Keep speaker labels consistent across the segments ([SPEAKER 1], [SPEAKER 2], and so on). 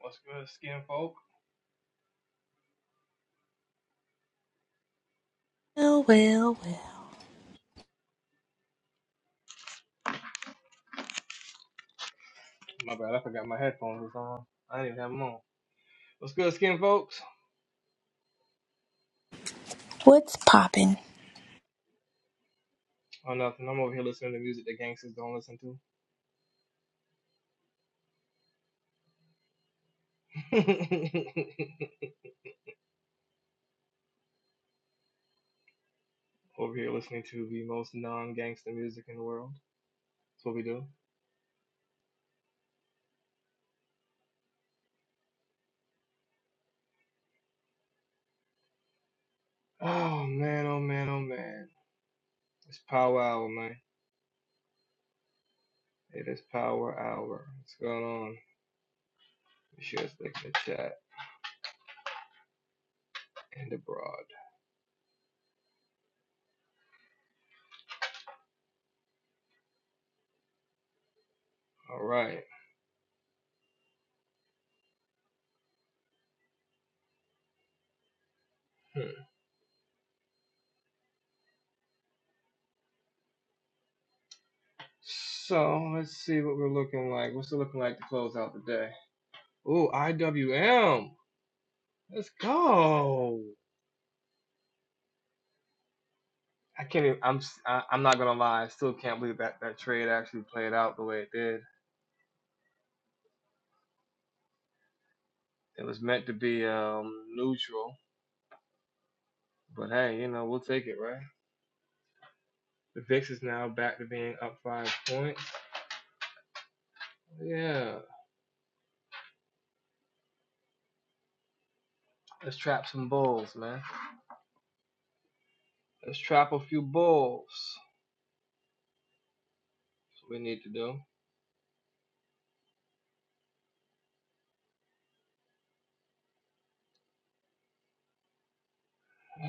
[SPEAKER 1] What's good, skin folk?
[SPEAKER 2] Well, well, well.
[SPEAKER 1] My bad, I forgot my headphones was on. I didn't even have them on. What's good, skin folks?
[SPEAKER 2] What's poppin'?
[SPEAKER 1] Oh, nothing. I'm over here listening to music that gangsters don't listen to. over here listening to the most non-gangster music in the world. That's what we do. Oh man, oh man, oh man. It's Power Hour, man. It is Power Hour. What's going on? Be sure to stick in the chat and abroad. All right. Hmm. So let's see what we're looking like. What's it looking like to close out the day? Ooh, IWM. Let's go. I can't. Even, I'm. s- I, I'm not even i am i am not going to lie. I still can't believe that that trade actually played out the way it did. It was meant to be um neutral, but hey, you know we'll take it, right? The VIX is now back to being up five points. Yeah. Let's trap some bulls, man. Let's trap a few bulls. That's what we need to do.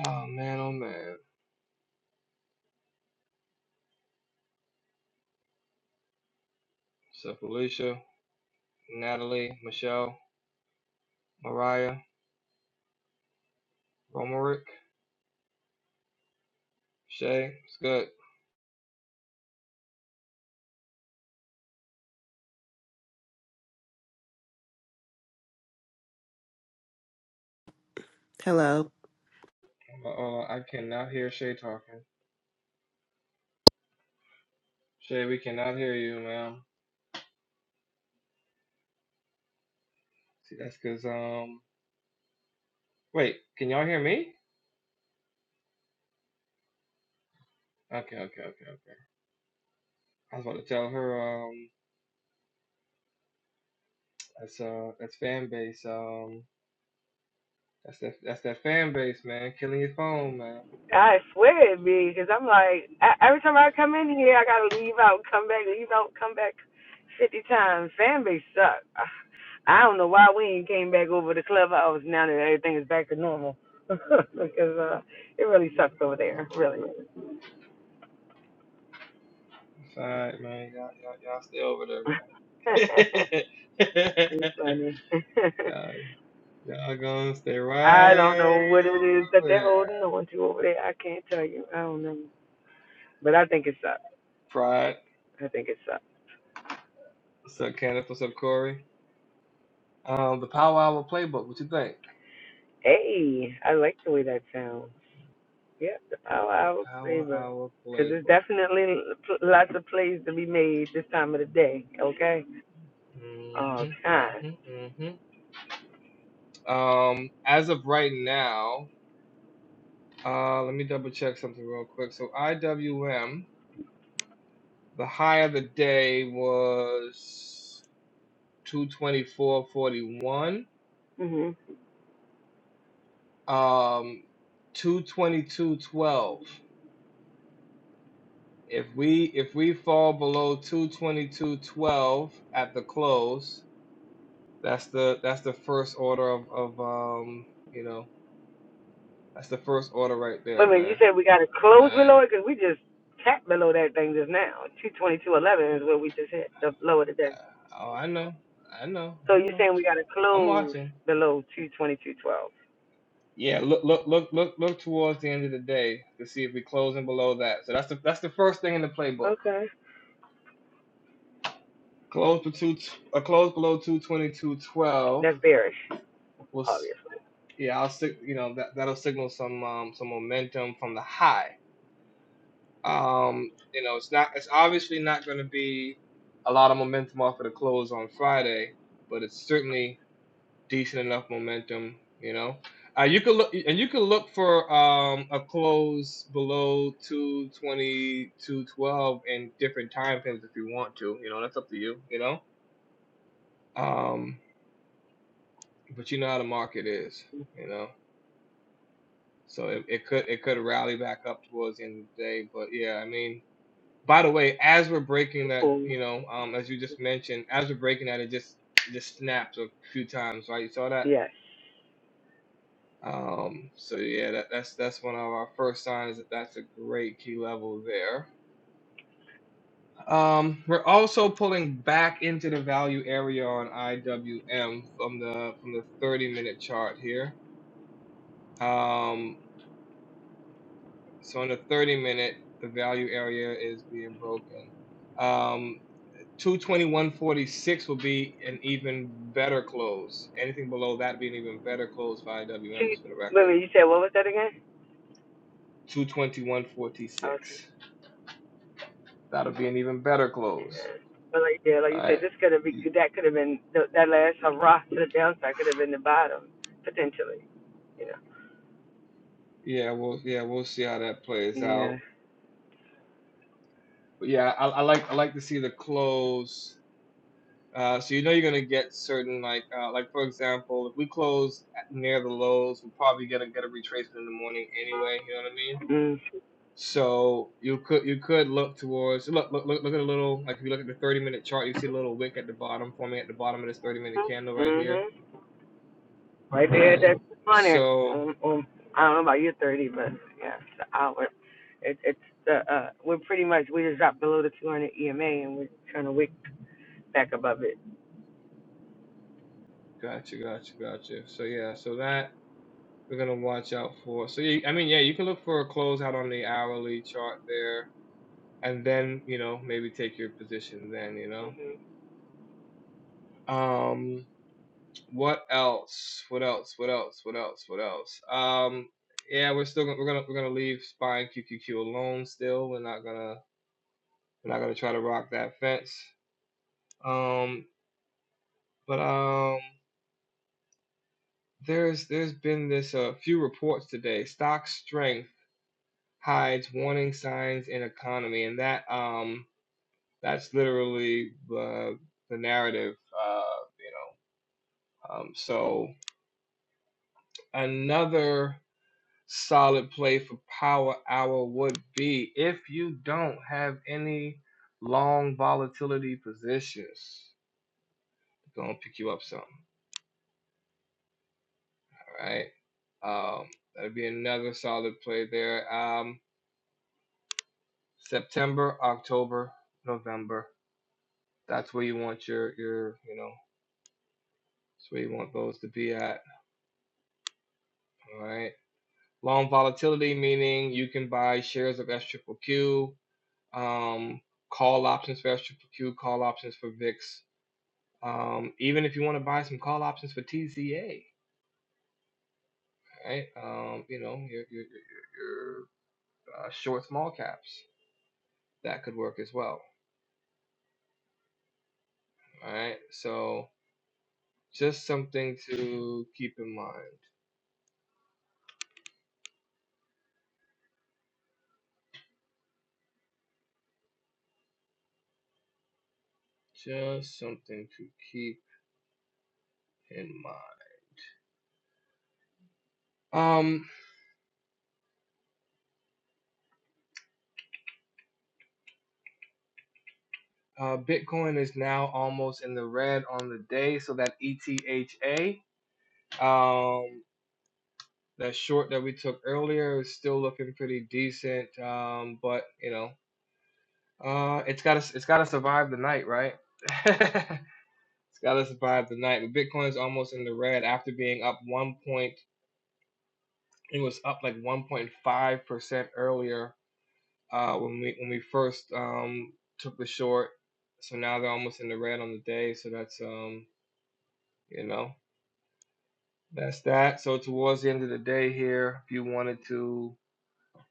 [SPEAKER 1] Oh man, oh man. So Felicia, Natalie, Michelle, Mariah, Romerick, Shay. It's good.
[SPEAKER 3] Hello.
[SPEAKER 1] Uh oh, I cannot hear Shay talking. Shay, we cannot hear you, ma'am. See, that's because, um, wait, can y'all hear me? Okay, okay, okay, okay. I was about to tell her, um, that's, uh, that's fan base, um, that's that, that's that fan base, man. Killing your phone, man.
[SPEAKER 4] I swear it'd be, because I'm like, I, every time I come in here, I gotta leave out, come back, leave out, come back 50 times. Fan base suck. I don't know why we ain't came back over to Clubhouse now that everything is back to normal. because uh, it really sucks over there, really.
[SPEAKER 1] That's all right, man. Y'all, y'all, y'all stay over there, man.
[SPEAKER 4] it's funny.
[SPEAKER 1] y'all, y'all gonna stay
[SPEAKER 4] I don't know
[SPEAKER 1] right
[SPEAKER 4] what it is that
[SPEAKER 1] over
[SPEAKER 4] they're
[SPEAKER 1] there.
[SPEAKER 4] holding on to over there. I can't tell you. I don't know. But I think it sucks.
[SPEAKER 1] Pride.
[SPEAKER 4] I think it sucks.
[SPEAKER 1] What's up, Kenneth? What's up, Corey? Um, the Power Hour playbook. What you think?
[SPEAKER 4] Hey, I like the way that sounds. Yep, the power
[SPEAKER 1] The
[SPEAKER 4] hour
[SPEAKER 1] Power
[SPEAKER 4] favor.
[SPEAKER 1] Hour
[SPEAKER 4] Because there's
[SPEAKER 1] playbook.
[SPEAKER 4] definitely pl- lots of plays to be made this time of the day, okay? Oh,
[SPEAKER 1] Mhm,
[SPEAKER 4] time.
[SPEAKER 1] mhm, mhm. Um, as of right now, uh, let me double check something real quick. So IWM, the high of the day was 224.41,
[SPEAKER 4] hmm
[SPEAKER 1] um, 222.12. If we if we fall below 222.12 at the close, that's the that's the first order of of um, you know, that's the first order right there,
[SPEAKER 4] Wait a minute, you
[SPEAKER 1] man.
[SPEAKER 4] said we got to close below it? Because we just tapped below that thing just now. 222.11 is what we just hit, the low of the day.
[SPEAKER 1] Oh, I know. I know.
[SPEAKER 4] So
[SPEAKER 1] I
[SPEAKER 4] you're
[SPEAKER 1] know.
[SPEAKER 4] saying we got to
[SPEAKER 1] I'm
[SPEAKER 4] close
[SPEAKER 1] watching.
[SPEAKER 4] below 222.12.
[SPEAKER 1] Yeah, look, look, look, look, look towards the end of the day to see if we close closing below that. So that's the that's the first thing in the playbook.
[SPEAKER 4] Okay.
[SPEAKER 1] Close for two, a close below two twenty two twelve.
[SPEAKER 4] That's bearish,
[SPEAKER 1] Will s-
[SPEAKER 4] obviously.
[SPEAKER 1] yeah, I'll sig- you know that that'll signal some um some momentum from the high. Um, you know, it's not it's obviously not going to be a lot of momentum off of the close on Friday, but it's certainly decent enough momentum. You know, uh, you could look and you could look for um, a close below two twenty, two twelve, in different time frames if you want to. You know, that's up to you. You know, um, but you know how the market is. You know, so it, it could it could rally back up towards the end of the day. But yeah, I mean. By the way, as we're breaking that, you
[SPEAKER 4] Cool.
[SPEAKER 1] know, um, as you just mentioned, as we're breaking that, it just just snapped a few times, right? You saw that
[SPEAKER 4] Yes.
[SPEAKER 1] Um, so yeah, that, that's that's one of our first signs that that's a great key level there. Um, we're also pulling back into the value area on IWM from the from the 30 minute chart here. Um, so on the 30 minute, the value area is being broken. Um, 221.46 will be an even better close. Anything below that being even better close for
[SPEAKER 4] Two,
[SPEAKER 1] IWMs for the
[SPEAKER 4] wait a
[SPEAKER 1] record.
[SPEAKER 4] minute, you said what was that again? Okay.
[SPEAKER 1] 221.46. That'll be an even better close.
[SPEAKER 4] Yeah. But like yeah, like
[SPEAKER 1] All
[SPEAKER 4] you said,
[SPEAKER 1] right.
[SPEAKER 4] this could have been that could have been the, that last hurrah to the downside could have been the bottom potentially. You know.
[SPEAKER 1] Yeah, we'll yeah we'll see how that plays
[SPEAKER 4] Yeah.
[SPEAKER 1] out. But yeah, I, I like I like to see the close. Uh, so you know you're gonna get certain like uh, like for example, if we close near the lows, we're probably gonna get a retracement in the morning anyway. You know what I mean?
[SPEAKER 4] Mm.
[SPEAKER 1] So you could you could look towards look look look, look at a little like if you look at the 30 minute chart, you see a little wick at the bottom forming at the bottom of this 30 minute candle right here,
[SPEAKER 4] Mhm. Right there at
[SPEAKER 1] right?
[SPEAKER 4] that hundred.
[SPEAKER 1] So
[SPEAKER 4] Um, um, I don't know about your thirty, but yeah, it's the hour. It, it's the uh, we're pretty much we just dropped below the two hundred EMA and we're trying to wick back above it.
[SPEAKER 1] gotcha, gotcha, gotcha. So yeah, so that we're gonna watch out for. So yeah, I mean, yeah, you can look for a closeout on the hourly chart there, and then you know maybe take your position then. You know, um, what else? What else? What else? What else? What else? Um, yeah, we're still gonna, we're gonna we're gonna leave SPY spying QQQ alone. Still, we're not gonna we're not gonna try to rock that fence. Um, but um, there's there's been this a uh, few reports today. Stock strength hides warning signs in economy, and that um That's literally the the narrative, uh, you know. Um, so another solid play for Power Hour would be if you don't have any long volatility positions, gonna pick you up some. All right. Um, that'd be another solid play there. Um, September, October, November. That's where you want your your you know. That's where you want those to be at. All right. Long volatility meaning you can buy shares of SQQQ, um, call options for SQQQ, call options for VIX. Um, even if you want to buy some call options for TCA, right? Um, you know, your, your, your, your uh, short small caps, that could work as well, all right? So just something to keep in mind. Just something to keep in mind. Um. Uh, Bitcoin is now almost in the red on the day, so that ETHA, um, that short that we took earlier, is still looking pretty decent. Um, but you know, uh, it's gotta it's gotta survive the night, right? it's gotta survive the night. But Bitcoin is almost in the red after being up one point. It was up like 1.5 percent earlier uh, when we when we first um, took the short. So now they're almost in the red on the day. So that's um, you know. That's that. So towards the end of the day here, if you wanted to,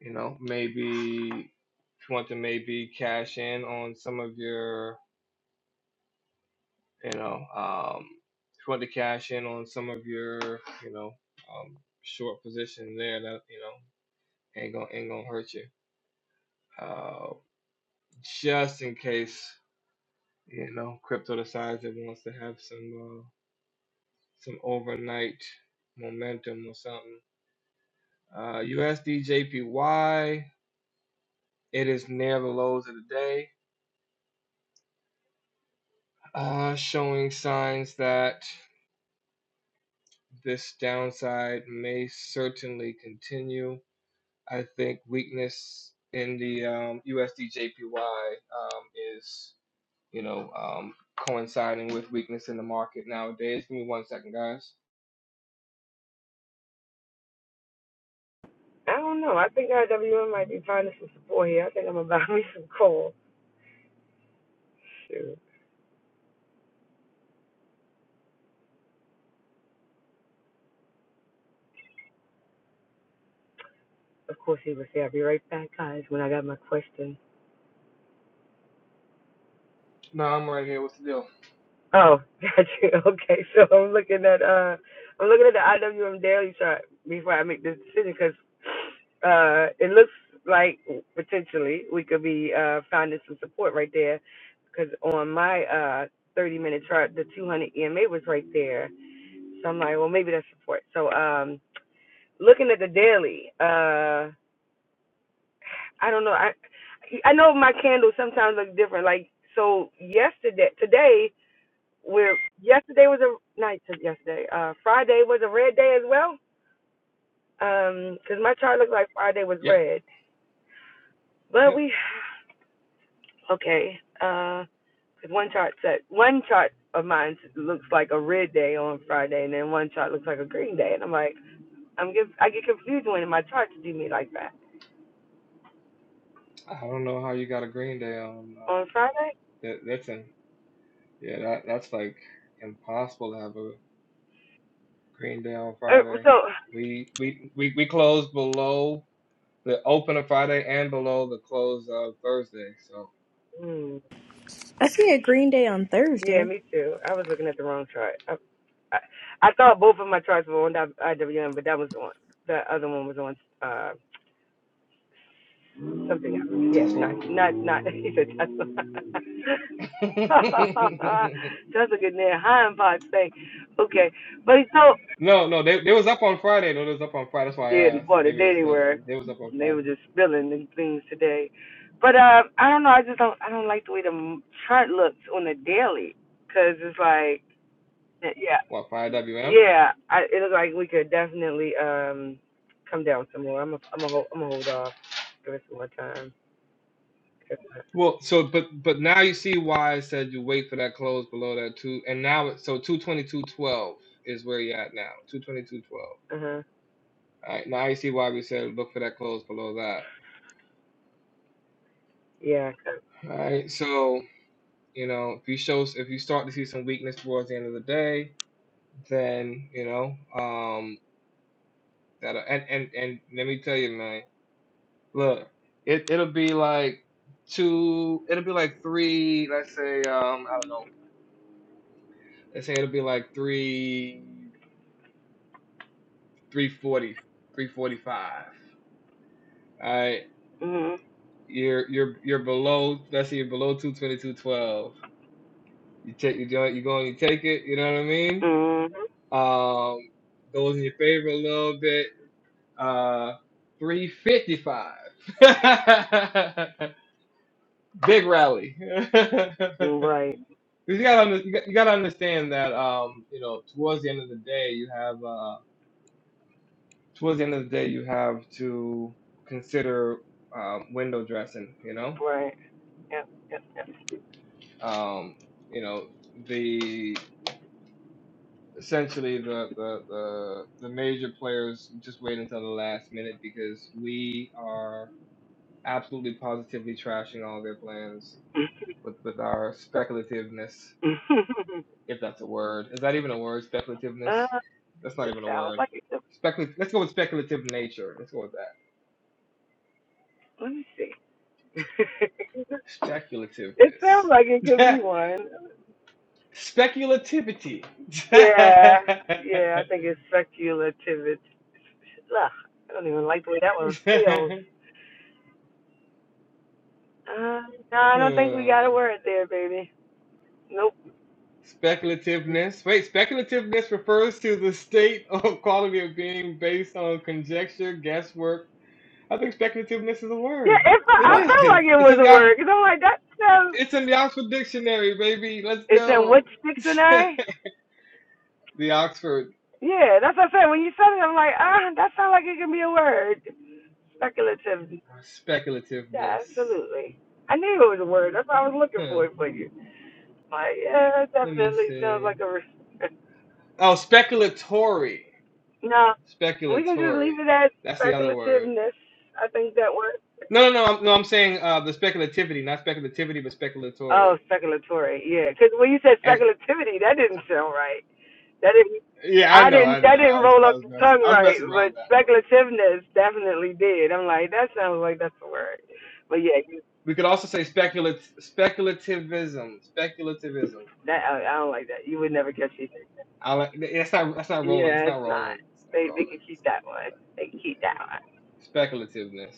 [SPEAKER 1] you know, maybe if you want to maybe cash in on some of your, you know, um, if you want to cash in on some of your, you know, um, short position there, that you know ain't gonna ain't gonna hurt you. Uh, just in case, you know, crypto decides it wants to have some uh, some overnight momentum or something. Uh, USD JPY. It is near the lows of the day, uh, showing signs that this downside may certainly continue. I think weakness in the um, USD JPY um, is, you know, um, coinciding with weakness in the market nowadays. Give me one second, guys.
[SPEAKER 4] I don't know. I think IWM might be finding some support here. I think I'm gonna buy me some coal. Shoot. Of course, he would say, I'll be right back, guys, when I got my question.
[SPEAKER 1] No, I'm right here. What's the deal?
[SPEAKER 4] Oh, got you. Okay, so I'm looking at uh, I'm looking at the IWM daily chart before I make this decision because uh, it looks like potentially we could be uh finding some support right there because on my uh 30 minute chart the 200 EMA was right there, so I'm like, well maybe that's support. So um, looking at the daily, uh, I don't know. I I know my candles sometimes look different. Like so yesterday, today we're yesterday was a night. no, I yesterday. Uh, Friday was a red day as well. Um, 'cause my chart looked like Friday was
[SPEAKER 1] Yep,
[SPEAKER 4] red, but
[SPEAKER 1] yep.
[SPEAKER 4] we okay. Uh 'cause one chart said one chart of mine looks like a red day on Friday, and then one chart looks like a green day, and I'm like, I'm get I get confused when my charts do me like that
[SPEAKER 1] I don't know how you got a green day on. Um,
[SPEAKER 4] on Friday.
[SPEAKER 1] that, that's in. Yeah, that, that's like impossible to have a. Green Day on
[SPEAKER 4] Uh,
[SPEAKER 1] Friday.
[SPEAKER 4] so.
[SPEAKER 1] We we we we close below the open of Friday and below the close of Thursday. So
[SPEAKER 4] hmm,
[SPEAKER 2] I see a Green Day on
[SPEAKER 4] Yeah,
[SPEAKER 2] Thursday.
[SPEAKER 4] me too. I was looking at the wrong chart. I, I, I thought both of my charts were on IWM, but that was on the other one was on uh something else. Yeah,
[SPEAKER 1] Tesla.
[SPEAKER 4] not not not. He said Tesla.
[SPEAKER 1] no,
[SPEAKER 4] Tesla getting their hind parts thing. Okay, but so
[SPEAKER 1] no, they they was up on Friday. No, they was up on Friday. That's why I
[SPEAKER 4] yeah,
[SPEAKER 1] asked.
[SPEAKER 4] well, the
[SPEAKER 1] Maybe it
[SPEAKER 4] day
[SPEAKER 1] was
[SPEAKER 4] they
[SPEAKER 1] Tesla.
[SPEAKER 4] were,
[SPEAKER 1] They was up on
[SPEAKER 4] they were
[SPEAKER 1] Friday.
[SPEAKER 4] just spilling the things today. But uh, I don't know. I just don't. I don't like the way the chart looks on the daily, cause it's like, yeah.
[SPEAKER 1] What five WM?
[SPEAKER 4] Yeah, I, it looks like we could definitely um come down some more. I'm a, I'm a hold, I'm a hold off. Give it some more time.
[SPEAKER 1] Well, so but but now you see why I said you wait for that close below that two, and now it's so two twenty two twelve is where you're at now. Two twenty two twelve.
[SPEAKER 4] Uh huh.
[SPEAKER 1] All right, now you see why we said look for that close below that.
[SPEAKER 4] Yeah. 'cause-
[SPEAKER 1] All right, so. You know, if you show if you start to see some weakness towards the end of the day, then you know, um, that and and and let me tell you, man, look, it it'll be like two, it'll be like three, let's say, um, I don't know, let's say it'll be like three, three forty, three forty five. All right,
[SPEAKER 4] Mhm.
[SPEAKER 1] you're you're you're below, let's say you're below two twenty two twelve. You take you joint, you go and you take it. You know what I mean?
[SPEAKER 4] Mhm.
[SPEAKER 1] Um goes in your favor a little bit. Uh, 355. Big rally.
[SPEAKER 4] Mm, Right.
[SPEAKER 1] you gotta you got- to understand that um you know towards the end of the day you have uh towards the end of the day you have to consider um, window dressing. You know
[SPEAKER 4] Right. Yep. Yep.
[SPEAKER 1] um you know the essentially the the the, the major players just wait until the last minute because we are absolutely positively trashing all their plans with with our speculativeness, if that's a word. Is that even a word? Speculativeness?
[SPEAKER 4] uh,
[SPEAKER 1] That's not
[SPEAKER 4] it
[SPEAKER 1] even a
[SPEAKER 4] sounds
[SPEAKER 1] word.
[SPEAKER 4] like it. Could,
[SPEAKER 1] Specul- Let's go with speculative nature. Let's go with
[SPEAKER 4] let me see.
[SPEAKER 1] that.
[SPEAKER 4] it sounds like it could
[SPEAKER 1] Speculativeness.
[SPEAKER 4] be one.
[SPEAKER 1] Speculativity.
[SPEAKER 4] Yeah. Yeah. I think it's speculative. ugh, I don't even like the way that one feels. Uh, no, I don't think we got
[SPEAKER 1] Hmm.
[SPEAKER 4] a word there, baby. Nope.
[SPEAKER 1] Speculativeness. Wait, speculativeness refers to the state or quality of being based on conjecture, guesswork. I think speculativeness is a
[SPEAKER 4] Yeah,
[SPEAKER 1] word.
[SPEAKER 4] it fe-
[SPEAKER 1] It
[SPEAKER 4] I
[SPEAKER 2] Wow.
[SPEAKER 4] felt
[SPEAKER 1] is.
[SPEAKER 4] like it
[SPEAKER 1] It's
[SPEAKER 4] was
[SPEAKER 1] in
[SPEAKER 4] a
[SPEAKER 1] the
[SPEAKER 4] word because I'm like that sounds.
[SPEAKER 1] It's in the Oxford Dictionary, baby. Let's
[SPEAKER 4] It's in which
[SPEAKER 1] go.
[SPEAKER 4] dictionary?
[SPEAKER 1] the Oxford
[SPEAKER 4] Yeah, that's what I said. When you said it, I'm like, ah, that sounds like it can be a word. Speculative.
[SPEAKER 1] speculativeness.
[SPEAKER 4] Yeah, absolutely. I knew it was a word. That's why I was looking
[SPEAKER 1] Huh,
[SPEAKER 4] for it for you. Like, yeah, it
[SPEAKER 1] let me
[SPEAKER 4] definitely sounds
[SPEAKER 1] see.
[SPEAKER 4] like a. Re-
[SPEAKER 1] Oh, speculatory.
[SPEAKER 4] no, we can just
[SPEAKER 1] Speculatory.
[SPEAKER 4] leave it at
[SPEAKER 1] That's the other word.
[SPEAKER 4] speculativeness. I think that works.
[SPEAKER 1] No, no, no. I'm, no, I'm saying uh, the speculativity, not speculativity, but speculatory.
[SPEAKER 4] Oh, speculatory. Yeah, because when you said
[SPEAKER 1] And
[SPEAKER 4] speculativity, that didn't sound right. That didn't.
[SPEAKER 1] yeah, I
[SPEAKER 4] I
[SPEAKER 1] know,
[SPEAKER 4] didn't.
[SPEAKER 1] I
[SPEAKER 4] That
[SPEAKER 1] know. I
[SPEAKER 4] didn't
[SPEAKER 1] was,
[SPEAKER 4] roll
[SPEAKER 1] I
[SPEAKER 4] up
[SPEAKER 1] was,
[SPEAKER 4] the
[SPEAKER 1] mess,
[SPEAKER 4] tongue
[SPEAKER 1] I was
[SPEAKER 4] right.
[SPEAKER 1] messing around with
[SPEAKER 4] But
[SPEAKER 1] that one.
[SPEAKER 4] speculativeness definitely did. I'm like, that sounds like that's the word. But yeah, you,
[SPEAKER 1] We could also say speculat- speculativism. Speculativism.
[SPEAKER 4] that I, I don't like that. You would never catch me.
[SPEAKER 1] I like. That's not. That's not rolling. It's
[SPEAKER 4] Yeah,
[SPEAKER 1] not
[SPEAKER 4] it's not.
[SPEAKER 1] rolling. It's not
[SPEAKER 4] They they
[SPEAKER 1] rolling.
[SPEAKER 4] can keep
[SPEAKER 1] It's
[SPEAKER 4] that
[SPEAKER 1] not rolling.
[SPEAKER 4] one. They can keep that one.
[SPEAKER 1] Speculativeness.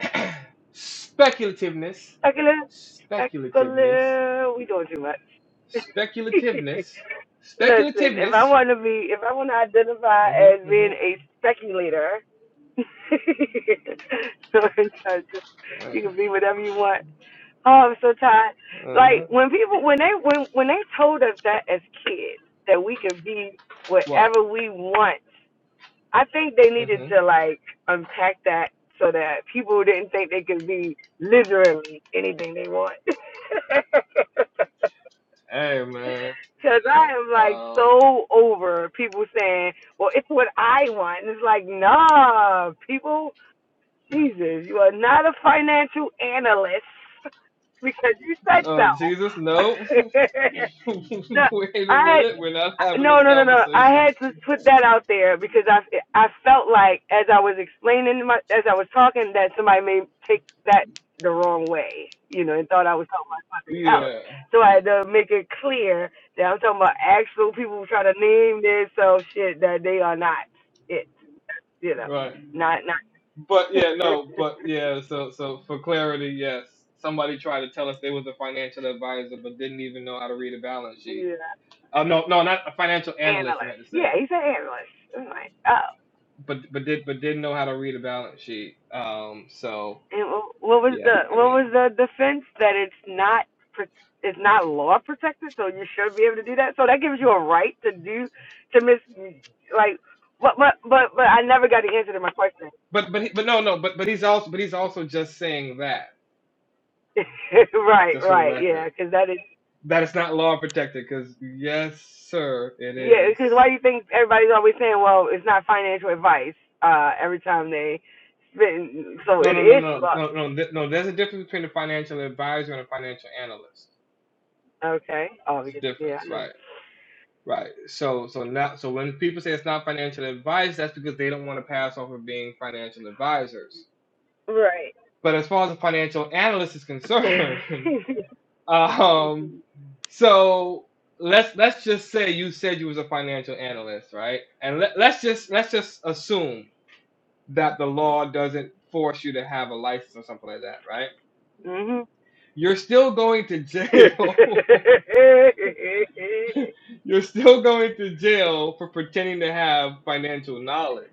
[SPEAKER 1] Speculativeness.
[SPEAKER 4] speculative,
[SPEAKER 1] Speculativeness.
[SPEAKER 4] speculative. We doing too much.
[SPEAKER 1] Speculativeness.
[SPEAKER 4] Listen, if
[SPEAKER 1] Speculativeness.
[SPEAKER 4] I want to be, if I want to identify as
[SPEAKER 1] Mm-hmm.
[SPEAKER 4] being
[SPEAKER 1] Mm-hmm.
[SPEAKER 4] a speculator, Sorry,
[SPEAKER 1] All
[SPEAKER 4] you
[SPEAKER 1] Right.
[SPEAKER 4] can be whatever you want. Oh, I'm so tired. Like
[SPEAKER 1] Uh-huh.
[SPEAKER 4] when people when they when when they told us that as kids that we can be
[SPEAKER 1] What?
[SPEAKER 4] whatever we want, I think they needed
[SPEAKER 1] Mm-hmm.
[SPEAKER 4] to like unpack that so that people didn't think they could be literally anything they want.
[SPEAKER 1] Hey man. You
[SPEAKER 4] Cause
[SPEAKER 1] know.
[SPEAKER 4] I am like
[SPEAKER 1] Um
[SPEAKER 4] so over people saying, "Well, it's what I want." And it's like, nah, people. Jesus, you are not a financial analyst because you said
[SPEAKER 1] Oh
[SPEAKER 4] so.
[SPEAKER 1] Jesus, no.
[SPEAKER 4] no,
[SPEAKER 1] Wait a
[SPEAKER 4] I had,
[SPEAKER 1] minute. We're not having
[SPEAKER 4] no,
[SPEAKER 1] this
[SPEAKER 4] no, no, no. I
[SPEAKER 1] conversation.
[SPEAKER 4] had to put that out there because I, I felt like as I was explaining my, as I was talking, that somebody may take that the wrong way, you know, and thought I was talking about something else.
[SPEAKER 1] Yeah.
[SPEAKER 4] So I had to make it clear that I'm talking about actual people who try to name themselves shit that they are not it, you know,
[SPEAKER 1] Right.
[SPEAKER 4] not
[SPEAKER 1] But yeah,
[SPEAKER 4] not.
[SPEAKER 1] no, but yeah, so so for clarity, yes. Somebody tried to tell us they was a financial advisor but didn't even know how to read a balance sheet.
[SPEAKER 4] Yeah.
[SPEAKER 1] Uh, no, no, not a financial analyst I
[SPEAKER 4] Analyst.
[SPEAKER 1] meant to
[SPEAKER 4] Yeah,
[SPEAKER 1] say.
[SPEAKER 4] he's an analyst. I'm like, oh.
[SPEAKER 1] But but did but didn't know how to read a balance sheet. Um so
[SPEAKER 4] And wh- what was
[SPEAKER 1] yeah,
[SPEAKER 4] the
[SPEAKER 1] I
[SPEAKER 4] what was
[SPEAKER 1] mean
[SPEAKER 4] the defense that it's not pro- it's not law protected, so you should be able to do that. So that gives you a right to do to miss like, but but but but I never got the answer to my question.
[SPEAKER 1] but but he- but no no but but he's also but he's also just saying that,
[SPEAKER 4] right,
[SPEAKER 1] just for the
[SPEAKER 4] right,
[SPEAKER 1] record.
[SPEAKER 4] yeah, because that is
[SPEAKER 1] That it's not law protected, because yes, sir, it
[SPEAKER 4] yeah,
[SPEAKER 1] is.
[SPEAKER 4] because why do you think everybody's always saying, well, it's not financial advice uh every time they spend, so
[SPEAKER 1] No,
[SPEAKER 4] it
[SPEAKER 1] no, no,
[SPEAKER 4] is
[SPEAKER 1] no,
[SPEAKER 4] law.
[SPEAKER 1] no, no, th- no. There's a difference between a financial advisor and a financial analyst.
[SPEAKER 4] Okay. Oh,
[SPEAKER 1] It's
[SPEAKER 4] yeah,
[SPEAKER 1] the
[SPEAKER 4] yeah.
[SPEAKER 1] difference,
[SPEAKER 4] I know.
[SPEAKER 1] right? Right. So so now so when people say it's not financial advice, that's because they don't want to pass off of being financial advisors.
[SPEAKER 4] Right.
[SPEAKER 1] But as far as a financial analyst is
[SPEAKER 4] hmm
[SPEAKER 1] concerned, um, so let's let's just say you said you was a financial analyst, right? And let, let's just let's just assume that the law doesn't force you to have a license or something like that, right? You're still going to jail You're still going to jail for pretending to have financial knowledge.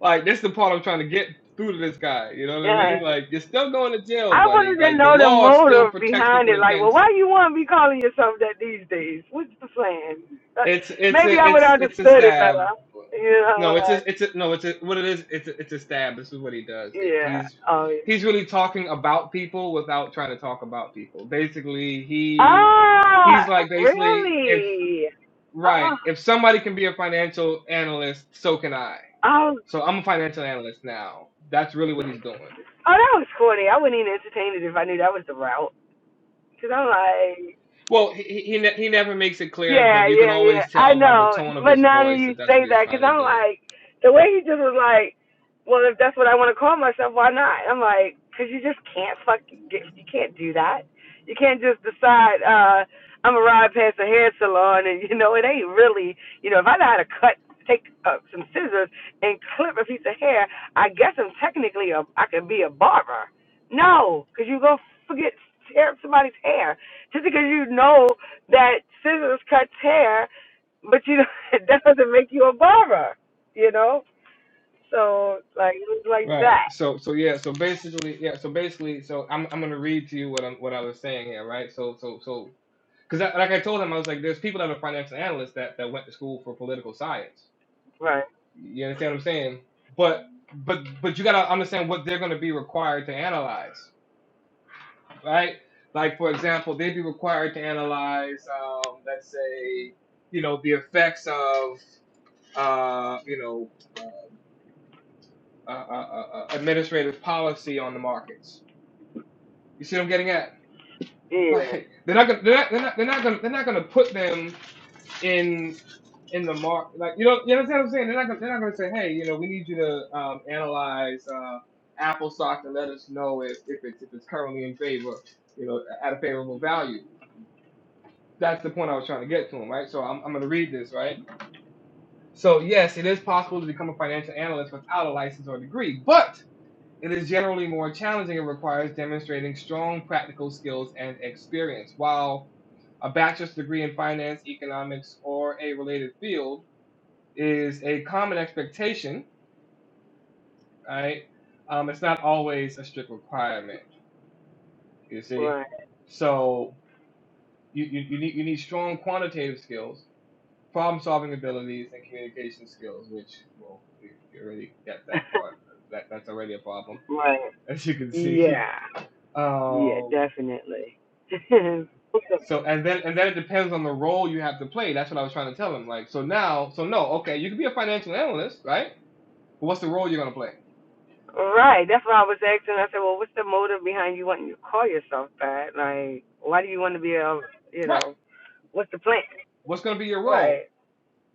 [SPEAKER 1] Like that's the part I'm trying to get through to this guy. You know what I
[SPEAKER 4] yeah.
[SPEAKER 1] mean? Like you're still going to jail,
[SPEAKER 4] I wanted
[SPEAKER 1] buddy.
[SPEAKER 4] to
[SPEAKER 1] Like the
[SPEAKER 4] know the
[SPEAKER 1] law still
[SPEAKER 4] motive
[SPEAKER 1] protects
[SPEAKER 4] behind
[SPEAKER 1] people
[SPEAKER 4] it. Like, well,
[SPEAKER 1] against.
[SPEAKER 4] why you want to be calling yourself that these days? What's the plan? Uh,
[SPEAKER 1] It's it's
[SPEAKER 4] maybe
[SPEAKER 1] a
[SPEAKER 4] I would
[SPEAKER 1] it's
[SPEAKER 4] have
[SPEAKER 1] it's a
[SPEAKER 4] understood it
[SPEAKER 1] stab.
[SPEAKER 4] better. You
[SPEAKER 1] No,
[SPEAKER 4] know,
[SPEAKER 1] it's a,
[SPEAKER 4] like,
[SPEAKER 1] it's a, no, it's a, what it is. It's a, it's a stab. This is what he does. It,
[SPEAKER 4] yeah.
[SPEAKER 1] he's
[SPEAKER 4] Oh, yeah.
[SPEAKER 1] he's really talking about people without trying to talk about people. Basically, he
[SPEAKER 4] Ah,
[SPEAKER 1] he's like basically if
[SPEAKER 4] really? Oh,
[SPEAKER 1] right if somebody can be a financial analyst, so can I.
[SPEAKER 4] oh, oh,
[SPEAKER 1] So I'm a financial analyst now. That's really what he's doing.
[SPEAKER 4] that was corny. I wouldn't even entertain it if I knew that was the route. Because I'm like,
[SPEAKER 1] Well, he he, he ne- he never makes it clear,
[SPEAKER 4] Yeah,
[SPEAKER 1] but you can
[SPEAKER 4] yeah, yeah.
[SPEAKER 1] always
[SPEAKER 4] I
[SPEAKER 1] tell by the
[SPEAKER 4] know,
[SPEAKER 1] tone of
[SPEAKER 4] but
[SPEAKER 1] his
[SPEAKER 4] now that
[SPEAKER 1] voice
[SPEAKER 4] you
[SPEAKER 1] that that's what
[SPEAKER 4] say
[SPEAKER 1] he's
[SPEAKER 4] that,
[SPEAKER 1] trying
[SPEAKER 4] because
[SPEAKER 1] to
[SPEAKER 4] I'm
[SPEAKER 1] do.
[SPEAKER 4] like, the way he just was like, well, if that's what I want to call myself, why not? I'm like, because you just can't fucking get, you can't do that. You can't just decide, uh, I'm gonna ride past a hair salon, and you know, it ain't really, you know, if I know how to cut, take uh, some scissors and clip a piece of hair, I guess I'm technically a, I could be a barber. No, because you go forget tear up somebody's hair just because you know that scissors cuts hair, but you know that doesn't make you a barber. You know, so like it was like
[SPEAKER 1] Right.
[SPEAKER 4] that.
[SPEAKER 1] So so yeah. So basically yeah. So basically so I'm I'm gonna read to you what I'm what I was saying here. Right. So so so because like I told him I was like there's people that are financial analysts that that went to school for political science.
[SPEAKER 4] Right.
[SPEAKER 1] You understand what I'm saying? But but but you gotta understand what they're gonna be required to analyze. right? Like, for example, they'd be required to analyze, um, let's say, you know, the effects of, uh, you know, uh, uh, uh, uh, uh, administrative policy on the markets. You see what I'm getting at?
[SPEAKER 4] Yeah.
[SPEAKER 1] Like, they're not gonna, they're not, they're not, they're not gonna, they're not gonna put them in in the mark. Like, you know, you understand what I'm saying? They're not, gonna, they're not gonna say, hey, you know, we need you to um, analyze uh, Apple stock and let us know if, if it's if it's currently in favor, you know, at a favorable value That's the point I was trying to get to him, right? So I'm, I'm going to read this, right? So, yes, it is possible to become a financial analyst without a license or degree, but it is generally more challenging and requires demonstrating strong practical skills and experience. While a bachelor's degree in finance, economics, or a related field is a common expectation, right? Um, it's not always a strict requirement, you see?
[SPEAKER 4] Right.
[SPEAKER 1] So, you, you, you, need, you need strong quantitative skills problem solving abilities and communication skills, which well, we already get that part. That that's already a problem,
[SPEAKER 4] right.
[SPEAKER 1] as you can see.
[SPEAKER 4] Yeah. Yeah.
[SPEAKER 1] Um,
[SPEAKER 4] Definitely.
[SPEAKER 1] so and then and then it depends on the role you have to play. That's what I was trying to tell him. Like so now, so no, okay, you could be a financial analyst, right? But what's the role you're gonna play?
[SPEAKER 4] right. That's why I was asking. I said, well, what's the motive behind you wanting to call yourself that? Like, why do you want to be a, you
[SPEAKER 1] Right.
[SPEAKER 4] know, what's the plan?
[SPEAKER 1] What's gonna be your
[SPEAKER 4] Right.
[SPEAKER 1] role?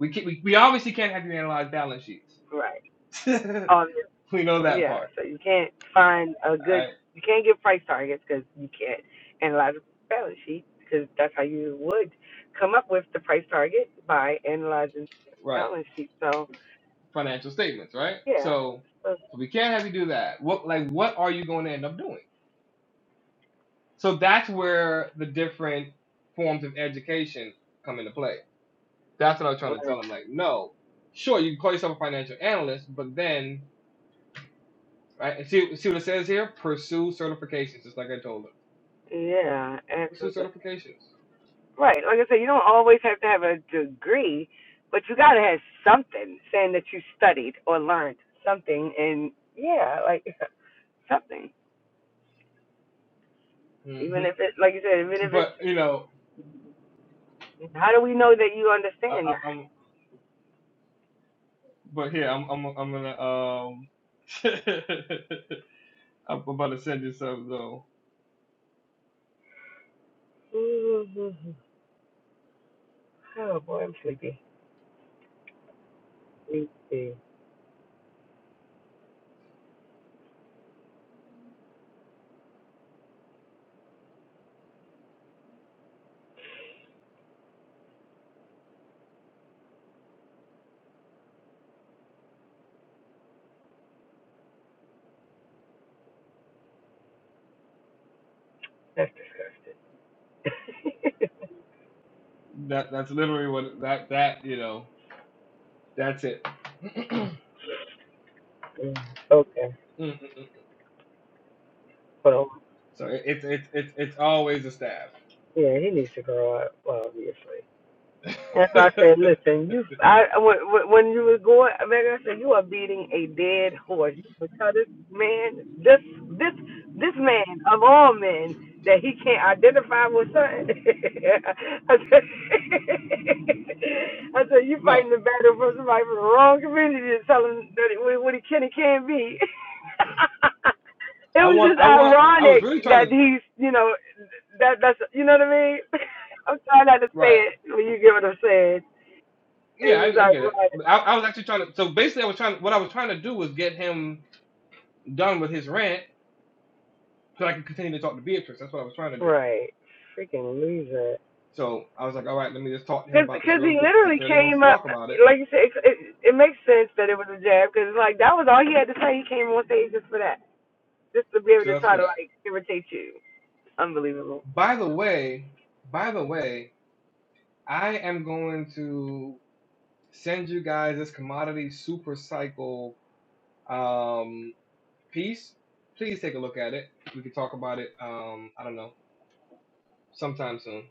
[SPEAKER 1] We can, we, we obviously can't have you analyze balance sheets.
[SPEAKER 4] Right.
[SPEAKER 1] we
[SPEAKER 4] Um,
[SPEAKER 1] know that
[SPEAKER 4] yeah,
[SPEAKER 1] part.
[SPEAKER 4] so you can't find a
[SPEAKER 1] All
[SPEAKER 4] good,
[SPEAKER 1] Right.
[SPEAKER 4] you can't get price targets because you can't analyze a balance sheet because that's how you would come up with the price target by analyzing the
[SPEAKER 1] Right.
[SPEAKER 4] balance sheet. So
[SPEAKER 1] Financial statements, right?
[SPEAKER 4] yeah,
[SPEAKER 1] So
[SPEAKER 4] so,
[SPEAKER 1] so we can't have you do that. What like what are you going to end up doing? So that's where the different forms of education come into play. That's what I was trying to
[SPEAKER 4] right.
[SPEAKER 1] tell him. Like, no, sure, you can call yourself a financial analyst, but then, right? And see, see what it says here? Pursue certifications, just like I told him.
[SPEAKER 4] yeah,
[SPEAKER 1] Pursue
[SPEAKER 4] absolutely.
[SPEAKER 1] certifications.
[SPEAKER 4] Right, like I said, you don't always have to have a degree, but you gotta have something saying that you studied or learned something, and yeah, like something. Even
[SPEAKER 1] hmm
[SPEAKER 4] if it, like you said, even if
[SPEAKER 1] But
[SPEAKER 4] it's,
[SPEAKER 1] you know,
[SPEAKER 4] how do we know that you
[SPEAKER 1] I, I,
[SPEAKER 4] understand?
[SPEAKER 1] I'm. But here, I'm. I'm. I'm gonna. Um, I'm about to send you something though.
[SPEAKER 4] Mm-hmm. Oh boy, I'm sleepy. Me too.
[SPEAKER 1] That that's literally what that that you know. That's it.
[SPEAKER 4] Mm, okay. But um,
[SPEAKER 1] So it's it's it's it's always a stab.
[SPEAKER 4] yeah, he needs to grow up, obviously. And so I said, listen, you, I, when when- you were going, Megan, I said, you are beating a dead horse. You would tell this man, this, this, this man of all men, that he can't identify with something. I said, I said, you
[SPEAKER 1] no,
[SPEAKER 4] fighting the battle for somebody from the wrong community and telling that it, what he can and can't be. it
[SPEAKER 1] I
[SPEAKER 4] was
[SPEAKER 1] want,
[SPEAKER 4] just
[SPEAKER 1] I want, I was
[SPEAKER 4] ironic
[SPEAKER 1] really trying to,
[SPEAKER 4] that he's, you know, that that's, you know what I mean? I'm trying not to say
[SPEAKER 1] right.
[SPEAKER 4] it when you give it a said. It's
[SPEAKER 1] Yeah,
[SPEAKER 4] just
[SPEAKER 1] I, I
[SPEAKER 4] like,
[SPEAKER 1] get it.
[SPEAKER 4] right.
[SPEAKER 1] I, I was actually trying to, so basically, I was trying, what I was trying to do was get him done with his rant so I could continue to talk to Beatrice. That's what I was trying to do.
[SPEAKER 4] Right. Freaking loser.
[SPEAKER 1] So I was like, all right, let me just talk to him
[SPEAKER 4] Because cause
[SPEAKER 1] about this
[SPEAKER 4] 'cause
[SPEAKER 1] real
[SPEAKER 4] he
[SPEAKER 1] quick because he
[SPEAKER 4] literally
[SPEAKER 1] clearly wants
[SPEAKER 4] came
[SPEAKER 1] to
[SPEAKER 4] up,
[SPEAKER 1] talk about it
[SPEAKER 4] like you said, it, it, it makes sense that it was a jab because, like, that was all he had to say. He came on stage just for that, just to be able to
[SPEAKER 1] just
[SPEAKER 4] try
[SPEAKER 1] for
[SPEAKER 4] to,
[SPEAKER 1] that.
[SPEAKER 4] like, irritate you. Unbelievable.
[SPEAKER 1] By the way, by the way, I am going to send you guys this commodity super cycle. Um, Peace. Please take a look at it. We can talk about it. Um, I don't know, sometime soon,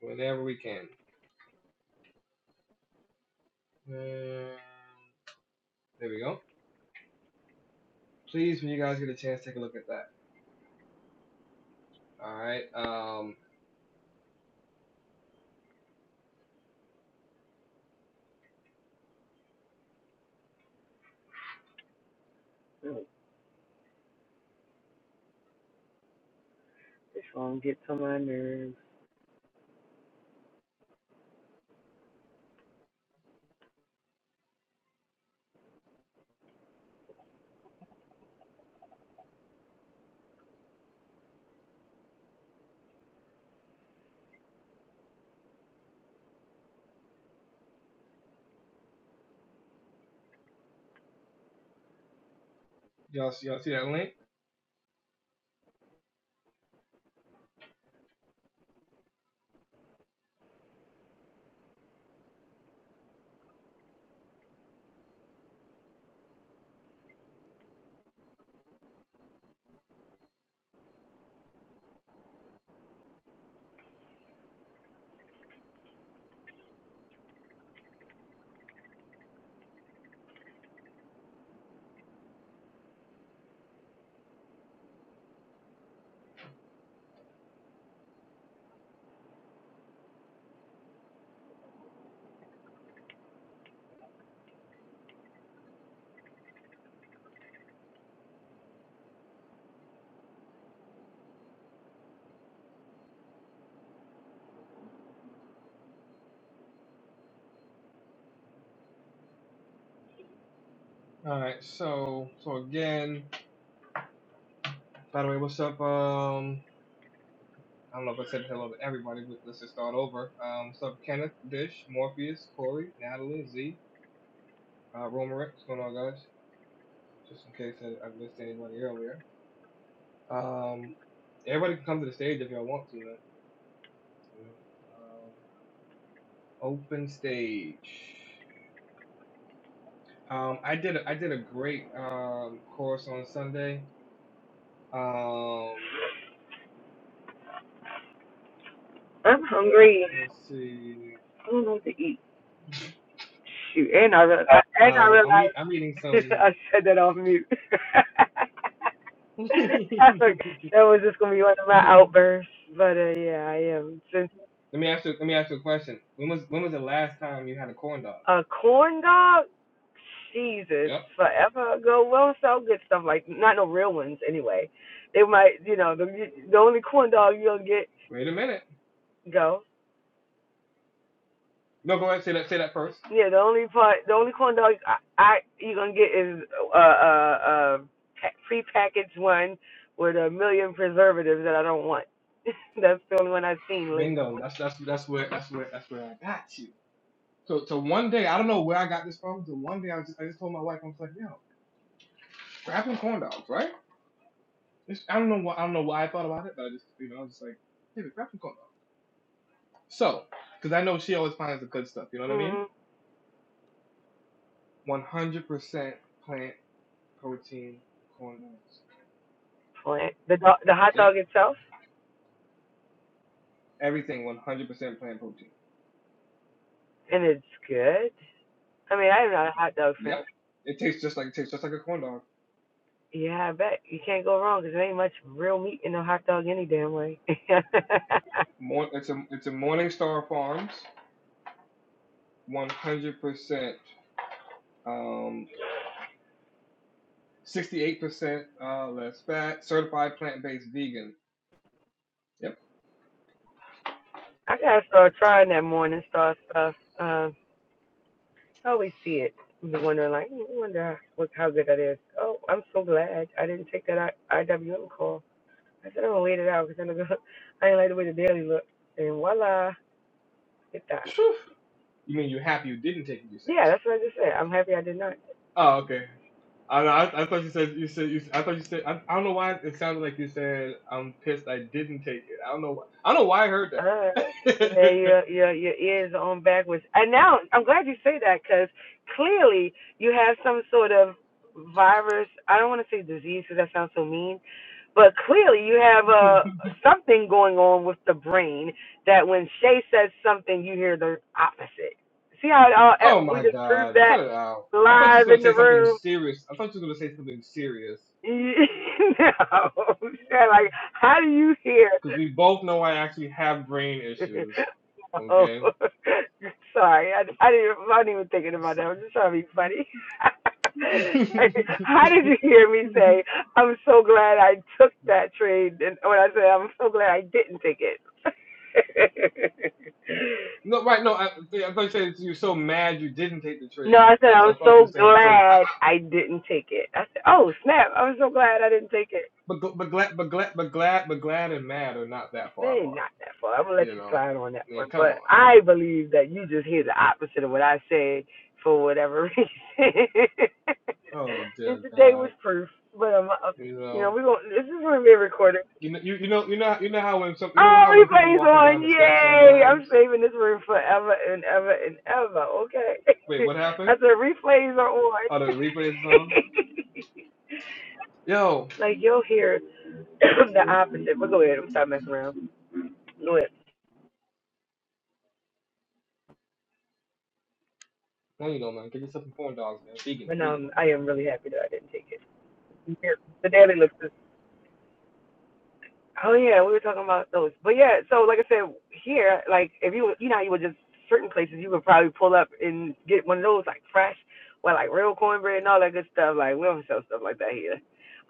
[SPEAKER 1] whenever we can. Um, there we go. Please, when you guys get a chance, take a look at that. All right. Um,
[SPEAKER 4] This phone gets on my nerves.
[SPEAKER 1] y'all, see- y'all see that link? All right. So, so again, by the way, what's up? Um, I don't know if I said hello to everybody, but let's just start over. Um, what's up, Kenneth, Dish, Morpheus, Corey, Natalie, Z, uh, Romerick? What's going on, guys? Just in case I, I missed anybody earlier. Um, everybody can come to the stage if y'all want to, man. You know, um, open stage. Um, I did a, I did a great um course on Sunday. Um,
[SPEAKER 4] I'm hungry.
[SPEAKER 1] let's see.
[SPEAKER 4] I don't know what to eat. Shoot, and I re- and I
[SPEAKER 1] Um, I'm eat,
[SPEAKER 4] realized
[SPEAKER 1] I'm eating some.
[SPEAKER 4] I said that off mute. I forgot that was just gonna be one of my
[SPEAKER 1] let
[SPEAKER 4] outbursts, but uh, yeah, I am. Since
[SPEAKER 1] me ask you. Let me ask you a question. When was when was the last time you had a corn dog?
[SPEAKER 4] a corn dog, Jesus,
[SPEAKER 1] Yep.
[SPEAKER 4] forever ago, well. don't sell good stuff like not no real ones anyway. They might, you know, the the only corn dog you'll get
[SPEAKER 1] Wait a minute.
[SPEAKER 4] go.
[SPEAKER 1] No, go ahead. Say that. Say that first.
[SPEAKER 4] Yeah, the only part, the only corn dog I, I you're gonna get is a uh, uh, uh, pa- prepackaged one with a million preservatives that I don't want. That's the only one I've seen lately.
[SPEAKER 1] Bingo. That's that's that's where that's where that's where I got you. So, so one day, I don't know where I got this from. So one day I just, I just told my wife, I was like, yo, grab some corn dogs, right? It's- I don't know why, I don't know why I thought about it, but I just, you know, I was just like, hey, grab some corn dogs. So, because I know she always finds the good stuff. You know what I mean?
[SPEAKER 4] hmm
[SPEAKER 1] 100% plant protein corn dogs.
[SPEAKER 4] Plant the dog, the hot
[SPEAKER 1] Yep.
[SPEAKER 4] dog itself,
[SPEAKER 1] Everything 100% plant protein.
[SPEAKER 4] and it's good. I mean, I'm not a hot dog fan.
[SPEAKER 1] Yep. It tastes just like it tastes just like a corn dog.
[SPEAKER 4] Yeah, I bet you can't go wrong because there ain't much real meat in a hot dog any damn way.
[SPEAKER 1] More, it's a it's a Morningstar Farms 100% um, 68% uh, less fat, certified plant based vegan. Yep.
[SPEAKER 4] I gotta start trying that morning star stuff. Uh, I always see it and be wondering, like, "Hmm, I wonder what, how good that is. Oh, I'm so glad I didn't take that I- IWM call. I said, I'm going to wait it out because I, don't go- I ain't like the way the daily look. And voila, hit that.
[SPEAKER 1] You mean you're happy you didn't take it, you're saying?
[SPEAKER 4] Yeah, that's what I just said. I'm happy I did not.
[SPEAKER 1] Oh, okay. I, I, I thought you said, you said, you, I thought you said, I, I don't know why it sounded like you said, I'm pissed I didn't take it. I don't know, why, I don't know why I heard
[SPEAKER 4] Uh, yeah,
[SPEAKER 1] that.
[SPEAKER 4] your your your ears are on backwards. And now I'm glad you say that because clearly you have some sort of virus. I don't want to say disease because that sounds so mean, but clearly you have uh something going on with the brain that when Shay says something, you hear the opposite. See how it all,
[SPEAKER 1] oh
[SPEAKER 4] eh, we
[SPEAKER 1] my
[SPEAKER 4] just proved
[SPEAKER 1] God.
[SPEAKER 4] that
[SPEAKER 1] Cut it out. I thought you was
[SPEAKER 4] live
[SPEAKER 1] going to
[SPEAKER 4] in the
[SPEAKER 1] say something
[SPEAKER 4] room.
[SPEAKER 1] serious. I thought you was going to say something serious.
[SPEAKER 4] You like how do you hear?
[SPEAKER 1] Because we both know I actually have brain issues.
[SPEAKER 4] oh,
[SPEAKER 1] Okay.
[SPEAKER 4] sorry. I, I didn't. I wasn't even thinking about that. I'm just trying to be funny. How did you hear me say? I'm so glad I took that trade, and when I said I'm so glad I didn't take it.
[SPEAKER 1] No, right? No, I, yeah, I thought you said you're so mad you didn't take the
[SPEAKER 4] no,
[SPEAKER 1] trade.
[SPEAKER 4] I said
[SPEAKER 1] That's what
[SPEAKER 4] I'm
[SPEAKER 1] I thought you were
[SPEAKER 4] so
[SPEAKER 1] saying. So, I,
[SPEAKER 4] glad I didn't take it. I said, oh snap! I'm so glad I didn't take it.
[SPEAKER 1] but but glad but glad but glad but glad and mad are not that far
[SPEAKER 4] Man,
[SPEAKER 1] apart.
[SPEAKER 4] not that far. I'm gonna let
[SPEAKER 1] You
[SPEAKER 4] you
[SPEAKER 1] know,
[SPEAKER 4] slide on that
[SPEAKER 1] I
[SPEAKER 4] one.
[SPEAKER 1] mean, come
[SPEAKER 4] But
[SPEAKER 1] on.
[SPEAKER 4] I believe that you just hear the opposite of what I said for whatever reason.
[SPEAKER 1] Oh
[SPEAKER 4] and
[SPEAKER 1] dear
[SPEAKER 4] today
[SPEAKER 1] God,
[SPEAKER 4] was proof. But um, uh,
[SPEAKER 1] you
[SPEAKER 4] you know,
[SPEAKER 1] know,
[SPEAKER 4] we gonna this is gonna be recorded.
[SPEAKER 1] you know, you, you know, you know, you know how when some, you know
[SPEAKER 4] Oh,
[SPEAKER 1] how when people
[SPEAKER 4] replay's
[SPEAKER 1] walking
[SPEAKER 4] on!
[SPEAKER 1] down the steps
[SPEAKER 4] Yay! I'm
[SPEAKER 1] sometimes.
[SPEAKER 4] saving this room forever and ever and ever. Okay.
[SPEAKER 1] Wait, what
[SPEAKER 4] I
[SPEAKER 1] happened?
[SPEAKER 4] said replays are on.
[SPEAKER 1] Oh, the replay is on. Yo,
[SPEAKER 4] like you'll hear the opposite. But go ahead. I'm stop messing around. Go ahead.
[SPEAKER 1] no, you don't, man. Get yourself some corn dogs, man. Vegan,
[SPEAKER 4] But
[SPEAKER 1] vegan.
[SPEAKER 4] um, I am really happy that I didn't take it. Yeah, the daily looks. is- Oh yeah, we were talking about those. But yeah, so like I said, here, like if you you know how you would just certain places you could probably pull up and get one of those like fresh, well like real cornbread and all that good stuff. Like we don't sell stuff like that here.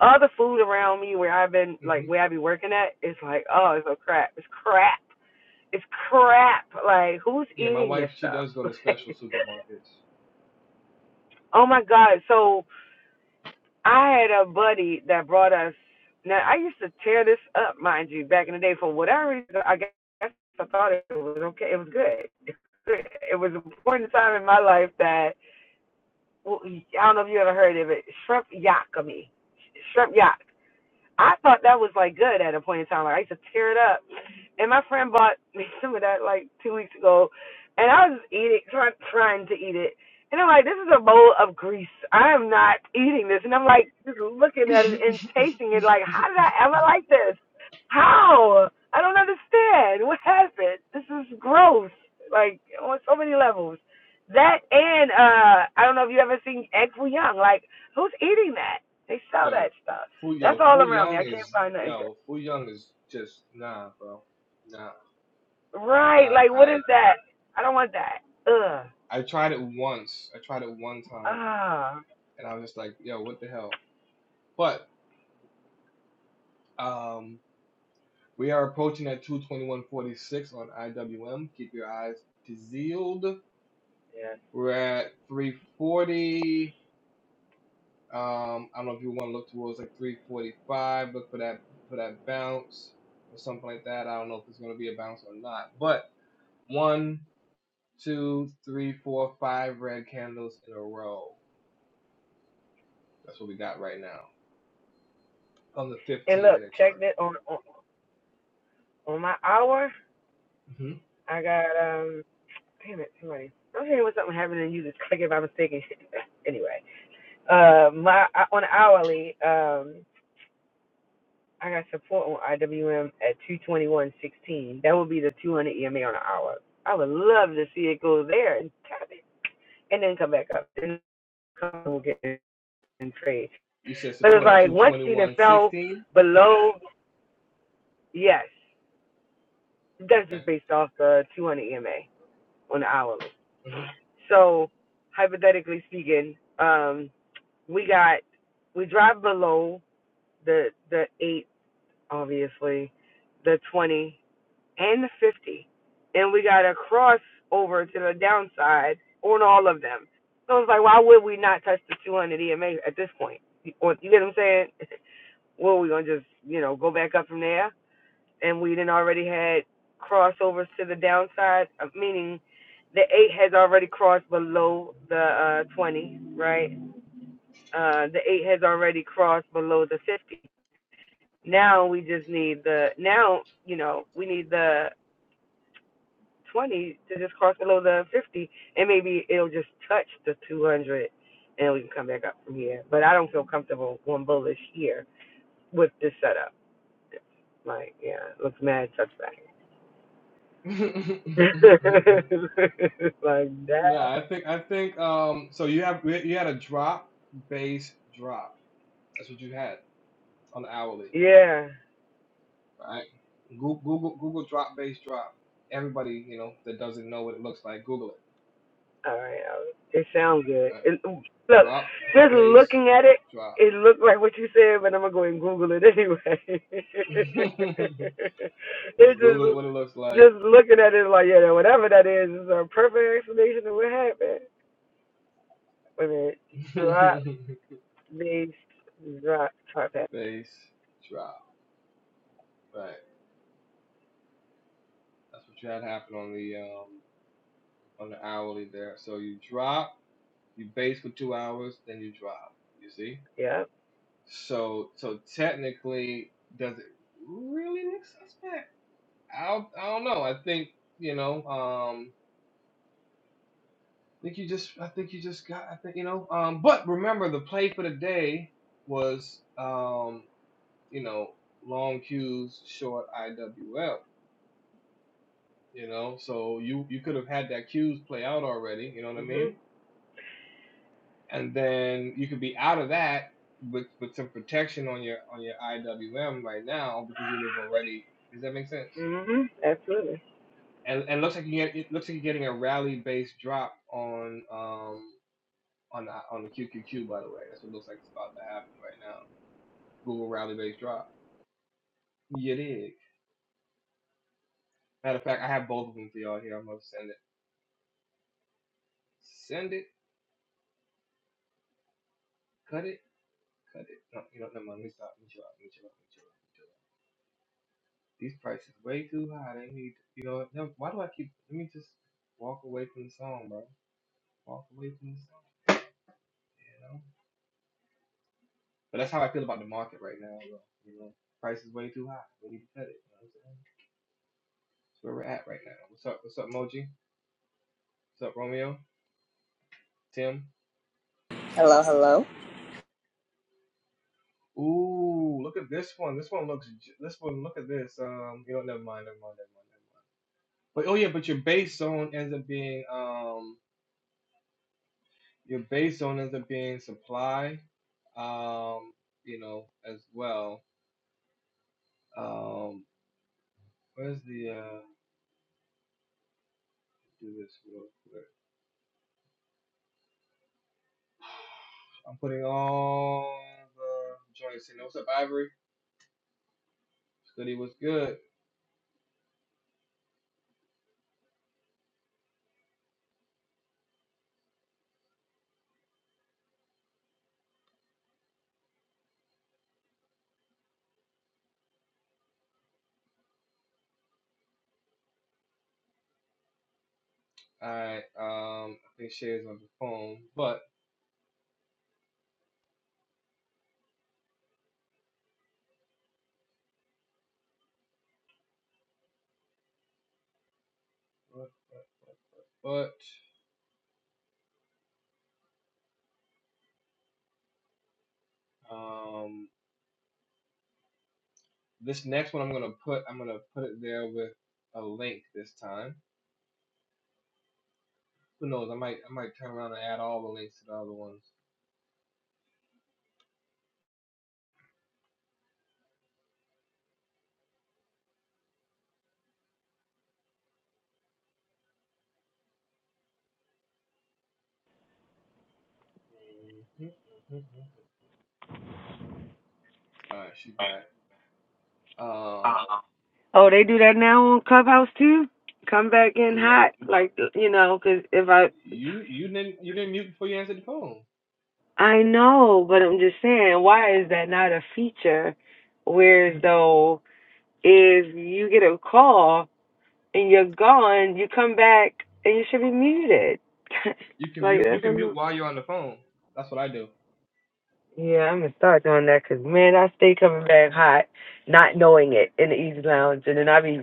[SPEAKER 4] All the food around me where I've been like
[SPEAKER 1] hmm
[SPEAKER 4] where I be working at, it's like oh it's so crap, it's crap, it's crap. Like who's
[SPEAKER 1] Yeah, my
[SPEAKER 4] eating this
[SPEAKER 1] wife, she does go to
[SPEAKER 4] stuff?
[SPEAKER 1] special
[SPEAKER 4] Like,
[SPEAKER 1] supermarkets.
[SPEAKER 4] oh my god. So I had a buddy that brought us. Now I used to tear this up, mind you, back in the day. For whatever reason, I guess I thought it was okay. It was good. It was a point in time in my life that well, I don't know if you ever heard of it. Shrimp yakami, shrimp yak. I thought that was like good at a point in time. Like I used to tear it up. And my friend bought me some of that like two weeks ago, and I was eating, trying trying to eat it. And I'm like, this is a bowl of grease. I am not eating this. And I'm like, just looking at it and tasting it. Like, how did I ever like this? How? I don't understand. What happened? This is gross. Like on so many levels. That and uh, I don't know if you ever seen Egg Foo Young. Like, who's eating that? They sell
[SPEAKER 1] Yo,
[SPEAKER 4] that stuff.
[SPEAKER 1] Fu
[SPEAKER 4] That's
[SPEAKER 1] yo,
[SPEAKER 4] all
[SPEAKER 1] Fu
[SPEAKER 4] around me.
[SPEAKER 1] Young
[SPEAKER 4] I can't
[SPEAKER 1] is
[SPEAKER 4] find nothing
[SPEAKER 1] yo,
[SPEAKER 4] good.
[SPEAKER 1] Fu Young is just nah, bro. Nah.
[SPEAKER 4] Right.
[SPEAKER 1] I
[SPEAKER 4] Like, what
[SPEAKER 1] I
[SPEAKER 4] is that? I don't want that. Ugh.
[SPEAKER 1] I tried it once. I tried it one time
[SPEAKER 4] Ah.
[SPEAKER 1] and I was just like, yo, what the hell? But um we are approaching at 221.46 on IWM. Keep your eyes peeled. We're at 340. Um, I don't know if you want to look towards like 345. Look for that for that bounce or something like that. I don't know if it's going to be a bounce or not. But one. two, three, four, five red candles in a row. That's what we got right now on the
[SPEAKER 4] And
[SPEAKER 1] 15
[SPEAKER 4] look,
[SPEAKER 1] minute chart.
[SPEAKER 4] check this on, on on my hour.
[SPEAKER 1] Mm-hmm.
[SPEAKER 4] I got um. Damn it, somebody. I'm hearing what's something happening and you just click it by mistake and shit. anyway, uh, my on hourly um. I got support on IWM at 221.16. That would be the 200 EMA on an hour. I would love to see it go there and tap it, and then come back up and come and we'll get in and trade.
[SPEAKER 1] You said
[SPEAKER 4] But it's
[SPEAKER 1] support at
[SPEAKER 4] like once you then fell
[SPEAKER 1] 221.16.
[SPEAKER 4] below, yes, that's just based off the 200 EMA on the hourly.
[SPEAKER 1] Okay.
[SPEAKER 4] So hypothetically speaking, um, we got we drive below the the eight, obviously, the 20 and the 50, and we got to cross over to the downside on all of them. So it's like, why would we not touch the 200 EMA at this point? You, you get what I'm saying? Well, we gonna just you know go back up from there? and we didn't already had crossovers to the downside, uh, meaning the eight has already crossed below the uh, 20, right? Uh, the eight has already crossed below the 50. Now we just need the now you know we need the 20 to just cross below the 50, and maybe it'll just touch the 200, and we can come back up from here. But I don't feel comfortable going bullish here with this setup. It's Like yeah, it looks mad suspect. like
[SPEAKER 1] Mm-hmm.
[SPEAKER 4] that.
[SPEAKER 1] nah, I think I think um. So you have you had a drop base drop. That's what you had on the hourly,
[SPEAKER 4] Yeah.
[SPEAKER 1] right? Google Google, Google drop base drop. Everybody you know that doesn't know what it looks like, Google it.
[SPEAKER 4] All right. all right. It sounds good.
[SPEAKER 1] All Right?
[SPEAKER 4] It, look,
[SPEAKER 1] Drop
[SPEAKER 4] just
[SPEAKER 1] base
[SPEAKER 4] looking at it,
[SPEAKER 1] drop.
[SPEAKER 4] it looked like what you said, but I'm gonna go and Google it anyway. it
[SPEAKER 1] Just Google it
[SPEAKER 4] just
[SPEAKER 1] what it looks like.
[SPEAKER 4] just looking at it like yeah, whatever that is is a perfect explanation of what happened. Wait a minute. Drop based drop drop that.
[SPEAKER 1] Base drop. Right. That's what you had happen on the um on the hourly there. So you drop, you base for two hours, then you drop. You see?
[SPEAKER 4] Yeah.
[SPEAKER 1] So so technically, does it really look suspect? I I don't know. I think you know. Um, I think you just I think you just got I think you know. Um, but remember the play for the day was um you know long cues short IWL. you know so you you could have had that cues play out already you know what i
[SPEAKER 4] Mhm.
[SPEAKER 1] mean and then you could be out of that with with some protection on your on your iwm right now because you have already does that make sense
[SPEAKER 4] Mhm. Absolutely.
[SPEAKER 1] and and it looks like you get it looks like you're getting a rally based drop on um on the on the qqq by the way that's what looks like it's about to happen right now google rally based drop you did matter of fact i have both of them for y'all here i'm gonna send it send it cut it cut it no you know never mind let me stop let me chill out let me chill out let me chill out These prices way too high. They need, you know, no, why do I keep, let me just walk away from the song, bro. Walk away from the song, you know? But that's how I feel about the market right now, bro. You know, price is way too high. We need to cut it, you know what I'm saying? That's where we're at right now. What's up? What's up, Moji? What's up, Romeo? Tim?
[SPEAKER 5] Hello, hello.
[SPEAKER 1] Ooh, look at this one. This one looks, j- this one, look at this. Um, you know, never mind, never mind, never mind, never mind. But, oh yeah, but your base zone ends up being, um. your base zone ends up being supply, um, you know, as well. Um, where's the uh, do this real quick? I'm putting all the joints in. What's up, Ivory? Study was good. Alright, um, I think Shay's on the phone, but but but, um, this next one I'm gonna put I'm gonna put it there with a link this time. Who knows? I might I might turn around and add all the links to the other ones. Mm-hmm, mm-hmm. mm-hmm. All right, she's back. Um,
[SPEAKER 4] Oh, they do that now on Clubhouse too. Come back in
[SPEAKER 1] do what?
[SPEAKER 4] hot, like you know, cause if I,
[SPEAKER 1] You you didn't you didn't mute before you answered the phone.
[SPEAKER 4] I know, but I'm just saying, why is that not a feature? Whereas though, if you get a call and you're gone, you come back and you should be muted.
[SPEAKER 1] You can
[SPEAKER 4] like
[SPEAKER 1] mute you
[SPEAKER 4] that's
[SPEAKER 1] can mute
[SPEAKER 4] annoying.
[SPEAKER 1] while you're on the phone. That's what I do.
[SPEAKER 4] Yeah, I'm gonna start doing that 'cause man, I stay coming back hot, not knowing it in the Easy Lounge, and then I be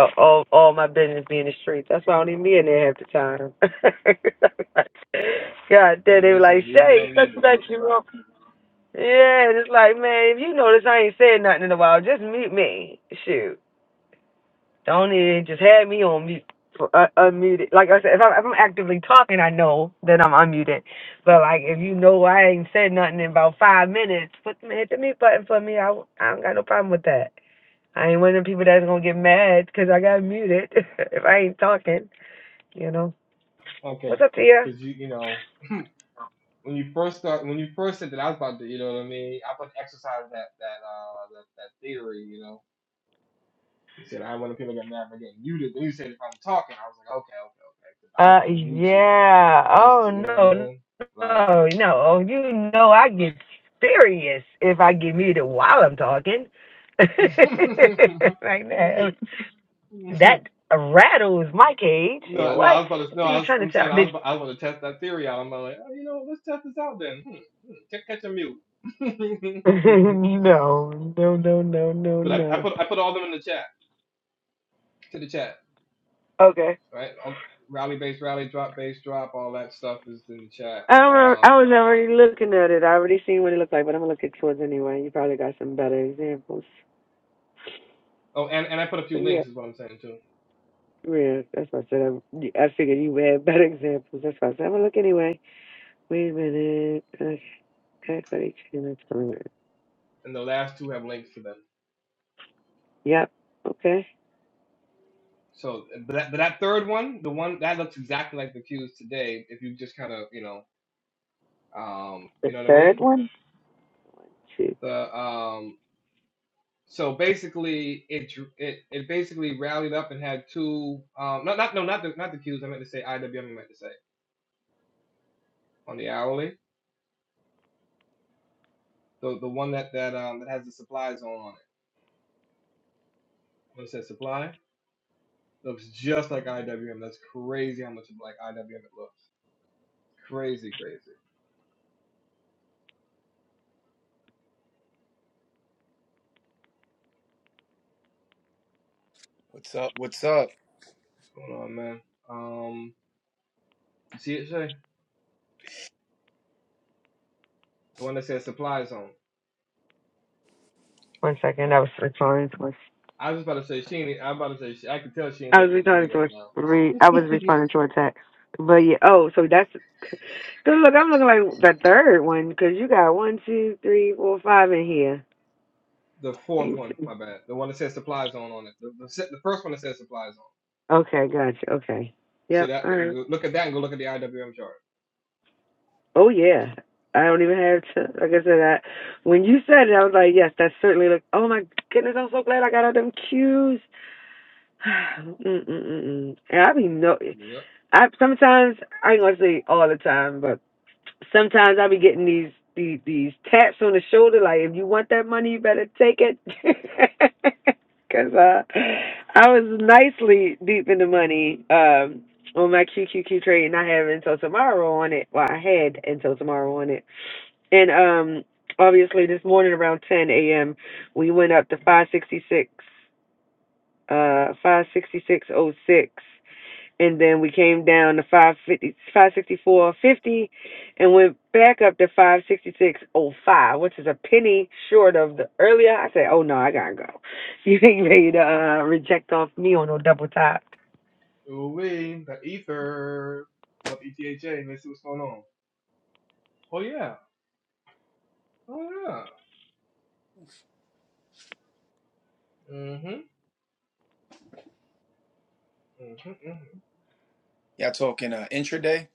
[SPEAKER 4] uh, all all my business be in the streets. That's why I don't even be in there half the time. God damn,
[SPEAKER 1] Damn,
[SPEAKER 4] they were
[SPEAKER 1] it's gonna
[SPEAKER 4] like
[SPEAKER 1] leave you
[SPEAKER 4] Shay.
[SPEAKER 1] unmuted, huh?
[SPEAKER 4] yeah, and it's like man, if you notice, I ain't said nothing in a while. Just mute me. Shoot. Don't it just had me on mute, for, uh, unmuted. Like I said, if I'm, if I'm actively talking, I know that I'm unmuted. But like if you know I ain't said nothing in about five minutes, put the hit the mute button for me. I I don't got no problem with that. I ain't one of them people that's gonna get mad because I got muted if I ain't talking. You know.
[SPEAKER 1] Okay,
[SPEAKER 4] What's up to
[SPEAKER 1] because you you know when you first start when you first said that I was about to you know what I mean I put exercise that that uh that, that theory you know you said I want to people get mad for getting muted. Then you said if I'm talking, I was like okay okay okay 'cause I was
[SPEAKER 4] Uh,
[SPEAKER 1] about to mute you
[SPEAKER 4] yeah.
[SPEAKER 1] just
[SPEAKER 4] Oh
[SPEAKER 1] to you
[SPEAKER 4] no, no,
[SPEAKER 1] know what
[SPEAKER 4] no. Oh, you know I get furious if I get muted while I'm talking. like
[SPEAKER 1] I mean like.
[SPEAKER 4] that. That rattles my cage.
[SPEAKER 1] No, no, I
[SPEAKER 4] What?
[SPEAKER 1] was about to. No,
[SPEAKER 4] What are
[SPEAKER 1] I
[SPEAKER 4] you
[SPEAKER 1] was,
[SPEAKER 4] trying to
[SPEAKER 1] I'm
[SPEAKER 4] tell?
[SPEAKER 1] saying I was,
[SPEAKER 4] Did
[SPEAKER 1] I was about to test that theory out. I'm like, oh, you know, let's test this out then. Hmm, hmm, catch, catch a mute.
[SPEAKER 4] no, no, no, no, no,
[SPEAKER 1] but I, I
[SPEAKER 4] no.
[SPEAKER 1] put I put all them in the chat to the chat,
[SPEAKER 4] Okay.
[SPEAKER 1] right? All, rally base, rally drop base, drop. All that stuff is in the chat.
[SPEAKER 4] I don't know. I
[SPEAKER 1] Um,
[SPEAKER 4] was already looking at it. I already seen what it looked like, but I'm gonna look at yours anyway. You probably got some better examples.
[SPEAKER 1] oh, and and I put a
[SPEAKER 4] But
[SPEAKER 1] few
[SPEAKER 4] yeah.
[SPEAKER 1] links is what I'm saying too.
[SPEAKER 4] Yeah, that's why I said I, I figured you had better examples. That's why I said, well, look anyway. Wait a minute. Uh, Okay, everybody chicken and salad.
[SPEAKER 1] And the last two have links to them.
[SPEAKER 4] Yep. Okay.
[SPEAKER 1] So, but that, but that third one, the one that looks exactly like the cues today. If you just kind of, you know, um, you
[SPEAKER 4] The
[SPEAKER 1] know what I
[SPEAKER 4] third
[SPEAKER 1] mean?
[SPEAKER 4] one. Two.
[SPEAKER 1] The um, So basically, it it it basically rallied up and had two um not not no not the not the Qs I meant to say IWM I meant to say on the hourly the the one that that um that has the supply zone on it when it says supply looks just like IWM that's crazy how much like IWM it looks crazy crazy
[SPEAKER 6] What's up? What's up?
[SPEAKER 1] what's going on man um you see it Shay the one that says supply zone
[SPEAKER 4] One second. I was responding to a-
[SPEAKER 1] I was about to say she ain't, I'm about to say she, I can tell she ain't
[SPEAKER 4] I was
[SPEAKER 1] listening to me
[SPEAKER 4] responding to
[SPEAKER 1] right
[SPEAKER 4] a
[SPEAKER 1] now
[SPEAKER 4] re, I was responding to a text. But yeah. Oh, so that's. Cause look, I'm looking like the third one because you got one, two, three, four, five in here.
[SPEAKER 1] the fourth
[SPEAKER 4] Thank
[SPEAKER 1] one
[SPEAKER 4] you.
[SPEAKER 1] my bad the one that says supply zone on it the, the, se- the first one that says supply zone
[SPEAKER 4] Okay. Gotcha. Okay.
[SPEAKER 1] See
[SPEAKER 4] Yep.
[SPEAKER 1] that?
[SPEAKER 4] All right.
[SPEAKER 1] Look look at that and go look at the IWM chart.
[SPEAKER 4] Oh yeah. I don't even have to. Like I said, I, when you said it, I was like, yes, that's certainly like." Oh my goodness, I'm so glad I got all them cues. Mm-mm-mm. And I be no.
[SPEAKER 1] Yep.
[SPEAKER 4] I sometimes I ain't gonna say all the time, but sometimes I be getting these these, these taps on the shoulder, like if you want that money, you better take it. Cause uh, I was nicely deep in the money um, on my QQQ trade, and I have until tomorrow on it. Well, I had until tomorrow on it, and um, obviously this morning around 10 a.m. we went up to 566, uh, 566.06 and then we came down to five fifty five sixty four fifty, and went back up to 566.05, which is a penny short of the earlier. I said, oh no, I gotta go. You ain't ready to uh, reject off me on no double top.
[SPEAKER 1] Ooh wee, the ether. Pull up ETHA let's see what's going on. Oh yeah. Oh yeah. Mhm. Mm-hmm. Mm-hmm. Mm-hmm.
[SPEAKER 6] Y'all talking uh, intraday?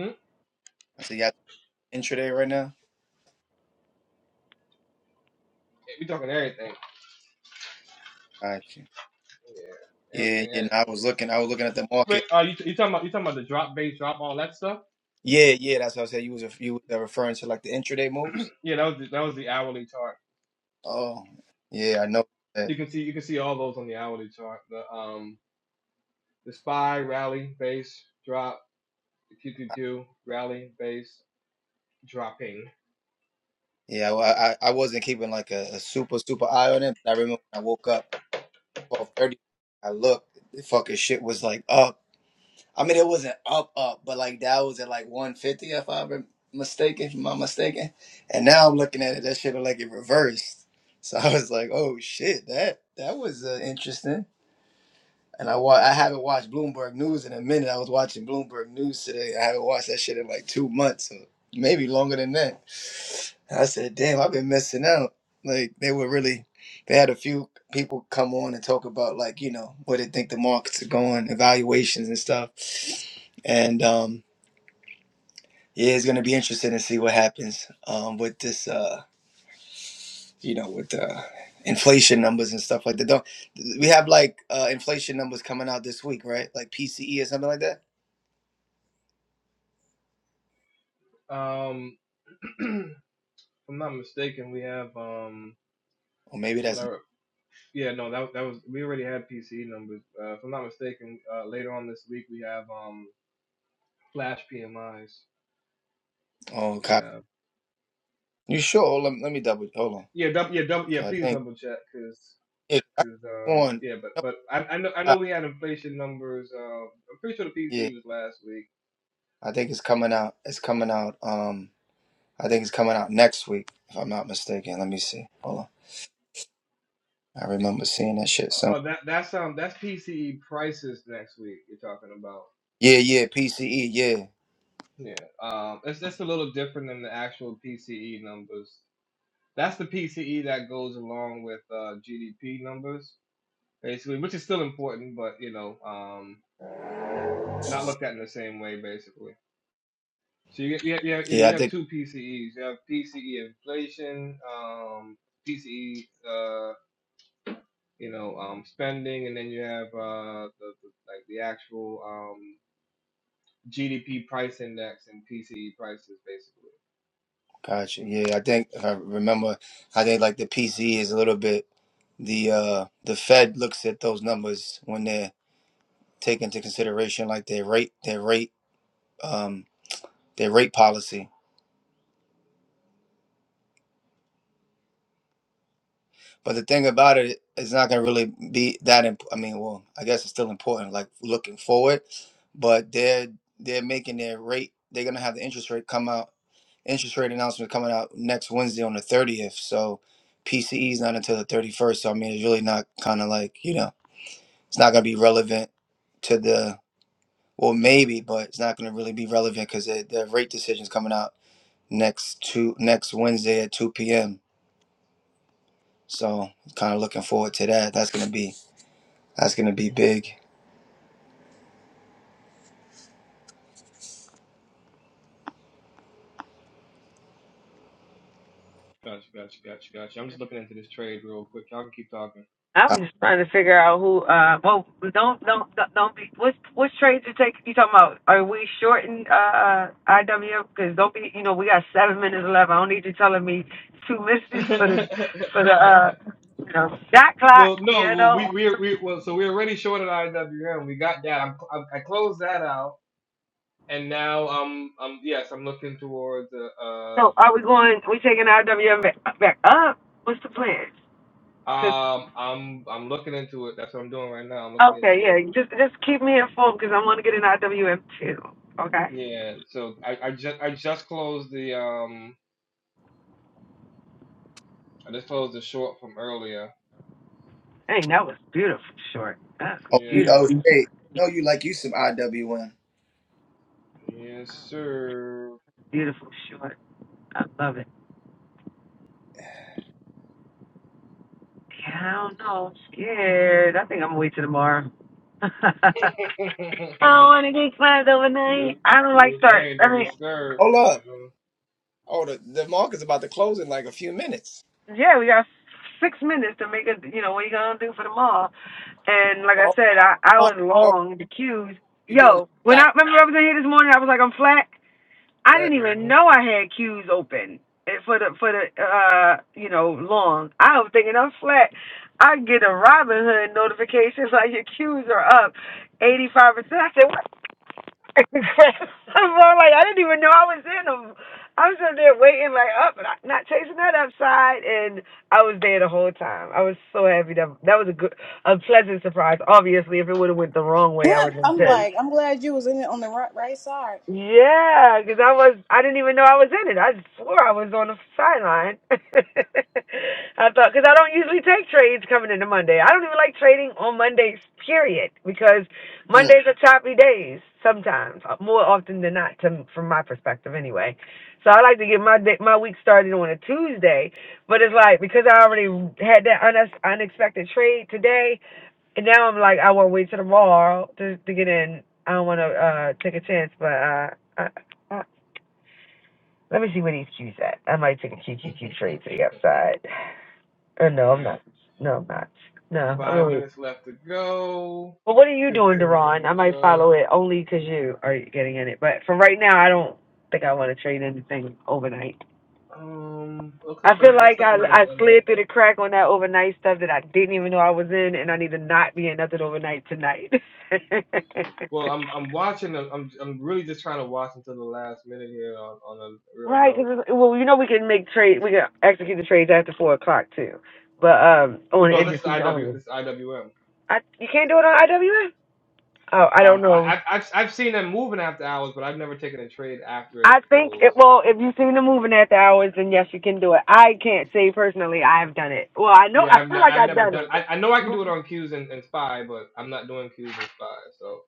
[SPEAKER 1] hmm
[SPEAKER 6] I said y'all intraday right now.
[SPEAKER 1] We talking everything.
[SPEAKER 6] Gotcha.
[SPEAKER 1] Yeah.
[SPEAKER 6] Yeah,
[SPEAKER 1] Everything,
[SPEAKER 6] yeah. No, I
[SPEAKER 1] everything.
[SPEAKER 6] was looking. I was looking at the
[SPEAKER 1] Wait,
[SPEAKER 6] market.
[SPEAKER 1] uh, you, you talking about you talking about the drop base, drop all that stuff?
[SPEAKER 6] Yeah, yeah. That's what I said. You was you was referring to like the intraday moves.
[SPEAKER 1] Yeah, that was the, that was the hourly chart.
[SPEAKER 6] Oh, yeah. I know that.
[SPEAKER 1] You can see you can see all those on the hourly chart. The um the spy rally base drop, the QQQ rally base dropping.
[SPEAKER 6] Yeah. Well, I I I wasn't keeping like a, a super super eye on it. But I remember when I woke up twelve thirty. I looked. The fucking shit was like up. I mean, it wasn't up, up, but like that was at like 150, if I'm mistaken, if I'm not mistaken. And now I'm looking at it, that shit look like it reversed. So I was like, oh shit, that that was uh, interesting. And I wa- I haven't watched Bloomberg News in a minute. I was watching Bloomberg News today. I haven't watched that shit in like two months, or maybe longer than that. And I said, "Damn, I've been missing out." Like they were really, they had a few people come on and talk about like you know where they think the markets are going, evaluations and stuff. And um, yeah, it's gonna be interesting to see what happens um, with this. Uh, you know, with the inflation numbers and stuff like that. Don't we have like uh inflation numbers coming out this week, right? Like PCE or something like that?
[SPEAKER 1] Um if I'm not mistaken, we have um
[SPEAKER 6] Or maybe that's
[SPEAKER 1] whatever. Yeah, no, that that was we already had PCE numbers. Uh, if I'm not mistaken, uh, later on this week we have um flash PMIs.
[SPEAKER 6] oh
[SPEAKER 1] So we
[SPEAKER 6] copy.
[SPEAKER 1] have
[SPEAKER 6] You sure? Let, let me double hold on.
[SPEAKER 1] yeah, double, yeah, double, yeah.
[SPEAKER 6] 'Cause I
[SPEAKER 1] Please
[SPEAKER 6] think
[SPEAKER 1] double check because.
[SPEAKER 6] yeah, I
[SPEAKER 1] Cause um
[SPEAKER 6] on
[SPEAKER 1] yeah but
[SPEAKER 6] no,
[SPEAKER 1] but I, I know I
[SPEAKER 6] uh,
[SPEAKER 1] know we had inflation numbers uh I'm pretty sure the
[SPEAKER 6] yeah.
[SPEAKER 1] PCE was last week
[SPEAKER 6] I think it's coming out it's coming out um I think it's coming out next week, if I'm not mistaken. Let me see. Hold on. I remember seeing that shit
[SPEAKER 1] oh
[SPEAKER 6] So
[SPEAKER 1] uh, oh, that that's um that's PCE prices next week you're talking about
[SPEAKER 6] Yeah, yeah, PCE, yeah.
[SPEAKER 1] yeah um it's just a little different than the actual PCE numbers That's the PCE that goes along with uh, GDP numbers, basically, which is still important, but you know, um, not looked at in the same way, basically. So you get, you have, you have, yeah,
[SPEAKER 6] Yeah, I
[SPEAKER 1] you have
[SPEAKER 6] think
[SPEAKER 1] two PCEs. You have PCE inflation, um, PCE, uh, you know, um, spending, and then you have uh, the, the, like the actual um, GDP price index and PCE prices, basically.
[SPEAKER 6] gotcha. Yeah, I think if I remember I think like the PCE is a little bit the uh, the Fed looks at those numbers when they're taking into consideration like their rate their rate um, their rate policy. But the thing about it, it's not going to really be that. Imp- I mean, well, I guess it's still important, like looking forward. But they're they're making their rate. They're going to have the interest rate come out. Interest rate announcement coming out next Wednesday on the thirtieth. So PCE is not until the thirty first. So I mean, it's really not kind of like you know, it's not going to be relevant to the Well, maybe, but it's not going to really be relevant because the, the rate decision's coming out next two next Wednesday at two p.m. So, kind of looking forward to that. That's going to be that's going to be big.
[SPEAKER 1] Gotcha, gotcha, gotcha, gotcha. I'm just looking into this trade real quick. Y'all can keep talking.
[SPEAKER 6] Uh,
[SPEAKER 4] I'm just trying to figure out who. Uh, well, don't don't don't don't be. What what trades you take? You talking about? Are we shorting uh IWM? Because don't be. You know, we got seven minutes left. I don't need you telling me two minutes for the for the uh you know that clock.
[SPEAKER 1] Well, no,
[SPEAKER 4] You
[SPEAKER 1] well, we
[SPEAKER 4] know.
[SPEAKER 1] we we well, so we're already short at IWM. We got that. I'm, cl- i I closed that out, and now um um yes, I'm looking towards uh
[SPEAKER 4] So are we going? We taking IWM back, back up? What's the plan?
[SPEAKER 1] uh
[SPEAKER 4] 'Cause
[SPEAKER 1] um I'm I'm looking into it. That's what I'm doing right now. I'm looking into
[SPEAKER 4] okay,
[SPEAKER 1] it.
[SPEAKER 4] yeah, just just keep me informed because I want to get an IWM too. Okay.
[SPEAKER 1] Yeah. So I I just I just closed the um I just closed the short from earlier.
[SPEAKER 4] Hey, that was beautiful short. That's
[SPEAKER 6] Oh,
[SPEAKER 1] Yeah.
[SPEAKER 6] we oh
[SPEAKER 4] beautiful,
[SPEAKER 6] hey, know you like you some IWM.
[SPEAKER 1] Yes, sir.
[SPEAKER 4] beautiful short. I love it. Yeah, I don't know. I'm scared. I think I'm gonna wait till tomorrow.
[SPEAKER 1] do
[SPEAKER 4] I don't want to get clapped
[SPEAKER 1] your
[SPEAKER 4] overnight. I don't
[SPEAKER 1] do
[SPEAKER 4] like
[SPEAKER 1] your
[SPEAKER 4] start.
[SPEAKER 1] thing.
[SPEAKER 4] I
[SPEAKER 1] Don't be
[SPEAKER 4] mean,
[SPEAKER 1] scared.
[SPEAKER 6] Hold up.
[SPEAKER 1] You
[SPEAKER 6] Oh, the, the market's about to close in like a few minutes.
[SPEAKER 4] yeah, we got six minutes to make it. You know what you gonna do for tomorrow? And like I
[SPEAKER 6] Oh,
[SPEAKER 4] said, I I
[SPEAKER 6] oh,
[SPEAKER 4] was
[SPEAKER 6] oh
[SPEAKER 4] long the queues.
[SPEAKER 6] you're doing it.
[SPEAKER 4] Yo, when I
[SPEAKER 6] Shot.
[SPEAKER 4] remember I was in here this morning, I was like, I'm flat. I
[SPEAKER 6] Right.
[SPEAKER 4] didn't even
[SPEAKER 1] know.
[SPEAKER 4] know I had queues open eh, for the for the uh you know long. I was thinking I'm flat. I get a Robin Hood notification like your queues are up eighty five percent. I said what? I'm all like I didn't even know I was in them. I was up there waiting like up, but I- not chasing that upside, and I was there the whole time. I was so happy that that was a good, a pleasant surprise. Obviously, if it would have went the wrong way, I would have been
[SPEAKER 2] I'm
[SPEAKER 4] pissed.
[SPEAKER 2] like, I'm glad you was in it on the right, right side.
[SPEAKER 4] Yeah, cause I was I didn't even know I was in it. I swore I was on the sideline. I thought because I don't usually take trades coming into Monday. I don't even like trading on Mondays, period, because
[SPEAKER 6] Mm,
[SPEAKER 4] Mondays are choppy days sometimes, uh, more often than not, to, from my perspective anyway. So I like to get my day, my week started on a Tuesday, but it's like because I already had that unex- unexpected trade today. And now I'm like, I want to wait till tomorrow to, to get in. I don't want to uh, take a chance, but uh, I, I, let me see where these Q's at. I might take a Q Q Q trade to the upside. Or no, I'm
[SPEAKER 1] hmm
[SPEAKER 4] not. No, I'm not. No, I'm
[SPEAKER 1] Five
[SPEAKER 4] only.
[SPEAKER 1] minutes left to go.
[SPEAKER 4] But what are you doing,
[SPEAKER 1] Fifteen
[SPEAKER 4] Deron?
[SPEAKER 1] minute
[SPEAKER 4] I might
[SPEAKER 1] shot.
[SPEAKER 4] follow it only because you are getting in it. But for right now, I don't think I want to trade anything overnight.
[SPEAKER 1] Um, looks
[SPEAKER 4] I
[SPEAKER 1] like
[SPEAKER 4] feel
[SPEAKER 1] I'm looks
[SPEAKER 4] like
[SPEAKER 1] like
[SPEAKER 4] I
[SPEAKER 1] I'm gonna
[SPEAKER 4] I
[SPEAKER 1] end up.
[SPEAKER 4] slid through the crack on that overnight stuff that I didn't even know I was in, and I need to not be in nothing overnight tonight.
[SPEAKER 1] Well, I'm I'm watching. I'm I'm really just trying to watch until the last minute here on, on a real
[SPEAKER 4] Right,
[SPEAKER 1] note.
[SPEAKER 4] because well, you know we can make trade, we can execute the trades after four o'clock too, but um
[SPEAKER 1] Well,
[SPEAKER 4] on
[SPEAKER 1] no, this is
[SPEAKER 4] indices
[SPEAKER 1] IW.
[SPEAKER 4] only.
[SPEAKER 1] This is IWM.
[SPEAKER 4] I you can't do it on IWM. Oh, I
[SPEAKER 1] Um,
[SPEAKER 4] don't know.
[SPEAKER 1] I, I I've I've seen them moving after hours, but I've never taken a trade after it
[SPEAKER 4] I think
[SPEAKER 1] closed.
[SPEAKER 4] it. Well, if you've seen the moving after hours, then yes, you can do it. I can't say personally I've done it. Well, I know
[SPEAKER 1] Yeah,
[SPEAKER 4] I
[SPEAKER 1] I've
[SPEAKER 4] feel
[SPEAKER 1] never
[SPEAKER 4] like
[SPEAKER 1] I've
[SPEAKER 4] I've
[SPEAKER 1] never
[SPEAKER 4] done
[SPEAKER 1] done.
[SPEAKER 4] it.
[SPEAKER 1] I, I know I can do it on Q's and, and Spy, but I'm not doing Q's and Spy. So.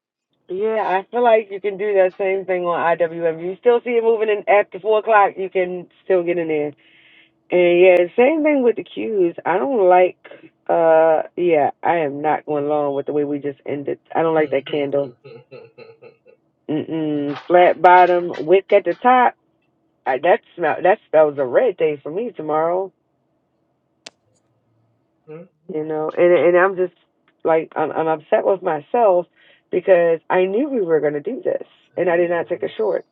[SPEAKER 4] Yeah, I feel like you can do that same thing on IWM. You still see it moving in after four o'clock. You can still get in there. And yeah, same thing with the cues. I don't like. Uh, yeah, I am not going along with the way we just ended. I don't like
[SPEAKER 1] there
[SPEAKER 4] that candle. Mm-mm. Flat bottom, wick at the top. I, that smell. That spells a red day for me tomorrow.
[SPEAKER 1] it
[SPEAKER 4] You know, and and I'm just like I'm, I'm upset with myself because I knew we were going to do this, and I did not take a
[SPEAKER 1] is.
[SPEAKER 4] short.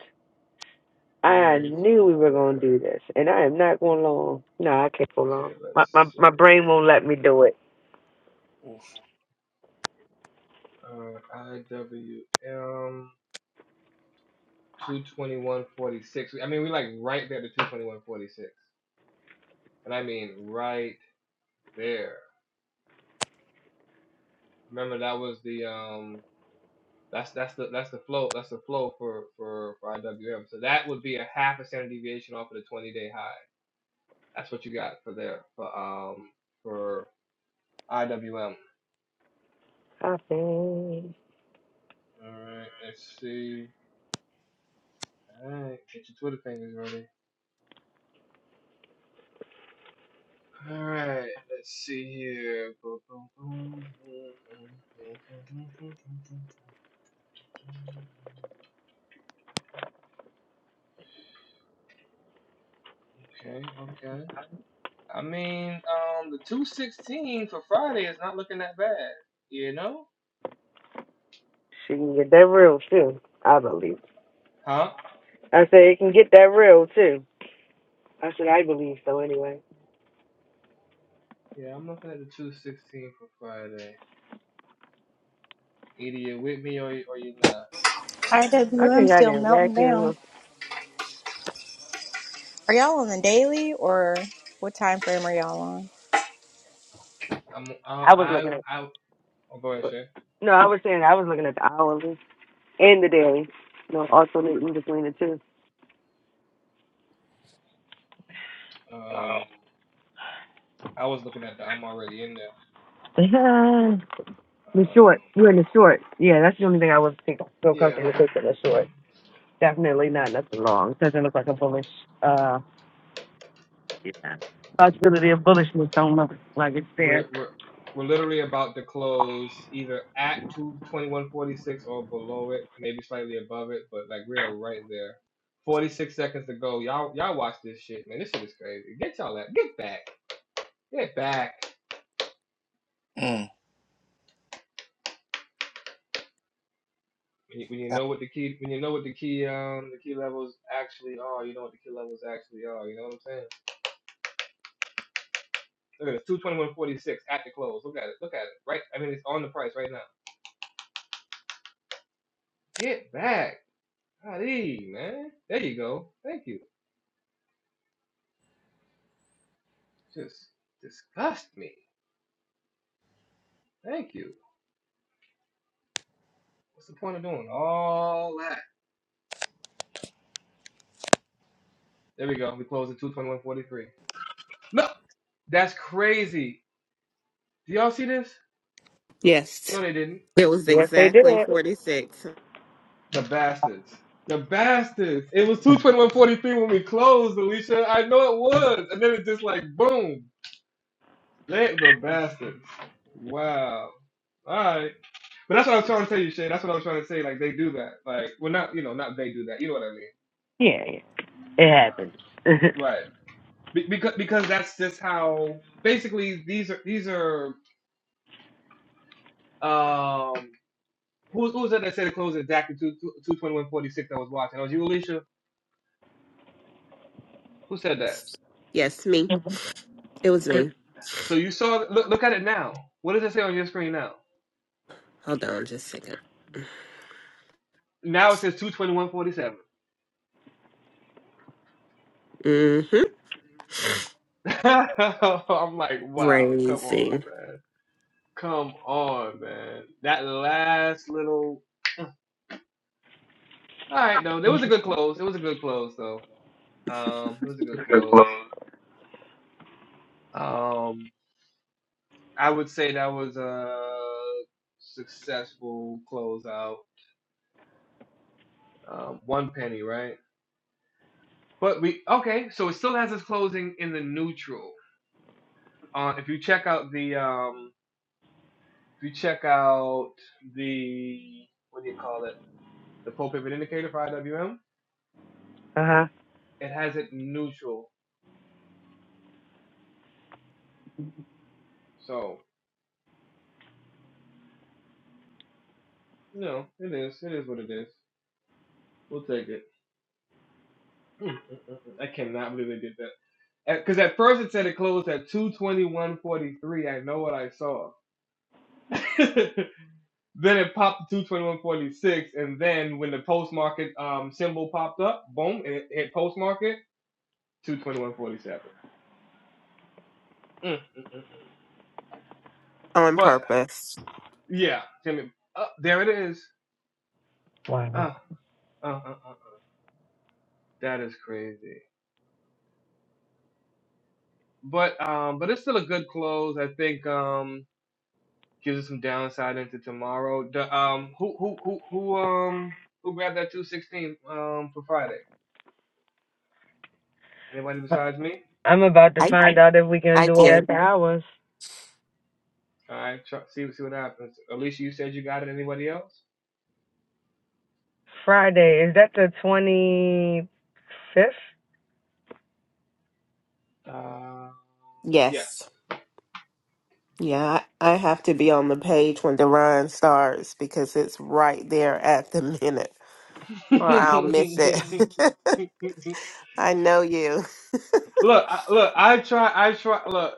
[SPEAKER 1] There it
[SPEAKER 4] I
[SPEAKER 1] is,
[SPEAKER 4] knew
[SPEAKER 1] right
[SPEAKER 4] we were
[SPEAKER 1] there.
[SPEAKER 4] going to do this, and I am not going long. No, I can't go
[SPEAKER 1] Okay,
[SPEAKER 4] long. My
[SPEAKER 1] let's
[SPEAKER 4] my
[SPEAKER 1] see.
[SPEAKER 4] my brain won't let me do it.
[SPEAKER 6] Oof.
[SPEAKER 1] Uh, IWM 22146. I mean, we like right there to 22146. And I mean right there. Remember that was the um that's that's the that's the flow that's the flow for for, for IWM. So that would be a half a standard deviation off of the 20 day high. That's what you got for there for um for IWM.
[SPEAKER 4] I think.
[SPEAKER 1] All right, let's see. All right, get your Twitter fingers ready. All right, let's see here. Okay, okay. I mean, um, the two sixteen for Friday is not looking that bad. You know?
[SPEAKER 4] She can get that real too. I believe.
[SPEAKER 1] Huh?
[SPEAKER 4] I said it can get that real too. I said I believe so anyway.
[SPEAKER 1] Yeah, I'm looking at the two sixteen for Friday. Either you're with me or or you're not.
[SPEAKER 4] I
[SPEAKER 2] IWM
[SPEAKER 4] think I
[SPEAKER 2] still
[SPEAKER 4] didn't
[SPEAKER 2] melting down.
[SPEAKER 4] vacuum.
[SPEAKER 2] Are y'all on the daily or what time frame are y'all on?
[SPEAKER 1] I'm I
[SPEAKER 4] I was
[SPEAKER 1] I
[SPEAKER 4] looking at.
[SPEAKER 1] I. Oh, go ahead, Shay.
[SPEAKER 4] No, I was saying I was looking at the hourly and the daily. No, alternating between the two.
[SPEAKER 1] Um, I was looking at the. I'm already in
[SPEAKER 4] Yeah. The
[SPEAKER 1] there. Um,
[SPEAKER 4] short. You're in the short. Yeah, that's the only thing I was think feel
[SPEAKER 1] yeah.
[SPEAKER 4] comfortable taking the short. Definitely not nothing long. Doesn't look like a bullish uh yeah. possibility of bullishness don't look like it's there.
[SPEAKER 1] We're we're we're literally about to close either at two twenty one forty six or below it, maybe slightly above it, but like we are right there. Forty six seconds to go. Y'all y'all watch this shit, man. This shit is crazy. Get y'all at get back. Get back.
[SPEAKER 6] mm.
[SPEAKER 1] When you, when you know what the key when you know what the key um the key levels actually are, you know what the key levels actually are. You know what I'm saying? Look at this, two twenty one forty six at the close. Look at it. Look at it. Right. I mean, it's on the price right now. Get back. Ali, man. There you go. Thank you. Just disgust me. Thank you. What's the point of doing all that? There we go. We closed at 221.43. No! That's crazy. Do y'all see this?
[SPEAKER 3] Yes,
[SPEAKER 1] No, they didn't.
[SPEAKER 3] it was
[SPEAKER 4] Yes they did.
[SPEAKER 3] exactly 46.
[SPEAKER 1] The bastards. The bastards. It was 221.43 when we closed, Alicia. I know it was. And then it just like, boom. They, the bastards. Wow. All right. But that's what I was trying to tell you, Shay. That's what I was trying to say. Like, they do that. Like, well, not, you know, not they do that. You know what I mean.
[SPEAKER 4] Yeah, yeah. It happens.
[SPEAKER 1] Right. Be- because because that's just how basically these are these are um who who was that that said it closed exactly two two twenty one forty six I was watching. Oh, was you Alicia? Who said that?
[SPEAKER 3] Yes, me. It was me.
[SPEAKER 1] So you saw look look at it now. What does it say on your screen now?
[SPEAKER 3] Hold on just a second.
[SPEAKER 1] Now it says two twenty one forty seven.
[SPEAKER 3] Mm-hmm.
[SPEAKER 1] I'm like, wow, come on,
[SPEAKER 3] Raising.
[SPEAKER 1] man. Come on, man. That last little uh, all right, no, it was a good close. It was a good close though. Um, it was a good close. um. I would say that was a successful closeout. Um, one penny, right? But we okay, so it still has us closing in the neutral. Uh, if you check out the um, if you check out the what do you call it? The pole pivot indicator for IWM,
[SPEAKER 4] Uh huh.
[SPEAKER 1] it has it neutral. So you know, it is it is what it is. We'll take it. Mm, mm, mm, mm. I cannot believe they did that. Because at first it said it closed at 221.43. I know what I saw. Then it popped to 221.46, and then when the post market um, symbol popped up, boom, and it hit post market 221.47. Mm, mm, mm.
[SPEAKER 3] on
[SPEAKER 1] But
[SPEAKER 3] purpose.
[SPEAKER 1] yeah, Jimmy, uh, there it is.
[SPEAKER 4] Wow.
[SPEAKER 1] Uh, uh, uh, uh, that is crazy. But um, but it's still a good close. I think um gives us some downside into tomorrow. The um who who who who um who grabbed that 216 um for Friday? Anybody besides me?
[SPEAKER 4] I'm about to
[SPEAKER 3] I
[SPEAKER 4] find out if we can
[SPEAKER 3] I
[SPEAKER 4] do it
[SPEAKER 3] did.
[SPEAKER 4] after hours.
[SPEAKER 1] All right, try, see see what happens. Alicia, you said you got it. Anybody else?
[SPEAKER 4] Friday. Is that the 25th?
[SPEAKER 1] Uh, yes.
[SPEAKER 3] Yes. Yeah, I I have to be on the page when the run starts because it's right there at the minute, or
[SPEAKER 1] look,
[SPEAKER 3] I'll miss it. I know you.
[SPEAKER 1] I, look. I try. I try. Look,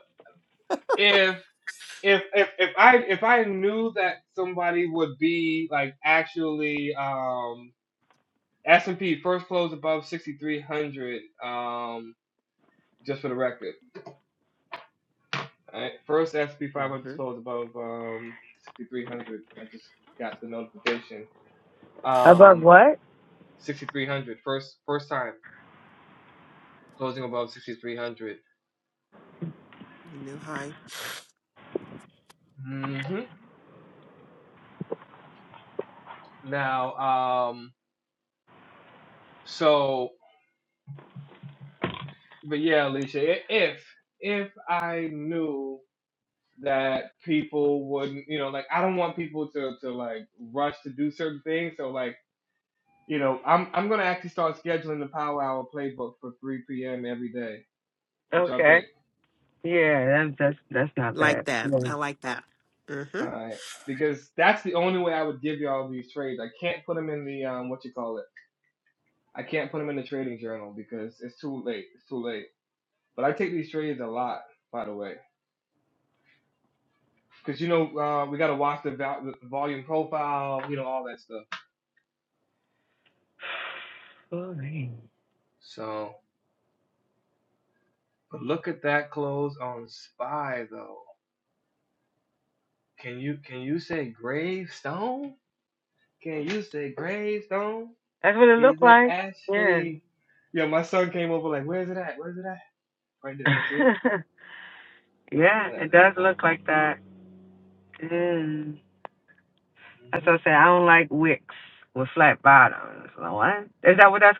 [SPEAKER 1] if if if if I if I knew that somebody would be like actually um S and P first close above sixty three hundred. Um, just for the record, right? first S and P five hundred closed above um sixty three hundred. I just got the notification.
[SPEAKER 4] Above
[SPEAKER 1] Um,
[SPEAKER 4] what?
[SPEAKER 1] sixty three hundred. First first time closing above sixty three hundred.
[SPEAKER 3] New high.
[SPEAKER 1] Mm-hmm. Now, um, so, but yeah, Alicia, i- if if I knew that people wouldn't, you know, like I don't want people to to like rush to do certain things, so like, you know, I'm I'm gonna actually start scheduling the Power Hour playbook for 3 p.m. every day. What y'all
[SPEAKER 4] Okay.
[SPEAKER 1] think?
[SPEAKER 4] Yeah, that's that's, that's not
[SPEAKER 3] Like
[SPEAKER 4] bad.
[SPEAKER 3] that.
[SPEAKER 4] Yeah.
[SPEAKER 3] I like that. Mm-hmm.
[SPEAKER 1] All right, because that's the only way I would give y'all these trades. I can't put them in the um, what you call it. I can't put them in the trading journal because it's too late. It's too late. But I take these trades a lot, by the way. Cause you know uh, we gotta watch the, val- the volume profile, you know all that stuff.
[SPEAKER 4] Oh, man.
[SPEAKER 1] So, but look at that close on Spy though. Can you can you say gravestone? Can you say gravestone?
[SPEAKER 4] That's what it
[SPEAKER 1] Is
[SPEAKER 4] looked
[SPEAKER 1] it
[SPEAKER 4] like. Yeah.
[SPEAKER 1] Ashley? Yeah, my son came over like, where's it at? Where's it at? Right there. See it?
[SPEAKER 4] yeah, it does look like that. Mm. That's
[SPEAKER 1] hmm
[SPEAKER 4] what I said. I don't like wicks with flat bottoms. Like, What? Is that what that's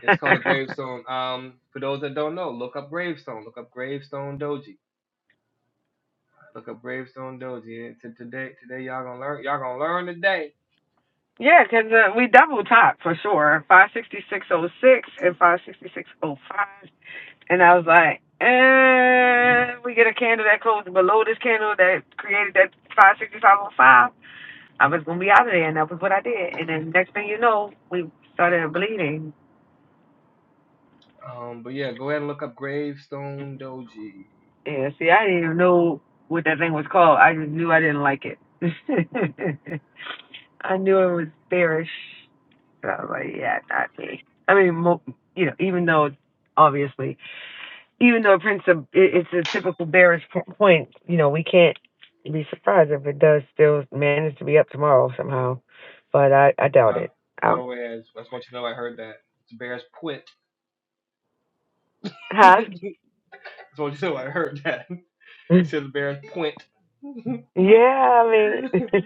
[SPEAKER 1] It's called a gravestone. Um, for those that don't know, look up gravestone. Look up gravestone doji. Look up gravestone doji. And today, today y'all gonna learn. Y'all gonna learn today
[SPEAKER 4] Yeah, 'cause uh, we double top for sure. Five sixty six oh six and five sixty six oh five. And I was like, eh, we get a candle that closed below this candle that created that five sixty five oh five. I was gonna be out of there, and that was what I did. And then next thing you know, we started bleeding.
[SPEAKER 1] Um, but yeah, go ahead and look up Gravestone Doji.
[SPEAKER 4] Yeah, see, I didn't even know what that thing was called. I just knew I didn't like it. I knew it was bearish. So I was like, yeah, not me. I mean, mo- you know, even though obviously even though Prince of, it- it's a typical bearish po- point, you know, we can't be surprised if it does still manage to be up tomorrow somehow, but I, I doubt
[SPEAKER 1] By,
[SPEAKER 4] it.
[SPEAKER 1] by
[SPEAKER 4] I,
[SPEAKER 1] the way, I just, want you to know I heard that. It's a bear's point. That's
[SPEAKER 4] huh?
[SPEAKER 1] what you said. I heard that.
[SPEAKER 4] yeah,
[SPEAKER 1] He said the bear's point.
[SPEAKER 4] I mean,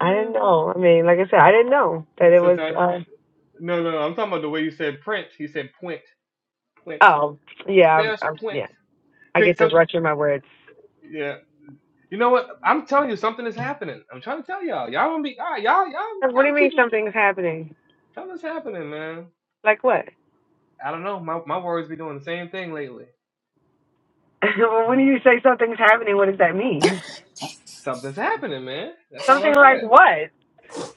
[SPEAKER 4] I didn't know. I mean, like I said, I didn't know that it was.
[SPEAKER 1] Sometimes,
[SPEAKER 4] Uh,
[SPEAKER 1] no, no, no, I'm talking about the way you said print. He said point, point,
[SPEAKER 4] oh, yeah, I'm,
[SPEAKER 1] bear's
[SPEAKER 4] I'm,
[SPEAKER 1] point.
[SPEAKER 4] yeah. I get to
[SPEAKER 1] some,
[SPEAKER 4] rush in my words.
[SPEAKER 1] yeah. You know what? I'm telling you, something is happening. I'm trying to tell y'all. Y'all gonna be, all right, y'all, y'all,
[SPEAKER 4] What
[SPEAKER 1] y'all
[SPEAKER 4] do you mean
[SPEAKER 1] keep
[SPEAKER 4] something's happening?
[SPEAKER 1] telling us happening, man.
[SPEAKER 4] Like what?
[SPEAKER 1] I don't know. My my words be doing the same thing lately.
[SPEAKER 4] well, when you say something's happening, what does that mean?
[SPEAKER 1] Something's happening, man. That's all I
[SPEAKER 4] Something like
[SPEAKER 1] said.
[SPEAKER 4] what?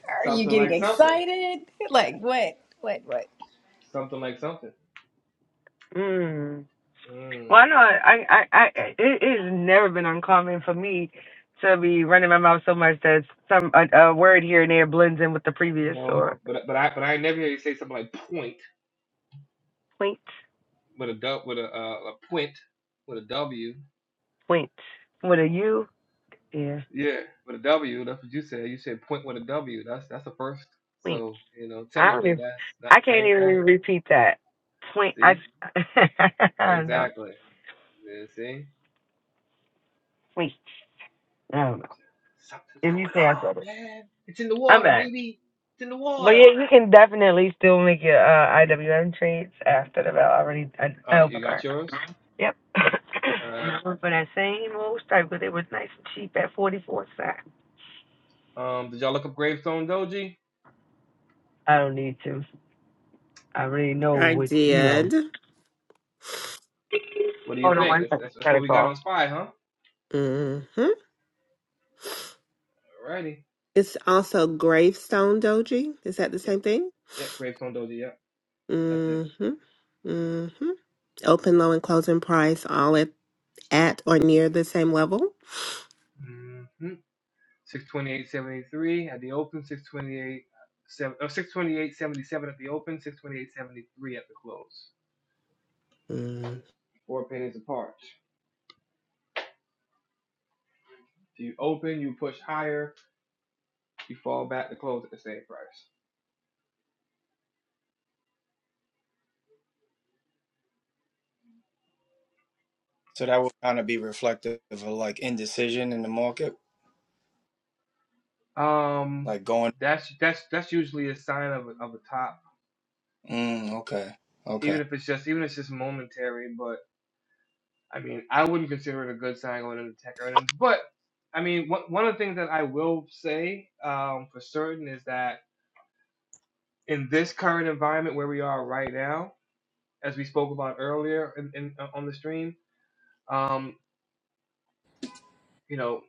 [SPEAKER 2] Are you
[SPEAKER 1] Something
[SPEAKER 2] getting
[SPEAKER 1] like something.
[SPEAKER 2] excited? Like what? What? What?
[SPEAKER 1] Something like something.
[SPEAKER 4] Hmm.
[SPEAKER 1] Mm,
[SPEAKER 4] Why not? I, I, I, it, it's never been uncommon for me to be running my mouth so much that some a, a word here and there blends in with the previous
[SPEAKER 1] no,
[SPEAKER 4] or
[SPEAKER 1] but but I but I never hear you say something like point
[SPEAKER 4] point,
[SPEAKER 1] with a du- with a uh, a point with a W.
[SPEAKER 4] point with a u, yeah,
[SPEAKER 1] Yeah, with a W. That's what you said. You said point with a W. That's that's the first.
[SPEAKER 4] point.
[SPEAKER 1] So you know,
[SPEAKER 4] I don't
[SPEAKER 1] technically,
[SPEAKER 4] even,
[SPEAKER 1] that's not
[SPEAKER 4] I
[SPEAKER 1] the
[SPEAKER 4] can't
[SPEAKER 1] same
[SPEAKER 4] even
[SPEAKER 1] thing.
[SPEAKER 4] repeat that point. I,
[SPEAKER 1] See,
[SPEAKER 4] s- I don't know.
[SPEAKER 1] exactly. Yeah, see,
[SPEAKER 4] Point. I don't know.
[SPEAKER 1] something's
[SPEAKER 4] If you
[SPEAKER 1] going
[SPEAKER 4] say I
[SPEAKER 1] on,
[SPEAKER 4] said it,
[SPEAKER 1] man. It's in the
[SPEAKER 4] I'm
[SPEAKER 1] water,
[SPEAKER 4] back.
[SPEAKER 1] baby. It's in the
[SPEAKER 4] But yeah,
[SPEAKER 1] water.
[SPEAKER 4] you can definitely still make your uh, IWM trades after the bell already.
[SPEAKER 1] All right, you
[SPEAKER 4] I,
[SPEAKER 1] got yours.
[SPEAKER 4] Yep. and
[SPEAKER 1] All right.
[SPEAKER 4] I went for that same old stripe because it was nice and cheap at 44 cents.
[SPEAKER 1] Um, did y'all look up Gravestone Doji?
[SPEAKER 4] I don't need to. I already know
[SPEAKER 3] I
[SPEAKER 4] what, you know.
[SPEAKER 3] did.
[SPEAKER 1] What do you
[SPEAKER 4] Hold on
[SPEAKER 1] think?
[SPEAKER 4] one
[SPEAKER 1] That's,
[SPEAKER 4] second.
[SPEAKER 1] that's, that's
[SPEAKER 4] Got a
[SPEAKER 1] what we got
[SPEAKER 4] call.
[SPEAKER 1] on Spy, huh?
[SPEAKER 3] Mm-hmm.
[SPEAKER 1] Alrighty.
[SPEAKER 3] It's also gravestone doji. Is that the
[SPEAKER 1] Yeah,
[SPEAKER 3] same thing?
[SPEAKER 1] yeah, Gravestone Doji, yeah. That's it.
[SPEAKER 3] Mm-hmm. Mm-hmm. Open, low, and closing price all at, at or near the same level.
[SPEAKER 1] Mm-hmm. 628.73 at the open, 628. Seven, oh, 628.77 at the open, 628.73 at the close.
[SPEAKER 3] Mm.
[SPEAKER 1] Four pennies apart. So you open, you push higher, you fall back to close at the same price.
[SPEAKER 6] So that would kind of be reflective of like indecision in the market,
[SPEAKER 1] Um,
[SPEAKER 6] like going,
[SPEAKER 1] that's that's that's usually a sign of a, of a top,
[SPEAKER 6] mm, okay, okay.
[SPEAKER 1] even if it's just even if it's just momentary. but. I mean, I wouldn't consider it a good sign going into tech earnings. But I mean, one one of the things that I will say um, for certain is that in this current environment where we are right now, as we spoke about earlier in, in, uh, on the stream, um, you know,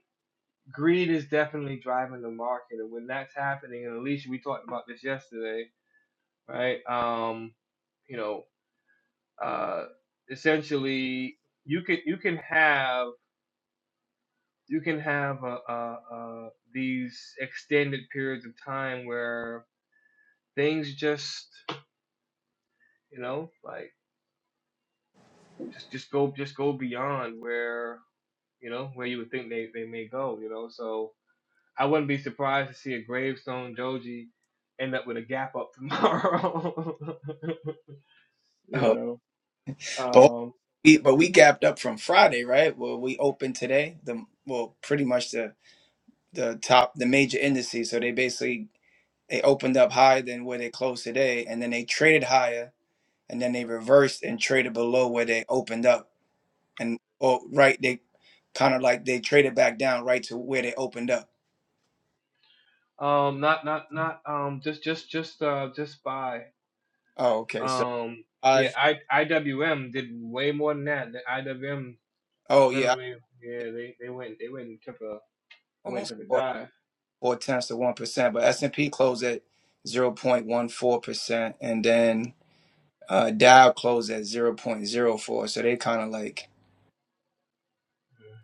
[SPEAKER 1] greed is definitely driving the market, and when that's happening, and Alicia, we talked about this yesterday, right? Um, you know, uh, essentially, you can you can have you can have uh, uh, uh, these extended periods of time where things just you know like just just go just go beyond where you know where you would think they, they may go you know so i wouldn't be surprised to see a gravestone joji end up with a gap up tomorrow you
[SPEAKER 6] But
[SPEAKER 1] know
[SPEAKER 6] we but we gapped up from Friday, right? Well, we opened today. The well, pretty much the the top the major indices. So they basically they opened up higher than where they closed today, and then they traded higher, and then they reversed and traded below where they opened up, and or right they kind of like they traded back down right to where they opened up.
[SPEAKER 1] um um not not not um just just just uh just by
[SPEAKER 6] Oh, okay. So
[SPEAKER 1] um yeah
[SPEAKER 6] I
[SPEAKER 1] i iwm did way more than that the iwm
[SPEAKER 6] oh yeah, I
[SPEAKER 1] Literally, yeah, they, they went they went and took a they went and
[SPEAKER 6] almost
[SPEAKER 1] took a
[SPEAKER 6] bought
[SPEAKER 1] dive.
[SPEAKER 6] four tenths of one percent, but S and P closed at zero point one four percent, and then. uh Dow closed at zero point zero 0.04. So they kind of like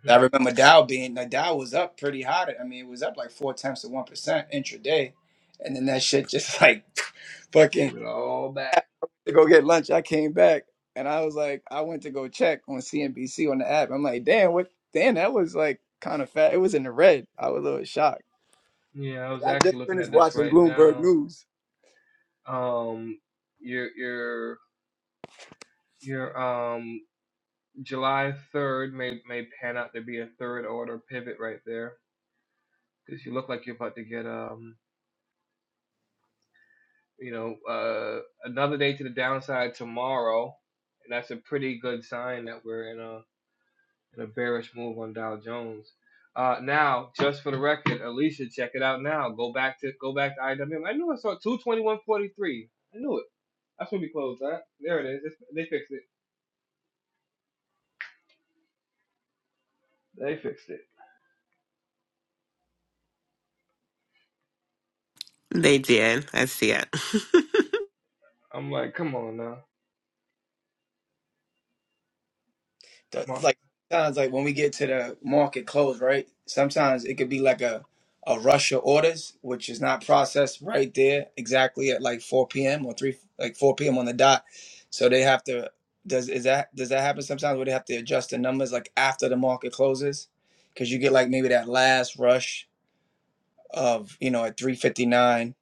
[SPEAKER 1] Mhm.
[SPEAKER 6] I remember Dow being like Dow was up pretty hot. I mean, it was up like four tenths of one percent intraday. And then that shit just like fucking
[SPEAKER 1] Give it all back.
[SPEAKER 6] to go get lunch. I came back and I was like, I went to go check on CNBC on the app. I'm like, damn, what damn, that was like kind of fat. It was in the red. I was a little shocked.
[SPEAKER 1] Yeah, I was
[SPEAKER 6] I just
[SPEAKER 1] actually looking at
[SPEAKER 6] finished
[SPEAKER 1] this
[SPEAKER 6] watching
[SPEAKER 1] right
[SPEAKER 6] Bloomberg
[SPEAKER 1] now.
[SPEAKER 6] News.
[SPEAKER 1] Um, your your your um July third may may pan out to be a third order pivot right there because you look like you're about to get um you know uh another day to the downside tomorrow, and that's a pretty good sign that we're in a The bearish move on Dow Jones. Uh, now, just for the record, Alicia, check it out now. Go back to go back to IWM. I knew I saw 221.43. I knew it. That's when we closed right? There it is. It's, they fixed it. They fixed it.
[SPEAKER 3] They did. I see it.
[SPEAKER 1] I'm like, come on now.
[SPEAKER 6] the,
[SPEAKER 1] Come on.
[SPEAKER 6] like sometimes like when we get to the market close, right? Sometimes it could be like a a rush of orders, which is not processed right there exactly at like 4 p.m. or three like 4 p.m. on the dot. So they have to does is that does that happen sometimes where they have to adjust the numbers like after the market closes? Because you get like maybe that last rush of you know at 3:59,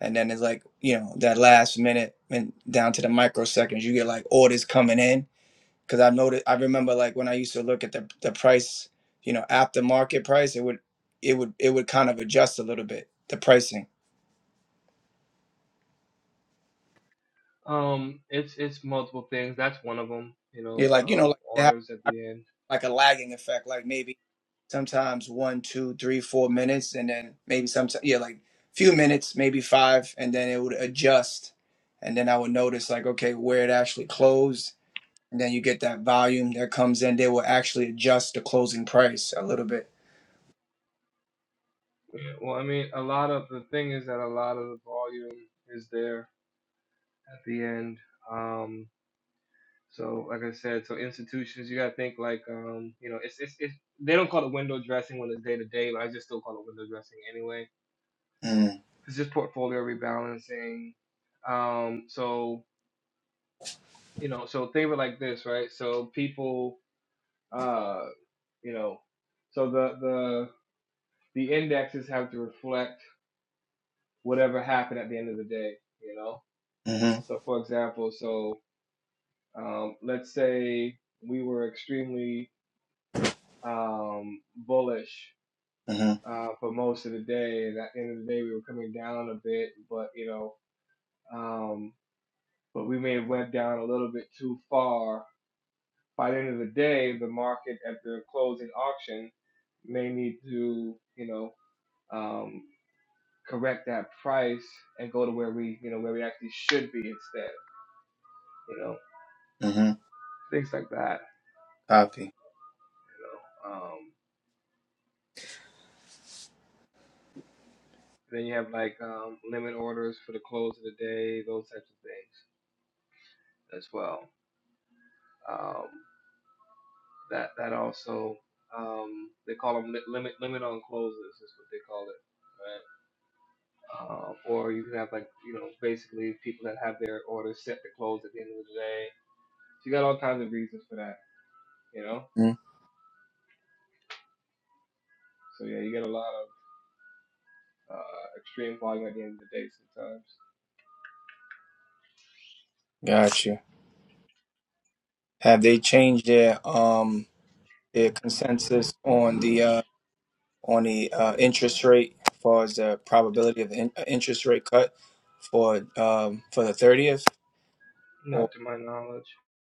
[SPEAKER 6] and then it's like you know that last minute and down to the microseconds, you get like orders coming in because I've noticed I remember like when I used to look at the the price, you know, after market price, it would it would it would kind of adjust a little bit the pricing.
[SPEAKER 1] Um, it's it's multiple things. That's one of them. You know,
[SPEAKER 6] You're like you know
[SPEAKER 1] um,
[SPEAKER 6] like it had
[SPEAKER 1] orders at the end.
[SPEAKER 6] like a lagging effect, like maybe sometimes one, two, three, four minutes, and then maybe sometimes yeah, like few minutes, maybe five, and then it would adjust, and then I would notice like okay where it actually closed. And then you get that volume that comes in. They will actually adjust the closing price a little bit.
[SPEAKER 1] Yeah, Well, I mean, a lot of the thing is that a lot of the volume is there at the end. Um, So, like I said, so institutions, you gotta think like, um, you know, it's it's, it's they don't call it window dressing when it's day to day, but I just still call it window dressing anyway.
[SPEAKER 6] Mm,
[SPEAKER 1] It's just portfolio rebalancing. Um, so you know, so think of it like this, right? So people, uh, you know, so the the the indexes have to reflect whatever happened at the end of the day, you know.
[SPEAKER 6] mm-hmm,
[SPEAKER 1] So for example, so um, let's say we were extremely um, bullish
[SPEAKER 6] mm-hmm,
[SPEAKER 1] uh, for most of the day. And at the end of the day, we were coming down a bit, but you know, um, but we may have went down a little bit too far. By the end of the day, the market at the closing auction may need to, you know, um, correct that price and go to where we, you know, where we actually should be instead. You know,
[SPEAKER 6] mm-hmm.
[SPEAKER 1] things like that.
[SPEAKER 6] Copy.
[SPEAKER 1] You know, um, then you have like um, limit orders for the close of the day, those types of things as well. Um, that that also um, they call them li- limit limit on closes is what they call it. Right. Uh, or you can have like you know basically people that have their orders set to close at the end of the day. So you got all kinds of reasons for that, you know.
[SPEAKER 6] Mm-hmm.
[SPEAKER 1] So yeah, you get a lot of uh, extreme volume at the end of the day sometimes.
[SPEAKER 6] Gotcha. Have they changed their um their consensus on the uh on the uh interest rate as far as the probability of in- uh, interest rate cut for um for the 30th? Or
[SPEAKER 1] Not to my knowledge.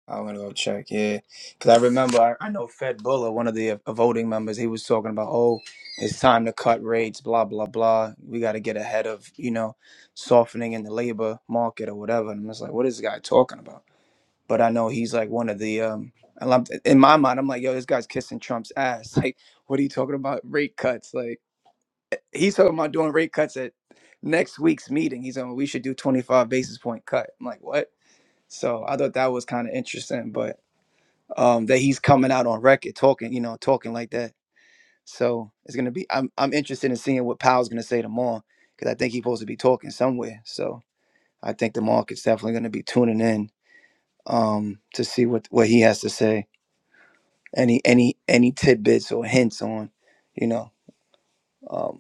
[SPEAKER 6] I'm gonna go check. Yeah, because I remember I, I know Fed Buller, one of the uh, voting members, he was talking about oh it's time to cut rates, blah blah blah. We got to get ahead of you know softening in the labor market or whatever. And I'm just like, what is this guy talking about? but I know he's like one of the um and I'm, in my mind I'm like, yo, this guy's kissing Trump's ass. Like, what are you talking about rate cuts? Like he's talking about doing rate cuts at next week's meeting. He's on we should do 25 basis point cut. I'm like, what? So I thought that was kind of interesting, but um that he's coming out on record talking, you know, talking like that. So it's gonna be I'm I'm interested in seeing what Powell's gonna say tomorrow because I think he's supposed to be talking somewhere. So I think the market's definitely gonna be tuning in um to see what what he has to say any any any tidbits or hints on, you know, um,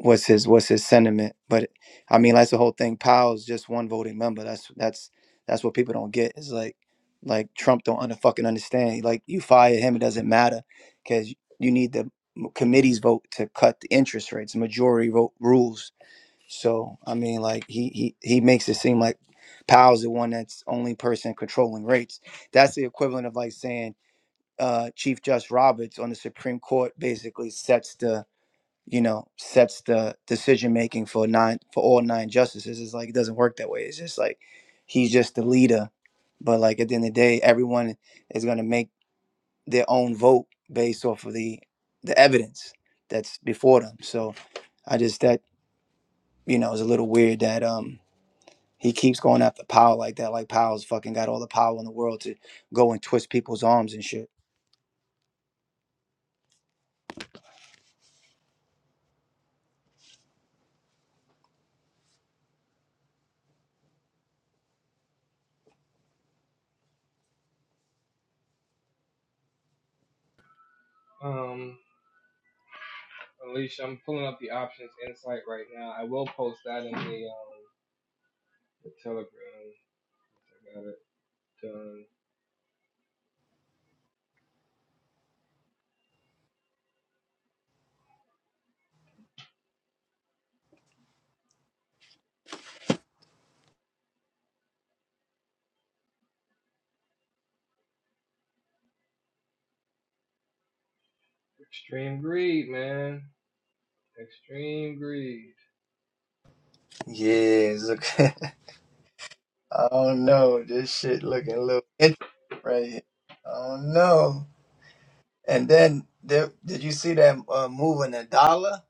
[SPEAKER 6] what's his what's his sentiment. But I mean, that's the whole thing. Powell's just one voting member. That's that's that's what people don't get. Is like like Trump don't under fucking understand. Like you fire him, it doesn't matter because you need the committee's vote to cut the interest rates, majority vote rules. So I mean, like he he he makes it seem like Powell's the one that's only person controlling rates. That's the equivalent of like saying. uh, Chief Judge Roberts on the Supreme Court basically sets the you know sets the decision making for nine for all nine justices. It's like it doesn't work that way. It's just like he's just the leader, but like at the end of the day, everyone is gonna make their own vote based off of the the evidence that's before them. So I just that you know is a little weird that um he keeps going after power like that. Like Powell's fucking got all the power in the world to go and twist people's arms and shit.
[SPEAKER 1] Um, Alicia, I'm pulling up the options insight right now. I will post that in the um, the Telegram. I got it done. Extreme greed, man. Extreme greed.
[SPEAKER 6] Yes. I don't know. This shit looking a little interesting, right here. I don't know. And then there, did you see that uh, move in the dollar?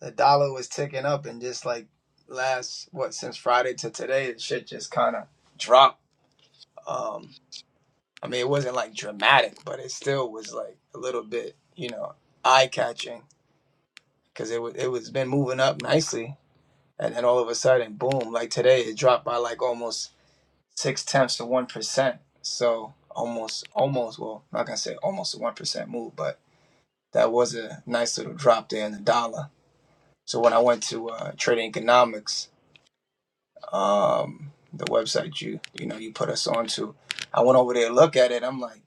[SPEAKER 6] The dollar was ticking up, and just like last what since Friday to today, the shit just kind of dropped. Um, I mean, it wasn't like dramatic, but it still was like a little bit, you know, eye catching because it was it was been moving up nicely, and then all of a sudden, boom! Like today, it dropped by like almost six tenths of one percent. So almost, almost. Well, not gonna say almost a one percent move, but that was a nice little drop there in the dollar. So when I went to uh, Trading Economics, um, the website you you know you put us onto, I went over there to look at it. I'm like,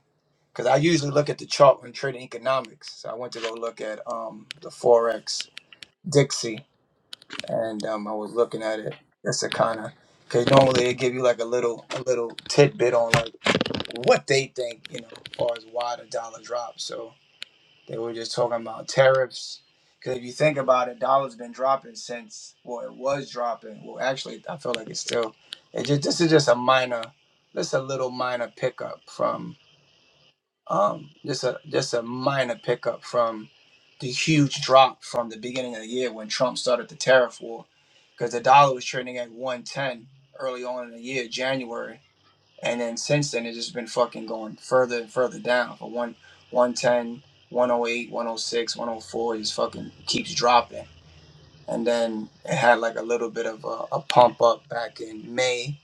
[SPEAKER 6] because I usually look at the chart on Trading Economics. So I went to go look at um, the forex Dixie, and um, I was looking at it. That's a kind of because normally they give you like a little a little tidbit on like. what they think, you know, as far as why the dollar dropped. So they were just talking about tariffs. Because if you think about it, dollar's been dropping since, well, it was dropping. Well, actually, I feel like it's still. It just this is just a minor, just a little minor pickup from, um, just a just a minor pickup from the huge drop from the beginning of the year when Trump started the tariff war, because the dollar was trading at one ten early on in the year, January and then since then, it's just been fucking going further and further down. For one, one ten, one oh eight, one oh six, one oh four, it just fucking keeps dropping. And then it had like a little bit of a, a pump up back in May,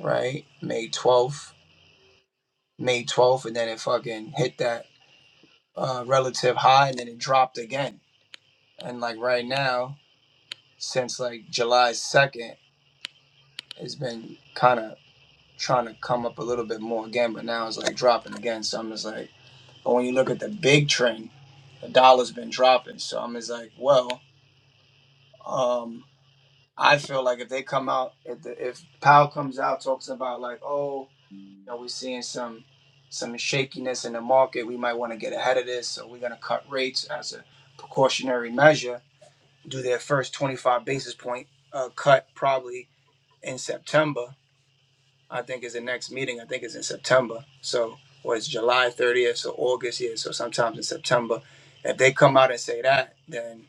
[SPEAKER 6] right? May 12th, May 12th, and then it fucking hit that uh, relative high and then it dropped again. And like right now, since like July 2nd, it's been kind of trying to come up a little bit more again, but now it's like dropping again. So I'm just like, But when you look at the big trend, the dollar's been dropping. So I'm just like, well, um, I feel like if they come out, if, the, if Powell comes out talks about like, oh, you know, we're seeing some some shakiness in the market, we might want to get ahead of this, so we're going to cut rates as a precautionary measure. Do their first 25 basis point uh, cut probably in September I think is the next meeting. I think it's in September. So, or it's July 30th so August, yeah. So sometimes in September, if they come out and say that, then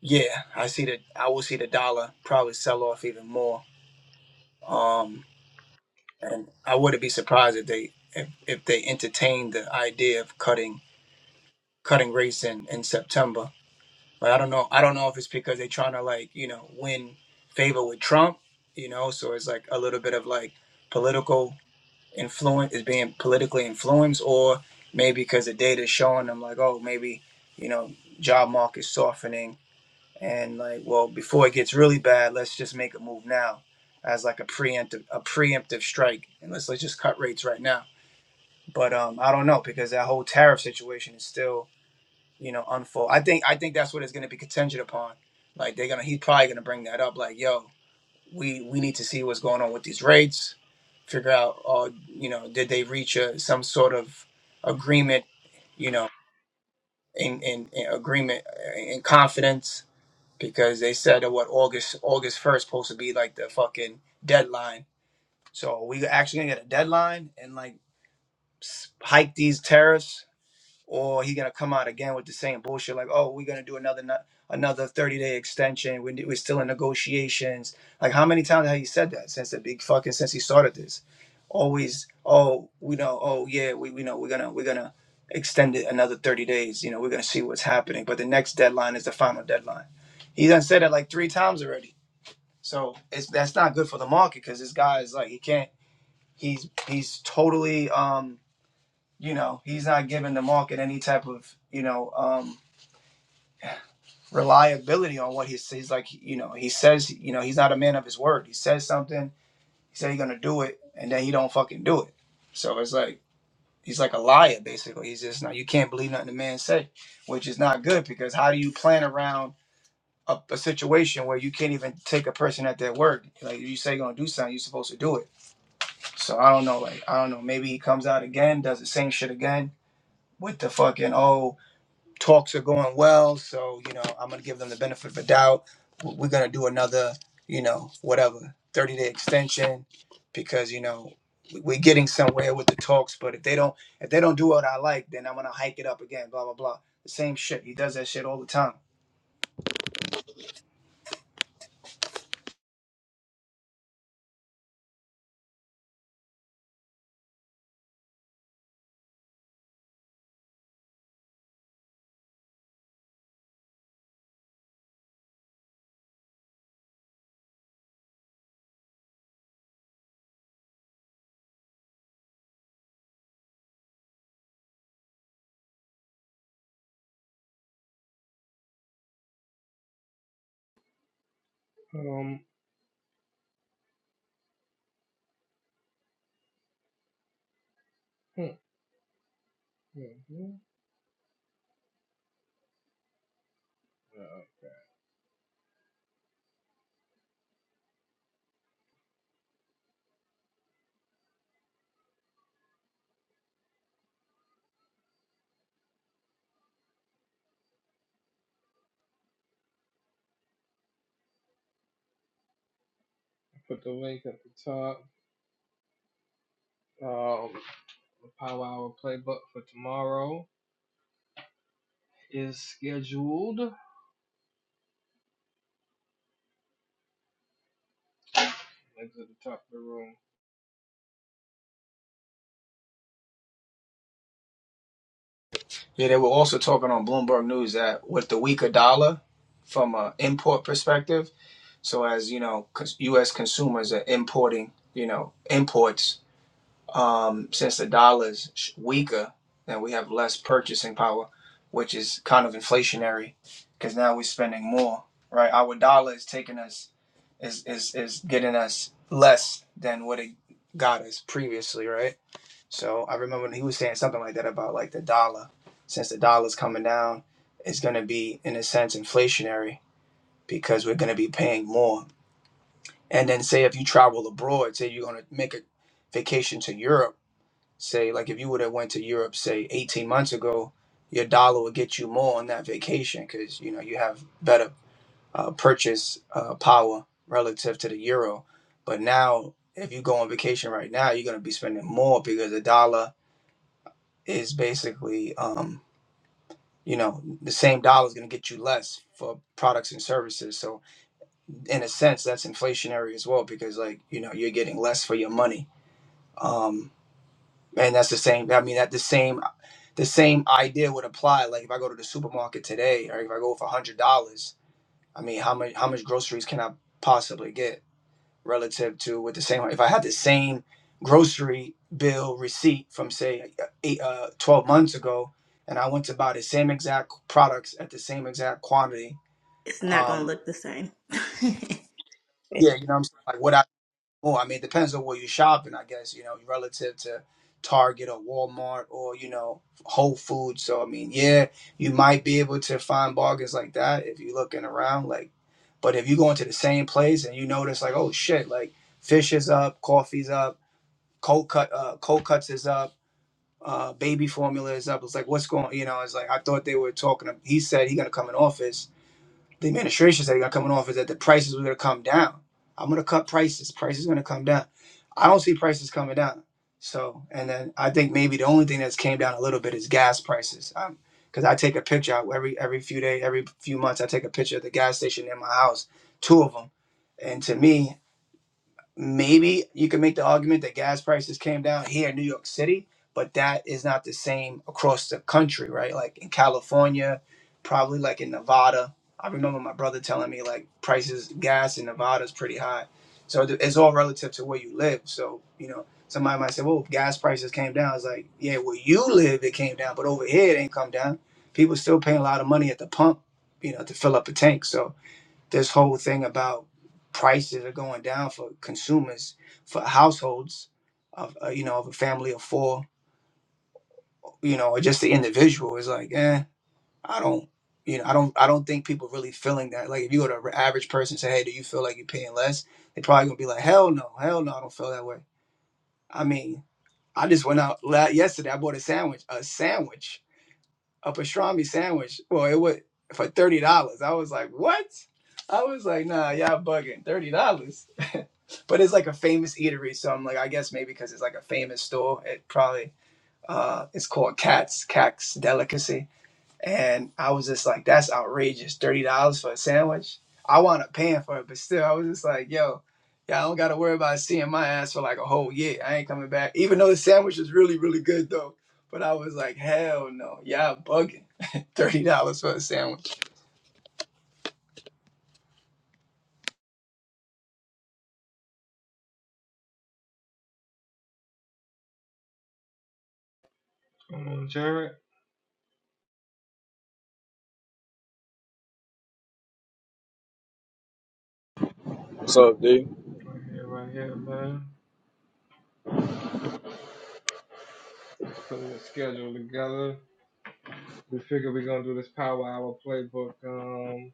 [SPEAKER 6] yeah, I see that I will see the dollar probably sell off even more. Um, and I wouldn't be surprised if they if, if they entertain the idea of cutting cutting rates in in September. But I don't know. I don't know if it's because they're trying to like you know win favor with Trump, you know. So it's like a little bit of like political influence is being politically influenced, or maybe because the data is showing them like, oh, maybe you know job market softening, and like, well, before it gets really bad, let's just make a move now, as like a preemptive a preemptive strike, and let's let's just cut rates right now. But um, I don't know because that whole tariff situation is still you know unfold. I think I think that's what it's going to be contingent upon. Like they're gonna, he's probably gonna bring that up. Like, yo, we we need to see what's going on with these rates figure out uh, you know did they reach a, some sort of agreement you know in, in, in agreement uh, in confidence because they said that what august august 1st supposed to be like the fucking deadline so we actually gonna get a deadline and like s- hike these tariffs or he gonna come out again with the same bullshit like oh we're gonna do another no- another 30 day extension we're, we're still in negotiations like how many times have you said that since the big fucking since he started this always oh we know oh yeah we, we know we're gonna we're gonna extend it another 30 days you know we're gonna see what's happening but the next deadline is the final deadline he done said it like three times already so it's that's not good for the market because this guy is like he can't he's he's totally um you know he's not giving the market any type of you know um reliability on what he says like you know he says you know he's not a man of his word he says something he said he's gonna do it and then he don't fucking do it so it's like he's like a liar basically he's just not you can't believe nothing the man say, which is not good because how do you plan around a, a situation where you can't even take a person at their word like you say you're gonna do something you're supposed to do it so i don't know like i don't know maybe he comes out again does the same shit again with the fucking oh talks are going well, so you know I'm gonna give them the benefit of the doubt. W- We're gonna do another, you know, whatever 30 day extension because you know we- we're getting somewhere with the talks. But if they don't, if they don't do what I like, then I'm gonna hike it up again. Blah blah blah. The same shit. He does that shit all the time.
[SPEAKER 1] Um, hmm, hmm, hmm. Uh, put the link at the top. Um, the Power Hour playbook for tomorrow is scheduled. Links at the top of the room.
[SPEAKER 6] Yeah, they were also talking on Bloomberg News that with the weaker dollar from an import perspective, so as you know, cons- U.S. consumers are importing, you know, imports um, since the dollar's weaker, then we have less purchasing power, which is kind of inflationary, because now we're spending more, right? Our dollar is taking us, is is is getting us less than what it got us previously, right? So I remember when he was saying something like that about like the dollar, since the dollar's coming down, it's gonna be in a sense inflationary because we're gonna be paying more. And then say if you travel abroad, say you're gonna make a vacation to Europe Say, like if you would have went to Europe, say 18 months ago, your dollar would get you more on that vacation because you know you have better uh, purchase uh, power relative to the euro. But now, if you go on vacation right now, you're gonna be spending more because the dollar is basically, um, you know, the same dollar is gonna get you less for products and services. So in a sense, that's inflationary as well because like you know you're getting less for your money. Um, and that's the same. I mean, at the same the same idea would apply. Like if I go to the supermarket today, or if I go for hundred dollars, I mean, how much how much groceries can I possibly get relative to with the same? If I had the same grocery bill receipt from say eight, uh, twelve months ago, and I went to buy the same exact products at the same exact quantity,
[SPEAKER 2] It's not gonna
[SPEAKER 6] um,
[SPEAKER 2] look the same.
[SPEAKER 6] yeah,
[SPEAKER 2] It's-
[SPEAKER 6] you know what I'm saying. Like, would I? more. I mean, it depends on where you're shopping, I guess, you know, relative to Target or Walmart or, you know, Whole Foods. So, I mean, yeah, you might be able to find bargains like that if you're looking around. Like, but if you go into the same place and you notice, like, oh shit, like fish is up, coffee's up, cold cut, uh, cold cuts is up. Uh, baby formula is up. It's like, what's going? You know, it's like I thought they were talking. He said he gonna come in office the administrations that they got coming off is that the prices were going to come down. I'm going to cut prices. Prices going to come down. I don't see prices coming down. So, and then I think maybe the only thing that's came down a little bit is gas prices. Um, because I take a picture out every every few day, every few months, I take a picture of the gas station in my house, two of them. And to me, maybe you can make the argument that gas prices came down here in New York City, but that is not the same across the country, right? Like in California, probably like in Nevada. I remember my brother telling me like prices gas in Nevada is pretty high. So th- it's all relative to where you live. So you know, somebody might say, "Well, gas prices came down." It's like, yeah, where you live it came down, but over here it ain't come down. People still paying a lot of money at the pump, you know, to fill up a tank. So this whole thing about prices are going down for consumers for households of uh, you know of a family of four you know or just the individual is like eh i don't you know i don't i don't think people really feeling that like if you go to an average person and say hey do you feel like you're paying less they probably gonna be like hell no hell no i don't feel that way i mean i just went out la- yesterday i bought a sandwich a sandwich a pastrami sandwich. Well, it was for thirty dollars. I was like, what? I was like, nah, y'all bugging. Thirty dollars. but it's like a famous eatery, so I'm like, I guess maybe because it's like a famous store, it probably uh, it's called Cat's Cat's Delicacy and I was just like, that's outrageous. $30 for a sandwich. I wound up paying for it, but still, I was just like, yo, yeah, I don't got to worry about seeing my ass for like a whole year. I ain't coming back. Even though the sandwich was really, really good, though. But I was like, hell no, y'all bugging. $30 for a sandwich.
[SPEAKER 1] Come on, Jared.
[SPEAKER 7] What's up, D?
[SPEAKER 1] Right here, right here, man. Just putting the schedule together. We figure we're gonna do this Power Hour playbook um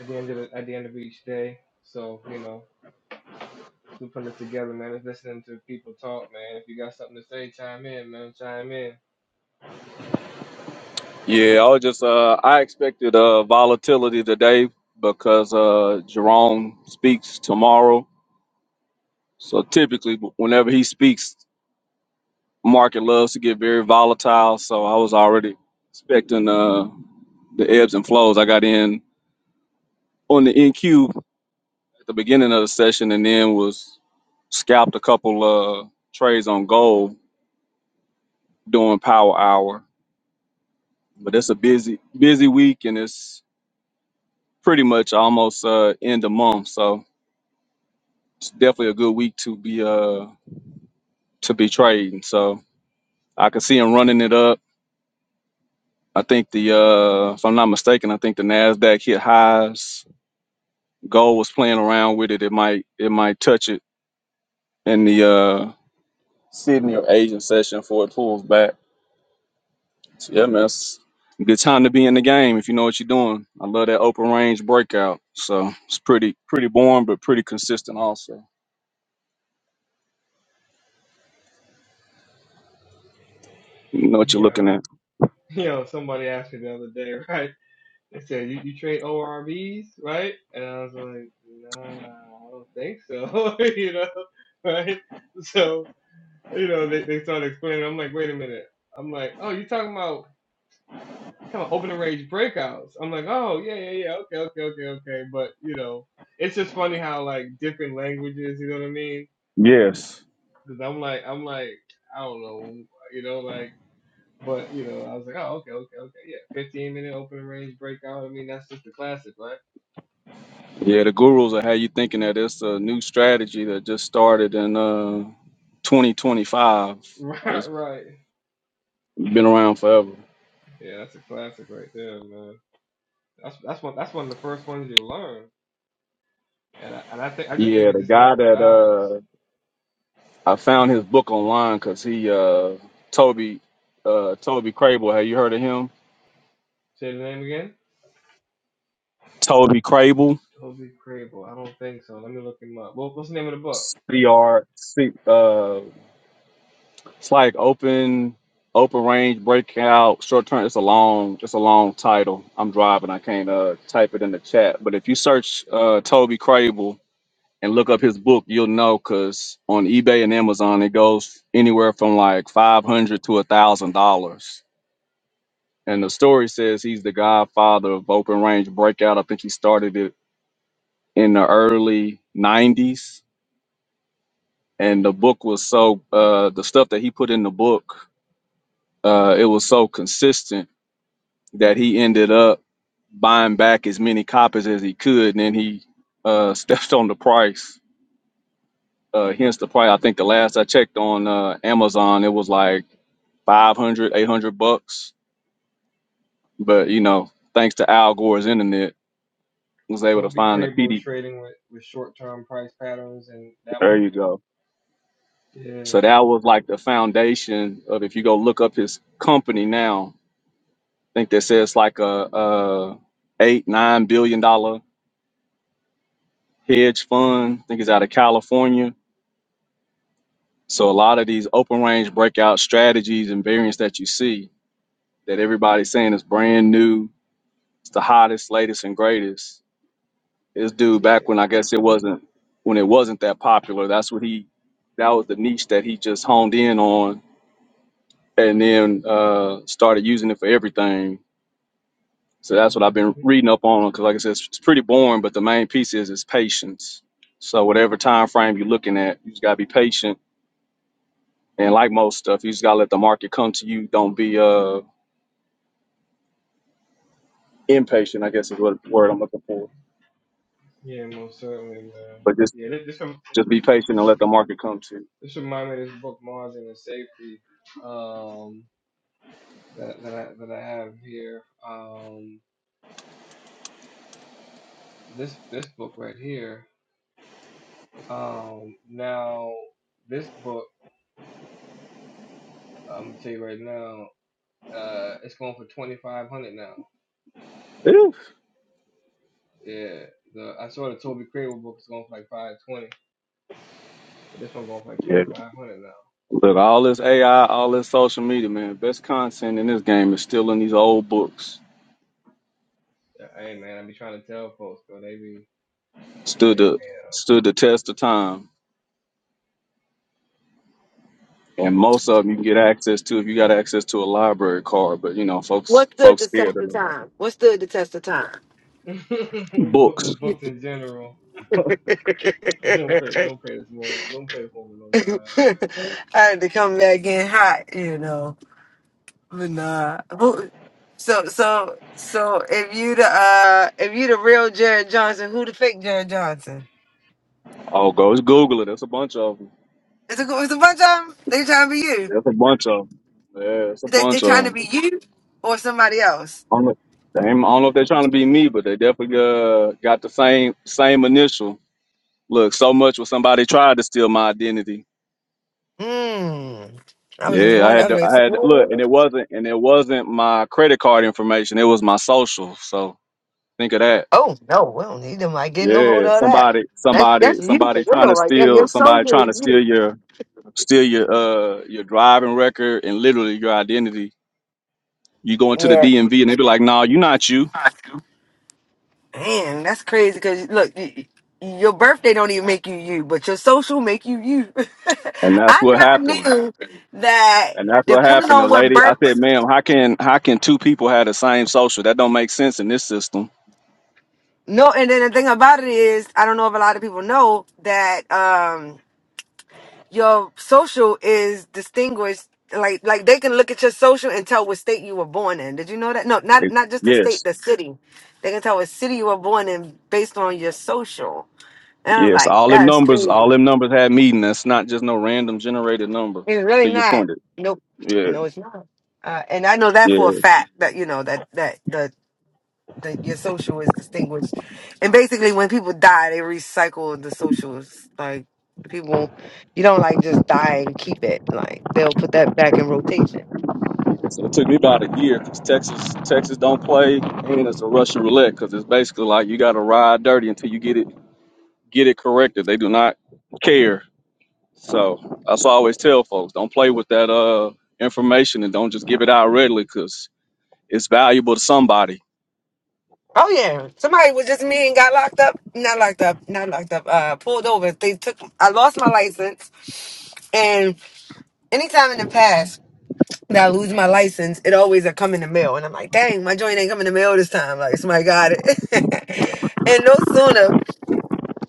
[SPEAKER 1] at the end of the, at the end of each day. So you know, still putting this together, man. It's listening to people talk, man. If you got something to say, chime in, man. Chime in.
[SPEAKER 7] Yeah, I was just uh I expected uh volatility today because uh Jerome speaks tomorrow. So typically whenever he speaks, market loves to get very volatile. So I was already expecting uh the ebbs and flows. I got in on the NQ at the beginning of the session and then was scalped a couple uh trades on gold during power hour. But it's a busy busy week and it's pretty much almost uh end of month. So It's definitely a good week to be uh to be trading. So I can see him running it up. I think the uh if I'm not mistaken, I think the Nasdaq hit highs. Gold was playing around with it. It might it might touch it in the uh Sydney or Asian session before it pulls back. So yeah, man, it's a good time to be in the game if you know what you're doing. I love that open range breakout. So it's pretty pretty boring but pretty consistent also. You know what you're
[SPEAKER 1] Yeah.
[SPEAKER 7] looking at.
[SPEAKER 1] you know, somebody asked me the other day, right? They said, you, you trade ORVs, right? And I was like, nah, I don't think so, you know, right? So, you know, they, they started explaining. I'm like, wait a minute. I'm like, oh, you talking about kind of open range breakouts. I'm like, oh, yeah, yeah, yeah, okay, okay, okay, okay. But, you know, it's just funny how, like, different languages, you know what I mean?
[SPEAKER 7] Yes.
[SPEAKER 1] Because I'm like, I'm like, I don't know, you know, like. But you know, I was like, oh, okay, okay, okay, yeah. Fifteen minute open range breakout. I mean, that's just a classic, right?
[SPEAKER 7] Yeah, the gurus will have you thinking that it's a new strategy that just started in uh 2025. but
[SPEAKER 1] Right,
[SPEAKER 7] It's
[SPEAKER 1] right.
[SPEAKER 7] been around forever.
[SPEAKER 1] Yeah, that's a classic right there, man. That's that's one that's one of the first ones you learn, and I, and I think I just think
[SPEAKER 7] Yeah,
[SPEAKER 1] it
[SPEAKER 7] the
[SPEAKER 1] just
[SPEAKER 7] guy
[SPEAKER 1] never
[SPEAKER 7] that
[SPEAKER 1] dies.
[SPEAKER 7] uh I found his book online because he uh Toby uh Toby Crable. Have you heard of him?
[SPEAKER 1] Say the name again.
[SPEAKER 7] Toby Crable.
[SPEAKER 1] Toby Crable. I don't think so. Let me look him up. Well, what's the name of the book?
[SPEAKER 7] C R C uh it's like open open range breakout short term it's a long it's a long title. I'm driving, I can't uh type it in the chat. But if you search uh Toby Crable and look up his book, you'll know because on eBay and Amazon it goes anywhere from like five hundred dollars to a thousand dollars. And the story says he's the godfather of open range breakout. I think he started it in the early '90s, and the book was so uh, the stuff that he put in the book, uh, it was so consistent that he ended up buying back as many copies as he could, and then he uh, stepped on the price. Uh, hence the price. I think the last I checked on uh, Amazon, it was like 500, 800 bucks. But, you know, thanks to Al Gore's internet, I was able to
[SPEAKER 1] Toby
[SPEAKER 7] find the
[SPEAKER 1] Crable
[SPEAKER 7] PD.
[SPEAKER 1] trading with with short term price patterns and that
[SPEAKER 7] There
[SPEAKER 1] one.
[SPEAKER 7] you go.
[SPEAKER 1] Yeah,
[SPEAKER 7] So that was like the foundation of if you go look up his company now, I think that says like a, a eight, nine billion dollar hedge fund. I think it's out of California. So a lot of these open range breakout strategies and variants that you see that everybody's saying is brand new, it's the hottest, latest, and greatest This dude back
[SPEAKER 1] yeah,
[SPEAKER 7] when I guess it wasn't when it wasn't that popular. That's what he that was the niche that he just honed in on, and then uh, started using it for everything. So that's what I've been reading up on because, like I said, it's, it's pretty boring. But the main piece is is patience. So whatever time frame you're looking at, you just gotta be patient. And like most stuff, you just gotta let the market come to you. Don't be uh impatient. I guess is what word I'm looking for.
[SPEAKER 1] yeah, most certainly, man.
[SPEAKER 7] But just
[SPEAKER 1] Yeah, this, this
[SPEAKER 7] just be patient and let the market come to you.
[SPEAKER 1] This reminds me of this book, Mars and the Safety, um, that, that I that I have here. Um, this this book right here. Um, now this book, I'm gonna tell you right now, uh, it's going for twenty five hundred now.
[SPEAKER 7] Whew.
[SPEAKER 1] Yeah, the I saw the Toby Craver book is going for like five twenty, but this one going for like
[SPEAKER 7] Yeah.
[SPEAKER 1] twenty five hundred now.
[SPEAKER 7] Look, all this AI, all this social media, man, best content in this game is still in these old books.
[SPEAKER 1] Yeah, hey man, I be trying to tell folks, though they be
[SPEAKER 7] Stood
[SPEAKER 1] they
[SPEAKER 7] the stood the test of time. And most of them you can get access to if you got access to a library card, but you know, folks
[SPEAKER 4] What stood
[SPEAKER 7] folks
[SPEAKER 4] the
[SPEAKER 7] scared
[SPEAKER 4] test
[SPEAKER 7] of
[SPEAKER 4] of
[SPEAKER 7] the library.
[SPEAKER 4] time? What stood the test of time?
[SPEAKER 1] book,
[SPEAKER 7] Books.
[SPEAKER 1] books in general. Don't pay, don't pay this moment. Don't pay this moment on my.
[SPEAKER 4] I had to come back in hot, you know. But nah. Who, so so so if you the uh if you the real Jared Johnson, who the fake Jared Johnson?
[SPEAKER 7] Oh, go just Google it. There's a bunch of them.
[SPEAKER 4] It's a it's a bunch of them. They trying to be you.
[SPEAKER 7] There's a bunch of them. Yeah, it's a
[SPEAKER 4] They they
[SPEAKER 7] bunch
[SPEAKER 4] trying to
[SPEAKER 7] of
[SPEAKER 4] be
[SPEAKER 7] them.
[SPEAKER 4] you or somebody else.
[SPEAKER 7] I don't know, they ain't- I don't know if they're trying to be me, but they definitely uh, got the same same initial. Look, so much was somebody tried to steal my identity.
[SPEAKER 4] Mm. I was just
[SPEAKER 7] Yeah, I
[SPEAKER 4] wondering.
[SPEAKER 7] had
[SPEAKER 4] I
[SPEAKER 7] to,
[SPEAKER 4] was like,
[SPEAKER 7] I
[SPEAKER 4] so
[SPEAKER 7] had to, look, and it
[SPEAKER 4] what-
[SPEAKER 7] wasn't and it wasn't my credit card information. It was my social. So think of that.
[SPEAKER 4] oh no, we don't need them. I get no
[SPEAKER 7] Yeah,
[SPEAKER 4] hold of that.
[SPEAKER 7] somebody,
[SPEAKER 4] That's
[SPEAKER 7] somebody,
[SPEAKER 4] that's you
[SPEAKER 7] somebody
[SPEAKER 4] for
[SPEAKER 7] trying to
[SPEAKER 4] real right there. Your
[SPEAKER 7] steal, somebody
[SPEAKER 4] soldier
[SPEAKER 7] trying
[SPEAKER 4] is
[SPEAKER 7] to steal
[SPEAKER 4] you.
[SPEAKER 7] your steal your uh your driving record and literally your identity. You go into the
[SPEAKER 4] Yeah.
[SPEAKER 7] DMV and they be like, "No, nah, you not you,"
[SPEAKER 4] Man, that's crazy. Cause look, y- y- your birthday don't even make you you, but your social make you you.
[SPEAKER 7] and that's
[SPEAKER 4] I
[SPEAKER 7] what
[SPEAKER 4] never
[SPEAKER 7] happened.
[SPEAKER 4] knew that.
[SPEAKER 7] And that's what
[SPEAKER 4] Depending
[SPEAKER 7] happened. The
[SPEAKER 4] on what
[SPEAKER 7] lady, I
[SPEAKER 4] birth.
[SPEAKER 7] said, "Ma'am, how can how can two people have the same social? That don't make sense in this system."
[SPEAKER 4] No, and then the thing about it is, I don't know if a lot of people know that. Um, your social is distinguished like like they can look at your social and tell what state you were born in did you know that no not
[SPEAKER 7] It-
[SPEAKER 4] not just the
[SPEAKER 7] Yes.
[SPEAKER 4] state the city they can tell what city you were born in based on your social and i was
[SPEAKER 7] Yes,
[SPEAKER 4] like
[SPEAKER 7] all them
[SPEAKER 4] that's
[SPEAKER 7] numbers, all
[SPEAKER 4] crazy
[SPEAKER 7] them numbers had meaning. That's not just no random generated number.
[SPEAKER 4] it's really
[SPEAKER 7] To your
[SPEAKER 4] not
[SPEAKER 7] point, it-
[SPEAKER 4] nope
[SPEAKER 7] yeah,
[SPEAKER 4] no it's not uh, and i know that for
[SPEAKER 7] yeah.
[SPEAKER 4] a fact that you know that that the the, your social is distinguished and basically when people die they recycle the socials like people you don't like just die and keep it like they'll put that back in rotation
[SPEAKER 7] So it took me about a year because Texas, Texas don't play, and it's a Russian roulette because it's basically like you got to ride dirty until you get it get it corrected. They do not care. So that's why I always tell folks: don't play with that uh information and don't just give it out readily because it's valuable to somebody.
[SPEAKER 4] Oh yeah, somebody was just me and got locked up. Not locked up. Not locked up. Uh, pulled over. They took. I lost my license. And anytime in the past that I lose my license, it always a come in the mail. And I'm like, dang, my joint ain't coming in the mail this time. Like somebody got it. and no sooner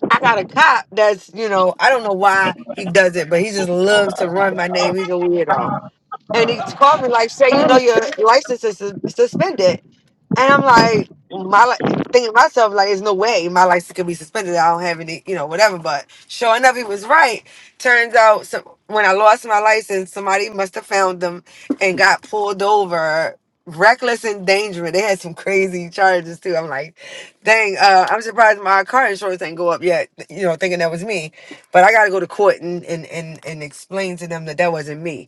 [SPEAKER 4] I got a cop that's, you know, I don't know why he does it, but he just loves to run my name. He's a weirdo. And he called me like, say, you know, your license is sus- suspended. And I'm like, my li- thinking to myself, like, there's no way my license could be suspended. I don't have any, you know, whatever. But sure enough, he was right. Turns out, some, when I lost my license, somebody must have found them and got pulled over. Reckless endangerment. They had some crazy charges too. I'm like, dang, uh, I'm surprised my car insurance ain't go up yet. You know, thinking that was me, but I got to go to court and and and and explain to them that that wasn't me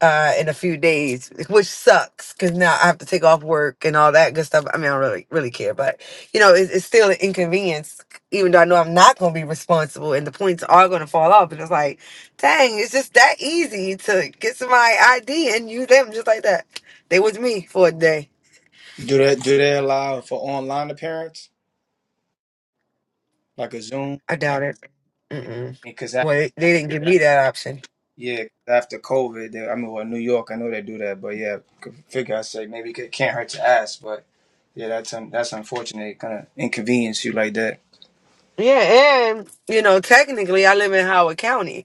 [SPEAKER 4] uh, in a few days, which sucks because now I have to take off work and all that good stuff. I mean, I don't really, really care, but you know, it's, it's still an inconvenience, even though I know I'm not going to be responsible and the points are going to fall off. And it's like, dang, it's just that easy to get somebody ID and you them just like that. They was me for a day.
[SPEAKER 6] Do they do they allow for online appearance like a Zoom?
[SPEAKER 4] I doubt it. Mm-mm.
[SPEAKER 6] Because.
[SPEAKER 4] Well, they, they didn't give me that option.
[SPEAKER 6] Yeah, after COVID, they, I mean, well, New York, I know they do that, but yeah, could figure I say maybe it can't hurt to ask, but yeah, that's un, that's unfortunate. It kind of inconvenience you like that.
[SPEAKER 4] Yeah, and you know, technically, I live in Howard County,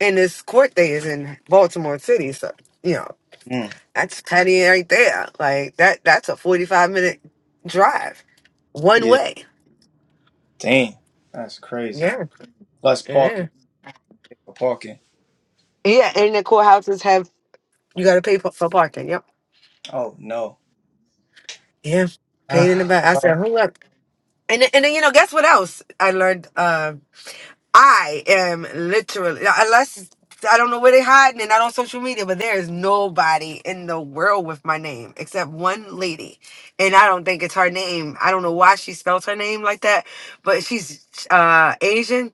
[SPEAKER 4] and this court day is in Baltimore City, so you know.
[SPEAKER 6] Mm,
[SPEAKER 4] That's Patty right there. Like that. That's a forty-five minute drive, one
[SPEAKER 6] yeah,
[SPEAKER 4] way.
[SPEAKER 6] dang, that's crazy.
[SPEAKER 4] Yeah,
[SPEAKER 6] Plus
[SPEAKER 4] yeah,
[SPEAKER 6] parking, parking.
[SPEAKER 4] yeah. And the courthouses have you got to pay for, for parking. Yep.
[SPEAKER 6] Oh no.
[SPEAKER 4] Yeah, paid in the back. I
[SPEAKER 6] Ah, well,
[SPEAKER 4] said, hold up. And then- and then you know, guess what else I learned? Um, I am literally unless I don't know where they are hiding and not on social media, but there is nobody in the world with my name except one lady, and I don't think it's her name. I don't know why she spells her name like that, but she's uh Asian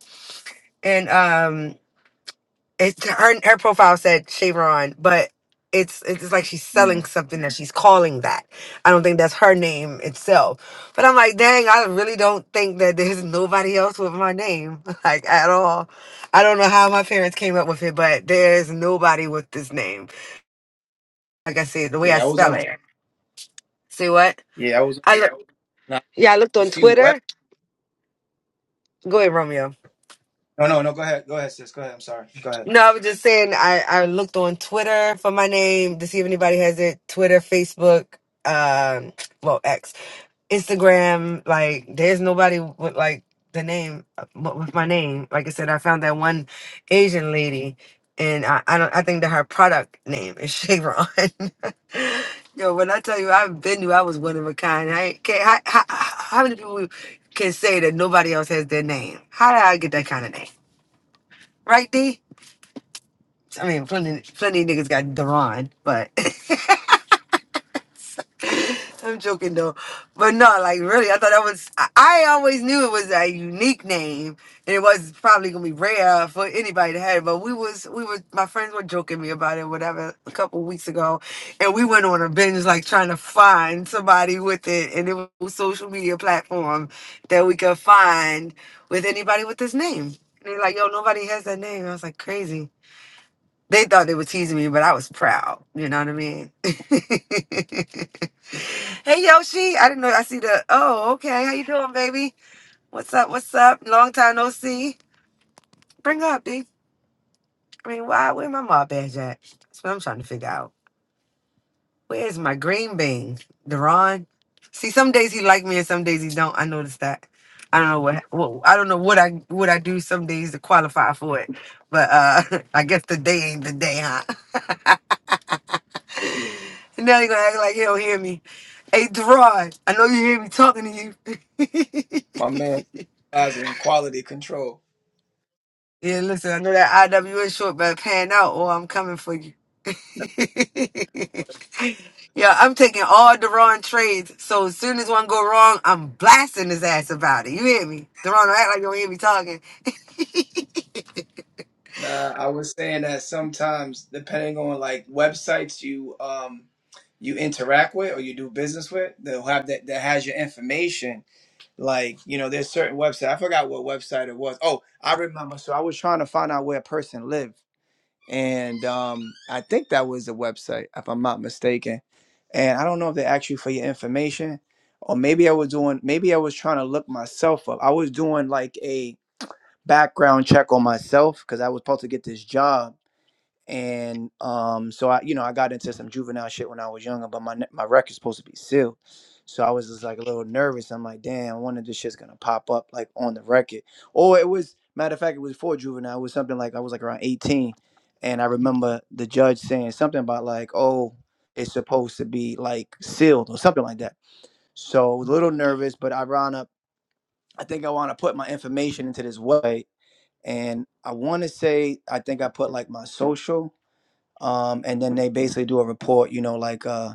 [SPEAKER 4] and um it her her profile said Chevron, but it's it's like she's selling something that she's calling that. I don't think that's her name itself. But I'm like, dang, I really don't think that there's nobody else with my name, like at all. I don't know how my parents came up with it, but there's nobody with this name. Like I said, the way I
[SPEAKER 6] yeah, I was on
[SPEAKER 4] spell
[SPEAKER 6] a
[SPEAKER 4] it. See what?
[SPEAKER 6] yeah, I was
[SPEAKER 4] I look,
[SPEAKER 6] on
[SPEAKER 4] yeah, I looked
[SPEAKER 6] a
[SPEAKER 4] on
[SPEAKER 6] few web.
[SPEAKER 4] Twitter. Go ahead, Romeo.
[SPEAKER 6] No, no, no. Go ahead, go ahead, sis. Go ahead. I'm sorry. Go ahead.
[SPEAKER 4] No, I was just saying I, I looked on Twitter for my name to see if anybody has it. Twitter, Facebook, um, well, X, Instagram. Like, there's nobody with like the name uh, with with my name. Like I said, I found that one Asian lady, and I, I don't. I think that her product name is Chevron. Yo, when I tell you I've been you, I was one of a kind. I can't. How, how, how many people can say that nobody else has their name? How did I get that kind of name? Right, D? I mean, plenty, plenty of niggas got Deron, but I'm joking though. But no, like really, I thought that was. I, I always knew it was a unique name, and it was probably gonna be rare for anybody to have it. But we was, we was, my friends were joking me about it, whatever, a couple weeks ago, and we went on a binge like trying to find somebody with it, and it was a social media platform that we could find with anybody with this name. And they're like, yo, nobody has that name. I was like, crazy. They thought they were teasing me, but I was proud. You know what I mean? hey Yoshi, I didn't know. I see the. Oh, okay. How you doing, baby? What's up? What's up? Long time no see. Bring her up, D. I mean, why? Where my mom badge at? That's what I'm trying to figure out. Where's my green bean, Deron? See, some days he like me and some days he don't. I noticed that. I don't know what, Well, I don't know what I what I do some days to qualify for it, but uh I guess the day ain't the day, huh? now you gonna act like you don't hear me. Hey, Deron, I know you hear me talking to you.
[SPEAKER 6] My man, advising in quality control.
[SPEAKER 4] Yeah, listen, I know that IW is short, but pan out or I'm coming for you. yeah, I'm taking all Deron trades. So as soon as one go wrong, I'm blasting his ass about it. You hear me? Deron, don't act like you don't hear me talking.
[SPEAKER 6] Nah, I was saying that sometimes, depending on like websites you um you interact with or you do business with, they'll have that that has your information. Like, you know, there's certain website. I forgot what website it was. Oh, I remember. So I was trying to find out where a person lived, and um, I think that was the website, if I'm not mistaken. And I don't know if they asked you for your information, or maybe I was doing, maybe I was trying to look myself up. I was doing like a background check on myself because I was supposed to get this job. And um, so I, you know, I got into some juvenile shit when I was younger, but my ne- my record's supposed to be sealed, so I was just like a little nervous. I'm like, damn, I wonder if this shit's gonna pop up like on the record. Or it was matter of fact, it was for juvenile. It was something like I was like around 18, and I remember the judge saying something about like, oh, it's supposed to be like sealed or something like that. So I was a little nervous, but I wound up. I think I want to put my information into this website and I want to say I think I put like my social, um, and then they basically do a report, you know, like uh,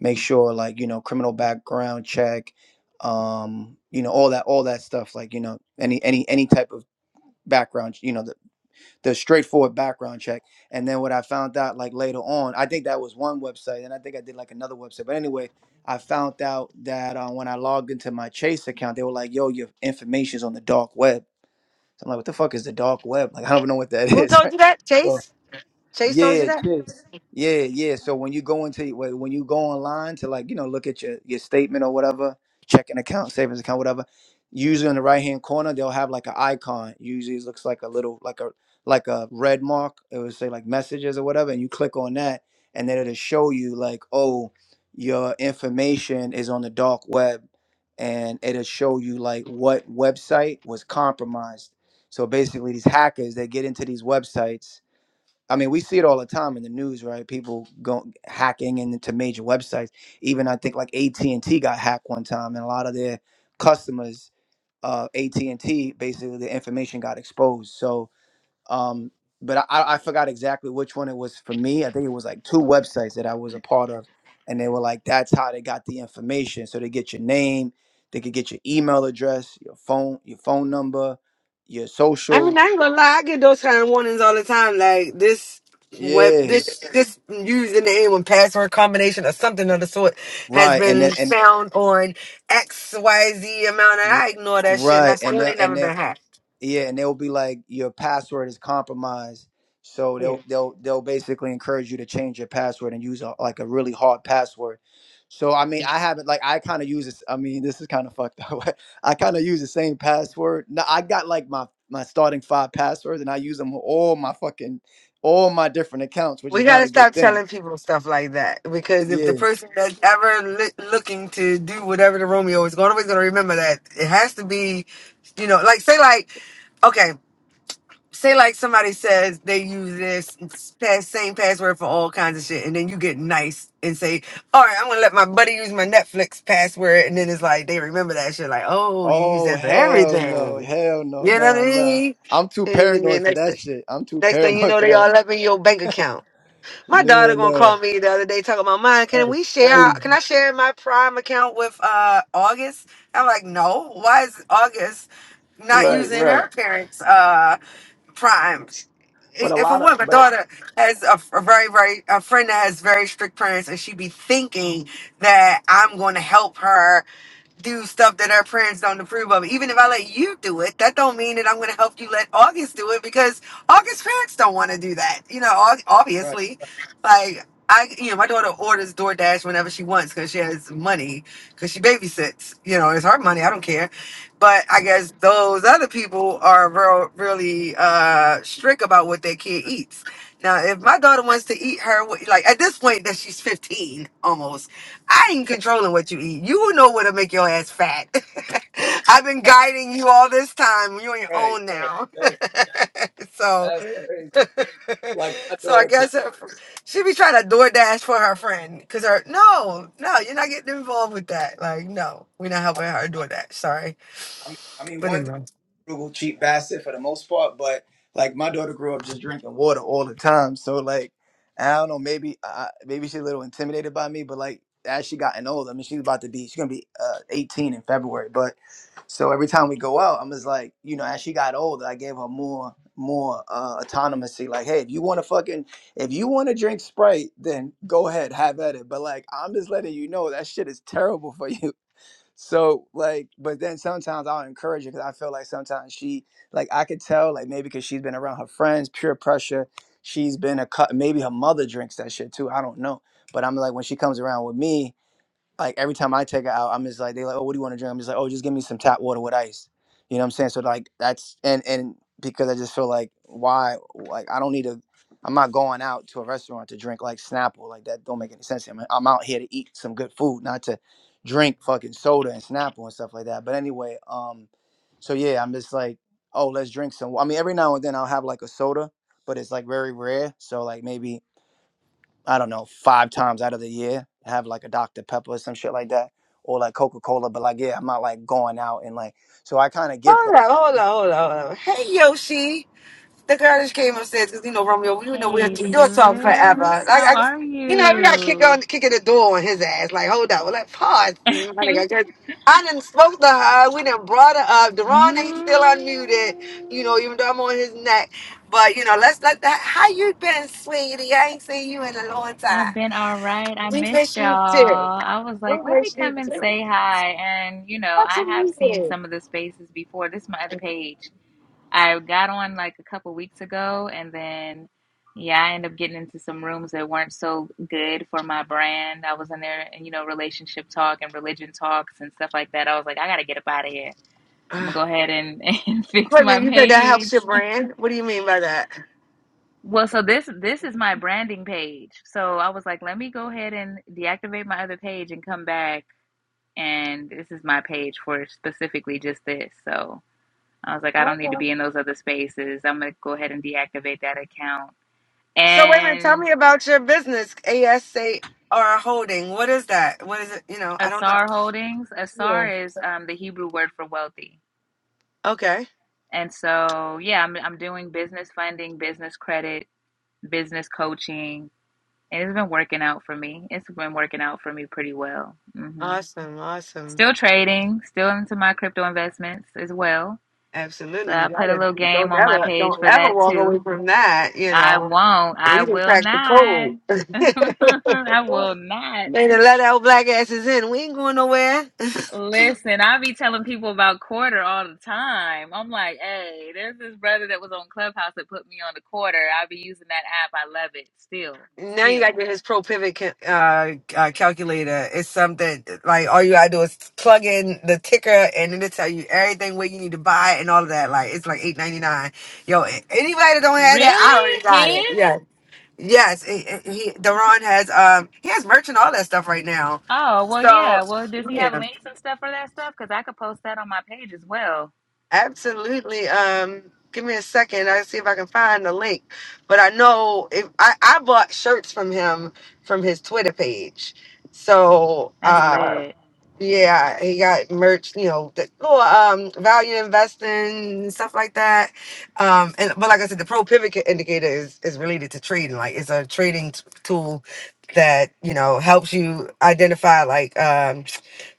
[SPEAKER 6] make sure like you know criminal background check, um, you know all that all that stuff, like you know any any any type of background, you know the the straightforward background check. And then what I found out like later on, I think that was one website, and I think I did like another website, but anyway. I found out that uh, when I logged into my Chase account, they were like, "Yo, your information's on the dark web." So I'm like, what the fuck is the dark web? Like, I don't even know what that
[SPEAKER 4] Who
[SPEAKER 6] is,
[SPEAKER 4] told
[SPEAKER 6] right?
[SPEAKER 4] you that?
[SPEAKER 6] So
[SPEAKER 4] Chase? Chase told you
[SPEAKER 6] yeah,
[SPEAKER 4] that?
[SPEAKER 6] chicks. Yeah, yeah. So when you go into when when you go online to like you know look at your your statement or whatever, checking account, savings account, whatever. Usually in the right hand corner they'll have like an icon. Usually it looks like a little like a like a red mark. It would say like messages or whatever, and you click on that, and then it'll show you like oh your information is on the dark web, and it'll show you like what website was compromised. So basically, these hackers they get into these websites I mean, we see it all the time in the news, right? People go hacking into major websites. Even I think like AT and T got hacked one time, and a lot of their customers, uh, AT and T, basically the information got exposed. So, um, but I, I I forgot exactly which one it was for me. I think it was like two websites that I was a part of, and they were like, "That's how they got the information." So they get your name, they could get your email address, your phone, your phone number, your
[SPEAKER 4] I
[SPEAKER 6] social.
[SPEAKER 4] mean, I ain't gonna lie. I get those kind of warnings all the time. Like this web,
[SPEAKER 6] Yeah.
[SPEAKER 4] this this username and password combination or something of the sort has
[SPEAKER 6] Right, and
[SPEAKER 4] been
[SPEAKER 6] then and
[SPEAKER 4] found on X Y Z amount, and
[SPEAKER 6] R-
[SPEAKER 4] I ignore that shit, and I
[SPEAKER 6] Right, and
[SPEAKER 4] still
[SPEAKER 6] they
[SPEAKER 4] ain't
[SPEAKER 6] and
[SPEAKER 4] never
[SPEAKER 6] they
[SPEAKER 4] been hacked.
[SPEAKER 6] yeah, and they'll be like your password is compromised, so
[SPEAKER 4] Yeah.
[SPEAKER 6] they'll they'll they'll basically encourage you to change your password and use a, like a really hard password. So I mean, I haven't like I kind of use this. I mean, this is kind of fucked up. I kind of use the same password. No, I got like my my starting five passwords, and I use them on all my fucking all my different accounts, which
[SPEAKER 4] We
[SPEAKER 6] is not
[SPEAKER 4] gotta
[SPEAKER 6] a good
[SPEAKER 4] stop
[SPEAKER 6] thing.
[SPEAKER 4] telling people stuff like that because if the
[SPEAKER 6] Yeah.
[SPEAKER 4] person that's ever li- looking to do whatever the Romeo is going, always gonna remember that it has to be, you know, like say like, okay. say like somebody says they use this pass, same password for all kinds of shit, and then you get nice and say, "All right, I'm gonna let my buddy use my Netflix password," and then it's like they remember that shit, like, "Oh, you use
[SPEAKER 6] Oh
[SPEAKER 4] that for
[SPEAKER 6] hell no,
[SPEAKER 4] everything,"
[SPEAKER 6] hell no,
[SPEAKER 4] you know what I
[SPEAKER 6] nah nah.
[SPEAKER 4] mean?
[SPEAKER 6] I'm too
[SPEAKER 4] And
[SPEAKER 6] paranoid
[SPEAKER 4] then
[SPEAKER 6] for
[SPEAKER 4] next
[SPEAKER 6] that
[SPEAKER 4] thing,
[SPEAKER 6] shit. I'm too
[SPEAKER 4] next thing you
[SPEAKER 6] paranoid
[SPEAKER 4] know,
[SPEAKER 6] for
[SPEAKER 4] they
[SPEAKER 6] that.
[SPEAKER 4] all up in your bank account. My
[SPEAKER 6] Yeah,
[SPEAKER 4] daughter gonna
[SPEAKER 6] nah.
[SPEAKER 4] call me the other day talking about mine. Can
[SPEAKER 6] That's
[SPEAKER 4] we share?
[SPEAKER 6] crazy.
[SPEAKER 4] Can I share my Prime account with uh August? I'm like, no. Why is August not
[SPEAKER 6] Right,
[SPEAKER 4] using
[SPEAKER 6] right.
[SPEAKER 4] her parents? uh primes.
[SPEAKER 6] But a
[SPEAKER 4] If a
[SPEAKER 6] lot of
[SPEAKER 4] woman, my
[SPEAKER 6] but
[SPEAKER 4] daughter has a, a very, very, a friend that has very strict parents, and she be thinking that I'm going to help her do stuff that our parents don't approve of. Even if I let you do it, that don't mean that I'm going to help you let August do it because August parents don't want to do that. You know, ob-
[SPEAKER 6] right,
[SPEAKER 4] obviously, like I, you know, my daughter orders DoorDash whenever she wants because she has money because she babysits. You know, it's her money. I don't care. But I guess those other people are real, really uh, strict about what their kid eats. Now, if
[SPEAKER 6] right,
[SPEAKER 4] my daughter wants to eat her, like at this point that she's 15 almost I ain't controlling what you eat. You know what'll make your ass fat. I've been guiding you all this time. You're on your
[SPEAKER 6] right,
[SPEAKER 4] own
[SPEAKER 6] right.
[SPEAKER 4] now.
[SPEAKER 6] That-
[SPEAKER 4] so,
[SPEAKER 6] That's crazy. Like my
[SPEAKER 4] so I
[SPEAKER 6] daughter, because
[SPEAKER 4] guess her, she be trying to DoorDash for her friend. Cause her, no, no, you're not getting involved with that. Like, no, we're not
[SPEAKER 6] I,
[SPEAKER 4] helping her door dash. Sorry.
[SPEAKER 6] I mean, I mean,
[SPEAKER 4] But
[SPEAKER 6] one.
[SPEAKER 4] anyway.
[SPEAKER 6] frugal, cheap bastard for the most part. But like my daughter grew up just drinking water all the time, so like I don't know, maybe uh, maybe she's a little intimidated by me. But like as she gotten older, I mean, she's about to be she's gonna be uh, 18 in February. But so every time we go out, I'm just like you know, as she got older, I gave her more more uh autonomy like hey if you want to fucking if you want to drink sprite then go ahead have at it but like i'm just letting you know that shit is terrible for you so like, but then sometimes I'll encourage her because I feel like sometimes she like I could tell like maybe because she's been around her friends, peer pressure. She's been a cut. Maybe her mother drinks that shit too. I don't know. But I'm like when she comes around with me, like every time I take it out, I'm just like they like, oh, what do you want to drink? I'm just like, oh, just give me some tap water with ice. You know what I'm saying? So like that's and and because I just feel like why like I don't need to. I'm not going out to a restaurant to drink like Snapple like that. Don't make any sense. I'm I'm out here to eat some good food, not to drink fucking soda and Snapple and stuff like that. But anyway, um, so yeah, I'm just like, oh, let's drink some. I mean, every now and then I'll have like a soda, but it's like very rare. So like maybe I don't know, five times out of the year, have like a Dr. Pepper or some shit like that, or like Coca Cola. But like, yeah, I'm not like going out and like, so I kind of get that.
[SPEAKER 4] Hold on, hold on, hold on, hold on. Hey, Yoshi. The girl just came upstairs because you know Romeo, we know we'll
[SPEAKER 8] Hey
[SPEAKER 4] we'll talk forever.
[SPEAKER 8] sis,
[SPEAKER 4] Like
[SPEAKER 8] how
[SPEAKER 4] I,
[SPEAKER 8] are
[SPEAKER 4] you know, we got kick
[SPEAKER 8] you?
[SPEAKER 4] on kicking the door on his ass. Like hold up, well, like pause, my nigga. 'cause I done spoke to her. We done brought her up. Deron ain't still unmuted. You know,
[SPEAKER 8] Mm,
[SPEAKER 4] even though I'm on his neck. But you know, let's let that. How you been, sweetie? I ain't seen you in a long
[SPEAKER 8] I've
[SPEAKER 4] time.
[SPEAKER 8] been all right. I
[SPEAKER 4] We
[SPEAKER 8] missed
[SPEAKER 4] miss
[SPEAKER 8] y'all.
[SPEAKER 4] you too.
[SPEAKER 8] I was
[SPEAKER 4] We
[SPEAKER 8] like, let me
[SPEAKER 4] miss you
[SPEAKER 8] come and
[SPEAKER 4] too.
[SPEAKER 8] say hi. And you know,
[SPEAKER 4] That's
[SPEAKER 8] I have seen
[SPEAKER 4] amazing.
[SPEAKER 8] some of the spaces before. This is my other page. I got on like a couple weeks ago, and then yeah, I ended up getting into some rooms that weren't so good for my brand. I was in there, you know, relationship talk and religion talks and stuff like that. I was like, I gotta get up out of here. I'm gonna go ahead and, and fix
[SPEAKER 4] Wait a
[SPEAKER 8] my
[SPEAKER 4] minute, you said that helps your
[SPEAKER 8] page.
[SPEAKER 4] brand. What do you mean by that?
[SPEAKER 8] Well, so this this is my branding page. So I was like, let me go ahead and deactivate my other page and come back. And this is my page for specifically just this. So I was like, I don't need to be in those other spaces. I'm gonna go ahead and deactivate that account.
[SPEAKER 4] So wait a minute, tell
[SPEAKER 8] And
[SPEAKER 4] me about your business, ASA or holding. What is that? What is it? You know, I don't
[SPEAKER 8] Asar
[SPEAKER 4] know.
[SPEAKER 8] Holdings.
[SPEAKER 4] Yeah.
[SPEAKER 8] Asar is um, the Hebrew word for wealthy.
[SPEAKER 4] Okay.
[SPEAKER 8] And so yeah, I'm I'm doing business funding, business credit, business coaching And it's been working out for me. It's been working out for me pretty well. hmm
[SPEAKER 4] Awesome. Awesome.
[SPEAKER 8] Still trading, still into my crypto investments as well. So
[SPEAKER 4] Absolutely.
[SPEAKER 8] I
[SPEAKER 4] You
[SPEAKER 8] put a
[SPEAKER 4] gotta
[SPEAKER 8] little game
[SPEAKER 4] don't
[SPEAKER 8] on my
[SPEAKER 4] ever
[SPEAKER 8] page
[SPEAKER 4] don't
[SPEAKER 8] for
[SPEAKER 4] ever
[SPEAKER 8] that
[SPEAKER 4] walk away
[SPEAKER 8] too.
[SPEAKER 4] from that, you
[SPEAKER 8] I
[SPEAKER 4] know.
[SPEAKER 8] won't. I
[SPEAKER 4] We didn't
[SPEAKER 8] will
[SPEAKER 4] crack the
[SPEAKER 8] not.
[SPEAKER 4] code. they
[SPEAKER 8] I will not.
[SPEAKER 4] done let our black asses in. We ain't going nowhere.
[SPEAKER 8] Listen, I be telling people about quarter all the time. I'm like, hey, there's this brother that was on Clubhouse that put me on the quarter. I be using that app. I love it. Still,
[SPEAKER 4] Now you
[SPEAKER 8] still.
[SPEAKER 4] gotta get his pro pivot ca- uh, uh, calculator. It's something like all you gotta do is plug in the ticker, and then it tell you everything where you need to buy and all of that. Like it's like eight ninety nine. Yo, a- anybody that don't have that,
[SPEAKER 8] Really?
[SPEAKER 4] I already got it.
[SPEAKER 8] His?
[SPEAKER 4] Yeah, yes. It, he Daron has um he has merch and all that stuff right now.
[SPEAKER 8] Oh, well,
[SPEAKER 4] So
[SPEAKER 8] yeah. Well, does he have
[SPEAKER 4] yeah.
[SPEAKER 8] links and stuff for that stuff? Because I could post that on my page as well.
[SPEAKER 4] Absolutely. Um, give me a second. I see if I can find the link. But I know if I, I bought shirts from him from his Twitter page. So
[SPEAKER 8] That's
[SPEAKER 4] uh
[SPEAKER 8] lit.
[SPEAKER 4] yeah, he got merch, you know, the little um value investing and stuff like that. Um and but like I said, the pro pivot indicator is is related to trading. Like it's a trading t- tool that, you know, helps you identify like um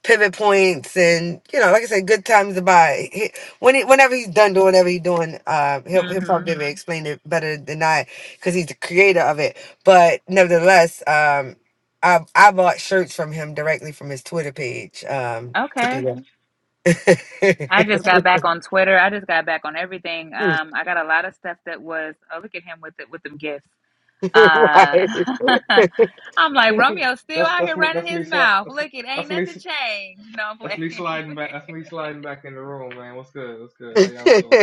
[SPEAKER 4] pivot points and you know, like I said, good times to buy. He, when he, whenever he's done doing whatever he's doing, uh he'll he'll
[SPEAKER 8] Mm-hmm.
[SPEAKER 4] probably explain it better than I because he's the creator of it. But nevertheless, um, I I bought shirts from him directly from his Twitter page. Um, to do
[SPEAKER 8] Okay. I
[SPEAKER 4] that.
[SPEAKER 8] just got back on Twitter. I just got back on everything. Um, I got a lot of stuff that was. Oh, look at him with it with them gifts. Uh,
[SPEAKER 4] right.
[SPEAKER 8] I'm like Romeo still
[SPEAKER 1] that's
[SPEAKER 8] out
[SPEAKER 1] that's
[SPEAKER 8] here
[SPEAKER 1] me
[SPEAKER 8] running
[SPEAKER 1] that's me
[SPEAKER 8] his
[SPEAKER 1] sli-
[SPEAKER 8] mouth.
[SPEAKER 1] that's,
[SPEAKER 8] Look, it ain't
[SPEAKER 1] that's me
[SPEAKER 8] nothing
[SPEAKER 1] s-
[SPEAKER 8] changed. No, I'm
[SPEAKER 1] that's me
[SPEAKER 8] playing.
[SPEAKER 1] sliding back that's me sliding back in the room, man. What's good? What's good? How
[SPEAKER 4] oh,
[SPEAKER 1] y'all feeling?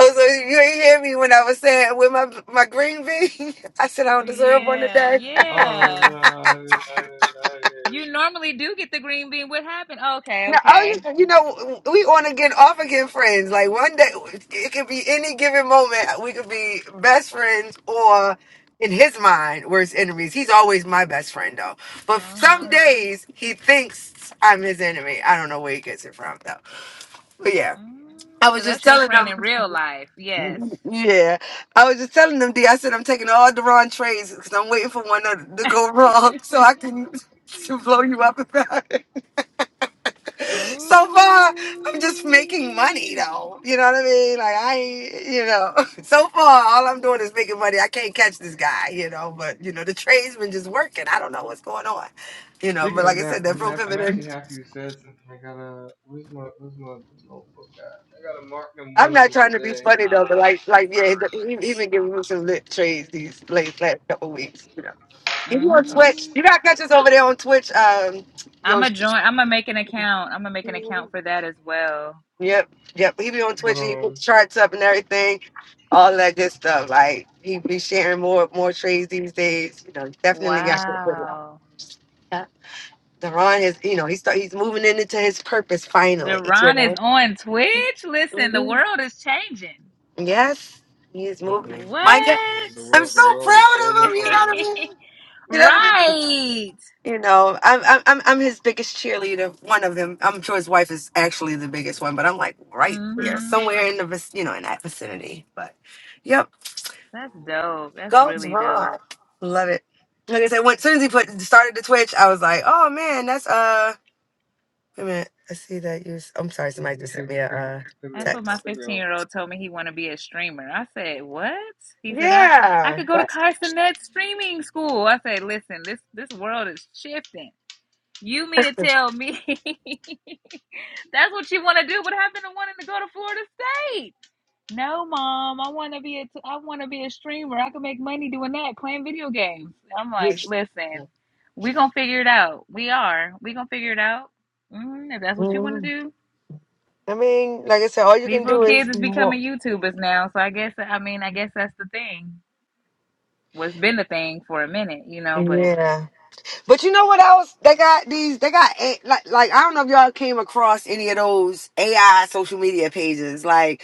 [SPEAKER 4] so you ain't hear me when I was saying with my my green bean. I said I don't deserve one
[SPEAKER 8] yeah,
[SPEAKER 4] today.
[SPEAKER 1] Oh
[SPEAKER 8] yeah.
[SPEAKER 1] no, I didn't, I didn't, I didn't
[SPEAKER 8] You normally do get the green bean. What happened? Okay,
[SPEAKER 4] No, oh, you,
[SPEAKER 8] okay.
[SPEAKER 4] you know, we on again, off again friends. Like one day, it could be any given moment. We could be best friends, or in his mind, worst enemies. He's always my best friend, though. But
[SPEAKER 8] Uh huh.
[SPEAKER 4] some days he thinks I'm his enemy. I don't know where he gets it from, though. But yeah, I was
[SPEAKER 8] Because
[SPEAKER 4] just
[SPEAKER 8] that's your
[SPEAKER 4] telling
[SPEAKER 8] friend
[SPEAKER 4] them.
[SPEAKER 8] in real life. Yes.
[SPEAKER 4] Yeah, I was just telling them, D. I said I'm taking all the wrong trades because I'm waiting for one to, to go wrong so I can blow you up about it.
[SPEAKER 8] Ooh.
[SPEAKER 4] so far I'm just making money though. You know what I mean? Like I ain't- you know, so far all I'm doing is making money. I can't catch this guy, you know, but you know, the tradesman just working. I don't know what's going on. You know, but
[SPEAKER 1] Speaking of
[SPEAKER 4] like I
[SPEAKER 1] that,
[SPEAKER 4] said, that
[SPEAKER 1] I'm
[SPEAKER 4] pro
[SPEAKER 1] hap- I'm
[SPEAKER 4] pivoting.
[SPEAKER 1] actually happy you said something. I gotta where's my where's my notebook at? I gotta mark them
[SPEAKER 4] I'm
[SPEAKER 1] one
[SPEAKER 4] not
[SPEAKER 1] from
[SPEAKER 4] trying to be
[SPEAKER 1] today.
[SPEAKER 4] funny though, but like, like yeah, he, he been giving me some lit trades these last last couple weeks. You know, if you on
[SPEAKER 1] That's
[SPEAKER 4] Twitch,
[SPEAKER 8] Mm.
[SPEAKER 4] you got catch us over there on Twitch. Um,
[SPEAKER 8] I'm gonna join.
[SPEAKER 4] yo.
[SPEAKER 8] I'm gonna make an account. I'm gonna make an account for that as well.
[SPEAKER 4] Yep, yep. He be on
[SPEAKER 1] but
[SPEAKER 4] Twitch and he puts
[SPEAKER 1] um
[SPEAKER 4] charts up and everything, all that good stuff. Like he be sharing more more trades these days. You know, definitely got to with it.
[SPEAKER 8] Wow.
[SPEAKER 4] Yeah. Deron is, you know, he start he's moving in into his purpose finally. You
[SPEAKER 8] Deron is on Twitch.
[SPEAKER 4] know.
[SPEAKER 8] Listen, the world is changing.
[SPEAKER 4] Yes, he is moving.
[SPEAKER 1] mm-mm,
[SPEAKER 8] What?
[SPEAKER 4] My God,
[SPEAKER 1] mm-mm. the
[SPEAKER 4] I'm
[SPEAKER 1] world
[SPEAKER 4] so
[SPEAKER 1] the world is
[SPEAKER 4] proud
[SPEAKER 1] still the
[SPEAKER 4] of him. You know what I
[SPEAKER 1] same.
[SPEAKER 4] mean? You know what I mean?
[SPEAKER 8] right.
[SPEAKER 4] You know, I'm I'm I'm I'm his biggest cheerleader. One of them. I'm sure his wife is actually the biggest one, but I'm like right there,
[SPEAKER 8] hmm
[SPEAKER 4] somewhere in the vic- you know in that vicinity. But yep.
[SPEAKER 8] That's dope. That's
[SPEAKER 4] Go
[SPEAKER 8] really dope.
[SPEAKER 4] Javon. Love it. Like I said, when as soon as he put started the Twitch, I was like, oh man, that's uh wait a minute. I see that you s- I'm sorry,
[SPEAKER 1] Yeah,
[SPEAKER 4] somebody
[SPEAKER 1] we
[SPEAKER 4] just sent
[SPEAKER 1] think
[SPEAKER 4] me
[SPEAKER 1] I
[SPEAKER 4] a
[SPEAKER 1] think we
[SPEAKER 4] uh
[SPEAKER 1] I think we
[SPEAKER 8] That's what
[SPEAKER 1] all I
[SPEAKER 8] my
[SPEAKER 4] text.
[SPEAKER 1] think we
[SPEAKER 8] 15
[SPEAKER 1] all
[SPEAKER 8] year old told me he want to be a streamer. I said, "What?" He said, "I I
[SPEAKER 4] Yeah.
[SPEAKER 8] could go to
[SPEAKER 4] That's
[SPEAKER 8] Carson Net streaming school." I said, "Listen, this this world is shifting. You mean to tell me that's what you want to do? What happened to wanting to go to Florida State?" No, mom, I want to be a t- I want to be a streamer. I can make money doing that, playing video games. I'm like,
[SPEAKER 4] huge.
[SPEAKER 8] "Listen, we gonna figure it out. We are. We gonna figure it out. hmm if that's what you want to
[SPEAKER 4] Mhm.
[SPEAKER 8] do."
[SPEAKER 4] I mean, like I said, all you
[SPEAKER 8] These
[SPEAKER 4] can
[SPEAKER 8] little
[SPEAKER 4] do
[SPEAKER 8] kids
[SPEAKER 4] is
[SPEAKER 8] is becoming
[SPEAKER 4] walk.
[SPEAKER 8] YouTubers now, so I guess I mean I guess that's the thing. What's been the thing for a minute, you know? But
[SPEAKER 4] Yeah. But you know what else? They got these. They got A- like like I don't know if y'all came across any of those AI social media pages. Like,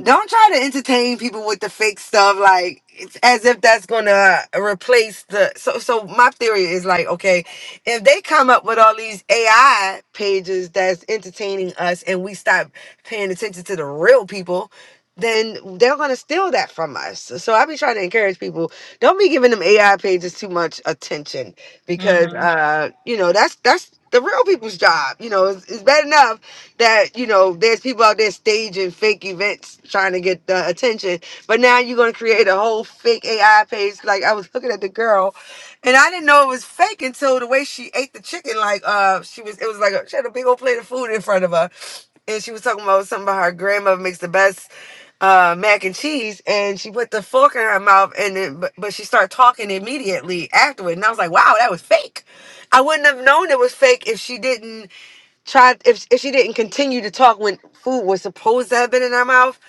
[SPEAKER 4] don't try to entertain people with the fake stuff. Like, it's as if that's gonna replace the. So so my theory is like, okay, if they come up with all these AI pages that's entertaining us, and we stop paying attention to the real people. Then they're gonna steal that from us. So I be trying to encourage people: don't be giving them AI pages too much attention because
[SPEAKER 8] hmm
[SPEAKER 4] uh you know that's that's the real people's job you know it's, it's bad enough that you know there's people out there staging fake events trying to get the attention but now you're going to create a whole fake ai page like i was looking at the girl and i didn't know it was fake until the way she ate the chicken like uh she was it was like a, she had a big old plate of food in front of her and she was talking about something about her grandmother makes the best uh mac and cheese and she put the fork in her mouth and then but, but she started talking immediately afterward and i was like wow that was fake i wouldn't have known it was fake if she didn't try if, if she didn't continue to talk when food was supposed to have been in her mouth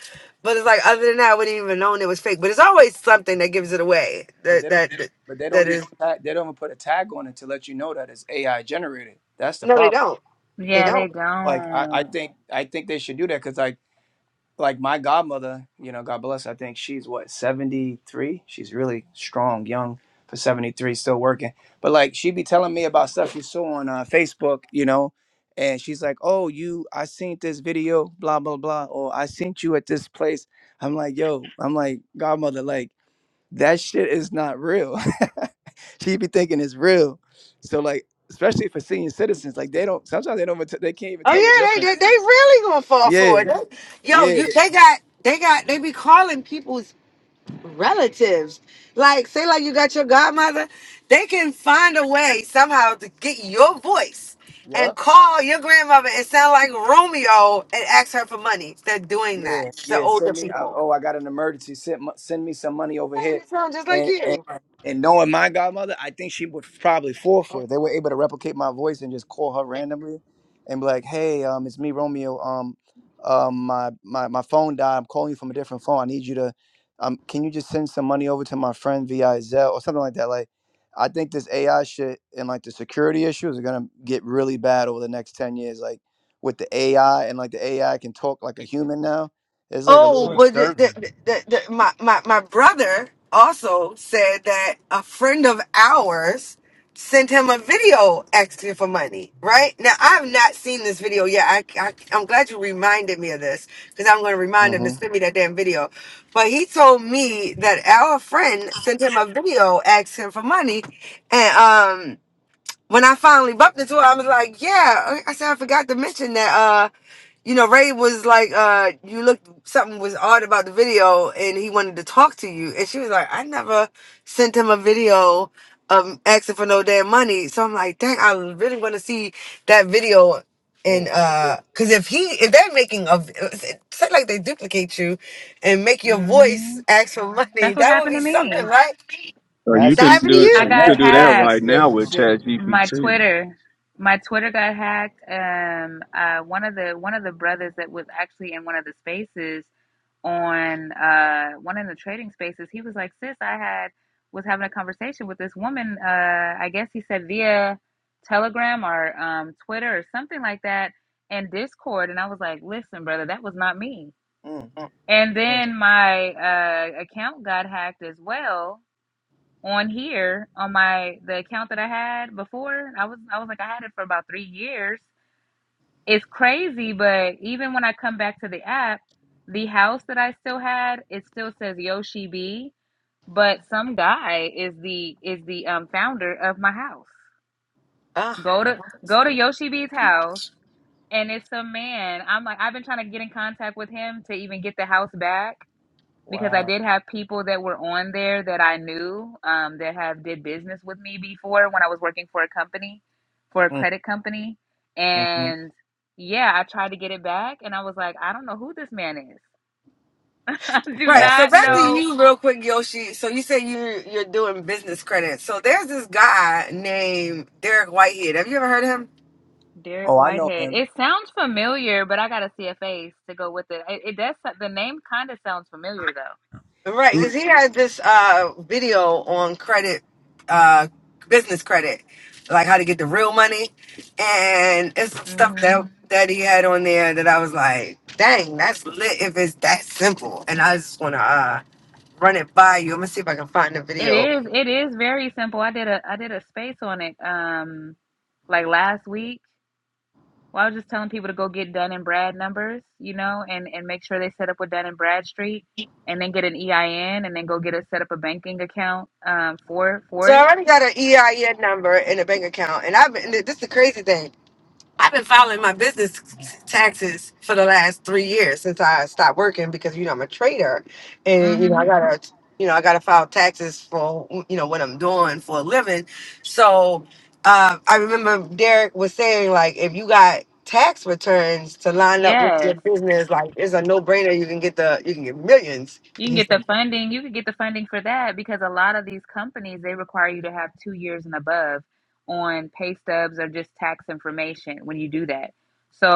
[SPEAKER 4] but it's like other than that i wouldn't even known it was fake but it's always something that gives it away
[SPEAKER 6] But
[SPEAKER 4] that
[SPEAKER 6] they don't,
[SPEAKER 4] that that
[SPEAKER 6] but they don't
[SPEAKER 4] that
[SPEAKER 6] even
[SPEAKER 4] is
[SPEAKER 6] tag, they don't even put a tag on it to let you know that it's AI generated. That's the
[SPEAKER 4] no they
[SPEAKER 6] problem.
[SPEAKER 4] don't they
[SPEAKER 8] yeah,
[SPEAKER 6] Like,
[SPEAKER 8] they
[SPEAKER 4] don't
[SPEAKER 6] like I, I
[SPEAKER 8] don't.
[SPEAKER 6] think I think they should do that because like my godmother, you know, God bless. her, I think she's what seventy three. She's really strong, young for seventy three, still working. But like she'd be telling me about stuff you saw on uh, Facebook, you know, and she's like, "Oh, you, I seen this video, blah blah blah," or "I seen you at this place." I'm like, "Yo," I'm like, "Godmother, like that shit is not real." she be thinking it's real. So like, especially for senior citizens, like they don't sometimes they don't even t- they can't even
[SPEAKER 4] oh
[SPEAKER 6] tell the
[SPEAKER 4] yeah they they,
[SPEAKER 6] difference.
[SPEAKER 4] they really gonna fall for it
[SPEAKER 6] Yeah,
[SPEAKER 4] They- yo
[SPEAKER 6] yeah,
[SPEAKER 4] you they got they got they be calling people. relatives. Like, say, like you got your godmother, they can find a way somehow to get your voice
[SPEAKER 6] yeah.
[SPEAKER 4] and call your grandmother and sound like Romeo and ask her for money. They're doing that.
[SPEAKER 6] Yeah,
[SPEAKER 4] The
[SPEAKER 6] yeah.
[SPEAKER 4] older
[SPEAKER 6] Send me. I,
[SPEAKER 4] people.
[SPEAKER 6] oh, I got an emergency. Send mo- send me some money over
[SPEAKER 4] Yeah,
[SPEAKER 6] here,
[SPEAKER 4] And it sounds just like
[SPEAKER 6] and
[SPEAKER 4] you.
[SPEAKER 6] and and knowing my godmother, I think she would probably fall for it. They were able to replicate my voice and just call her randomly, and be like, "Hey, um, it's me, Romeo. Um, um, my my my phone died. I'm calling you from a different phone. I need you to, um, can you just send some money over to my friend via Zelle or something like that? Like, I think this AI shit and like the security issues are gonna get really bad over the next ten years. Like with the AI and like the AI can talk like a human now. It's like a little
[SPEAKER 4] Oh,
[SPEAKER 1] But
[SPEAKER 4] but the,
[SPEAKER 6] disturbing.
[SPEAKER 4] the, the, the, my, my, my brother also said that a friend of ours sent him a video asking for money, right? Now, I have not seen this video yet. I, I, I'm glad you reminded me of this because I'm going to remind him to
[SPEAKER 6] hmm
[SPEAKER 4] send me that damn video. But he told me that our friend sent him a video asking for money. And um, when I finally bumped into her, I was like, yeah. I said, I forgot to mention that. uh, you know, Ray was like, uh, you looked something was odd about the video and he wanted to talk to you. And she was like, I never sent him a video of asking for no damn money. So I'm like, dang, I really want to see that video. And
[SPEAKER 6] Oh,
[SPEAKER 4] uh,
[SPEAKER 6] shit.
[SPEAKER 4] cause if he if they're making a say like they duplicate you and make your
[SPEAKER 8] hmm
[SPEAKER 4] voice ask for money,
[SPEAKER 8] That's what
[SPEAKER 4] that would
[SPEAKER 8] happened
[SPEAKER 4] be
[SPEAKER 8] to
[SPEAKER 4] something,
[SPEAKER 8] me.
[SPEAKER 4] right?
[SPEAKER 7] So you
[SPEAKER 6] That's some
[SPEAKER 4] That
[SPEAKER 7] can
[SPEAKER 4] happened to
[SPEAKER 7] do
[SPEAKER 6] scary. Now
[SPEAKER 8] I
[SPEAKER 7] so.
[SPEAKER 4] you.
[SPEAKER 7] You
[SPEAKER 8] got
[SPEAKER 7] can
[SPEAKER 6] that
[SPEAKER 7] do that
[SPEAKER 6] that's some
[SPEAKER 8] hacked.
[SPEAKER 7] right now
[SPEAKER 6] scary
[SPEAKER 7] with
[SPEAKER 6] shit.
[SPEAKER 7] Chat
[SPEAKER 8] My
[SPEAKER 7] GPT.
[SPEAKER 8] Twitter, my Twitter got hacked. Um, uh, one of the one of the brothers that was actually in one of the spaces. on uh one of the trading spaces he was like sis i had was having a conversation with this woman uh i guess he said via telegram or um twitter or something like that and discord and i was like listen brother that was not me
[SPEAKER 6] Mm,
[SPEAKER 8] and
[SPEAKER 6] mm,
[SPEAKER 8] then my uh account got hacked as well on here on my the account that i had before i was i was like i had it for about three years it's crazy, but even when I come back to the app, the house that I still had, it still says Yoshi B, but some guy is the is the um founder of my house.
[SPEAKER 4] Ah.
[SPEAKER 8] Go
[SPEAKER 6] Wow.
[SPEAKER 8] to go to Yoshi B's house and it's a man. I'm like I've been trying to get in contact with him to even get the house back because I
[SPEAKER 6] Wow.
[SPEAKER 8] did have people that were on there that I knew um, that have did business with me before when I was working for a company, for a
[SPEAKER 6] mm,
[SPEAKER 8] credit company,
[SPEAKER 6] hmm
[SPEAKER 8] and yeah, I tried to get it back, and I was like, I don't know who this man is. I do
[SPEAKER 4] Right.
[SPEAKER 6] That's
[SPEAKER 4] So
[SPEAKER 8] not
[SPEAKER 4] back to
[SPEAKER 6] crazy.
[SPEAKER 8] know
[SPEAKER 4] you real quick, Yoshi. So you say you're you're doing business credit. So there's this guy named Derek Whitehead. Have you ever heard of him?
[SPEAKER 8] Derek
[SPEAKER 6] Oh, I know
[SPEAKER 8] Whitehead.
[SPEAKER 6] him.
[SPEAKER 8] It sounds familiar, but I gotta see a face to go with it. It, it does. so, The name kind of sounds familiar though.
[SPEAKER 4] Right,
[SPEAKER 6] Mm,
[SPEAKER 4] because he had this uh video on credit uh business credit, like how to get the real money. And it's stuff
[SPEAKER 8] Mm-hmm.
[SPEAKER 4] that that he had on there that I was like, dang, that's lit if it's that simple. And I just wanna uh run it by you. I'm gonna see if I can find the
[SPEAKER 8] It
[SPEAKER 4] video
[SPEAKER 8] is. It is very simple. I did a. I did a space on it. Um, like last week Well, I was just telling people to go get Dun and Brad numbers, you know, and and make sure they set up with Dun and Bradstreet, and then get an EIN, and then go get a set up a banking account um for for
[SPEAKER 4] So I
[SPEAKER 8] it.
[SPEAKER 4] already got an EIN number and a bank account, and I've been. This is the crazy thing. I've been filing my business taxes for the last three years since I stopped working because you know I'm a trader, and you know
[SPEAKER 8] Mm-hmm.
[SPEAKER 4] I gotta, you know I gotta file taxes for you know what I'm doing for a living. So uh, I remember Derek was saying like, if you got tax returns to line up with your
[SPEAKER 8] Yes.
[SPEAKER 4] business, like it's a no brainer. You can get the you can get millions.
[SPEAKER 8] You can
[SPEAKER 4] He
[SPEAKER 8] get the
[SPEAKER 4] said.
[SPEAKER 8] funding. You could get the funding for that because a lot of these companies they require you to have two years and above on pay stubs or just tax information when you do that.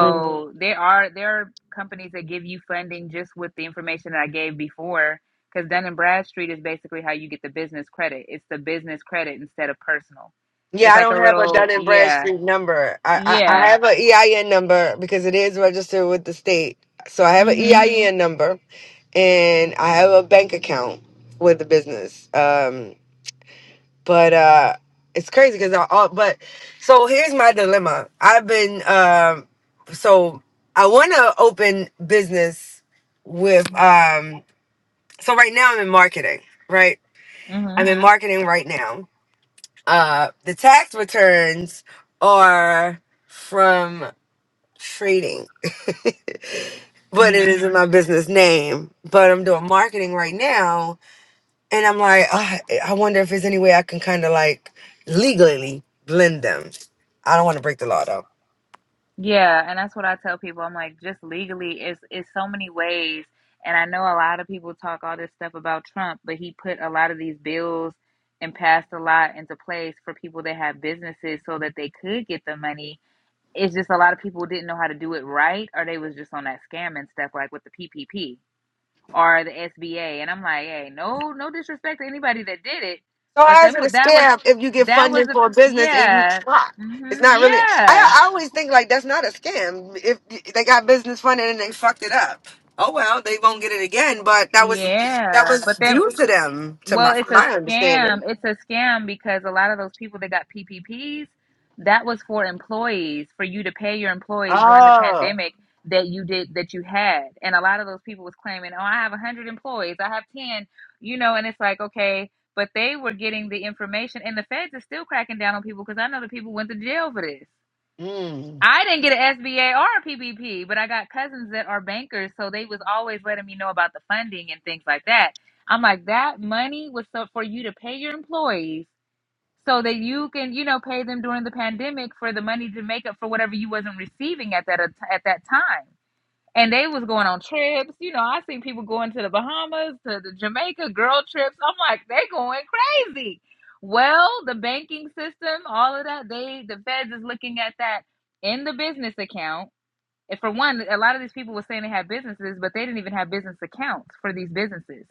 [SPEAKER 6] Mm.
[SPEAKER 8] there are there are companies that give you funding just with the information that I gave before. Because Dun and Bradstreet is basically how you get the business credit. It's the business credit instead of personal.
[SPEAKER 4] Yeah,
[SPEAKER 8] It's
[SPEAKER 4] I
[SPEAKER 8] like a
[SPEAKER 4] don't have a
[SPEAKER 8] little
[SPEAKER 4] Dun and
[SPEAKER 8] yeah
[SPEAKER 4] Bradstreet number. I, I, I
[SPEAKER 8] yeah.
[SPEAKER 4] have an EIN number because it is registered with the state. So I have an
[SPEAKER 8] Mhm.
[SPEAKER 4] EIN number and I have a bank account with the business. Um, but uh, it's crazy because I all but so here's my dilemma. I've been um, so I want to open business with um, so right now I'm in marketing, right? I'm
[SPEAKER 8] Mhm.
[SPEAKER 4] in marketing right now uh, the tax returns are from trading, but it
[SPEAKER 8] Mhm.
[SPEAKER 4] isn't my business name. But I'm doing marketing right now, and I'm like, "Ah, I wonder if there's any way I can kind of like legally blend them. I don't want to break the law though.
[SPEAKER 8] Yeah, and that's what I tell people. I'm like, just legally, it's it's so many ways. And I know a lot of people talk all this stuff about Trump, but he put a lot of these bills and passed a lot into place for people that have businesses so that they could get the money. It's just a lot of people didn't know how to do it right, or they was just on that scam and stuff, like with the PPP or the SBA. And I'm like, hey, no, no disrespect to anybody that did it,
[SPEAKER 4] So
[SPEAKER 8] but
[SPEAKER 4] how is
[SPEAKER 8] then
[SPEAKER 4] it a
[SPEAKER 8] that was
[SPEAKER 4] scam if you get
[SPEAKER 8] that was
[SPEAKER 4] funding
[SPEAKER 8] a
[SPEAKER 4] for a business and you
[SPEAKER 8] yeah,
[SPEAKER 4] rock?
[SPEAKER 8] hmm
[SPEAKER 4] It's not really.
[SPEAKER 8] yeah.
[SPEAKER 4] I, I always think like that's not a scam. If they got business funding and they fucked it up, oh well, they won't get it again. But that was that
[SPEAKER 8] Yeah, but
[SPEAKER 4] was
[SPEAKER 8] then,
[SPEAKER 4] due to them, to my
[SPEAKER 8] well, it's
[SPEAKER 4] from
[SPEAKER 8] a
[SPEAKER 4] my understanding.
[SPEAKER 8] scam. It's a scam because a lot of those people that got PPPs, that was for employees, for you to pay your employees during the
[SPEAKER 4] Oh.
[SPEAKER 8] pandemic that you did that you had, and a lot of those people was claiming, oh, I have one hundred employees, I have ten, you know, and it's like okay, but they were getting the information, and the feds are still cracking down on people because I know the people went to jail for this.
[SPEAKER 4] Mm.
[SPEAKER 8] I didn't get an SBA or a PPP, but I got cousins that are bankers, so they was always letting me know about the funding and things like that. I'm like, that money was so for you to pay your employees so that you can, you know, pay them during the pandemic for the money to make up for whatever you wasn't receiving at that at that time and they was going on trips. You know, I seen people going to the Bahamas, to the Jamaica girl trips. I'm like, they going crazy. Well, the banking system, all of that, they the feds is looking at that in the business account. And for one, a lot of these people were saying they had businesses, but they didn't even have business accounts for these businesses.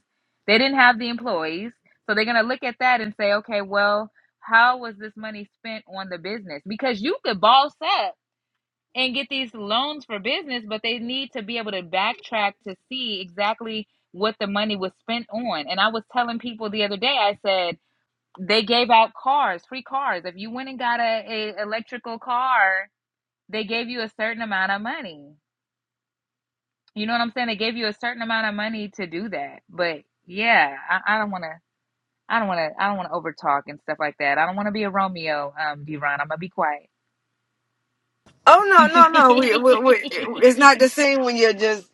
[SPEAKER 8] They didn't have the employees. So they're gonna look at that and say, okay, well, how was this money spent on the business? Because you could boss up and get these loans for business, but they need to be able to backtrack to see exactly what the money was spent on. And I was telling people the other day, I said they gave out cars, free cars. If you went and got a, a electrical car, they gave you a certain amount of money. You know what I'm saying? They gave you a certain amount of money to do that. But yeah, I, don't want to. I don't want to. I don't want to overtalk and stuff like that. I don't want to be a Romeo, um, Ron. I'm gonna be quiet.
[SPEAKER 4] Oh no no no! We, we, we, it's not the same when you're just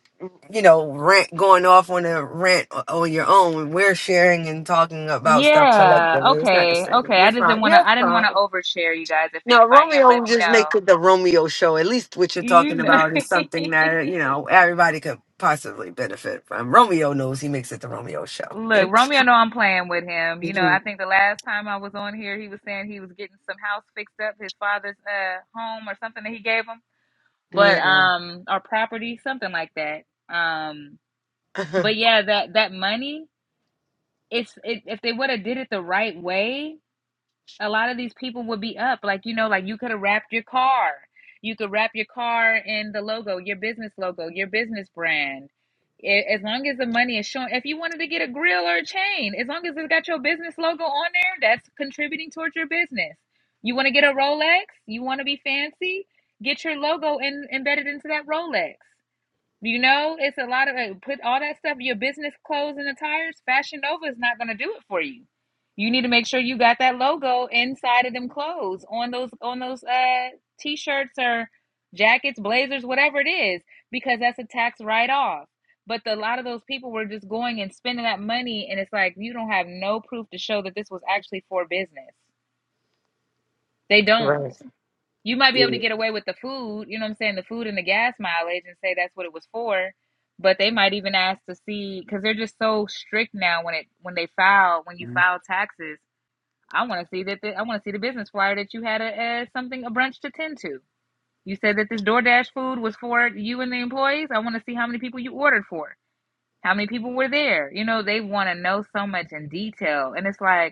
[SPEAKER 4] you know rant going off on a rant o- on your own. We're sharing and talking about stuff
[SPEAKER 8] Yeah.
[SPEAKER 4] collectively. It's not the
[SPEAKER 8] Okay.
[SPEAKER 4] same.
[SPEAKER 8] Okay. I
[SPEAKER 4] You're
[SPEAKER 8] just didn't
[SPEAKER 4] fine.
[SPEAKER 8] want to.
[SPEAKER 4] You're
[SPEAKER 8] I didn't want
[SPEAKER 4] fine.
[SPEAKER 8] to overshare, you guys. If it,
[SPEAKER 4] No,
[SPEAKER 8] if I am, let
[SPEAKER 4] Romeo
[SPEAKER 8] me
[SPEAKER 4] just
[SPEAKER 8] know.
[SPEAKER 4] makes it the Romeo show. At least what you're
[SPEAKER 8] You
[SPEAKER 4] talking
[SPEAKER 8] know.
[SPEAKER 4] about is something that, you know, everybody could possibly benefit from. Romeo knows he makes it the Romeo show.
[SPEAKER 8] Look, Romeo. Know I'm playing with him. You know. I
[SPEAKER 4] Mhm.
[SPEAKER 8] think the last time I was on here, he was saying he was getting some house fixed up, his father's uh home or something that he gave him, but
[SPEAKER 4] yeah.
[SPEAKER 8] um, or property, something like that. Um, but yeah, that that money. It's it, if they would have did it the right way. a lot of these people would be up like you know like you could have wrapped your car you could wrap your car in the logo your business logo your business brand A- as long as the money is showing if you wanted to get a grill or a chain as long as it's got your business logo on there that's contributing towards your business you want to get a rolex you want to be fancy get your logo in, embedded into that rolex you know, it's a lot of uh, put all that stuff, your business clothes and attires, Fashion Nova is not going to do it for you. You need to make sure you got that logo inside of them clothes on those on those uh t-shirts or jackets, blazers, whatever it is, because that's a tax write-off. But the, a lot of those people were just going and spending that money, and it's like you don't have no proof to show that this was actually for business. They don't.
[SPEAKER 4] right.
[SPEAKER 8] You might be able to
[SPEAKER 6] yeah.
[SPEAKER 8] get away with the food, you know what I'm saying, the food and the gas mileage and say that's what it was for. But they might even ask to see because they're just so strict now when it when they file when you
[SPEAKER 6] Mhm.
[SPEAKER 8] file taxes. I want to see that the, I want to see the business flyer that you had a, a something a brunch to tend to. You said that this DoorDash food was for you and the employees. I want to see how many people you ordered for. How many people were there? You know, they want to know so much in detail. And it's like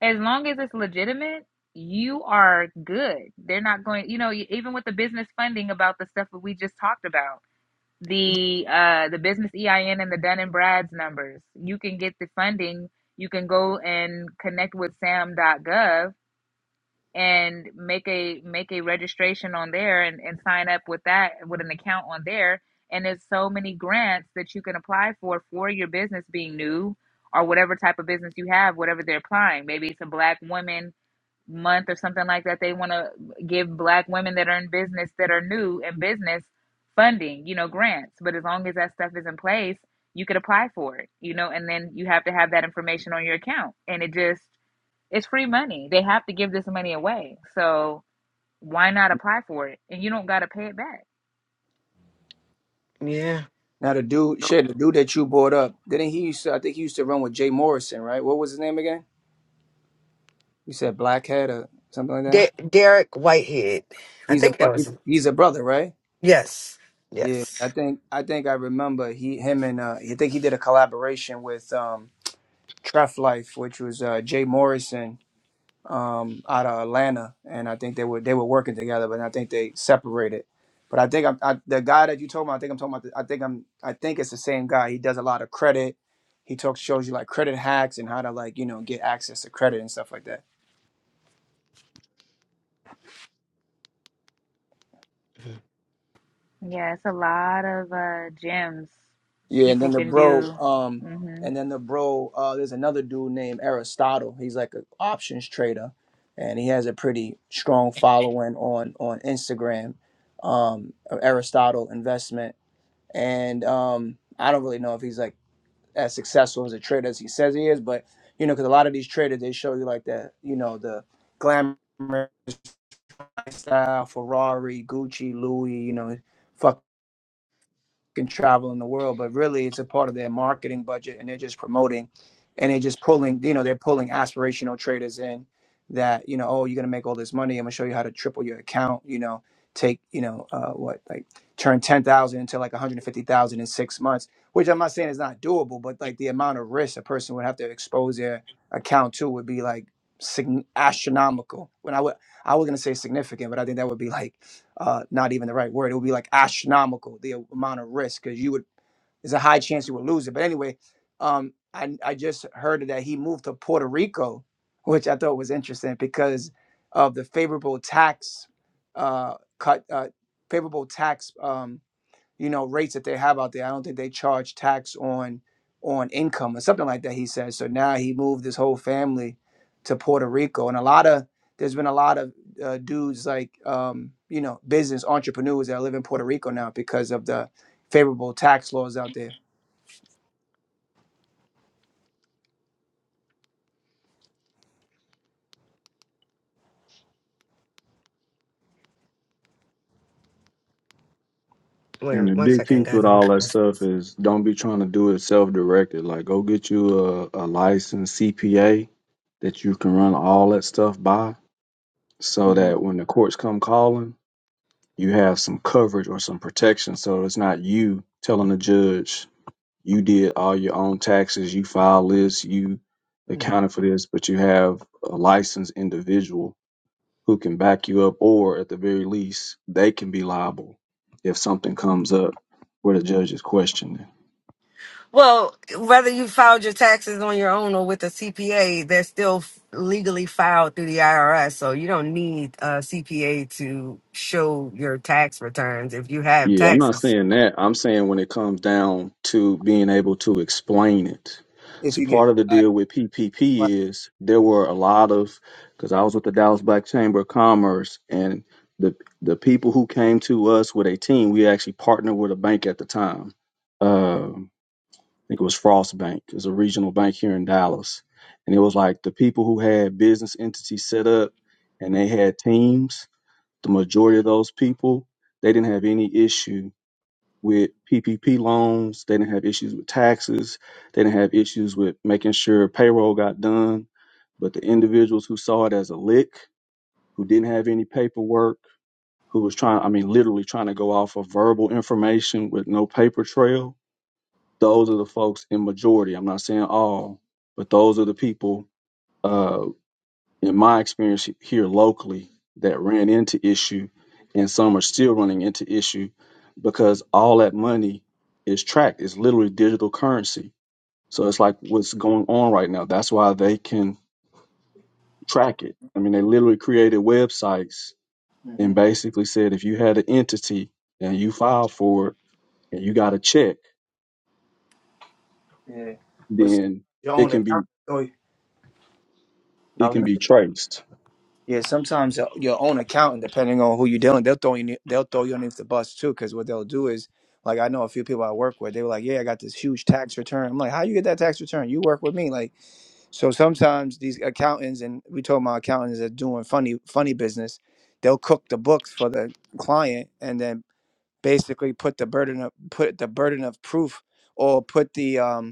[SPEAKER 8] as long as it's legitimate, you are good. They're not going, you know, e, even with the business funding about the stuff that we just talked about, the uh the business EIN and the Dun and Brad's numbers, you can get the funding. You can go and connect with sam.gov and make a make a registration on there and, and sign up with that with an account on there. And there's so many grants that you can apply for for your business being new or whatever type of business you have, whatever they're applying. Maybe it's a black woman month or something like that they want to give black women that are in business that are new in business funding you know grants but as long as that stuff is in place you could apply for it you know and then you have to have that information on your account and it just it's free money they have to give this money away so why not apply for it and you don't got to pay it back
[SPEAKER 4] Yeah.
[SPEAKER 6] Now the dude, shit, the dude that you brought up, didn't he used to? I think he used to run with Jay Morrison, right? What was his name again? You said Blackhead or something like that.
[SPEAKER 4] De- Derek Whitehead. I
[SPEAKER 6] He's a
[SPEAKER 4] think
[SPEAKER 6] bro-
[SPEAKER 4] that was
[SPEAKER 6] he's a brother, right?
[SPEAKER 4] yes.
[SPEAKER 6] Yeah, I
[SPEAKER 4] Yes.
[SPEAKER 6] think I think I remember he him and uh I think he did a collaboration with um Tref Life, which was uh Jay Morrison um out of Atlanta, and I think they were they were working together, but I think they separated. But I think I'm, I, the guy that you told me, I think I'm talking about. The, I think I'm I think it's the same guy. He does a lot of credit. He talks shows you like credit hacks and how to like you know get access to credit and stuff like that.
[SPEAKER 8] yeah it's a lot of uh gems
[SPEAKER 6] Yeah, and
[SPEAKER 8] people
[SPEAKER 6] then the
[SPEAKER 8] can
[SPEAKER 6] bro,
[SPEAKER 8] do
[SPEAKER 6] um,
[SPEAKER 8] hmm
[SPEAKER 6] and then the bro, uh, there's another dude named Aristotle. He's like an options trader, and he has a pretty strong following on on Instagram. Um, Aristotle Investment, and um, I don't really know if he's like as successful as a trader as he says he is, but you know, because a lot of these traders they show you like that, you know, the glamour lifestyle, Ferrari, Gucci, Louis, you know, fuck can travel in the world, but really it's a part of their marketing budget and they're just promoting and they're just pulling, you know, they're pulling aspirational traders in that, you know, oh, you're going to make all this money. I'm going to show you how to triple your account, you know, take, you know, uh, what, like turn 10,000 into like 150,000 in six months, which I'm not saying is not doable, but like the amount of risk a person would have to expose their account to would be like sign- astronomical. When I would, I was going to say significant, but I think that would be like, uh, not even the right word. It would be like astronomical the amount of risk because you would there's a high chance you would lose it. But anyway, um, I I just heard that he moved to Puerto Rico, which I thought was interesting because of the favorable tax uh, cut, uh, favorable tax. Um, you know rates that they have out there. I don't think they charge tax on on income or something like that. He says so. Now he moved his whole family to Puerto Rico, and a lot of there's been a lot of uh, dudes like um, you know business entrepreneurs that live in Puerto Rico now because of the favorable tax laws out there.
[SPEAKER 4] Wait a
[SPEAKER 7] And the
[SPEAKER 4] minute, one
[SPEAKER 7] big
[SPEAKER 4] second,
[SPEAKER 7] piece
[SPEAKER 4] guys.
[SPEAKER 7] with
[SPEAKER 4] I'm
[SPEAKER 7] all that stuff is don't be trying to do it self directed. Like, go get you a, a licensed CPA that you can run all that stuff by so
[SPEAKER 6] hmm
[SPEAKER 7] that when the courts come calling, you have some coverage or some protection. So it's not you telling the judge you did all your own taxes, you filed this, you
[SPEAKER 6] hmm
[SPEAKER 7] accounted for this, but you have a licensed individual who can back you up, or at the very least, they can be liable if something comes up where the judge is questioning.
[SPEAKER 4] Well, whether you filed your taxes on your own or with a CPA, they're still f- legally filed through the IRS. So you don't need a CPA to show your tax returns if you have
[SPEAKER 7] Yeah, I'm not
[SPEAKER 4] taxes.
[SPEAKER 7] saying that. I'm saying when it comes down to being able to explain it.
[SPEAKER 6] If
[SPEAKER 7] See,
[SPEAKER 6] you get
[SPEAKER 7] part of the
[SPEAKER 6] right,
[SPEAKER 7] deal with
[SPEAKER 6] right.
[SPEAKER 7] PPP is there were a lot of, because I was with the Dallas Black Chamber of Commerce, and the the people who came to us with a team, we actually partnered with a bank at the time. Um, think it was Frost Bank. It's a regional bank here in Dallas. And it was like the people who had business entities set up and they had teams, the majority of those people, they didn't have any issue with PPP loans. They didn't have issues with taxes. They didn't have issues with making sure payroll got done. But the individuals who saw it as a lick, who didn't have any paperwork, who was trying, I mean, literally trying to go off of verbal information with no paper trail, those are the folks in majority. I'm not saying all, but those are the people, uh, in my experience here locally, that ran into issue, and some are still running into issue because all that money is tracked. It's literally digital currency. So it's like what's going on right now. That's why they can track it. I mean, they literally created websites
[SPEAKER 6] hmm
[SPEAKER 7] and basically said if you had an entity and you filed for it and you got a check,
[SPEAKER 6] yeah, but
[SPEAKER 7] then
[SPEAKER 6] you
[SPEAKER 7] it
[SPEAKER 6] own
[SPEAKER 7] can be
[SPEAKER 6] account. Oh,
[SPEAKER 7] it can
[SPEAKER 6] yeah.
[SPEAKER 7] be traced.
[SPEAKER 6] Yeah, sometimes your your own accountant, depending on who you're dealing, they'll throw you ne- they'll throw you underneath the bus too. Because what they'll do is, like, I know a few people I work with, they were like, "Yeah, I got this huge tax return." I'm like, "How you get that tax return? You work with me." Like, so sometimes these accountants and we told my accountants are doing funny funny business. They'll cook the books for the client and then basically put the burden of put the burden of proof or put the um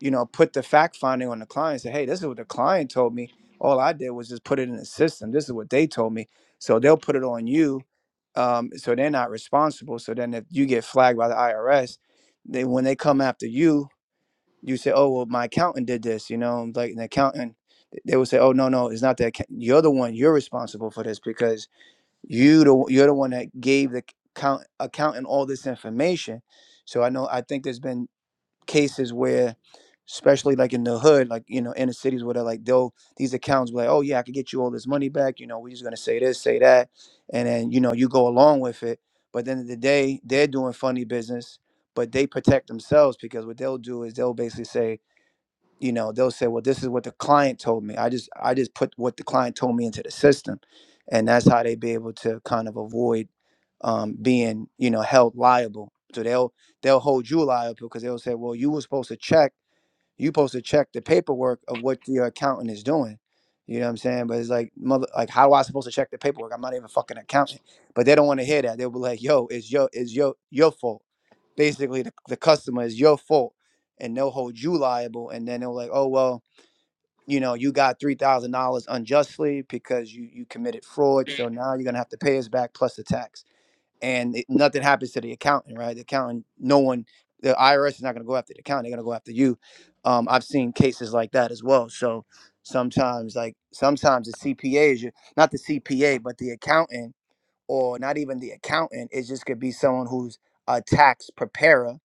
[SPEAKER 6] you know, put the fact finding on the client. Say, hey, this is what the client told me. All I did was just put it in the system. This is what they told me. So they'll put it on you. Um, so they're not responsible. So then if you get flagged by the IRS, they when they come after you, you say, oh well, my accountant did this. You know, like an accountant. They will say, "Oh no, no, it's not that. You're the one. You're responsible for this because you the you're the one that gave the account accountant all this information." So I know I think there's been cases where especially like in the hood like you know inner cities where they're like they'll these accounts be like oh yeah i could get you all this money back you know we're just going to say this say that and then you know you go along with it but at the end of the day they're doing funny business but they protect themselves because what they'll do is they'll basically say you know they'll say well this is what the client told me i just i just put what the client told me into the system and that's how they be able to kind of avoid um, being you know held liable so they'll they'll hold you liable because they'll say well you were supposed to check you supposed to check the paperwork of what your accountant is doing. You know what I'm saying? But it's like mother like how am I supposed to check the paperwork? I'm not even a fucking accountant. But they don't want to hear that. They'll be like, yo, it's your it's your your fault. Basically the, the customer is your fault and they'll hold you liable and then they'll like, oh well, you know, you got three thousand dollars unjustly because you you committed fraud, so now you're gonna have to pay us back plus the tax and it, nothing happens to the accountant, right? The accountant, no one, the IRS is not going to go after the accountant; they're going to go after you. Um, I've seen cases like that as well. So sometimes, like sometimes the CPA is your, not the CPA, but the accountant, or not even the accountant. It just could be someone who's a tax preparer,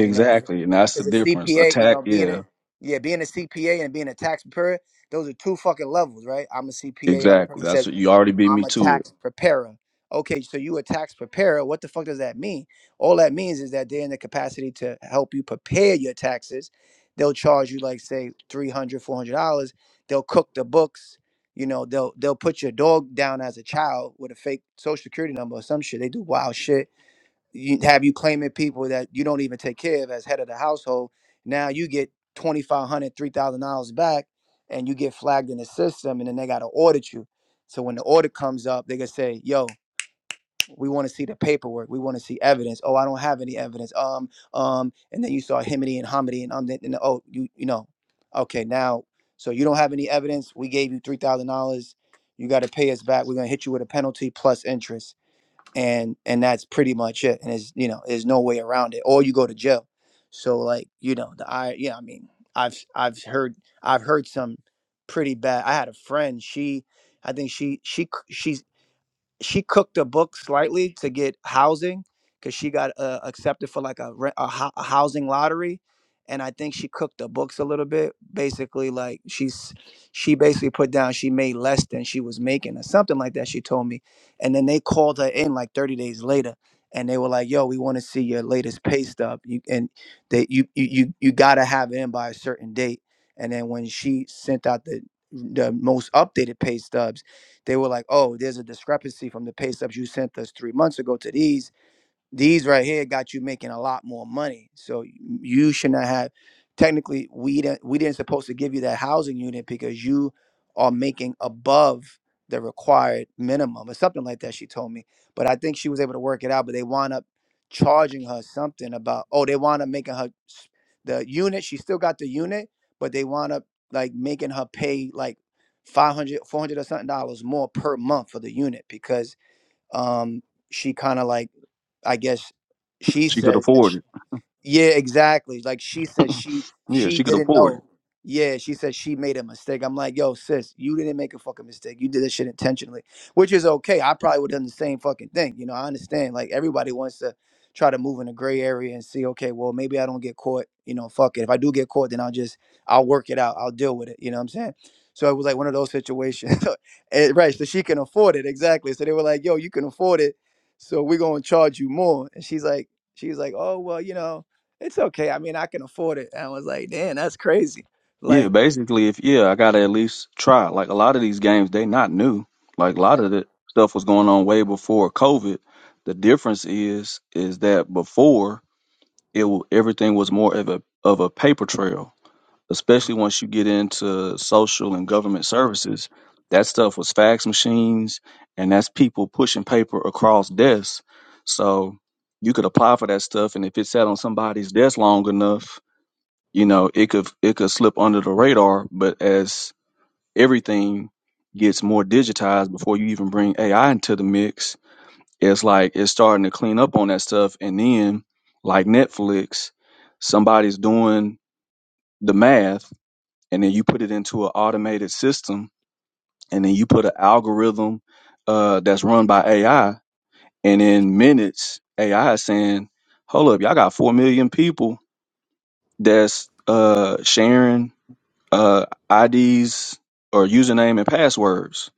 [SPEAKER 6] you know, because
[SPEAKER 7] and that's the
[SPEAKER 6] a
[SPEAKER 7] difference.
[SPEAKER 6] CPA, you
[SPEAKER 7] Attack,
[SPEAKER 6] know, being a
[SPEAKER 7] yeah,
[SPEAKER 6] yeah, being a CPA and being a tax preparer, those are two fucking levels, right? I'm a CPA. Other
[SPEAKER 7] exactly.
[SPEAKER 6] person
[SPEAKER 7] That's
[SPEAKER 6] says
[SPEAKER 7] what you already beat
[SPEAKER 6] I'm
[SPEAKER 7] me
[SPEAKER 6] a
[SPEAKER 7] to it.
[SPEAKER 6] tax preparer. Okay, so you a tax preparer. What the fuck does that mean? All that means is that they're in the capacity to help you prepare your taxes. They'll charge you like say 300, $400. They'll cook the books. You know, they'll they'll put your dog down as a child with a fake social security number or some shit. They do wild shit you have you claiming people that you don't even take care of as head of the household. Now you get twenty five hundred, dollars three thousand dollars back, and you get flagged in the system, and then they got to audit you. So when the audit comes up, they gonna say, "Yo, we want to see the paperwork. We want to see evidence. Oh, I don't have any evidence. Um, um." And then you saw Himity and Hamidi and um, and and, oh, you you know, okay, now so you don't have any evidence. We gave you three thousand dollars. You got to pay us back. We're gonna hit you with a penalty plus interest and and that's pretty much it and it's you know there's no way around it or you go to jail so like you know the i yeah i mean i've i've heard i've heard some pretty bad i had a friend she i think she she c- she's she cooked a book slightly to get housing because she got uh, accepted for like a, re- a, hou- a housing lottery and i think she cooked the books a little bit basically like she's she basically put down she made less than she was making or something like that she told me and then they called her in like 30 days later and they were like yo we want to see your latest pay stub you and that you, you you you gotta have it in by a certain date and then when she sent out the the most updated pay stubs they were like, oh, there's a discrepancy from the pay stubs you sent us three months ago to these these right here got you making a lot more money. So you should not have. Technically, we didn't we didn't supposed to give you that housing unit because you are making above the required minimum or something like that. She told me, but I think she was able to work it out. But they wound up charging her something about oh they wound up making her s- the unit. She still got the unit, but they wound up like making her pay like 500 400 or something dollars more per month for the unit because um she kind of like I guess she
[SPEAKER 7] She could
[SPEAKER 6] says that
[SPEAKER 7] afford
[SPEAKER 6] yeah, exactly. Like she said,
[SPEAKER 7] it.
[SPEAKER 6] she
[SPEAKER 7] yeah,
[SPEAKER 6] she
[SPEAKER 7] she could
[SPEAKER 6] didn't
[SPEAKER 7] afford it.
[SPEAKER 6] know. Yeah, she said she made a mistake. I'm like, yo, sis, you didn't make a fucking mistake. You did this shit intentionally, which is okay. I probably would have done the same fucking thing. You know, I understand. Like everybody wants to try to move in a gray area and see, okay, well, maybe I don't get caught. You know, fuck it. If I do get caught, then I'll just I'll work it out. I'll deal with it. You know what I'm saying? So it was like one of those situations, Eh, right? So she can afford it exactly. So they were like, yo, you can afford it, so we're gonna charge you more. And she's like, she's like, oh well, you know. It's okay. I mean, I can afford it. And I was like, damn, that's crazy.
[SPEAKER 7] Yeah,
[SPEAKER 6] Like,
[SPEAKER 7] basically, if yeah, I gotta at least try. Like a lot of these games, they not new. Like a lot of the stuff was going on way before COVID. The difference is, is that before it, wa- everything was more of a of a paper trail. especially
[SPEAKER 6] Mhm.
[SPEAKER 7] once you get into social and government services, that stuff was fax machines and that's people pushing paper across desks. So you could apply for that stuff and if it sat on somebody's desk long enough, you know, it could it could slip under the radar, but as everything gets more digitized before you even bring AI into the mix, it's like it's starting to clean up on that stuff and then like Netflix, somebody's doing the math and then you put it into an automated system and then you put an algorithm uh, that's run by AI and in minutes AI is saying, hold up, y'all got four million people that's uh, sharing uh, IDs or username and passwords.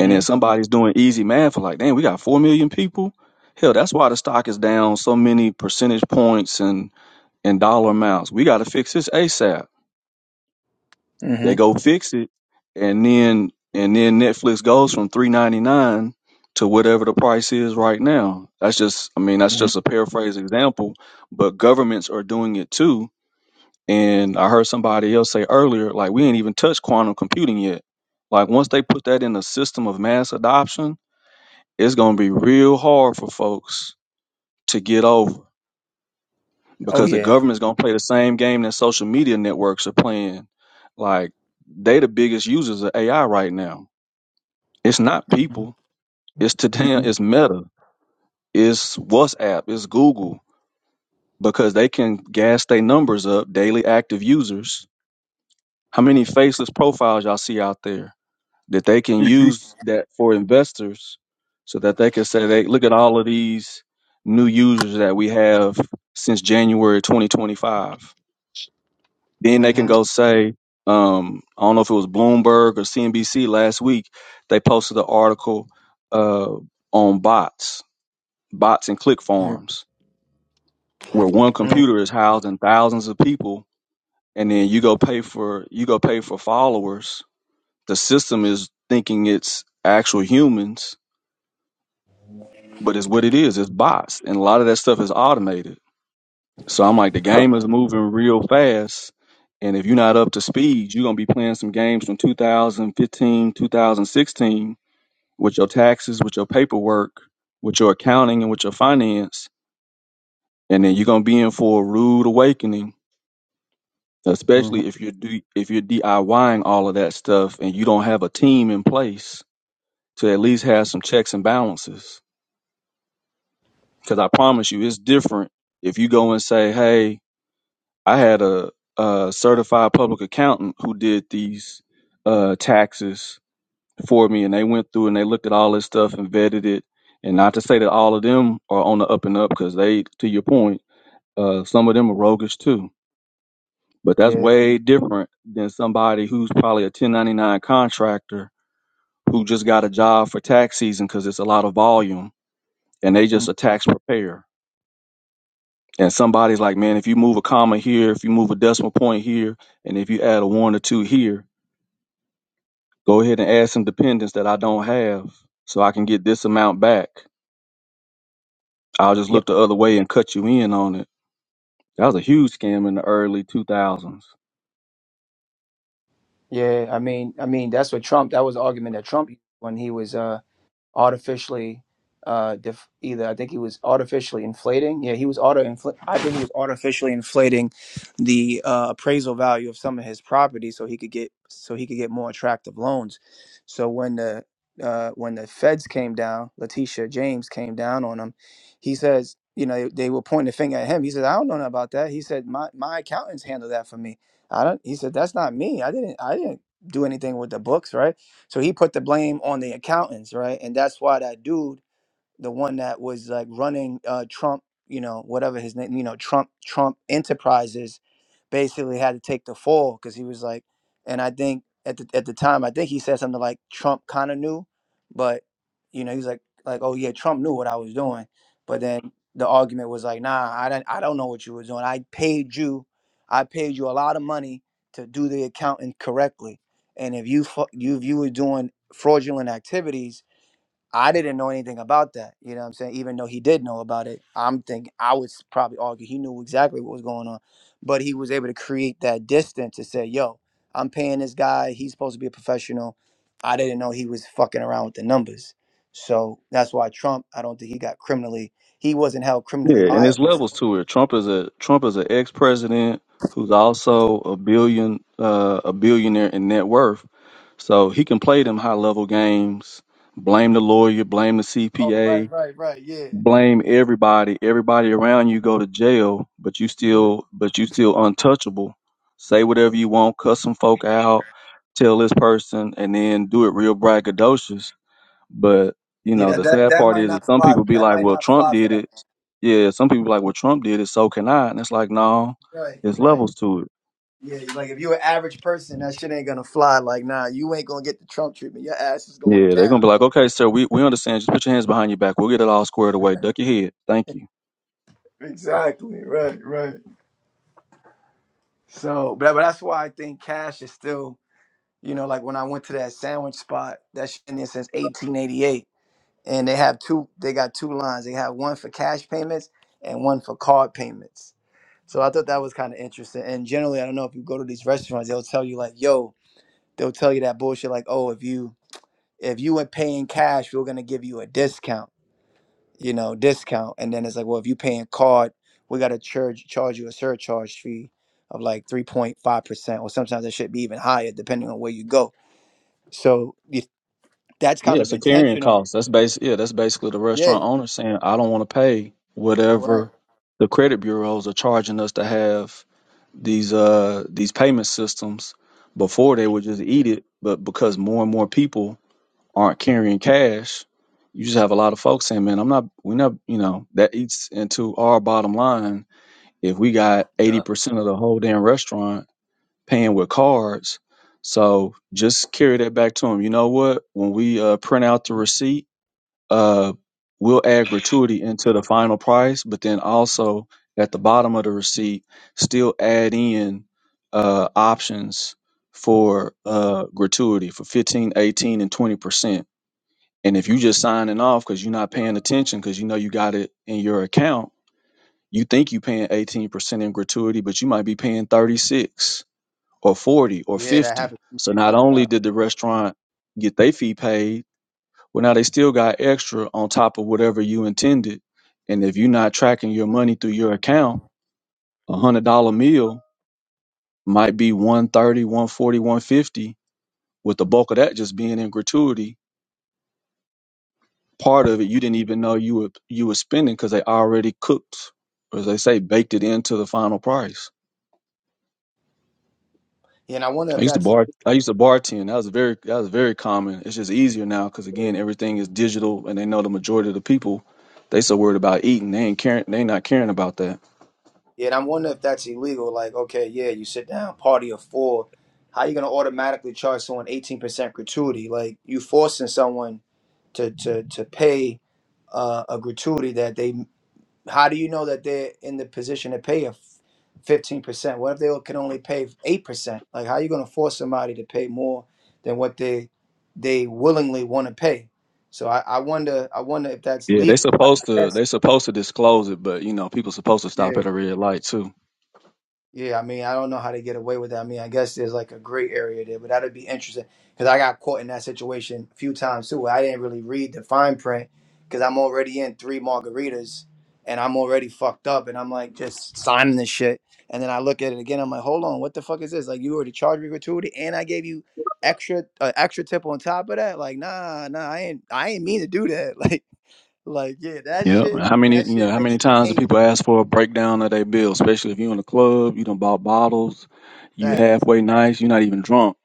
[SPEAKER 7] And then somebody's doing easy math for like, damn, we got four million people. Hell, that's why the stock is down so many percentage points and, and dollar amounts. We got to fix this ASAP They
[SPEAKER 6] mm-hmm,
[SPEAKER 7] go fix it, and then and then Netflix goes from three ninety nine to whatever the price is right now. That's just I mean that's
[SPEAKER 6] hmm
[SPEAKER 7] just a paraphrase example, but governments are doing it too. And I heard somebody else say earlier, like we ain't even touched quantum computing yet. Like once they put that in a system of mass adoption, it's gonna be real hard for folks to get over
[SPEAKER 6] oh
[SPEAKER 7] because the
[SPEAKER 6] yeah,
[SPEAKER 7] government's gonna play the same game that social media networks are playing. Like they the biggest users of AI right now It's not
[SPEAKER 6] mm-hmm.
[SPEAKER 7] people. It's to damn.
[SPEAKER 6] Mhm.
[SPEAKER 7] It's Meta. It's WhatsApp. It's Google because they can gas their numbers up, daily active users. How many faceless profiles y'all see out there that they can use that for investors, so that they can say, "They look at all of these new users that we have since January 2025." Then they can
[SPEAKER 6] Mhm.
[SPEAKER 7] go say, um, "I don't know if it was Bloomberg or CNBC last week. They posted an article uh, on bots." bots and click farms where one
[SPEAKER 6] Mhm.
[SPEAKER 7] computer is housing thousands of people and then you go pay for you go pay for followers the system is thinking it's actual humans but it's what it is it's bots and a lot of that stuff is automated so i'm like the game is moving real fast and if you're not up to speed you're going to be playing some games from 2015 2016 with your taxes with your paperwork with your accounting and with your finance and then you're going to be in for a rude awakening
[SPEAKER 6] Mhm.
[SPEAKER 7] especially if you're do, if you're DIYing all of that stuff and you don't have a team in place to at least have some checks and balances. Because I promise you, it's different if you go and say, "Hey, I had a, a certified public accountant who did these uh, taxes for me, and they went through and they looked at all this stuff and vetted it." And not to say that all of them are on the up and up, because they, to your point, uh, some of them are roguish too But that's
[SPEAKER 6] Yeah.
[SPEAKER 7] way different than somebody who's probably a 1099 contractor who just got a job for tax season because it's a lot of volume and they just
[SPEAKER 6] mm,
[SPEAKER 7] a tax preparer. And somebody's like, man, if you move a comma here, if you move a decimal point here, and if you add a one or two here, go ahead and add some dependents that I don't have so I can get this amount back. I'll just
[SPEAKER 6] yeah,
[SPEAKER 7] look the other way and cut you in on it. That was a huge scam in the early 2000s.
[SPEAKER 6] Yeah. I mean, I mean, that's what Trump. That was the argument that Trump used when he was. uh. artificially uh def- either I think he was artificially inflating. Yeah, he was auto infl- I think he was artificially inflating the uh, appraisal value of some of his property so he could get so he could get more attractive loans. So when the uh, when the feds came down, Letitia James came down on him. He says, you know, they were pointing the finger at him. He said, I don't know nothing about that. He said, my my accountants handle that for me. I don't. He said, that's not me. I didn't. I didn't do anything with the books, right? So he put the blame on the accountants, right? And that's why that dude, the one that was like running uh, Trump, you know, whatever his name, you know, Trump Trump Enterprises, basically had to take the fall because he was like, and I think at the at the time I think he said something like Trump kind of knew, but you know he's like like oh yeah Trump knew what I was doing, but then the argument was like nah I don't I don't know what you were doing I paid you, I paid you a lot of money to do the accounting correctly, and if you fu- you if you were doing fraudulent activities I didn't know anything about that. You know what I'm saying? Even though he did know about it, I'm thinking I would s- probably argue he knew exactly what was going on, but he was able to create that distance to say, yo, I'm paying this guy. He's supposed to be a professional. I didn't know he was fucking around with the numbers. So that's why Trump, I don't think he got criminally, he wasn't held criminally
[SPEAKER 7] Yeah, and there's
[SPEAKER 6] liable. for
[SPEAKER 7] levels
[SPEAKER 6] it.
[SPEAKER 7] to it. Trump is a Trump is an ex president who's also a billion uh, a billionaire in net worth. So he can play them high level games, blame the lawyer, blame the
[SPEAKER 6] Oh, right,
[SPEAKER 7] CPA,
[SPEAKER 6] right, right. Yeah.
[SPEAKER 7] blame everybody. Everybody around you go to jail, but you
[SPEAKER 6] Yeah.
[SPEAKER 7] still but you still untouchable. Say whatever you want, cuss some folk out, tell this person, and then do it real braggadocious but you
[SPEAKER 6] Yeah,
[SPEAKER 7] know,
[SPEAKER 6] know?
[SPEAKER 7] the
[SPEAKER 6] that
[SPEAKER 7] sad
[SPEAKER 6] that
[SPEAKER 7] part
[SPEAKER 6] might
[SPEAKER 7] is
[SPEAKER 6] not
[SPEAKER 7] that some
[SPEAKER 6] fly.
[SPEAKER 7] people be
[SPEAKER 6] That
[SPEAKER 7] like,
[SPEAKER 6] might
[SPEAKER 7] "Well,
[SPEAKER 6] not
[SPEAKER 7] Trump
[SPEAKER 6] fly for
[SPEAKER 7] did
[SPEAKER 6] that.
[SPEAKER 7] it." Yeah, some people be like, "Well, Trump did it, so can I?" And it's like, no,
[SPEAKER 6] Right,
[SPEAKER 7] there's
[SPEAKER 6] right.
[SPEAKER 7] levels to it.
[SPEAKER 6] Yeah, like if you're an average person, that shit ain't gonna fly. Like, nah, you ain't gonna get the Trump treatment. Your ass is going
[SPEAKER 7] Yeah, they're gonna
[SPEAKER 6] down.
[SPEAKER 7] be like, "Okay, sir, we, we understand. Just put your hands behind your back. We'll get it all squared away. Duck your head. Thank you."
[SPEAKER 6] Exactly. Right. Right. So, but, but that's why I think cash is still, you know, like when I went to that sandwich spot, that shit in there since 1888, and they have two. They got two lines. They have one for cash payments and one for card payments. So I thought that was kind of interesting. And generally, I don't know if you go to these restaurants, they'll tell you like, yo, they'll tell you that bullshit like, oh, if you if you were paying cash, we are gonna give you a discount you know, discount. And then it's like, well, if you paying card, we gotta charge charge you a surcharge fee of like three point five percent, or sometimes it should be even higher depending on where you go. So you, that's
[SPEAKER 7] Yeah,
[SPEAKER 6] kind of
[SPEAKER 7] it's a carrying
[SPEAKER 6] intentional.
[SPEAKER 7] cost. That's basic. Yeah, that's basically the
[SPEAKER 6] Yeah,
[SPEAKER 7] restaurant owner saying, "I don't want to pay
[SPEAKER 6] right.
[SPEAKER 7] whatever the credit bureaus are charging us to have these uh these payment systems." Before they would just eat it, but because more and more people aren't carrying cash, you just have a lot of folks saying, "Man, I'm not. We're not. You know, that eats into our bottom line if we got eighty
[SPEAKER 6] Yup.
[SPEAKER 7] percent of the whole damn restaurant paying with cards." So just carry that back to them. You know what? When we uh, print out the receipt, uh, we'll add gratuity into the final price, but then also at the bottom of the receipt, still add in uh, options for uh, gratuity for 15, 18, and 20%. And if you just signing off because you're not paying attention because you know you got it in your account, you think you paying 18% in gratuity, but you might be paying 36 or 40 or
[SPEAKER 6] Yeah, that
[SPEAKER 7] 50.
[SPEAKER 6] happens. a
[SPEAKER 7] So
[SPEAKER 6] few
[SPEAKER 7] not only
[SPEAKER 6] times.
[SPEAKER 7] did the restaurant get their fee paid, well now they still got extra on top of whatever you intended. And if you're not tracking your
[SPEAKER 6] Mhm.
[SPEAKER 7] money through your account, a hundred dollar meal might be one thirty, one forty, one fifty, with the bulk of that just being in gratuity part of it you didn't even know you were you were spending because they already cooked, or as they say, baked it into the final price.
[SPEAKER 6] Yeah, and I wonder
[SPEAKER 7] I
[SPEAKER 6] if
[SPEAKER 7] used to
[SPEAKER 6] that's
[SPEAKER 7] bar. I used to bartend. That was very that was very common. It's just easier now because again
[SPEAKER 6] illegal.
[SPEAKER 7] everything is digital, and they know the majority of the people they so worried about eating they ain't caring they not caring about that.
[SPEAKER 6] yeah, and I wonder if that's illegal. Like, okay, yeah, you sit down, party of four. How you gonna automatically charge someone eighteen percent gratuity? Like, you forcing someone to to to pay uh, a gratuity that they how do you know that they're in the position to pay a 15% what if they can only pay 8% like how are you going to force somebody to pay more than what they they willingly want to pay so I, I wonder i wonder if that's
[SPEAKER 7] Yeah, they
[SPEAKER 6] legal i,
[SPEAKER 7] supposed
[SPEAKER 6] I
[SPEAKER 7] to
[SPEAKER 6] guess
[SPEAKER 7] they supposed to disclose it, but you know people supposed to
[SPEAKER 6] Yeah.
[SPEAKER 7] stop at a red light too.
[SPEAKER 6] Yeah, I mean, I don't know how they get away with that. I mean, I guess there's like a gray area there, but that'd be interesting because I got caught in that situation a few times too. Where I didn't really read the fine print because I'm already in three margaritas and I'm already fucked up, and I'm like just signing this shit, and then I look at it again. I'm like, hold on, what the fuck is this? Like, you already charged me gratuity, and I gave you extra uh, extra tip on top of that. Like, nah, nah, I ain't I ain't mean to do that. Like, like yeah, that
[SPEAKER 7] Yeah.
[SPEAKER 6] shit
[SPEAKER 7] How many
[SPEAKER 6] that
[SPEAKER 7] you know,
[SPEAKER 6] shit
[SPEAKER 7] how many
[SPEAKER 6] makes me
[SPEAKER 7] times do
[SPEAKER 6] angry.
[SPEAKER 7] people ask for a breakdown of their bill, especially if you're in a club, you done bought bottles, you
[SPEAKER 6] That
[SPEAKER 7] halfway nice, you're not even drunk.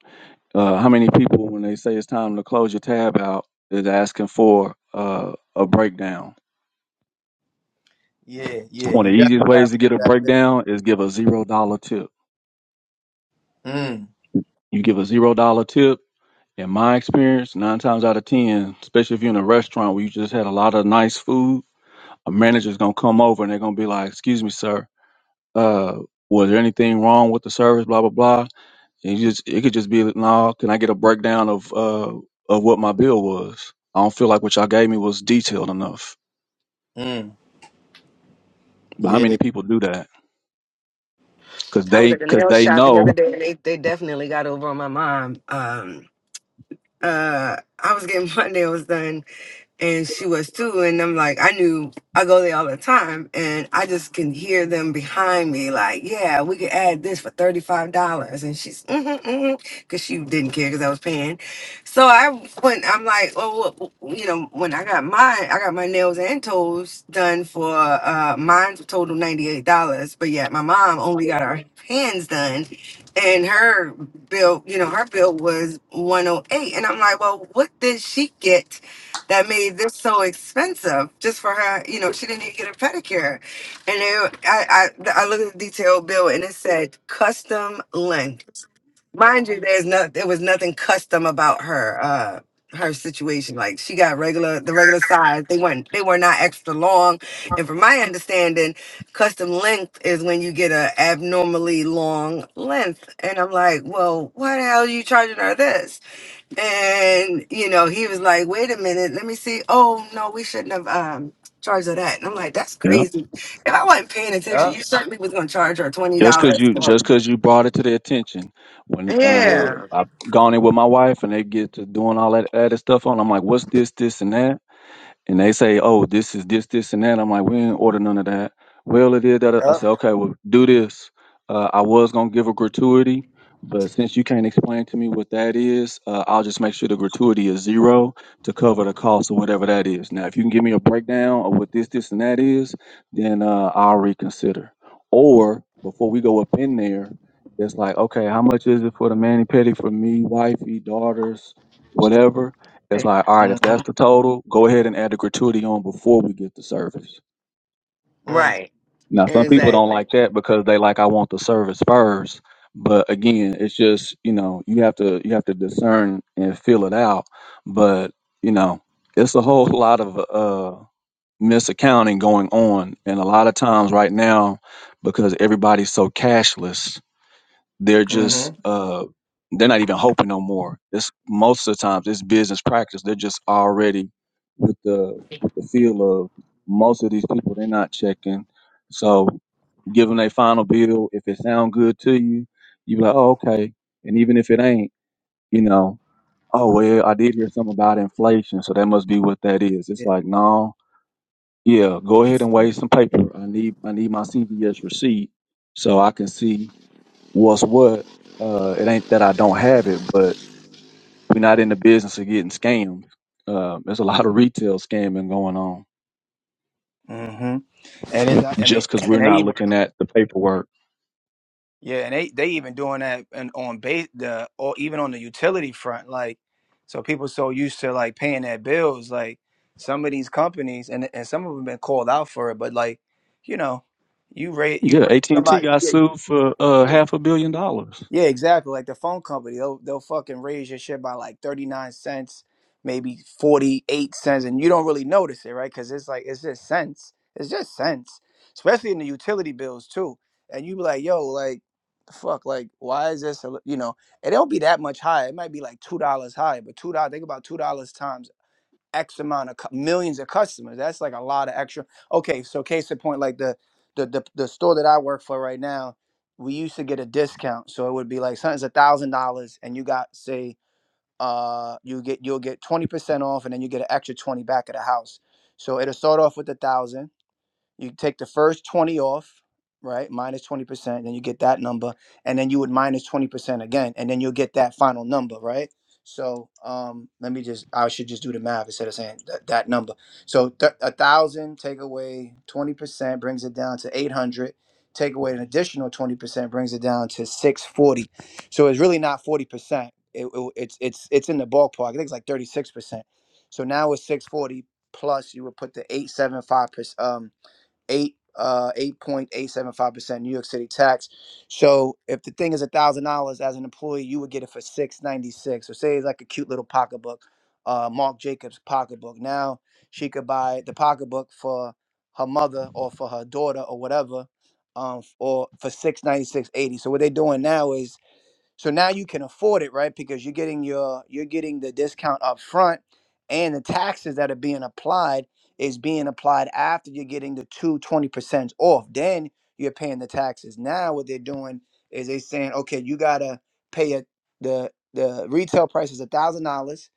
[SPEAKER 7] Uh, how many people when they say it's time to close your tab out is asking for uh, a breakdown?
[SPEAKER 6] yeah, yeah,
[SPEAKER 7] One
[SPEAKER 6] you
[SPEAKER 7] of the easiest
[SPEAKER 6] definitely
[SPEAKER 7] ways
[SPEAKER 6] got
[SPEAKER 7] to get a
[SPEAKER 6] that.
[SPEAKER 7] breakdown is give a zero dollar tip.
[SPEAKER 6] Mm,
[SPEAKER 7] You give a zero dollar tip, in my experience, nine times out of ten, especially if you're in a restaurant where you just had a lot of nice food, a manager's gonna come over and they're gonna be like, Excuse me, sir. uh, was there anything wrong with the service? Blah blah blah. And you just it could just be, no. Can I get a breakdown of uh of what my bill was? I don't feel like what y'all gave me was detailed enough.
[SPEAKER 6] mm,
[SPEAKER 7] But how
[SPEAKER 6] yeah.
[SPEAKER 7] many people do that? Because
[SPEAKER 4] I was
[SPEAKER 7] they
[SPEAKER 4] at the
[SPEAKER 7] because
[SPEAKER 4] nail
[SPEAKER 7] they
[SPEAKER 4] shop the other
[SPEAKER 7] know
[SPEAKER 4] day and they, they definitely got over on my mom. Um, uh, I was getting my nails done and she was too. And I'm like, I knew I go there all the time, and I just can hear them behind me, like, yeah, we could add this for thirty five dollars, and she's mm because she didn't care because I was paying. So I went. I'm like, oh, well, well, you know, when I got mine, I got my nails and toes done for uh, mine total ninety eight dollars, but yet my mom only got her hands done. And her bill, you know, her bill was 108. And I'm like, well, what did she get that made this so expensive just for her. You know, she didn't even get a pedicure. And it, I, I, I looked at the detail bill and it said custom length. Mind you, there's not, there was nothing custom about her, uh, her situation. Like she got regular, the regular size. They weren't, they were not extra long. And from my understanding, custom length is when you get a abnormally long length. And I'm like, well, why the hell are you charging her this? And you know, he was like, "Wait a minute, let me see. Oh no, we shouldn't have um charged her that." And I'm like, "That's
[SPEAKER 7] yeah.
[SPEAKER 4] crazy. If I wasn't paying attention,
[SPEAKER 6] Yeah.
[SPEAKER 4] you certainly was gonna charge her twenty
[SPEAKER 7] Just cause
[SPEAKER 4] dollars."
[SPEAKER 7] you just cause you brought it to their attention. When
[SPEAKER 6] Yeah.
[SPEAKER 7] uh
[SPEAKER 4] Yeah,
[SPEAKER 7] I've gone in with my wife and they get to doing all that added stuff on, I'm like, what's this, this and that? and they say, "Oh, this is this, this, and that." I'm like, "We didn't order none of that." Well, it is that I
[SPEAKER 6] Yeah.
[SPEAKER 7] say, "Okay, well, do this." Uh, I was gonna give a gratuity, but since you can't explain to me what that is, uh, I'll just make sure the gratuity is zero to cover the cost of whatever that is. Now, if you can give me a breakdown of what this, this, and that is, then uh, I'll reconsider. Or before we go up in there, it's like, okay, how much is it for the mani pedi for me, wifey, daughters, whatever? It's like, all right, if that's
[SPEAKER 6] Mm-hmm.
[SPEAKER 7] the total, go ahead and add the gratuity on before we get the service.
[SPEAKER 6] Mm,
[SPEAKER 4] right,
[SPEAKER 7] Now, some people don't
[SPEAKER 4] exactly.
[SPEAKER 7] like that because they like, I want the service first. But again, it's just you know you have to you have to discern and feel it out. But you know, it's a whole lot of uh, misaccounting going on, and a lot of times right now because everybody's so cashless they're
[SPEAKER 6] mm-hmm.
[SPEAKER 7] just uh they're not even hoping no more. It's most of the times it's business practice. They're just already with the with the feel of most of these people they're not checking. So give them their final bill. If it sound good to you, you be like, oh okay. And even if it ain't, you know, oh well, I did hear something about inflation, so that must be what that is.
[SPEAKER 6] Yeah.
[SPEAKER 7] It's like no, yeah, go ahead and wait some paper. I need I need my CVS receipt so I can see what's what. Uh, it ain't that I don't have it, but we're not in the business of getting scammed. Uh, there's a lot of retail scamming going on
[SPEAKER 6] Mm-hmm. And it's not, I mean,
[SPEAKER 7] just because we're
[SPEAKER 6] and they
[SPEAKER 7] not
[SPEAKER 6] even
[SPEAKER 7] looking at the paperwork.
[SPEAKER 6] yeah, and they they even doing that and on base the or even on the utility front, like so people so used to like paying their bills, like some of these companies and and some of them been called out for it, but like you know, you rate you
[SPEAKER 7] Yeah,
[SPEAKER 6] rate
[SPEAKER 7] AT and T
[SPEAKER 6] somebody,
[SPEAKER 7] got
[SPEAKER 6] yeah,
[SPEAKER 7] sued for uh,
[SPEAKER 6] yeah.
[SPEAKER 7] half a billion dollars.
[SPEAKER 6] Yeah, exactly. Like the phone company, they'll they'll fucking raise your shit by like thirty nine cents, maybe forty eight cents, and you don't really notice it, right? Because it's like it's just cents. It's just cents, especially in the utility bills too. And you be like, yo, like, fuck, like, why is this? a li- You know, it don't be that much higher. It might be like two dollars higher, but two dollars. Think about two dollars times X amount of cu- millions of customers. That's like a lot of extra. Okay, so case in point, like the the the, the store that I work for right now, we used to get a discount, so it would be like something's a thousand dollars, and you got say uh you get you'll get twenty percent off, and then you get an extra twenty back at the house. So it'll start off with a thousand you take the first 20 off right 20% then you get that number and then you would 20% again and then you'll get that final number right so um let me just i should just do the math instead of saying that, that number so th- a thousand take away 20% brings it down to 800 take away an additional 20% brings it down to 640 so it's really not 40% it, it- it's it's it's in the ballpark i think it's like 36% so now it's 640 plus you would put the 875% eight uh eight point eight seven five percent New York City tax. So if the thing is a thousand dollars as an employee, you would get it for six ninety six. So say it's like a cute little pocketbook, uh Marc Jacobs pocketbook. Now she could buy the pocketbook for her mother or for her daughter or whatever, um f- or for six ninety six eighty. So what they're doing now is so now you can afford it, right? Because you're getting your you're getting the discount up front and the taxes that are being applied is being applied after you're getting the two twenty percent off. Then you're paying the taxes. Now what they're doing is they saying, okay, you gotta pay it the the retail price is a thousand dollars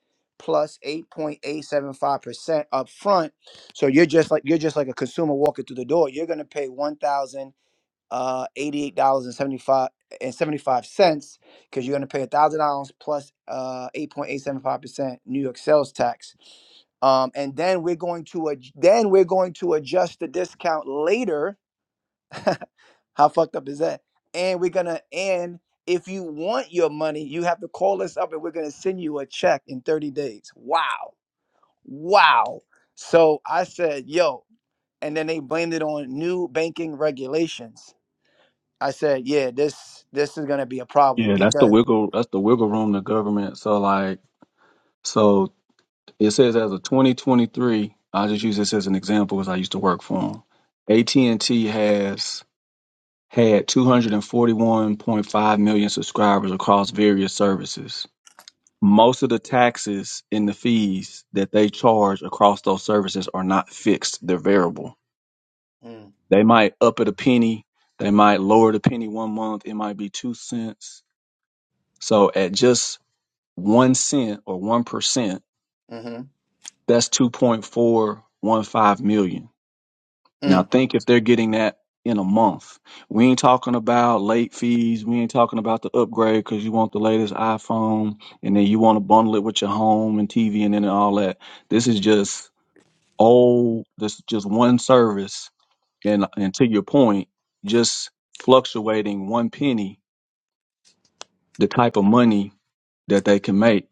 [SPEAKER 6] 8.875% up front. So you're just like you're just like a consumer walking through the door. You're gonna pay one thousand uh, eighty-eight dollars and seventy-five and seventy-five cents because you're going to pay a thousand dollars plus uh, eight point eight seven five percent New York sales tax. Um, and then we're going to ad- then we're going to adjust the discount later. How fucked up is that? And we're gonna and if you want your money, you have to call us up and we're gonna send you a check in 30 days. Wow. Wow. So I said, yo, and then they blamed it on new banking regulations. I said, yeah, this this is gonna be a problem
[SPEAKER 7] Yeah, that's the
[SPEAKER 6] because.
[SPEAKER 7] wiggle. That's the wiggle room the government. So like, so It says as of 2023, I'll just use this as an example because I used to work for them. AT&T has had 241.5 million subscribers across various services. Most of the taxes and the fees that they charge across those services are not fixed, they're variable.
[SPEAKER 6] Mm,
[SPEAKER 7] They might up it a penny, they might lower it a penny one month, it might be 2 cents. So at just 1 cent or 1%,
[SPEAKER 6] mm-hmm,
[SPEAKER 7] that's 2.415 million Now
[SPEAKER 6] mm,
[SPEAKER 7] think if they're getting that in a month. We ain't talking about late fees. We ain't talking about the upgrade because you want the latest iPhone and then you want to bundle it with your home and TV and then all that. This is just old. this is just one service and and to your point, just fluctuating one penny the type of money that they can make.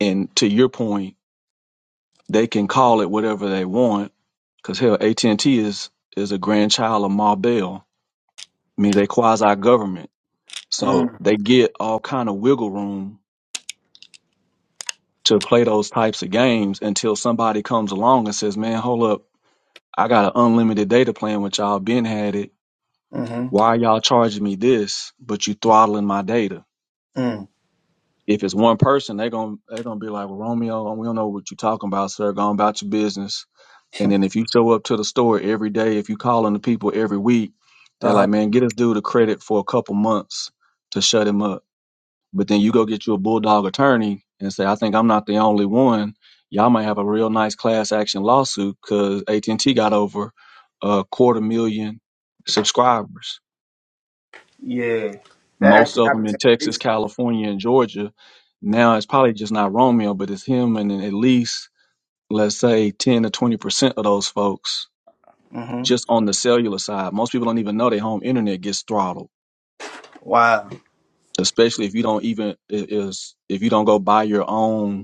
[SPEAKER 7] And to your point, they can call it whatever they want because hell, AT&T is is a grandchild of Ma Bell I mean, they quasi government, so
[SPEAKER 6] mm,
[SPEAKER 7] they get all kind of wiggle room to play those types of games until somebody comes along and says, "Man, hold up, I got an unlimited data plan, which y'all been had it.
[SPEAKER 6] mm-hmm,
[SPEAKER 7] Why are y'all charging me this, but you throttling my data?"
[SPEAKER 6] mm.
[SPEAKER 7] If it's one person, they gon' they gonna be like, "Well, Romeo, we don't know what you talking about, sir. Go on about your business." And then if you show up to the store every day, if you calling the people every week, they're
[SPEAKER 6] Uh-huh.
[SPEAKER 7] like, "Man, get this dude a credit for a couple months to shut him up." But then you go get you a bulldog attorney and say, I think I'm not the only one. Y'all might have a real nice class action lawsuit because AT&T got over a quarter million subscribers,
[SPEAKER 6] Yeah, that
[SPEAKER 7] most
[SPEAKER 6] actually
[SPEAKER 7] of them
[SPEAKER 6] happened
[SPEAKER 7] in
[SPEAKER 6] to me
[SPEAKER 7] Texas,
[SPEAKER 6] recently.
[SPEAKER 7] California, and Georgia. Now it's probably just not Romeo, but it's him and then at least let's say 10 to 20 percent of those folks
[SPEAKER 6] Mm-hmm.
[SPEAKER 7] just on the cellular side. Most people don't even know their home internet gets throttled,
[SPEAKER 6] Wow.
[SPEAKER 7] especially if you don't even is if you don't go buy your own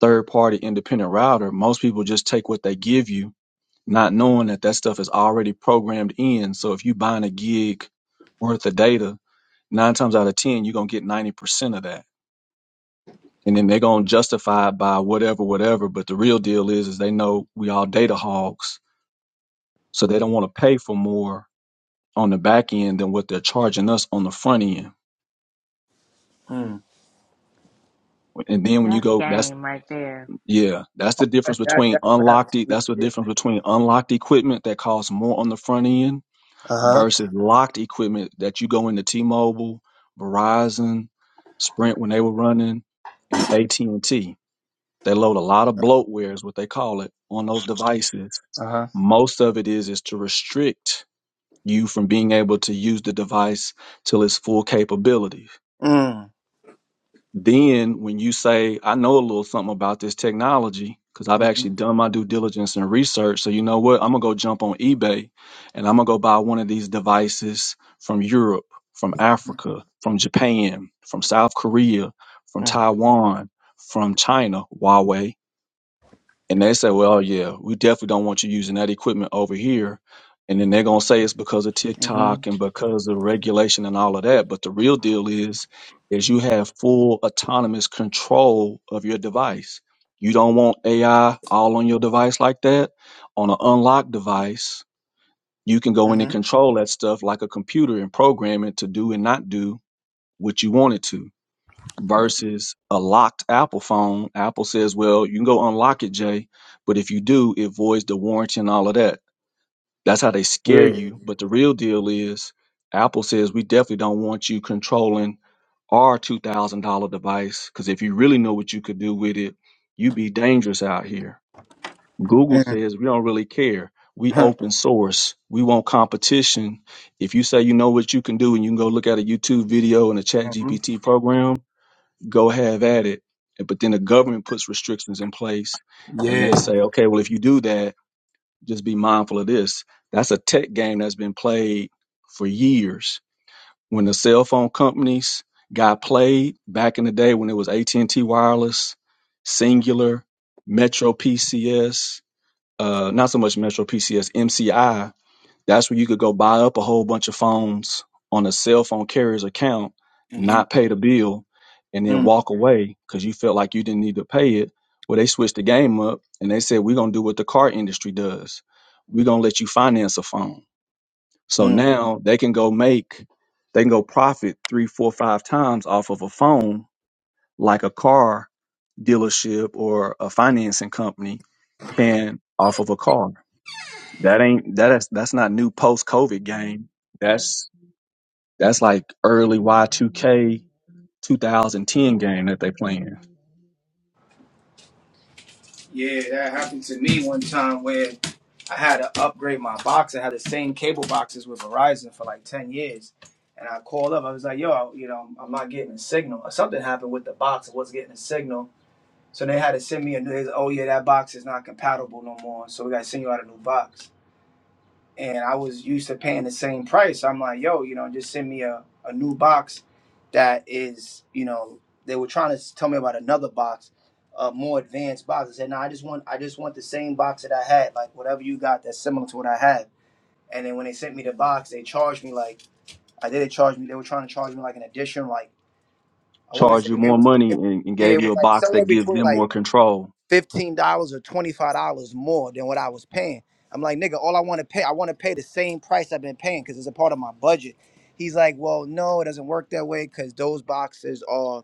[SPEAKER 7] third party independent router, most people just take what they give you, not knowing that that stuff is already programmed in. So if you buying a gig worth of data, nine times out of 10, you're going to get 90% of that. And then they're going to justify it by whatever, whatever. But the real deal is, is they know we all data hogs. So they don't want to pay for more on the back end than what they're charging us on the front end.
[SPEAKER 6] Mm.
[SPEAKER 7] And then when you
[SPEAKER 8] that's
[SPEAKER 7] go, that's,
[SPEAKER 8] game right there
[SPEAKER 7] yeah, that's the
[SPEAKER 6] That,
[SPEAKER 7] difference
[SPEAKER 6] that,
[SPEAKER 7] between
[SPEAKER 6] that's what happened
[SPEAKER 7] unlocked,
[SPEAKER 6] to
[SPEAKER 7] e-
[SPEAKER 6] me.
[SPEAKER 7] that's the
[SPEAKER 6] Yeah.
[SPEAKER 7] difference between unlocked equipment that costs more on the front end
[SPEAKER 6] Uh-huh.
[SPEAKER 7] versus locked equipment that you go into T-Mobile, Verizon, Sprint when they were running, and AT&T. They load a lot of bloatware is what they call it on those devices.
[SPEAKER 6] Uh-huh.
[SPEAKER 7] Most of it is is to restrict you from being able to use the device till its full capabilities.
[SPEAKER 6] Mm.
[SPEAKER 7] Then when you say, I know a little something about this technology, because I've
[SPEAKER 6] Mm-hmm.
[SPEAKER 7] actually done my due diligence and research. So you know what? I'm gonna go jump on eBay and I'm gonna go buy one of these devices from Europe, from Africa, from Japan, from South Korea, from Taiwan, from China, Huawei and they say, well, yeah, we definitely don't want you using that equipment over here. And then they're going to say it's because of
[SPEAKER 6] Mm-hmm.
[SPEAKER 7] TikTok and because of regulation and all of that. But the real deal is, is you have full autonomous control of your device. You don't want AI all on your device like that. On an unlocked device, you can go in and
[SPEAKER 6] Mm-hmm.
[SPEAKER 7] control that stuff like a computer and program it to do and not do what you want it to
[SPEAKER 6] Mm-hmm.
[SPEAKER 7] versus a locked Apple phone. Apple says, well, you can go unlock it, Jay, but if you do, it voids the warranty and all of that. That's how they scare
[SPEAKER 6] Yeah.
[SPEAKER 7] you. But the real deal is Apple says, we definitely don't want you controlling our $2,000 device because if you really know what you could do with it, you'd be dangerous out here. Google
[SPEAKER 6] Mm-hmm.
[SPEAKER 7] says, we don't really care. We open source. We want competition. If you say you know what you can do and you can go look at a YouTube video and a chat
[SPEAKER 6] Mm-hmm.
[SPEAKER 7] GPT program, go have at it. But then the government puts restrictions in place and
[SPEAKER 6] Yeah.
[SPEAKER 7] they say, okay, well, if you do that, just be mindful of this. That's a tech game that's been played for years. When the cell phone companies got played back in the day when it was AT&T Wireless,
[SPEAKER 6] Mm-hmm.
[SPEAKER 7] Singular, Metro PCS, uh, not so much Metro PCS, MCI, that's where you could go buy up a whole bunch of phones on a cell phone carrier's account, not
[SPEAKER 6] Mm-hmm.
[SPEAKER 7] pay the bill, and then walk away because you felt like you didn't need to pay it. Well, they switched the game up and they said, We're going to do what the car industry does. We're going to let you finance a phone. So
[SPEAKER 6] mm.
[SPEAKER 7] now they can go make, they can go profit three, four, five times off of a phone like a car dealership or a financing company can off of a car. That ain't that's that's not new post COVID game. That's that's like early Y two K 2010 game that they playing.
[SPEAKER 6] Yeah, that happened to me one time where I had to upgrade my box. I had the same cable boxes with Verizon for like 10 years. And I called up. I was like, yo, you know, I'm not getting a signal. something happened with the box. I wasn't getting a signal. So they had to send me a new, oh, yeah, that box is not compatible no more. So we got to send you out a new box and I was used to paying the same price. I'm like, yo, you know, just send me a, a new box that is, you know, they were trying to tell me about another box, a more advanced box. I said, no, I just want I just want the same box that I had, like whatever you got that's similar to what I had. And then when they sent me the box, they charged me like I did. They charged me. They were trying to charge me like an addition, like I want to
[SPEAKER 7] Charge
[SPEAKER 6] say
[SPEAKER 7] you
[SPEAKER 6] it
[SPEAKER 7] more
[SPEAKER 6] was,
[SPEAKER 7] money
[SPEAKER 6] it,
[SPEAKER 7] and, and
[SPEAKER 6] yeah,
[SPEAKER 7] gave
[SPEAKER 6] it
[SPEAKER 7] you
[SPEAKER 6] was
[SPEAKER 7] a
[SPEAKER 6] like
[SPEAKER 7] box that
[SPEAKER 6] somewhere
[SPEAKER 7] gives
[SPEAKER 6] between
[SPEAKER 7] them
[SPEAKER 6] like
[SPEAKER 7] more control.
[SPEAKER 6] $15 or $25 more than what I was paying. I'm like, nigga, all I want to pay, I want to pay the same price I've been paying because it's a part of my budget. He's like, well, no, it doesn't work that way because those boxes are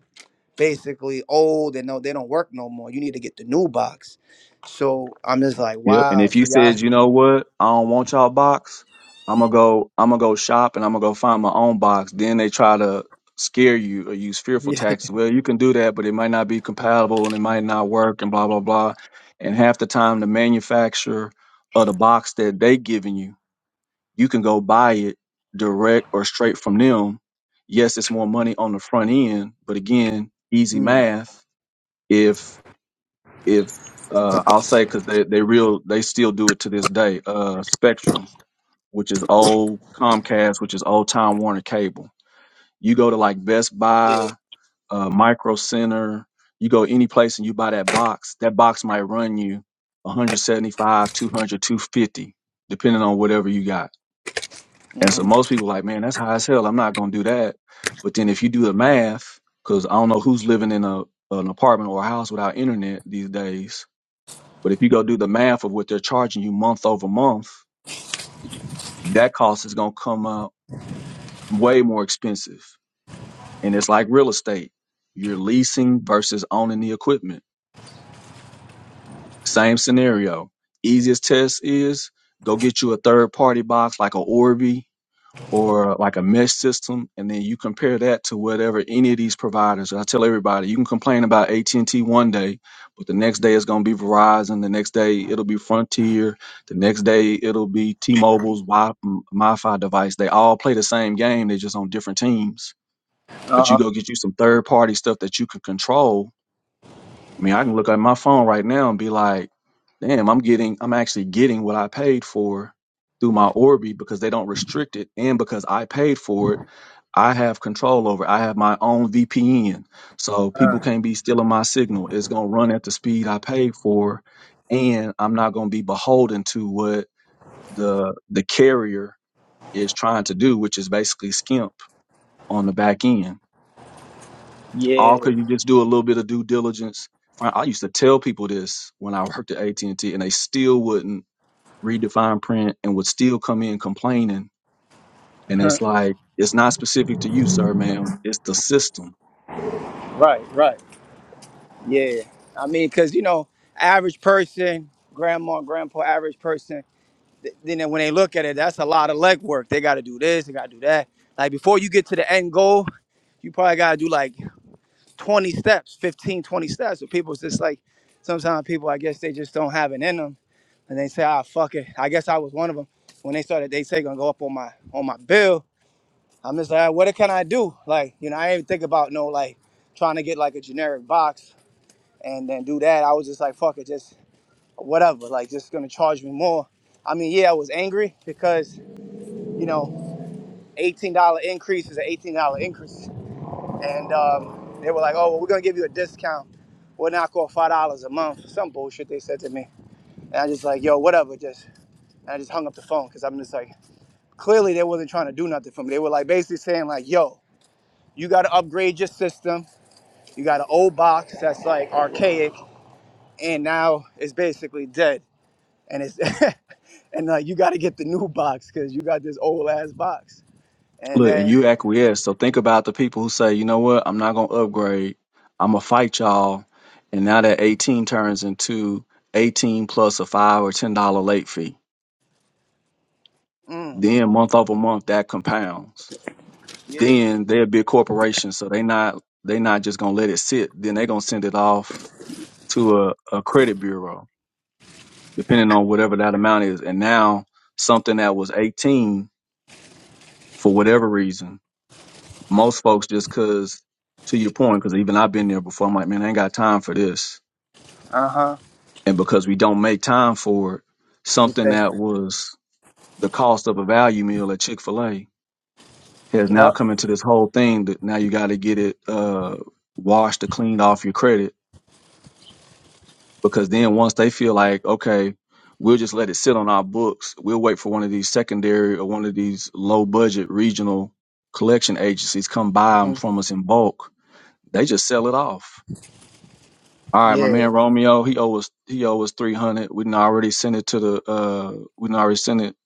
[SPEAKER 6] basically old and no, they don't work no more. You need to get the new box. So I'm just like,
[SPEAKER 7] Yep. And
[SPEAKER 6] wow.
[SPEAKER 7] if
[SPEAKER 6] So
[SPEAKER 7] you
[SPEAKER 6] y'all,
[SPEAKER 7] said, you know what, I don't want y'all box, I'm gonna go I'm gonna go shop and I'm gonna go find my own box. Then they try to scare you or use fearful
[SPEAKER 6] yeah,
[SPEAKER 7] tactics. Well, you can do that, but it might not be compatible and it might not work and blah blah blah. And half the time the manufacturer of the box that they giving you You can go buy it direct or straight from them. Yes, it's more money on the front end, but again, easy
[SPEAKER 6] Mm.
[SPEAKER 7] math. If if uh, I'll say because they they real they still do it to this day. Uh, Spectrum, which is old Comcast, which is old Time Warner Cable. You go to like Best
[SPEAKER 6] yeah,
[SPEAKER 7] Buy, uh, Micro Center. You go any place and you buy that box. That box might run you 175, 200, 250, depending on whatever you got And so
[SPEAKER 6] hmm
[SPEAKER 7] most people like, man, that's high as hell. I'm not going to do that. But then if you do the math, because I don't know who's living in a an apartment or a house without internet these days. But if you go do the math of what they're charging you month over month, that cost is going to come out way more expensive. And it's like real estate. You're leasing versus owning the equipment. Same scenario. Easiest test is go get you a third party box like a Orbi or like a mesh system, and then you compare that to whatever any of these providers. I tell everybody, you can complain about AT and T one day, but the next day it's going to be Verizon. The next day it'll be Frontier. The next day it'll be T-Mobile's Wi- m- MiFi device. They all play the same game. They're just on different teams. But you
[SPEAKER 6] uh-huh.
[SPEAKER 7] go get you some third-party stuff that you can control. I mean, I can look at my phone right now and be like, "Damn, I'm getting, I'm actually getting what I paid for." Through my Orbi because they don't restrict it, and because I paid for it, I have control over. it. I have my own VPN, so people
[SPEAKER 6] uh,
[SPEAKER 7] can't be stealing my signal. It's gonna run at the speed I paid for, and I'm not gonna be beholden to what the the carrier is trying to do, which is basically skimp on the back end. All
[SPEAKER 6] yeah,
[SPEAKER 7] because you just do a little bit of due diligence. Fri- I used to tell people this when I worked at AT and T, and they still wouldn't read the fine print and would still come in complaining. And it's like it's not specific to you, sir, ma'am. It's the system
[SPEAKER 6] right, right, yeah. I mean, because you know, average person, grandma, grandpa, average person. th- then when they look at it, that's a lot of leg work. They got to do this, they got to do that. Like before you get to the end goal, you probably got to do like 20 steps, 15, 20 steps. So people's just like, sometimes people, I guess they just don't have it in them. And they say, ah, fuck it. I guess I was one of them. When they started, they say, gonna go up on my on my bill. I'm just like, "Ah, what can I do? Like, you know, I didn't even think about no like trying to get like a generic box and then do that. I was just like, fuck it, just whatever. Like, just gonna charge me more. I mean, yeah, I was angry because, you know, $18 increase is an $18 increase. And um, they were like, oh, well, we're going to give you a discount. We'll knock off $5 a month. Some bullshit they said to me. And I just like, yo, whatever, just. And I just hung up the phone because I'm just like, clearly they wasn't trying to do nothing for me. They were like basically saying like, yo, you got to upgrade your system. You got an old box that's like archaic and now it's basically dead. And it's, and uh, you got to get the new box because you got this old ass box. And
[SPEAKER 7] Look, and
[SPEAKER 6] then,
[SPEAKER 7] you acquiesce. So think about the people who say, you know what, I'm not gonna upgrade. I'm gonna fight y'all. And now that 18 turns into 18 plus a five or ten dollar late fee.
[SPEAKER 6] mm,
[SPEAKER 7] Then month over month that compounds.
[SPEAKER 6] yeah,
[SPEAKER 7] Then they're a big corporation, so they not they not just gonna let it sit. Then they gonna send it off to a, a credit bureau, depending on whatever that amount is. And now something that was 18 for whatever reason Most folks just cause to your point, because even I've been there before. I'm like, man, I ain't got time for this.
[SPEAKER 6] uh
[SPEAKER 7] And because we don't make time for it,
[SPEAKER 6] huh.
[SPEAKER 7] something that was the cost of a value meal at Chick Fil A has now
[SPEAKER 6] Yeah.
[SPEAKER 7] come into this whole thing that now you got to get it uh, washed or cleaned off your credit. Because then once they feel like, okay, we'll just let it sit on our books. We'll wait for one of these secondary or one of these low budget regional collection agencies come buy them
[SPEAKER 6] mhm,
[SPEAKER 7] from us in bulk. They just sell it off All right, my
[SPEAKER 6] Yeah.
[SPEAKER 7] man Romeo, he owes he owes us three hundred. We done already sent it to the uh we done already sent it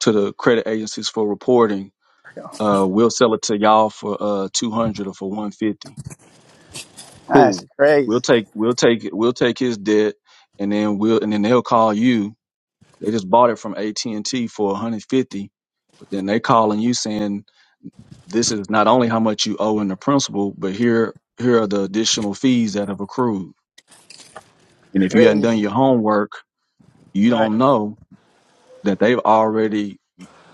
[SPEAKER 7] to the credit agencies for reporting. Uh, we'll sell it to y'all for uh two hundred or for one fifty.
[SPEAKER 6] That's
[SPEAKER 7] Cool. We'll
[SPEAKER 6] crazy.
[SPEAKER 7] take we'll take we'll take his debt, and then we'll and then they'll call you. They just bought it from AT and T for one hundred fifty, but then they calling you saying this is not only how much you owe in the principal, but here here are the additional fees that have accrued. And if you hadn't done
[SPEAKER 6] Crazy.
[SPEAKER 7] your homework you
[SPEAKER 6] Right.
[SPEAKER 7] don't know that they've already,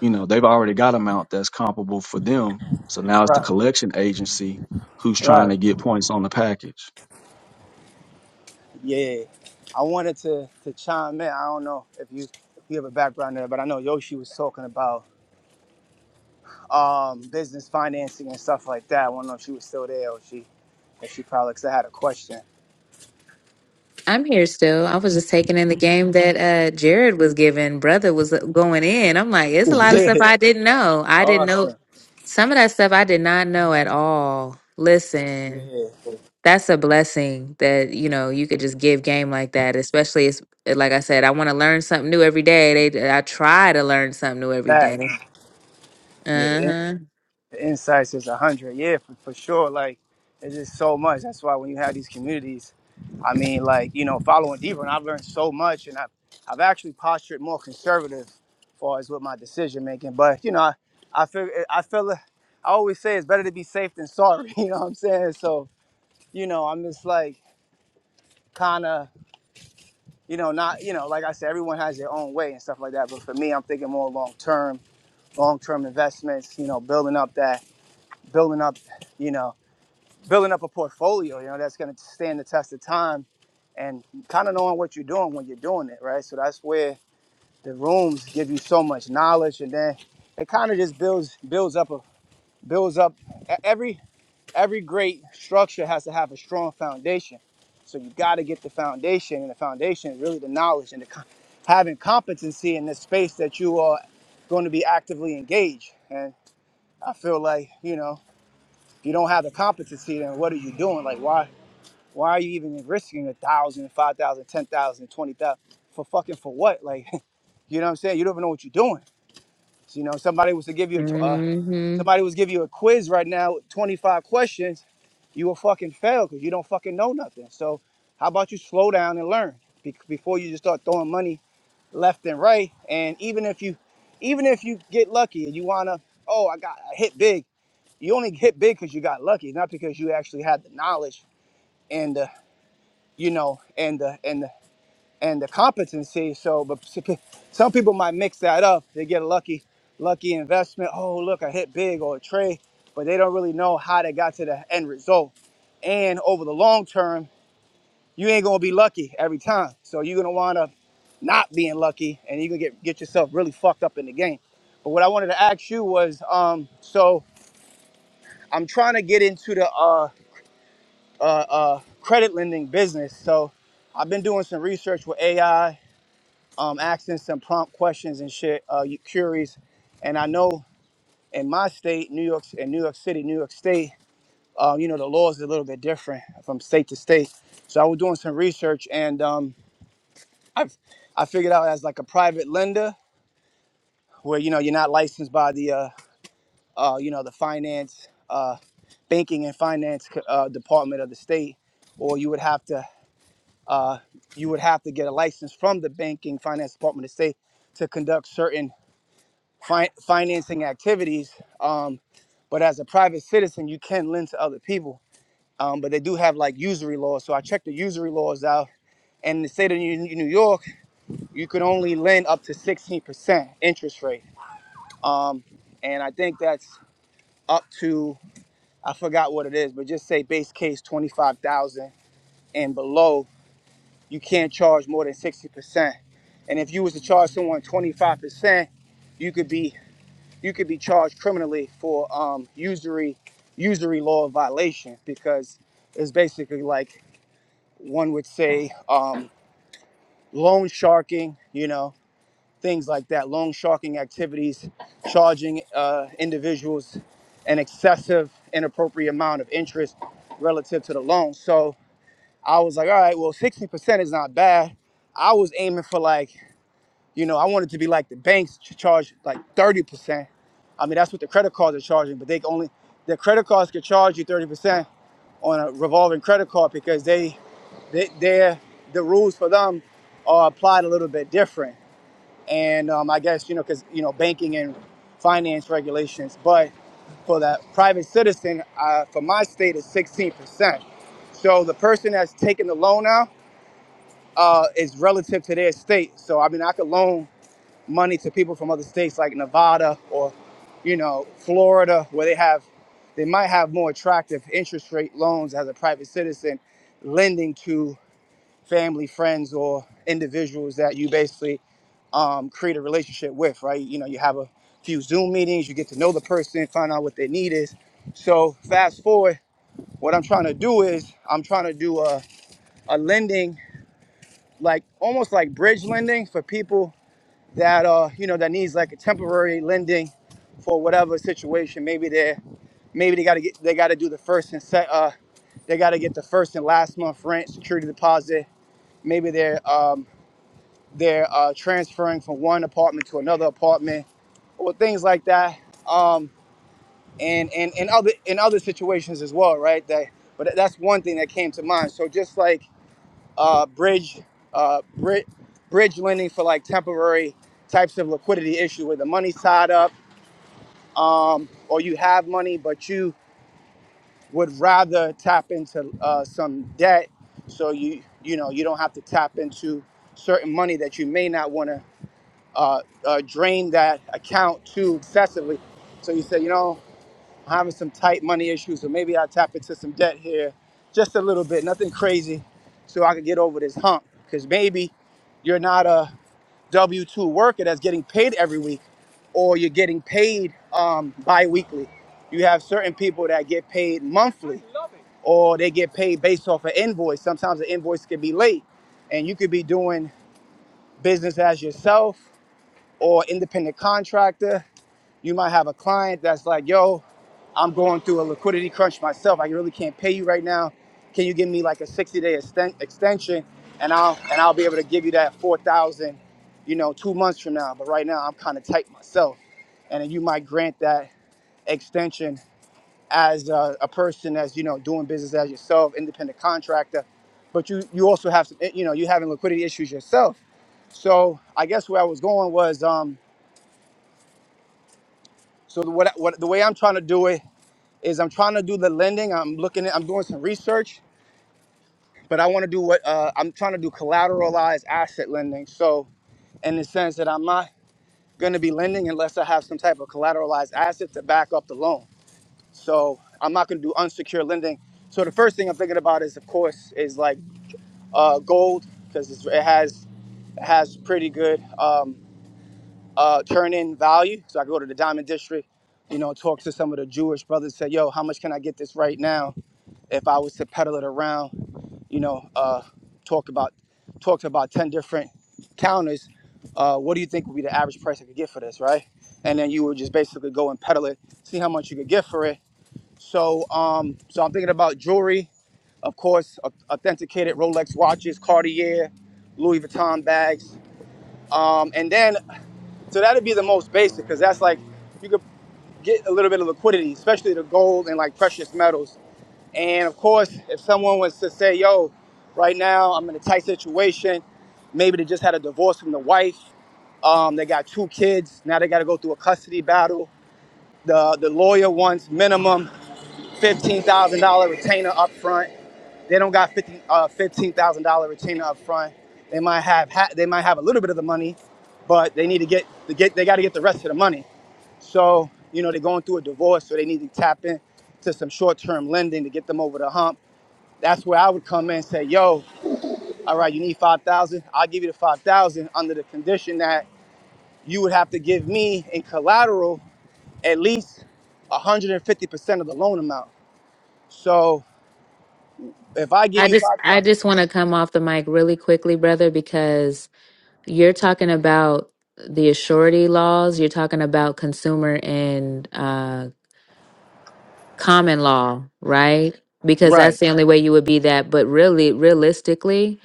[SPEAKER 7] you know, they've already got amount that's comparable for them. So now it's the
[SPEAKER 6] Right.
[SPEAKER 7] collection agency who's trying
[SPEAKER 6] Right.
[SPEAKER 7] to get points on the package.
[SPEAKER 6] Yeah. I wanted to to chime in. I don't know if you you have a background there, but I know Yoshi was talking about um business financing and stuff like that. I don't know if she was still there or she if she probably because I had a question.
[SPEAKER 8] I'm here still. I was just taking in the game that uh Jared was giving. Brother was uh, going in. I'm like, it's a lot of stuff I didn't know.
[SPEAKER 6] Yeah.
[SPEAKER 8] I didn't know
[SPEAKER 6] Awesome.
[SPEAKER 8] some of that stuff I did not know at all. Listen,
[SPEAKER 6] Yeah.
[SPEAKER 8] that's a blessing that you know you could just give game like that. Especially, it's like I said, I want to learn something new every day. They, I try to learn something new every
[SPEAKER 6] Facts.
[SPEAKER 8] day. Uh
[SPEAKER 6] Yeah.
[SPEAKER 8] huh.
[SPEAKER 6] the insights is a hundred. Yeah, for, for sure. Like it's just so much. That's why when you have these communities, I mean, like you know, following deeper, and I've learned so much, and I've I've actually postured more conservative, as far as with my decision making. But you know, I, I feel I feel I always say it's better to be safe than sorry. You know what I'm saying? So you know, I'm just like kind of you know not you know like I said, everyone has their own way and stuff like that. But for me, I'm thinking more long term, long term investments. You know, building up that building up. You know building up a portfolio, you know, that's going to stand the test of time and kind of knowing what you're doing when you're doing it, right? So that's where the rooms give you so much knowledge, and then it kind of just builds builds up a builds up. e- Every every great structure has to have a strong foundation, so you got to get the foundation, and the foundation is really the knowledge and the com- having competency in the space that you are going to be actively engaged. And I feel like you know, if you don't have the competency, then what are you doing? Like why? Why are you even risking a thousand, five thousand, ten thousand, twenty thousand for fucking for what? Like, you know what I'm saying? You don't even know what you're doing. So, you know, somebody was to give you a tw- uh,
[SPEAKER 8] Mm-hmm.
[SPEAKER 6] somebody was give you a quiz right now, 25 questions, you will fucking fail because you don't fucking know nothing. So, how about you slow down and learn be- before you just start throwing money left and right? And even if you, even if you get lucky and you wanna, oh, I got I hit big. You only hit big because you got lucky, not because you actually had the knowledge and the, you know, and the and the and the competency. So, but some people might mix that up. They get a lucky, lucky investment. Oh, look, I hit big or a trade, but they don't really know how they got to the end result. And over the long term, you ain't gonna be lucky every time. So you're gonna wind up not being lucky, and you're gonna get get yourself really fucked up in the game. But what I wanted to ask you was, um, so I'm trying to get into the uh, uh, uh, credit lending business. So I've been doing some research with AI um, asking some prompt questions and shit, uh, you curious. And I know in my state, New York, in New York City, New York State, uh, you know, the law is a little bit different from state to state. So I was doing some research and um, I, I figured out as like a private lender where, you know, you're not licensed by the, uh, uh, you know, the finance, uh, banking and finance uh, department of the state, or you would have to, uh, you would have to get a license from the banking finance department of the state to conduct certain fi- financing activities. Um, but as a private citizen, you can lend to other people. Um, but they do have like usury laws. So I checked the usury laws out. And in the state of New New York, you could only lend up to 16% interest rate. Um, and I think that's up to, I forgot what it is, but just say base case 25,000 and below, you can't charge more than 60%. And if you was to charge someone 25%, you could be you could be charged criminally for um, usury usury law violation because it's basically like one would say um, loan sharking, you know, things like that, loan sharking activities, charging uh, individuals an excessive, inappropriate amount of interest relative to the loan. So I was like, all right, well, 60% is not bad. I was aiming for like you know, I wanted to be like the banks ch- charge like 30%. I mean, that's what the credit cards are charging, but they can only, the credit cards can charge you 30% on a revolving credit card because they, they they're, the rules for them are applied a little bit different. And um, I guess, you know, because, you know, banking and finance regulations, but for the private citizen, uh, for my state, is 16%. So the person that's taking the loan out uh, is relative to their state. So, I mean, I could loan money to people from other states like Nevada or, you know, Florida, where they have, they might have more attractive interest rate loans as a private citizen, lending to family, friends, or individuals that you basically um, create a relationship with, right? You know, you have a few Zoom meetings, you get to know the person, find out what their need is. So fast forward, what I'm trying to do is I'm trying to do a, a lending, like almost like bridge lending for people that uh you know that needs like a temporary lending for whatever situation maybe they maybe they got to get they got to do the first and set uh they got to get the first and last month rent security deposit maybe they're um they're uh transferring from one apartment to another apartment or things like that um and and and other in other situations as well right that but that's one thing that came to mind so just like uh, bridge uh, bri- bridge lending for like temporary types of liquidity issue where the money's tied up um, or you have money but you would rather tap into uh, some debt so you you know you don't have to tap into certain money that you may not want to uh, uh, drain that account too excessively so you say you know I'm having some tight money issues, so maybe I'll tap into some debt here, just a little bit, nothing crazy, so I can get over this hump. Because maybe you're not a W two worker that's getting paid every week, or you're getting paid um, bi-weekly. You have certain people that get paid monthly, or they get paid based off an invoice. Sometimes the invoice could be late, and you could be doing business as yourself or independent contractor you might have a client that's like, yo, I'm going through a liquidity crunch myself. I really can't pay you right now. Can you give me like a 60 day exten- extension? And I'll and I'll be able to give you that 4,000, you know, two months from now. But right now I'm kind of tight myself. And then you might grant that extension as a, a person that's, you know, doing business as yourself, independent contractor. But you, you also have some, you know, you're having liquidity issues yourself. So I guess where I was going was, um, so the, what, what, the way I'm trying to do it is I'm trying to do the lending. I'm looking at, I'm doing some research, but I want to do what uh, I'm trying to do collateralized asset lending. So, in the sense that I'm not going to be lending unless I have some type of collateralized asset to back up the loan. So, I'm not going to do unsecured lending. So, the first thing I'm thinking about is, of course, is like uh, gold because it has it has pretty good um, uh, turn in value. So, I go to the diamond district, you know, talk to some of the Jewish brothers, say, yo, how much can I get this right now? if I was to pedal it around, you know, uh, talk about talk to about ten different counters, uh, what do you think would be the average price I could get for this, right? And then you would just basically go and pedal it, see how much you could get for it. So, um, so I'm thinking about jewelry, of course, au- authenticated Rolex watches, Cartier, Louis Vuitton bags, um, and then so that'd be the most basic because that's like you could get a little bit of liquidity, especially the gold and like precious metals and of course, if someone was to say, yo, right now I'm in a tight situation, maybe they just had a divorce from the wife, um, they got two kids, now they got to go through a custody battle. The, the lawyer wants minimum $15,000 retainer up front. They don't got 50, uh, $15,000 retainer up front. They might have ha- they might have a little bit of the money, but they need to get to get they got to get the rest of the money. So you know they're going through a divorce, so they need to tap in to some short-term lending to get them over the hump that's where I would come in and say, yo, all right, you need 5,000. I'll give you the 5,000 under the condition that you would have to give me in collateral at least 150% of the loan amount. So if I give
[SPEAKER 8] I
[SPEAKER 6] you
[SPEAKER 8] just,
[SPEAKER 6] five,
[SPEAKER 8] I just want to come off the mic really quickly, brother, because You're talking about the surety laws. You're talking about consumer and uh, common law, right? Because that's
[SPEAKER 6] right.
[SPEAKER 8] the only way you would be that. But really, realistically,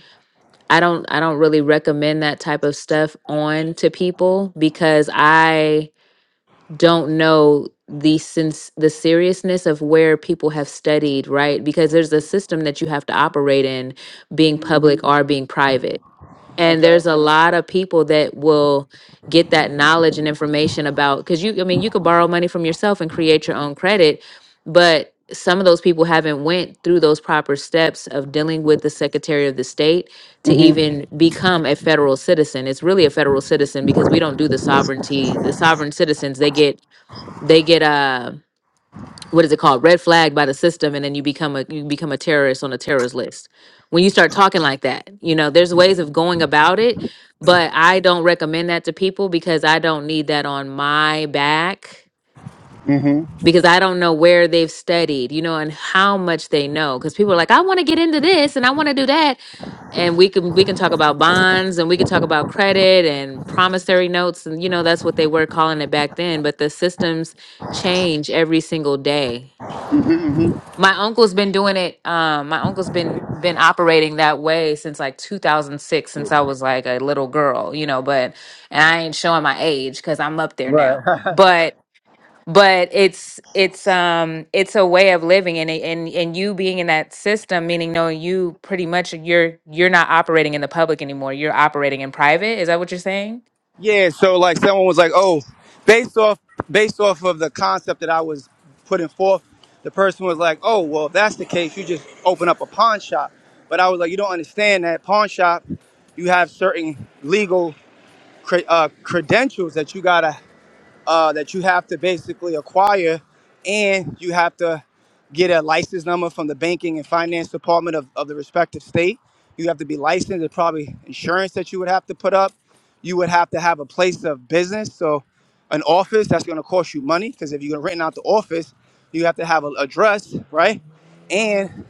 [SPEAKER 8] I don't. I don't really recommend that type of stuff on to people because I don't know the since the seriousness of where people have studied, right? Because there's a system that you have to operate in, being public Mhm. or being private and
[SPEAKER 6] Okay.
[SPEAKER 8] there's a lot of people that will get that knowledge and information about because you i mean you could borrow money from yourself and create your own credit but some of those people haven't went through those proper steps of dealing with the secretary of the state
[SPEAKER 6] Mm-hmm.
[SPEAKER 8] to
[SPEAKER 6] Mm-hmm.
[SPEAKER 8] even become a federal citizen it's really a federal citizen because we don't do the sovereignty the sovereign citizens they get they get um what is it called red flag by the system and then you become a you become a terrorist on a terrorist list when you start talking like that you know there's ways of going about it but i don't recommend that to people because i don't need that on my back
[SPEAKER 6] Mm-hmm.
[SPEAKER 8] because i don't know where they've studied you know and how much they know because people are like i want to get into this and i want to do that and we can we can talk about bonds and we can talk about credit and promissory notes and you know that's what they were calling it back then but the systems change every single day
[SPEAKER 6] Mm-hmm.
[SPEAKER 8] my uncle's been doing it. Um, my uncle's been been operating that way since like 2006, since I was like a little girl, you know. But and I ain't showing my age because I'm up there
[SPEAKER 6] Mm-hmm.
[SPEAKER 8] now.
[SPEAKER 6] Right.
[SPEAKER 8] But but it's it's um it's a way of living, and it- and and you being in that system, meaning knowing you pretty much you're you're not operating in the public anymore. You're operating in private. Is that what you're saying?
[SPEAKER 6] Yeah, so like someone was like, "Oh, based off based off of the concept that I was putting forth, the person was like, "Oh, well, if that's the case, you just open up a pawn shop." But I was like, "You don't understand that pawn shop, you have certain legal cre- uh, credentials that you gotta uh, that you have to basically acquire, and you have to get a license number from the banking and finance department of, of the respective state. You have to be licensed. There's probably insurance that you would have to put up. You would have to have a place of business, so an office that's going to cost you money because if you're renting out the office, you have to have an address, right? And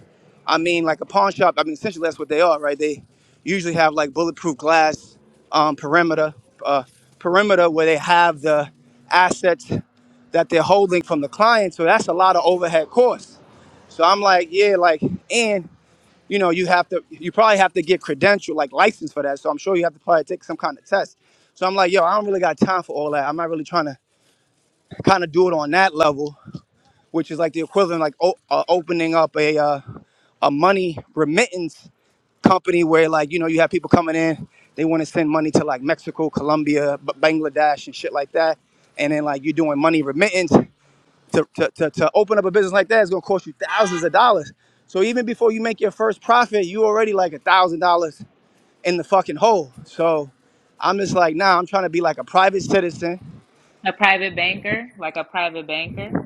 [SPEAKER 6] I mean, like a pawn shop. I mean, essentially that's what they are, right? They usually have like bulletproof glass um, perimeter, uh, perimeter where they have the assets that they're holding from the client. So that's a lot of overhead costs. So I'm like, yeah, like, and you know, you have to, you probably have to get credential, like license for that. So I'm sure you have to probably take some kind of test. So I'm like, yo, I don't really got time for all that. I'm not really trying to kind of do it on that level, which is like the equivalent, like o- uh, opening up a uh, a money remittance company where like you know you have people coming in they want to send money to like mexico colombia B- bangladesh and shit like that and then like you're doing money remittance to, to, to, to open up a business like that is going to cost you thousands of dollars so even before you make your first profit you already like a thousand dollars in the fucking hole so i'm just like nah i'm trying to be like a private citizen
[SPEAKER 8] A private banker, like a private banker,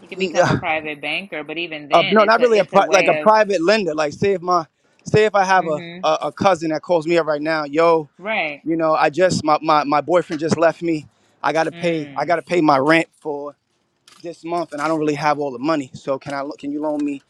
[SPEAKER 8] you can become a
[SPEAKER 6] Yeah.
[SPEAKER 8] private banker, but even
[SPEAKER 6] uh,
[SPEAKER 8] then,
[SPEAKER 6] no
[SPEAKER 8] it's
[SPEAKER 6] not
[SPEAKER 8] a
[SPEAKER 6] really a
[SPEAKER 8] it's a
[SPEAKER 6] pri- like a
[SPEAKER 8] way
[SPEAKER 6] private lender like say if my say if i have
[SPEAKER 8] of.
[SPEAKER 6] a, a, a cousin that calls me up right now yo
[SPEAKER 8] Right.
[SPEAKER 6] You know, I just my, my, my boyfriend just left me. I gotta pay I
[SPEAKER 8] Mm.
[SPEAKER 6] gotta pay my rent for this month and I don't really have all the money. So can I can you loan me,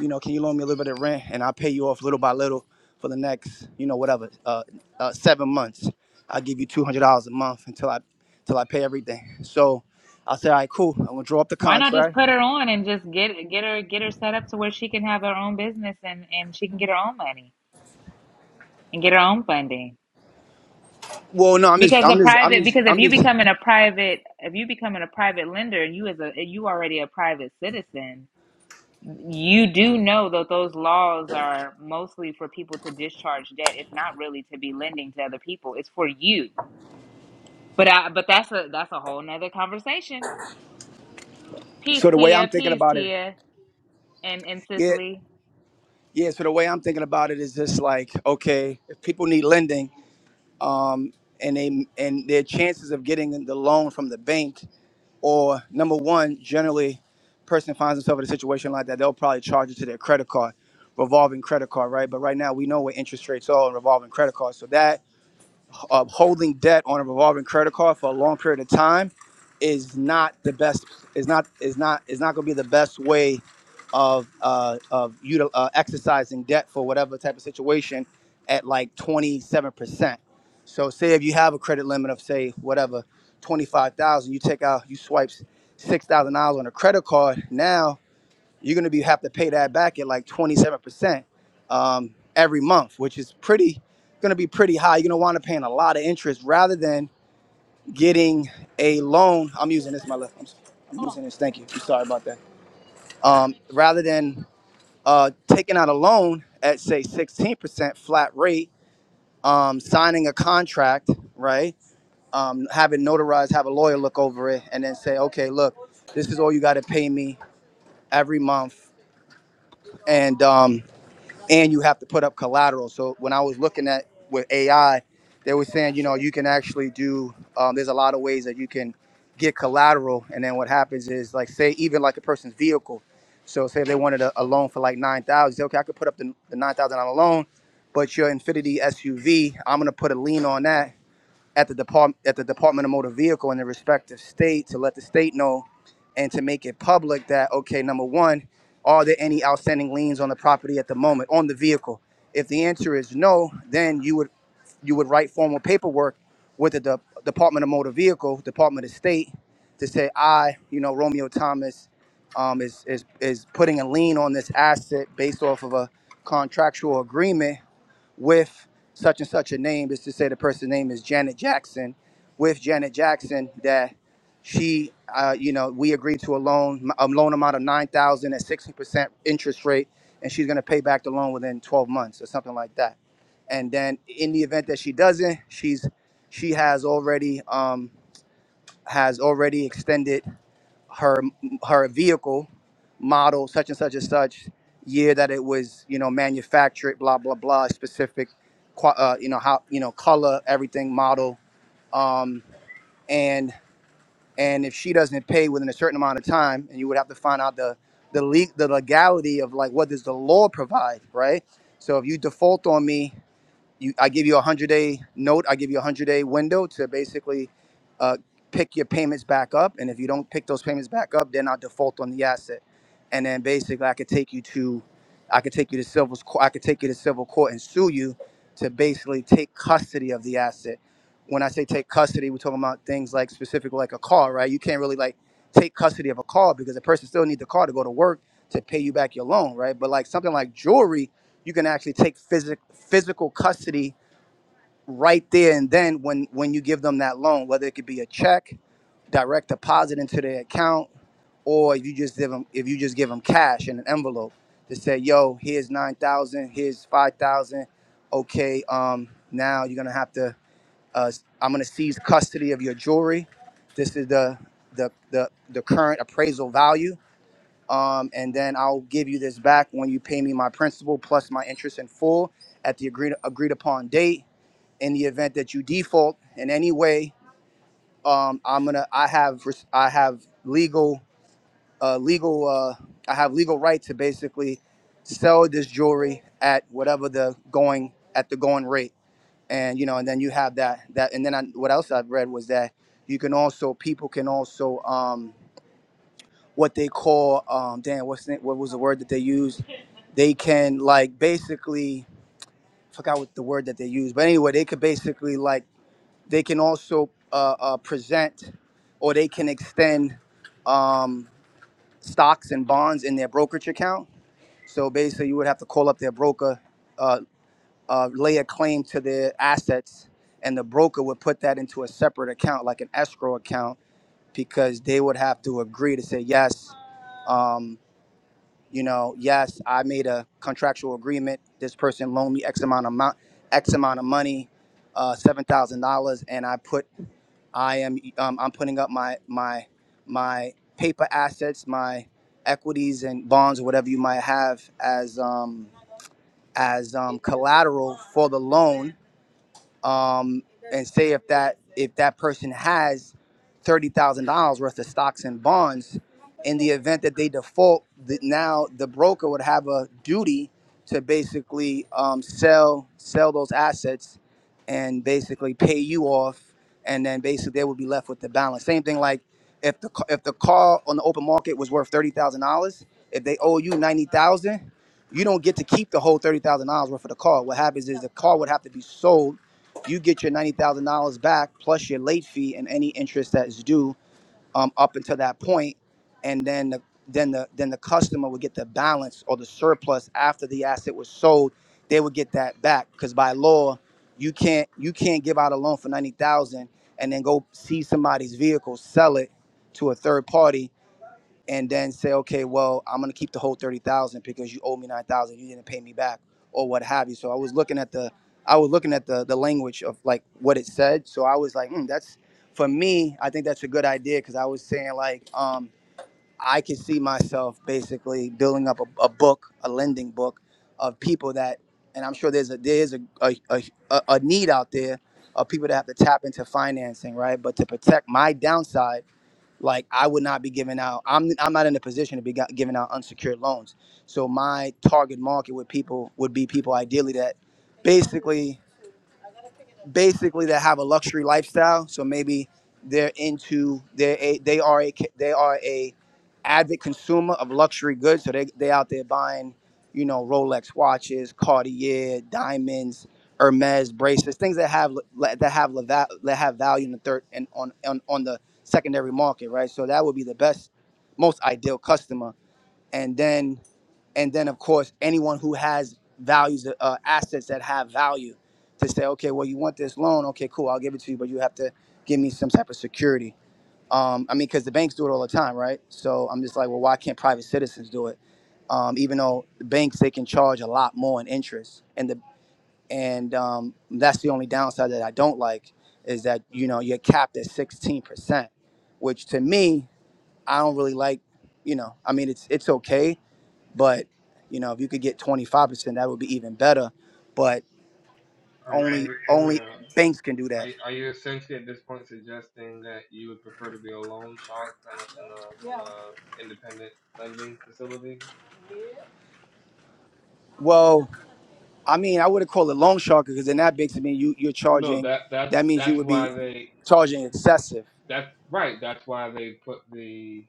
[SPEAKER 6] you know, can you loan me a little bit of rent and I'll pay you off little by little for the next, you know, whatever, uh, uh, seven months. I'll give you two hundred dollars a month until I until I pay everything. So I said, all right, cool. I'm gonna draw up the
[SPEAKER 8] Why not just
[SPEAKER 6] contract.
[SPEAKER 8] put her on and just get get her get her set up to where she can have her own business and and she can get her own money and get her own funding.
[SPEAKER 6] Well, no, I'm just
[SPEAKER 8] Because the
[SPEAKER 6] I'm just
[SPEAKER 8] private
[SPEAKER 6] I'm just
[SPEAKER 8] because if
[SPEAKER 6] I'm
[SPEAKER 8] you
[SPEAKER 6] just
[SPEAKER 8] becoming a private if you becoming a private lender and you as a you already a private citizen, you do know that those laws are mostly for people to discharge debt. It's not really to be lending to other people. It's for you. But I but that's a that's a whole nother conversation. Peace,
[SPEAKER 6] so the way I'm
[SPEAKER 8] Tia.
[SPEAKER 6] thinking
[SPEAKER 8] Peace,
[SPEAKER 6] about it,
[SPEAKER 8] Tia. And and
[SPEAKER 6] yeah,
[SPEAKER 8] Cicely.
[SPEAKER 6] yeah. So the way I'm thinking about it is just like, okay, if people need lending um, and they and their chances of getting the loan from the bank or number one generally person finds themselves in a situation like that they'll probably charge it to their credit card revolving credit card right but right now we know what interest rates are on revolving credit cards so that uh, holding debt on a revolving credit card for a long period of time is not the best. Is not is not is not going to be the best way of uh, of util- uh, exercising debt for whatever type of situation at like twenty seven percent. So say if you have a credit limit of say whatever twenty five thousand, you take out you swipe six thousand dollars on a credit card now you're going to be have to pay that back at like 27% um, every month, which is pretty going to be pretty high. You're going to wind up paying a lot of interest rather than getting a loan. I'm using this my left. I'm, s- I'm using this. Thank you. I'm sorry about that. Um, rather than uh, taking out a loan at say 16% flat rate, um, signing a contract, right? Um, have it notarized, have a lawyer look over it, and then say, okay, look, this is all you got to pay me every month, and um, and you have to put up collateral. So when I was looking at with AI, they were saying, you know, you can actually do. Um, there's a lot of ways that you can get collateral, and then what happens is, like, say even like a person's vehicle. So say they wanted a, a loan for like nine thousand. Say, okay, I could put up the, the nine thousand dollar loan, but your Infinity SUV, I'm gonna put a lien on that at the department at the Department of Motor Vehicle in the respective state to let the state know and to make it public that okay, number one, are there any outstanding liens on the property at the moment on the vehicle? If the answer is no, then you would you would write formal paperwork with the De- Department of Motor Vehicle, Department of State, to say I, you know, Romeo Thomas, um, is is is putting a lien on this asset based off of a contractual agreement with such and such a name is to say the person's name is Janet Jackson. With Janet Jackson, that she, uh, you know, we agreed to a loan, a loan amount of nine thousand at sixty percent interest rate, and she's going to pay back the loan within twelve months or something like that. And then, in the event that she doesn't, she's she has already um, has already extended her her vehicle model such and such and such year that it was you know manufactured blah blah blah specific qua- uh, you know how you know color everything model um, and and if she doesn't pay within a certain amount of time and you would have to find out the the le- the legality of like what does the law provide right so if you default on me you I give you a hundred day note. I give you a hundred day window to basically uh, pick your payments back up. And if you don't pick those payments back up, then I'll default on the asset. And then basically, I could take you to, I could take you to civil I could take you to civil court and sue you to basically take custody of the asset. When I say take custody, we're talking about things like specifically like a car, right? You can't really like take custody of a car because the person still needs the car to go to work to pay you back your loan, right? But like something like jewelry you can actually take physic, physical custody right there and then when when you give them that loan whether it could be a check direct deposit into their account or if you just give them if you just give them cash in an envelope to say yo here's 9000 here's 5000 okay um now you're gonna have to uh, i'm gonna seize custody of your jewelry this is the the the, the current appraisal value um, and then I'll give you this back when you pay me my principal plus my interest in full at the agreed agreed upon date. In the event that you default in any way, um, I'm gonna I have res- I have legal uh, legal uh, I have legal right to basically sell this jewelry at whatever the going at the going rate, and you know, and then you have that that, and then I, what else I've read was that you can also people can also. Um, what they call um damn what's the, what was the word that they used they can like basically forgot what the word that they used but anyway they could basically like they can also uh, uh present or they can extend um stocks and bonds in their brokerage account so basically you would have to call up their broker uh, uh lay a claim to their assets and the broker would put that into a separate account like an escrow account because they would have to agree to say yes Um, you know, yes, I made a contractual agreement. This person loaned me X amount of amount, X amount of money, uh, seven thousand dollars, and I put, I am, um, I'm putting up my my my paper assets, my equities and bonds or whatever you might have as um, as um, collateral for the loan um, and say if that if that person has thirty thousand dollars worth of stocks and bonds, in the event that they default, the, now the broker would have a duty to basically um, sell sell those assets and basically pay you off, and then basically they would be left with the balance. Same thing like if the ca- if the car on the open market was worth thirty thousand dollars, if they owe you ninety thousand, you don't get to keep the whole thirty thousand dollars worth of the car. What happens is the car would have to be sold you get your ninety thousand dollars back plus your late fee and any interest that is due um, up until that point, and then the then the then the customer would get the balance or the surplus after the asset was sold. They would get that back because by law, you can't you can't give out a loan for ninety thousand and then go see somebody's vehicle, sell it to a third party and then say, okay, well, I'm gonna keep the whole thirty thousand because you owe me nine thousand, you didn't pay me back, or what have you. So I was looking at the, I was looking at the the language of like what it said. So I was like, mm, that's for me. I think that's a good idea because I was saying like, um, I could see myself basically building up a, a book, a lending book, of people that, and I'm sure there's a there's a a, a a a need out there of people that have to tap into financing, right? But to protect my downside like I would not be giving out. I'm I'm not in a position to be got, giving out unsecured loans. So my target market with people would be people ideally that basically basically that have a luxury lifestyle. So maybe they're into they're a, they are a they are a avid consumer of luxury goods. So they they out there buying you know Rolex watches, Cartier diamonds, Hermes bracelets, things that have that have la- that have value in the third and on on on the secondary market, right? So that would be the best, most ideal customer. And then and then of course anyone who has values uh, assets that have value to say okay well you want this loan okay cool i'll give it to you but you have to give me some type of security um, i mean because the banks do it all the time right so i'm just like well why can't private citizens do it um, even though the banks they can charge a lot more in interest and the and um, that's the only downside that i don't like is that you know you're capped at 16% which to me i don't really like you know i mean it's it's okay but you know, if you could get 25%, that would be even better. But
[SPEAKER 1] I I
[SPEAKER 6] only only
[SPEAKER 1] Romeo?
[SPEAKER 6] banks can do
[SPEAKER 1] Are
[SPEAKER 6] that.
[SPEAKER 1] you, are you essentially at this point suggesting that you would prefer to be a loan shark than a, than a, than a independent lending facility?
[SPEAKER 6] Well, I mean, I wouldn't call it loan shark because in that big to me, you you're
[SPEAKER 1] Well, no,
[SPEAKER 6] charging.
[SPEAKER 1] that
[SPEAKER 6] That
[SPEAKER 1] that's
[SPEAKER 6] means you
[SPEAKER 1] that's
[SPEAKER 6] would be
[SPEAKER 1] why they
[SPEAKER 6] charging excessive.
[SPEAKER 1] that's right. That's why they put the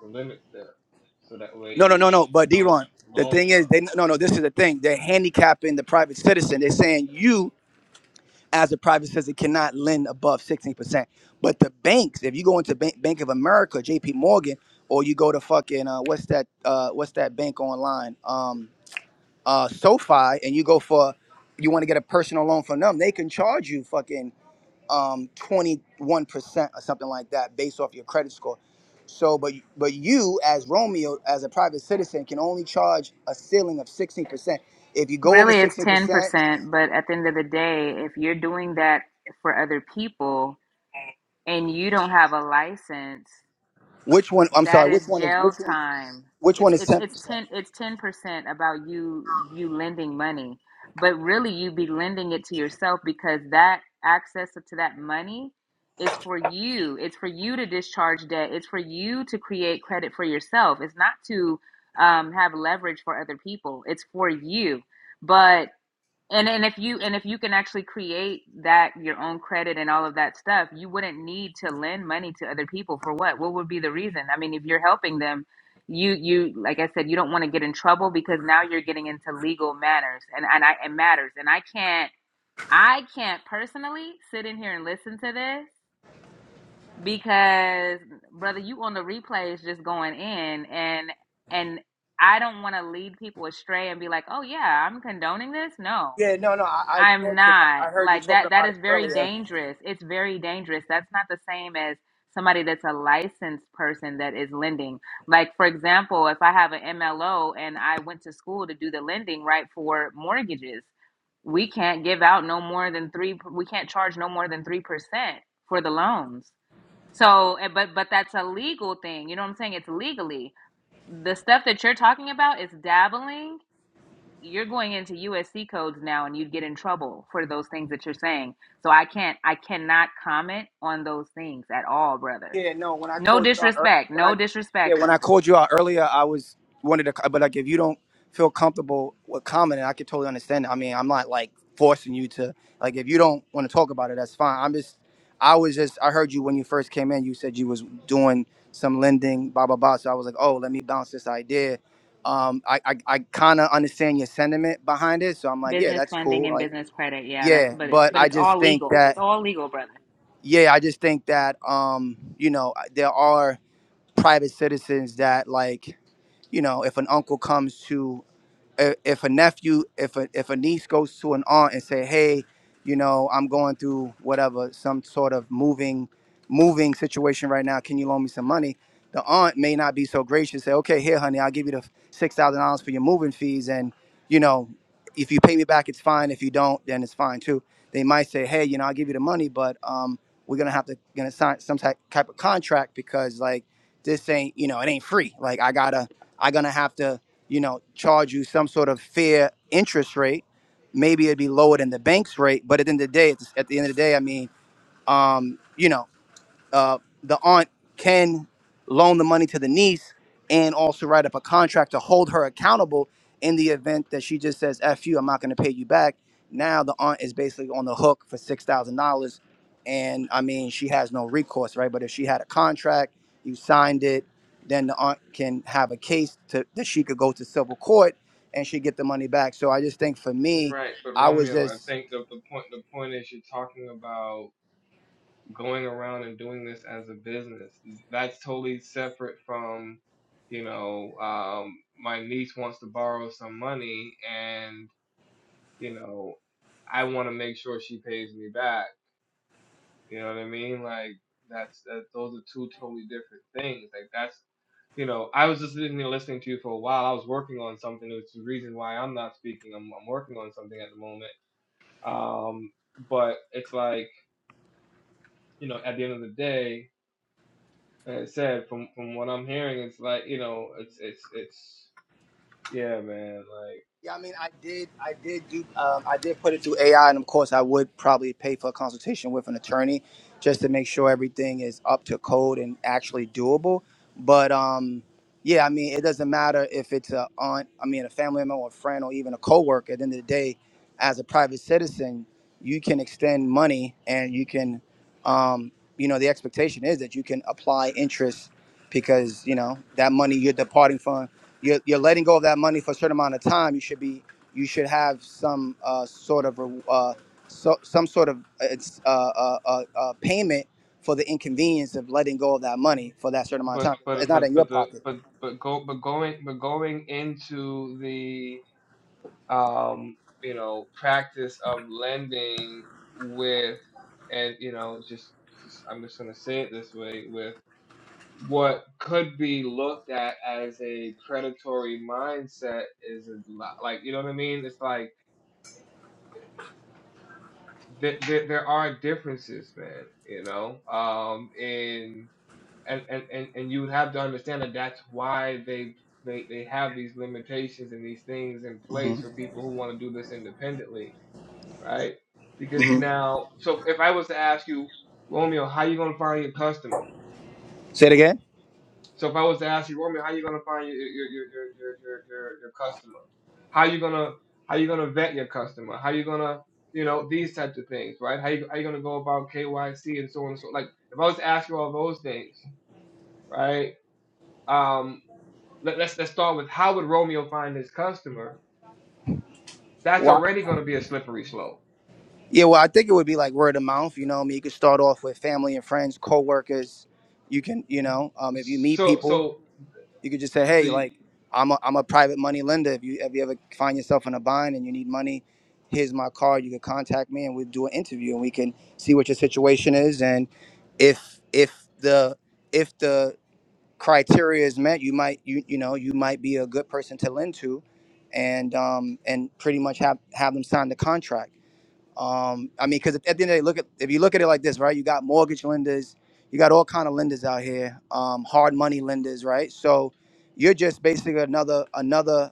[SPEAKER 1] the limits there, so that way
[SPEAKER 6] No, no,
[SPEAKER 1] you
[SPEAKER 6] no, no. But
[SPEAKER 1] don't
[SPEAKER 6] D-Ron, the
[SPEAKER 1] loan
[SPEAKER 6] thing is,
[SPEAKER 1] shark.
[SPEAKER 6] they no, no. This is the thing. They're handicapping the private citizen. They're saying you, as a private citizen, cannot lend above 16%. But the banks, if you go into Bank, Bank of America, J.P. Morgan, or you go to fucking uh, what's that? Uh, what's that bank online? Um, uh, SoFi and you go for you want to get a personal loan from them, they can charge you fucking um, 21% or something like that based off your credit score. So, but but you as Romeo, as a private citizen, can only charge a ceiling of 16%. If you go over
[SPEAKER 8] Really, it's
[SPEAKER 6] 16%,
[SPEAKER 8] 10%, but at the end of the day, if you're doing that for other people and you don't have a license,
[SPEAKER 6] which one? I'm
[SPEAKER 8] that
[SPEAKER 6] sorry,
[SPEAKER 8] is
[SPEAKER 6] which one is
[SPEAKER 8] jail
[SPEAKER 6] which one?
[SPEAKER 8] time.
[SPEAKER 6] Which
[SPEAKER 8] It's
[SPEAKER 6] one is
[SPEAKER 8] it's it's
[SPEAKER 6] 10%?
[SPEAKER 8] 10 it's 10% about you you lending money, but really you be lending it to yourself because that access to that money is for you. It's for you to discharge debt. It's for you to create credit for yourself. It's not to um, have leverage for other people. It's for you. But and and if you and if you can actually create that your own credit and all of that stuff, you wouldn't need to lend money to other people for what? What would be the reason? I mean, if you're helping them, you you like I said, you don't want to get in trouble because now you're getting into legal matters and and I and matters. And I can't I can't personally sit in here and listen to this because brother, you on the replays just going in and and I don't want to lead people astray and be like, "Oh yeah, I'm condoning this." No
[SPEAKER 6] Yeah, no, no, I, I
[SPEAKER 8] I'm
[SPEAKER 6] thought because I,
[SPEAKER 8] not.
[SPEAKER 6] I heard you
[SPEAKER 8] Like
[SPEAKER 6] talking
[SPEAKER 8] that that
[SPEAKER 6] about it
[SPEAKER 8] is very
[SPEAKER 6] earlier.
[SPEAKER 8] dangerous. It's very dangerous. That's not the same as somebody that's a licensed person that is lending. Like for example, if I have an MLO and I went to school to do the lending right for mortgages, we can't give out no more than 3 we can't charge no more than 3% for the loans. So, eh, but but that's a legal thing. You know what I'm saying? It's legally. The stuff that you're talking about is dabbling you're going into USC codes now and you'd get in trouble for those things that you're saying. So I can't I cannot comment on those things at all, brother.
[SPEAKER 6] Yeah, no. When I
[SPEAKER 8] No
[SPEAKER 6] called you out, ear-
[SPEAKER 8] disrespect.
[SPEAKER 6] when I
[SPEAKER 8] No
[SPEAKER 6] yeah,
[SPEAKER 8] disrespect
[SPEAKER 6] when I
[SPEAKER 8] though.
[SPEAKER 6] called you out earlier, I was wanted to, but like if you don't feel comfortable with commenting, I could totally understand. I mean, I'm not like forcing you to like if you don't want to talk about it, that's fine. I'm just, I was just, I heard you when you first came in. You said you was doing some lending, blah blah blah. So I was like, oh, let me bounce this idea. Um, I I, I kind of understand your sentiment behind it, so I'm like, yeah,
[SPEAKER 8] Business
[SPEAKER 6] that's
[SPEAKER 8] funding
[SPEAKER 6] cool.
[SPEAKER 8] and
[SPEAKER 6] Like,
[SPEAKER 8] business credit. Yeah, that's
[SPEAKER 6] yeah,
[SPEAKER 8] but it's
[SPEAKER 6] but
[SPEAKER 8] but
[SPEAKER 6] I
[SPEAKER 8] it's
[SPEAKER 6] just
[SPEAKER 8] all
[SPEAKER 6] think
[SPEAKER 8] legal. It's
[SPEAKER 6] that
[SPEAKER 8] all legal, brother.
[SPEAKER 6] yeah, I just think that um, you know, there are private citizens that like you know if an uncle comes to if, if a nephew, if a if a niece goes to an aunt and say, "Hey, you know, I'm going through whatever, some sort of moving, moving situation right now. Can you loan me some money?" The aunt may not be so gracious. Say, "Okay, here, honey, I'll give you the six thousand dollars for your moving fees, and you know, if you pay me back, it's fine. If you don't, then it's fine too." They might say, "Hey, you know, I'll give you the money, but um, we're gonna have to gonna sign some type type of contract because like this ain't, you know, it ain't free. Like I gotta, I gonna have to." you know, charge you some sort of fair interest rate. Maybe it'd be lower than the bank's rate, but at the end of the day, it's, at the end of the day, I mean, um, you know uh, the aunt can loan the money to the niece and also write up a contract to hold her accountable in the event that she just says f you i'm not going to pay you back now the aunt is basically on the hook for $6000 and i mean she has no recourse right but if she had a contract you signed it then the aunt can have a case to, that she could go to civil court and she get the money back so i just think for me
[SPEAKER 1] Right, but
[SPEAKER 6] i was
[SPEAKER 1] Romeo, I
[SPEAKER 6] just
[SPEAKER 1] think the the point the point is you're talking about going around and doing this as a business. That's totally separate from, you know, um, my niece wants to borrow some money and, you know, I want to make sure she pays me back. You know what I mean? Like that's that. Those are two totally different things. Like that's, you know, I was just sitting here listening to you for a while. I was working on something, which is the reason why I'm not speaking. I'm, I'm working on something at the moment. Um, but it's like, you know, at the end of the day, Like I said, from from what I'm hearing, it's like you know, it's it's it's yeah, man. Like,
[SPEAKER 6] Yeah, I mean, I did, I did do, um, I did put it through AI, and of course, I would probably pay for a consultation with an attorney just to make sure everything is up to code and actually doable. But um, yeah, I mean, it doesn't matter if it's a aunt, I mean, a family member, or a friend, or even a coworker. At the end of the day, as a private citizen, you can extend money, and you can, um, you know, the expectation is that you can apply interest because you know that money you're departing from you're, you're letting go of that money for a certain amount of time you should be you should have some uh, sort of re- uh, so, some sort of uh, it's, uh, uh, uh, uh, payment for the inconvenience of letting go of that money for that certain amount of
[SPEAKER 1] but
[SPEAKER 6] time it's
[SPEAKER 1] but
[SPEAKER 6] not in
[SPEAKER 1] but
[SPEAKER 6] your
[SPEAKER 1] but the
[SPEAKER 6] pocket
[SPEAKER 1] but but go but going but going into the um you know practice of lending with and you know just, just I'm just gonna say it this way with what could be looked at as a predatory mindset is a lot like you know what I mean. It's like there, there, there are differences, man. You know, um, and and and and and you have to understand that that's why they they they have these limitations and these things in place
[SPEAKER 6] Mhm.
[SPEAKER 1] for people who want to do this independently, right? Because now, so if I was to ask you, Romeo, how you gonna find your customer?
[SPEAKER 6] say it again
[SPEAKER 1] So if I was to ask you, Roman, how are you gonna find your your your your your your, your, your customer? How you gonna how you gonna vet your customer? How you gonna you know these types of things, right? How you how you gonna go about KYC and so on and so like if I was to ask you all those things, right? Um, let, let's let's start with how would Romeo find his customer? That's
[SPEAKER 6] Why?
[SPEAKER 1] already gonna be a slippery slope.
[SPEAKER 6] yeah well i think it would be like word of mouth you know I mean, you could start off with family and friends co-workers you can you know um, if you meet
[SPEAKER 1] So
[SPEAKER 6] people
[SPEAKER 1] so
[SPEAKER 6] You could just say, hey,
[SPEAKER 1] so.
[SPEAKER 6] like I'm a, I'm a private money lender. If you if you ever find yourself in a bind and you need money, here's my card. You can contact me and we'll do an interview and we can see what your situation is and if if the if the criteria is met, you might you you know you might be a good person to lend to, and um and pretty much have have them sign the contract um, I mean, because at the end of the day, look at if you look at it like this, right? You got mortgage lenders, you got all kind of lenders out here, um, hard money lenders, right? So you're just basically another another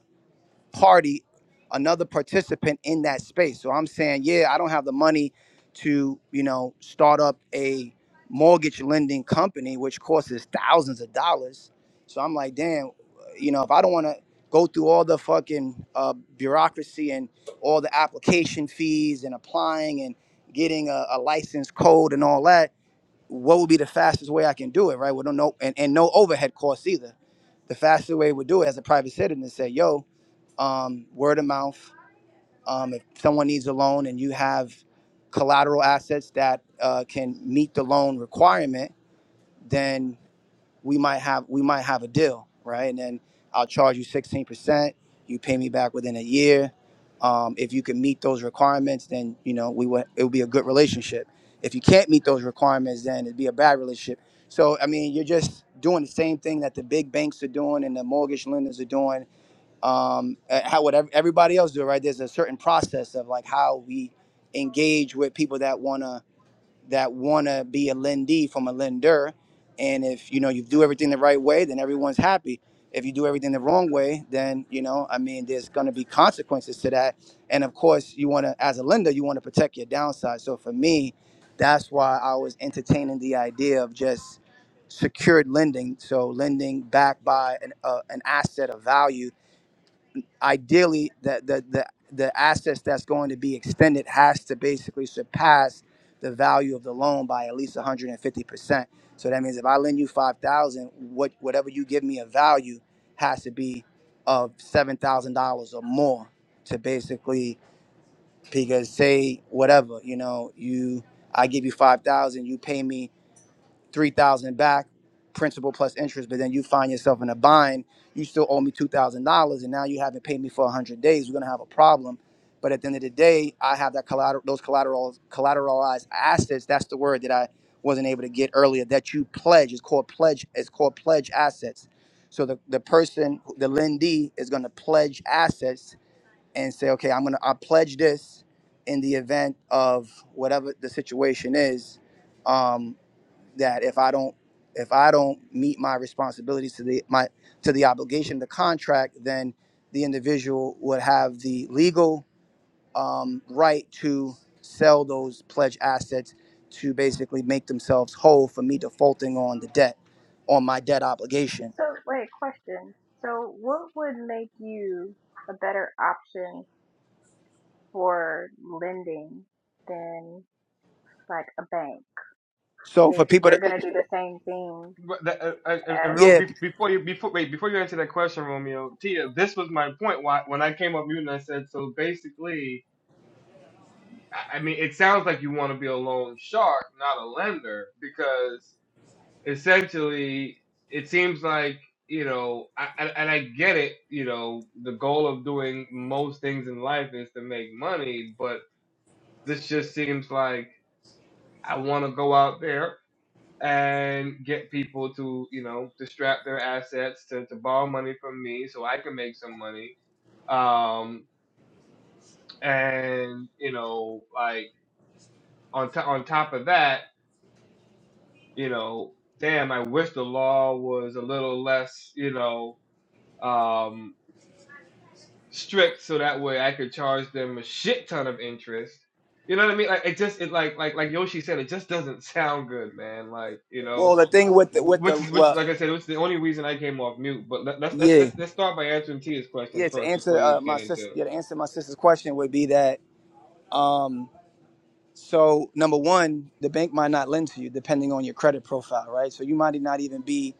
[SPEAKER 6] party another participant in that space so i'm saying yeah i don't have the money to you know start up a mortgage lending company which costs us thousands of dollars so i'm like damn you know if i don't want to go through all the fucking uh, bureaucracy and all the application fees and applying and getting a, a license code and all that what would be the fastest way i can do it right with no and, and no overhead costs either the fastest way we would do it as a private citizen is say yo um, word of mouth. Um, if someone needs a loan and you have collateral assets that uh, can meet the loan requirement, then we might have we might have a deal, right? And then I'll charge you sixteen percent. You pay me back within a year. Um, if you can meet those requirements, then you know we would it would be a good relationship. If you can't meet those requirements, then it'd be a bad relationship. So I mean, you're just doing the same thing that the big banks are doing and the mortgage lenders are doing um, uh, how would ev- everybody else do it, right? There's a certain process of like how we engage with people that wanna that wanna be a lendee from a lender, and if you know you do everything the right way, then everyone's happy. If you do everything the wrong way, then you know I mean there's gonna be consequences to that, and of course you wanna as a lender you wanna protect your downside. So for me, that's why I was entertaining the idea of just secured lending, so lending backed by an, uh, an asset of value ideally the the the, the assets that's going to be extended has to basically surpass the value of the loan by at least 150%. So that means if I lend you 5,000, what whatever you give me a value has to be of $7,000 or more to basically because say whatever, you know, you I give you 5,000, you pay me 3000 back principal plus interest but then you find yourself in a bind you still owe me $2000 and now you haven't paid me for 100 days we're going to have a problem but at the end of the day i have that collateral those collateral collateralized assets that's the word that i wasn't able to get earlier that you pledge is called pledge it's called pledge assets so the, the person the lendee is going to pledge assets and say okay i'm going to i pledge this in the event of whatever the situation is Um, that if I don't if I don't meet my responsibilities to the my to the obligation of the contract, then the individual would have the legal um, right to sell those pledged assets to basically make themselves whole for me defaulting on the debt on my debt obligation.
[SPEAKER 2] So wait, question. So what would make you a better option for lending than like a bank?
[SPEAKER 6] So for
[SPEAKER 2] is
[SPEAKER 6] people
[SPEAKER 2] you're
[SPEAKER 6] to
[SPEAKER 2] going to do the same thing
[SPEAKER 1] But that, uh, uh, uh, uh,
[SPEAKER 2] as
[SPEAKER 6] yeah,
[SPEAKER 1] before you before wait before you answer that question, Romeo Tia, this was my point. Why when I came up with you and I said so basically, I I mean it sounds like you want to be a loan shark, not a lender, because essentially it seems like you know, I, and and I get it. You know, the goal of doing most things in life is to make money, but this just seems like I want to go out there and get people to you know to strap their assets to, to borrow money from me so I can make some money. Um, and you know, like on to on top of that, you know, damn, I wish the law was a little less, you know. Um, strict so that way I could charge them a shit ton of interest. You know what I mean? Like it just it like like like Yoshi said, it just doesn't sound good, man. Like you
[SPEAKER 6] well
[SPEAKER 1] know,
[SPEAKER 6] the thing with the with the
[SPEAKER 1] which is which
[SPEAKER 6] well
[SPEAKER 1] like I said, which is the only reason I came off mute. But let, let's let's
[SPEAKER 6] yeah
[SPEAKER 1] let's let's start by answering Tia's question
[SPEAKER 6] yeah to
[SPEAKER 1] first before
[SPEAKER 6] answer
[SPEAKER 1] you
[SPEAKER 6] uh,
[SPEAKER 1] get
[SPEAKER 6] my sister
[SPEAKER 1] into.
[SPEAKER 6] yeah, to answer my sister's question would be that um, So number one, the bank might not lend to you depending on your credit profile, right? So you might not even be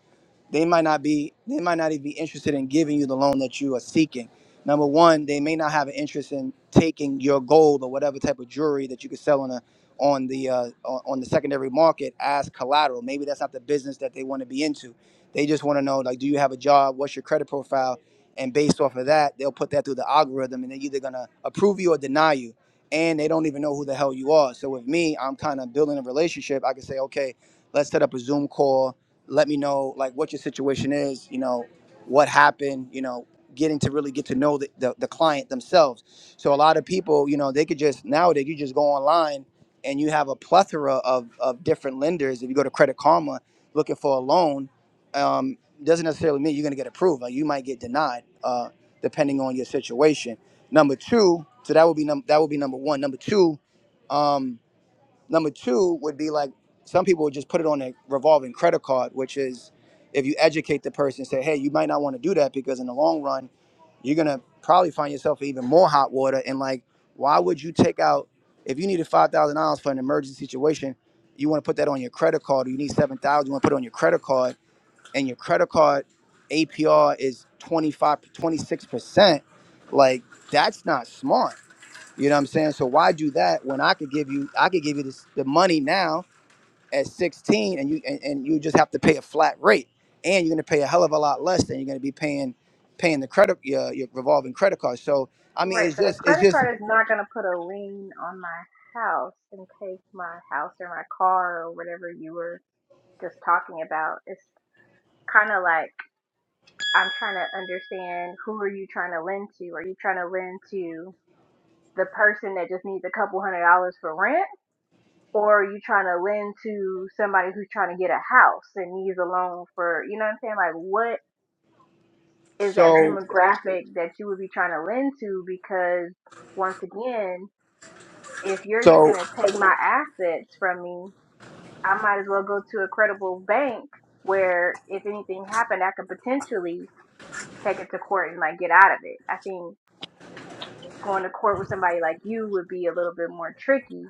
[SPEAKER 6] they might not be they might not even be interested in giving you the loan that you are seeking number one they may not have an interest in taking your gold or whatever type of jewelry that you could sell on a on the uh, on on the secondary market as collateral maybe that's not the business that they want to be into they just want to know like do you have a job what's your credit profile and based off of that they'll put that through the algorithm and they're either going to approve you or deny you and they don't even know who the hell you are so with me i'm kind of building a relationship i can say okay let's set up a zoom call let me know like what your situation is you know what happened you know getting to really get to know the, the, the client themselves so a lot of people you know they could just nowadays you just go online and you have a plethora of, of different lenders if you go to credit karma looking for a loan um, doesn't necessarily mean you're going to get approved like you might get denied uh, depending on your situation number two so that would be num- that would be number one number two um, Number two would be like some people would just put it on a revolving credit card, which is if you educate the person, say, hey, you might not want to do that because in the long run, you're gonna probably find yourself in even more hot water. And like, why would you take out if you needed five thousand dollars for an emergency situation? You want to put that on your credit card, or you need seven thousand. You want to put it on your credit card, and your credit card APR is 25, 26 percent. Like, that's not smart you know what I'm saying? So why do that when I could give you I could give you this, the money now at 16 and you and, and you just have to pay a flat rate and you're going to pay a hell of a lot less than you're going to be paying paying the credit your, your revolving credit card. So I mean
[SPEAKER 2] right
[SPEAKER 6] it's
[SPEAKER 2] but a
[SPEAKER 6] just it's
[SPEAKER 2] credit
[SPEAKER 6] just
[SPEAKER 2] card is not going to put a lien on my house and take my house or my car or whatever you were just talking about it's kind of like i'm trying to understand who are you trying to lend to are you trying to lend to the person that just needs a couple hundred dollars for rent or are you trying to lend to somebody who's trying to get a house and needs a loan for you know what i'm saying like what is that
[SPEAKER 6] so
[SPEAKER 2] demographic that you would be trying to lend to because once again, if you're just
[SPEAKER 6] so
[SPEAKER 2] gonna take my assets from me, I might as well go to a credible bank where if anything happened I could potentially take it to court and like get out of it. I think going to court with somebody like you would be a little bit more tricky.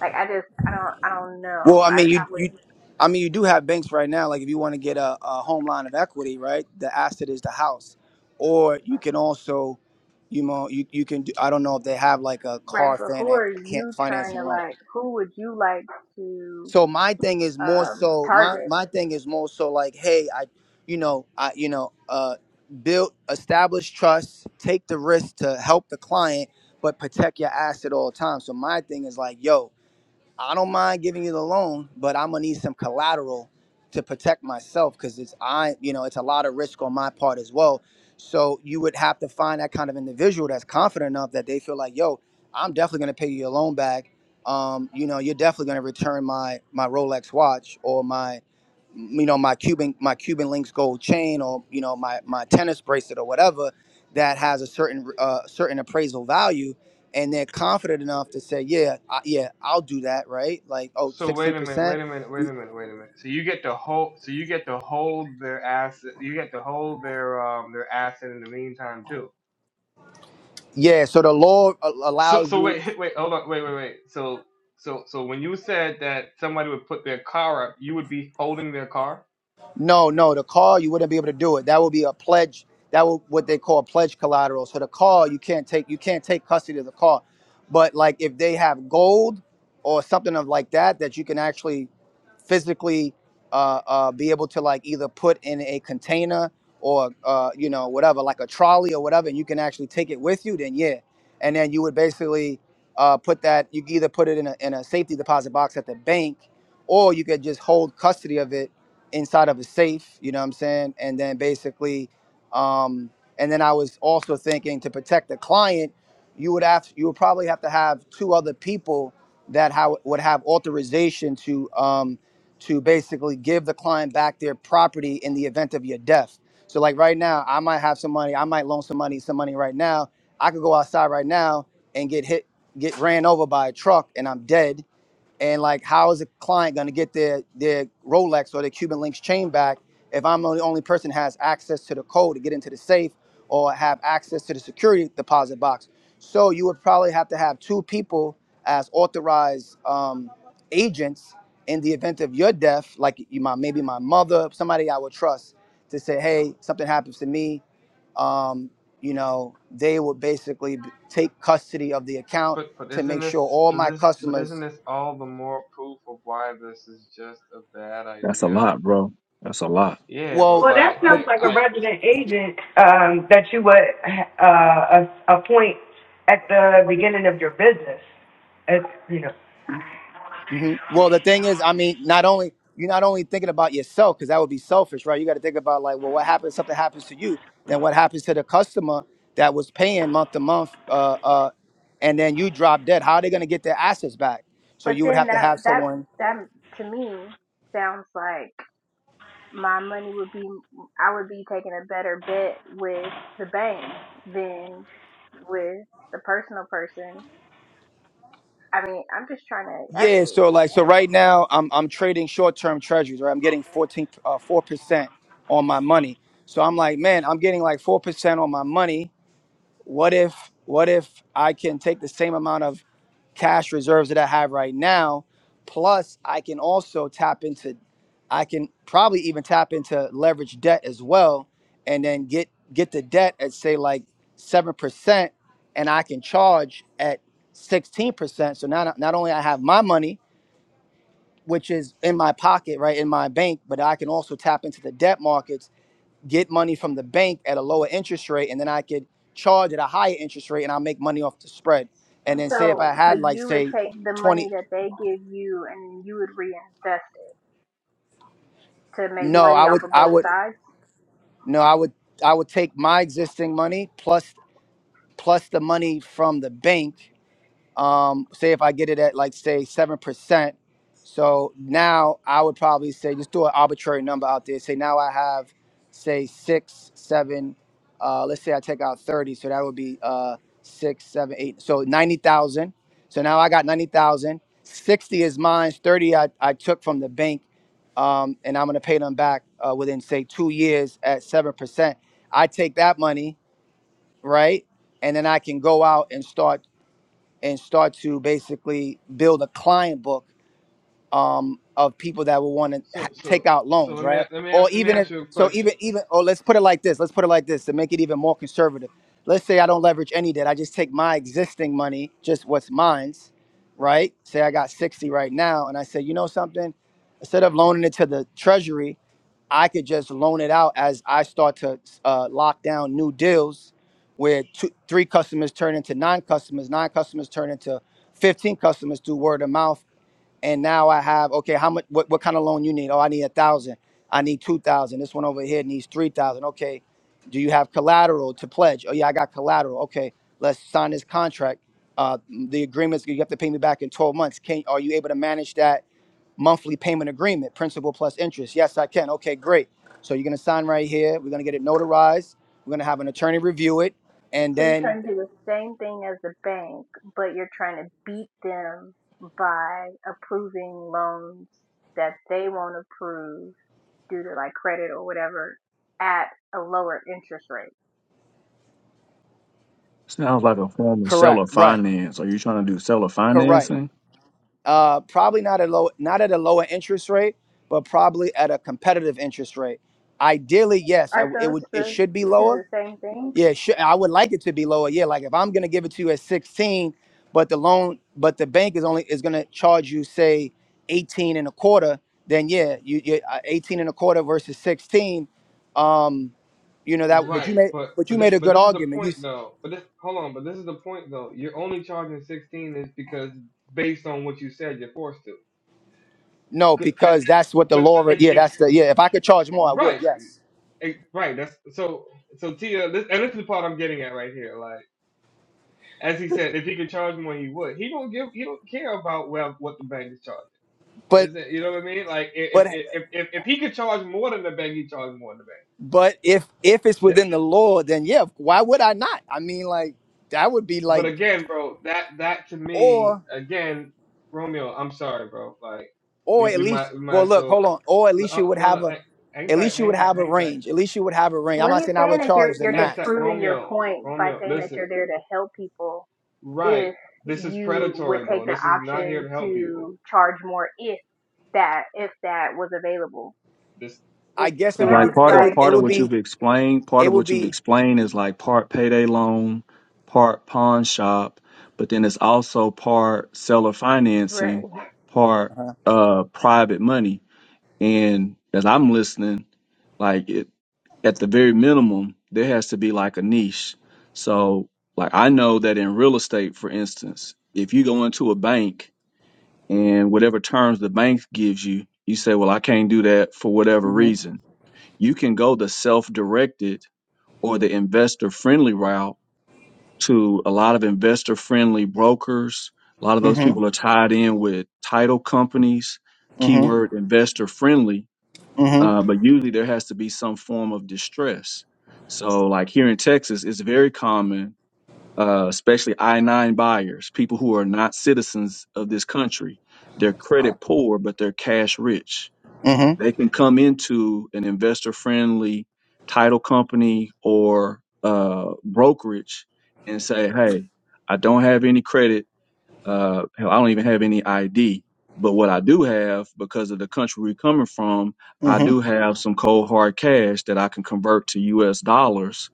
[SPEAKER 2] Like I just I don't I don't
[SPEAKER 6] well
[SPEAKER 2] know.
[SPEAKER 6] I
[SPEAKER 2] I
[SPEAKER 6] mean
[SPEAKER 2] I
[SPEAKER 6] you
[SPEAKER 2] would
[SPEAKER 6] you
[SPEAKER 2] not
[SPEAKER 6] I mean you do have banks right now like if you want to get a, a home line of equity, right? The asset is the house. Or you can also you know you, you can do, I don't know if they have like a
[SPEAKER 2] right,
[SPEAKER 6] car
[SPEAKER 2] but who
[SPEAKER 6] finan-
[SPEAKER 2] are
[SPEAKER 6] can-
[SPEAKER 2] you trying
[SPEAKER 6] financing
[SPEAKER 2] to
[SPEAKER 6] loan.
[SPEAKER 2] like who would you like to
[SPEAKER 6] So my thing is more
[SPEAKER 2] um
[SPEAKER 6] so my
[SPEAKER 2] target?
[SPEAKER 6] my thing is more so like, hey, I, you know, I you know, uh, build establish trust, take the risk to help the client, but protect your ass at all times. So my thing is like, yo, I don't mind giving you the loan, but I'm gonna need some collateral to protect myself because it's I, you know, it's a lot of risk on my part as well. So you would have to find that kind of individual that's confident enough that they feel like, yo, I'm definitely gonna pay you your loan back. Um, you know, you're definitely gonna return my my Rolex watch or my you know my Cuban my Cuban links gold chain or you know my my tennis bracelet or whatever that has a certain uh, certain appraisal value and they're confident enough to say, yeah, I, yeah, I'll do that, right? Like, oh,
[SPEAKER 1] So
[SPEAKER 6] sixteen
[SPEAKER 1] wait a minute,
[SPEAKER 6] percent
[SPEAKER 1] wait a minute, wait a minute, wait a minute. So you get to hold, so you get to hold their asset, you get to hold their um their asset in the meantime too.
[SPEAKER 6] Yeah, so the law a-
[SPEAKER 1] So
[SPEAKER 6] allows
[SPEAKER 1] so
[SPEAKER 6] you.
[SPEAKER 1] wait wait hold on wait wait wait so so so when you said that somebody would put their car up, you would be holding their car.
[SPEAKER 6] No, no, the call you wouldn't be able to do it. That would be a pledge. That would what they call pledge collateral. So the call you can't take you can't take custody of the call. But like if they have gold or something of like that that you can actually physically uh, uh, be able to like either put in a container or uh, you know whatever like a trolley or whatever, and you can actually take it with you. Then yeah, and then you would basically uh, put that you could either put it in a in a safety deposit box at the bank, or you could just hold custody of it inside of a safe, you know what I'm saying? And then basically, um, and then I was also thinking to protect the client, you would have you would probably have to have two other people that how would have authorization to um, to basically give the client back their property in the event of your death. So like right now, I might have some money, I might loan some money, some money right now. I could go outside right now and get hit, get ran over by a truck, and I'm dead and like, how is a client going to get their their Rolex or their Cuban Links chain back if I'm the only person has access to the code to get into the safe or have access to the security deposit box? So you would probably have to have two people as authorized um, agents in the event of your death, like you, my maybe my mother, somebody I would trust to say, hey, something happens to me. Um, you know, they would basically b- take custody of the account
[SPEAKER 1] But but
[SPEAKER 6] to
[SPEAKER 1] isn't
[SPEAKER 6] make sure
[SPEAKER 1] this
[SPEAKER 6] all
[SPEAKER 1] but
[SPEAKER 6] my
[SPEAKER 1] this but isn't
[SPEAKER 6] customers
[SPEAKER 1] this all the more proof of why this is just a bad
[SPEAKER 7] That's a
[SPEAKER 1] idea?
[SPEAKER 7] lot, bro. That's a lot.
[SPEAKER 1] Yeah, but
[SPEAKER 6] Well,
[SPEAKER 4] Well, that
[SPEAKER 1] like
[SPEAKER 6] the,
[SPEAKER 4] sounds
[SPEAKER 1] like
[SPEAKER 4] like a
[SPEAKER 6] the
[SPEAKER 1] I
[SPEAKER 4] resident agent um, that you would uh, a- appoint at the beginning of your business. It's, you know,
[SPEAKER 6] mhm. well, the thing is, I mean, not only you're not only thinking about yourself because that would be selfish, right? You got to think about like, well, what happens? Something happens to you, then what happens to the customer that was paying month to month, uh, uh, and then you drop dead? How are they going to get their assets back? So
[SPEAKER 2] But
[SPEAKER 6] you would
[SPEAKER 2] then
[SPEAKER 6] have to
[SPEAKER 2] that
[SPEAKER 6] have
[SPEAKER 2] that
[SPEAKER 6] someone.
[SPEAKER 2] that to me sounds like my money would be I would be taking a better bet with the bank than with the personal person. I mean, I'm just trying to. I,
[SPEAKER 6] Yeah. So like, so right now, I'm I'm trading short term treasuries, right? I'm getting 14 uh, four percent on my money. So I'm like, man, I'm getting like four percent on my money. What if what if I can take the same amount of cash reserves that I have right now. Plus, I can also tap into, I can probably even tap into leverage debt as well, and then get get the debt at say like seven percent, and I can charge at sixteen percent. So not not only I have my money, which is in my pocket, right in my bank, but I can also tap into the debt markets, get money from the bank at a lower interest rate, and then I could charge at a higher interest rate, and I'll make money off the spread. And then say if I
[SPEAKER 2] so so
[SPEAKER 6] had like
[SPEAKER 2] you would
[SPEAKER 6] say
[SPEAKER 2] take the
[SPEAKER 6] 20
[SPEAKER 2] money that they give you and you would reinvest it to make
[SPEAKER 6] No,
[SPEAKER 2] money
[SPEAKER 6] I
[SPEAKER 2] off
[SPEAKER 6] would
[SPEAKER 2] of
[SPEAKER 6] I
[SPEAKER 2] both
[SPEAKER 6] would
[SPEAKER 2] sides.
[SPEAKER 6] no, I would I would take my existing money plus plus the money from the bank um, say if I get it at like say seven percent, so now I would probably say just do an arbitrary number out there. Say now I have say six, seven. Uh, let's say I take out thirty, so that would be uh, six, seven, eight. So ninety thousand. So now I got ninety thousand. Sixty is mine. Thirty I, I took from the bank, um, and I'm gonna pay them back uh, within say two years at seven percent. I take that money right, and then I can go out and start and start to basically build a client book um, of people that will want to ha-
[SPEAKER 1] so so
[SPEAKER 6] take out
[SPEAKER 1] so
[SPEAKER 6] loans,
[SPEAKER 1] let me
[SPEAKER 6] right?
[SPEAKER 1] let me
[SPEAKER 6] Or
[SPEAKER 1] ask, let me
[SPEAKER 6] even if
[SPEAKER 1] ask you a
[SPEAKER 6] so,
[SPEAKER 1] question.
[SPEAKER 6] even even or let's put it like this. Let's put it like this to make it even more conservative. Let's say I don't leverage any debt. I just take my existing money, just what's mine's, right? Say I got sixty right now, and I say, you know something, instead of loaning it to the treasury, I could just loan it out as I start to uh, lock down new deals where two, three customers turn into nine customers, nine customers turn into 15 customers through word of mouth. And now I have, okay, how much, what, what kind of loan you need? Oh, I need a thousand. I need 2,000. This one over here needs 3,000. Okay. Do you have collateral to pledge? Oh yeah, I got collateral. Okay. Let's sign this contract. Uh, the agreements, you have to pay me back in 12 months. Can, are you able to manage that? monthly payment agreement, principal plus interest. Yes, I can. Okay, great. So you're gonna sign right here. We're gonna get it notarized. We're gonna have an attorney review it, and
[SPEAKER 2] So you're
[SPEAKER 6] then
[SPEAKER 2] trying to do the same thing as the bank, but you're trying to beat them by approving loans that they won't approve due to like credit or whatever at a lower interest rate.
[SPEAKER 7] Sounds like a form of seller
[SPEAKER 6] correct. Right.
[SPEAKER 7] finance. Are you trying to do seller
[SPEAKER 6] Correct.
[SPEAKER 7] financing?
[SPEAKER 6] Uh, probably not a low, not at a lower interest rate, but probably at a competitive interest rate. Ideally, yes, I
[SPEAKER 2] are
[SPEAKER 6] w- it
[SPEAKER 2] those
[SPEAKER 6] would. It
[SPEAKER 2] the
[SPEAKER 6] should be
[SPEAKER 2] two
[SPEAKER 6] lower
[SPEAKER 2] the same thing?
[SPEAKER 6] Yeah, sure. I would like it to be lower. Yeah, like if I'm gonna give it to you at 16, but the loan, but the bank is only is gonna charge you say 18 and a quarter. Then yeah, you you uh, 18 and a quarter versus 16. Um, you know that, but you
[SPEAKER 1] Right,
[SPEAKER 6] made
[SPEAKER 1] but
[SPEAKER 6] but
[SPEAKER 1] but
[SPEAKER 6] you
[SPEAKER 1] this
[SPEAKER 6] made a
[SPEAKER 1] but
[SPEAKER 6] good
[SPEAKER 1] this is the
[SPEAKER 6] argument. You
[SPEAKER 1] point
[SPEAKER 6] s-
[SPEAKER 1] though. But this hold on, but this is the point though. You're only charging sixteen is because based on what you said, you're forced to.
[SPEAKER 6] no
[SPEAKER 1] Cause, 'cause-
[SPEAKER 6] because that's what the
[SPEAKER 1] but
[SPEAKER 6] law. re-
[SPEAKER 1] if
[SPEAKER 6] Yeah,
[SPEAKER 1] if
[SPEAKER 6] that's the yeah. If I could charge more, I would.
[SPEAKER 1] right,
[SPEAKER 6] Yes,
[SPEAKER 1] Eh, Right. That's so. So Tia, this, and this is the part I'm getting at right here. Like as he said, if he could charge more, he would. He don't give. He don't care about well what the bank is charging.
[SPEAKER 6] but
[SPEAKER 1] Is it, you know what I mean? Like if
[SPEAKER 6] but
[SPEAKER 1] if, if if if he could charge more than the bank, he charge more than the bank.
[SPEAKER 6] but if if it's
[SPEAKER 1] That-
[SPEAKER 6] within the law, then yeah, why would I not? I mean, like that would be
[SPEAKER 1] but
[SPEAKER 6] like
[SPEAKER 1] again, bro, that that to me,
[SPEAKER 6] or.
[SPEAKER 1] again, Romeo, I'm sorry, bro. Like
[SPEAKER 6] or
[SPEAKER 1] we
[SPEAKER 6] at
[SPEAKER 1] we
[SPEAKER 6] least
[SPEAKER 1] might we
[SPEAKER 6] well
[SPEAKER 1] might
[SPEAKER 6] look
[SPEAKER 1] so
[SPEAKER 6] hold on or at least
[SPEAKER 1] uh,
[SPEAKER 6] you would
[SPEAKER 1] no
[SPEAKER 6] have
[SPEAKER 1] no
[SPEAKER 6] a
[SPEAKER 1] hang hang
[SPEAKER 6] at
[SPEAKER 1] tight
[SPEAKER 6] least you
[SPEAKER 1] hang
[SPEAKER 6] would
[SPEAKER 1] tight
[SPEAKER 6] have a
[SPEAKER 1] hang tight
[SPEAKER 6] range at least you would have a range i'm
[SPEAKER 2] What
[SPEAKER 6] not
[SPEAKER 2] he's
[SPEAKER 6] saying i
[SPEAKER 2] saying
[SPEAKER 6] would
[SPEAKER 2] is you're
[SPEAKER 6] charge the
[SPEAKER 2] you're
[SPEAKER 1] hang
[SPEAKER 6] max
[SPEAKER 1] tight
[SPEAKER 2] disproving your
[SPEAKER 1] Romeo
[SPEAKER 2] point by
[SPEAKER 1] Romeo
[SPEAKER 2] saying that
[SPEAKER 1] listen
[SPEAKER 2] you're there to help people
[SPEAKER 1] right
[SPEAKER 2] if
[SPEAKER 1] this is
[SPEAKER 2] you would
[SPEAKER 1] predatory,
[SPEAKER 2] take
[SPEAKER 1] bro.
[SPEAKER 2] the
[SPEAKER 1] This is not here
[SPEAKER 2] option
[SPEAKER 1] to help people
[SPEAKER 2] to charge more if that if that was available.
[SPEAKER 1] This.
[SPEAKER 6] i
[SPEAKER 2] It
[SPEAKER 6] guess it would be
[SPEAKER 7] like
[SPEAKER 2] sounds
[SPEAKER 7] part
[SPEAKER 6] it
[SPEAKER 7] of
[SPEAKER 6] would
[SPEAKER 2] like
[SPEAKER 6] it
[SPEAKER 7] part of
[SPEAKER 6] would
[SPEAKER 7] what
[SPEAKER 6] be
[SPEAKER 7] you've explained part
[SPEAKER 6] it
[SPEAKER 7] of
[SPEAKER 6] would
[SPEAKER 7] what you've
[SPEAKER 6] be
[SPEAKER 7] explained is like part payday loan part pawn shop but then it's also part seller
[SPEAKER 2] we're
[SPEAKER 7] financing part uh private money and as i'm listening like it at the very minimum there has to be like a niche so like i know that in real estate for instance if you go into a bank and whatever terms the bank gives you you say well i can't do that for whatever
[SPEAKER 6] hmm
[SPEAKER 7] reason you can go the self directed or the investor friendly route to a lot of investor friendly brokers. A lot of those
[SPEAKER 6] hmm
[SPEAKER 7] people are tied in with title companies,
[SPEAKER 6] hmm
[SPEAKER 7] keyword investor friendly,
[SPEAKER 6] hmm
[SPEAKER 7] uh, but usually there has to be some form of distress. So, like here in Texas, it's very common, uh, especially I 9 buyers, people who are not citizens of this country. They're credit poor, but they're cash rich
[SPEAKER 6] hmm
[SPEAKER 7] they can come into an investor friendly title company or uh, brokerage and say, hey, I don't have any credit. Uh, hell, I don't even have any ID. But what I do have, because of the country we're coming from, I
[SPEAKER 6] hmm hmm
[SPEAKER 7] do have some cold hard cash that I can convert to US dollars.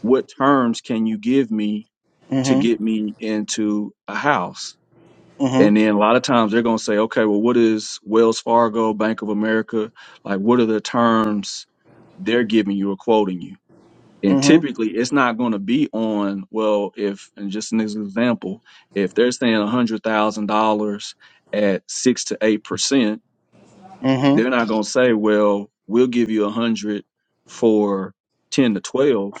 [SPEAKER 7] What terms can you give me to
[SPEAKER 6] hmm
[SPEAKER 7] get me into a house?
[SPEAKER 6] hmm
[SPEAKER 7] And then a lot of times they're going to say, okay, well, what is Wells Fargo, Bank of America? Like, what are the terms they're giving you or quoting you? And
[SPEAKER 6] hmm
[SPEAKER 7] typically it's not going to be on, well, if, and just an example, if they're saying $100,000 at six to 8%,
[SPEAKER 6] hmm
[SPEAKER 7] they're not going to say, well, we'll give you a hundred for 10 to 12.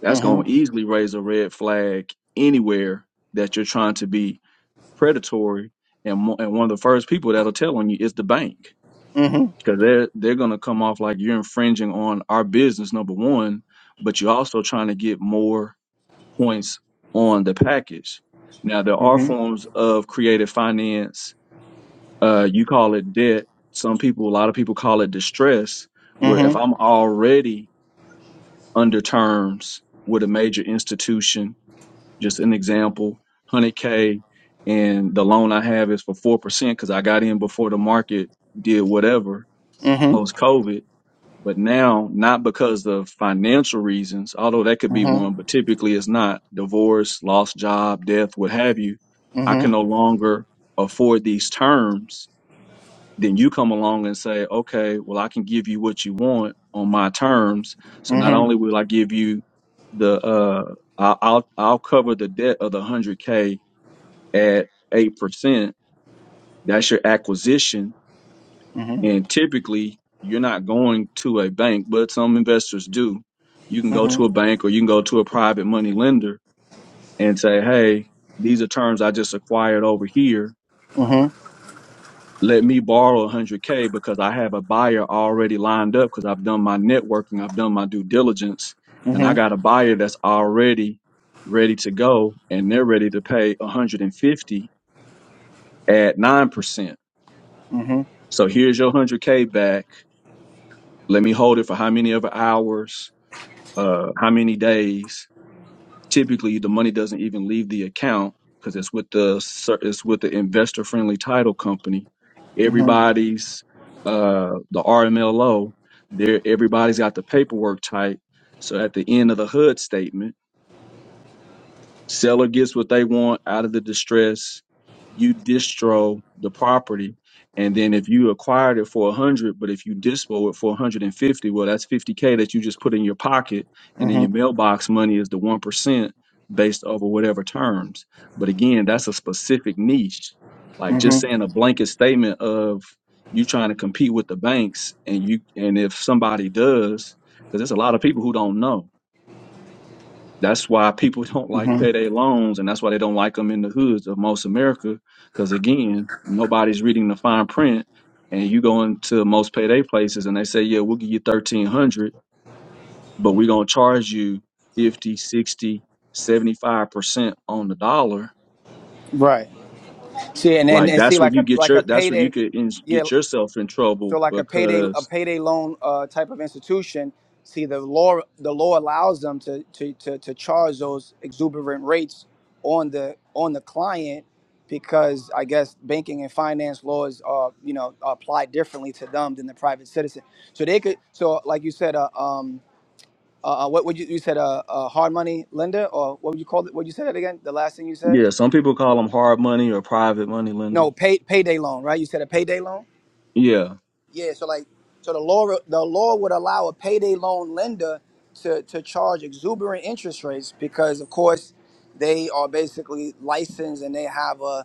[SPEAKER 7] That's
[SPEAKER 6] hmm hmm
[SPEAKER 7] going to easily raise a red flag anywhere that you're trying to be predatory, and mo- and one of the first people that'll tell on you is the bank
[SPEAKER 6] hmm hmm hmm
[SPEAKER 7] because they're they're gonna come off like you're infringing on our business number one, but you're also trying to get more points on the package. Now there are forms of creative finance. Uh, you call it debt. Some people, a lot of people call it distress.
[SPEAKER 6] hmm hmm hmm hmm hmm
[SPEAKER 7] Where
[SPEAKER 6] hmm
[SPEAKER 7] if I'm already under terms with a major institution just an example, 100K, and the loan I have is for 4% because I got in before the market did whatever post COVID. But now, not because of financial reasons, although that could be one, but typically it's not divorce, lost job, death, what have you. I can no longer afford these terms then you come along and say, okay, well, I can give you what you want on my terms. So not
[SPEAKER 6] hmm
[SPEAKER 7] only will I give you the, uh, I- I'll, I'll cover the debt of the hundred K at 8%. That's your acquisition.
[SPEAKER 6] hmm hmm hmm
[SPEAKER 7] And typically you're not going to a bank, but some investors do. You can go to a bank or you can go to a private money lender and say, Hey, these are terms I just acquired over here let me borrow 100k because I have a buyer already lined up because I've done my networking, I've done my due diligence, and I got a buyer that's already ready to go, and they're ready to pay 150 at nine percent. So here's your 100k back. Let me hold it for how many other hours, uh, how many days, Typically, the money doesn't even leave the account because it's with the cer- it's with the investor friendly title company. Everybody's uh, the RMLO. There, everybody's got the paperwork tight. So at the end of the HUD statement Seller gets what they want out of the distress. You distro the property, and then if you acquired it for a hundred, but if you dispo it for 150, well, that's 50k that you just put in your pocket, and then your mailbox money is the one percent based over whatever terms. But again, that's a specific niche. Like just saying a blanket statement of you trying to compete with the banks, and you and if somebody does, because there's a lot of people who don't know that's why people don't like payday loans, and that's why they don't like them in the hoods of most America. Because again, nobody's reading the fine print, and you go into most payday places, and they say, "Yeah, we'll give you thirteen hundred, but we're gonna charge you 50, 60, 75 percent on the dollar."
[SPEAKER 6] right see and, and
[SPEAKER 7] Like
[SPEAKER 6] and see
[SPEAKER 7] that's where
[SPEAKER 6] like
[SPEAKER 7] you
[SPEAKER 6] a
[SPEAKER 7] get
[SPEAKER 6] like a
[SPEAKER 7] your that's where you
[SPEAKER 6] payday
[SPEAKER 7] could in,
[SPEAKER 6] yeah
[SPEAKER 7] get yourself in
[SPEAKER 6] So
[SPEAKER 7] trouble
[SPEAKER 6] like a payday a
[SPEAKER 7] because
[SPEAKER 6] payday loan uh, type of institution, see the law the law allows them to, to to to charge those exuberant rates on the on the client because I guess banking and finance laws are you know apply differently to them than the private citizen. So they could so like you said uh, um uh, uh, what would you you said a uh, uh, hard money lender or what would you call it? What you said it again? The last thing you said?
[SPEAKER 7] yeah, some people call them hard money or private money lender.
[SPEAKER 6] No, pay payday loan, right? You said a payday loan.
[SPEAKER 7] Yeah,
[SPEAKER 6] Yeah, so like, so the law the law would allow a payday loan lender to to charge exuberant interest rates because, of course, they are basically licensed and they have a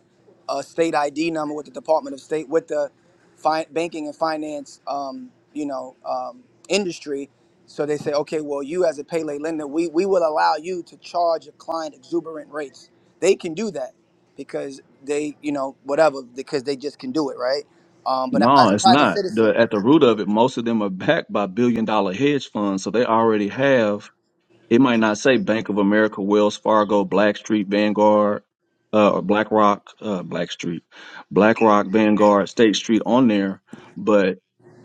[SPEAKER 6] a state ID number with the Department of State with the fi- banking and finance, um, you know, um, industry. So they say, okay, well, you as a payday lender, we we will allow you to charge a client exuberant rates. They can do that because they, you know, whatever, because they just can do it, right? Um, but
[SPEAKER 7] No,
[SPEAKER 6] as a
[SPEAKER 7] it's
[SPEAKER 6] private
[SPEAKER 7] not. The
[SPEAKER 6] citizen,
[SPEAKER 7] at the root of it, most of them are backed by billion dollar hedge funds, so they already have. It might not say Bank of America, Wells Fargo, Blackstreet, Vanguard, uh, or BlackRock, uh, Blackstreet, BlackRock, Vanguard, State Street on there, but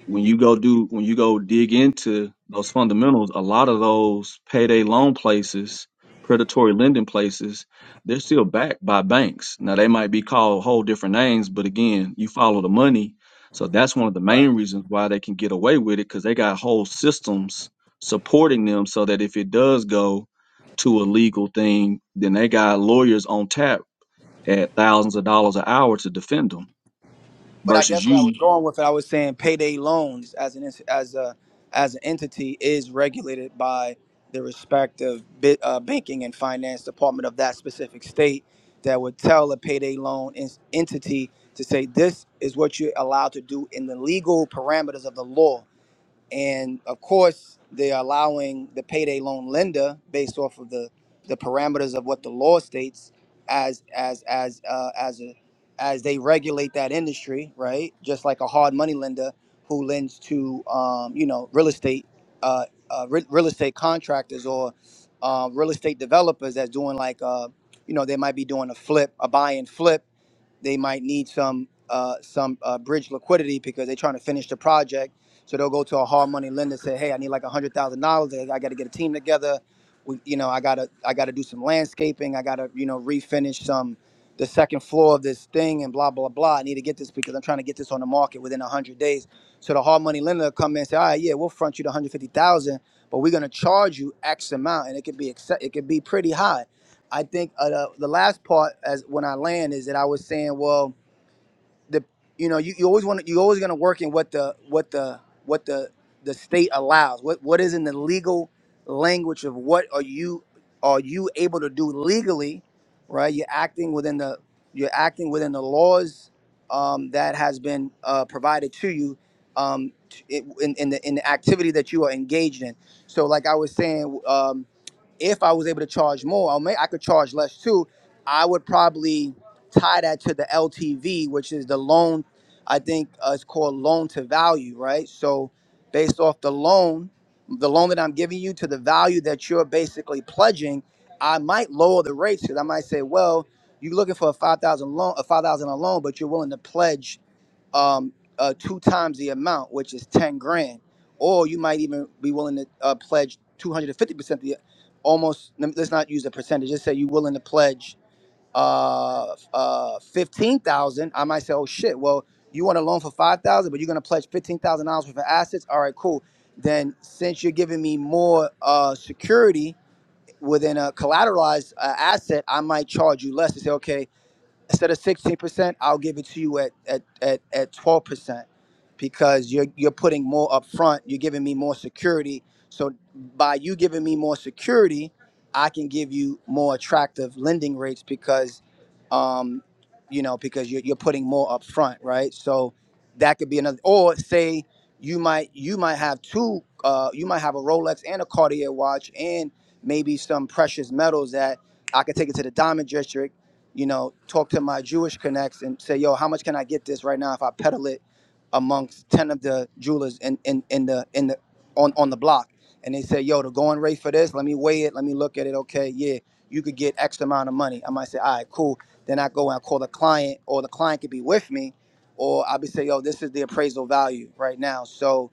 [SPEAKER 7] when you go do when you go dig into those fundamentals, a lot of those payday loan places, predatory lending places, they're still backed by banks. Now they might be called whole different names, but again, you follow the money. So that's one of the
[SPEAKER 6] right?
[SPEAKER 7] main reasons why they can get away with it because they got whole systems supporting them so that if it does go to a legal thing, then they got lawyers on tap at thousands of dollars an hour to defend them
[SPEAKER 6] But I
[SPEAKER 7] versus
[SPEAKER 6] guess what I was
[SPEAKER 7] you,
[SPEAKER 6] going with, I was saying payday loans as an ins- as a as an entity is regulated by the respective bit, uh, banking and finance department of that specific state that would tell a payday loan ins entity to say this is what you're allowed to do in the legal parameters of the law and of course they're allowing the payday loan lender based off of the the parameters of what the law states as as as uh, as a as they regulate that industry right just like a hard money lender who lends to um, you know real estate uh, uh, re- real estate contractors or uh, real estate developers that's doing like uh, you know they might be doing a flip a buy and flip they might need some uh, some uh, bridge liquidity because they're trying to finish the project. So they'll go to a hard money lender say, "Hey, I need like a hundred thousand dollars. I got to get a team together. We, you know, I gotta I gotta do some landscaping. I gotta you know refinish some the second floor of this thing and blah blah blah. I need to get this because I'm trying to get this on the market within a hundred days." So the hard money lender will come in and say, "All right, yeah, we'll front you the hundred fifty thousand, but we're gonna charge you X amount, and it could be accept- it could be pretty high." I think uh, the, the last part as when I land is that I was saying, well, the you know you, you always want to you always going to work in what the what the what the the state allows. What what is in the legal language of what are you are you able to do legally, right? You're acting within the you're acting within the laws um, that has been uh, provided to you um, t- in, in the in the activity that you are engaged in. So, like I was saying. Um, if I was able to charge more, I may I could charge less too. I would probably tie that to the LTV, which is the loan. I think uh, it's called loan to value, right? So based off the loan, the loan that I'm giving you to the value that you're basically pledging, I might lower the rates because I might say, well, you're looking for a five thousand loan, a five thousand a loan, but you're willing to pledge um, uh, two times the amount, which is ten grand, or you might even be willing to uh, pledge two hundred and fifty percent. The almost let us not use a percentage. Just say you're willing to pledge uh, uh, fifteen thousand. I might say, oh shit, well you want a loan for five thousand, but you're gonna pledge fifteen thousand dollars worth of assets. All right, cool. Then since you're giving me more uh, security within a collateralized uh, asset, I might charge you less to say, okay instead of 16%, I'll give it to you at at at, at 12% because you're you're putting more up front, you're giving me more security. So by you giving me more security, I can give you more attractive lending rates because um you know, because you're you're putting more up front, right? So that could be another or say you might you might have two uh you might have a Rolex and a Cartier watch and maybe some precious metals that I could take it to the diamond district you know, talk to my Jewish connects and say, yo, how much can I get this right now if I peddle it amongst 10 of the jewelers in, in, in the in the on, on the block? And they say, yo, the going rate for this, let me weigh it, let me look at it. Okay, yeah, you could get X amount of money. I might say, all right, cool. Then I go and I call the client, or the client could be with me, or I'll be say, yo, this is the appraisal value right now. So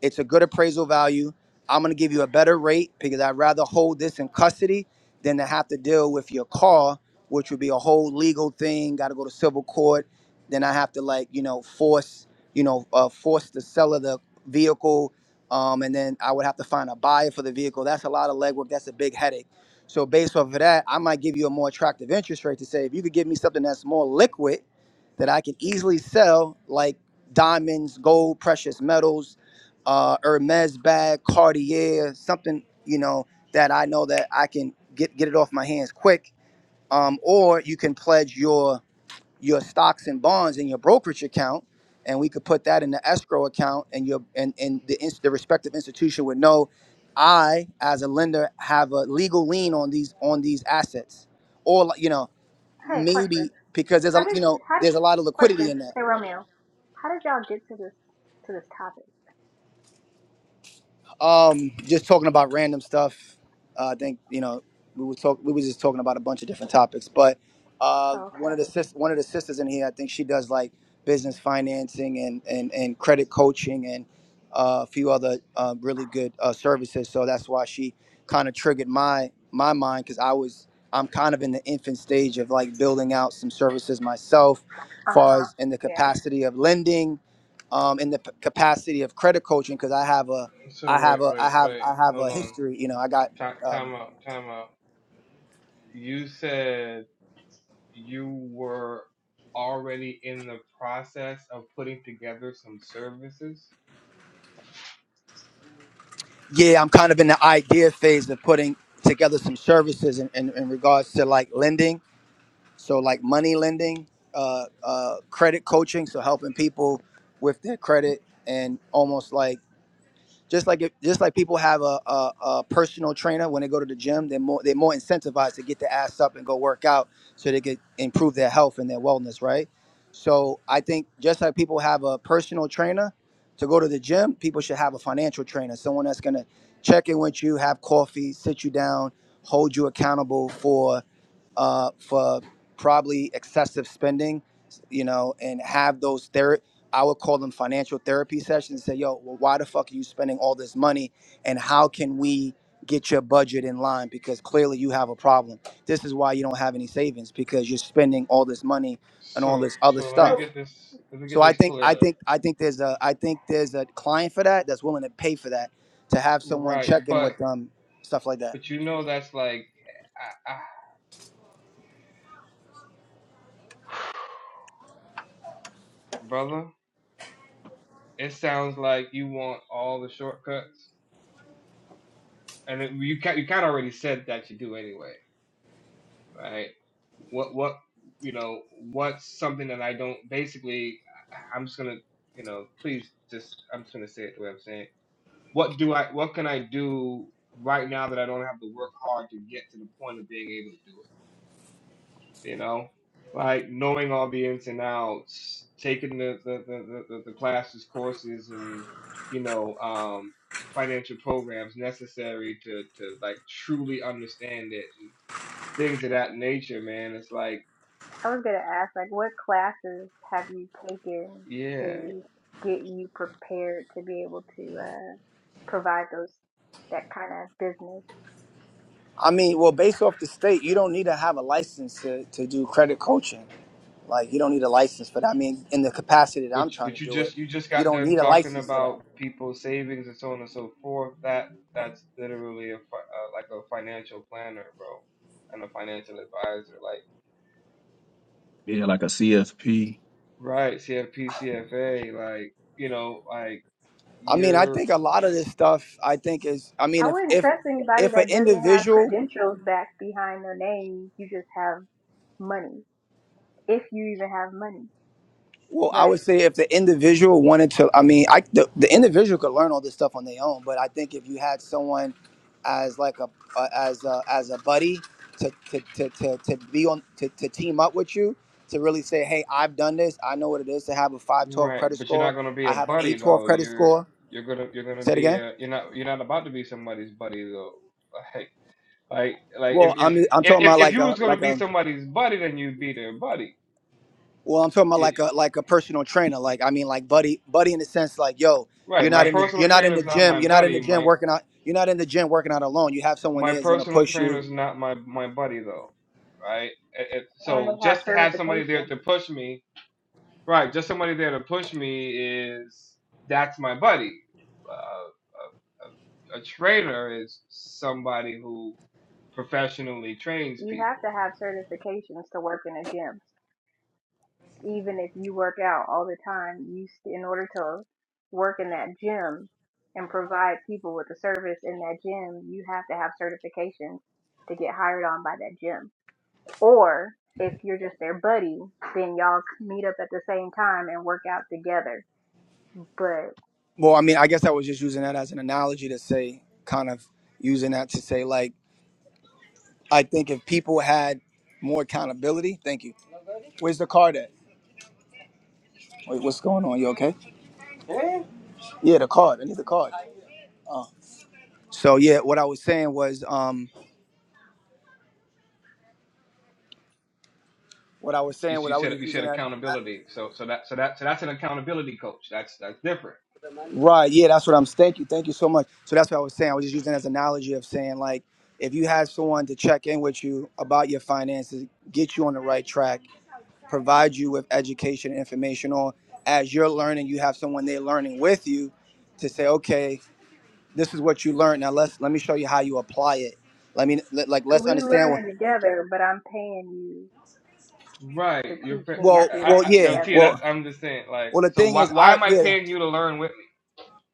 [SPEAKER 6] it's a good appraisal value. I'm gonna give you a better rate because I'd rather hold this in custody than to have to deal with your car, which would be a whole legal thing. Got to go to civil court. Then I have to like you know force you know uh, force the seller the vehicle, um, and then I would have to find a buyer for the vehicle. That's a lot of legwork. That's a big headache. So based off of that, I might give you a more attractive interest rate to say if you could give me something that's more liquid, that I can easily sell, like diamonds, gold, precious metals, uh, Hermes bag, Cartier, something you know that I know that I can get get it off my hands quick. Um, or you can pledge your your stocks and bonds in your brokerage account, and we could put that in the escrow account, and your and and the ins- the respective institution would know I as a lender have a legal lien on these on these assets, or like, you know
[SPEAKER 2] hey
[SPEAKER 6] maybe
[SPEAKER 2] question.
[SPEAKER 6] because there's a
[SPEAKER 2] How did
[SPEAKER 6] you know
[SPEAKER 2] how did
[SPEAKER 6] there's a lot of liquidity
[SPEAKER 2] question
[SPEAKER 6] in that.
[SPEAKER 2] hey Romeo? How did y'all get to this to this topic?
[SPEAKER 6] Um, just talking about random stuff. Uh, I think you know we were talk we were just talking about a bunch of different topics, but uh,
[SPEAKER 2] Oh,
[SPEAKER 6] one
[SPEAKER 2] okay.
[SPEAKER 6] of the sis- one of the sisters in here, I think she does like business financing and and, and credit coaching and uh, a few other uh, really good uh, services. So that's why she kind of triggered my my mind because I was I'm kind of in the infant stage of like building out some services myself,
[SPEAKER 2] Uh
[SPEAKER 6] far
[SPEAKER 2] huh.
[SPEAKER 6] as in the
[SPEAKER 2] Yeah.
[SPEAKER 6] capacity of lending, um, in the p- capacity of credit coaching because I have a
[SPEAKER 1] So
[SPEAKER 6] I have
[SPEAKER 1] wait,
[SPEAKER 6] a I
[SPEAKER 1] wait,
[SPEAKER 6] have
[SPEAKER 1] wait.
[SPEAKER 6] I have a
[SPEAKER 1] Hold on.
[SPEAKER 6] history. You know, I got
[SPEAKER 1] Ti-
[SPEAKER 6] um,
[SPEAKER 1] time out. Time out. You said you were already in the process of putting together some services.
[SPEAKER 6] yeah. I'm kind of in the idea phase of putting together some services in, in, in regards to like lending. So like money lending, uh, uh, credit coaching. So helping people with their credit and almost like Just like if, just like people have a, a, a personal trainer when they go to the gym, they're more they're more incentivized to get their ass up and go work out so they can improve their health and their wellness, right? So I think just like people have a personal trainer to go to the gym, people should have a financial trainer, someone that's gonna check in with you, have coffee, sit you down, hold you accountable for uh, for probably excessive spending, you know, and have those ther- I would call them financial therapy sessions. and Say, yo, well, why the fuck are you spending all this money, and how can we get your budget in line? Because clearly you have a problem. This is why you don't have any savings because you're spending all this money and all
[SPEAKER 1] So,
[SPEAKER 6] this other
[SPEAKER 1] so let me
[SPEAKER 6] stuff.
[SPEAKER 2] So
[SPEAKER 1] get this. Let me
[SPEAKER 6] So
[SPEAKER 1] get
[SPEAKER 6] I
[SPEAKER 1] this
[SPEAKER 6] think I
[SPEAKER 1] clear.
[SPEAKER 6] think I think there's a I think there's a client for that that's willing to pay for that to have someone
[SPEAKER 1] Right,
[SPEAKER 6] check in with
[SPEAKER 1] but
[SPEAKER 6] them, stuff like that.
[SPEAKER 1] but you know that's like, I, I, brother. It sounds like you want all the shortcuts, and it, you ca- you kind of already said that you do anyway. right? What what you know what's something that I don't basically I- I'm just gonna you know please just I'm just gonna say it the way I'm saying it. What do I what can I do right now that I don't have to work hard to get to the point of being able to do it? You know, like knowing all the ins and outs, taking the the the, the, the classes, courses, and you know um financial programs necessary to to like truly understand it and things of that nature man it's like
[SPEAKER 2] I was gonna ask like what classes have you taken
[SPEAKER 1] Yeah,
[SPEAKER 2] to get you prepared to be able to uh, provide those that kind of business
[SPEAKER 6] I mean, well, based off the state, you don't need to have a license to, to do credit coaching. Like, you don't need a license for that. I mean, in the capacity that
[SPEAKER 1] but
[SPEAKER 6] I'm trying to
[SPEAKER 1] but you
[SPEAKER 6] do it,
[SPEAKER 1] just you just
[SPEAKER 6] you
[SPEAKER 1] got
[SPEAKER 6] don't
[SPEAKER 1] done
[SPEAKER 6] need a
[SPEAKER 1] talking
[SPEAKER 6] license for that.
[SPEAKER 1] about people's savings and so on and so forth. That that's literally a fi- uh, like a financial planner, bro, and a financial advisor. Like
[SPEAKER 7] yeah, like a CFP
[SPEAKER 1] right, CFP, CFA, like you know, like
[SPEAKER 6] I mean, I
[SPEAKER 1] you're
[SPEAKER 6] think a lot of this stuff, I think is, I mean,
[SPEAKER 2] I
[SPEAKER 6] if
[SPEAKER 2] wouldn't
[SPEAKER 6] if
[SPEAKER 2] trust anybody
[SPEAKER 6] if an
[SPEAKER 2] that doesn't have
[SPEAKER 6] individual
[SPEAKER 2] credentials backed behind their name. You just have money, if you even have money.
[SPEAKER 6] Well, I would
[SPEAKER 2] Like,
[SPEAKER 6] say if the individual wanted to, I mean, I the, the individual could learn all this stuff on their own, but I think if you had someone as like a uh, as a, as a buddy to to, to, to, to be on to, to team up with you to really say, hey, I've done this. I know what it is to have a 512
[SPEAKER 1] right,
[SPEAKER 6] credit
[SPEAKER 1] but you're not
[SPEAKER 6] score.
[SPEAKER 1] gonna be
[SPEAKER 6] I
[SPEAKER 1] a
[SPEAKER 6] have an
[SPEAKER 1] buddy
[SPEAKER 6] 812
[SPEAKER 1] though.
[SPEAKER 6] credit
[SPEAKER 1] You're
[SPEAKER 6] score.
[SPEAKER 1] you're gonna you're gonna
[SPEAKER 6] Say it
[SPEAKER 1] be
[SPEAKER 6] again.
[SPEAKER 1] a you're not you're not about to be somebody's buddy though. Like like like if
[SPEAKER 6] Well, I'm
[SPEAKER 1] if
[SPEAKER 6] I'm
[SPEAKER 1] if
[SPEAKER 6] talking
[SPEAKER 1] if
[SPEAKER 6] about
[SPEAKER 1] if
[SPEAKER 6] like
[SPEAKER 1] you
[SPEAKER 6] a
[SPEAKER 1] was gonna
[SPEAKER 6] like
[SPEAKER 1] be
[SPEAKER 6] a
[SPEAKER 1] somebody's buddy, then you'd be their buddy.
[SPEAKER 6] Well, I'm talking about like a like a personal trainer. Like I mean, like buddy, buddy, in the sense like, yo,
[SPEAKER 1] Right.
[SPEAKER 6] you're
[SPEAKER 1] My
[SPEAKER 6] not in the you're
[SPEAKER 1] personal
[SPEAKER 6] not in
[SPEAKER 1] trainer
[SPEAKER 6] the
[SPEAKER 1] is not
[SPEAKER 6] gym.
[SPEAKER 1] my
[SPEAKER 6] You're not in the
[SPEAKER 1] buddy.
[SPEAKER 6] gym
[SPEAKER 1] My
[SPEAKER 6] working out. You're not in the gym working out alone. You have someone
[SPEAKER 1] my
[SPEAKER 6] there that's gonna
[SPEAKER 1] personal
[SPEAKER 6] push
[SPEAKER 1] trainer
[SPEAKER 6] you.
[SPEAKER 1] is not my my buddy though. Right. It- it-
[SPEAKER 2] and
[SPEAKER 1] so
[SPEAKER 2] they have
[SPEAKER 1] just to have somebody there
[SPEAKER 2] certification.
[SPEAKER 1] to push me. Right. Just somebody there to push me is that's my buddy. Uh, a, trainer is somebody who professionally trains
[SPEAKER 2] You have
[SPEAKER 1] people.
[SPEAKER 2] to have certifications to work in a gym. Even if you work out all the time, you st- in order to work in that gym and provide people with the service in that gym, you have to have certifications to get hired on by that gym. Or if you're just their buddy, then y'all meet up at the same time and work out together but
[SPEAKER 6] Well, I mean, I guess I was just using that as an analogy to say, kind of using that to say like, I think if people had more accountability. Thank you. Where's the card at? Wait, what's going on? You okay? Yeah, the card. I need the card. Oh. So yeah, what I was saying was, um, what I was
[SPEAKER 1] You,
[SPEAKER 6] saying was
[SPEAKER 1] you
[SPEAKER 6] I was
[SPEAKER 1] said
[SPEAKER 6] just
[SPEAKER 1] you
[SPEAKER 6] using
[SPEAKER 1] said
[SPEAKER 6] that.
[SPEAKER 1] accountability. So so that so that so that's an accountability coach. That's that's different.
[SPEAKER 6] Right. Yeah, that's what I'm. Thank you. Thank you so much. So that's what I was saying. I was just using it as an analogy of saying like, if you have someone to check in with you about your finances, get you on the right track, provide you with education, information, or as you're learning, you have someone they're learning with you to say, okay, this is what you learned. Now let's let me show you how you apply it. Let me let, like let's
[SPEAKER 2] we
[SPEAKER 6] understand. What,
[SPEAKER 2] learning together, but I'm paying you
[SPEAKER 1] Right.
[SPEAKER 2] to
[SPEAKER 1] You're.
[SPEAKER 2] teach
[SPEAKER 1] pa-
[SPEAKER 2] me as
[SPEAKER 6] well,
[SPEAKER 2] we
[SPEAKER 1] I,
[SPEAKER 6] well,
[SPEAKER 1] I,
[SPEAKER 2] learning
[SPEAKER 1] no,
[SPEAKER 6] yeah.
[SPEAKER 1] Tia.
[SPEAKER 2] together.
[SPEAKER 1] That's.
[SPEAKER 6] Well,
[SPEAKER 1] I'm just saying. Like.
[SPEAKER 6] well, the
[SPEAKER 1] So
[SPEAKER 6] thing
[SPEAKER 1] why
[SPEAKER 6] is,
[SPEAKER 1] why
[SPEAKER 6] I
[SPEAKER 1] am I
[SPEAKER 6] yeah.
[SPEAKER 1] paying you to learn with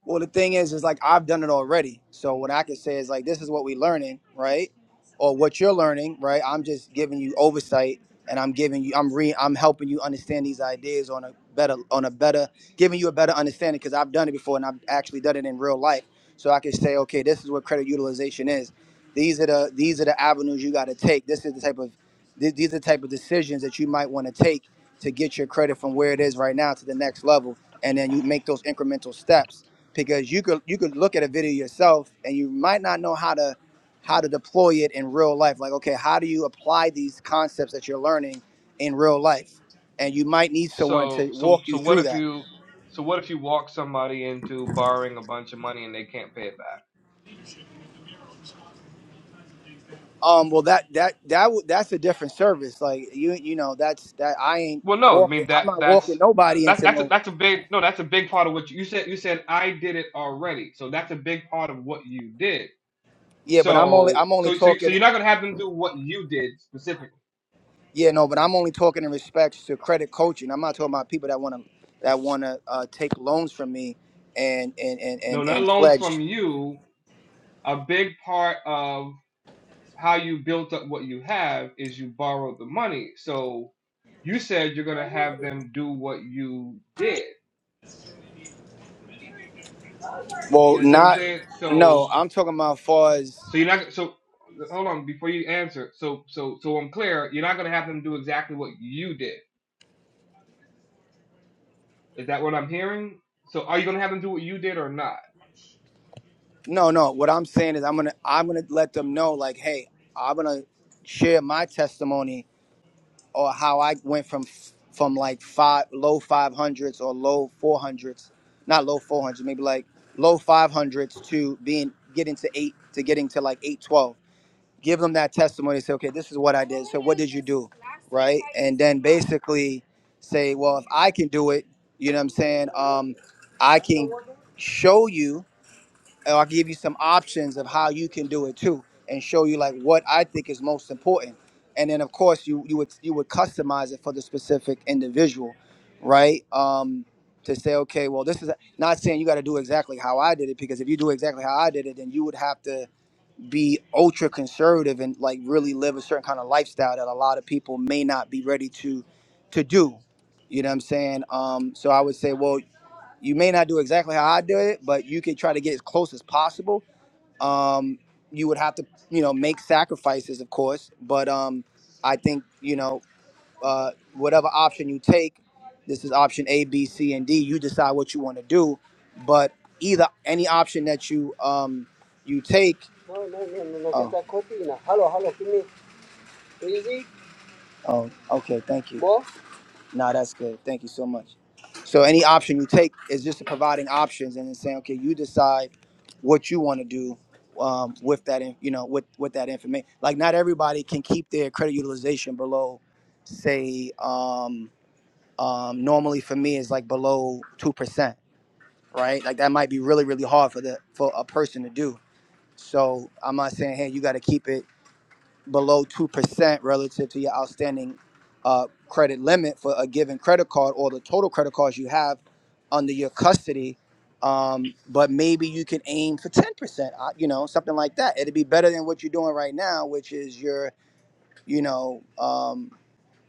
[SPEAKER 6] Well, the thing is, is like I've done it already. So what I can say is like this is what we learning, right? Or what you're learning, right? I'm just giving you oversight, and I'm giving you, I'm re, I'm helping you understand these ideas on a better, on a better, giving you a better understanding because I've done it before and I've actually done it in real life. So I can say, okay, this is what credit utilization is. These are the these are the avenues you got to take. This is the type of th- these are the type of decisions that you might want to take to get your credit from where it is right now to the next level, and then you make those incremental steps because you could you could look at a video yourself and you might not know how to how to deploy it in real life like okay how do you apply these concepts that you're learning in real life and you might need someone to
[SPEAKER 1] So so
[SPEAKER 6] walk you
[SPEAKER 1] so what
[SPEAKER 6] through
[SPEAKER 1] if
[SPEAKER 6] that
[SPEAKER 1] you so what if you walk somebody into borrowing a bunch of money and they can't pay it back?
[SPEAKER 6] um well that that that w- that's a different service like you you know that's that i ain't
[SPEAKER 1] Well, no, I
[SPEAKER 6] walking
[SPEAKER 1] mean
[SPEAKER 6] i'm
[SPEAKER 1] that
[SPEAKER 6] not
[SPEAKER 1] that's
[SPEAKER 6] walking
[SPEAKER 1] uh,
[SPEAKER 6] nobody
[SPEAKER 1] that
[SPEAKER 6] into
[SPEAKER 1] that's a,
[SPEAKER 6] no
[SPEAKER 1] that's a big no, that's a big part of what you, you said. You said I did it already, so that's a big part of what you did.
[SPEAKER 6] yeah but i'm only
[SPEAKER 1] So
[SPEAKER 6] i'm only
[SPEAKER 1] so so so
[SPEAKER 6] talking
[SPEAKER 1] you're not gonna have them do what you did specifically.
[SPEAKER 6] Yeah, no, but I'm only talking in respects to credit coaching. I'm not talking about people that want to that want to uh, take loans from me and and and
[SPEAKER 1] No,
[SPEAKER 6] and
[SPEAKER 1] not
[SPEAKER 6] and
[SPEAKER 1] loans from
[SPEAKER 6] pledge.
[SPEAKER 1] you. A big part of how you built up what you have is you borrowed the money. So you said you're gonna have them do what you did. You
[SPEAKER 6] Well,
[SPEAKER 1] understand what I'm
[SPEAKER 6] not
[SPEAKER 1] saying?
[SPEAKER 6] no.
[SPEAKER 1] So,
[SPEAKER 6] I'm talking about far as
[SPEAKER 1] so you're not so. Hold on, before you answer. So, so, so I'm clear. You're not gonna have them do exactly what you did. Is that what I'm hearing? So, are you gonna have them do what you did or not?
[SPEAKER 6] no, no. What I'm saying is I'm gonna I'm gonna let them know like, hey, I'm gonna share my testimony or how I went from from like five low five hundreds or low four hundreds, not low four hundreds, maybe like low five hundreds to being getting to eight to getting to like eight twelve give them that testimony. Say, okay, this is what I did. So what did you do, right? And then basically say, well, if I can do it, you know what I'm saying? Um, I can show you, and I'll give you some options of how you can do it too, and show you like what I think is most important. And then of course you you would you would customize it for the specific individual, right? Um, to say, okay, well, this is not saying you got to do exactly how I did it because if you do exactly how I did it, then you would have to be ultra conservative and like really live a certain kind of lifestyle that a lot of people may not be ready to to do you know what i'm saying um so i would say well you may not do exactly how i do it but you could try to get as close as possible um you would have to you know make sacrifices of course but um i think you know uh, whatever option you take, this is option A, B, C, and D. You decide what you want to do, but either any option that you um you take. No, no, no, no, no, get Oh, that copy now. Hello, hello, give me easy. oh, okay. Thank you. More? Nah, that's good. Thank you so much. So any option you take is just providing options and then saying, okay, you decide what you want to do um, with that, in- you know, with with that information. Like not everybody can keep their credit utilization below, say. um, um, normally for me is like below two percent, right? Like that might be really, really hard for the for a person to do. So I'm not saying hey, you got to keep it below two percent relative to your outstanding uh, credit limit for a given credit card or the total credit cards you have under your custody. Um, but maybe you can aim for ten percent, uh, you know, something like that. It'd be better than what you're doing right now, which is your, you know. um,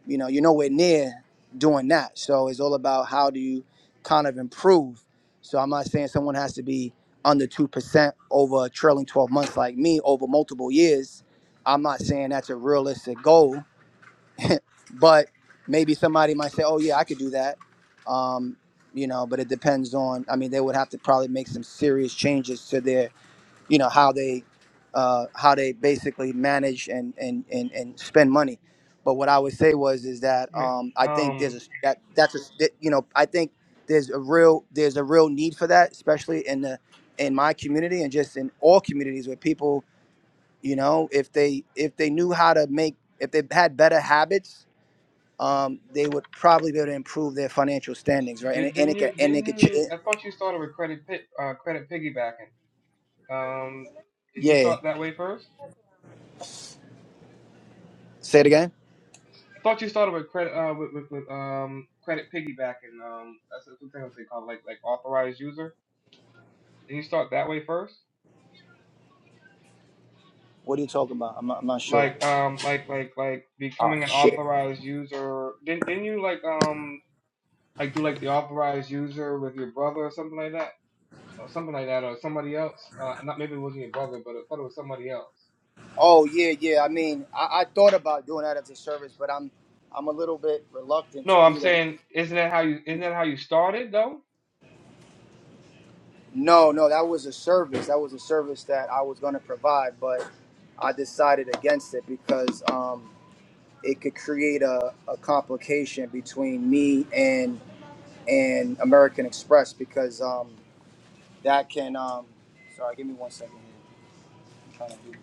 [SPEAKER 6] you know, you're nowhere near doing that. So it's all about how do you kind of improve. So I'm not saying someone has to be under two percent over a trailing 12 months like me over multiple years. I'm not saying that's a realistic goal, but maybe somebody might say, "Oh yeah, I could do that." Um, you know, but it depends on. I mean, they would have to probably make some serious changes to their you know how they uh, how they basically manage and, and and and spend money. But what I would say was is that
[SPEAKER 1] Wait,
[SPEAKER 6] um, I think there's a
[SPEAKER 1] Um,
[SPEAKER 6] that that's a that, you know I think there's a real there's a real need for that, especially in the in my community and just in all communities where people you know if they if they knew how to make if they had better habits. Um, they would probably be able to improve their financial standings, right? And,
[SPEAKER 1] did,
[SPEAKER 6] it- and
[SPEAKER 1] didn't
[SPEAKER 6] it can,
[SPEAKER 1] you?
[SPEAKER 6] and
[SPEAKER 1] Didn't
[SPEAKER 6] it can, ch-
[SPEAKER 1] you? I thought you started with credit pi- uh, credit piggybacking. Um, did you
[SPEAKER 6] yeah.
[SPEAKER 1] start that way first?
[SPEAKER 6] Say it again.
[SPEAKER 1] I thought you started with credit uh, with, with, with um credit piggybacking. Um, that's that's what thing I'm saying called like like authorized user. Didn't you start that way first?
[SPEAKER 6] What are you talking about? I'm not, I'm not sure.
[SPEAKER 1] like um like like like
[SPEAKER 6] Oh
[SPEAKER 1] becoming an
[SPEAKER 6] shit.
[SPEAKER 1] authorized user didn't didn't you like um like do like the authorized user with your brother or something like that or something like that or somebody else uh not maybe it wasn't your brother but I thought it was somebody else
[SPEAKER 6] Oh yeah, yeah. I mean, I, I thought about doing that as a service, but I'm I'm a little bit reluctant to
[SPEAKER 1] no I'm
[SPEAKER 6] do that.
[SPEAKER 1] saying isn't that how you isn't that how you started though
[SPEAKER 6] No, no, that was a service. That was a service that I was going to provide, but I decided against it because um, it could create a, a complication between me and and American Express because um, that can. Um, sorry, give me one second. Here. I'm trying to do.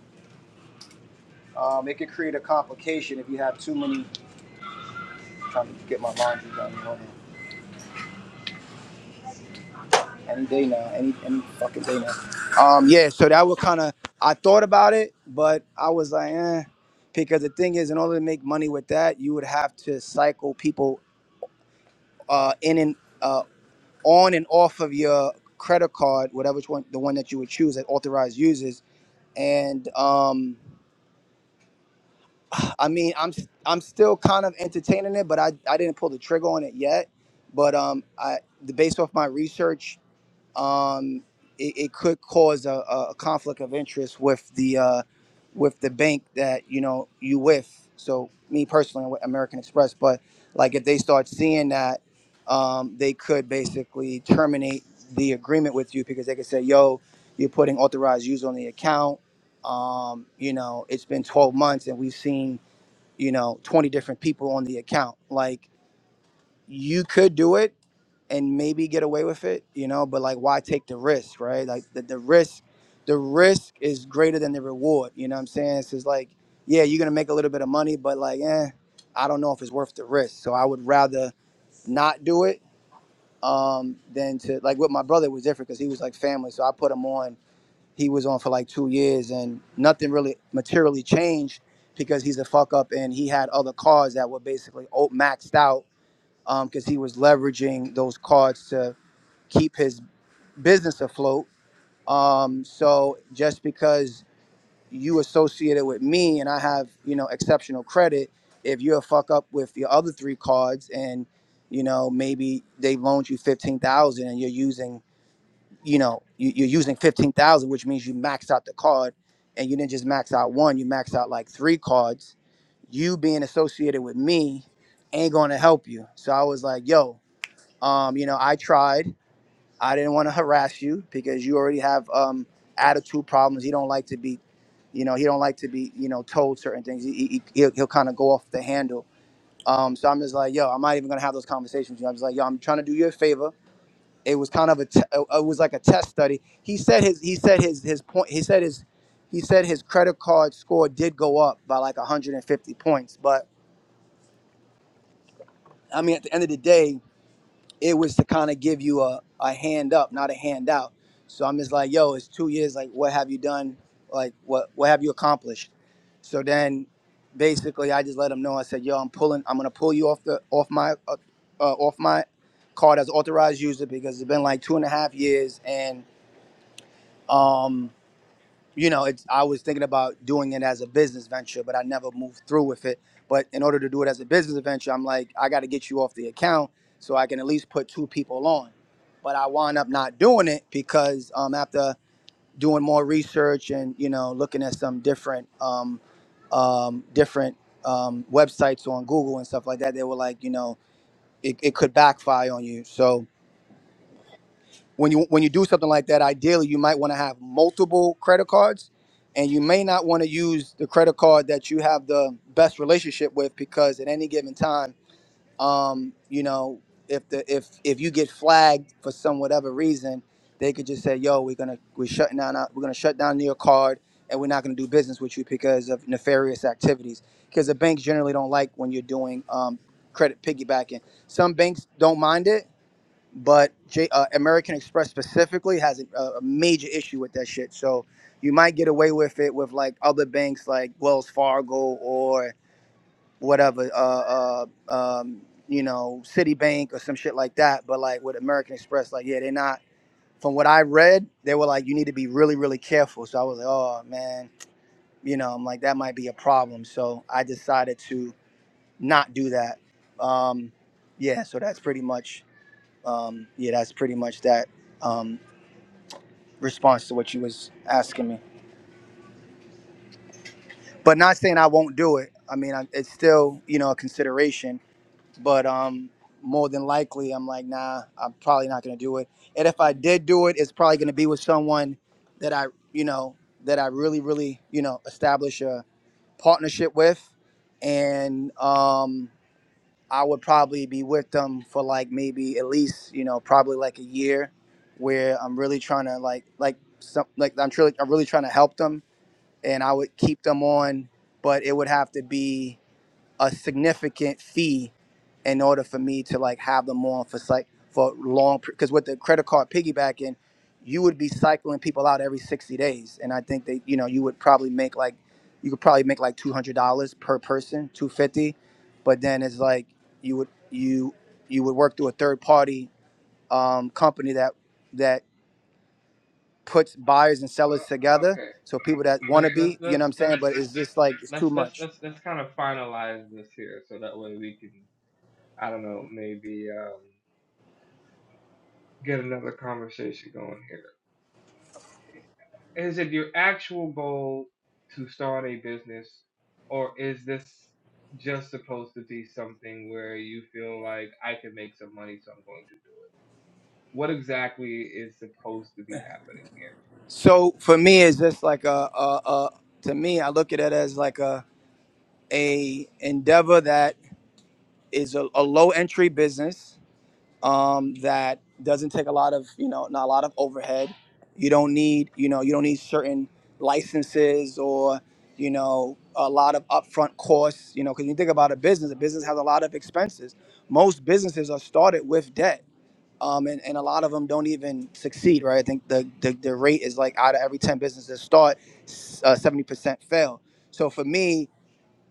[SPEAKER 6] Um, it could create a complication if you have too many. I'm trying to get my laundry done. Any day now, any any fucking day now. Um, yeah, so that was kind of I thought about it, but I was like, eh, because the thing is, in order to make money with that, you would have to cycle people uh, in and uh, on and off of your credit card, whatever one the one that you would choose that authorized users. And um, I mean, I'm I'm still kind of entertaining it, but I, I didn't pull the trigger on it yet. But um, I the based off my research um, it, it could cause a, a conflict of interest with the uh, with the bank that you know you with. So me personally, with American Express, but like if they start seeing that, um, they could basically terminate the agreement with you because they could say, "Yo, you're putting authorized use on the account. Um, you know, it's been 12 months and we've seen you know 20 different people on the account. Like you could do it." and maybe get away with it, you know, but like why take the risk, right? Like the, the risk the risk is greater than the reward, you know what I'm saying? So, It's just like, yeah, you're gonna make a little bit of money, but like, eh, I don't know if it's worth the risk. So I would rather not do it um than to like with my brother it was different because he was like family. So I put him on, he was on for like two years and nothing really materially changed because he's a fuck up and he had other cards that were basically o- maxed out because he was leveraging those cards to keep his business afloat. Um, so just because you associated with me and I have, you know, exceptional credit, if you're a fuck up with your other three cards and, you know, maybe they loaned you 15,000 and you're using, you know, you, you're using 15,000, which means you maxed out the card and you didn't just max out one, you maxed out like three cards. You being associated with me ain't going to help you. So I was like, yo, um, you know, I tried. I didn't want to harass you because you already have um, attitude problems. He don't like to be, you know, he don't like to be, you know, told certain things. He, he, he'll, he'll kind of go off the handle. Um, so I'm just like, yo, I'm not even gonna have those conversations. With you. I'm just like, yo, I'm trying to do you a favor. It was kind of a, t- uh, it was like a test study. He said his, he said his, his point. He said his, he said his credit card score did go up by like 150 points. But I mean, at the end of the day, it was to kind of give you a, a hand up, not a handout. So I'm just like, yo, it's two years. Like, what have you done? Like, what what have you accomplished? So then, basically, I just let him know. I said, yo, I'm pulling. I'm gonna pull you off the off my uh, uh, off my card as authorized user because it's been like two and a half years, and um, you know, it's, I was thinking about doing it as a business venture, but I never moved through with it. But in order to do it as a business venture, I'm like, I got to get you off the account so I can at least put two people on. But I wound up not doing it because um, after doing more research and you know looking at some different um, um, different um, websites on Google and stuff like that, they were like, you know, it, it could backfire on you. So when you when you do something like that, ideally you might want to have multiple credit cards, and you may not want to use the credit card that you have the best relationship with because at any given time, um, you know, if the if if you get flagged for some whatever reason, they could just say, "Yo, we're gonna we're shutting down our- we're gonna shut down your card." And we're not going to do business with you because of nefarious activities. Because the banks generally don't like when you're doing um, credit piggybacking. Some banks don't mind it, but J, uh, American Express specifically has a, a major issue with that shit. So you might get away with it with like other banks like Wells Fargo or whatever, uh, uh, um, you know, Citibank or some shit like that. But like with American Express, like yeah, they're not. From what I read, they were like you need to be really really careful. So I was like, oh man, you know, I'm like that might be a problem. So I decided to not do that. Um, yeah, so that's pretty much um, yeah, that's pretty much that um, response to what you was asking me. But not saying I won't do it. I mean, I, it's still you know a consideration. But um, more than likely, I'm like, nah, I'm probably not gonna do it. And if I did do it, it's probably gonna be with someone that I you know that I really really you know establish a partnership with, and um, I would probably be with them for like maybe at least you know probably like a year, where I'm really trying to like like some like I'm truly I'm really trying to help them, and I would keep them on, but it would have to be a significant fee in order for me to like have them on for like for long because with the credit card piggybacking you would be cycling people out every 60 days and i think that you know you would probably make like you could probably make like $200 per person 250 but then it's like you would you you would work through a third party um, company that that puts buyers and sellers
[SPEAKER 1] Uh,
[SPEAKER 6] together
[SPEAKER 1] okay
[SPEAKER 6] so people that want to
[SPEAKER 1] let's let's
[SPEAKER 6] be you know what
[SPEAKER 1] let's
[SPEAKER 6] i'm
[SPEAKER 1] let's
[SPEAKER 6] saying but it's just like it's too
[SPEAKER 1] let's let's
[SPEAKER 6] much
[SPEAKER 1] let's let's kind of finalize this here so that way we can I don't know maybe um get another conversation going here Is it your actual goal to start a business, or is this just supposed to be something where you feel like I can make some money, so I'm going to? What exactly is supposed to be happening here?
[SPEAKER 6] So for me, it's just like a, a, a to me, I look at it as like a a endeavor that is a, a low entry business um, that doesn't take a lot of you know not a lot of overhead. You don't need you know you don't need certain licenses or you know a lot of upfront costs. You know because you think about a business, a business has a lot of expenses. Most businesses are started with debt um, and, and a lot of them don't even succeed, right? I think the, the, the rate is like out of every 10 businesses start, uh, 70% fail. So for me,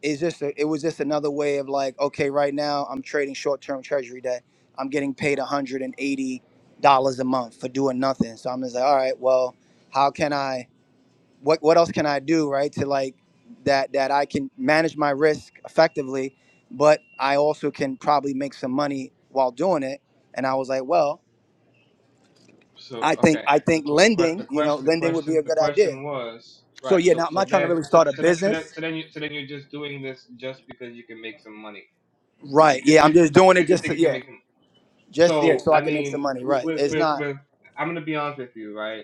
[SPEAKER 6] it's just a, it was just another way of like, okay, right now I'm trading short-term treasury debt. I'm getting paid $180 a month for doing nothing. So I'm just like, all right, well, how can I, what, what else can I do, right? To like that, that I can manage my risk effectively, but I also can probably make some money while doing it. And I was like, well,
[SPEAKER 1] So,
[SPEAKER 6] I think
[SPEAKER 1] okay,
[SPEAKER 6] I
[SPEAKER 1] the
[SPEAKER 6] think
[SPEAKER 1] the the
[SPEAKER 6] lending, you know,
[SPEAKER 1] question the
[SPEAKER 6] lending would be
[SPEAKER 1] question
[SPEAKER 6] a
[SPEAKER 1] the
[SPEAKER 6] good idea.
[SPEAKER 1] question was
[SPEAKER 6] So
[SPEAKER 1] right.
[SPEAKER 6] yeah, now
[SPEAKER 1] So
[SPEAKER 6] I'm
[SPEAKER 1] so
[SPEAKER 6] not trying to
[SPEAKER 1] then
[SPEAKER 6] really
[SPEAKER 1] so
[SPEAKER 6] start a
[SPEAKER 1] so that, so
[SPEAKER 6] business.
[SPEAKER 1] that, so then you so then you're just doing this just because you can make some money. You-
[SPEAKER 6] Right.
[SPEAKER 1] okay,
[SPEAKER 6] Yeah, I'm
[SPEAKER 1] Just
[SPEAKER 6] just
[SPEAKER 1] just
[SPEAKER 6] doing it
[SPEAKER 1] because you
[SPEAKER 6] just
[SPEAKER 1] think
[SPEAKER 6] to,
[SPEAKER 1] you can
[SPEAKER 6] yeah,
[SPEAKER 1] make some.
[SPEAKER 6] just yeah,
[SPEAKER 1] So
[SPEAKER 6] so
[SPEAKER 1] I
[SPEAKER 6] I can make
[SPEAKER 1] mean,
[SPEAKER 6] some money. Right.
[SPEAKER 1] with
[SPEAKER 6] It's
[SPEAKER 1] with,
[SPEAKER 6] not.
[SPEAKER 1] with I'm gonna be honest with you, right?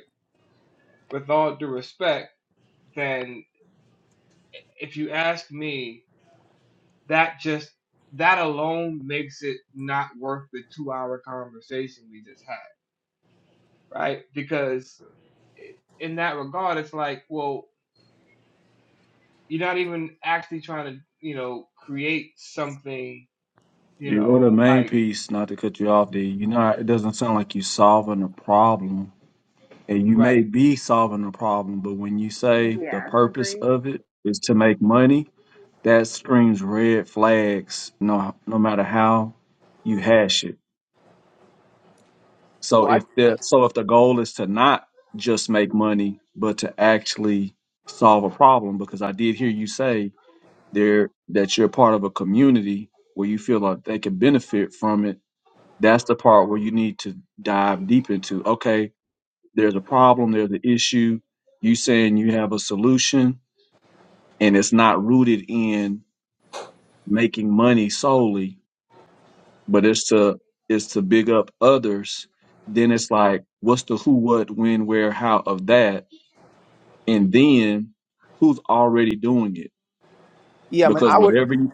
[SPEAKER 1] with all due respect, then if you ask me, that just that alone makes it not worth the two hour conversation we just had, right? Because in that regard, it's like, well, you're not even actually trying to, you know, create something, you
[SPEAKER 7] You go to the
[SPEAKER 1] know,
[SPEAKER 7] main
[SPEAKER 1] like
[SPEAKER 7] piece, not to cut you off, D. You know, it doesn't sound like you are solving a problem. And you may
[SPEAKER 1] right.
[SPEAKER 7] be solving a problem, but when you say the
[SPEAKER 2] Yeah,
[SPEAKER 7] purpose
[SPEAKER 2] agreed.
[SPEAKER 7] of it is to make money, that screams red flags no no matter how you hash it. So
[SPEAKER 6] Well,
[SPEAKER 7] if
[SPEAKER 6] I
[SPEAKER 7] the so if the goal is to not just make money, but to actually solve a problem, because I did hear you say there that you're part of a community where you feel like they can benefit from it That's the part where you need to dive deep into. Okay, there's a problem, there's an issue. You saying you have a solution, and it's not rooted in making money solely, but it's to it's to big up others. Then it's like, what's the who, what, when, where, how of that, and then who's already doing it?
[SPEAKER 6] yeah, I mean,
[SPEAKER 7] Because
[SPEAKER 6] I would
[SPEAKER 7] whatever, you,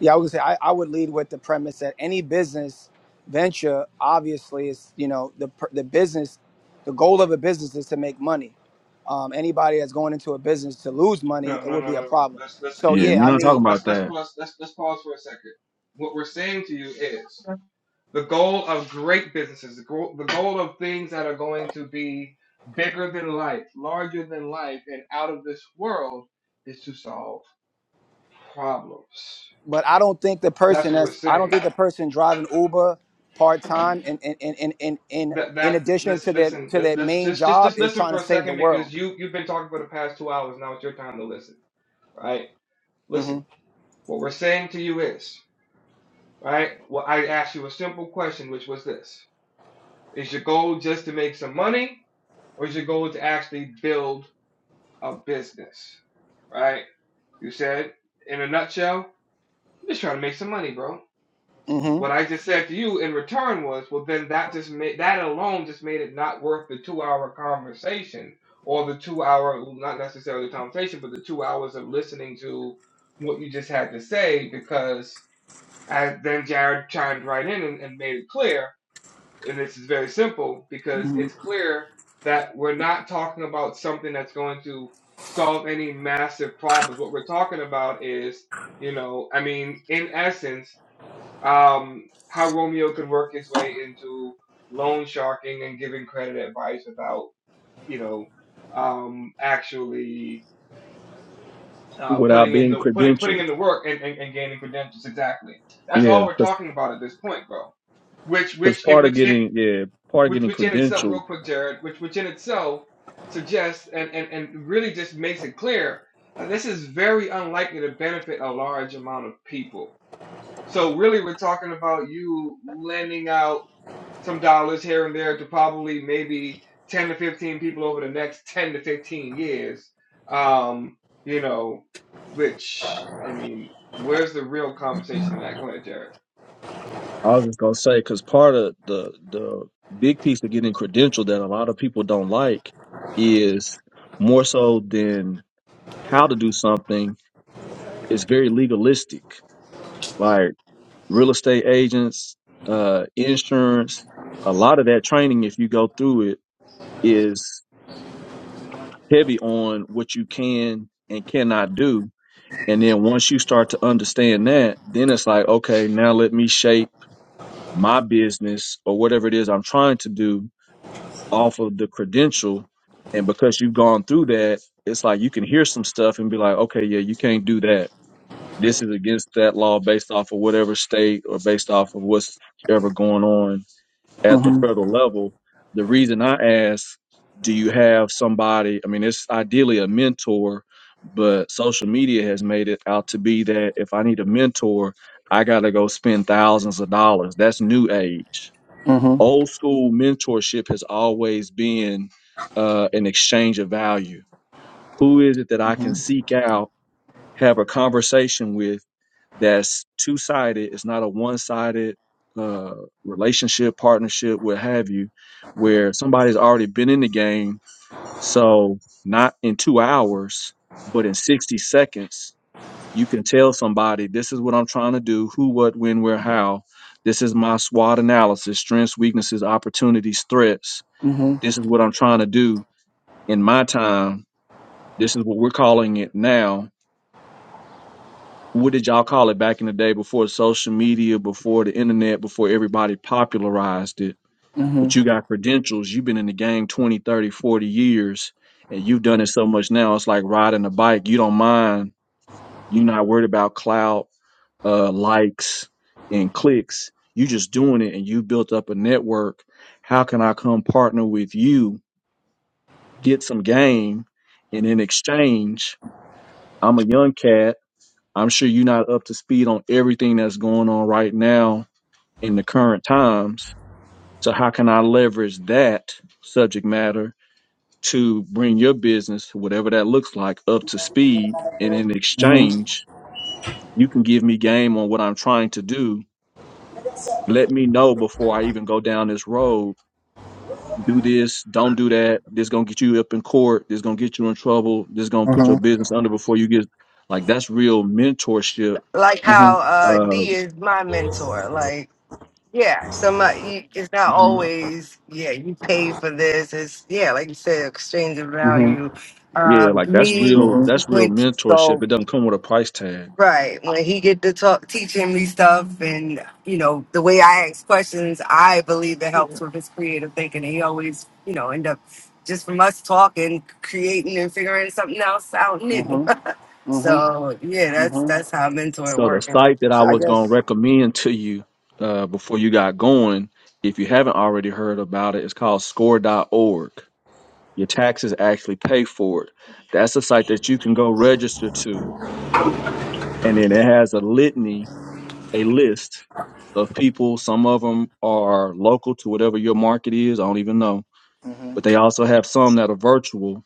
[SPEAKER 6] yeah, I would say I, I would lead with the premise that any business venture obviously is you know the per- the business, the goal of a business is to make money. Um, anybody that's going into a business to lose
[SPEAKER 1] No,
[SPEAKER 6] money, it
[SPEAKER 1] no,
[SPEAKER 6] would
[SPEAKER 1] no,
[SPEAKER 6] be a
[SPEAKER 1] no, no.
[SPEAKER 6] problem.
[SPEAKER 1] Let's listen.
[SPEAKER 6] So
[SPEAKER 7] yeah,
[SPEAKER 1] Let's
[SPEAKER 6] yeah,
[SPEAKER 7] we're
[SPEAKER 6] I
[SPEAKER 1] let's
[SPEAKER 7] not
[SPEAKER 6] mean,
[SPEAKER 7] talking
[SPEAKER 1] let's
[SPEAKER 7] about
[SPEAKER 1] let's let's
[SPEAKER 7] that
[SPEAKER 1] pause. Let's let's pause for a second. What we're saying to you is the goal of great businesses, the goal, the goal of things that are going to be bigger than life, larger than life, and out of this world is to solve problems.
[SPEAKER 6] but I don't think the
[SPEAKER 1] That's
[SPEAKER 6] person
[SPEAKER 1] what we're
[SPEAKER 6] that's I don't
[SPEAKER 1] saying.
[SPEAKER 6] think the person driving Uber part time and in in, in, in in
[SPEAKER 1] That
[SPEAKER 6] in
[SPEAKER 1] that
[SPEAKER 6] addition
[SPEAKER 1] let's
[SPEAKER 6] to their
[SPEAKER 1] listen.
[SPEAKER 6] to
[SPEAKER 1] Let,
[SPEAKER 6] their
[SPEAKER 1] let's
[SPEAKER 6] main
[SPEAKER 1] just just
[SPEAKER 6] job
[SPEAKER 1] just
[SPEAKER 6] is
[SPEAKER 1] listen
[SPEAKER 6] trying
[SPEAKER 1] for
[SPEAKER 6] to
[SPEAKER 1] a
[SPEAKER 6] save the
[SPEAKER 1] second
[SPEAKER 6] world.
[SPEAKER 1] because you you've been talking for the past two hours. Now it's your time to listen. Right?
[SPEAKER 6] hmm
[SPEAKER 1] Listen. What we're saying to you is right. Well, I asked you a simple question, which was this: Is your goal just to make some money, or is your goal to actually build a business, right? You said, in a nutshell, I'm just trying to make some money, bro.
[SPEAKER 6] hmm
[SPEAKER 1] What I just said to you in return was, well, then that just made that alone just made it not worth the two-hour conversation or the two-hour, not necessarily conversation, but the two hours of listening to what you just had to say because I, then Jared chimed right in and, and made it clear and this is very simple because
[SPEAKER 6] hmm
[SPEAKER 1] it's clear that we're not talking about something that's going to solve any massive problems. What we're talking about is, you know, I mean, in essence, um, how Romeo can work his way into loan sharking and giving credit advice without, you know, um, actually uh,
[SPEAKER 7] without
[SPEAKER 1] putting in
[SPEAKER 7] being
[SPEAKER 1] the putting putting in
[SPEAKER 7] credentialed.
[SPEAKER 1] the work and, and, and gaining credentials. Exactly. That's all
[SPEAKER 7] Yeah,
[SPEAKER 1] we're
[SPEAKER 7] because
[SPEAKER 1] talking about at this point, bro which which it
[SPEAKER 7] part of
[SPEAKER 1] which it
[SPEAKER 7] getting yeah part of
[SPEAKER 1] which
[SPEAKER 7] getting
[SPEAKER 1] which in itself
[SPEAKER 7] credentialed
[SPEAKER 1] real quick jared which which in itself suggests and and, and really just makes it clear that this is very unlikely to benefit a large amount of people so really we're talking about you lending out some dollars here and there to probably maybe 10 to 15 people over the next 10 to 15 years um you know which i mean where's the real conversation in that go ahead jared
[SPEAKER 7] I was just gonna say because part of the the big piece of getting credentialed that a lot of people don't like is more so than how to do something is very legalistic. Like real estate agents, uh, insurance, a lot of that training, if you go through it, is heavy on what you can and cannot do. And then once you start to understand that, then it's like, okay, now let me shape my business or whatever it is I'm trying to do off of the credential and because you've gone through that it's like you can hear some stuff and be like okay yeah you can't do that this is against that law based off of whatever state or based off of what's ever going on at the
[SPEAKER 6] hmm
[SPEAKER 7] federal level the reason i ask do you have somebody i mean it's ideally a mentor but social media has made it out to be that if i need a mentor i got to go spend thousands of dollars that's new age
[SPEAKER 6] hmm
[SPEAKER 7] Old school mentorship has always been uh, an exchange of value. Who is it that I
[SPEAKER 6] hmm
[SPEAKER 7] can seek out, have a conversation with that's two sided? It's not a one sided uh, relationship, partnership, what have you, where somebody's already been in the game. So, not in two hours, but in 60 seconds, you can tell somebody, this is what I'm trying to do, who, what, when, where, how. This is my SWOT analysis, strengths, weaknesses, opportunities, threats.
[SPEAKER 6] hmm
[SPEAKER 7] This is what I'm trying to do in my time. This is what we're calling it now. What did y'all call it back in the day before social media, before the internet, before everybody popularized it? But you got credentials. You've been in the game 20, 30, 40 years, and you've done it so much now. It's like riding a bike. You don't mind. You're not worried about clout uh, likes and clicks. You just doing it and you built up a network. How can I come partner with you, get some game, and in exchange, I'm a young cat. I'm sure you're not up to speed on everything that's going on right now in the current times. So how can I leverage that subject matter to bring your business, whatever that looks like, up to speed? And in exchange, you can give me game on what I'm trying to do let me know before I even go down this road. Do this, don't do that. This gonna get you up in court. This gonna get you in trouble. This gonna put
[SPEAKER 6] hmm
[SPEAKER 7] your business under before you get like that's real mentorship.
[SPEAKER 4] Like how uh
[SPEAKER 7] Uh,
[SPEAKER 4] D is my mentor. Like Yeah, some uh, you, it's not
[SPEAKER 6] hmm
[SPEAKER 4] always. Yeah, you pay for this. It's yeah, like you said, exchange of
[SPEAKER 6] hmm
[SPEAKER 4] value.
[SPEAKER 7] yeah,
[SPEAKER 4] Um,
[SPEAKER 7] like that's
[SPEAKER 4] me
[SPEAKER 7] real.
[SPEAKER 6] hmm
[SPEAKER 7] That's real
[SPEAKER 4] when
[SPEAKER 7] mentorship.
[SPEAKER 6] So
[SPEAKER 7] It doesn't come with a price tag.
[SPEAKER 4] right when he get to talk, teaching me stuff, and you know the way I ask questions, I believe it helps with his creative thinking. And He always you know end up just from us talking, creating and figuring something else out new.
[SPEAKER 6] hmm hmm
[SPEAKER 4] so yeah, that's that's how mentoring
[SPEAKER 7] So the
[SPEAKER 4] works. I
[SPEAKER 7] site
[SPEAKER 4] like you
[SPEAKER 7] that I
[SPEAKER 6] I
[SPEAKER 7] was
[SPEAKER 4] said.
[SPEAKER 7] going to
[SPEAKER 6] guess
[SPEAKER 7] recommend to you uh, before you got going, if you haven't already heard about it, it's called score.org. Your taxes actually pay for it. That's a site that you can go register to. And then it has a litany, a list of people. Some of them are local to whatever your market is. I don't even know. But they also have some that are virtual,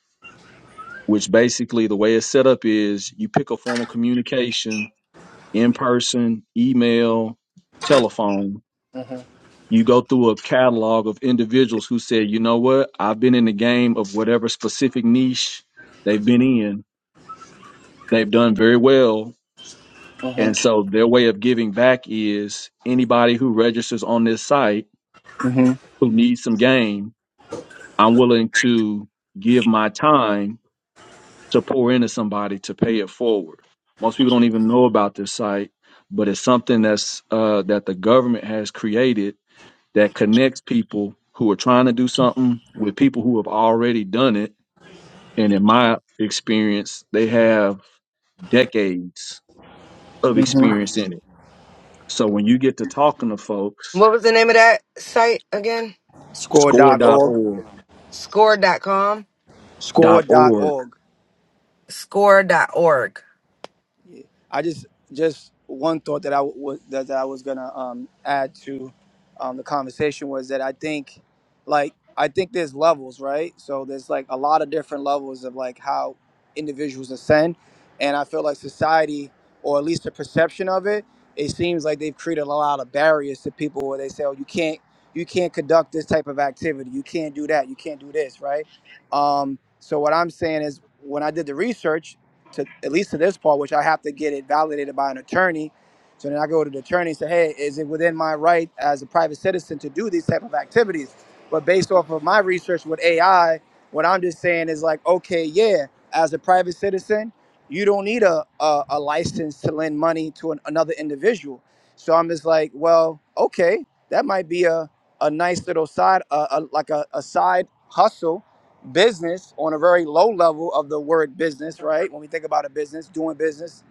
[SPEAKER 7] which basically the way it's set up is you pick a form of communication in person, email, telephone, you go through a catalog of individuals who said, you know what, I've been in the game of whatever specific niche they've been in, they've done very well.
[SPEAKER 6] hmm
[SPEAKER 7] And so their way of giving back is anybody who registers on this site
[SPEAKER 6] hmm
[SPEAKER 7] who needs some game, I'm willing to give my time to pour into somebody to pay it forward. Most people don't even know about this site, but it's something that's uh, that the government has created that connects people who are trying to do something with people who have already done it. And in my experience, they have decades of
[SPEAKER 6] hmm
[SPEAKER 7] experience in it. So when you get to talking to folks,
[SPEAKER 4] What was the name of that site again?
[SPEAKER 6] Score Score
[SPEAKER 7] score
[SPEAKER 6] dot
[SPEAKER 7] dot
[SPEAKER 6] org.
[SPEAKER 7] .org,
[SPEAKER 4] Score dot com.
[SPEAKER 6] Score
[SPEAKER 7] dot
[SPEAKER 6] dot
[SPEAKER 7] org,
[SPEAKER 6] org.
[SPEAKER 4] Score dot org.
[SPEAKER 6] I just just one thought that I was that, that I was gonna um, add to um, the conversation was that I think like I think there's levels, right? So there's like a lot of different levels of like how individuals ascend, and I feel like society, or at least the perception of it, it seems like they've created a lot of barriers to people where they say, oh, you can't you can't conduct this type of activity, you can't do that, you can't do this, right? Um, so what I'm saying is when I did the research to at least to this part, which I have to get it validated by an attorney. So then I go to the attorney and say, hey, is it within my right as a private citizen to do these type of activities? But based off of my research with AI, what I'm just saying is like, okay, yeah, as a private citizen, you don't need a, a, a license to lend money to an, another individual. So I'm just like, well, okay, that might be a, a nice little side, uh, a, like a, a side hustle business on a very low level of the word business, right? When we think about a business, doing business,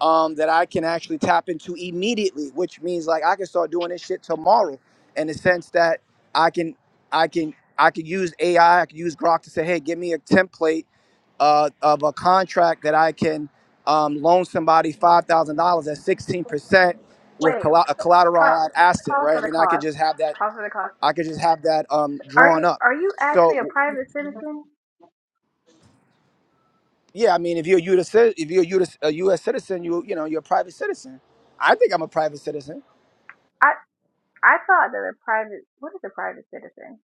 [SPEAKER 6] um, that I can actually tap into immediately, which means like I can start doing this shit tomorrow in the sense that I can, I can, I could use AI, I I could use Grok to say, hey, give me a template uh, of a contract that I can um, loan somebody $5,000 at 16% with
[SPEAKER 2] Wait,
[SPEAKER 6] colla- a
[SPEAKER 2] pa-
[SPEAKER 6] collateralized asset,
[SPEAKER 2] pause for
[SPEAKER 6] right?
[SPEAKER 2] the
[SPEAKER 6] And I could
[SPEAKER 2] cost.
[SPEAKER 6] just have that,
[SPEAKER 2] Pause for the cost.
[SPEAKER 6] I could just have that um,
[SPEAKER 2] Are
[SPEAKER 6] drawn
[SPEAKER 2] you
[SPEAKER 6] up.
[SPEAKER 2] are you actually
[SPEAKER 6] So.
[SPEAKER 2] a private citizen?
[SPEAKER 6] yeah, I mean, if you're a U.S. if you're a U S, a U S citizen, you you know you're a private citizen. I think I'm a private citizen.
[SPEAKER 2] I I thought that a private what is a private citizen?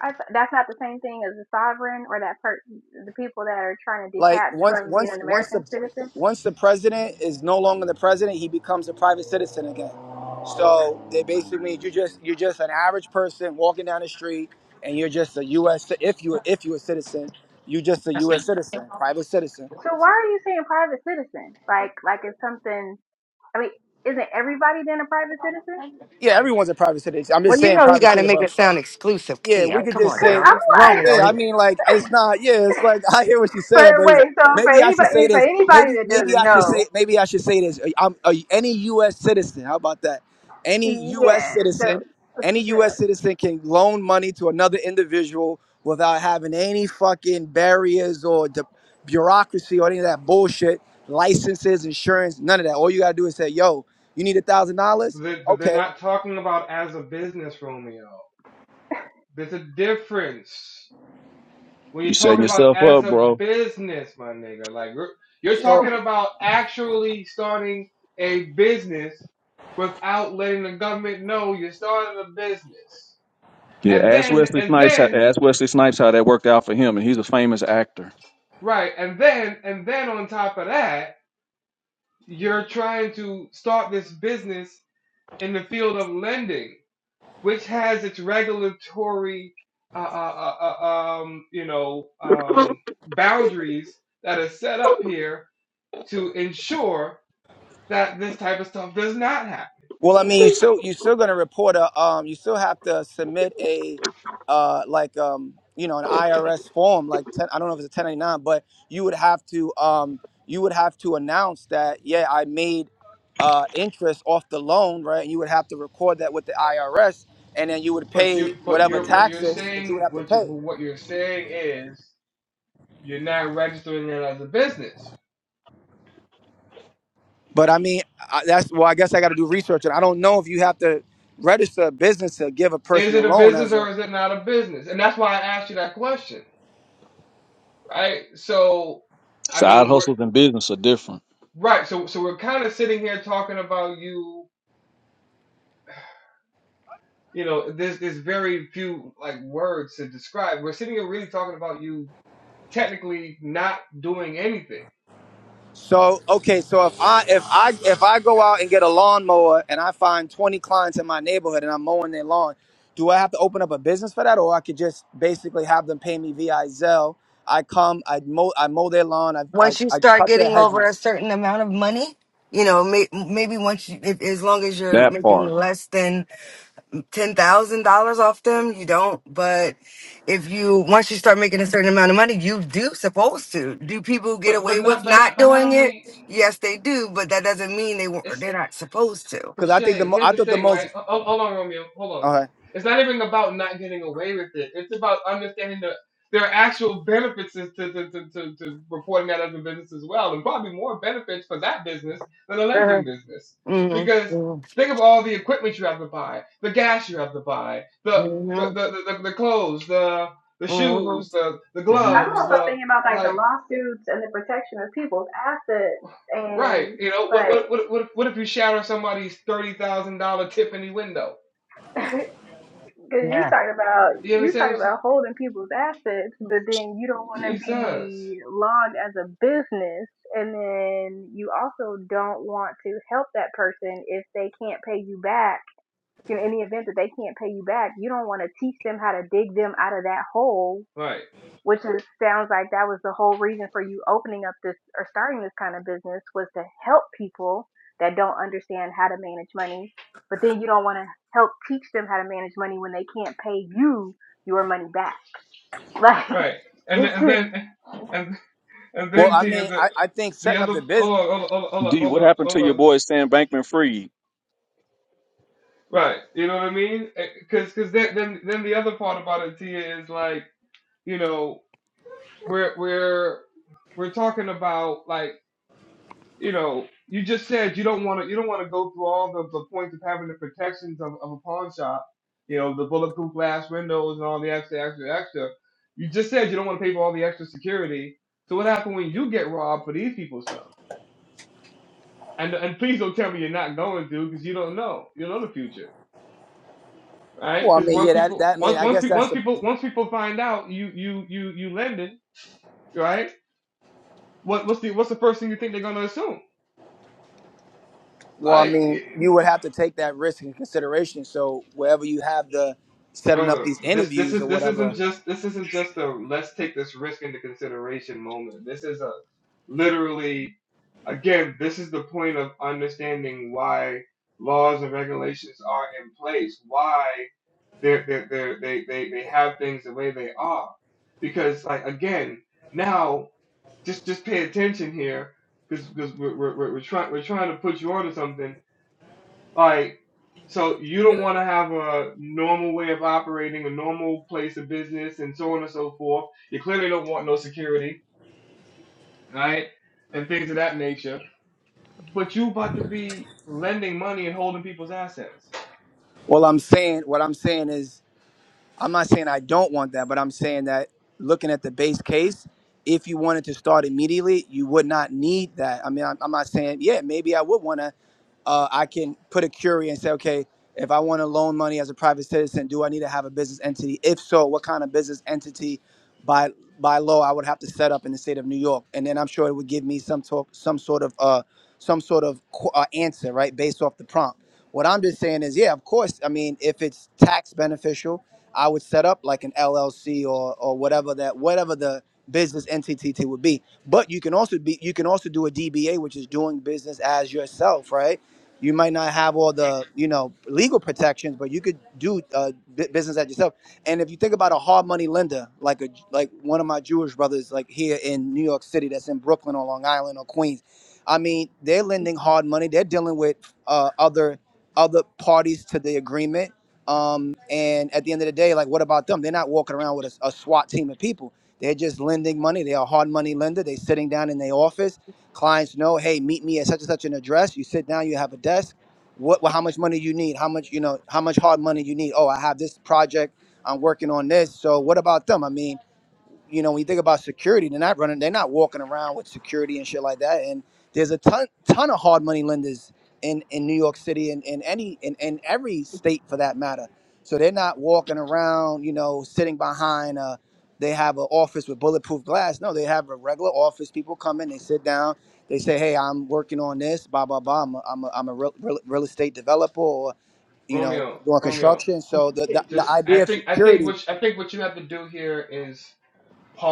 [SPEAKER 2] I th- that's not the same thing as a sovereign or that per- the people that are trying to
[SPEAKER 6] Like
[SPEAKER 2] detach
[SPEAKER 6] once
[SPEAKER 2] from being
[SPEAKER 6] once
[SPEAKER 2] an
[SPEAKER 6] once
[SPEAKER 2] American
[SPEAKER 6] the
[SPEAKER 2] citizen.
[SPEAKER 6] once the president is no longer the president, he becomes a private citizen again. So they basically mean you just you're just an average person walking down the street, and you're just a U.S. ci- if you if you're a citizen, you're just a U.S. citizen, private citizen.
[SPEAKER 2] So why are you saying private citizen? Like like it's something. I mean, isn't everybody then a private citizen?
[SPEAKER 6] Yeah, everyone's a private citizen. I'm just
[SPEAKER 4] Well, you
[SPEAKER 6] saying
[SPEAKER 4] know he
[SPEAKER 6] private
[SPEAKER 4] got to
[SPEAKER 6] citizen,
[SPEAKER 4] make
[SPEAKER 6] but
[SPEAKER 4] it sound exclusive,
[SPEAKER 6] yeah, we
[SPEAKER 4] Tia.
[SPEAKER 6] could just
[SPEAKER 2] Because
[SPEAKER 6] say
[SPEAKER 2] I'm like
[SPEAKER 6] Yeah, I mean, like it's not. Yeah, it's like I hear what you're
[SPEAKER 2] But
[SPEAKER 6] saying, but it's,
[SPEAKER 2] wait, so for
[SPEAKER 6] maybe I should
[SPEAKER 2] anybody,
[SPEAKER 6] say
[SPEAKER 2] for
[SPEAKER 6] this.
[SPEAKER 2] anybody
[SPEAKER 6] Maybe,
[SPEAKER 2] that
[SPEAKER 6] maybe
[SPEAKER 2] doesn't
[SPEAKER 6] I should say.
[SPEAKER 2] know,
[SPEAKER 6] Maybe I should say this. uh, I'm uh, any U.S. citizen. How about that? Any U.S.
[SPEAKER 2] yeah. So,
[SPEAKER 6] citizen, any
[SPEAKER 2] so
[SPEAKER 6] U.S. citizen can loan money to another individual without having any fucking barriers or de- bureaucracy or any of that bullshit. Licenses, insurance, none of that. All you gotta do is say, "Yo, you need a thousand
[SPEAKER 1] But
[SPEAKER 6] dollars?
[SPEAKER 1] they- but they're
[SPEAKER 6] Okay."
[SPEAKER 1] not talking about as a business, Romeo. There's a difference when
[SPEAKER 7] you
[SPEAKER 1] you're
[SPEAKER 7] setting
[SPEAKER 1] talking about
[SPEAKER 7] yourself
[SPEAKER 1] as
[SPEAKER 7] up,
[SPEAKER 1] a
[SPEAKER 7] bro.
[SPEAKER 1] business, my nigga. Like you're
[SPEAKER 6] So
[SPEAKER 1] talking about actually starting a business without letting the government know you're starting a business,
[SPEAKER 7] Yeah,
[SPEAKER 1] and
[SPEAKER 7] ask
[SPEAKER 1] then
[SPEAKER 7] Wesley
[SPEAKER 1] and
[SPEAKER 7] Snipes. How,
[SPEAKER 1] then
[SPEAKER 7] ask Wesley Snipes how that worked out for him, and he's a famous actor.
[SPEAKER 1] right, and then and then on top of that, you're trying to start this business in the field of lending. which has its regulatory, uh, uh, uh, uh, um, you know, um, boundaries that are set up here to ensure that this type of stuff does not happen.
[SPEAKER 6] Well, I mean, you still you still going to report a um, you still have to submit a uh, like um, you know an IRS form like 10, I don't know if it's a 1099, but you would have to um, you would have to announce that yeah I made uh, interest off the loan right, and you would have to record that with the IRS, and then you would
[SPEAKER 1] But
[SPEAKER 6] pay
[SPEAKER 1] you, but
[SPEAKER 6] whatever
[SPEAKER 1] you're what you're
[SPEAKER 6] taxes that you would
[SPEAKER 1] saying,
[SPEAKER 6] have to
[SPEAKER 1] what you,
[SPEAKER 6] pay.
[SPEAKER 1] what you're saying is you're not registering it as a business.
[SPEAKER 6] But I mean, I, that's well, I guess I got to do research, and I don't know if you have to register a business to give a person
[SPEAKER 1] Is
[SPEAKER 6] a
[SPEAKER 1] it a
[SPEAKER 6] loan
[SPEAKER 1] business
[SPEAKER 6] as a
[SPEAKER 1] or is it not a business? And that's why I asked you that question, right? So, I
[SPEAKER 7] Side
[SPEAKER 1] mean, we're
[SPEAKER 7] hustles and business are different.
[SPEAKER 1] right. So, so we're kind of sitting here talking about you you know, there's there's very few like words to describe. We're sitting here really talking about you technically not doing anything,
[SPEAKER 6] So okay, so if I if I if I go out and get a lawnmower and I find twenty clients in my neighborhood and I'm mowing their lawn, do I have to open up a business for that, or I could just basically have them pay me via Zelle? I come, I mow, I mow their lawn, I I,
[SPEAKER 4] Once you
[SPEAKER 6] I
[SPEAKER 4] start
[SPEAKER 6] cut their
[SPEAKER 4] getting over a
[SPEAKER 6] hedges
[SPEAKER 4] certain amount of money, you know, may, maybe once you, if, as long as you're
[SPEAKER 7] That
[SPEAKER 4] making
[SPEAKER 7] part.
[SPEAKER 4] less than ten thousand dollars off them, you don't. But if you once you start making a certain amount of money, you do supposed to. Do people get
[SPEAKER 1] but
[SPEAKER 4] away
[SPEAKER 1] but
[SPEAKER 4] with
[SPEAKER 1] not but
[SPEAKER 4] not
[SPEAKER 1] not but not
[SPEAKER 4] doing it?
[SPEAKER 1] only
[SPEAKER 4] Yes, they do, but that doesn't mean they were
[SPEAKER 1] it's
[SPEAKER 4] they're not supposed to.
[SPEAKER 1] But
[SPEAKER 6] because I think the
[SPEAKER 1] Shay,
[SPEAKER 6] mo-
[SPEAKER 1] here's
[SPEAKER 6] I
[SPEAKER 1] the
[SPEAKER 6] thought the
[SPEAKER 1] thing,
[SPEAKER 6] most.
[SPEAKER 1] right? Ho- Hold on, Romeo. Hold on.
[SPEAKER 6] Okay.
[SPEAKER 1] It's not even about not getting away with it. It's about understanding that there are actual benefits to, to, to, to, to, to reporting that as a business as well, and probably more benefits for that business than a
[SPEAKER 4] Uh-huh.
[SPEAKER 1] lending business.
[SPEAKER 4] Mm-hmm.
[SPEAKER 1] Because think of all the equipment you have to buy, the gas you have to buy, the the, the,
[SPEAKER 4] Mm-hmm.
[SPEAKER 1] the, the, the clothes, the the
[SPEAKER 4] Mm-hmm.
[SPEAKER 1] shoes, the the
[SPEAKER 6] hmm
[SPEAKER 2] I'm
[SPEAKER 1] gloves,
[SPEAKER 2] also
[SPEAKER 1] the
[SPEAKER 2] thinking about like the
[SPEAKER 1] like
[SPEAKER 2] lawsuits and the protection of people's assets,
[SPEAKER 1] right,
[SPEAKER 2] and
[SPEAKER 1] you know, what
[SPEAKER 2] like
[SPEAKER 1] what what what if, what if you shatter somebody's thirty thousand dollar Tiffany window?
[SPEAKER 2] because you
[SPEAKER 4] Yeah.
[SPEAKER 2] talk about
[SPEAKER 1] You
[SPEAKER 2] you talk
[SPEAKER 1] understand
[SPEAKER 2] about holding people's assets, but then you don't want to
[SPEAKER 1] Jesus.
[SPEAKER 2] be logged as a business, and then you also don't want to help that person if they can't pay you back. You know, in the event that they can't pay you back, you don't want to teach them how to dig them out of that hole
[SPEAKER 1] Right,
[SPEAKER 2] which is sounds like that was the whole reason for you opening up this or starting this kind of business was to help people that don't understand how to manage money but then you don't want to help teach them how to manage money when they can't pay you your money back like
[SPEAKER 1] right. And then,
[SPEAKER 2] it's
[SPEAKER 1] and
[SPEAKER 2] just
[SPEAKER 1] then, and and
[SPEAKER 6] Well,
[SPEAKER 1] then
[SPEAKER 6] I
[SPEAKER 1] to you,
[SPEAKER 6] mean,
[SPEAKER 1] the
[SPEAKER 6] I, I think
[SPEAKER 1] the
[SPEAKER 6] setting up
[SPEAKER 1] other.
[SPEAKER 6] the
[SPEAKER 1] Oh,
[SPEAKER 6] business.
[SPEAKER 1] hold on, hold on, hold on,
[SPEAKER 7] D,
[SPEAKER 1] hold
[SPEAKER 7] what
[SPEAKER 1] on,
[SPEAKER 7] happened to your boy Sam Bankman Fried?
[SPEAKER 1] Right. You know what I mean? Because because then then then the other part about it, Tia, is like you know we're we're we're talking about like you know, you just said you don't want to you don't want to go through all the, the points of having the protections of, of a pawn shop, you know, the bulletproof glass windows and all the extra, extra, extra. You just said you don't want to pay for all the extra security. So what happened when you get robbed for these people's stuff? And and please don't tell me you're not going to because you don't know. You don't know the future, right?
[SPEAKER 6] Well, I
[SPEAKER 1] Because
[SPEAKER 6] mean,
[SPEAKER 1] once
[SPEAKER 6] yeah, that
[SPEAKER 1] people
[SPEAKER 6] that mean
[SPEAKER 1] once
[SPEAKER 6] I
[SPEAKER 1] once
[SPEAKER 6] guess
[SPEAKER 1] people
[SPEAKER 6] that's
[SPEAKER 1] once
[SPEAKER 6] the.
[SPEAKER 1] people once people find out you you you you lending, right? What what's the what's the first thing you think they're gonna assume?
[SPEAKER 6] Well, I
[SPEAKER 1] Like
[SPEAKER 6] mean, you would have to take that risk in consideration. So wherever you have the setting up
[SPEAKER 1] brother
[SPEAKER 6] these
[SPEAKER 1] this this
[SPEAKER 6] interviews
[SPEAKER 1] is
[SPEAKER 6] or
[SPEAKER 1] this isn't
[SPEAKER 6] whatever.
[SPEAKER 1] just this isn't just a let's take this risk into consideration moment this is a literally again this is the point of understanding why laws and regulations are in place why they're, they're, they're, they they they have things the way they are because like again now just just pay attention here because because we're, we're, we're, we're trying we're trying to put you onto something like, so you don't want to have a normal way of operating, a normal place of business, and so on and so forth. You clearly don't want no security, right? And things of that nature. But you about to be lending money and holding people's assets.
[SPEAKER 6] Well, I'm saying what I'm saying is I'm not saying I don't want that, but I'm saying that looking at the base case, if you wanted to start immediately, you would not need that. I mean, I'm, I'm not saying yeah, maybe I would want to. Uh, I can put a query and say, okay, if I want to loan money as a private citizen, do I need to have a business entity? If so, what kind of business entity? By by law, I would have to set up in the state of New York, and then I'm sure it would give me some talk, some sort of uh, some sort of qu- uh, answer, right, based off the prompt. What I'm just saying is, yeah, of course. I mean, if it's tax beneficial, I would set up like an LLC or or whatever that whatever the business entity would be. But you can also be you can also do a DBA, which is doing business as yourself, right? You might not have all the you know legal protections, but you could do uh, bu- business as yourself. And if you think about a hard money lender, like a like one of my Jewish brothers, like here in New York City, that's in Brooklyn or Long Island or Queens I mean, they're lending hard money. They're dealing with uh, other other parties to the agreement. Um, and at the end of the day, like, what about them? They're not walking around with a, a SWAT team of people. They're just lending money. They are a hard money lender. They're sitting down in their office. Clients know, hey, meet me at such and such an address. You sit down. You have a desk. What? Well, how much money you need? How much you know? How much hard money you need? Oh, I have this project. I'm working on this. So what about them? I mean you know, when you think about security, they're not running, they're not walking around with security and shit like that. And there's a ton, ton of hard money lenders in in New York City and in any in, in every state for that matter. So they're not walking around, you know, sitting behind a. They have an office with bulletproof glass. No, they have a regular office. People come in, they sit down, they say, "Hey, I'm working on this, blah blah blah. I'm a, I'm a, I'm a real, real, real estate developer, or you know,
[SPEAKER 1] Romeo,
[SPEAKER 6] doing
[SPEAKER 1] Romeo,
[SPEAKER 6] construction." So the, the the
[SPEAKER 1] just I
[SPEAKER 6] idea of
[SPEAKER 1] think I think
[SPEAKER 6] security
[SPEAKER 1] what I think what you have to do here is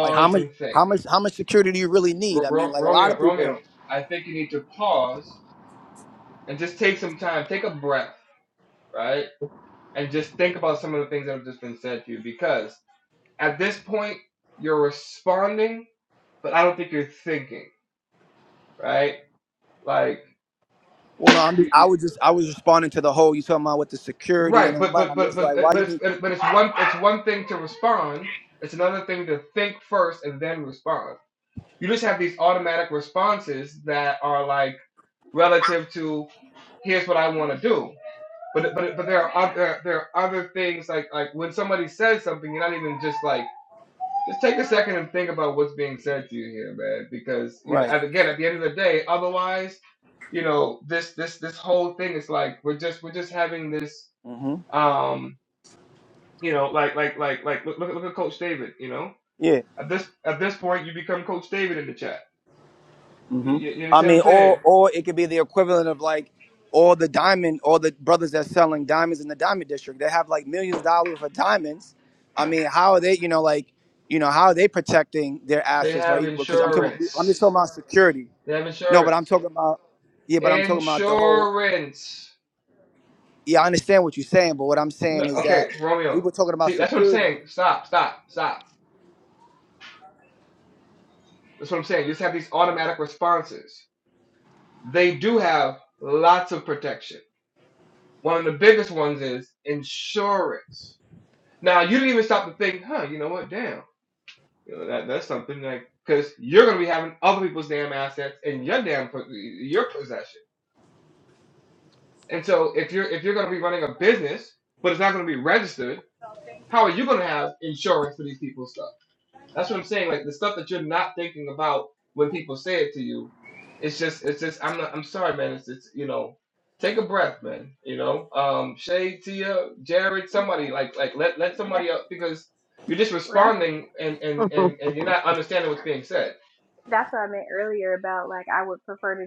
[SPEAKER 6] like how much
[SPEAKER 1] and think.
[SPEAKER 6] how much how much security do you really need?
[SPEAKER 1] Ro-
[SPEAKER 6] I mean,
[SPEAKER 1] Ro-
[SPEAKER 6] like a lot of
[SPEAKER 1] Romeo,
[SPEAKER 6] people.
[SPEAKER 1] Romeo, I think you need to pause and just take some time, take a breath, right? And just think about some of the things that have just been said to you because at this point you're responding, but I don't think you're thinking, right? Like,
[SPEAKER 6] Well, no, I'm just,
[SPEAKER 1] you,
[SPEAKER 6] I
[SPEAKER 1] you,
[SPEAKER 6] was just I was responding to the whole you talking about with the security and
[SPEAKER 1] right,
[SPEAKER 6] all
[SPEAKER 1] but
[SPEAKER 6] that.
[SPEAKER 1] but
[SPEAKER 6] I'm
[SPEAKER 1] but
[SPEAKER 6] just
[SPEAKER 1] but
[SPEAKER 6] like, why
[SPEAKER 1] but
[SPEAKER 6] you
[SPEAKER 1] it's
[SPEAKER 6] need
[SPEAKER 1] but it's one it's one thing to respond. It's another thing to think first and then respond. You just have these automatic responses that are like relative to here's what I want to do. But but but there are other there are other things like like when somebody says something, you're not even just like Just take a second and think about what's being said to you here, man. Because you know,
[SPEAKER 6] right?
[SPEAKER 1] and again, at the end of the day, otherwise, you know, this this this whole thing is like we're just we're just having this,
[SPEAKER 6] hmm
[SPEAKER 1] um, you know, like like like like look look, look at Coach David. You know,
[SPEAKER 6] Yeah.
[SPEAKER 1] at this at this point, you become Coach David in the chat. You,
[SPEAKER 6] hmm
[SPEAKER 1] you, you
[SPEAKER 6] I
[SPEAKER 1] understand what
[SPEAKER 6] mean,
[SPEAKER 1] I'm
[SPEAKER 6] or
[SPEAKER 1] saying?
[SPEAKER 6] or it could be the equivalent of like all the diamond, all the brothers that's selling diamonds in the diamond district. They have like millions of dollars for diamonds. I mean, how are they? You know, like you know, how are they protecting their
[SPEAKER 1] They
[SPEAKER 6] assets,
[SPEAKER 1] have
[SPEAKER 6] right? Because I'm talking, I'm just talking
[SPEAKER 1] insurance.
[SPEAKER 6] about security.
[SPEAKER 1] They have
[SPEAKER 6] No, but
[SPEAKER 1] insurance.
[SPEAKER 6] I'm talking about yeah, but I'm talking about the whole.
[SPEAKER 1] Insurance.
[SPEAKER 6] yeah, I understand what you're saying, but what I'm
[SPEAKER 1] No,
[SPEAKER 6] saying is that
[SPEAKER 1] okay,
[SPEAKER 6] we were
[SPEAKER 1] Romeo.
[SPEAKER 6] talking about
[SPEAKER 1] See, that's what I'm
[SPEAKER 6] security.
[SPEAKER 1] saying. Stop, stop, stop. That's what I'm saying. You just have these automatic responses. they do have lots of protection. One of the biggest ones is insurance. Now you didn't even stop to think, huh? You know what? Damn, you know that that's something like because you're gonna be having other people's damn assets in your damn your possession. And so if you're if you're gonna be running a business, but it's not gonna be registered, how are you gonna have insurance for these people's stuff? That's what I'm saying. Like the stuff that you're not thinking about when people say it to you, it's just, it's just. I'm not. I'm sorry, man. It's, it's you know, take a breath, man. You know, um, Shay, Tia, Jared, somebody like, like let let somebody up because you're just
[SPEAKER 2] that's
[SPEAKER 1] responding and and and and you're not understanding what's being said.
[SPEAKER 2] that's what i meant earlier Prefer to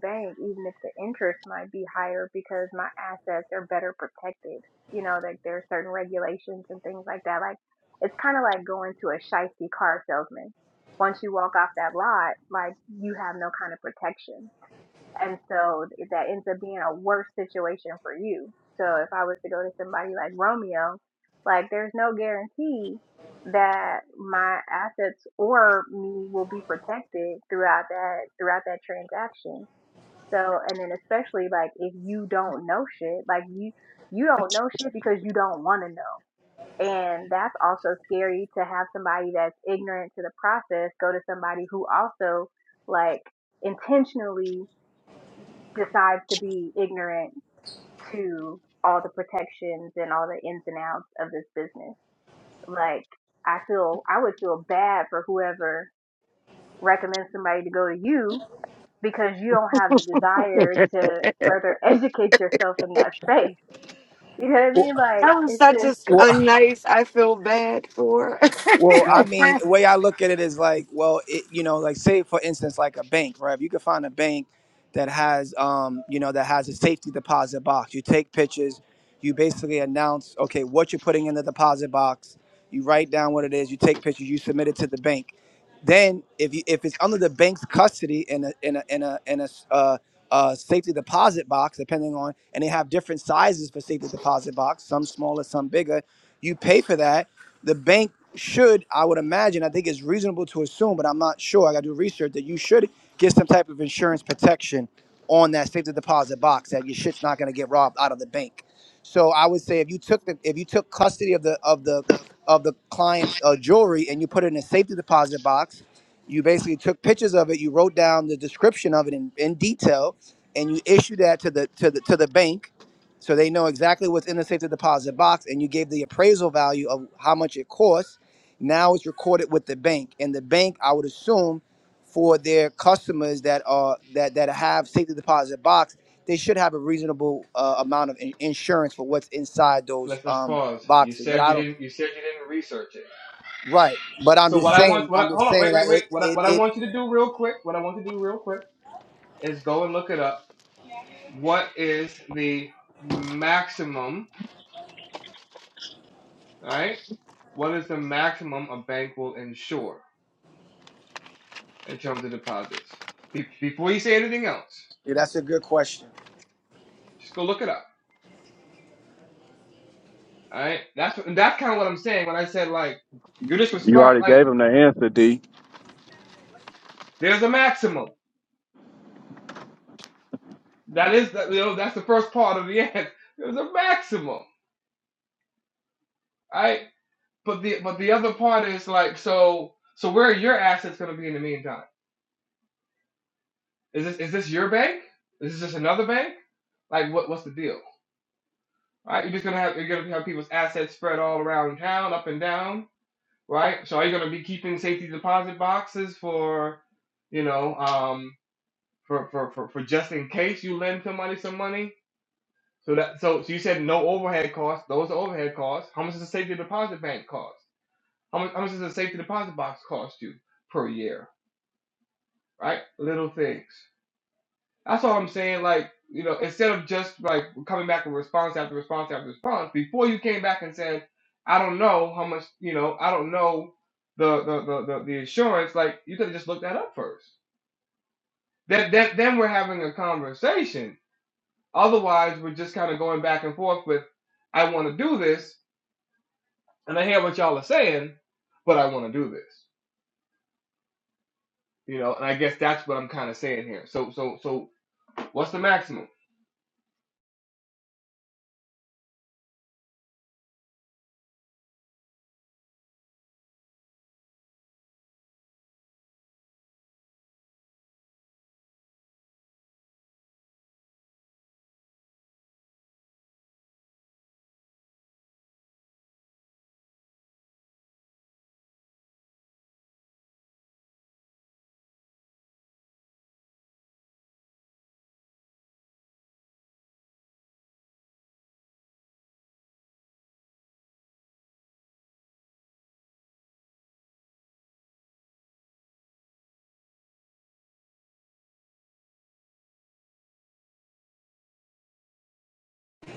[SPEAKER 2] bank, even if the interest might be higher because my assets are better protected. You know, like there are certain regulations and things like that. Like it's kind of like going to a shifty car salesman. Once you walk off that lot, like you have no kind of protection. And so that ends up being a worse situation for you. So if I was to go to somebody like Romeo, like there's no guarantee that my assets or me will be protected throughout that throughout that transaction so, and then especially like if you don't know shit, like you you don't know shit because you don't want to know. And that's also scary to have somebody that's ignorant to the process go to somebody who also like intentionally decides to be ignorant to all the protections and all the ins and outs of this business. Like I feel I would feel bad for whoever recommends somebody to go to you because you don't have the desire to further educate yourself in that space. You know what I mean? Like
[SPEAKER 4] That was
[SPEAKER 2] it's
[SPEAKER 4] such a,
[SPEAKER 2] just
[SPEAKER 4] a nice. I feel bad for.
[SPEAKER 6] Well, I mean, the way I look at it is like, well, it, you know, like say for instance, like a bank, right? If you could find a bank that has, um, you know, that has a safety deposit box, you take pictures, you basically announce, okay, what you're putting in the deposit box, you write down what it is, you take pictures, you submit it to the bank. Then, if you if it's under the bank's custody in a in a in a in a uh, uh, safety deposit box, depending on, and they have different sizes for safety deposit box, some smaller, some bigger. You pay for that the bank should, I would imagine, I think it's reasonable to assume, but I'm not sure. I got to do research that you should get some type of insurance protection on that safety deposit box that your shit's not going to get robbed out of the bank. So I would say if you took the if you took custody of the of the of the client's uh, jewelry and you put it in a safety deposit box, you basically took pictures of it, you wrote down the description of it in, in detail, and you issued that to the to the to the bank so they know exactly what's in the safety deposit box, and you gave the appraisal value of how much it costs. Now it's recorded with the bank, and the bank, I would assume, for their customers that are that that have safety deposit box, they should have a reasonable uh, amount of in- insurance for what's inside those
[SPEAKER 1] Let's let's
[SPEAKER 6] um,
[SPEAKER 1] pause. You
[SPEAKER 6] boxes. But
[SPEAKER 1] said
[SPEAKER 6] I
[SPEAKER 1] you
[SPEAKER 6] don't.
[SPEAKER 1] didn't. You said you didn't research it.
[SPEAKER 6] Right. But I'm
[SPEAKER 1] So
[SPEAKER 6] just
[SPEAKER 1] what I
[SPEAKER 6] saying.
[SPEAKER 1] want, what
[SPEAKER 6] I'm
[SPEAKER 1] I,
[SPEAKER 6] just
[SPEAKER 1] hold on,
[SPEAKER 6] saying
[SPEAKER 1] wait, wait,
[SPEAKER 6] that
[SPEAKER 1] wait.
[SPEAKER 6] it
[SPEAKER 1] What I,
[SPEAKER 6] it
[SPEAKER 1] what I
[SPEAKER 6] it.
[SPEAKER 1] want you to do real quick, what I want you to do real quick is go and look it up. What is the maximum? All right What is the maximum a bank will insure in terms of deposits? Be- before you say anything else,
[SPEAKER 6] Yeah, that's a good question.
[SPEAKER 1] just go look it up. All right. That's what, and that's kind of what I'm saying when I said like you just
[SPEAKER 7] You
[SPEAKER 1] respond
[SPEAKER 7] already
[SPEAKER 1] like
[SPEAKER 7] gave him the answer, D.
[SPEAKER 1] there's a maximum. That is that you know that's the first part of the end. There's a maximum. All right. But the but the other part is like so so where are your assets going to be in the meantime? Is this is this your bank? Is this just another bank? Like what what's the deal? All right. You're just gonna have you're gonna have people's assets spread all around town, up and down right? So are you going to be keeping safety deposit boxes for, you know, um, for, for, for, for just in case you lend somebody some money? So that so, so you said no overhead costs. Those are overhead costs. How much does a safety deposit bank cost? How much how much does a safety deposit box cost you per year? Right? Little things. That's all I'm saying. Like, you know, instead of just like coming back with response after response after response, before you came back and said, I don't know how much, you know, I don't know the the the, the, the insurance, like you could have just looked that up first. That that then we're having a conversation. Otherwise we're just kind of going back and forth with I wanna do this and I hear what y'all are saying, but I wanna do this. You know, and I guess that's what I'm kind of saying here. So so so what's the maximum?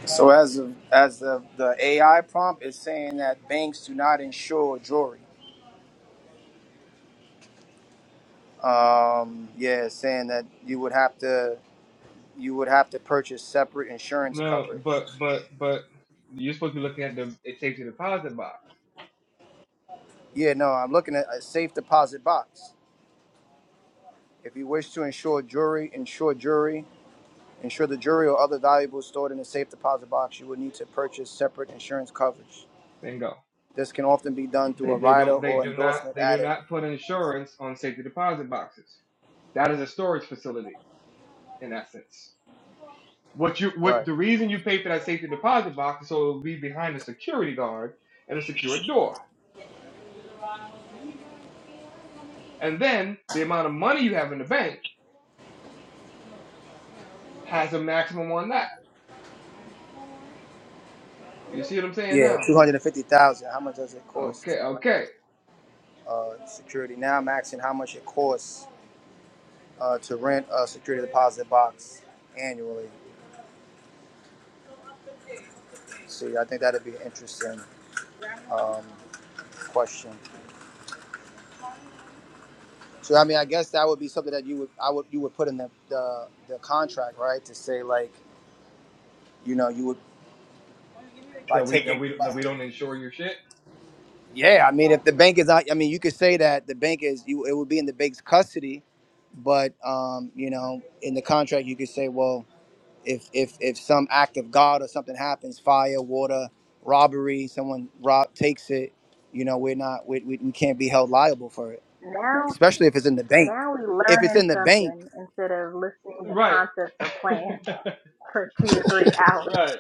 [SPEAKER 6] So as of, as the the AI prompt is saying that banks do not insure jewelry. Um, yeah, saying that you would have to you would have to purchase separate insurance
[SPEAKER 1] No,
[SPEAKER 6] coverage.
[SPEAKER 1] but but but you're supposed to be looking at the a safety deposit box.
[SPEAKER 6] Yeah, no, I'm looking at a safe deposit box. If you wish to insure jewelry, insure jewelry, insure the jewelry or other valuables stored in a safe deposit box, you would need to purchase separate insurance coverage.
[SPEAKER 1] Bingo.
[SPEAKER 6] This can often be done through
[SPEAKER 1] They
[SPEAKER 6] a
[SPEAKER 1] they
[SPEAKER 6] rider
[SPEAKER 1] don't they
[SPEAKER 6] or
[SPEAKER 1] do not
[SPEAKER 6] endorsement
[SPEAKER 1] they do
[SPEAKER 6] added.
[SPEAKER 1] not put insurance on safety deposit boxes. That is a storage facility in essence. What you what
[SPEAKER 6] Right.
[SPEAKER 1] the reason you pay for that safety deposit box is so it'll be behind a security guard and a secured door. And then the amount of money you have in the bank has a maximum on that. You see what I'm saying
[SPEAKER 6] Yeah,
[SPEAKER 1] now?
[SPEAKER 6] two hundred and fifty thousand. How much does it cost to
[SPEAKER 1] Okay,
[SPEAKER 6] rent
[SPEAKER 1] okay.
[SPEAKER 6] uh, security? Now I'm asking how much it costs uh, to rent a security deposit box annually. See, I think that'd be an interesting um, question. So, I mean, I guess that would be something that you would, I would, you would put in the the, the contract, right? To say like, you know, you would by
[SPEAKER 1] That we that
[SPEAKER 6] taking.
[SPEAKER 1] we
[SPEAKER 6] By,
[SPEAKER 1] that we don't insure your shit.
[SPEAKER 6] yeah, I mean, if the bank is not, I mean, you could say that the bank is, you, it would be in the bank's custody, but um, you know, in the contract, you could say, well, if if if some act of God or something happens, fire, water, robbery, someone rob takes it, you know, we're not, we, we, we can't be held liable for it
[SPEAKER 2] now
[SPEAKER 6] especially if it's in the bank.
[SPEAKER 2] now we
[SPEAKER 6] If it's
[SPEAKER 2] learning
[SPEAKER 6] in the bank,
[SPEAKER 2] something instead of listening to
[SPEAKER 1] Right,
[SPEAKER 2] concepts or plans for two to three hours.
[SPEAKER 1] right.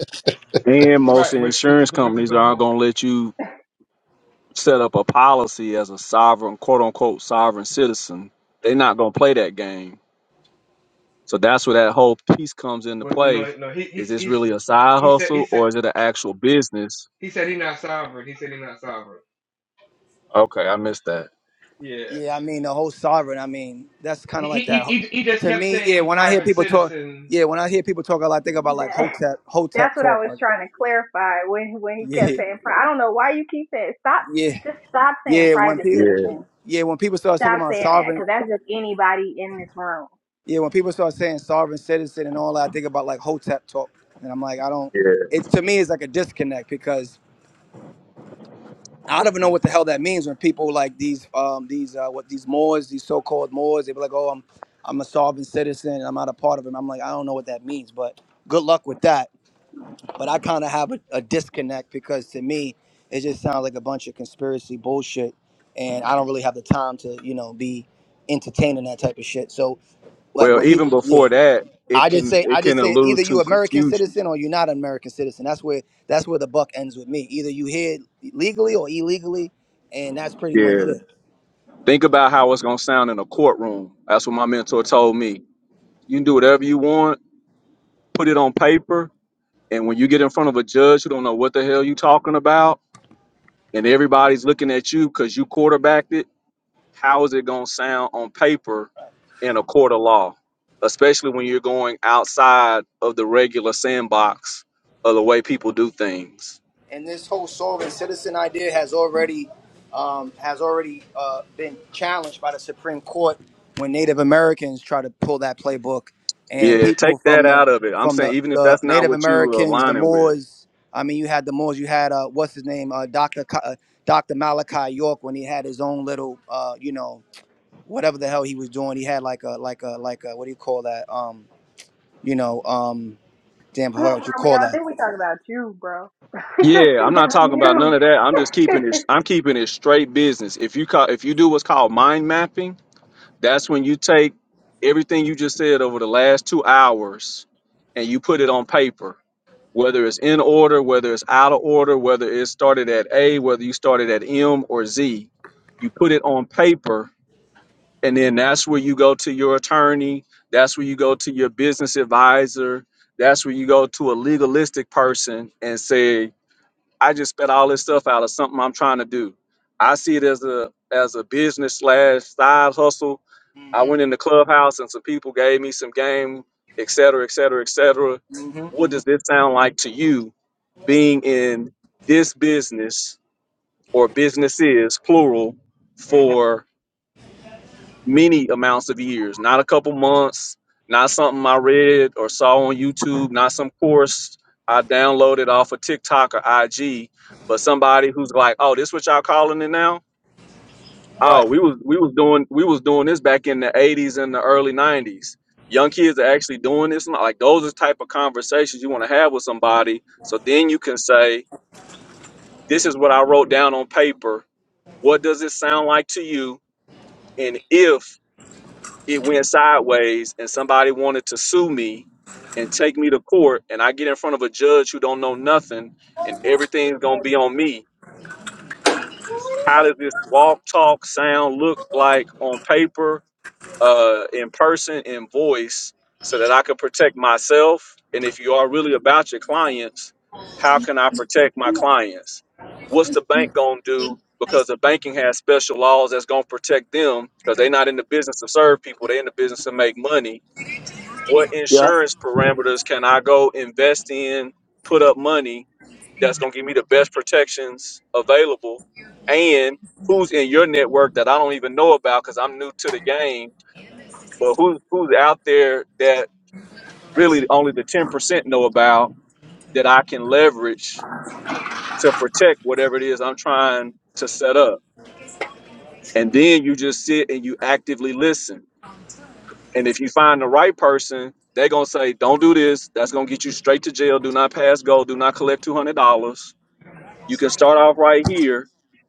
[SPEAKER 7] Then most
[SPEAKER 1] Right, which which is
[SPEAKER 7] insurance
[SPEAKER 1] the which is
[SPEAKER 7] companies
[SPEAKER 1] the
[SPEAKER 7] aren't
[SPEAKER 1] whole.
[SPEAKER 7] going to let you set up a policy as a sovereign, quote unquote, sovereign citizen. They're not going to play that game. So that's where that whole piece comes into
[SPEAKER 1] Well,
[SPEAKER 7] play.
[SPEAKER 1] no, no, he
[SPEAKER 7] Is
[SPEAKER 1] he's,
[SPEAKER 7] this
[SPEAKER 1] he's
[SPEAKER 7] really a side
[SPEAKER 1] he said he
[SPEAKER 7] hustle
[SPEAKER 1] said
[SPEAKER 7] or is it an actual business?
[SPEAKER 1] he said he's not sovereign. He said he's not sovereign.
[SPEAKER 7] Okay, I missed that.
[SPEAKER 1] Yeah,
[SPEAKER 6] yeah, I mean the whole sovereign. I mean that's kind
[SPEAKER 1] he
[SPEAKER 6] of like
[SPEAKER 1] he
[SPEAKER 6] that.
[SPEAKER 1] he, he just
[SPEAKER 6] To
[SPEAKER 1] kept
[SPEAKER 6] me, yeah,
[SPEAKER 1] saying
[SPEAKER 6] when I hear
[SPEAKER 1] private
[SPEAKER 6] people talk,
[SPEAKER 1] citizen.
[SPEAKER 6] yeah, when I hear people talk, all I like, think about like
[SPEAKER 2] That,
[SPEAKER 6] hotep,
[SPEAKER 2] that's
[SPEAKER 6] hotep
[SPEAKER 2] what I
[SPEAKER 6] talk.
[SPEAKER 2] was
[SPEAKER 6] Like,
[SPEAKER 2] trying to clarify when when he kept
[SPEAKER 6] yeah,
[SPEAKER 2] saying pri- I don't know why you keep saying stop
[SPEAKER 6] yeah,
[SPEAKER 2] just stop saying
[SPEAKER 6] yeah. When
[SPEAKER 2] private
[SPEAKER 6] people,
[SPEAKER 7] Yeah,
[SPEAKER 2] citizen.
[SPEAKER 6] yeah, when people start talking
[SPEAKER 2] Stop
[SPEAKER 6] about
[SPEAKER 2] saying that
[SPEAKER 6] sovereign,
[SPEAKER 2] because that's just anybody in this room.
[SPEAKER 6] yeah, when people start saying sovereign citizen and all that, I think about like hotep talk, and I'm like, I don't.
[SPEAKER 7] yeah.
[SPEAKER 6] It's to me, it's like a disconnect because I don't even know what the hell that means when people like these um these uh what these Moors, these so-called Moors, they be like, oh, I'm I'm a sovereign citizen and I'm not a part of it. I'm like, I don't know what that means, but good luck with that. But I kind of have a, a disconnect because to me, it just sounds like a bunch of conspiracy bullshit, and I don't really have the time to you know be entertaining that type of shit. So like
[SPEAKER 7] Well,
[SPEAKER 6] when
[SPEAKER 7] even
[SPEAKER 6] people, yeah.
[SPEAKER 7] before that, it
[SPEAKER 6] I just
[SPEAKER 7] can
[SPEAKER 6] say
[SPEAKER 7] it
[SPEAKER 6] I just
[SPEAKER 7] can
[SPEAKER 6] say either
[SPEAKER 7] allude
[SPEAKER 6] you
[SPEAKER 7] to
[SPEAKER 6] American
[SPEAKER 7] confusion.
[SPEAKER 6] citizen or you're not an American citizen. That's where that's where the buck ends with me. Either you here legally or illegally, and that's pretty much
[SPEAKER 7] Yeah.
[SPEAKER 6] it.
[SPEAKER 7] Think about how it's gonna sound in a courtroom. That's what my mentor told me. You can do whatever you want, put it on paper, And when you get in front of a judge who don't know what the hell you talking about, and everybody's looking at you because you quarterbacked it, how is it gonna sound on paper in a court of law? Especially when you're going outside of the regular sandbox of the way people do things.
[SPEAKER 6] And this whole sovereign citizen idea has already um, has already uh, been challenged by the Supreme Court when Native Americans try to pull that playbook, and
[SPEAKER 7] Yeah, take
[SPEAKER 6] people
[SPEAKER 7] that
[SPEAKER 6] from the
[SPEAKER 7] out of it. I'm
[SPEAKER 6] from
[SPEAKER 7] saying
[SPEAKER 6] the,
[SPEAKER 7] even if
[SPEAKER 6] the
[SPEAKER 7] that's not
[SPEAKER 6] Native
[SPEAKER 7] what you were
[SPEAKER 6] Americans, the
[SPEAKER 7] aligning with.
[SPEAKER 6] Moors. I mean, you had the Moors. You had uh, what's his name, uh, Doctor Ca- uh, Doctor Malachi York, when he had his own little, uh, you know. whatever the hell he was doing. He had like a like a like a what do you call that? Um, you know, um, damn, I forgot what you
[SPEAKER 2] I mean,
[SPEAKER 6] call
[SPEAKER 2] I
[SPEAKER 6] that.
[SPEAKER 2] think we talk about you, bro. We
[SPEAKER 7] Yeah,
[SPEAKER 2] talking
[SPEAKER 7] I'm not
[SPEAKER 2] about
[SPEAKER 7] talking about none
[SPEAKER 2] you.
[SPEAKER 7] of that. I'm just keeping it. I'm keeping it straight business. If you call, if you do what's called mind mapping That's when you take everything you just said over the last two hours and you put it on paper, whether it's in order, whether it's out of order, whether it started at A, whether you started at M or Z. You put it on paper, and then that's where you go to your attorney. That's where you go to your business advisor. That's where you go to a legalistic person and say, I just spit all this stuff out of something I'm trying to do. I see it as a as a business slash side hustle. I
[SPEAKER 6] hmm
[SPEAKER 7] went in the clubhouse and some people gave me some game, et cetera, et cetera, et cetera.
[SPEAKER 6] hmm
[SPEAKER 7] What
[SPEAKER 6] hmm
[SPEAKER 7] does this sound like to you being in this business or businesses plural for many amounts of years, not a couple months, not something I read or saw on YouTube, not some course I downloaded off of TikTok or IG, but somebody who's like, "Oh, this what y'all calling it now? Oh, we was we was doing we was doing this back in the '80s and the early '90s. Young kids are actually doing this. now." Like those are the type of conversations you want to have with somebody. So then you can say, "This is what I wrote down on paper. What does it sound like to you? And if it went sideways and somebody wanted to sue me and take me to court and I get in front of a judge who don't know nothing and everything's gonna be on me. How does this walk, talk, sound look like on paper, uh, in person, in voice, so that I can protect myself? And if you are really about your clients, how can I protect my clients? What's the bank gonna do? Because the banking has special laws that's gonna protect them because they're not in the business to serve people, they're in the business to make money what
[SPEAKER 6] Yeah.
[SPEAKER 7] insurance parameters can I go invest in, put up money that's going to give me the best protections available, and who's in your network that I don't even know about because I'm new to the game, but who, who's out there that really only the 10% know about that I can leverage to protect whatever it is I'm trying to set up. And then you just sit and you actively listen And if you find the right person, they're gonna say, "Don't do this. That's gonna get you straight to jail. Do not pass go. Do not collect two hundred dollars. You can start off right here."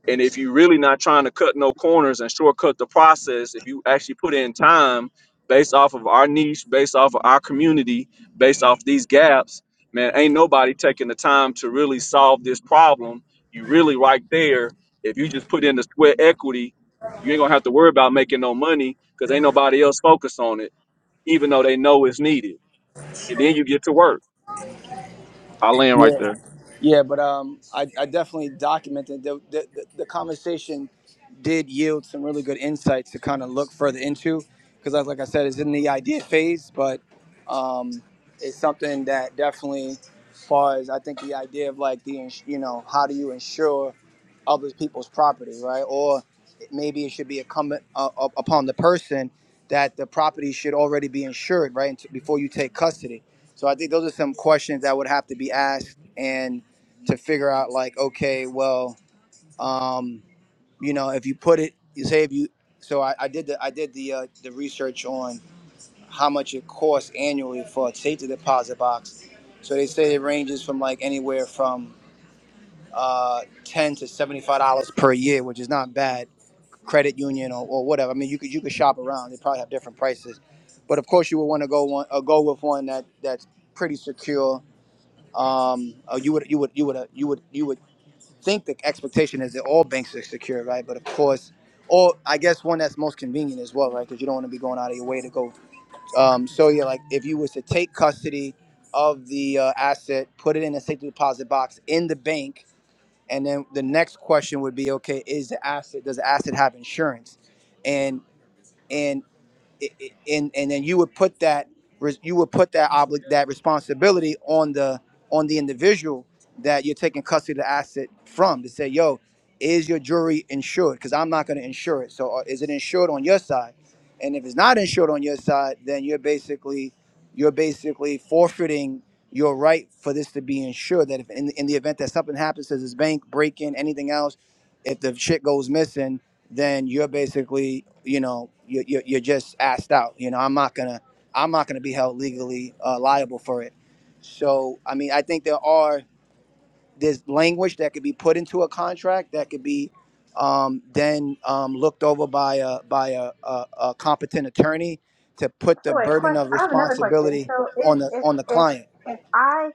[SPEAKER 7] And if you're really not trying to cut no corners and shortcut the process, if you actually put in time based off of our niche, based off of our community, based off these gaps, man, ain't nobody taking the time to really solve this problem. You really right there. If you just put in the sweat equity, you ain't gonna have to worry about making no money because ain't nobody else focused on it even though they know it's needed. And then you get to work. I like
[SPEAKER 6] yeah. Yeah, but um, I, I definitely documented the, the the the conversation did yield some really good insights to kind of look further into because like like I said, it's in the idea phase, but um, it's something that definitely, as far as I think the idea of like the ins- you know how do you insure other people's property, right? Or maybe it should be incumbent uh, up- upon the person that the property should already be insured, right, before you take custody. So I think those are some questions that would have to be asked and to figure out like okay well um you know if you put it you say if you so i, I did the i did the uh, the research on how much it costs annually for a safety deposit box so they say it ranges from like anywhere from uh 10 to 75 dollars per year which is not bad credit union or, or whatever i mean you could you could shop around they probably have different prices but of course you would want to go one uh, go with one that that's pretty secure um uh, you would you would you would uh, you would you would think the expectation is that all banks are secure, right? But of course, or I guess one that's most convenient as well, right? Because you don't want to be going out of your way to go. Um, so yeah, like if you was to take custody of the uh, asset, put it in a safe deposit box in the bank, and then the next question would be, okay, is the asset does the asset have insurance? And and i- i- and and then you would put that res- you would put that obli- that responsibility on the on the individual that you're taking custody of the asset from to say, yo, is your jewelry insured? Because I'm not going to insure it. So uh, is it insured on your side? And if it's not insured on your side, then you're basically you're basically forfeiting your right for this to be insured. That if in, in the event that something happens, to this bank break in, anything else, if the shit goes missing, then you're basically, you know, you're, you're, you're just asked out. You know, I'm not gonna, I'm not gonna be held legally uh, liable for it. So, I mean, I think there are there's language that could be put into a contract that could be um, then um, looked over by a by a, a, a competent attorney to put
[SPEAKER 2] So
[SPEAKER 6] the
[SPEAKER 2] wait,
[SPEAKER 6] burden
[SPEAKER 2] question.
[SPEAKER 6] of
[SPEAKER 2] I have another question.
[SPEAKER 6] responsibility
[SPEAKER 2] So if
[SPEAKER 6] on the
[SPEAKER 2] if
[SPEAKER 6] on the
[SPEAKER 2] if
[SPEAKER 6] client.
[SPEAKER 2] if I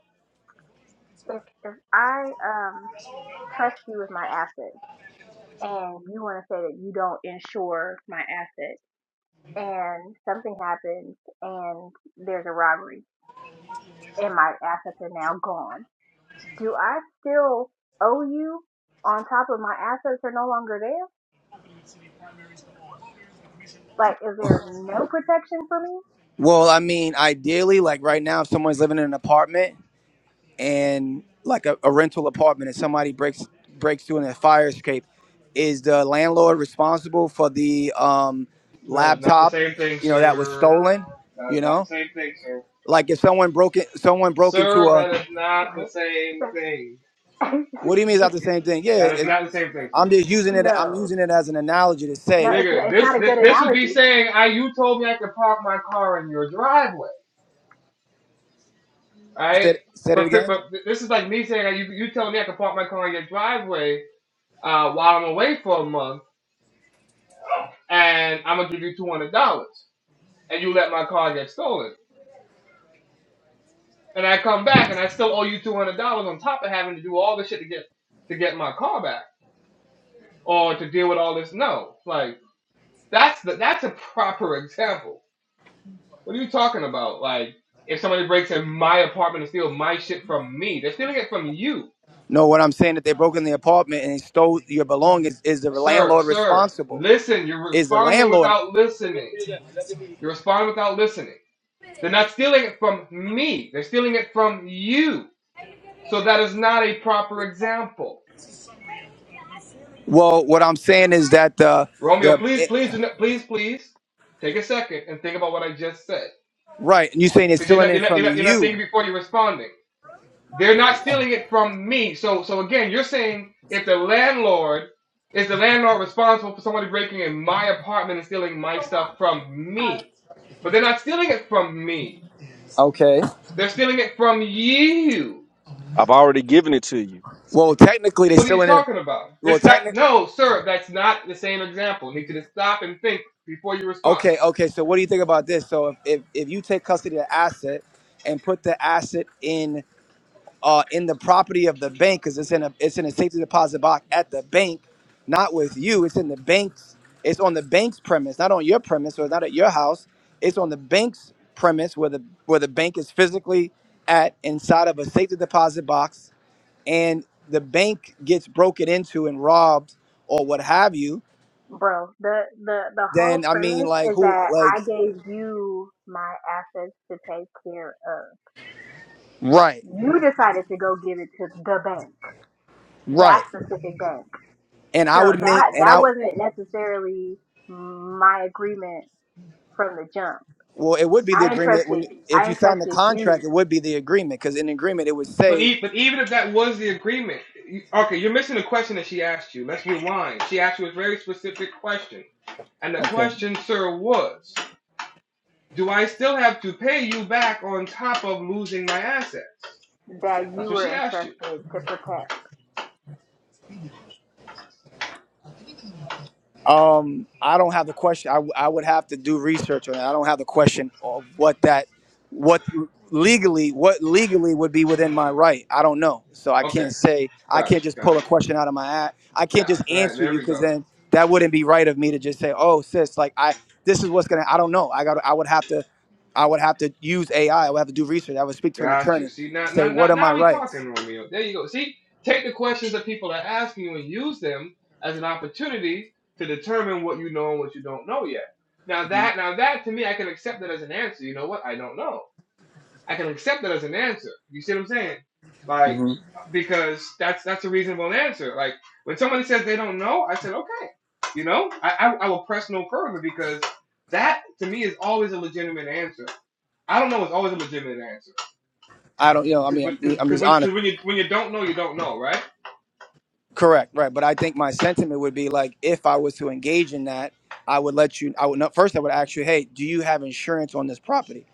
[SPEAKER 2] if if I um trust you with my assets, and you want to say that you don't insure my assets, and something happens, and there's a robbery, and my assets are now gone, do I still owe you on top of my assets are no longer there? Like, is there no protection for me?
[SPEAKER 6] Well, I mean, ideally, like right now, if someone's living in an apartment and like a, a rental apartment and somebody breaks breaks through in a fire escape is the landlord responsible for the um,
[SPEAKER 1] That is not the
[SPEAKER 6] laptop
[SPEAKER 1] same thing,
[SPEAKER 6] you know that was
[SPEAKER 1] sir.
[SPEAKER 6] stolen
[SPEAKER 1] That
[SPEAKER 6] you
[SPEAKER 1] is not the
[SPEAKER 6] know
[SPEAKER 1] same thing, sir.
[SPEAKER 6] like if someone broke it someone broke into
[SPEAKER 1] Sir,
[SPEAKER 6] a
[SPEAKER 1] that is not the same thing.
[SPEAKER 6] what do you mean is not the same thing yeah
[SPEAKER 1] That is
[SPEAKER 6] it,
[SPEAKER 1] not the same thing, sir.
[SPEAKER 6] i'm just using it i'm using it as an analogy to say
[SPEAKER 1] Nigga, this this this would be saying, I you told me I could park my car in your driveway, right?
[SPEAKER 6] said said it
[SPEAKER 1] But, but
[SPEAKER 6] again
[SPEAKER 1] but this is like me saying, you you told me I could park my car in your driveway uh, while I'm away for a month, and I'm gonna give you two hundred dollars, and you let my car get stolen, and I come back and I still owe you two hundred dollars on top of having to do all this shit to get to get my car back or to deal with all this. No, like that's the that's a proper example. What are you talking about? Like if somebody breaks in my apartment and steals my shit from me, they're stealing it from you,
[SPEAKER 6] no what i'm saying that they broke in the apartment and stole your belongings is the
[SPEAKER 1] sir.
[SPEAKER 6] landlord
[SPEAKER 1] Sir,
[SPEAKER 6] responsible
[SPEAKER 1] listen. You're
[SPEAKER 6] is the
[SPEAKER 1] responding
[SPEAKER 6] landlord
[SPEAKER 1] without listening. You're responding without listening. They're not stealing it from me. They're stealing it from you. So that is not a proper example.
[SPEAKER 6] well, what I'm saying is that the
[SPEAKER 1] Romeo, please,
[SPEAKER 6] the
[SPEAKER 1] please, do not, please, please, take a second and think about what I just said,
[SPEAKER 6] Right. And you're saying they're
[SPEAKER 1] because you're
[SPEAKER 6] stealing
[SPEAKER 1] not,
[SPEAKER 6] it
[SPEAKER 1] you're not,
[SPEAKER 6] from
[SPEAKER 1] you're not, you're not
[SPEAKER 6] you.
[SPEAKER 1] thinking before you're responding. They're not stealing it from me. So, so again, you're saying if the landlord is the landlord responsible for somebody breaking in my apartment and stealing my stuff from me, but they're not stealing it from me.
[SPEAKER 6] Okay.
[SPEAKER 1] They're stealing it from you.
[SPEAKER 7] I've already given it to you.
[SPEAKER 6] Well, technically, they're
[SPEAKER 1] What are you
[SPEAKER 6] stealing it.
[SPEAKER 1] talking about?
[SPEAKER 6] Well,
[SPEAKER 1] It's that
[SPEAKER 6] technically.
[SPEAKER 1] no, sir. That's not the same example. You need to stop and think before you respond.
[SPEAKER 6] Okay. Okay. So, what do you think about this? So, if, if, if you take custody of the asset and put the asset in uh, in the property of the bank, because it's in a it's in a safety deposit box at the bank, not with you. It's in the bank's. It's on the bank's premise, not on your premise, or not at your house. It's on the bank's premise where the where the bank is physically at inside of a safety deposit box and the bank gets broken into and robbed or what have you,
[SPEAKER 2] Bro, the the the whole
[SPEAKER 6] then I mean,
[SPEAKER 2] premise
[SPEAKER 6] like
[SPEAKER 2] is
[SPEAKER 6] who,
[SPEAKER 2] that
[SPEAKER 6] like
[SPEAKER 2] I gave you my assets to take care of.
[SPEAKER 6] right,
[SPEAKER 2] You decided to go give it to the bank, that
[SPEAKER 6] right.
[SPEAKER 2] specific bank.
[SPEAKER 6] And
[SPEAKER 2] So
[SPEAKER 6] I would make
[SPEAKER 2] that
[SPEAKER 6] and
[SPEAKER 2] that
[SPEAKER 6] I
[SPEAKER 2] wasn't necessarily my agreement from the jump.
[SPEAKER 6] well, it would be the
[SPEAKER 2] I
[SPEAKER 6] agreement when
[SPEAKER 2] entrusted
[SPEAKER 6] you, if
[SPEAKER 2] I
[SPEAKER 6] you sign the
[SPEAKER 2] entrusted
[SPEAKER 6] contract,
[SPEAKER 2] you
[SPEAKER 6] it would be the agreement because in agreement it would
[SPEAKER 1] But
[SPEAKER 6] say
[SPEAKER 1] e- but even if that was the agreement, you- okay, you're missing the question that she asked you. Let's rewind. She asked you a very specific question, and the
[SPEAKER 6] okay,
[SPEAKER 1] question, sir, was, do I still have to pay you back on top of losing my assets?
[SPEAKER 2] that
[SPEAKER 1] That's
[SPEAKER 2] you
[SPEAKER 1] what she
[SPEAKER 2] were
[SPEAKER 1] asked you.
[SPEAKER 2] entrusted to protect.
[SPEAKER 6] Um, I don't have the question. I, w- I would have to do research on it. I don't have the question of what that, what legally, what legally would be within my right. I don't know, so I
[SPEAKER 1] Okay,
[SPEAKER 6] can't say. I can't
[SPEAKER 1] gotcha,
[SPEAKER 6] just pull a
[SPEAKER 1] gotcha.
[SPEAKER 6] question out of my ass. I can't
[SPEAKER 1] Yeah,
[SPEAKER 6] just
[SPEAKER 1] right,
[SPEAKER 6] answer
[SPEAKER 1] there
[SPEAKER 6] you
[SPEAKER 1] we
[SPEAKER 6] because
[SPEAKER 1] go.
[SPEAKER 6] then that wouldn't be right of me to just say, "Oh, sis, like I, this is what's gonna." I don't know. I got. I would have to. I would have to use AI. I I would have to do research. I would speak to an
[SPEAKER 1] Got you.
[SPEAKER 6] attorney.
[SPEAKER 1] See now,
[SPEAKER 6] Say,
[SPEAKER 1] now,
[SPEAKER 6] what
[SPEAKER 1] now,
[SPEAKER 6] are my
[SPEAKER 1] now we
[SPEAKER 6] rights?
[SPEAKER 1] talking, Romeo. There you go. See, take the questions that people are asking you and use them as an opportunity to determine what you know and what you don't know yet. Now that, now that to me, I can accept that as an answer. You know what? I don't know. I can accept that as an answer. You see what I'm saying? Like,
[SPEAKER 6] hmm
[SPEAKER 1] because that's that's a reasonable answer. Like when somebody says they don't know, I said okay. You know, I I, I will press no further because that to me is always a legitimate answer. I don't know is always a legitimate answer
[SPEAKER 6] I don't. You know. I
[SPEAKER 1] Cause
[SPEAKER 6] mean,
[SPEAKER 1] when,
[SPEAKER 6] I'm,
[SPEAKER 1] cause,
[SPEAKER 6] I'm
[SPEAKER 1] cause
[SPEAKER 6] just
[SPEAKER 1] when,
[SPEAKER 6] honest.
[SPEAKER 1] cause when you when you don't know, you don't know, right?
[SPEAKER 6] Correct, right. But I think my sentiment would be like, if I was to engage in that, I would let you. I would not, first. I would ask you, hey, do you have insurance on this property?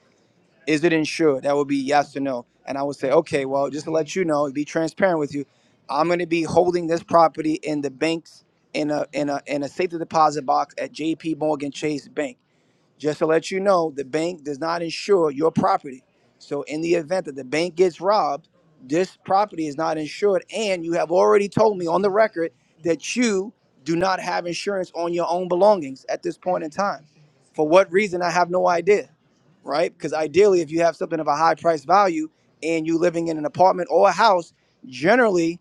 [SPEAKER 6] Is it insured? That would be yes or no. And I would say, okay, well, just to let you know, be transparent with you, I'm going to be holding this property in the banks in a in a in a safety deposit box at J.P. Morgan Chase Bank. Just to let you know, the bank does not insure your property. So in the event that the bank gets robbed, this property is not insured. And you have already told me on the record that you do not have insurance on your own belongings at this point in time. For what reason, I have no idea, right? Because ideally, if you have something of a high price value and you living in an apartment or a house, generally,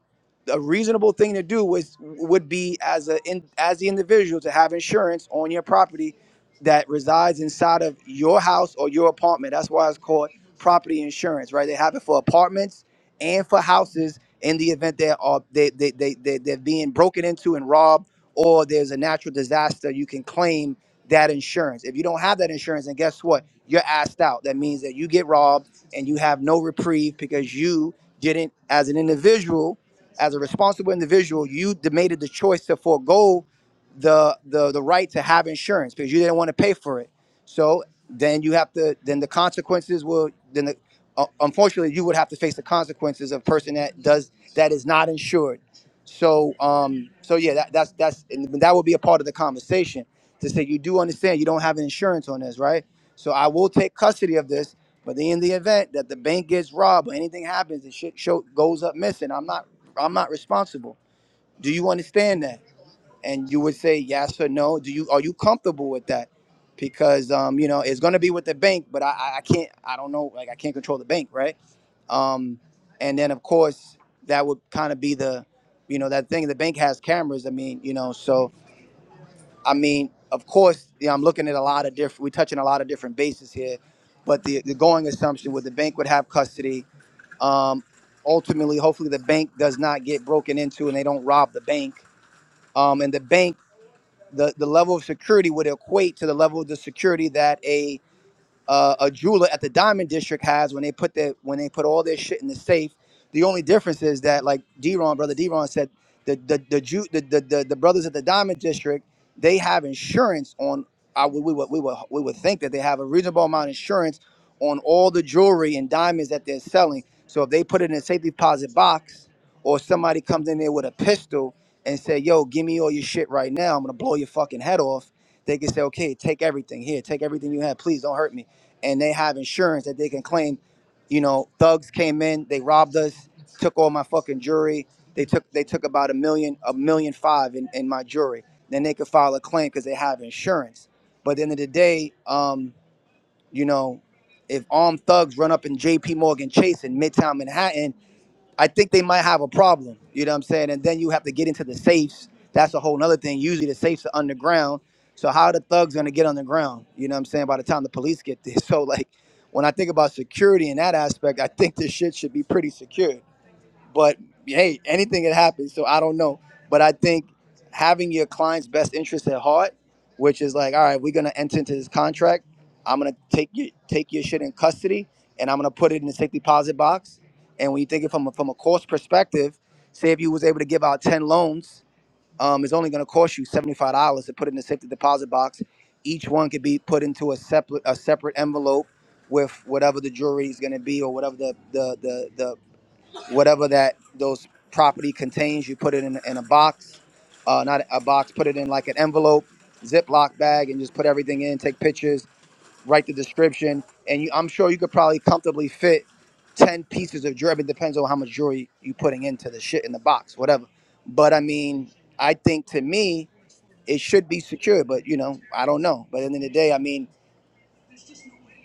[SPEAKER 6] a reasonable thing to do was would be as a in, as the individual to have insurance on your property that resides inside of your house or your apartment. That's why it's called property insurance, right? They have it for apartments and for houses in the event they are they they they, they they're being broken into and robbed or there's a natural disaster, you can claim that insurance. If you don't have that insurance, and guess what? You're asked out. That means that you get robbed and you have no reprieve because you didn't as an individual, as a responsible individual, you de- made the choice to forego the the the right to have insurance because you didn't want to pay for it. So then you have to then the consequences will then the, uh, unfortunately you would have to face the consequences of a person that does that is not insured. So um so yeah that, that's that's and that would be a part of the conversation to say you do understand you don't have insurance on this right. So I will take custody of this, but then in the event that the bank gets robbed or anything happens, and shit show goes up missing. I'm not I'm not responsible. Do you understand that? and you would say yes or no. Do you are you comfortable with that? Because um, you know it's going to be with the bank, but I, I I can't. I don't know. Like I can't control the bank, right? Um, and then of course that would kind of be the, you know, that thing. The bank has cameras. I mean, you know, so I mean, of course, you know, I'm looking at a lot of different. We're touching a lot of different bases here, but the the going assumption was the bank would have custody. Um, ultimately, hopefully, the bank does not get broken into and they don't rob the bank. Um, and the bank the, the level of security would equate to the level of the security that a uh, a jeweler at the Diamond District has when they put their when they put all their shit in the safe. The only difference is that like D-Ron, brother D-Ron said, the the the Jew the the, the, the brothers at the Diamond District they have insurance on. I would we would we would we would think that they have a reasonable amount of insurance on all the jewelry and diamonds that they're selling. So if they put it in a safe deposit box, or somebody comes in there with a pistol and say, "Yo, give me all your shit right now. I'm gonna blow your fucking head off." They can say, "Okay, take everything here. Take everything you have. Please don't hurt me." and they have insurance that they can claim. You know, thugs came in, they robbed us, took all my fucking jewelry. They took they took about a million, a million five in, in my jewelry. Then they could file a claim because they have insurance. But at the end of the day, um, you know, if armed thugs run up in J.P. Morgan Chase in Midtown Manhattan I think they might have a problem. You know what I'm saying? And then you have to get into the safes. That's a whole nother thing. Usually the safes are underground. So how are the thugs gonna get underground? You know what I'm saying? By the time the police get there. So like when I think about security in that aspect, I think this shit should be pretty secure. But hey, anything can happen. So I don't know. But I think having your client's best interest at heart, which is like, all right, we're gonna enter into this contract. I'm gonna take you take your shit in custody, and I'm gonna put it in the safe deposit box. And when you think it from a, from a cost perspective, say if you was able to give out ten loans, um, it's only gonna cost you seventy five dollars to put it in the safety deposit box. Each one could be put into a separate a separate envelope with whatever the jewelry is gonna be or whatever the the the the whatever that those property contains, you put it in, in a box, uh, not a box, put it in like an envelope, Ziploc bag, and just put everything in, take pictures, write the description. And you, I'm sure you could probably comfortably fit 10 pieces of jewelry. It depends on how much jewelry you putting into the shit in the box, whatever. But I mean, I think to me, it should be secure, but you know, I don't know. But at the end of the day, I mean,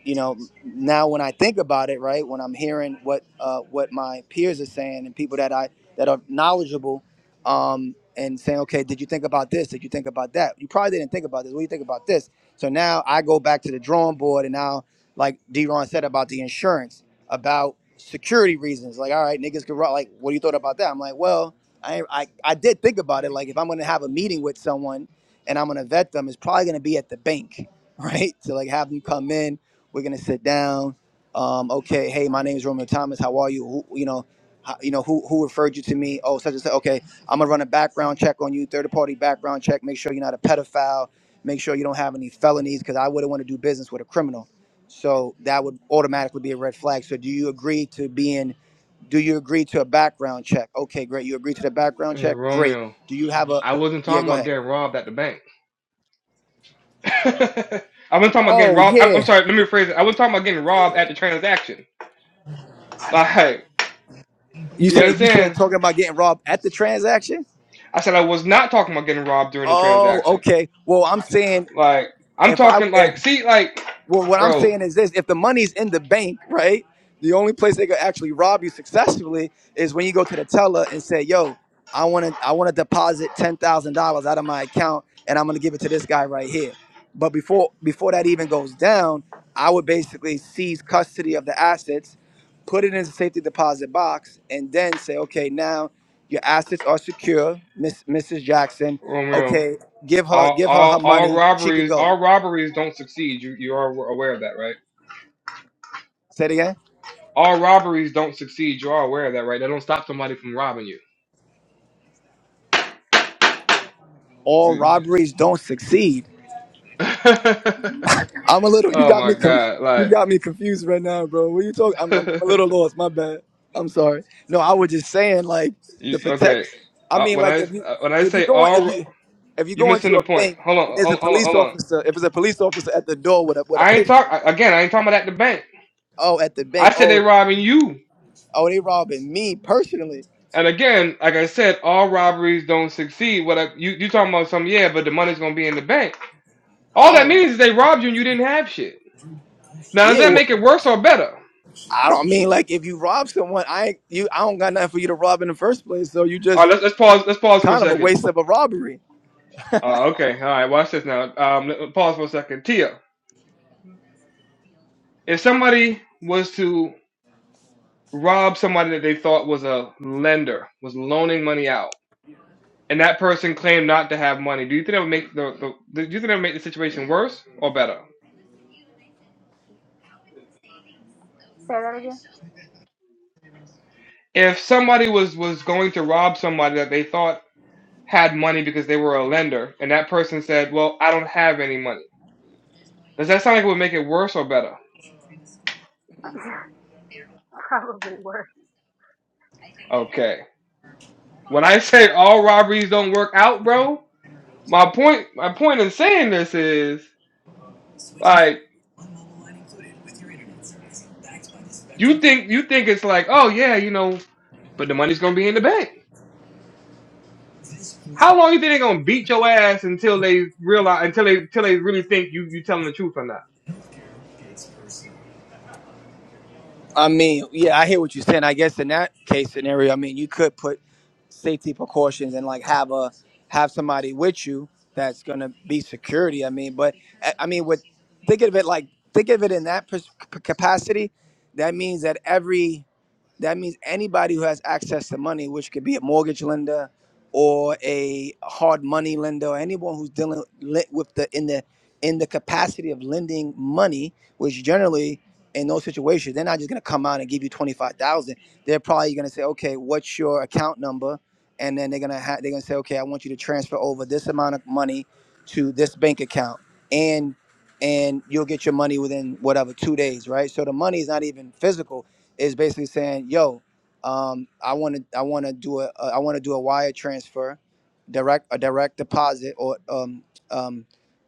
[SPEAKER 6] you know now when I think about it, right, when I'm hearing what uh, what my peers are saying and people that I that are knowledgeable, um, and saying, okay, did you think about this? Did you think about that? You probably didn't think about this. What do you think about this? So now I go back to the drawing board, and now like D-Ron said about the insurance, about security reasons. Like, all right, niggas could ru- like, what do you thought about that? I'm like, well, I I, I did think about it. Like, if I'm gonna have a meeting with someone and I'm gonna vet them, it's probably gonna be at the bank, right? To like have them come in we're gonna sit down. Um, okay, hey, my name is Romeo Thomas. How are you? Who, you know, how, you know who who referred you to me? Oh, such and such. Okay, I'm gonna run a background check on you, third party background check. Make sure you're not a pedophile. Make sure you don't have any felonies, because I wouldn't want to do business with a criminal. So that would automatically be a red flag. So do you agree to being? Do you agree to a background check? Okay, great. You agree to the background
[SPEAKER 1] Hey,
[SPEAKER 6] check? Great.
[SPEAKER 1] Romeo,
[SPEAKER 6] Do you have a?
[SPEAKER 1] I wasn't
[SPEAKER 6] Yeah,
[SPEAKER 1] talking
[SPEAKER 6] go
[SPEAKER 1] about
[SPEAKER 6] ahead.
[SPEAKER 1] getting robbed at the bank. I wasn't talking about getting
[SPEAKER 6] Oh
[SPEAKER 1] robbed. I'm, I'm
[SPEAKER 6] yeah.
[SPEAKER 1] sorry, let me rephrase it. I wasn't talking about getting robbed at the transaction. Like,
[SPEAKER 6] You
[SPEAKER 1] you
[SPEAKER 6] said you said
[SPEAKER 1] understand?
[SPEAKER 6] talking about getting robbed at the transaction.
[SPEAKER 1] I said I was not talking about getting robbed during the
[SPEAKER 6] Oh,
[SPEAKER 1] transaction.
[SPEAKER 6] okay. Well, I'm saying
[SPEAKER 1] Like, I'm
[SPEAKER 6] if I
[SPEAKER 1] talking
[SPEAKER 6] if
[SPEAKER 1] like, see, like,
[SPEAKER 6] well, what I'm
[SPEAKER 1] bro,
[SPEAKER 6] saying is this: if the money's in the bank, right, the only place they could actually rob you successfully is when you go to the teller and say, "Yo, I want to, I want to deposit ten thousand dollars out of my account, and I'm gonna give it to this guy right here." But before before that even goes down, I would basically seize custody of the assets, put it in a safety deposit box, and then say, "Okay, now your assets are secure, Miss Mrs. Jackson.
[SPEAKER 1] Romeo,
[SPEAKER 6] Okay, give her
[SPEAKER 1] all
[SPEAKER 6] give her her
[SPEAKER 1] all all
[SPEAKER 6] money. She could
[SPEAKER 1] robberies,
[SPEAKER 6] go."
[SPEAKER 1] all robberies don't succeed. You you are aware of that, right?
[SPEAKER 6] Say it again.
[SPEAKER 1] All robberies don't succeed. You are aware of that, right? That don't stop somebody from robbing you.
[SPEAKER 6] all
[SPEAKER 1] You,
[SPEAKER 6] robberies don't succeed.
[SPEAKER 1] oh
[SPEAKER 6] I'm a little. You got me.
[SPEAKER 1] my
[SPEAKER 6] Com-
[SPEAKER 1] god!
[SPEAKER 6] you
[SPEAKER 1] Like,
[SPEAKER 6] got me confused right now, bro. What you talking? I'm, I'm a little lost. My bad. I'm sorry. No, I was just saying like
[SPEAKER 1] you
[SPEAKER 6] the protect.
[SPEAKER 1] okay?
[SPEAKER 6] I
[SPEAKER 1] Uh,
[SPEAKER 6] mean,
[SPEAKER 1] when
[SPEAKER 6] like
[SPEAKER 1] I
[SPEAKER 6] if you
[SPEAKER 1] uh, when I
[SPEAKER 6] if you
[SPEAKER 1] say
[SPEAKER 6] go if
[SPEAKER 1] all,
[SPEAKER 6] you if you
[SPEAKER 1] you
[SPEAKER 6] go
[SPEAKER 1] missing
[SPEAKER 6] into
[SPEAKER 1] the
[SPEAKER 6] a
[SPEAKER 1] point.
[SPEAKER 6] bank
[SPEAKER 1] Hold on,
[SPEAKER 6] and
[SPEAKER 1] hold
[SPEAKER 6] there's a
[SPEAKER 1] on, hold on.
[SPEAKER 6] police
[SPEAKER 1] Hold on.
[SPEAKER 6] officer, if it's a police officer at the door with a with a
[SPEAKER 1] I ain't talk
[SPEAKER 6] pistol,
[SPEAKER 1] I- again. I ain't talking about at the bank.
[SPEAKER 6] oh, at the
[SPEAKER 1] I
[SPEAKER 6] bank,
[SPEAKER 1] said they
[SPEAKER 6] oh,
[SPEAKER 1] robbing you.
[SPEAKER 6] oh, they robbing me personally.
[SPEAKER 1] And again, like I said, all robberies don't succeed. What I, you you talking about? Some yeah, but the money's gonna be in the bank. All that
[SPEAKER 6] Oh,
[SPEAKER 1] means is they robbed you and you didn't have shit. Now does
[SPEAKER 6] yeah.
[SPEAKER 1] that
[SPEAKER 6] Well,
[SPEAKER 1] make it worse or better?
[SPEAKER 6] I don't mean like if you rob someone, I ain't, you I don't got nothing for you to rob in the first place, so you
[SPEAKER 1] All right,
[SPEAKER 6] just
[SPEAKER 1] let's let's pause. Let's pause for a
[SPEAKER 6] kind of a
[SPEAKER 1] second.
[SPEAKER 6] waste of a robbery.
[SPEAKER 1] Uh, okay, all right. Watch this now. Um, let- pause for a second. Tia, if somebody was to robbed somebody that they thought was a lender, was loaning money out, and that person claimed not to have money. Do you think that would make the, the do you think that would make the situation worse or better?
[SPEAKER 2] Say that again.
[SPEAKER 1] If somebody was was going to rob somebody that they thought had money because they were a lender, and that person said, "Well, I don't have any money," does that sound like it would make it worse or better?
[SPEAKER 2] Probably worse.
[SPEAKER 1] Okay. When I say all robberies don't work out, bro, my point my point in saying this is like. You think you think it's like, oh yeah, you know, but the money's gonna be in the bank. How long you think they're gonna beat your ass until they realize until they until they really think you you telling the truth or not?
[SPEAKER 6] I mean, yeah, I hear what you're saying. I guess in that case scenario, I mean, you could put safety precautions and like have a have somebody with you that's gonna be security. I mean, but I I mean, with think of it like think of it in that pers- capacity. That means that every that means anybody who has access to money, which could be a mortgage lender or a hard money lender, or anyone who's dealing li- with the in the in the capacity of lending money, which generally in those situations, they're not just gonna come out and give you twenty five thousand. They're probably gonna say, okay, what's your account number? And then they're gonna ha- they're gonna say, okay, I want you to transfer over this amount of money to this bank account, and and you'll get your money within whatever two days, right? So the money is not even physical is basically saying, "Yo, um, I want to I want to do a uh, I want to do a wire transfer, direct a direct deposit or um um."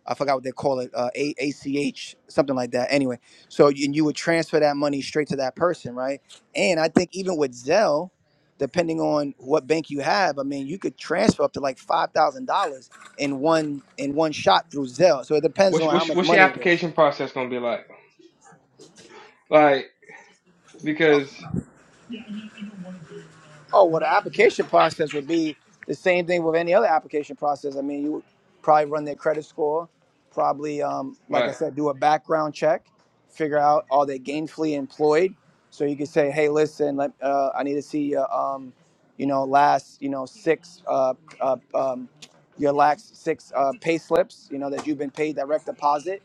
[SPEAKER 6] I forgot what they call it, uh, a- ACH, something like that. Anyway, so you- and you would transfer that money straight to that person, right? And I think even with Zelle, depending on what bank you have, I mean, you could transfer up to like five thousand dollars in one in one shot through Zelle. So it depends on
[SPEAKER 1] What's
[SPEAKER 6] how
[SPEAKER 1] what's,
[SPEAKER 6] much
[SPEAKER 1] what's your
[SPEAKER 6] money it is.
[SPEAKER 1] application process gonna be like? Like because
[SPEAKER 6] Oh, well, the application process would be the same thing with any other application process. I mean, you would probably run their credit score, probably, um, like I
[SPEAKER 1] right.
[SPEAKER 6] said, do a background check, figure out are they gainfully employed. So you could say, hey, listen, let, uh, I need to see your, um, you know, last, you know, six, uh, uh, um, your last six uh, pay slips, you know, that you've been paid direct deposit,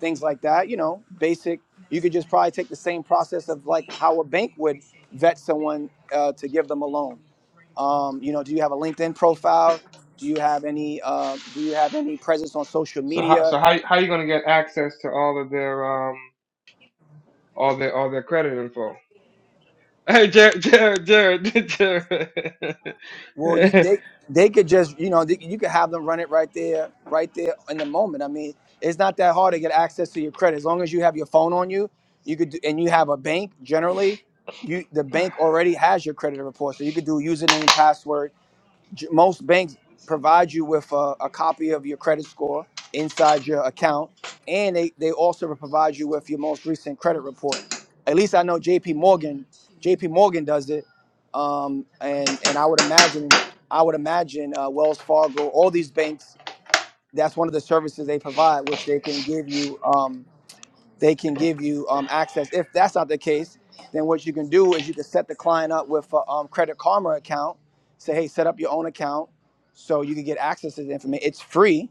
[SPEAKER 6] things like that. You know, basic. You could just probably take the same process of like how a bank would vet someone uh, to give them a loan? Um, you know, do you have a LinkedIn profile? Do you have any uh, Do you have any presence on social
[SPEAKER 1] So how so
[SPEAKER 6] media?
[SPEAKER 1] how how you gonna get access to all of their um all their all their credit info? Hey Jared Jared Jared Jared.
[SPEAKER 6] Well, you they they could just you know they, you could have them run it right there, right there in the moment. I mean, it's not that hard to get access to your credit as long as you have your phone on you. You could do, and you have a bank generally. You the bank already has your credit report, so you could do username, password, j- most banks provide you with a, a copy of your credit score inside your account and they, they also provide you with your most recent credit report at least i know jp morgan jp morgan does it um, and and i would imagine i would imagine uh, wells fargo all these banks that's one of the services they provide which they can give you Um, they can give you um, access. If that's not the case, then what you can do is you can set the client up with a um, Credit Karma account. Say, hey, set up your own account so you can get access to the information. It's free,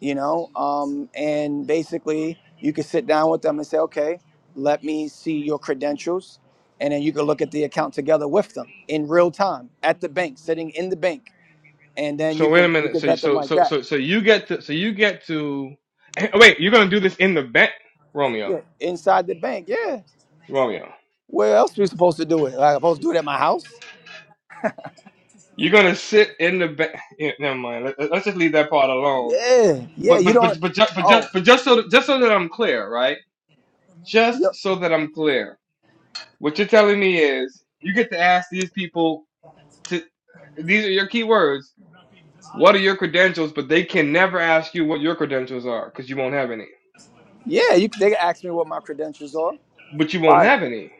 [SPEAKER 6] you know, um, and basically you can sit down with them and say, okay, let me see your credentials. And then you can look at the account together with them in real time at the bank, sitting in the bank. And then
[SPEAKER 1] so
[SPEAKER 6] you
[SPEAKER 1] wait a
[SPEAKER 6] can you
[SPEAKER 1] minute.
[SPEAKER 6] can
[SPEAKER 1] So
[SPEAKER 6] vet them
[SPEAKER 1] so
[SPEAKER 6] like
[SPEAKER 1] so
[SPEAKER 6] that.
[SPEAKER 1] so so you get to so you get to wait. You're gonna do this in the bank, Romeo.
[SPEAKER 6] Yeah. Inside the bank. Yeah.
[SPEAKER 1] Romeo,
[SPEAKER 6] Where else are we supposed to do it? Like, I'm supposed to do it at my house?
[SPEAKER 1] you're gonna sit in the back. Never mind. Let, let- let's just leave that part alone.
[SPEAKER 6] Yeah, yeah.
[SPEAKER 1] But
[SPEAKER 6] You
[SPEAKER 1] but
[SPEAKER 6] don't.
[SPEAKER 1] but but just but just
[SPEAKER 6] Oh,
[SPEAKER 1] but just so just so that I'm clear, right? Just
[SPEAKER 6] yo-
[SPEAKER 1] so that I'm clear, what you're telling me is you get to ask these people to. These are your key words. What are your credentials? But they can never ask you what your credentials are because you won't have any.
[SPEAKER 6] yeah. You they can ask me what my credentials are.
[SPEAKER 1] But you won't
[SPEAKER 6] Why?
[SPEAKER 1] have any.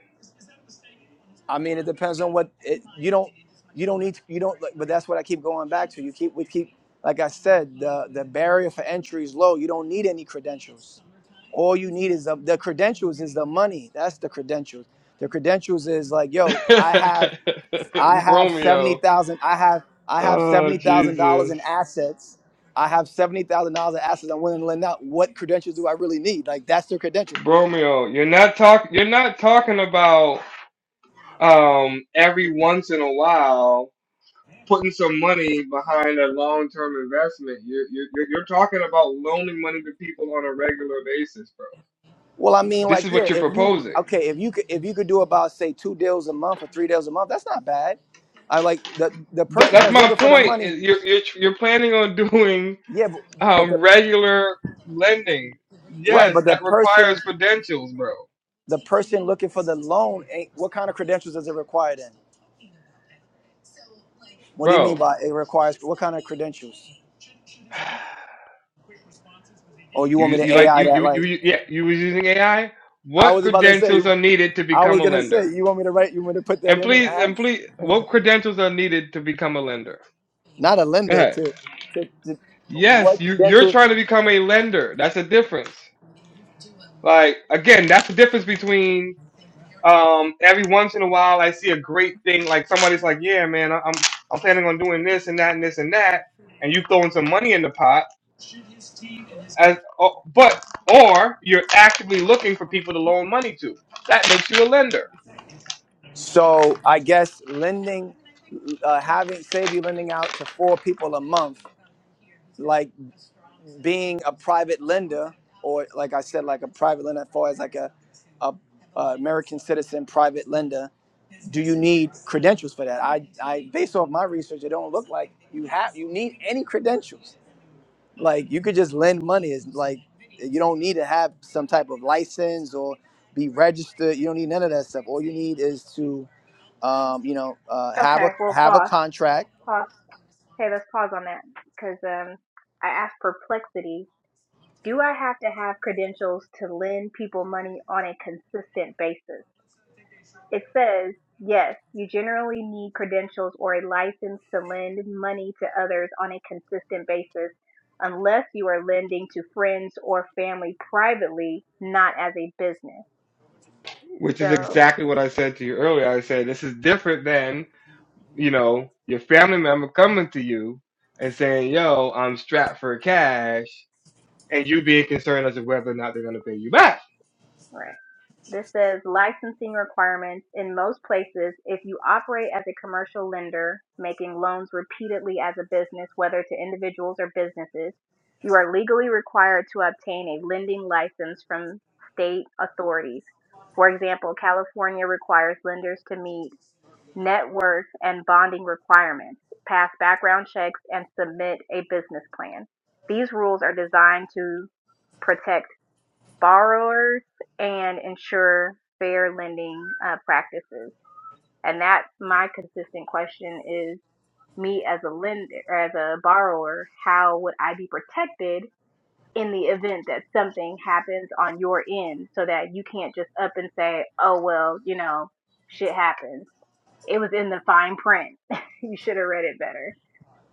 [SPEAKER 6] I mean, it depends on what it, you don't. You don't need. To, you don't. like, But that's what I keep going back to. You keep. We keep. Like I said, the the barrier for entry is low. You don't need any credentials. All you need is the, the credentials. Is the money. That's the credentials. The credentials is like, yo, I have. I have seventy
[SPEAKER 1] Romeo.
[SPEAKER 6] thousand. I have I have
[SPEAKER 1] Oh
[SPEAKER 6] seventy thousand dollars
[SPEAKER 1] Jesus.
[SPEAKER 6] in assets. I have seventy thousand dollars in assets. I'm willing to lend out. What credentials do I really need? Like that's their credential.
[SPEAKER 1] Romeo, you're not talk you're not talking about um, every once in a while, putting some money behind a long-term investment, you're, you're, you're you're talking about loaning money to people on a regular basis, bro.
[SPEAKER 6] Well, I mean,
[SPEAKER 1] This
[SPEAKER 6] like
[SPEAKER 1] is what
[SPEAKER 6] yeah,
[SPEAKER 1] you're
[SPEAKER 6] if you
[SPEAKER 1] proposing.
[SPEAKER 6] okay, if you could if you could do about say two deals a month or three deals a month, that's not bad. I like the the
[SPEAKER 1] Th-
[SPEAKER 6] person
[SPEAKER 1] that's
[SPEAKER 6] that's
[SPEAKER 1] my
[SPEAKER 6] looking for the
[SPEAKER 1] point.
[SPEAKER 6] money.
[SPEAKER 1] is You're, you're, you're planning on doing
[SPEAKER 6] Yeah, but, but the
[SPEAKER 1] um, regular lending.
[SPEAKER 6] right,
[SPEAKER 1] Yes,
[SPEAKER 6] but the
[SPEAKER 1] that requires
[SPEAKER 6] person
[SPEAKER 1] credentials, bro.
[SPEAKER 6] the person looking for the loan ain't. What kind of credentials does it require then? What do you mean
[SPEAKER 1] Bro,
[SPEAKER 6] by it requires? What kind of credentials? Or you want me
[SPEAKER 1] you, you
[SPEAKER 6] to
[SPEAKER 1] like
[SPEAKER 6] AI
[SPEAKER 1] you,
[SPEAKER 6] that
[SPEAKER 1] you you
[SPEAKER 6] like?
[SPEAKER 1] you yeah you was using AI.
[SPEAKER 6] I
[SPEAKER 1] What
[SPEAKER 6] was about to say.
[SPEAKER 1] credentials are needed to
[SPEAKER 6] I was
[SPEAKER 1] become a
[SPEAKER 6] gonna
[SPEAKER 1] lender?
[SPEAKER 6] say. You want me to write? You want me to put that
[SPEAKER 1] And
[SPEAKER 6] in and
[SPEAKER 1] please, and
[SPEAKER 6] ask?
[SPEAKER 1] please, what credentials are needed to become a lender?
[SPEAKER 6] Not a
[SPEAKER 1] Go
[SPEAKER 6] lender
[SPEAKER 1] ahead.
[SPEAKER 6] to, to, to
[SPEAKER 1] Yes,
[SPEAKER 6] what
[SPEAKER 1] you you're
[SPEAKER 6] credentials?
[SPEAKER 1] trying to become a lender. That's a difference. Like again, that's the difference between um every once in a while I see a great thing like somebody's like, yeah, man, I- I'm I'm planning on doing this and that and this and that, and you throwing some money in the pot. As oh, but or you're actively looking for people to loan money to. That makes you a lender,
[SPEAKER 6] So I guess lending, uh, having save you lending out to four people a month, like being a private lender, or like I said, like a private lender, as far as like a, a, a American citizen private lender. Do you need credentials for that? I, I based off my research, it don't look like you have. You need any credentials like you could just lend money is like you don't need to have some type of license or be registered you don't need none of that stuff all you need is to um, you know uh, have
[SPEAKER 2] Okay,
[SPEAKER 6] a
[SPEAKER 2] well
[SPEAKER 6] have a
[SPEAKER 2] pause,
[SPEAKER 6] contract
[SPEAKER 2] pause. Hey, let's pause on that because um, I asked perplexity Do I have to have credentials to lend people money on a consistent basis? It says, yes, you generally need credentials or a license to lend money to others on a consistent basis unless you are lending to friends or family privately, not as a business.
[SPEAKER 1] which is
[SPEAKER 2] So,
[SPEAKER 1] exactly what I said to you earlier. I said this is different than you know, your family member coming to you and saying, yo, I'm strapped for cash, and you being concerned as to whether or not they're going to pay you back.
[SPEAKER 2] right. This says licensing requirements in most places. If you operate as a commercial lender, making loans repeatedly as a business, whether to individuals or businesses, you are legally required to obtain a lending license from state authorities. For example, California requires lenders to meet net worth and bonding requirements, pass background checks, and submit a business plan. These rules are designed to protect borrowers and ensure fair lending uh, practices? And that's my consistent question is me as a lender, as a borrower, how would I be protected in the event that something happens on your end so that you can't just up and say, oh, well, you know, shit happens. It was in the fine print. you should have read it better.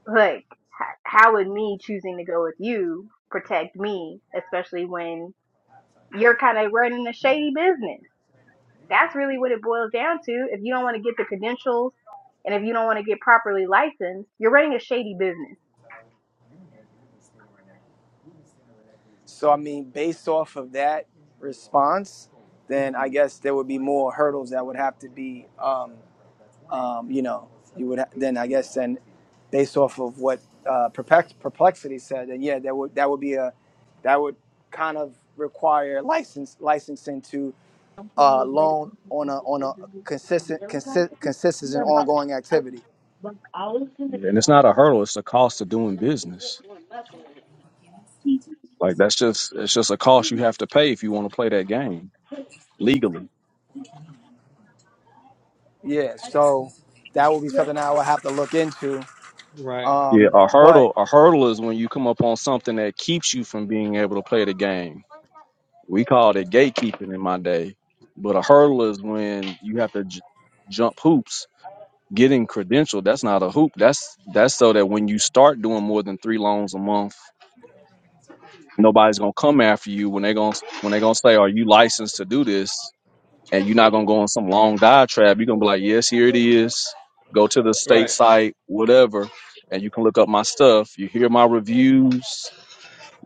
[SPEAKER 2] Like, how would me choosing to go with you protect me, especially when you're kind of running a shady business. That's really what it boils down to. If you don't want to get the credentials and if you don't want to get properly licensed, you're running a shady business.
[SPEAKER 6] so i mean based off of that response then i guess there would be more hurdles that would have to be um, um, you know you would ha- then i guess then based off of what uh, perplex- perplexity said then yeah that would that would be a that would kind of require license licensing to uh, loan on a on a consistent consi- consistent and ongoing activity.
[SPEAKER 7] Yeah, and it's not a hurdle; it's a cost of doing business. Like that's just it's just a cost you have to pay if you want to play that game legally.
[SPEAKER 6] Yeah, so that would be something I would have to look into.
[SPEAKER 1] Right,
[SPEAKER 7] Yeah,
[SPEAKER 6] Um,
[SPEAKER 7] a
[SPEAKER 6] but
[SPEAKER 7] hurdle a hurdle is when you come up on something that keeps you from being able to play the game. We called it gatekeeping in my day, but a hurdle is when you have to j- jump hoops getting credentialed that's not a hoop that's that's so that when you start doing more than three loans a month nobody's gonna come after you when they're gonna when they're gonna say are you licensed to do this and you're not gonna go on some long diatribe you're gonna be like yes here it is go to the state
[SPEAKER 1] right.
[SPEAKER 7] site whatever and you can look up my stuff you hear my reviews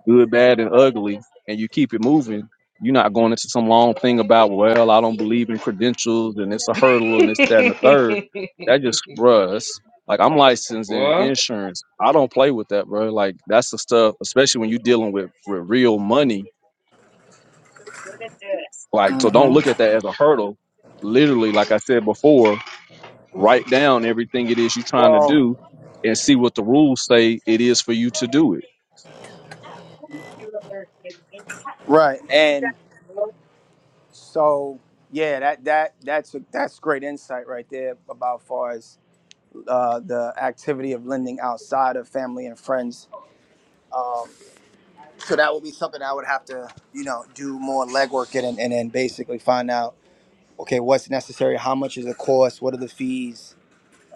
[SPEAKER 7] good, bad, and ugly, and you keep it moving, you're not going into some long thing about, well, I don't believe in credentials and it's a hurdle and this, that, and the third. That just, bruh, that's- like I'm licensed in
[SPEAKER 1] Boy,
[SPEAKER 7] insurance. I don't play with that, bro. Like that's the stuff, especially when you're dealing with, with real money. Like, so don't look at that as a hurdle. Literally, like I said before, write down everything it is you're trying to
[SPEAKER 6] well,
[SPEAKER 7] do and see what the rules say it is for you to do it.
[SPEAKER 6] right, and so yeah, that that that's that's great insight right there about far as uh, the activity of lending outside of family and friends. Um, so that would be something I would have to you know do more legwork in and, and then basically find out okay what's necessary, how much is the cost, what are the fees,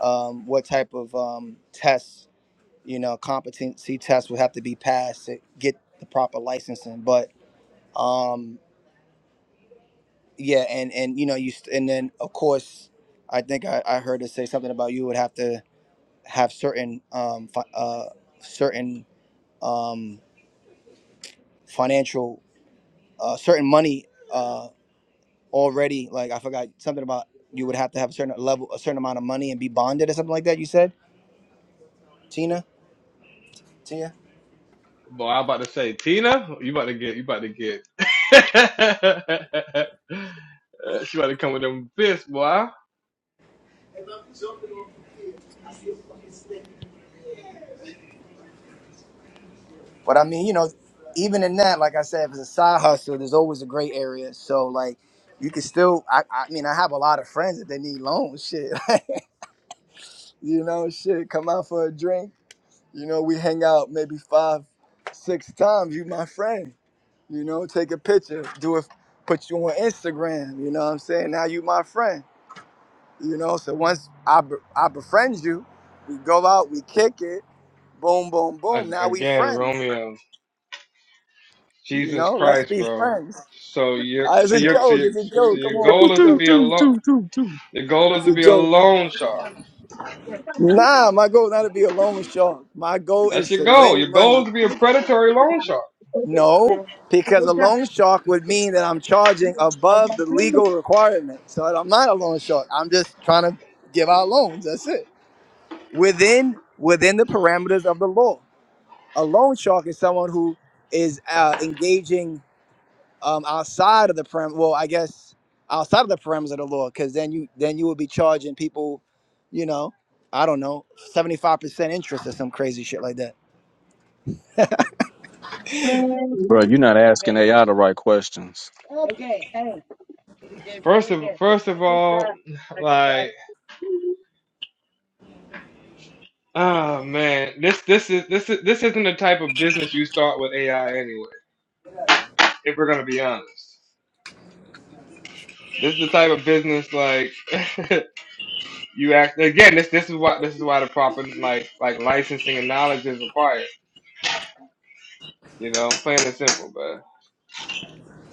[SPEAKER 6] um, what type of um, tests, you know, competency tests would have to be passed to get the proper licensing. But um, yeah, and and you know, you st- and then of course, I think I, I heard it say something about you would have to have certain um, fi- uh, certain um, financial uh, certain money uh, already. Like I forgot something about you would have to have a certain level, a certain amount of money and be bonded or something like that. You said, Tina, Tia.
[SPEAKER 1] Boy, I'm about to say, Tina, you about to get, you about to get. Uh, she about to come with them fists, boy.
[SPEAKER 6] But I mean, you know, even in that, like I said, if it's a side hustle, there's always a gray area. So like, you can still. I, I mean, I have a lot of friends that they need loans. Shit, you know, shit, come out for a drink. You know, we hang out maybe five, six times. You my friend. You know, take a picture, do it, put you on Instagram. You know what I'm saying? Now you my friend. You know, so once I be, I befriend you, we go out, we kick it, boom, boom,
[SPEAKER 1] a-
[SPEAKER 6] boom. Now we
[SPEAKER 1] again,
[SPEAKER 6] friends.
[SPEAKER 1] Romeo,
[SPEAKER 6] You
[SPEAKER 1] Jesus
[SPEAKER 6] know, let's
[SPEAKER 1] Christ,
[SPEAKER 6] be
[SPEAKER 1] bro.
[SPEAKER 6] friends.
[SPEAKER 1] So you're,
[SPEAKER 6] Uh, it's
[SPEAKER 1] so
[SPEAKER 6] a
[SPEAKER 1] you're, so
[SPEAKER 6] joke.
[SPEAKER 1] you
[SPEAKER 6] It's a
[SPEAKER 1] so
[SPEAKER 6] joke. Come
[SPEAKER 1] your
[SPEAKER 6] on, it's
[SPEAKER 7] Do,
[SPEAKER 1] goal
[SPEAKER 6] a
[SPEAKER 1] is to
[SPEAKER 7] do,
[SPEAKER 6] joke.
[SPEAKER 1] be a
[SPEAKER 7] do,
[SPEAKER 1] alone.
[SPEAKER 7] do, do, do.
[SPEAKER 1] Your goal is
[SPEAKER 6] It's
[SPEAKER 1] to
[SPEAKER 6] a
[SPEAKER 1] be a
[SPEAKER 6] joke.
[SPEAKER 1] loan shark.
[SPEAKER 6] Nah, my goal is not to be a loan shark. My goal
[SPEAKER 1] That's
[SPEAKER 6] is
[SPEAKER 1] your
[SPEAKER 6] to
[SPEAKER 1] goal. Your
[SPEAKER 6] lend
[SPEAKER 1] goal
[SPEAKER 6] money.
[SPEAKER 1] is to be a predatory loan shark.
[SPEAKER 6] No, because a loan shark would mean that I'm charging above the legal requirement. So I'm not a loan shark. I'm just trying to give out loans. That's it. Within within the parameters of the law. A loan shark is someone who is uh, engaging um, outside of the prem. Well, I guess outside of the parameters of the law, because then you then you would be charging people, you know, I don't know, seventy five percent interest or some crazy shit like that.
[SPEAKER 7] Bro, you're not asking AI the right questions.
[SPEAKER 1] First of first of all, like oh man, this this is this is this isn't the type of business you start with AI anyway. If we're gonna be honest, this is the type of business like you act again. This this is why this is why the proper like like licensing and knowledge is required. You know, plain and simple, man.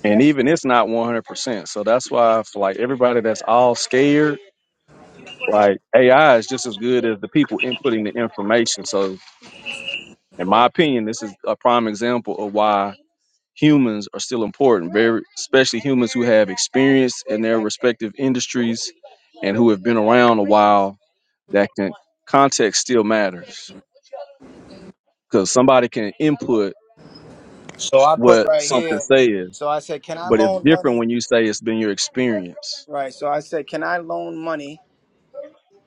[SPEAKER 7] And even it's not 100%. So that's why, for like everybody that's all scared, like AI is just as good as the people inputting the information. So, in my opinion, this is a prime example of why humans are still important, very especially humans who have experience in their respective industries and who have been around a while that can context still matters because somebody can input
[SPEAKER 6] So I put
[SPEAKER 7] what
[SPEAKER 6] right
[SPEAKER 7] something
[SPEAKER 6] here.
[SPEAKER 7] says,
[SPEAKER 6] So I said, can I
[SPEAKER 7] but it's
[SPEAKER 6] loan
[SPEAKER 7] different
[SPEAKER 6] money?
[SPEAKER 7] when you say it's been your experience.
[SPEAKER 6] Right. So I said, can I loan money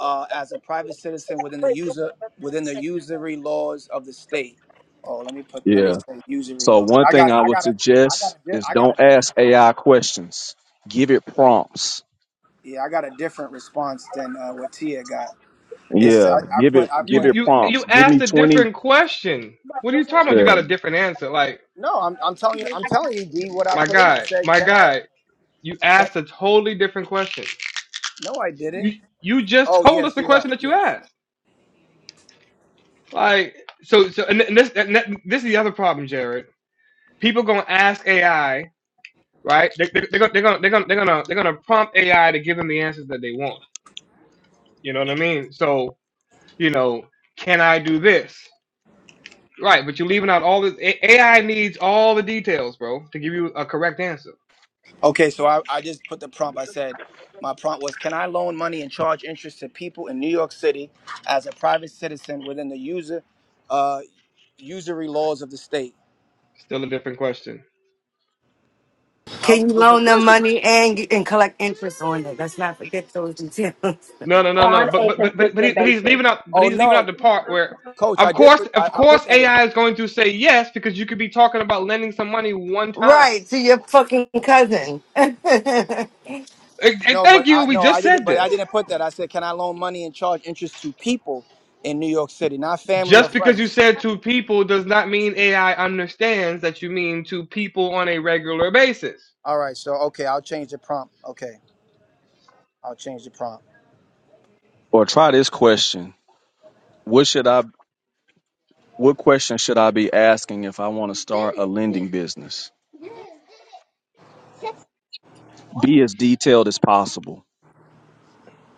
[SPEAKER 6] uh, as a private citizen within the user within the usury laws of the state? Oh, let me put let me
[SPEAKER 7] Yeah.
[SPEAKER 6] say usury
[SPEAKER 7] So
[SPEAKER 6] law 'cause
[SPEAKER 7] one
[SPEAKER 6] I
[SPEAKER 7] thing
[SPEAKER 6] got
[SPEAKER 7] I
[SPEAKER 6] I
[SPEAKER 7] would
[SPEAKER 6] got a I got
[SPEAKER 7] suggest
[SPEAKER 6] a di-
[SPEAKER 7] is
[SPEAKER 6] I got a
[SPEAKER 7] don't
[SPEAKER 6] different
[SPEAKER 7] ask AI questions. Give it prompts.
[SPEAKER 6] yeah I got a different response than uh, what Tia got. It's I,
[SPEAKER 7] Yeah.
[SPEAKER 6] I
[SPEAKER 7] Give it
[SPEAKER 6] put I
[SPEAKER 1] You
[SPEAKER 7] give
[SPEAKER 6] put
[SPEAKER 7] it
[SPEAKER 1] you
[SPEAKER 7] prompts.
[SPEAKER 1] you
[SPEAKER 7] Give me
[SPEAKER 1] asked a
[SPEAKER 7] twenty
[SPEAKER 1] different question. What are you talking about? You got
[SPEAKER 7] yeah.
[SPEAKER 1] a different answer. Like
[SPEAKER 6] no. I'm I'm telling you I'm telling you D what I
[SPEAKER 1] my
[SPEAKER 6] put in. I
[SPEAKER 1] guy,
[SPEAKER 6] said
[SPEAKER 1] my
[SPEAKER 6] can I
[SPEAKER 1] guy, you
[SPEAKER 6] can
[SPEAKER 1] asked a totally different question.
[SPEAKER 6] no I didn't.
[SPEAKER 1] you you just
[SPEAKER 6] Oh
[SPEAKER 1] told us
[SPEAKER 6] yes,
[SPEAKER 1] the
[SPEAKER 6] you're
[SPEAKER 1] question
[SPEAKER 6] right.
[SPEAKER 1] that you
[SPEAKER 6] Yes.
[SPEAKER 1] asked. Like so so and, and this and that, this is the other problem, Jared. People gonna ask AI, right? They, they, they're gonna they're gonna they're gonna they're gonna they're gonna prompt AI to give them the answers that they want. You know what I mean? So you know, can I do this? Right, but you're leaving out all this. A- AI needs all the details, bro, to give you a correct answer.
[SPEAKER 6] Okay, so I, I just put the prompt. I said my prompt was can I loan money and charge interest to people in New York City as a private citizen within the user uh usury laws of the state.
[SPEAKER 1] Still a different question.
[SPEAKER 6] How's
[SPEAKER 4] Can you
[SPEAKER 6] a different
[SPEAKER 4] loan them
[SPEAKER 6] question?
[SPEAKER 4] money and get- and collect interest on it? Let's not forget those details.
[SPEAKER 1] No, no, no, no. But but but but but, he, but he's leaving out. But
[SPEAKER 6] Oh
[SPEAKER 1] he's leaving out
[SPEAKER 6] no,
[SPEAKER 1] the part where,
[SPEAKER 6] coach,
[SPEAKER 1] of
[SPEAKER 6] I did
[SPEAKER 1] course,
[SPEAKER 6] put I,
[SPEAKER 1] of
[SPEAKER 6] I put
[SPEAKER 1] course,
[SPEAKER 6] that in.
[SPEAKER 1] AI is going to say yes because you could be talking about lending some money one time.
[SPEAKER 4] Right to your fucking cousin. what
[SPEAKER 1] And, and
[SPEAKER 6] No, but
[SPEAKER 1] thank
[SPEAKER 6] I
[SPEAKER 1] you. We
[SPEAKER 6] no, I
[SPEAKER 1] just
[SPEAKER 6] didn't.
[SPEAKER 1] said
[SPEAKER 6] But I
[SPEAKER 1] this.
[SPEAKER 6] didn't put that. I said, can I loan money and charge interest to people in New York City, not family or
[SPEAKER 1] Just because you
[SPEAKER 6] friends?
[SPEAKER 1] said two people does not mean AI understands that you mean two people on a regular basis.
[SPEAKER 6] All right. So okay, I'll change the prompt. Okay, I'll change the prompt.
[SPEAKER 7] or try this question. What should I what question should I be asking if I want to start a lending business? Be as detailed as possible.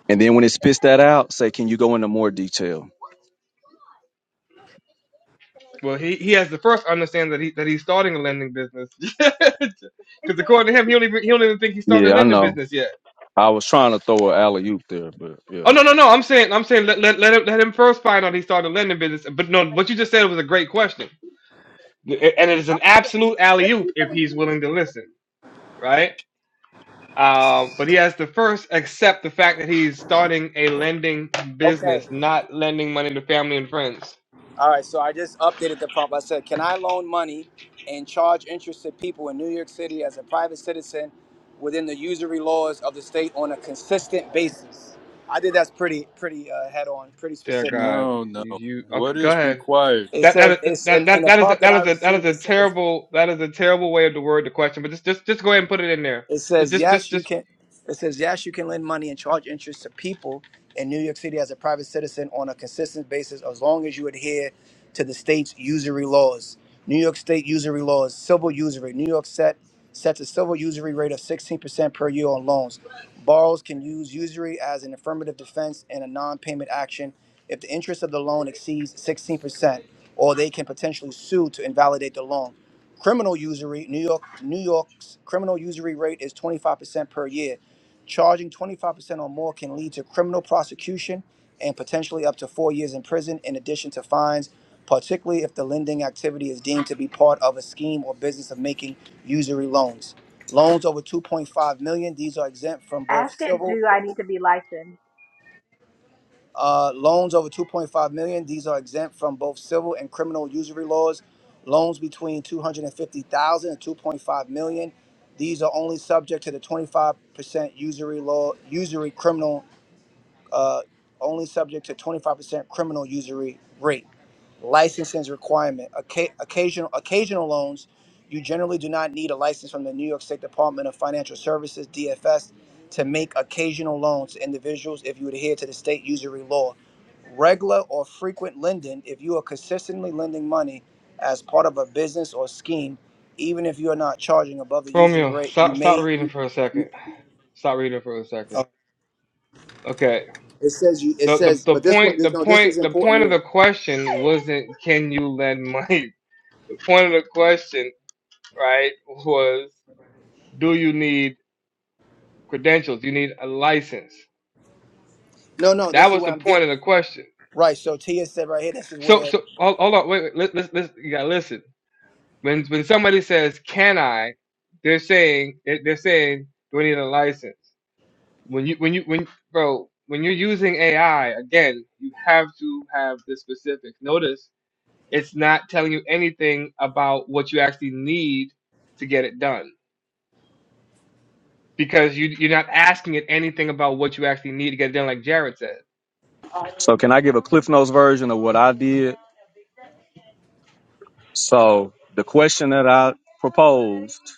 [SPEAKER 7] And then when it spits that out, say, can you go into more detail?
[SPEAKER 1] Well, he, he has to first understand that he that he's starting a lending business, because according to him, he only he don't even think he started
[SPEAKER 7] Yeah,
[SPEAKER 1] a
[SPEAKER 7] I
[SPEAKER 1] lending
[SPEAKER 7] know.
[SPEAKER 1] business yet.
[SPEAKER 7] I was trying to throw an alley oop there, but
[SPEAKER 1] Oh
[SPEAKER 7] yeah.
[SPEAKER 1] no no no! I'm saying I'm saying let let let him, let him first find out he started a lending business. But no, what you just said was a great question, and it is an absolute alley oop if he's willing to listen, right? Um, but he has to first accept the fact that he's starting a lending
[SPEAKER 6] Okay.
[SPEAKER 1] business, not lending money to family and friends.
[SPEAKER 6] All right. So I just updated the prompt. I said, can I loan money and charge interest to people in New York City as a private citizen within the usury laws of the state on a consistent basis? I did that's pretty pretty uh, head on, pretty
[SPEAKER 1] Dear
[SPEAKER 6] specific.
[SPEAKER 1] God,
[SPEAKER 9] No, no.
[SPEAKER 1] you, you okay,
[SPEAKER 9] What
[SPEAKER 1] go
[SPEAKER 9] is
[SPEAKER 1] ahead.
[SPEAKER 9] required?
[SPEAKER 6] It
[SPEAKER 1] That that
[SPEAKER 6] says
[SPEAKER 1] is
[SPEAKER 6] it's
[SPEAKER 1] that
[SPEAKER 6] and, and
[SPEAKER 1] that
[SPEAKER 6] the
[SPEAKER 1] that is a,
[SPEAKER 6] prompt that
[SPEAKER 1] that
[SPEAKER 6] I
[SPEAKER 1] is a that is
[SPEAKER 6] received. It
[SPEAKER 1] a
[SPEAKER 6] says
[SPEAKER 1] terrible that is a terrible way of the word the question. But just just just go ahead and put it in there.
[SPEAKER 6] It
[SPEAKER 1] Just
[SPEAKER 6] says
[SPEAKER 1] just just
[SPEAKER 6] yes, you
[SPEAKER 1] just
[SPEAKER 6] can. It says yes, you can lend money and charge interest to people in New York City as a private citizen on a consistent basis, as long as you adhere to the state's usury laws. New York State usury laws, civil usury. New York set sets a civil usury rate of 16% per year on loans. Borrowers can use usury as an affirmative defense in a non-payment action if the interest of the loan exceeds 16%, or they can potentially sue to invalidate the loan. Criminal usury, New York, New York's criminal usury rate is 25% per year. Charging 25% or more can lead to criminal prosecution and potentially up to four years in prison, in addition to fines, particularly if the lending activity is deemed to be part of a scheme or business of making usury loans. Loans over 2.5 million; these are exempt from
[SPEAKER 2] Ask
[SPEAKER 6] both
[SPEAKER 2] it,
[SPEAKER 6] civil
[SPEAKER 2] do I need to be licensed?
[SPEAKER 6] uh, loans over 2.5 million. dollars, These are exempt from both civil and criminal usury laws. Loans between 250,000 and 2.5 million. dollars, These are only subject to the 25% usury law, usury criminal, uh, only subject to 25% criminal usury rate licensing requirement. Occa- Occasional occasional loans, you generally do not need a license from the New York State Department of Financial Services (DFS) to make occasional loans to individuals if you adhere to the state usury law. Regular or frequent lending, if you are consistently lending money as part of a business or scheme, even if you are not charging above the user's
[SPEAKER 1] Romeo,
[SPEAKER 6] rate, you
[SPEAKER 1] stop stop
[SPEAKER 6] may.
[SPEAKER 1] reading
[SPEAKER 6] You,
[SPEAKER 1] for a second.
[SPEAKER 6] you,
[SPEAKER 1] Stop reading for a second.
[SPEAKER 6] oh,
[SPEAKER 1] Okay.
[SPEAKER 6] it says you. It
[SPEAKER 1] The, the
[SPEAKER 6] says,
[SPEAKER 1] the
[SPEAKER 6] but this one,
[SPEAKER 1] point the
[SPEAKER 6] no, this
[SPEAKER 1] point
[SPEAKER 6] is
[SPEAKER 1] the
[SPEAKER 6] important
[SPEAKER 1] point of
[SPEAKER 6] here.
[SPEAKER 1] the question wasn't can you lend money. The point of the question, right, was do you need credentials? You need a license.
[SPEAKER 6] No, no,
[SPEAKER 1] That
[SPEAKER 6] this is
[SPEAKER 1] was
[SPEAKER 6] where
[SPEAKER 1] the
[SPEAKER 6] I'm
[SPEAKER 1] point
[SPEAKER 6] getting
[SPEAKER 1] of the question.
[SPEAKER 6] right. So Tia said right here, this is
[SPEAKER 1] So
[SPEAKER 6] where.
[SPEAKER 1] so hold, hold on, wait, wait let, let, let, you gotta listen. When when somebody says can I, they're saying they- they're saying do I need a license? When you when you when bro when you're using AI again, you have to have the specifics. Notice It's not telling you anything about what you actually need to get it done because you you're not asking it anything about what you actually need to get it done, like Jared said.
[SPEAKER 7] So can I give a Cliff Notes version of what I did? So the question that I proposed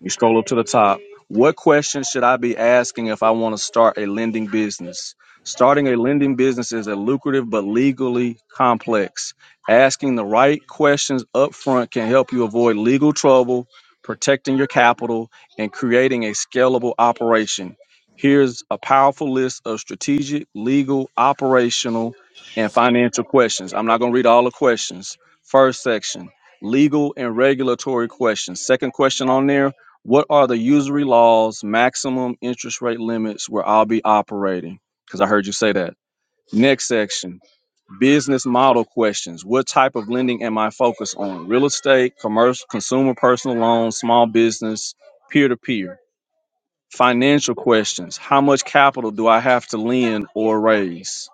[SPEAKER 7] You scroll up to the top. What questions should I be asking if I want to start a lending business? Starting a lending business is a lucrative but legally complex. Asking the right questions up front can help you avoid legal trouble, protecting your capital, and creating a scalable operation. Here's a powerful list of strategic, legal, operational, and financial questions. I'm not going to read all the questions. First section legal and regulatory questions. Second question on there what are the usury laws, maximum interest rate limits where I'll be operating? Because I heard you say that. Next section, business model questions. What type of lending am I focused on? Real estate, commercial, consumer personal loans, small business, peer to peer. Financial questions. How much capital do I have to lend or raise?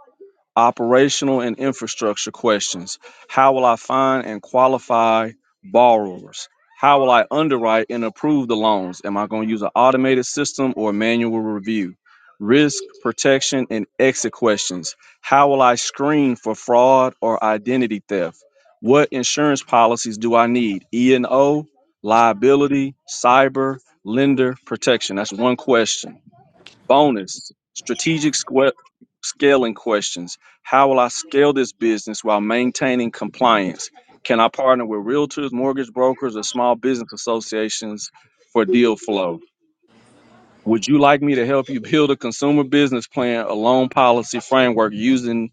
[SPEAKER 7] Operational and infrastructure questions. How will I find and qualify borrowers? How will I underwrite and approve the loans? Am I going to use an automated system or manual review? Risk, protection, and exit questions. How will I screen for fraud or identity theft? What insurance policies do I need? E&O, liability, cyber, lender protection. That's one question. Bonus strategic squa- scaling questions. How will I scale this business while maintaining compliance? Can I partner with realtors, mortgage brokers, or small business associations for deal flow? Would you like me to help you build a consumer business plan, a loan policy framework using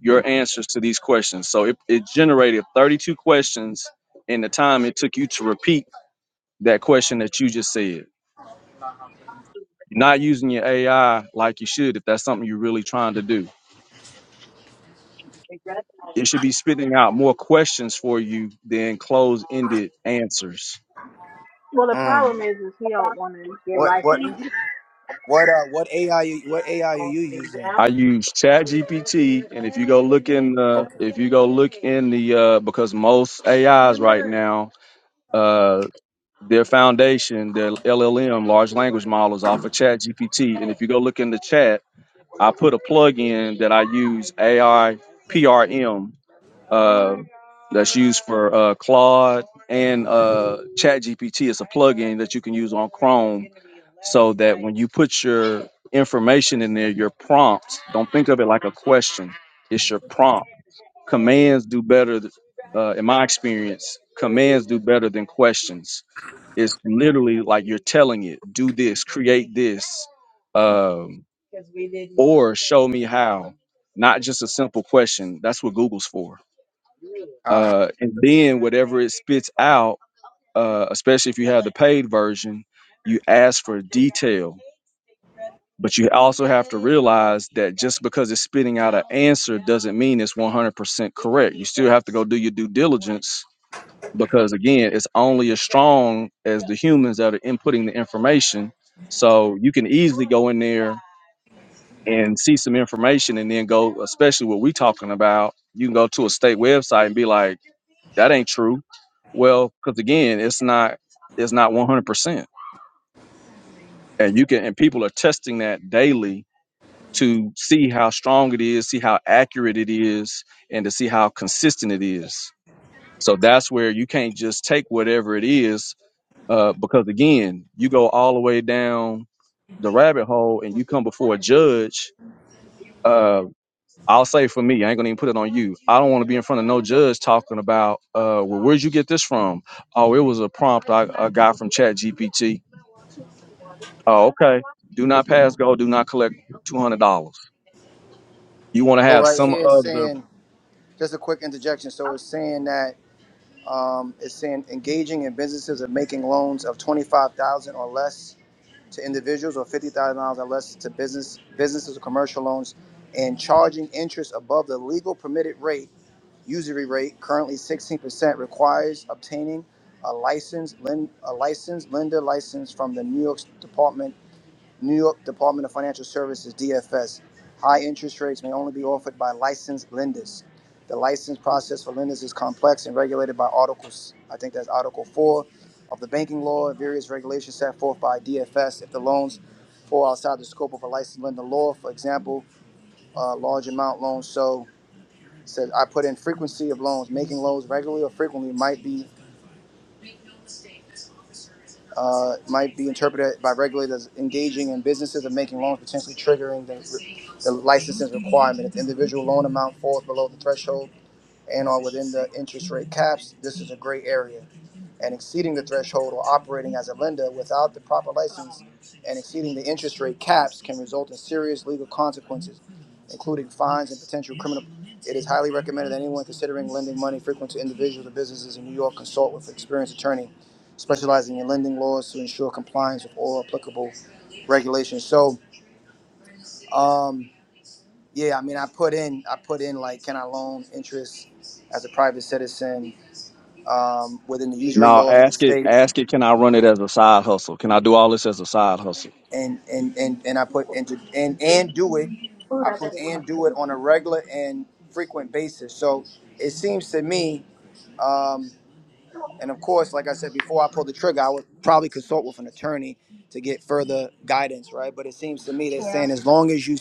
[SPEAKER 7] your answers to these questions? So it, it generated 32 questions in the time it took you to repeat that question that you just said. not using your AI like you should if that's something you're really trying to do It should be spitting out more questions for you than closed-ended answers.
[SPEAKER 2] Well, the problem is, is he don't want to get
[SPEAKER 6] What what
[SPEAKER 2] licensed.
[SPEAKER 6] what uh what AI you, what AI are you using?
[SPEAKER 7] I use ChatGPT, and if you go look in the,
[SPEAKER 6] Okay.
[SPEAKER 7] if you go look in the, uh, because most AIs right now, uh, their foundation, their LLM, large language models, off of ChatGPT, and if you go look in the chat, I put a plug in that I use AI PRM uh, that's used for uh, Claude and uh, ChatGPT. It's a plugin that you can use on Chrome so that when you put your information in there, your prompts, don't think of it like a question, it's your prompt. Commands do better, th- uh, in my experience, commands do better than questions. It's literally like you're telling it, do this, create this, um, or show me how. Not just a simple question. That's what Google's for
[SPEAKER 6] Uh,
[SPEAKER 7] uh, and then whatever it spits out, uh, especially if you have the paid version, you ask for detail. But you also have to realize that just because it's spitting out an answer doesn't mean it's 100% correct. You still have to go do your due diligence because, again, it's only as strong as the humans that are inputting the information. So you can easily go in there and see some information and then go, especially what we're talking about, you can go to a state website and be like, that ain't true. Well, because again, it's not it's not one hundred percent, and you can and people are testing that daily to see how strong it is, see how accurate it is, and to see how consistent it is. So that's where you can't just take whatever it is, uh, because again, you go all the way down the rabbit hole and you come before a judge uh, I'll say for me, I ain't gonna even put it on you. I don't want to be in front of no judge talking about, uh, well, where'd you get this from? Oh, it was a prompt I, I got from Chat GPT. Oh, okay. Do not pass go. Do not collect two hundred dollars. You want to
[SPEAKER 6] so
[SPEAKER 7] have
[SPEAKER 6] right
[SPEAKER 7] some
[SPEAKER 6] here it's
[SPEAKER 7] other?
[SPEAKER 6] saying just a quick interjection. So it's saying that um, it's saying engaging in businesses of making loans of twenty five thousand or less to individuals or fifty thousand dollars or less to business businesses or commercial loans and charging interest above the legal permitted rate, usury rate, currently sixteen percent, requires obtaining a license, lend, a license, lender license from the New York Department New York Department of Financial Services, DFS. High interest rates may only be offered by licensed lenders. The license process for lenders is complex and regulated by Articles, I think that's Article 4 of the banking law, and various regulations set forth by DFS if the loans fall outside the scope of a licensed lender law. For example, uh, large amount loans. So it says I put in frequency of loans. Making loans regularly or frequently might be uh, might be interpreted by regulators engaging in businesses of making loans, potentially triggering the the licensing requirement. If the individual loan amount falls below the threshold and are within the interest rate caps, this is a gray area. And exceeding the threshold or operating as a lender without the proper license and exceeding the interest rate caps can result in serious legal consequences, including fines and potential criminal. It is highly recommended that anyone considering lending money frequent to individuals or businesses in New York consult with an experienced attorney specializing in lending laws to ensure compliance with all applicable regulations. So, um, yeah, I mean, I put in, I put in like, can I loan interest as a private citizen um, within the usury
[SPEAKER 7] No,
[SPEAKER 6] laws of the
[SPEAKER 7] ask it.
[SPEAKER 6] state,
[SPEAKER 7] Ask it. Can I run it as a side hustle? Can I do all this as a side hustle,
[SPEAKER 6] and and and and I put into and and do it,
[SPEAKER 2] Oh,
[SPEAKER 6] I
[SPEAKER 2] that's a
[SPEAKER 6] put
[SPEAKER 2] good
[SPEAKER 6] and
[SPEAKER 2] question.
[SPEAKER 6] do it on a regular and frequent basis. So it seems to me, um, and of course, like I said before, I pulled the trigger. I would probably consult with an attorney to get further guidance, right? But it seems to me they're
[SPEAKER 2] Yeah,
[SPEAKER 6] saying as long as you,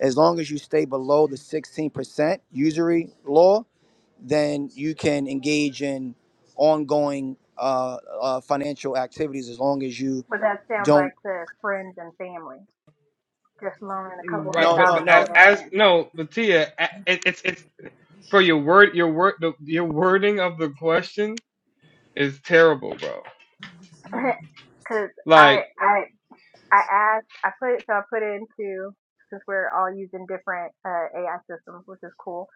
[SPEAKER 6] as long as you stay below the sixteen percent usury law then you can engage in ongoing uh, uh, financial activities as long as you
[SPEAKER 2] but that sounds like
[SPEAKER 6] don't.
[SPEAKER 2] to friends and family, just loaning a couple
[SPEAKER 1] Mm,
[SPEAKER 2] hundred
[SPEAKER 1] Right,
[SPEAKER 6] No,
[SPEAKER 1] but,
[SPEAKER 6] no,
[SPEAKER 1] but
[SPEAKER 2] dollars,
[SPEAKER 1] a-
[SPEAKER 6] no.
[SPEAKER 1] as
[SPEAKER 2] man.
[SPEAKER 1] no, but Tia, a- it, it's it's bro, your word, your word, the, your wording of the question is terrible, bro.
[SPEAKER 2] Because I,
[SPEAKER 1] Like,
[SPEAKER 2] I I asked, I put, so I put into, since we're all using different uh, AI systems, which is cool,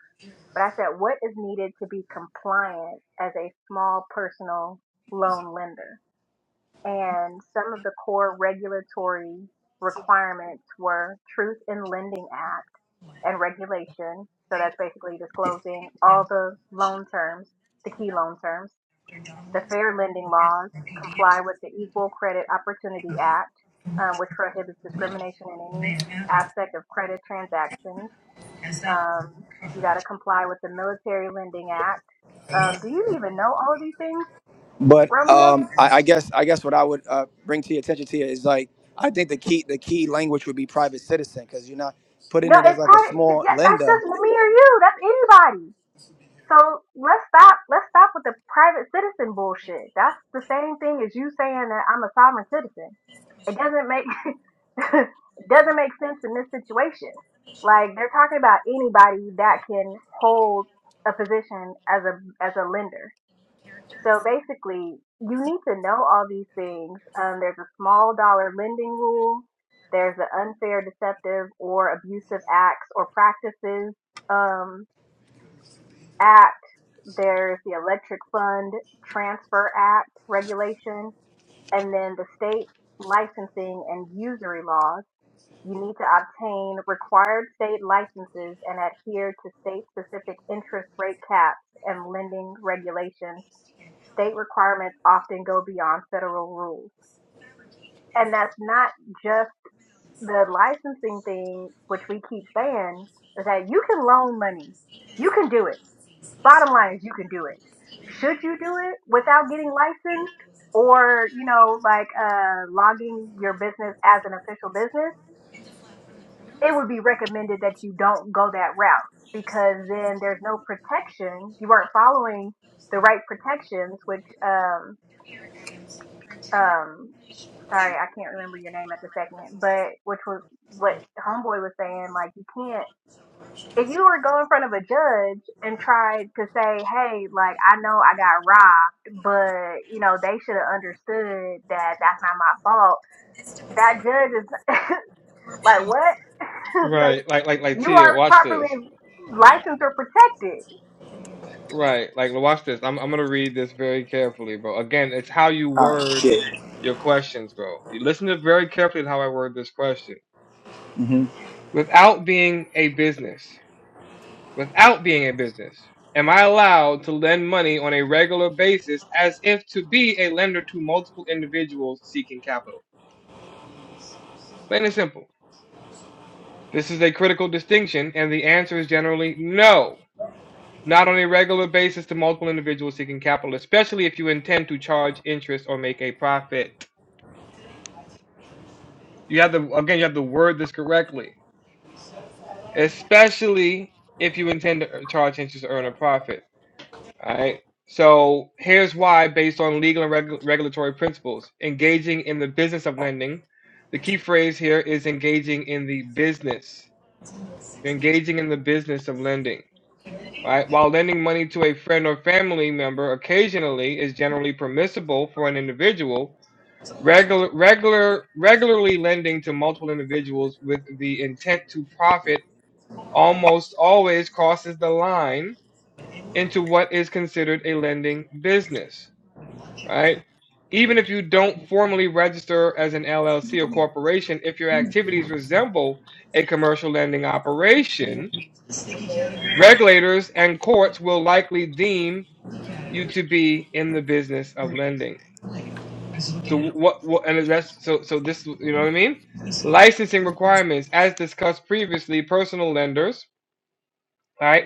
[SPEAKER 2] but I said, what is needed to be compliant as a small personal loan lender? And some of the core regulatory requirements were Truth in Lending Act and regulation. So that's basically disclosing all the loan terms, the key loan terms the fair lending laws, comply with the Equal Credit Opportunity Act, um, which prohibits discrimination in any aspect of credit transactions. Um, you got to comply with the Military Lending Act. Um, do you even know all of these things,
[SPEAKER 6] But
[SPEAKER 2] Romeo?
[SPEAKER 6] um, I, I guess I guess what I would uh, bring to your attention to you is like I think the key the key language would be private citizen because you're not putting
[SPEAKER 2] No,
[SPEAKER 6] it as
[SPEAKER 2] it's
[SPEAKER 6] like a
[SPEAKER 2] probably
[SPEAKER 6] small
[SPEAKER 2] yeah, that's
[SPEAKER 6] lender.
[SPEAKER 2] just me or you. That's anybody. So let's stop. Let's stop with the private citizen bullshit. That's the same thing as you saying that I'm a sovereign citizen. It doesn't make it doesn't make sense in this situation. Like they're talking about anybody that can hold a position as a as a lender. So basically, you need to know all these things. Um, there's a small dollar lending rule. There's the unfair, deceptive, or abusive acts or practices. Um, act, there's the Electric Fund Transfer Act regulation, and then the state licensing and usury laws. You need to obtain required state licenses and adhere to state specific interest rate caps and lending regulations. State requirements often go beyond federal rules. And that's not just the licensing thing, which we keep saying, is that you can loan money. You can do it Bottom line is you can do it. Should you do it without getting licensed or, you know, like uh, logging your business as an official business? It would be recommended that you don't go that route because then there's no protection. You weren't following the right protections, which, um, um, sorry, I can't remember your name at the second, but which was what Homeboy was saying, like you can't. judge and tried to say, hey, like, I know I got robbed, but, you know, they should have understood that that's not my fault. That is judge like, what? like,
[SPEAKER 1] right, like like like
[SPEAKER 2] you are
[SPEAKER 1] Tia, watch
[SPEAKER 2] properly
[SPEAKER 1] this.
[SPEAKER 2] licensed or protected.
[SPEAKER 1] Right, like watch this. I'm I'm gonna read this very carefully, bro. Again, it's how you
[SPEAKER 6] Ah
[SPEAKER 1] word
[SPEAKER 6] shit.
[SPEAKER 1] your questions, bro. You listen to very carefully to how I word this question. without being a business. Without being a business. Am I allowed to lend money on a regular basis as if to be a lender to multiple individuals seeking capital? Plain and simple. This is a critical distinction, and the answer is generally no. Not on a regular basis to multiple individuals seeking capital, especially if you intend to charge interest or make a profit. You have to, again, you have to word this correctly. Especially if you intend to uh, charge interest or earn a profit. All right. So here's why, based on legal and regu- regulatory principles, engaging in the business of lending. The key phrase here is engaging in the business. You're engaging in the business of lending. Right, While lending money to a friend or family member occasionally is generally permissible for an individual, regular, regular, regularly lending to multiple individuals with the intent to profit almost always crosses the line into what is considered a lending business. right? Even if you don't formally register as an LLC or corporation, if your activities resemble a commercial lending operation, regulators and courts will likely deem you to be in the business of lending. So what, what and that's so so this you know what I mean? Licensing requirements, as discussed previously, personal lenders, right,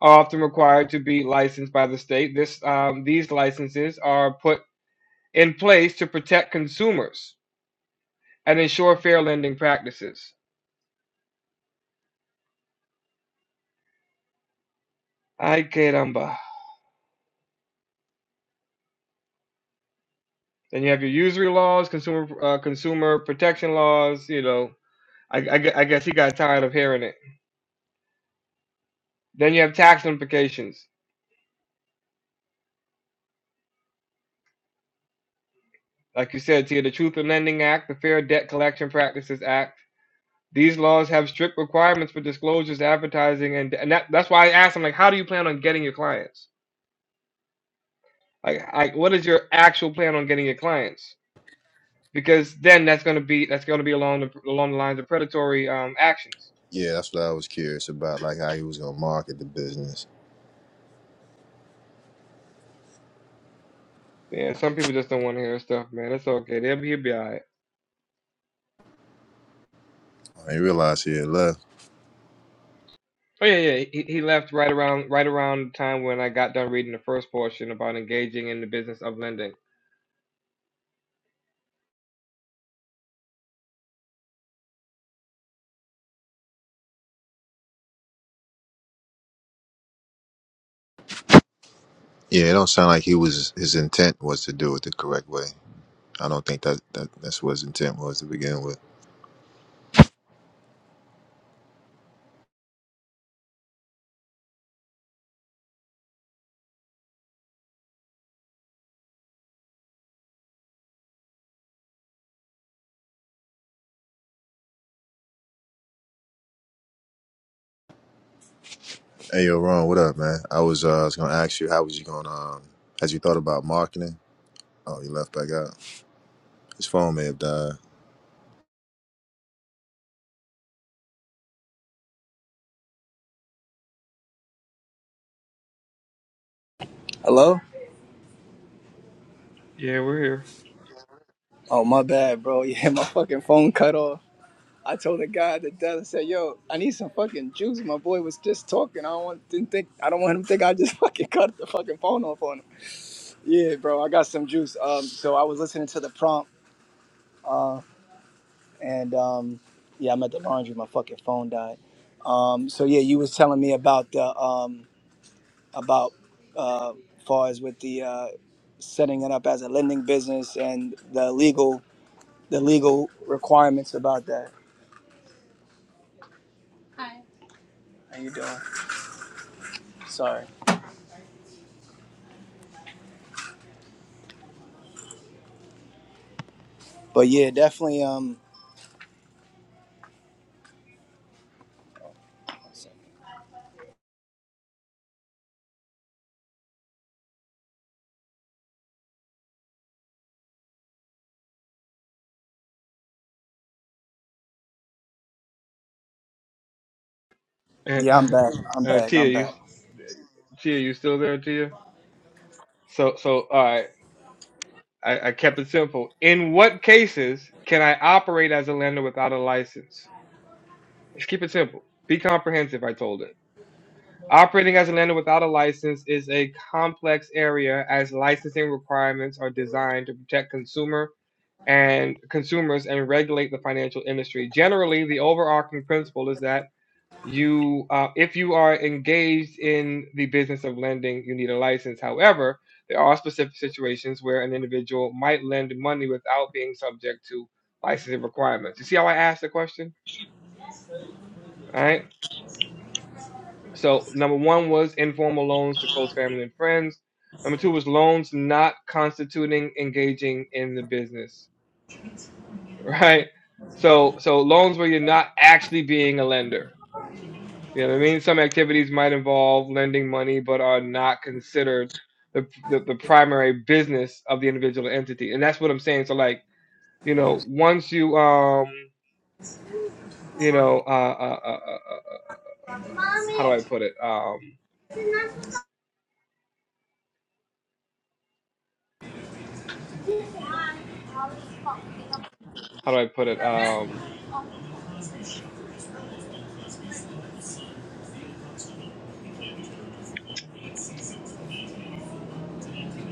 [SPEAKER 1] are often required to be licensed by the state. This um, these licenses are put in place to protect consumers and ensure fair lending practices. Ay caramba. Then you have your usury laws, consumer uh, consumer protection laws. You know, I, I I guess he got tired of hearing it. Then you have tax implications, like you said, Tia, the Truth in Lending Act, the Fair Debt Collection Practices Act. These laws have strict requirements for disclosures, advertising, and and that, that's why I asked him like, how do you plan on getting your clients? Like, like what is your actual plan on getting your clients? Because then that's going to be that's going to be along the along the lines of predatory um, actions
[SPEAKER 10] Yeah, that's what I was curious about, like how he was gonna market the business.
[SPEAKER 1] Yeah, some people just don't want to hear stuff, man. It's okay. They'll be, he'll be all right.
[SPEAKER 10] I didn't realize he had left.
[SPEAKER 1] Oh yeah, yeah. He, he left right around right around the time when I got done reading the first portion about engaging in the business of lending.
[SPEAKER 10] Yeah, it don't sound like he was. His intent was to do it the correct way. I don't think that, that that's what his intent was to begin with. Hey, yo, Ron, what up, man? I was uh, I was gonna ask you, how was you gonna? Um, had you thought about marketing? Oh, he left back out. His phone may have died.
[SPEAKER 6] Hello.
[SPEAKER 1] Yeah, we're here.
[SPEAKER 6] Oh my bad, bro. Yeah, my fucking phone cut off. I told the guy at the desk. I said, "Yo, I need some fucking juice." My boy was just talking. I don't want didn't think I don't want him to think I just fucking cut the fucking phone off on him. Yeah, bro, I got some juice. Um, so I was listening to the prompt, uh, and um, yeah, I'm at the laundry. My fucking phone died. Um, so yeah, you was telling me about the um, about uh, far as with the uh, setting it up as a lending business and the legal the legal requirements about that. How you doing? Sorry, but yeah, definitely. Um,
[SPEAKER 1] And,
[SPEAKER 6] yeah, I'm back. I'm
[SPEAKER 1] uh,
[SPEAKER 6] back.
[SPEAKER 1] Tia,
[SPEAKER 6] I'm
[SPEAKER 1] you
[SPEAKER 6] back.
[SPEAKER 1] Tia, you still there, Tia? So so all right. I, I kept it simple. In what cases can I operate as a lender without a license? Let's keep it simple. Be comprehensive. I told it. Operating as a lender without a license is a complex area as licensing requirements are designed to protect consumer and consumers and regulate the financial industry. Generally, the overarching principle is that you, uh, if you are engaged in the business of lending, you need a license. However, there are specific situations where an individual might lend money without being subject to licensing requirements. You see how I asked the question? All Right? So number one was informal loans to close family and friends. Number two was loans not constituting engaging in the business, right? So so loans where you're not actually being a lender. You know what I mean? Some activities might involve lending money but are not considered the, the, the primary business of the individual entity. And that's what I'm saying. So like, you know, once you um, you know, uh, uh, uh, uh uh, how do I put it? Um, how do I put it? um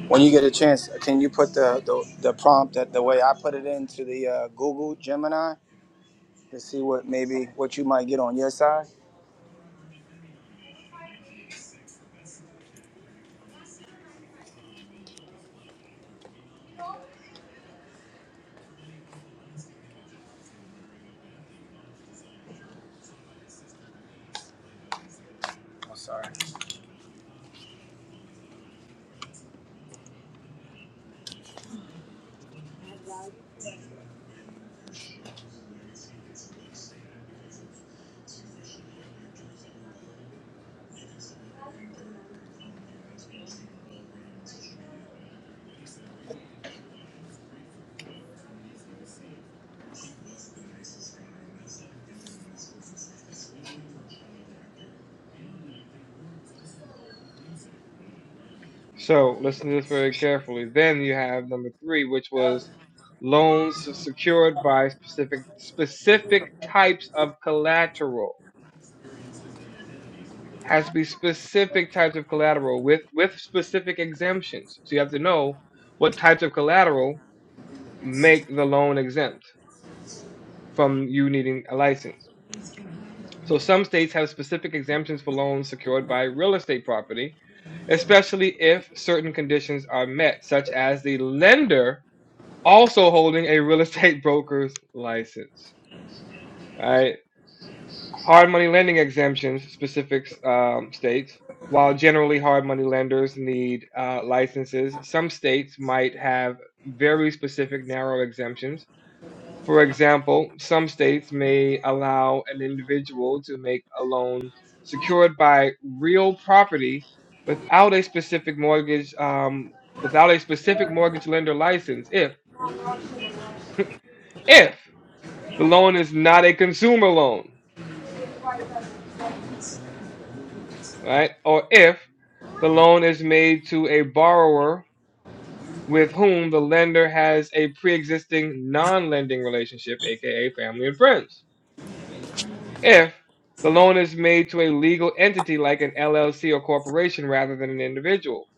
[SPEAKER 6] When you get a chance, can you put the the, the prompt that the way I put it into the uh, Google Gemini? to see what maybe what you might get on your side. I'm sorry.
[SPEAKER 1] So listen to this very carefully. Then you have number three, which was loans secured by specific specific types of collateral. Has to be specific types of collateral with with specific exemptions. So you have to know what types of collateral make the loan exempt from you needing a license. So some states have specific exemptions for loans secured by real estate property, especially if certain conditions are met, such as the lender also holding a real estate broker's license. Right? Hard money lending exemptions specific um, states. While generally hard money lenders need uh, licenses, some states might have very specific narrow exemptions. For example, some states may allow an individual to make a loan secured by real property without a specific mortgage um, without a specific mortgage lender license if if the loan is not a consumer loan, right? Or if the loan is made to a borrower with whom the lender has a pre existing non lending relationship, aka family and friends. If the loan is made to a legal entity like an LLC or corporation rather than an individual.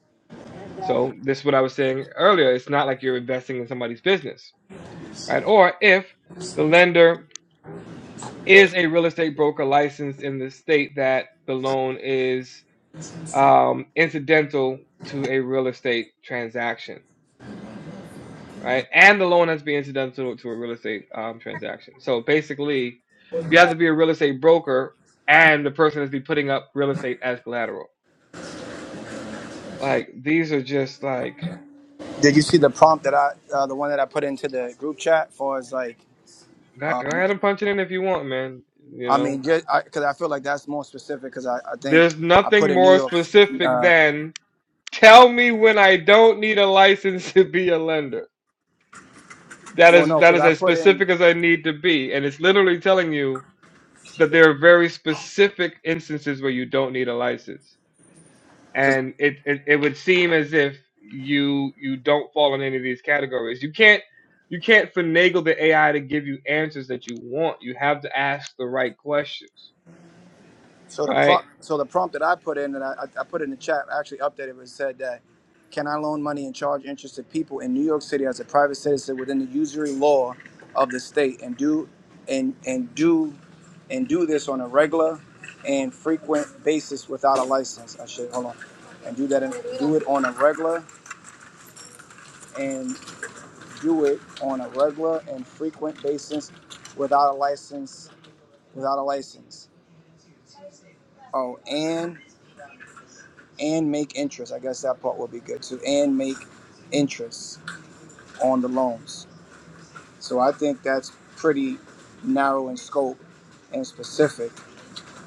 [SPEAKER 1] So, this is what I was saying earlier. It's not like you're investing in somebody's business, right? Or if the lender is a real estate broker licensed in the state that the loan is um, incidental to a real estate transaction, right? And the loan has to be incidental to a real estate um, transaction. So basically, you have to be a real estate broker, and the person has to be putting up real estate as collateral. Like these are just like
[SPEAKER 6] Did you see the prompt that I, uh, the one that I put into the group chat? For as like,
[SPEAKER 1] go go
[SPEAKER 6] um,
[SPEAKER 1] ahead and punch it in if you want, man. You
[SPEAKER 6] I
[SPEAKER 1] know,
[SPEAKER 6] mean, just because I, I feel like that's more specific. Because I, I think
[SPEAKER 1] there's
[SPEAKER 6] I put
[SPEAKER 1] nothing
[SPEAKER 6] in New
[SPEAKER 1] more
[SPEAKER 6] York.
[SPEAKER 1] specific
[SPEAKER 6] Uh,
[SPEAKER 1] than tell me when I don't need a license to be a lender. That
[SPEAKER 6] well, no,
[SPEAKER 1] is that
[SPEAKER 6] because
[SPEAKER 1] is
[SPEAKER 6] I
[SPEAKER 1] as
[SPEAKER 6] put in.
[SPEAKER 1] specific as I need to be, and it's literally telling you that there are very specific instances where you don't need a license
[SPEAKER 6] because.
[SPEAKER 1] and it, it it would seem as if you you don't fall in any of these categories you can't you can't finagle the ai to give you answers that you want you have to ask the right questions
[SPEAKER 6] So the
[SPEAKER 1] right
[SPEAKER 6] prompt, so the prompt that I put in that I, I I put in the chat I actually updated it, said that can I loan money and charge interest to people in New York City as a private citizen within the usury law of the state and do and and do and do this on a regular and frequent basis without a license. I should hold on and do that and do it on a regular and do it on a regular and frequent basis without a license without a license. Oh, and and make interest. I guess that part would be good too. And make interest on the loans. So I think that's pretty narrow in scope and specific.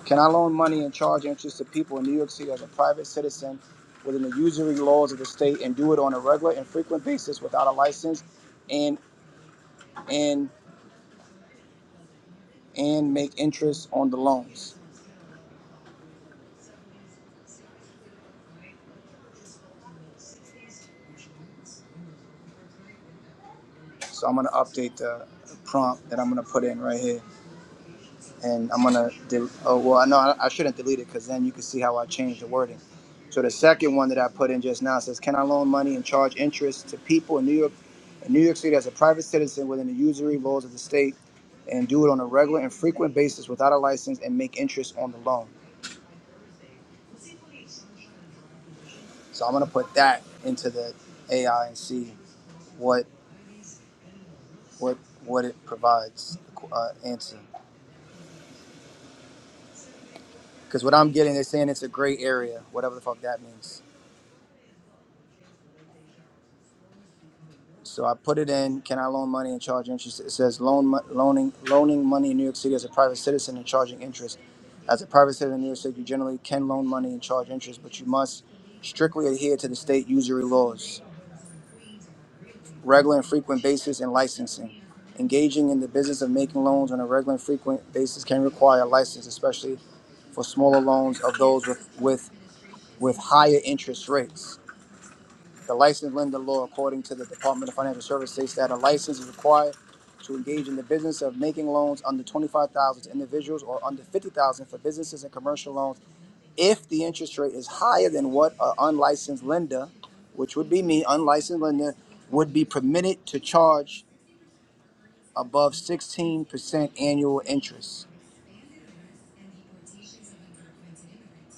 [SPEAKER 6] Can I loan money and charge interest to people in New York City as a private citizen within the usury laws of the state and do it on a regular and frequent basis without a license and and and make interest on the loans? So I'm gonna update the prompt that I'm gonna put in right here, and I'm gonna. Del- oh well, no, I I shouldn't delete it because then you can see how I changed the wording So the second one that I put in just now says, "Can I loan money and charge interest to people in New York, in New York City, as a private citizen within the usury laws of the state, and do it on a regular and frequent basis without a license and make interest on the loan?" So I'm gonna put that into the AI and see what what what it provides uh, answer. Because what I'm getting, they're saying it's a gray area, whatever the fuck that means. So I put it in. Can I loan money and charge interest? It says loan mo- loaning loaning money in New York City as a private citizen and charging interest As a private citizen in New York State, you generally can loan money and charge interest, but you must strictly adhere to the state usury laws, regular and frequent basis, and licensing. Engaging in the business of making loans on a regular and frequent basis can require a license, especially for smaller loans of those with, with, with higher interest rates. The licensed lender law, according to the Department of Financial Services, states that a license is required to engage in the business of making loans under 25,000 to individuals or under 50,000 for businesses and commercial loans if the interest rate is higher than what an unlicensed lender, which would be me, unlicensed lender, would be permitted to charge above 16% annual interest.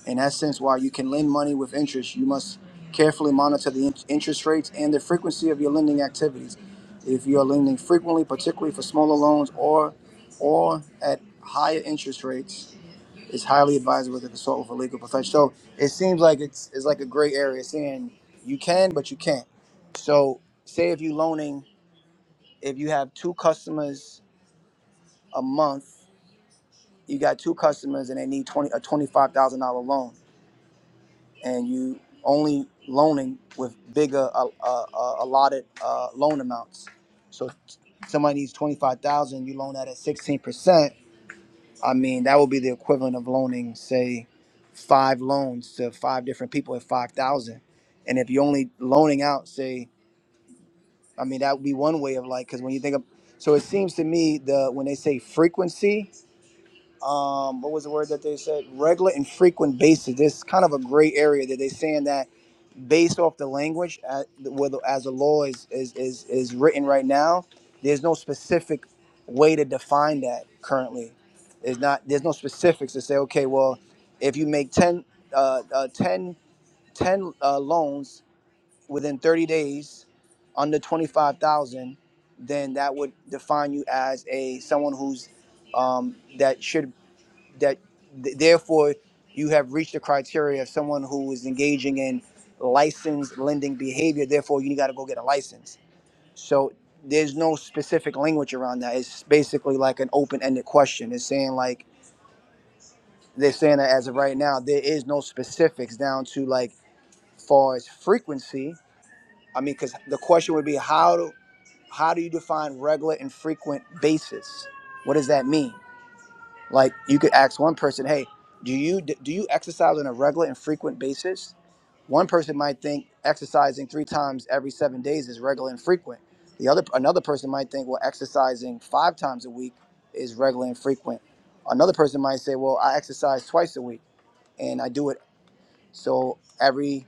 [SPEAKER 6] In essence, while you can lend money with interest, you must carefully monitor the in- interest rates and the frequency of your lending activities. If you are lending frequently, particularly for smaller loans or or at higher interest rates, It's highly advisable to consult with a legal professional. So it seems like it's, it's like a gray area saying you can, but you can't. So say if you loaning, if you have two customers a month, you got two customers and they need 20, a $25,000 loan and you only loaning with bigger uh, uh, uh, allotted uh, loan amounts. So somebody needs 25,000, you loan that at 16%. I mean, that would be the equivalent of loaning, say, five loans to five different people at five thousand. And if you're only loaning out, say, I mean, that would be one way of like, because when you think of, so it seems to me the when they say frequency, um, what was the word that they said? Regular and frequent basis. There's kind of a gray area that they're saying that based off the language uh, where as the law is, is is is written right now there's no specific way to define that currently there's not there's no specifics to say okay well if you make 10 uh, uh 10 ten uh, loans within 30 days under 25,000 then that would define you as a someone who's um, that should that th- therefore you have reached the criteria of someone who is engaging in licensed lending behavior therefore you got to go get a license so there's no specific language around that it's basically like an open-ended question it's saying like they're saying that as of right now there is no specifics down to like far as frequency i mean because the question would be how do how do you define regular and frequent basis what does that mean Like you could ask one person, "Hey, do you do you exercise on a regular and frequent basis?" One person might think exercising three times every seven days is regular and frequent. The other another person might think, "Well, exercising five times a week is regular and frequent." Another person might say, "Well, I exercise twice a week and I do it so every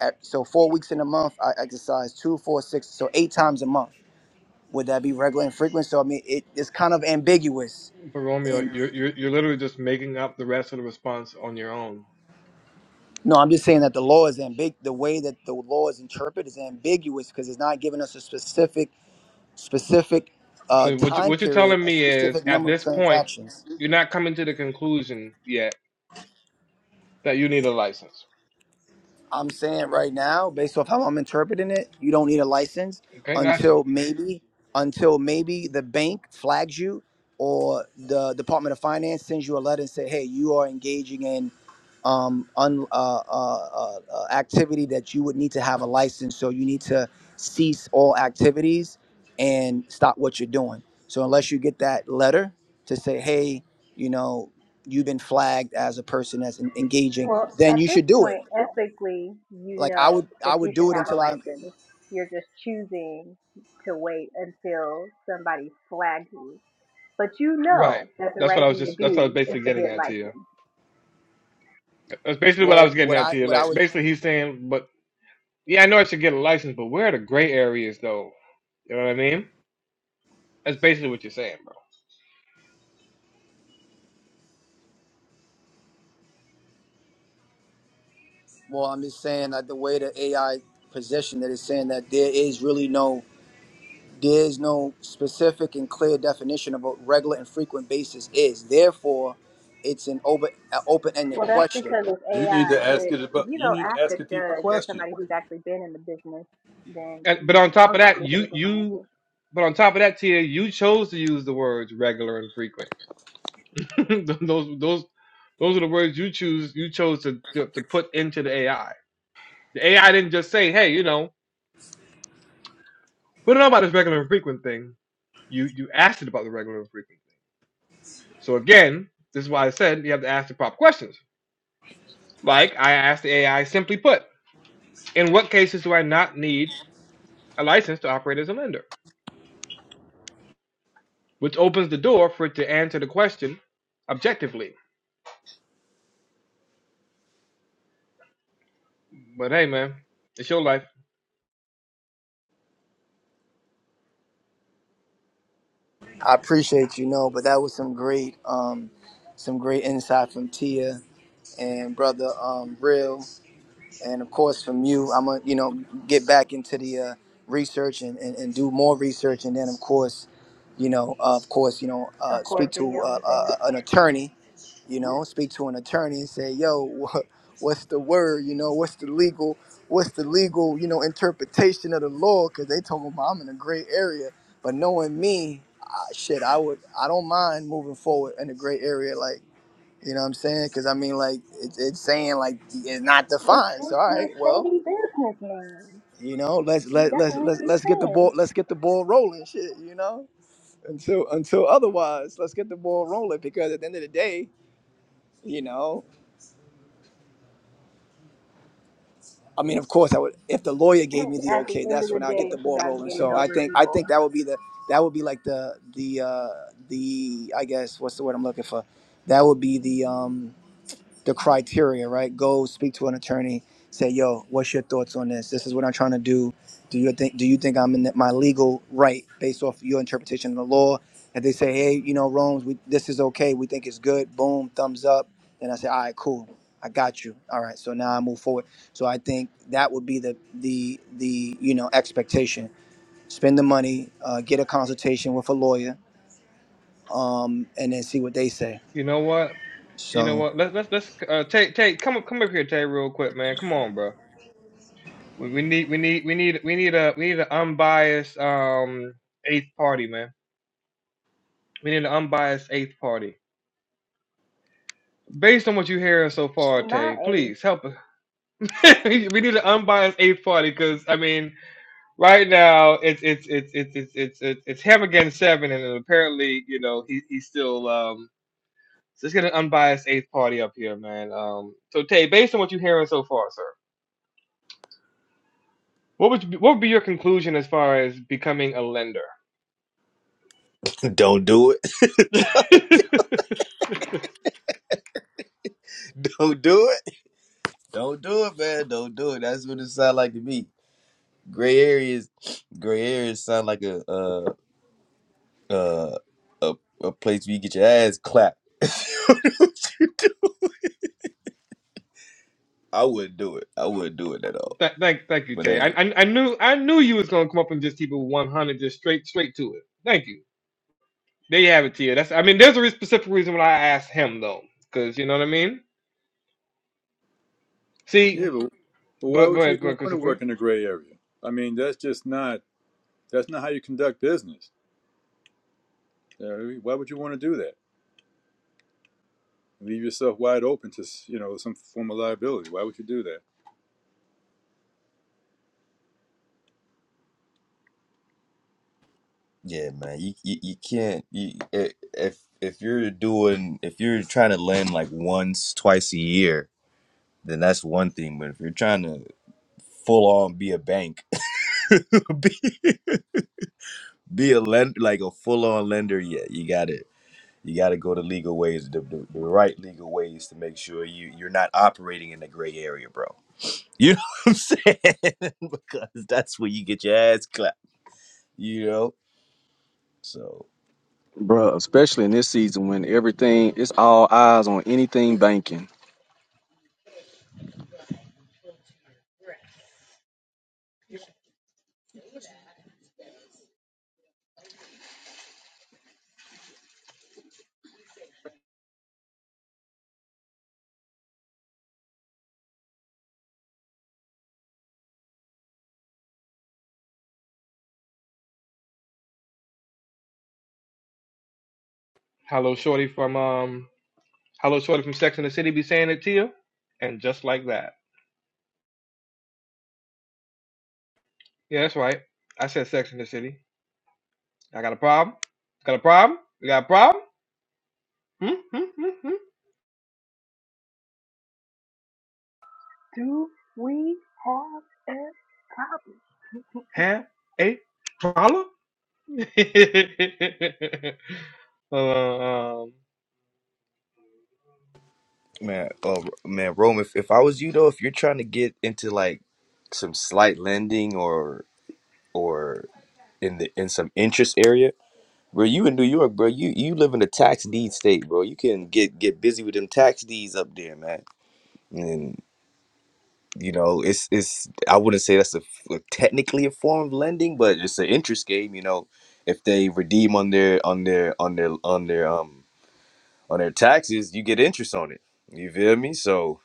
[SPEAKER 6] at- so four weeks in a month I exercise two, four, six, so eight times a month." Would that be regular and frequent? So I mean, it is kind of ambiguous.
[SPEAKER 1] But Romeo, you're, you're you're literally just making up the rest of the response on your own.
[SPEAKER 6] No, I'm just saying that the law is ambig. The way that the law is interpreted is ambiguous because it's not giving us a specific, specific uh,
[SPEAKER 1] so what, you,
[SPEAKER 6] time
[SPEAKER 1] what you're
[SPEAKER 6] period,
[SPEAKER 1] telling
[SPEAKER 6] a
[SPEAKER 1] me is
[SPEAKER 6] specific
[SPEAKER 1] at
[SPEAKER 6] number of
[SPEAKER 1] this point
[SPEAKER 6] transactions.
[SPEAKER 1] you're not coming to the conclusion yet that you need a license
[SPEAKER 6] I'm saying right now, based off how I'm interpreting it, you don't need a license
[SPEAKER 1] Okay, gotcha.
[SPEAKER 6] until maybe, until maybe the bank flags you or the Department of Finance sends you a letter and say, "Hey, you are engaging in um, un, uh, uh, uh, uh, activity that you would need to have a license. So you need to cease all activities and stop what you're doing. So unless you get that letter to say, hey, you know, you've been flagged as a person that's en- engaging,
[SPEAKER 2] Well,
[SPEAKER 6] then
[SPEAKER 2] at
[SPEAKER 6] you
[SPEAKER 2] this
[SPEAKER 6] should do it.
[SPEAKER 2] point, ethically, you
[SPEAKER 6] Like I
[SPEAKER 2] know
[SPEAKER 6] would, I
[SPEAKER 2] that you
[SPEAKER 6] would
[SPEAKER 2] should
[SPEAKER 6] do it
[SPEAKER 2] have a
[SPEAKER 6] until I.
[SPEAKER 2] license. You're just choosing to wait until somebody flags you. But you
[SPEAKER 1] Right.
[SPEAKER 2] know that the
[SPEAKER 1] That's what
[SPEAKER 2] right
[SPEAKER 1] I was
[SPEAKER 2] thing to
[SPEAKER 1] just. That's what I was
[SPEAKER 2] do is
[SPEAKER 1] basically
[SPEAKER 2] to
[SPEAKER 1] getting
[SPEAKER 2] get
[SPEAKER 1] at to you.
[SPEAKER 2] licensed.
[SPEAKER 1] That's basically what I
[SPEAKER 6] Well,
[SPEAKER 1] was getting
[SPEAKER 6] what
[SPEAKER 1] at
[SPEAKER 6] I,
[SPEAKER 1] to you.
[SPEAKER 6] what I
[SPEAKER 1] Like
[SPEAKER 6] would.
[SPEAKER 1] basically, he's saying, but yeah, I know I should get a license, but where are the gray areas though? You know what I mean? That's basically what you're saying, bro.
[SPEAKER 6] Well, I'm just saying that the way the AI position that is saying that there is really no There's no specific and clear definition of what regular and frequent basis is. Therefore, it's an open open ended
[SPEAKER 2] Well, that's
[SPEAKER 6] question.
[SPEAKER 2] because it's
[SPEAKER 9] You need
[SPEAKER 2] AI.
[SPEAKER 9] to ask it
[SPEAKER 2] But if
[SPEAKER 9] about.
[SPEAKER 2] you
[SPEAKER 9] You
[SPEAKER 2] go
[SPEAKER 9] need to
[SPEAKER 2] ask a
[SPEAKER 9] ask a deeper
[SPEAKER 2] judge or
[SPEAKER 9] question.
[SPEAKER 2] somebody who's actually been in the business, then
[SPEAKER 1] And,
[SPEAKER 2] you
[SPEAKER 1] but
[SPEAKER 2] would
[SPEAKER 1] on top of
[SPEAKER 2] most
[SPEAKER 1] that,
[SPEAKER 2] likely get
[SPEAKER 1] you
[SPEAKER 2] a different
[SPEAKER 1] you.
[SPEAKER 2] answer.
[SPEAKER 1] But on top of that, Tia, you chose to use the words regular and frequent. those those those are the words you choose you chose to, to to put into the AI. The AI didn't just say, "Hey, you know, we don't know about this regular and frequent thing." You you asked it about the regular and frequent thing. So again, this is why I said you have to ask the proper questions. Like I asked the AI, simply put, in what cases do I not need a license to operate as a lender? Which opens the door for it to answer the question objectively. But hey, man, it's your life.
[SPEAKER 6] I appreciate you know, but that was some great um some great insight from Tia and brother um Real and of course from you. I'm gonna you know get back into the uh, research and, and, and do more research and then of course you know uh, of course you know uh,
[SPEAKER 2] Of course,
[SPEAKER 6] speak
[SPEAKER 2] do
[SPEAKER 6] to
[SPEAKER 2] your
[SPEAKER 6] uh,
[SPEAKER 2] own thing,
[SPEAKER 6] uh, an attorney you know speak to an attorney and say yo wha- what's the word you know what's the legal what's the legal you know interpretation of the law because they talking about i'm in a gray area but knowing me I, shit i would i don't mind moving forward in the gray area like you know what i'm saying because i mean like it's it's saying like it's not
[SPEAKER 2] which
[SPEAKER 6] defined so
[SPEAKER 2] makes
[SPEAKER 6] all
[SPEAKER 2] you a
[SPEAKER 6] right well
[SPEAKER 2] shady businessman.
[SPEAKER 6] you know let's let,
[SPEAKER 2] That's
[SPEAKER 6] let's
[SPEAKER 2] what we
[SPEAKER 6] let's
[SPEAKER 2] keep
[SPEAKER 6] let's get the
[SPEAKER 2] saying.
[SPEAKER 6] ball let's get the ball rolling shit you know until until otherwise let's get the ball rolling because at the end of the day you know I mean, of course, I would. If the lawyer gave me the
[SPEAKER 2] At the
[SPEAKER 6] okay,
[SPEAKER 2] end of
[SPEAKER 6] that's
[SPEAKER 2] the
[SPEAKER 6] when I get
[SPEAKER 2] day,
[SPEAKER 6] the
[SPEAKER 2] it's
[SPEAKER 6] ball
[SPEAKER 2] about
[SPEAKER 6] rolling.
[SPEAKER 2] getting
[SPEAKER 6] So I
[SPEAKER 2] over
[SPEAKER 6] think I
[SPEAKER 2] people,
[SPEAKER 6] think that would be the that would be like the the uh, the I guess what's the word I'm looking for? That would be the um, the criteria, right? Go speak to an attorney. Say, yo, what's your thoughts on this? This is what I'm trying to do. Do you think Do you think I'm in my legal right based off your interpretation of the law? If they say, hey, you know, Rome's, we, this is okay. We think it's good. Boom, thumbs up. Then I say, all right, cool. I got you. All right, so now I move forward. So I think that would be the the the you know expectation. Spend the money, uh, get a consultation with a lawyer, um, and then see what they say.
[SPEAKER 1] You know what? You know
[SPEAKER 6] So.
[SPEAKER 1] what? Let's let's let's uh Tay Tay come up come up here Tay real quick man. Come on, bro. We, we need we need we need we need a we need an unbiased um eighth party man. We need an unbiased eighth party. Based on what you're hearing so far,
[SPEAKER 2] not
[SPEAKER 1] Tay,
[SPEAKER 2] a
[SPEAKER 1] please help us. we we need an unbiased eighth party because I mean, right now it's it's it's it's it's it's it's, it's him against seven, and apparently you know he he's still um. So let's get an unbiased eighth party up here, man. Um. So Tay, based on what you're hearing so far, sir. What would you, what would be your conclusion as far as becoming a lender?
[SPEAKER 11] Don't do it.
[SPEAKER 1] Th-
[SPEAKER 11] Don't do it. Don't do it, man. Don't do it. That's what it sound like to me. Gray areas, gray areas sound like a uh uh a, a place where you get your ass clapped. I wouldn't do it. I wouldn't do it at all.
[SPEAKER 1] thank thank you,
[SPEAKER 11] But
[SPEAKER 1] Tay. I,
[SPEAKER 11] hey,
[SPEAKER 1] I I knew I knew you was gonna come up and just keep it one hundred, just straight straight to it. Thank you. There you have it, Tia. That's I mean, there's a re- specific reason why I asked him though, because you know what I mean. See,
[SPEAKER 9] Yeah, but, but why
[SPEAKER 1] go go
[SPEAKER 9] would you
[SPEAKER 1] ahead, go
[SPEAKER 9] even
[SPEAKER 1] ahead,
[SPEAKER 9] want to work
[SPEAKER 1] Christopher.
[SPEAKER 9] in the gray area? I mean, that's just not. That's not how you conduct business. Uh, Why would you want to do that? Leave yourself wide open to you know some form of liability. Why would you do that?
[SPEAKER 11] yeah, man, you you, you can't. You, i- if if you're doing if you're trying to lend like once twice a year, then that's one thing. But if you're trying to full on be a bank, be a lend like a full on lender yet. You got to you got to go the legal ways, the, the, the right legal ways to make sure you you're not operating in the gray area, bro. You know what I'm saying? because that's where you get your ass clapped. You know. So
[SPEAKER 7] Bruh, Especially in this season when everything it's all eyes on anything banking.
[SPEAKER 1] Hello, Shorty from um, hello, Shorty from Sex and the City. Be saying it, Tia, and just like that. Yeah, that's right. I said Sex and the City. I got a problem. Got a problem. You got a problem? Hmm? Hmm? Hmm? Hmm?
[SPEAKER 2] do we have a problem.
[SPEAKER 1] have a problem? Uh, um,
[SPEAKER 11] man, oh man, Rome. If if I was you though, if you're trying to get into like some slight lending or or in the in some interest area. Bro, you in New York, bro. You you live in a tax deed state, bro. You can get get busy with them tax deeds up there, man. and you know it's it's i wouldn't say that's a, f- technically a form of lending but it's an interest game you know if they redeem on their on their on their on their um on their taxes you get interest on it you feel me so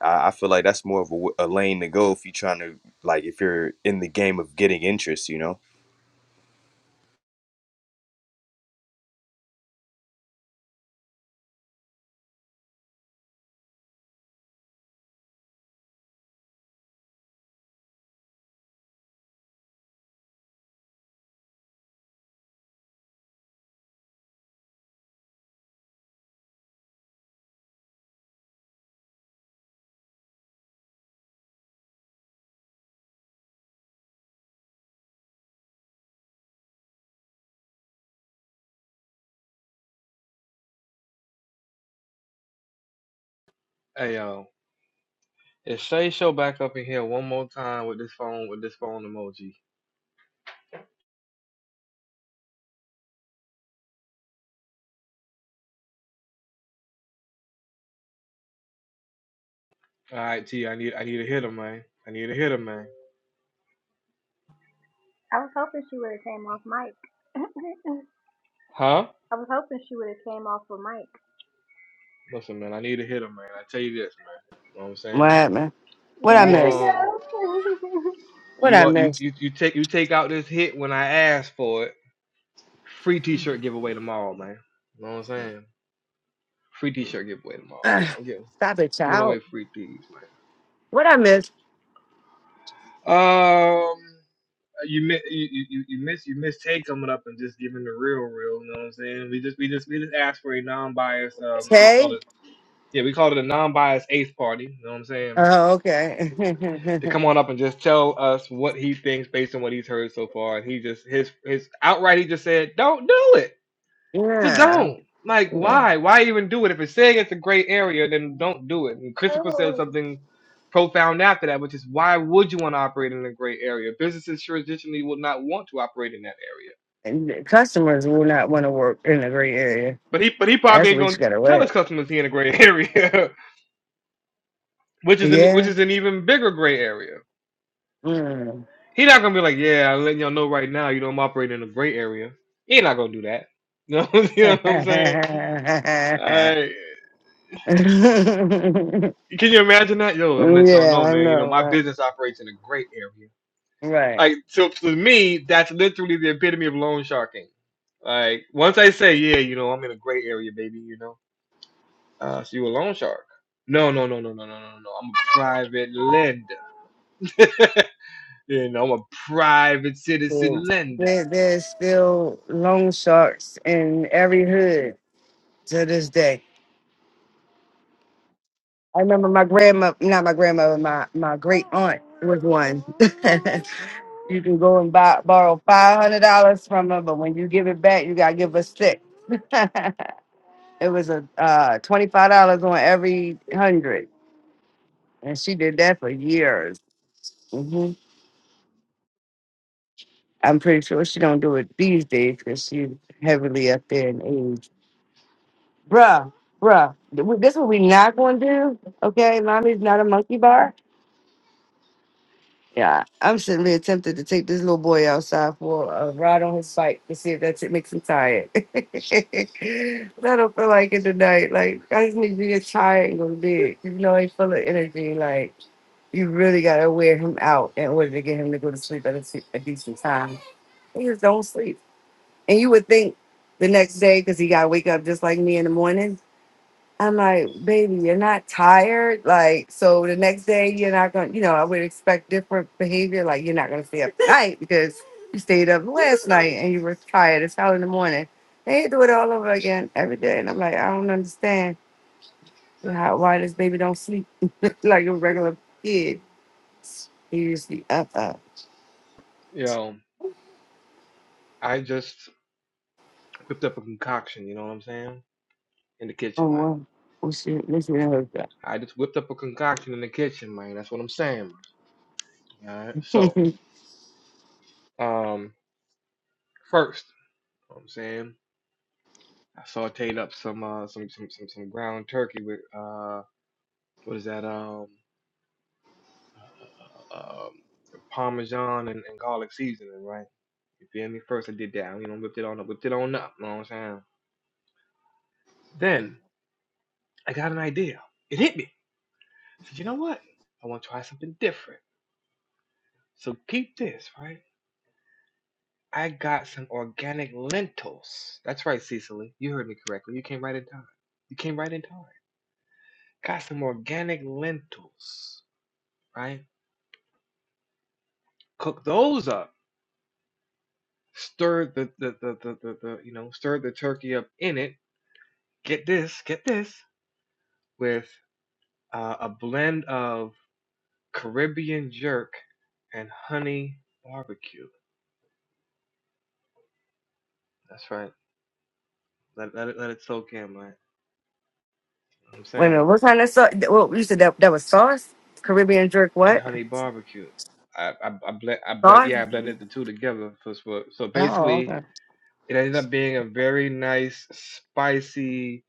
[SPEAKER 11] i, I feel like that's more of a, w- a lane to go if you're trying to like if you're in the game of getting interest you know
[SPEAKER 1] hey yo, if Shay show back up in here one more time with this phone with this phone emoji, all right, T, I need I need a hitter, man. I need a hitter, man.
[SPEAKER 2] I was hoping she would have came off mic.
[SPEAKER 1] Huh?
[SPEAKER 2] I was hoping she would have came off of mic.
[SPEAKER 1] Listen, man, I need a hitter, man. I tell you this, man. You know what I'm saying?
[SPEAKER 4] happened? What I
[SPEAKER 1] You
[SPEAKER 2] There she
[SPEAKER 4] miss?
[SPEAKER 1] um,
[SPEAKER 2] goes.
[SPEAKER 4] What
[SPEAKER 1] you
[SPEAKER 4] I
[SPEAKER 1] uh, you
[SPEAKER 4] miss?
[SPEAKER 1] you, you take you take out this hit when I ask for it. Free T-shirt giveaway tomorrow, man. You know what I'm saying? Free T-shirt giveaway tomorrow, man.
[SPEAKER 4] Ugh,
[SPEAKER 1] I'm giving
[SPEAKER 4] Stop it,
[SPEAKER 1] giving away
[SPEAKER 4] child.
[SPEAKER 1] free tees, man.
[SPEAKER 4] What I miss?
[SPEAKER 1] Um, you mi- you you you miss you miss Tay coming up and just giving the real real. You know what I'm saying? We just we just we just asked for a non-biased. Um, we called
[SPEAKER 4] Tay.
[SPEAKER 1] it yeah we called it a non-biased eighth party. You know what I'm saying?
[SPEAKER 4] Oh, okay.
[SPEAKER 1] To come on up and just tell us what he thinks based on what he's heard so far, and he just his his outright he just said, "Don't do it." Just
[SPEAKER 4] yeah.
[SPEAKER 1] don't. Like,
[SPEAKER 4] Yeah.
[SPEAKER 1] why? Why even do it? If it's saying it's a gray area, then don't do it. And Christopher said something profound after that, which is why would you want to operate in a gray area? Businesses traditionally would not want to operate in that area.
[SPEAKER 4] And the customers will not want to work in a gray area.
[SPEAKER 1] But he, but he probably
[SPEAKER 4] That's
[SPEAKER 1] ain't
[SPEAKER 4] what you
[SPEAKER 1] gonna
[SPEAKER 4] got to
[SPEAKER 1] tell his
[SPEAKER 4] wear.
[SPEAKER 1] customers he in a gray area, which is an, which
[SPEAKER 4] Yeah.
[SPEAKER 1] is an even bigger gray area.
[SPEAKER 4] Mm.
[SPEAKER 1] He not gonna be like, yeah, I'm letting y'all know right now, you know, I'm operating in a gray area. He ain't not gonna do that. You know, you know
[SPEAKER 4] yeah,
[SPEAKER 1] what I'm
[SPEAKER 4] I
[SPEAKER 1] saying? Can you imagine that? Yo, I'm gonna let y'all know, man. You know,
[SPEAKER 4] know,
[SPEAKER 1] my
[SPEAKER 4] right?
[SPEAKER 1] business operates in a great area.
[SPEAKER 4] Right.
[SPEAKER 1] Like, so to me, that's literally the epitome of loan sharking. Like, once I say, yeah, you know, I'm in a great area, baby, you know, uh, so you a loan shark. No, no, no, no, no, no, no, no. I'm a private lender. you know, I'm a private citizen
[SPEAKER 4] So,
[SPEAKER 1] lender.
[SPEAKER 4] There, there's still loan sharks in every hood to this day. I remember my grandma, not my grandmother, my, my great aunt was one. you can go and buy, borrow $500 from her, but when you give it back, you got to give her six. it was a uh, $25 on every hundred. And she did that for years. Mm-hmm. I'm pretty sure she don't do it these days because she's heavily up there in age. Bruh, bruh, th- we- this what we not going to do, okay? Mommy's not a monkey bar. Yeah, I'm sitting there tempted to take this little boy outside for a ride on his bike to see if that shit makes him tired. I don't feel like it tonight. Like, I just need to get tired and go to bed. You know, I ain't full of energy. Like, you really got to wear him out in order to get him to go to sleep at a, se- a decent time. He just don't sleep. And you would think the next day, because he got to wake up just like me in the morning. I'm like, baby, you're not tired. Like, so the next day, you're not going to, you know, I would expect different behavior. Like, you're not going to stay up night because you stayed up last night and you were tired as hell in the morning. They do it all over again every day. And I'm like, I don't understand how, why this baby don't sleep like a regular kid. He usually up, up.
[SPEAKER 1] You know, I just whipped up a concoction, you know what I'm saying? In the
[SPEAKER 4] Oh,
[SPEAKER 1] kitchen, man.
[SPEAKER 4] well, we should, we should have that.
[SPEAKER 1] I just whipped up a concoction in the kitchen, man. That's what I'm saying, man. All right. So, um. first. You know what I'm saying I sauteed up some uh some some some, some ground turkey with uh what is that um um parmesan and, and garlic seasoning, right? You feel me? First I did that. I, You know, whipped it on up, whipped it on up. You know what I'm saying? Then I got an idea. It hit me. I said, you know what? I want to try something different. So keep this, right? I got some organic lentils. That's right, Cecily. You heard me correctly. You came right in time. You came right in time. Got some organic lentils, right? cook those up, stir the the, the, the, the, the you know stir the turkey up in it. Get this, get this with uh, a blend of Caribbean jerk and honey barbecue. That's right. Let, let it let it soak in, man. You know what I'm
[SPEAKER 4] Wait a minute,
[SPEAKER 1] saying
[SPEAKER 4] what kind of sauce? Well, you said that that was sauce, Caribbean jerk.
[SPEAKER 1] and
[SPEAKER 4] What
[SPEAKER 1] honey barbecue. I I, I blend I blend
[SPEAKER 4] sauce?
[SPEAKER 1] yeah I blended the two together for, for so
[SPEAKER 4] Oh,
[SPEAKER 1] basically
[SPEAKER 4] okay.
[SPEAKER 1] it ended up being a very nice spicy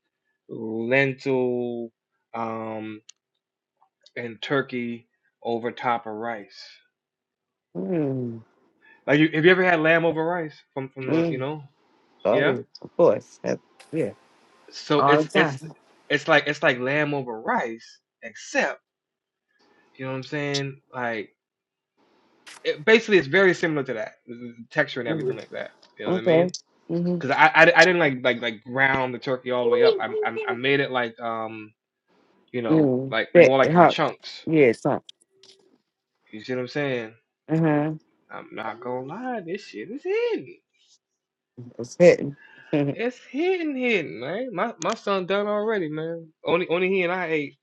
[SPEAKER 1] lentil um and turkey over top of rice.
[SPEAKER 4] Mm,
[SPEAKER 1] Like, you, have you ever had lamb over rice from from the you
[SPEAKER 4] mm,
[SPEAKER 1] know? Yeah.
[SPEAKER 4] sorry, of course. That, yeah,
[SPEAKER 1] So
[SPEAKER 4] all the
[SPEAKER 1] it's
[SPEAKER 4] time.
[SPEAKER 1] it's it's like it's like lamb over rice, except you know what I'm saying. Like, it, basically, it's very similar to that the the texture and everything
[SPEAKER 4] Mm,
[SPEAKER 1] like that. You know what I
[SPEAKER 4] okay.
[SPEAKER 1] mean?
[SPEAKER 4] Mm-hmm.
[SPEAKER 1] Because I, I I didn't like like like ground the turkey all the way up. I I, I made it like um you know
[SPEAKER 4] Mm,
[SPEAKER 1] like
[SPEAKER 4] that
[SPEAKER 1] more like in
[SPEAKER 4] hot.
[SPEAKER 1] chunks.
[SPEAKER 4] Yeah, it's hot.
[SPEAKER 1] You see what I'm saying?
[SPEAKER 4] Uh-huh.
[SPEAKER 1] I'm not gonna lie, this shit is in.
[SPEAKER 4] It's hitting.
[SPEAKER 1] It's hitting, hitting, man. My my son done already, man. Only only he and I ate.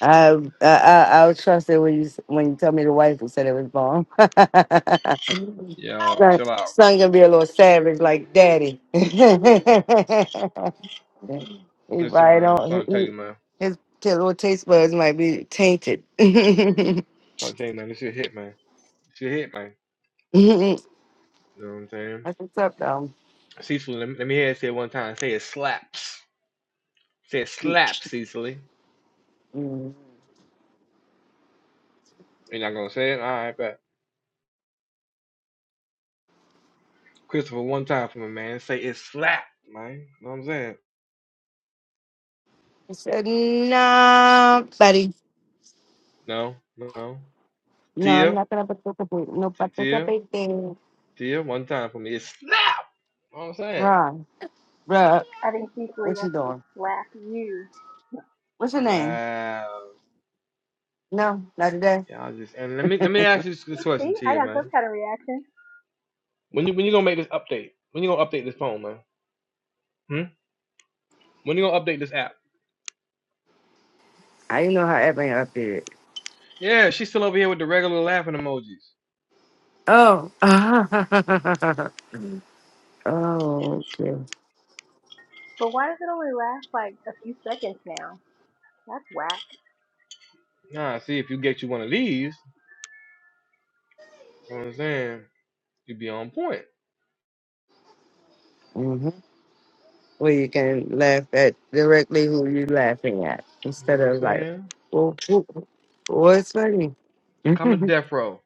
[SPEAKER 4] I, I I I'll trust it when you s- when you tell me the wife who said it was bomb.
[SPEAKER 1] Y'all,
[SPEAKER 4] son,
[SPEAKER 1] chill out.
[SPEAKER 4] son gonna be a little savage like daddy. He
[SPEAKER 1] Listen,
[SPEAKER 4] probably
[SPEAKER 1] man. I'm
[SPEAKER 4] don't. He,
[SPEAKER 1] trying to tell you,
[SPEAKER 4] he-
[SPEAKER 1] man. I'm
[SPEAKER 4] his little taste buds might be tainted. That's
[SPEAKER 1] trying to tell you, man. This shit hit, man. This shit hit, man. You know what I'm saying?
[SPEAKER 4] what's up, though.
[SPEAKER 1] Cecily, let me, let me hear it say it one time. Say it slaps. Say it slaps, Cecily.
[SPEAKER 4] Mm.
[SPEAKER 1] You're not gonna say it? All right, bet. Christopher, one time for me, man. Say it slap, man. You know what I'm saying?
[SPEAKER 4] He said, "Nah, buddy.
[SPEAKER 1] No, no.
[SPEAKER 4] No, I'm
[SPEAKER 1] Tia,
[SPEAKER 4] not gonna participate. No
[SPEAKER 1] T- Tia,
[SPEAKER 4] participating."
[SPEAKER 1] Tia, one time for me. It slap. You know what I'm saying?
[SPEAKER 4] Ron, bruh,
[SPEAKER 2] I think she's
[SPEAKER 4] what you
[SPEAKER 2] wants to
[SPEAKER 4] doing?
[SPEAKER 2] slap you.
[SPEAKER 4] What's your name?
[SPEAKER 1] Wow.
[SPEAKER 4] No, not today.
[SPEAKER 1] Yeah, I just and let me let me ask you this
[SPEAKER 2] See,
[SPEAKER 1] question to
[SPEAKER 2] I
[SPEAKER 1] you,
[SPEAKER 2] got
[SPEAKER 1] man.
[SPEAKER 2] some kind of reaction.
[SPEAKER 1] When you when you gonna make this update? When you gonna update this phone, man? Hmm? When you gonna update this app?
[SPEAKER 4] I didn't know how Evan updated.
[SPEAKER 1] Yeah, she's still over here with the regular laughing emojis.
[SPEAKER 4] Oh. oh, okay.
[SPEAKER 2] But why does it only last like a few seconds now? That's whack.
[SPEAKER 1] Nah, see if you get you one of these, you know what I'm saying? you be on point.
[SPEAKER 4] Mm-hmm. where you can laugh at directly who you're laughing at
[SPEAKER 1] You know
[SPEAKER 4] instead
[SPEAKER 1] what I'm
[SPEAKER 4] of like,
[SPEAKER 1] saying?
[SPEAKER 4] well, who- what's funny?
[SPEAKER 1] Come to
[SPEAKER 4] that
[SPEAKER 1] death row.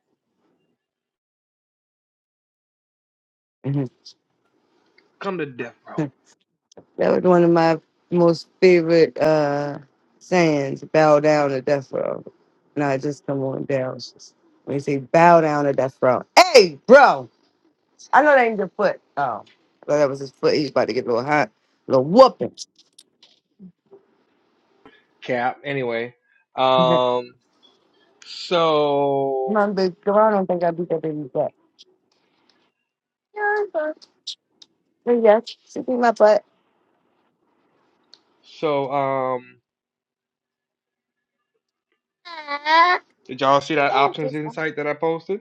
[SPEAKER 1] Come to death row.
[SPEAKER 4] was one of my most favorite uh, sayings bow down to death row. Nah, just come on down. It's just- When you say bow down to death row, hey, bro, I know that ain't your foot. Oh, well, that was his foot. He's about to get a little hot, a little whooping.
[SPEAKER 1] Cap. Anyway. Um so
[SPEAKER 4] Mom, big girl, I don't think I beat that baby's butt. Yeah, I beat her. Yes, she beat my butt.
[SPEAKER 1] so um did y'all see that options insight that I posted?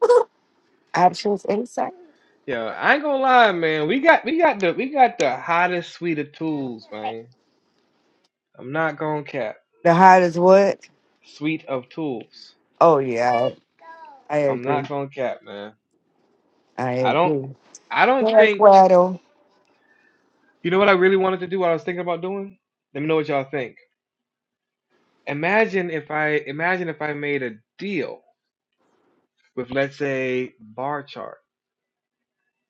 [SPEAKER 4] options inside.
[SPEAKER 1] Yo, I ain't gonna lie, man. We got we got the we got the hottest suite of tools, man. I'm not gonna cap.
[SPEAKER 4] The hardest what?
[SPEAKER 1] Suite of tools.
[SPEAKER 4] Oh yeah, I, I
[SPEAKER 1] I'm not
[SPEAKER 4] agree.
[SPEAKER 1] gonna cap, man.
[SPEAKER 4] I
[SPEAKER 1] I don't
[SPEAKER 4] agree.
[SPEAKER 1] I don't
[SPEAKER 4] Jack
[SPEAKER 1] think
[SPEAKER 4] Waddle,
[SPEAKER 1] you know what I really wanted to do, what I was thinking about doing? Let me know what y'all think. Imagine if I imagine if I made a deal with let's say bar chart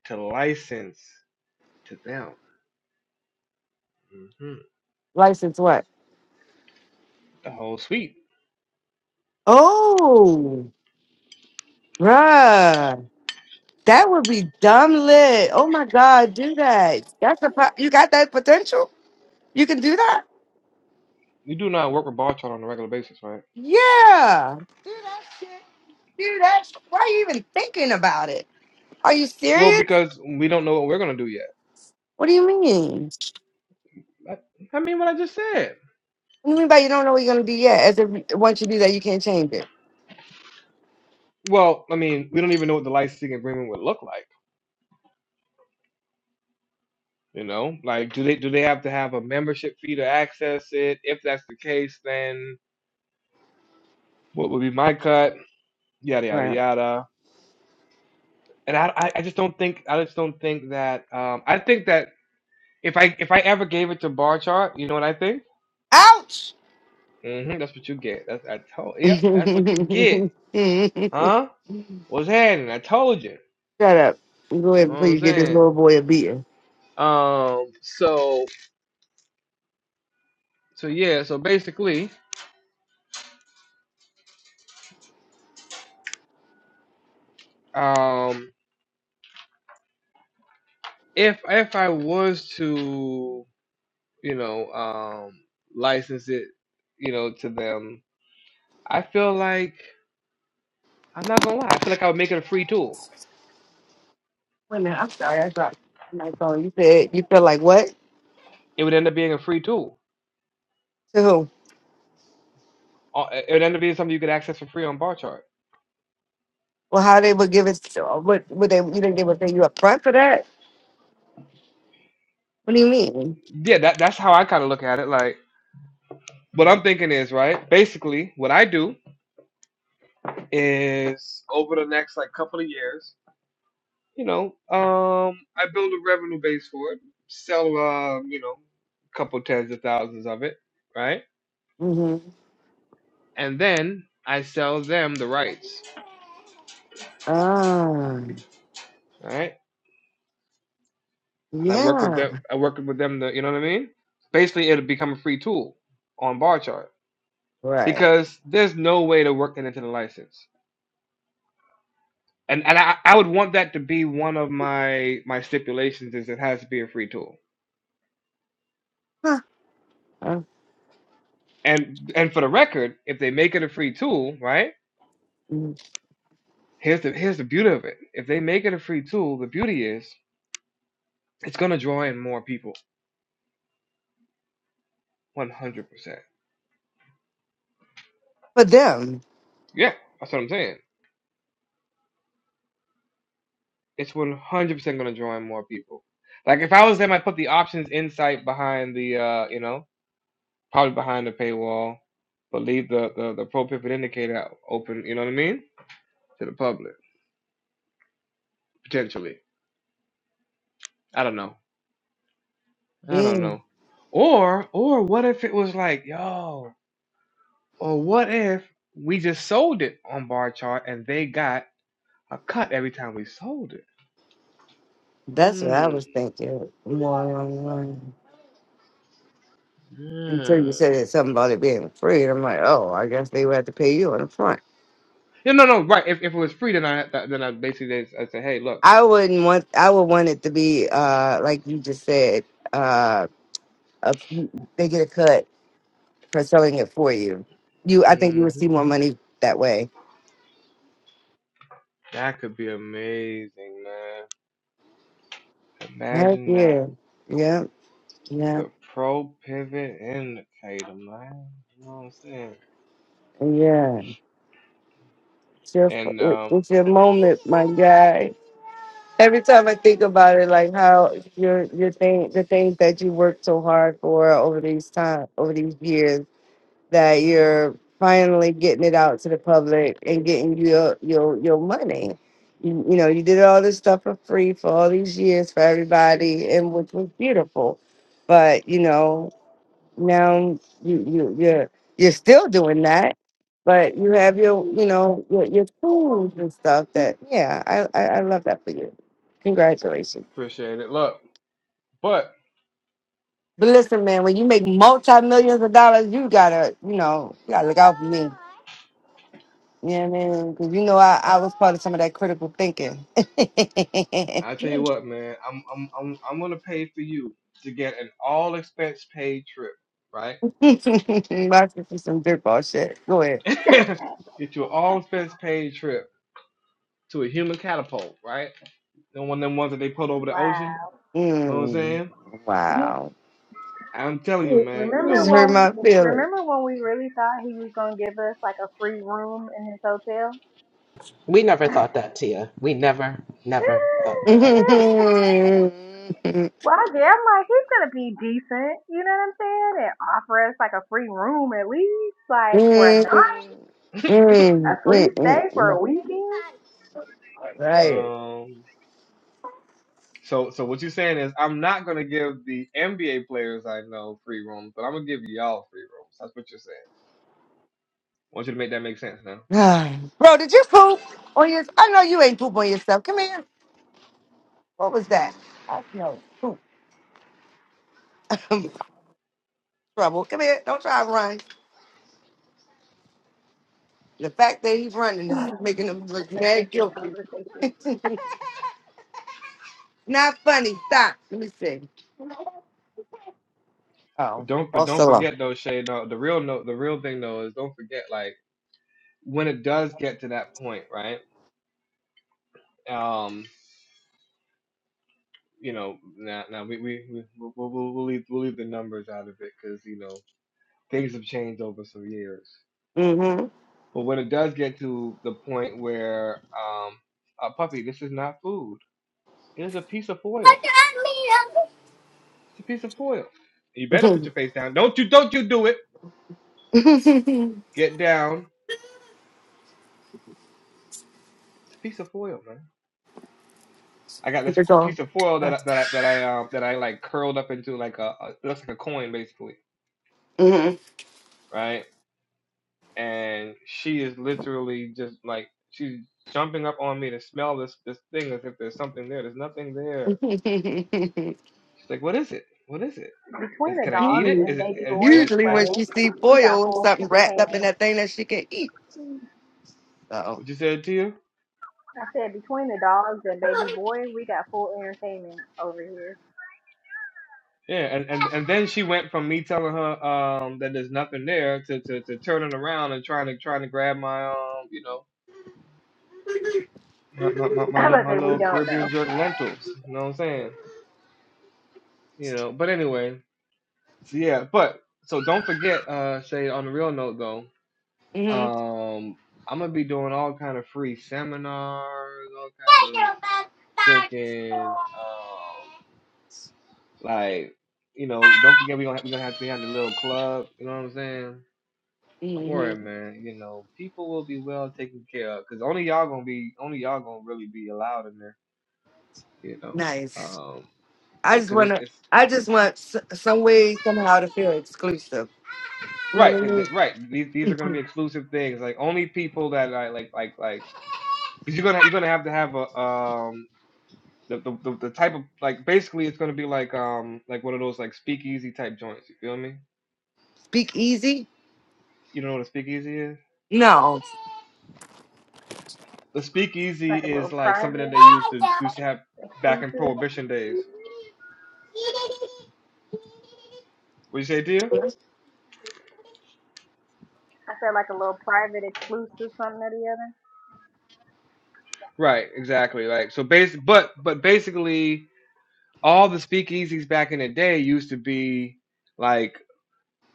[SPEAKER 1] to license to them. hmm
[SPEAKER 4] license what?
[SPEAKER 1] The whole suite.
[SPEAKER 4] Oh, bruh, that would be dumb lit. Oh my god, do that. That's a po- you got that potential. You can do that.
[SPEAKER 1] We do not work with bar chart on a regular basis, right?
[SPEAKER 4] Yeah, do that shit. Do that. Sh- Why are you even thinking about it? Are you
[SPEAKER 1] Well,
[SPEAKER 4] serious?
[SPEAKER 1] because we don't know what we're gonna do yet.
[SPEAKER 4] What do you mean?
[SPEAKER 1] I, I mean, what I just said.
[SPEAKER 4] What do you mean by you don't know what you're gonna do yet? As if once you do that, you can't change it.
[SPEAKER 1] Well, I mean, we don't even know what the licensing agreement would look like. You know, like do they do they have to have a membership fee to access it? If that's the case, then what would be my cut? Yada yada
[SPEAKER 4] Right.
[SPEAKER 1] yada. And I I I just don't think I just don't think that um I think that if I if I ever gave it to bar chart, you know what I think?
[SPEAKER 4] Ouch.
[SPEAKER 1] hmm that's what you get. That's I told yeah,
[SPEAKER 4] Shut
[SPEAKER 1] that's what you get. Huh? What's happening? I told you.
[SPEAKER 4] up. Go
[SPEAKER 1] You know
[SPEAKER 4] ahead
[SPEAKER 1] what
[SPEAKER 4] before
[SPEAKER 1] I'm
[SPEAKER 4] you get this
[SPEAKER 1] saying?
[SPEAKER 4] little boy a beating.
[SPEAKER 1] Um so so yeah, so basically Um, if if I was to, you know, um, license it, you know, to them, I feel like I'm not gonna lie. I feel like I would make it a free tool.
[SPEAKER 4] Wait a minute. I'm sorry. I dropped my phone. You said you feel like what
[SPEAKER 1] It would end up being a free tool.
[SPEAKER 4] to who?
[SPEAKER 1] Uh, It would end up being something you could access for free on Barchart.
[SPEAKER 4] Well, how they would give it? To, uh, what would they? You think they would pay you up front for that? What do you mean?
[SPEAKER 1] Yeah, that that's how I kind of look at it. Like what I'm thinking is right. Basically, what I do is over the next like couple of years. you know, um, I build a revenue base for it, sell, uh, you know, a couple tens of thousands of it, right?
[SPEAKER 4] hmm
[SPEAKER 1] And then I sell them the rights,
[SPEAKER 4] Ah,
[SPEAKER 1] right? And I work with
[SPEAKER 4] yeah,
[SPEAKER 1] them. I work with them. To, you know what I mean? Basically, it'll become a free tool on bar chart
[SPEAKER 4] right.
[SPEAKER 1] because there's no way to work that into the license. And and I, I would want that to be one of my my stipulations is it has to be a free tool.
[SPEAKER 4] Huh. Uh,
[SPEAKER 1] And and for the record, if they make it a free tool, right?
[SPEAKER 4] mm.
[SPEAKER 1] Here's the here's the beauty of it. If they make it a free tool, the beauty is it's gonna draw in more people. One hundred percent.
[SPEAKER 4] For them,
[SPEAKER 1] Yeah, that's what I'm saying. It's one hundred percent gonna draw in more people. Like if I was them, I put the options insight behind the uh, you know, probably behind the paywall, but leave the the, the pro pivot indicator open. You know what I mean? To the public potentially. I don't know. I don't
[SPEAKER 4] yeah.
[SPEAKER 1] know. Or or what if it was like yo? Or what if we just sold it on bar chart and they got a cut every time we sold it.
[SPEAKER 4] That's what I
[SPEAKER 1] Hmm.
[SPEAKER 4] was thinking. Wow. Until you
[SPEAKER 1] Mm.
[SPEAKER 4] said something about it being free, and I'm like, oh, I guess they would have to pay you up front.
[SPEAKER 1] Yeah, no, no, right. If, if it was free, then I then I basically I say, hey, look,
[SPEAKER 4] I wouldn't want. I would want it to be uh like you just said. Uh, a, they get a cut for selling it for you. You, I think you
[SPEAKER 1] hmm
[SPEAKER 4] would see more money that way.
[SPEAKER 1] that could be amazing, man.
[SPEAKER 4] Heck
[SPEAKER 1] Imagine that
[SPEAKER 4] yeah, yeah, yeah,
[SPEAKER 1] the pro pivot indicator, man. You know what I'm saying?
[SPEAKER 4] yeah. It's your,
[SPEAKER 1] And um,
[SPEAKER 4] it's your moment, my guy. Every time I think about it, like how your your thing, the things that you worked so hard for over these time, over these years, that you're finally getting it out to the public and getting your your your money. You, you know, you did all this stuff for free for all these years for everybody, and which was beautiful. But you know, now you you you're you're still doing that, but you have your you know your, your tools and stuff. That yeah, I, I I love that for you. Congratulations.
[SPEAKER 1] appreciate it. Look, but
[SPEAKER 4] But listen, man, when you make multi millions of dollars, you gotta, you know, you gotta look out for me. Yeah, know what I you know I, I was part of some of that critical thinking. My
[SPEAKER 1] I tell you what, man, I'm I'm I'm I'm gonna pay for you to get an all expense paid trip, right?
[SPEAKER 4] sister's some dirtball shit. Go ahead.
[SPEAKER 1] get you an all expense paid trip to a human catapult, right? The one of them ones that they put over the ocean.
[SPEAKER 2] Wow.
[SPEAKER 1] You know what I'm
[SPEAKER 4] Mm,
[SPEAKER 1] saying?
[SPEAKER 4] wow.
[SPEAKER 1] I'm telling you,
[SPEAKER 4] You
[SPEAKER 1] man. You
[SPEAKER 2] Remember
[SPEAKER 4] just
[SPEAKER 2] when
[SPEAKER 4] hurt
[SPEAKER 2] we
[SPEAKER 4] my feelings.
[SPEAKER 2] remember when we really thought he was gonna give us like a free room in his hotel?
[SPEAKER 12] We never thought that, Tia. We never, never thought that.
[SPEAKER 2] well, I did. I'm like, he's gonna be decent. You know what I'm saying? And offer us like a free room at least, like for a
[SPEAKER 4] Mm,
[SPEAKER 2] night,
[SPEAKER 1] know.
[SPEAKER 2] a
[SPEAKER 4] mm, mm,
[SPEAKER 2] free
[SPEAKER 4] mm,
[SPEAKER 2] stay for
[SPEAKER 4] mm.
[SPEAKER 2] a weekend.
[SPEAKER 4] All Right.
[SPEAKER 1] Um. So so what you're saying is I'm not gonna give the NBA players I know free rooms, but I'm gonna give y'all free rooms. That's what you're saying. I want you to make that make sense now.
[SPEAKER 4] Bro, did you poop on your... I know you ain't poop on yourself. Come here. What was that? I smell poop. Trouble. Come here. Don't try to run. The fact that he's running is making him look mad
[SPEAKER 2] Interesting
[SPEAKER 4] guilty.
[SPEAKER 2] conversation
[SPEAKER 4] Not funny. Stop. Let me see.
[SPEAKER 1] But
[SPEAKER 4] Oh,
[SPEAKER 1] don't but
[SPEAKER 4] all
[SPEAKER 1] don't
[SPEAKER 4] still
[SPEAKER 1] forget though, Shay. No, the real no the real thing though is don't forget like when it does get to that point, right? Um. You know, now now we we we we'll, we'll, we'll leave we'll leave the numbers out of it because you know things have changed over some years.
[SPEAKER 4] Mm-hmm.
[SPEAKER 1] But when it does get to the point where, um, uh, puppy, this is not food. It is a piece of foil. It's a piece of foil. You better put your face down. Don't you? Don't you do it? Get down. It's a piece of foil, man. I got this
[SPEAKER 4] it's all.
[SPEAKER 1] piece of foil that I, that I, that I um that I like curled up into like a, a looks like a coin basically,
[SPEAKER 4] Mhm.
[SPEAKER 1] right? And she is literally just like she's jumping up on me to smell this this thing as if there's something there. There's nothing there. She's like, "What is it? What is it?
[SPEAKER 2] between
[SPEAKER 1] Is,
[SPEAKER 2] the
[SPEAKER 1] can I eat
[SPEAKER 2] dogs
[SPEAKER 1] it?
[SPEAKER 4] usually,
[SPEAKER 2] and
[SPEAKER 1] Is it
[SPEAKER 2] baby
[SPEAKER 1] is, is
[SPEAKER 2] boy.
[SPEAKER 1] it
[SPEAKER 4] usually when
[SPEAKER 2] Like
[SPEAKER 4] she
[SPEAKER 1] edible?"
[SPEAKER 4] see
[SPEAKER 2] we got
[SPEAKER 4] foil or
[SPEAKER 2] full
[SPEAKER 4] something wrapped up
[SPEAKER 2] entertainment.
[SPEAKER 4] in that thing that she can eat. So,
[SPEAKER 1] What you said to you?
[SPEAKER 2] I said between the dogs and baby boy, we got full entertainment over here.
[SPEAKER 1] Yeah, and, and and then she went from me telling her um that there's nothing there to, to, to turning around and trying to trying to grab my um you know my my my, my,
[SPEAKER 2] I'm
[SPEAKER 1] little,
[SPEAKER 2] about to
[SPEAKER 1] my
[SPEAKER 2] say we
[SPEAKER 1] little
[SPEAKER 2] don't know.
[SPEAKER 1] Caribbean jerk lentils. You know what I'm saying? You know. But anyway, so yeah. But so don't forget, uh, Shay. On the real note though,
[SPEAKER 4] hmm
[SPEAKER 1] um, I'm gonna be doing all kind of free seminars, all kind of freaking um Like, you know, don't forget we gonna we gonna have we have the little club. You know what I'm saying? Don't
[SPEAKER 4] hmm
[SPEAKER 1] worry, man. You know, people will be well taken care of because only y'all gonna be only y'all gonna really be allowed in there. You know,
[SPEAKER 4] nice.
[SPEAKER 1] um,
[SPEAKER 4] I just
[SPEAKER 1] because it's,
[SPEAKER 4] wanna.
[SPEAKER 1] it's
[SPEAKER 4] I just want s- some way somehow to feel exclusive. You know what
[SPEAKER 1] right,
[SPEAKER 4] I
[SPEAKER 1] th-
[SPEAKER 4] mean?
[SPEAKER 1] th- right. These these are gonna be exclusive things. Like only people that like like like like because you're gonna you're gonna have to have a um. The, the, the, the type of like basically it's gonna be like um like one of those like speakeasy type joints you feel me
[SPEAKER 4] Speak easy.
[SPEAKER 1] you don't know what a speakeasy is
[SPEAKER 4] No,
[SPEAKER 1] The speakeasy
[SPEAKER 2] Like a
[SPEAKER 1] is
[SPEAKER 2] little
[SPEAKER 1] like something that they
[SPEAKER 2] private
[SPEAKER 1] used to used to have back in
[SPEAKER 2] exclusive.
[SPEAKER 1] prohibition days. Would you say, dear?
[SPEAKER 2] I said like a little private exclusive something or the other.
[SPEAKER 1] Right, exactly. Like so, base, but but basically, all the speakeasies back in the day used to be like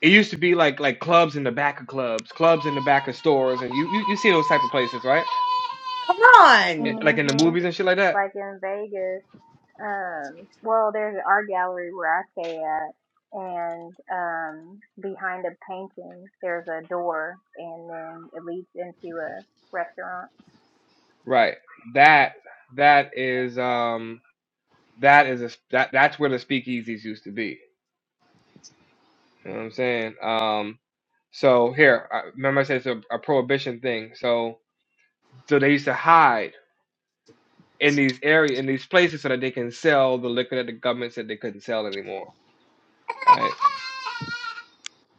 [SPEAKER 1] it used to be like like clubs in the back of clubs, clubs in the back of stores, and you you, you see those type of places, right?
[SPEAKER 4] come
[SPEAKER 1] Eh,
[SPEAKER 4] on.
[SPEAKER 1] Like
[SPEAKER 2] mm
[SPEAKER 1] in the
[SPEAKER 2] hmm
[SPEAKER 1] movies and shit like that.
[SPEAKER 2] Like in Vegas, um well there's an art gallery where I stay at and um behind a painting there's a door and then it leads into a restaurant.
[SPEAKER 1] Right. That that is um that is a that that's where the speakeasies used to be. You know what I'm saying? Um, so here, I remember I said it's a, a prohibition thing. So so they used to hide in these area in these places so that they can sell the liquor that the government said they couldn't sell anymore. Right.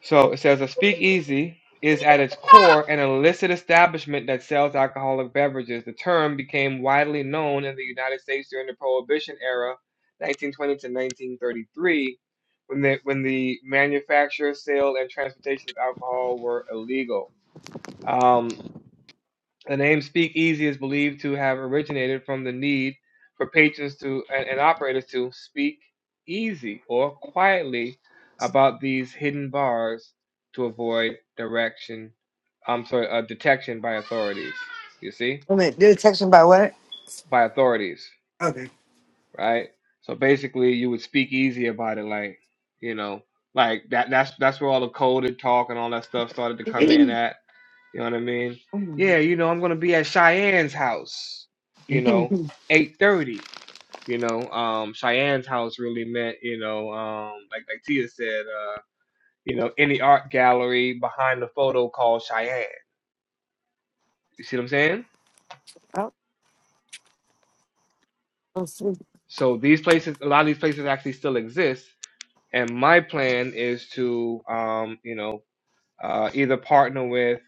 [SPEAKER 1] So it says a speakeasy is at its core an illicit establishment that sells alcoholic beverages. The term became widely known in the United States during the Prohibition era, 1920 to 1933, when the when the manufacture, sale, and transportation of alcohol were illegal. Um, the name speakeasy is believed to have originated from the need for patrons to and, and operators to speak easy or quietly about these hidden bars to avoid direction. I'm sorry, uh, detection by authorities. You see,
[SPEAKER 4] Wait a minute, did it text him by what?
[SPEAKER 1] by authorities,
[SPEAKER 4] Okay.
[SPEAKER 1] right? So basically, you would speak easy about it, like you know, like that. That's that's where all the coded talk and all that stuff started to come in
[SPEAKER 4] Mhm.
[SPEAKER 1] at You know what I mean? Yeah, you know, I'm gonna be at Cheyenne's house, you know, eight thirty. You know, um Cheyenne's house really meant, you know, um like like Tia said, uh, you know, any art gallery behind the photo called Cheyenne. You see what I'm saying?
[SPEAKER 4] oh, oh, sweet.
[SPEAKER 1] So these places a lot of these places actually still exist. And my plan is to um, you know, uh either partner with,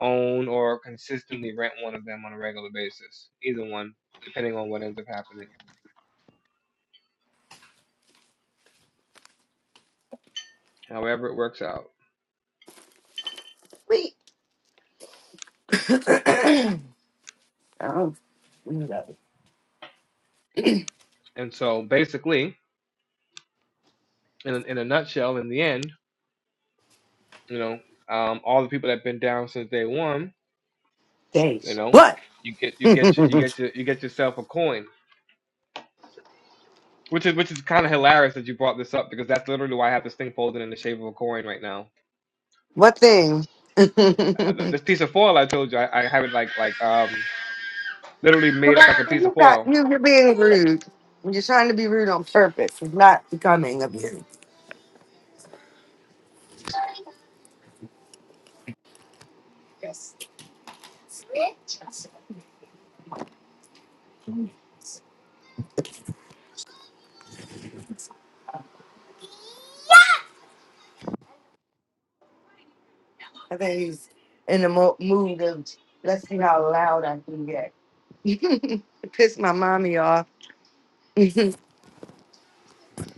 [SPEAKER 1] own or consistently rent one of them on a regular basis. Either one, depending on what ends up happening. however it works out.
[SPEAKER 4] Sweet. Oh, we love it.
[SPEAKER 1] And so basically, in in a nutshell, in the end, you know, um, all the people that've been down since day one, you
[SPEAKER 4] Thanks.
[SPEAKER 1] know,
[SPEAKER 4] What?
[SPEAKER 1] you get you get your, you get your, you get yourself a coin, which is which is kind of hilarious that you brought this up because that's literally why I have this thing folded in the shape of a coin right now.
[SPEAKER 4] what thing?
[SPEAKER 1] Uh, This piece of foil I told you, I, I have it like like um literally
[SPEAKER 4] Come
[SPEAKER 1] made up like a
[SPEAKER 4] on,
[SPEAKER 1] piece of
[SPEAKER 4] you got,
[SPEAKER 1] foil,
[SPEAKER 4] you, you're being rude. You're trying to be rude on purpose. It's not becoming of you. I think he's in the mo- mood of, let's see how loud I can get. Piss my mommy off.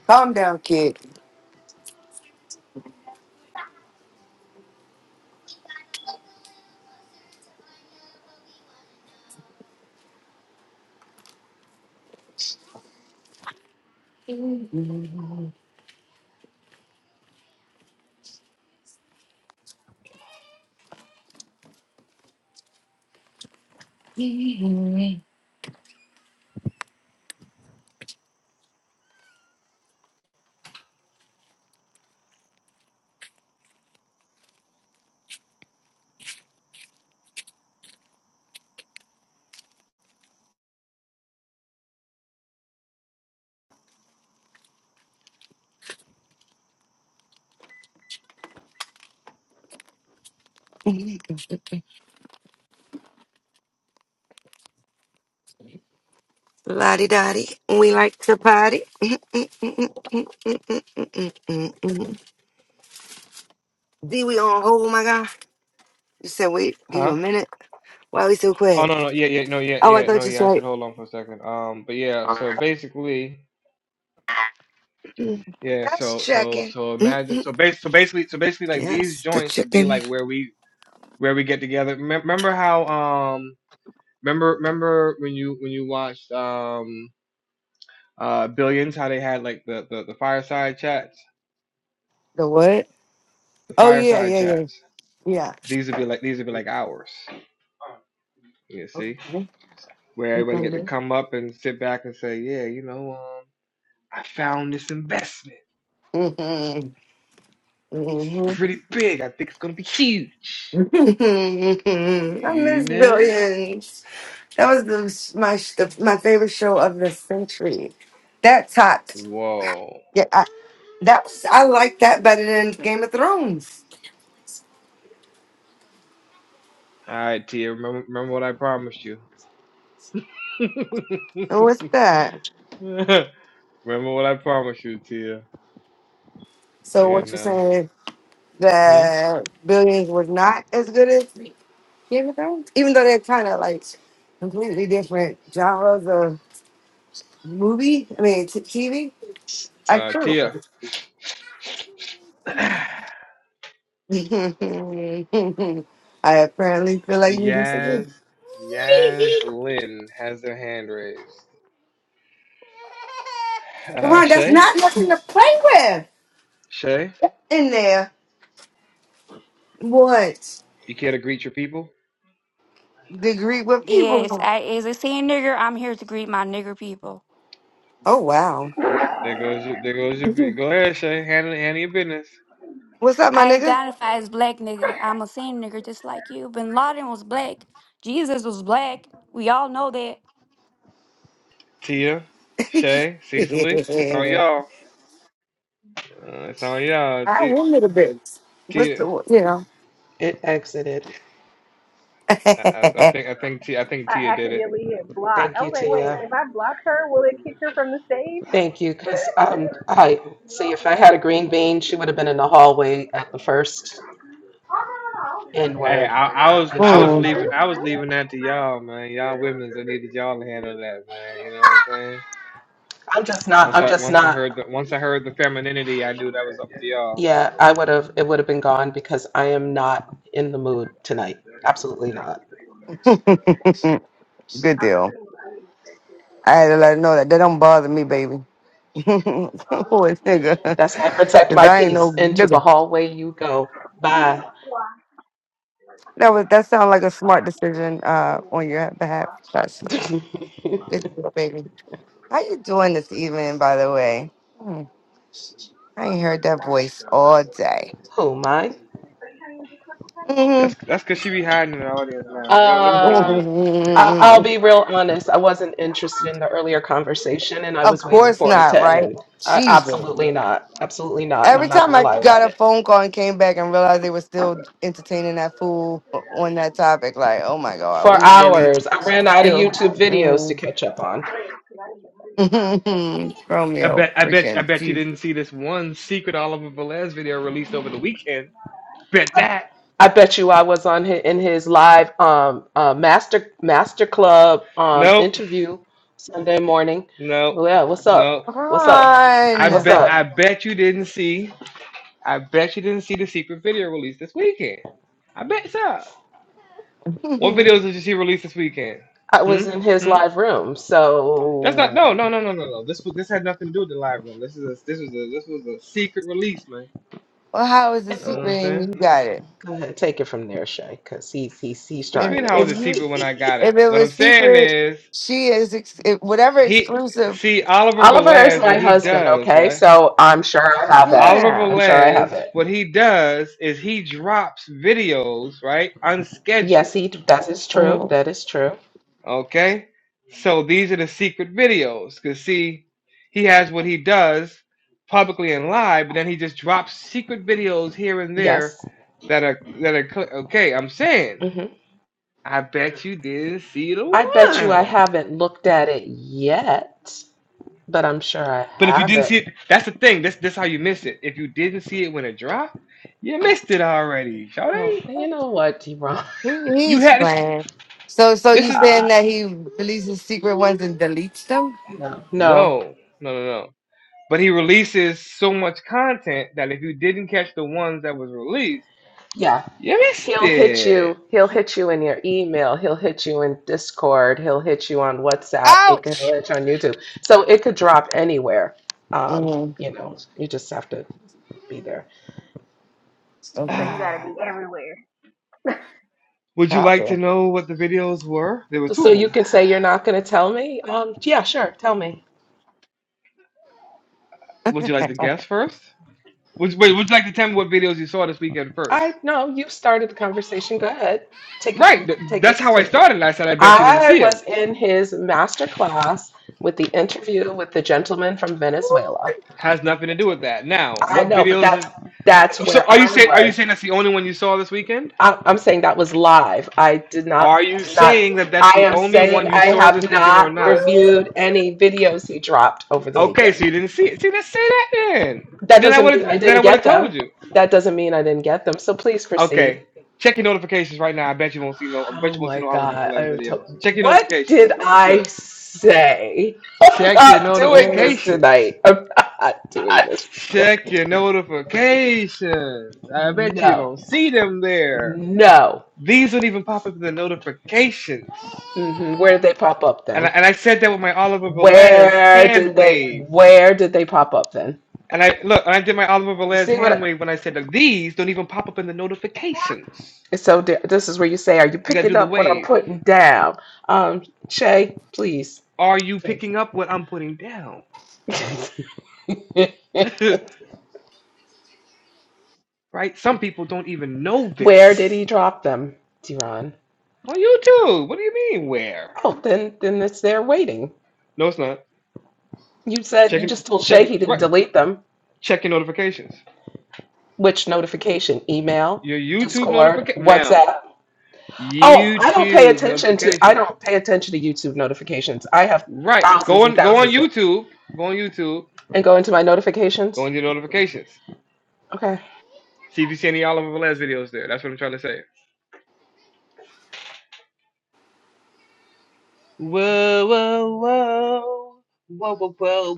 [SPEAKER 4] Calm down, kid. Lottie Dottie, we like to party. D, we on hold, my guy. You said, wait, give you
[SPEAKER 1] huh?
[SPEAKER 4] a minute. Why we so
[SPEAKER 1] Oh
[SPEAKER 4] quiet?
[SPEAKER 1] no no yeah yeah no yeah
[SPEAKER 4] Oh, I
[SPEAKER 1] yeah no
[SPEAKER 4] thought you
[SPEAKER 1] yeah I
[SPEAKER 4] said,
[SPEAKER 1] said hold on for a second um but yeah so basically
[SPEAKER 4] Mm,
[SPEAKER 1] Yeah,
[SPEAKER 4] that's
[SPEAKER 1] so so
[SPEAKER 4] checking.
[SPEAKER 1] so imagine
[SPEAKER 4] Mm-mm.
[SPEAKER 1] so base so basically so basically like these
[SPEAKER 4] Yes, the
[SPEAKER 1] joints will be
[SPEAKER 4] chicken.
[SPEAKER 1] like where we where we get together. Remem- Remember how um remember remember when you when you watched um uh Billions how they had like the the, the fireside chats
[SPEAKER 4] The what?
[SPEAKER 1] the
[SPEAKER 4] Oh, yeah,
[SPEAKER 1] fireside
[SPEAKER 4] yeah, yeah.
[SPEAKER 1] chats
[SPEAKER 4] Yeah.
[SPEAKER 1] these would be like these would be like ours. You see
[SPEAKER 4] Okay.
[SPEAKER 1] where everybody get to
[SPEAKER 4] Mm-hmm.
[SPEAKER 1] come up and sit back and say yeah you know um I found this investment it's
[SPEAKER 4] Mm-hmm.
[SPEAKER 1] pretty big I think it's gonna be huge
[SPEAKER 4] I
[SPEAKER 1] you
[SPEAKER 4] miss
[SPEAKER 1] know
[SPEAKER 4] billions. That was the, s- my sh- the, my favorite show of the century. That topped.
[SPEAKER 1] whoa
[SPEAKER 4] Yeah, I, that was, I like that better than Game of Thrones.
[SPEAKER 1] All right, Tia. Remember, remember what I promised you.
[SPEAKER 4] And what's that?
[SPEAKER 1] remember what I promised you, Tia.
[SPEAKER 4] So
[SPEAKER 1] You
[SPEAKER 4] what you're
[SPEAKER 1] know.
[SPEAKER 4] saying is
[SPEAKER 1] Hmm?
[SPEAKER 4] that Billions was not as good as Game of Thrones, even though they're kind of like completely different genres of movie. I mean, t- TV. I
[SPEAKER 1] Uh,
[SPEAKER 4] true.
[SPEAKER 1] Tia. Yaz,
[SPEAKER 4] I apparently feel like you disagree.
[SPEAKER 1] Yaz Lynn has their hand raised.
[SPEAKER 4] Come
[SPEAKER 1] Uh,
[SPEAKER 4] on, that's
[SPEAKER 1] Shay,
[SPEAKER 4] not nothing to play with
[SPEAKER 1] Shay,
[SPEAKER 4] in there. What
[SPEAKER 1] you care to greet your people?
[SPEAKER 4] degree? What
[SPEAKER 13] Yes,
[SPEAKER 4] people?
[SPEAKER 13] I, as a sand nigger, I'm here to greet my nigger people.
[SPEAKER 4] Oh wow!
[SPEAKER 1] There goes your, there goes your, go ahead, Shay. Handle, handle your business.
[SPEAKER 4] What's up, my
[SPEAKER 13] I
[SPEAKER 4] nigga?
[SPEAKER 13] identify as black nigger. I'm a sand nigger just like you. Bin Laden was black. Jesus was black. We all know that.
[SPEAKER 1] Tia, Shay, Cecily, it's on
[SPEAKER 4] Yeah.
[SPEAKER 1] y'all. Uh, it's on y'all.
[SPEAKER 4] I
[SPEAKER 1] Tia,
[SPEAKER 4] want a bit. What's the
[SPEAKER 1] Tia
[SPEAKER 4] you know?
[SPEAKER 12] It exited.
[SPEAKER 1] I, I I think, I think, Tia, I think
[SPEAKER 2] I
[SPEAKER 1] Tia did it.
[SPEAKER 2] accidentally hit block.
[SPEAKER 12] Thank
[SPEAKER 2] I
[SPEAKER 12] you,
[SPEAKER 2] was like, wait,
[SPEAKER 12] Tia.
[SPEAKER 2] if I block her, will it kick her from the stage?
[SPEAKER 12] Thank you, because um, I see if I had a green bean, she would have been in the hallway at the first N
[SPEAKER 1] Hey,
[SPEAKER 12] word,
[SPEAKER 1] I, I
[SPEAKER 12] uh,
[SPEAKER 1] was
[SPEAKER 12] and she
[SPEAKER 1] I
[SPEAKER 12] would
[SPEAKER 1] was
[SPEAKER 12] have been
[SPEAKER 4] Mm.
[SPEAKER 1] leaving
[SPEAKER 12] gone.
[SPEAKER 1] I was leaving that to y'all, man. Y'all women's I needed y'all to handle that, man. You know what I'm saying?
[SPEAKER 12] I'm just not.
[SPEAKER 1] Once
[SPEAKER 12] I'm
[SPEAKER 1] I
[SPEAKER 12] just
[SPEAKER 1] once I heard the
[SPEAKER 12] not.
[SPEAKER 1] once I heard the femininity, I knew that was up to y'all.
[SPEAKER 12] Yeah, I would have. It would have been gone because I am not in the mood tonight. Absolutely not.
[SPEAKER 4] Good deal. I had to let her know that that don't bother me, baby. Boy, nigga,
[SPEAKER 12] That's how I protect
[SPEAKER 4] because
[SPEAKER 12] my
[SPEAKER 4] I ain't
[SPEAKER 12] peace.
[SPEAKER 4] no
[SPEAKER 12] Into the
[SPEAKER 4] nigga.
[SPEAKER 12] hallway you go. Bye.
[SPEAKER 4] That was that sounds like a smart decision uh, on your behalf. That's good deal, baby. How you doing this evening, by the way? Hmm, I ain't heard that voice all day.
[SPEAKER 12] Who, mine?
[SPEAKER 4] Mm-hmm.
[SPEAKER 1] That's that's cause she be hiding in the audience now. You know, what, let me go on
[SPEAKER 12] Um,
[SPEAKER 1] mute.
[SPEAKER 12] I, I'll
[SPEAKER 4] of
[SPEAKER 12] be real honest. I wasn't interested in the earlier conversation, and I was waiting
[SPEAKER 4] course
[SPEAKER 12] for it
[SPEAKER 4] not,
[SPEAKER 12] to
[SPEAKER 4] right?
[SPEAKER 12] end. I,
[SPEAKER 4] Jesus.
[SPEAKER 12] absolutely not. Absolutely not. And I'm
[SPEAKER 4] Every
[SPEAKER 12] not
[SPEAKER 4] time
[SPEAKER 12] gonna
[SPEAKER 4] I
[SPEAKER 12] lie
[SPEAKER 4] got
[SPEAKER 12] about
[SPEAKER 4] a
[SPEAKER 12] it.
[SPEAKER 4] phone call and came back and realized they were still entertaining that fool on that topic, like, oh my God,
[SPEAKER 12] For
[SPEAKER 4] we really
[SPEAKER 12] hours, I ran out of
[SPEAKER 4] still.
[SPEAKER 12] YouTube videos to
[SPEAKER 4] Mm.
[SPEAKER 12] catch up on.
[SPEAKER 1] I
[SPEAKER 4] Romeo,
[SPEAKER 1] bet I bet I
[SPEAKER 4] freaking
[SPEAKER 1] bet you
[SPEAKER 4] Jesus.
[SPEAKER 1] didn't see this one secret Oliver Velez video released over the weekend. Bet that.
[SPEAKER 12] I bet you I was on his, in his live um, uh, master master club um,
[SPEAKER 1] Nope.
[SPEAKER 12] interview Sunday morning.
[SPEAKER 1] Nope.
[SPEAKER 12] Well, yeah, what's up?
[SPEAKER 1] Nope.
[SPEAKER 12] What's up?
[SPEAKER 1] I
[SPEAKER 12] What's
[SPEAKER 4] Run.
[SPEAKER 1] bet I
[SPEAKER 12] up?
[SPEAKER 1] bet you didn't see I bet you didn't see the secret video released this weekend. I bet so. What
[SPEAKER 4] well,
[SPEAKER 1] videos did you see release this weekend?
[SPEAKER 12] I
[SPEAKER 1] Hmm.
[SPEAKER 12] was in his
[SPEAKER 1] Hmm.
[SPEAKER 12] live room,
[SPEAKER 1] That's not. No. No.
[SPEAKER 12] so
[SPEAKER 1] No. No. No. No. This was. This had nothing to do with the live room. This is. A, this was. A, this was a secret release, man.
[SPEAKER 4] how is it
[SPEAKER 1] You know what
[SPEAKER 4] secret
[SPEAKER 1] I'm
[SPEAKER 4] and you
[SPEAKER 1] saying.
[SPEAKER 4] got it?
[SPEAKER 12] Go ahead, take it from there, Shay, because he's he's he's
[SPEAKER 1] What you
[SPEAKER 4] If,
[SPEAKER 1] mean?
[SPEAKER 12] trying
[SPEAKER 1] How
[SPEAKER 4] if,
[SPEAKER 1] was it
[SPEAKER 4] you,
[SPEAKER 1] secret when I
[SPEAKER 12] it.
[SPEAKER 1] got
[SPEAKER 4] if
[SPEAKER 1] it?
[SPEAKER 4] it
[SPEAKER 1] What I'm
[SPEAKER 4] was
[SPEAKER 1] saying
[SPEAKER 4] secret,
[SPEAKER 1] is,
[SPEAKER 4] she is ex- if- whatever
[SPEAKER 1] he
[SPEAKER 4] exclusive.
[SPEAKER 1] see Oliver
[SPEAKER 12] Oliver is
[SPEAKER 1] Velez.
[SPEAKER 12] my
[SPEAKER 1] What he
[SPEAKER 12] husband,
[SPEAKER 1] does,
[SPEAKER 12] okay?
[SPEAKER 1] right?
[SPEAKER 12] So I'm sure I have it.
[SPEAKER 1] Oliver
[SPEAKER 4] Yeah.
[SPEAKER 12] I'm sure I
[SPEAKER 1] Velez.
[SPEAKER 12] have it.
[SPEAKER 1] What he does is he drops videos, right,
[SPEAKER 12] Yes,
[SPEAKER 1] unscheduled.
[SPEAKER 12] he that is
[SPEAKER 4] Mm-hmm.
[SPEAKER 12] true. That is true.
[SPEAKER 1] Okay? So these are the secret videos. Because, see, he has what he does publicly and live, but then he just drops secret videos here and there
[SPEAKER 12] Yes.
[SPEAKER 1] that are, that are, cl- okay, I'm saying,
[SPEAKER 12] hmm
[SPEAKER 1] I bet you didn't see the
[SPEAKER 12] I bet you I
[SPEAKER 1] one.
[SPEAKER 12] haven't looked at it yet, but I'm sure I
[SPEAKER 1] But if you
[SPEAKER 12] have
[SPEAKER 1] didn't see
[SPEAKER 12] it.
[SPEAKER 1] it, that's the thing. That's, that's how you miss it. If you didn't see it when it dropped, you missed it already,
[SPEAKER 12] Oh,
[SPEAKER 1] Shawty.
[SPEAKER 12] you know what, Deron?
[SPEAKER 4] He,
[SPEAKER 1] You
[SPEAKER 4] he's
[SPEAKER 1] had this.
[SPEAKER 4] playing. So, so
[SPEAKER 1] This
[SPEAKER 4] you
[SPEAKER 1] is,
[SPEAKER 4] saying
[SPEAKER 12] God,
[SPEAKER 4] that he releases secret ones and deletes them?
[SPEAKER 12] No, no.
[SPEAKER 1] no, no, no, no. But he releases so much content that if you didn't catch the ones that was released,
[SPEAKER 12] Yeah,
[SPEAKER 1] You missed
[SPEAKER 12] He'll hit
[SPEAKER 1] it.
[SPEAKER 12] you. He'll hit you in your email. He'll hit you in Discord. He'll hit you on WhatsApp. It
[SPEAKER 4] Ouch.
[SPEAKER 12] could hit you on YouTube. So it could drop anywhere. Um,
[SPEAKER 4] Mm,
[SPEAKER 12] you know, you just have to be there.
[SPEAKER 2] So
[SPEAKER 4] okay.
[SPEAKER 2] you gotta
[SPEAKER 1] Ah.
[SPEAKER 2] be everywhere.
[SPEAKER 1] Would you
[SPEAKER 4] Copy.
[SPEAKER 1] like to know what the videos were? There were two
[SPEAKER 12] So
[SPEAKER 1] of
[SPEAKER 12] you
[SPEAKER 1] them.
[SPEAKER 12] can say you're not going to tell me. Um, yeah, sure. Tell me.
[SPEAKER 1] Would you like to guess first? Would wait, would you like to tell me what videos you saw this weekend first?
[SPEAKER 12] I no. You started the conversation. Go ahead. Take it.
[SPEAKER 1] Right, th-
[SPEAKER 12] Take
[SPEAKER 1] that's
[SPEAKER 12] it.
[SPEAKER 1] how I
[SPEAKER 12] Take it.
[SPEAKER 1] started. and I said I bet you didn't
[SPEAKER 12] I
[SPEAKER 1] see them.
[SPEAKER 12] was in his master class with the interview with the gentleman from Venezuela.
[SPEAKER 1] Has nothing to do with that. Now,
[SPEAKER 12] I
[SPEAKER 1] what
[SPEAKER 12] know, but
[SPEAKER 1] videos?
[SPEAKER 12] that's
[SPEAKER 1] Is,
[SPEAKER 12] that's
[SPEAKER 1] so,
[SPEAKER 12] where
[SPEAKER 1] are you
[SPEAKER 12] I
[SPEAKER 1] saying are you
[SPEAKER 12] was.
[SPEAKER 1] saying that's the only one you saw this weekend?
[SPEAKER 12] I- I'm saying that was live. I did
[SPEAKER 1] Are
[SPEAKER 12] not
[SPEAKER 1] you
[SPEAKER 12] did not.
[SPEAKER 1] saying that that's
[SPEAKER 12] I
[SPEAKER 1] the
[SPEAKER 12] am
[SPEAKER 1] only
[SPEAKER 12] saying
[SPEAKER 1] one you
[SPEAKER 12] I
[SPEAKER 1] saw
[SPEAKER 12] have
[SPEAKER 1] this weekend or
[SPEAKER 12] not
[SPEAKER 1] not?
[SPEAKER 12] reviewed any videos he dropped over the
[SPEAKER 1] Okay, so
[SPEAKER 12] weekend.
[SPEAKER 1] you didn't see it. See, let's say that then.
[SPEAKER 12] That
[SPEAKER 1] And then I
[SPEAKER 12] doesn't
[SPEAKER 1] would
[SPEAKER 12] mean I
[SPEAKER 1] have then
[SPEAKER 12] didn't
[SPEAKER 1] I would
[SPEAKER 12] get
[SPEAKER 1] have told
[SPEAKER 12] them.
[SPEAKER 1] you.
[SPEAKER 12] That doesn't mean I didn't get them. So please proceed.
[SPEAKER 1] Okay. Check your notifications right now. I bet you won't see no. I bet
[SPEAKER 12] Oh
[SPEAKER 1] you won't see
[SPEAKER 12] my
[SPEAKER 1] no Oliver
[SPEAKER 12] God.
[SPEAKER 1] Velez
[SPEAKER 12] I to-
[SPEAKER 1] videos. Check your
[SPEAKER 12] what did
[SPEAKER 1] notifications. What's
[SPEAKER 12] I
[SPEAKER 1] good?
[SPEAKER 12] say? I'm
[SPEAKER 1] Check your
[SPEAKER 12] not doing
[SPEAKER 4] Mm.
[SPEAKER 12] this
[SPEAKER 1] notifications.
[SPEAKER 12] tonight. I'm not doing this
[SPEAKER 1] Check
[SPEAKER 12] tonight.
[SPEAKER 1] your notifications. I bet you
[SPEAKER 12] No.
[SPEAKER 1] don't see them there.
[SPEAKER 12] No.
[SPEAKER 1] These don't even pop up in the notifications.
[SPEAKER 12] hmm Where did they pop up
[SPEAKER 1] And I,
[SPEAKER 12] then?
[SPEAKER 1] and I said that with my Oliver Velez
[SPEAKER 12] Where
[SPEAKER 1] hand
[SPEAKER 12] did they
[SPEAKER 1] wave.
[SPEAKER 12] where did they pop up then?
[SPEAKER 1] And I look, and I did my Oliver
[SPEAKER 12] You
[SPEAKER 1] Velez
[SPEAKER 12] see what
[SPEAKER 1] hand
[SPEAKER 12] I,
[SPEAKER 1] wave when I said that these don't even pop up in the notifications.
[SPEAKER 12] it's so di- this is where you say, are you
[SPEAKER 1] You got to
[SPEAKER 12] picking
[SPEAKER 1] do the
[SPEAKER 12] up what I'm
[SPEAKER 1] wave.
[SPEAKER 12] putting down? Um, Shay, please.
[SPEAKER 1] Are you
[SPEAKER 12] Please.
[SPEAKER 1] picking up what I'm putting down? right? Some people don't even know
[SPEAKER 12] where did he
[SPEAKER 1] this.
[SPEAKER 12] drop them, Deron?
[SPEAKER 1] On YouTube. What do you mean where?
[SPEAKER 12] Oh, then then it's there waiting.
[SPEAKER 1] No, it's not.
[SPEAKER 12] You said you
[SPEAKER 1] Checking
[SPEAKER 12] just told Shay
[SPEAKER 1] checking
[SPEAKER 12] he didn't
[SPEAKER 1] right
[SPEAKER 12] delete them.
[SPEAKER 1] checking notifications.
[SPEAKER 12] Which notification? Email,
[SPEAKER 1] Your YouTube
[SPEAKER 12] Discord,
[SPEAKER 1] notification ma'am.
[SPEAKER 12] WhatsApp. Oh, I don't pay
[SPEAKER 1] YouTube
[SPEAKER 12] attention to I
[SPEAKER 1] notifications.
[SPEAKER 12] don't pay attention to YouTube notifications. I have
[SPEAKER 1] Right.
[SPEAKER 12] thousands
[SPEAKER 1] Go
[SPEAKER 12] and
[SPEAKER 1] on go on
[SPEAKER 12] thousands.
[SPEAKER 1] YouTube. Go on YouTube.
[SPEAKER 12] and go into my
[SPEAKER 1] Go
[SPEAKER 12] notifications.
[SPEAKER 1] on your notifications.
[SPEAKER 12] Okay.
[SPEAKER 1] See if you see any Oliver Velez videos there. That's what I'm trying to say. Whoa, whoa, whoa. Whoa, whoa, whoa,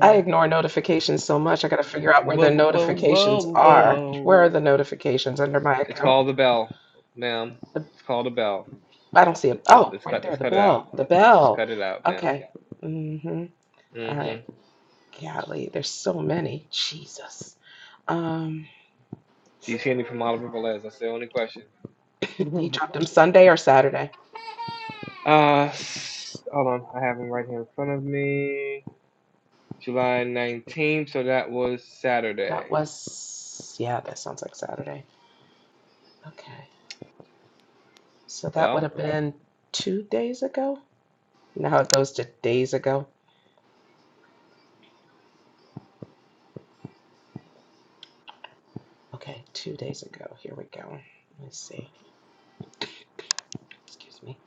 [SPEAKER 12] I ignore notifications so much. I got to figure out where
[SPEAKER 1] Whoa,
[SPEAKER 12] the
[SPEAKER 1] whoa,
[SPEAKER 12] notifications
[SPEAKER 1] whoa, whoa,
[SPEAKER 12] are. Where are
[SPEAKER 1] whoa.
[SPEAKER 12] the notifications under my
[SPEAKER 1] It's
[SPEAKER 12] account?
[SPEAKER 1] called the bell, ma'am.
[SPEAKER 12] The,
[SPEAKER 1] It's called a bell.
[SPEAKER 12] I don't see
[SPEAKER 1] Let,
[SPEAKER 12] it.
[SPEAKER 1] let,
[SPEAKER 12] Oh,
[SPEAKER 1] let's
[SPEAKER 12] right
[SPEAKER 1] cut.
[SPEAKER 12] there,
[SPEAKER 1] Let's
[SPEAKER 12] the
[SPEAKER 1] cut it out.
[SPEAKER 12] bell. The
[SPEAKER 1] Let's just
[SPEAKER 12] bell.
[SPEAKER 1] cut it out, man.
[SPEAKER 12] Okay. Mm-hmm. All
[SPEAKER 1] hmm
[SPEAKER 12] right. Golly, there's so many. Jesus. Um,
[SPEAKER 1] Do you see any from Oliver Velez? That's the only question.
[SPEAKER 12] he dropped them Sunday or Saturday.
[SPEAKER 1] Uh, hold on. I have him right here in front of me. July 19th. So that was
[SPEAKER 12] That
[SPEAKER 1] Saturday.
[SPEAKER 12] was, yeah, that sounds like Saturday. Okay. So that would
[SPEAKER 1] Well.
[SPEAKER 12] have been two days ago. You know how it goes to days ago? Okay, two days ago. Here we go. Let me see. Excuse me.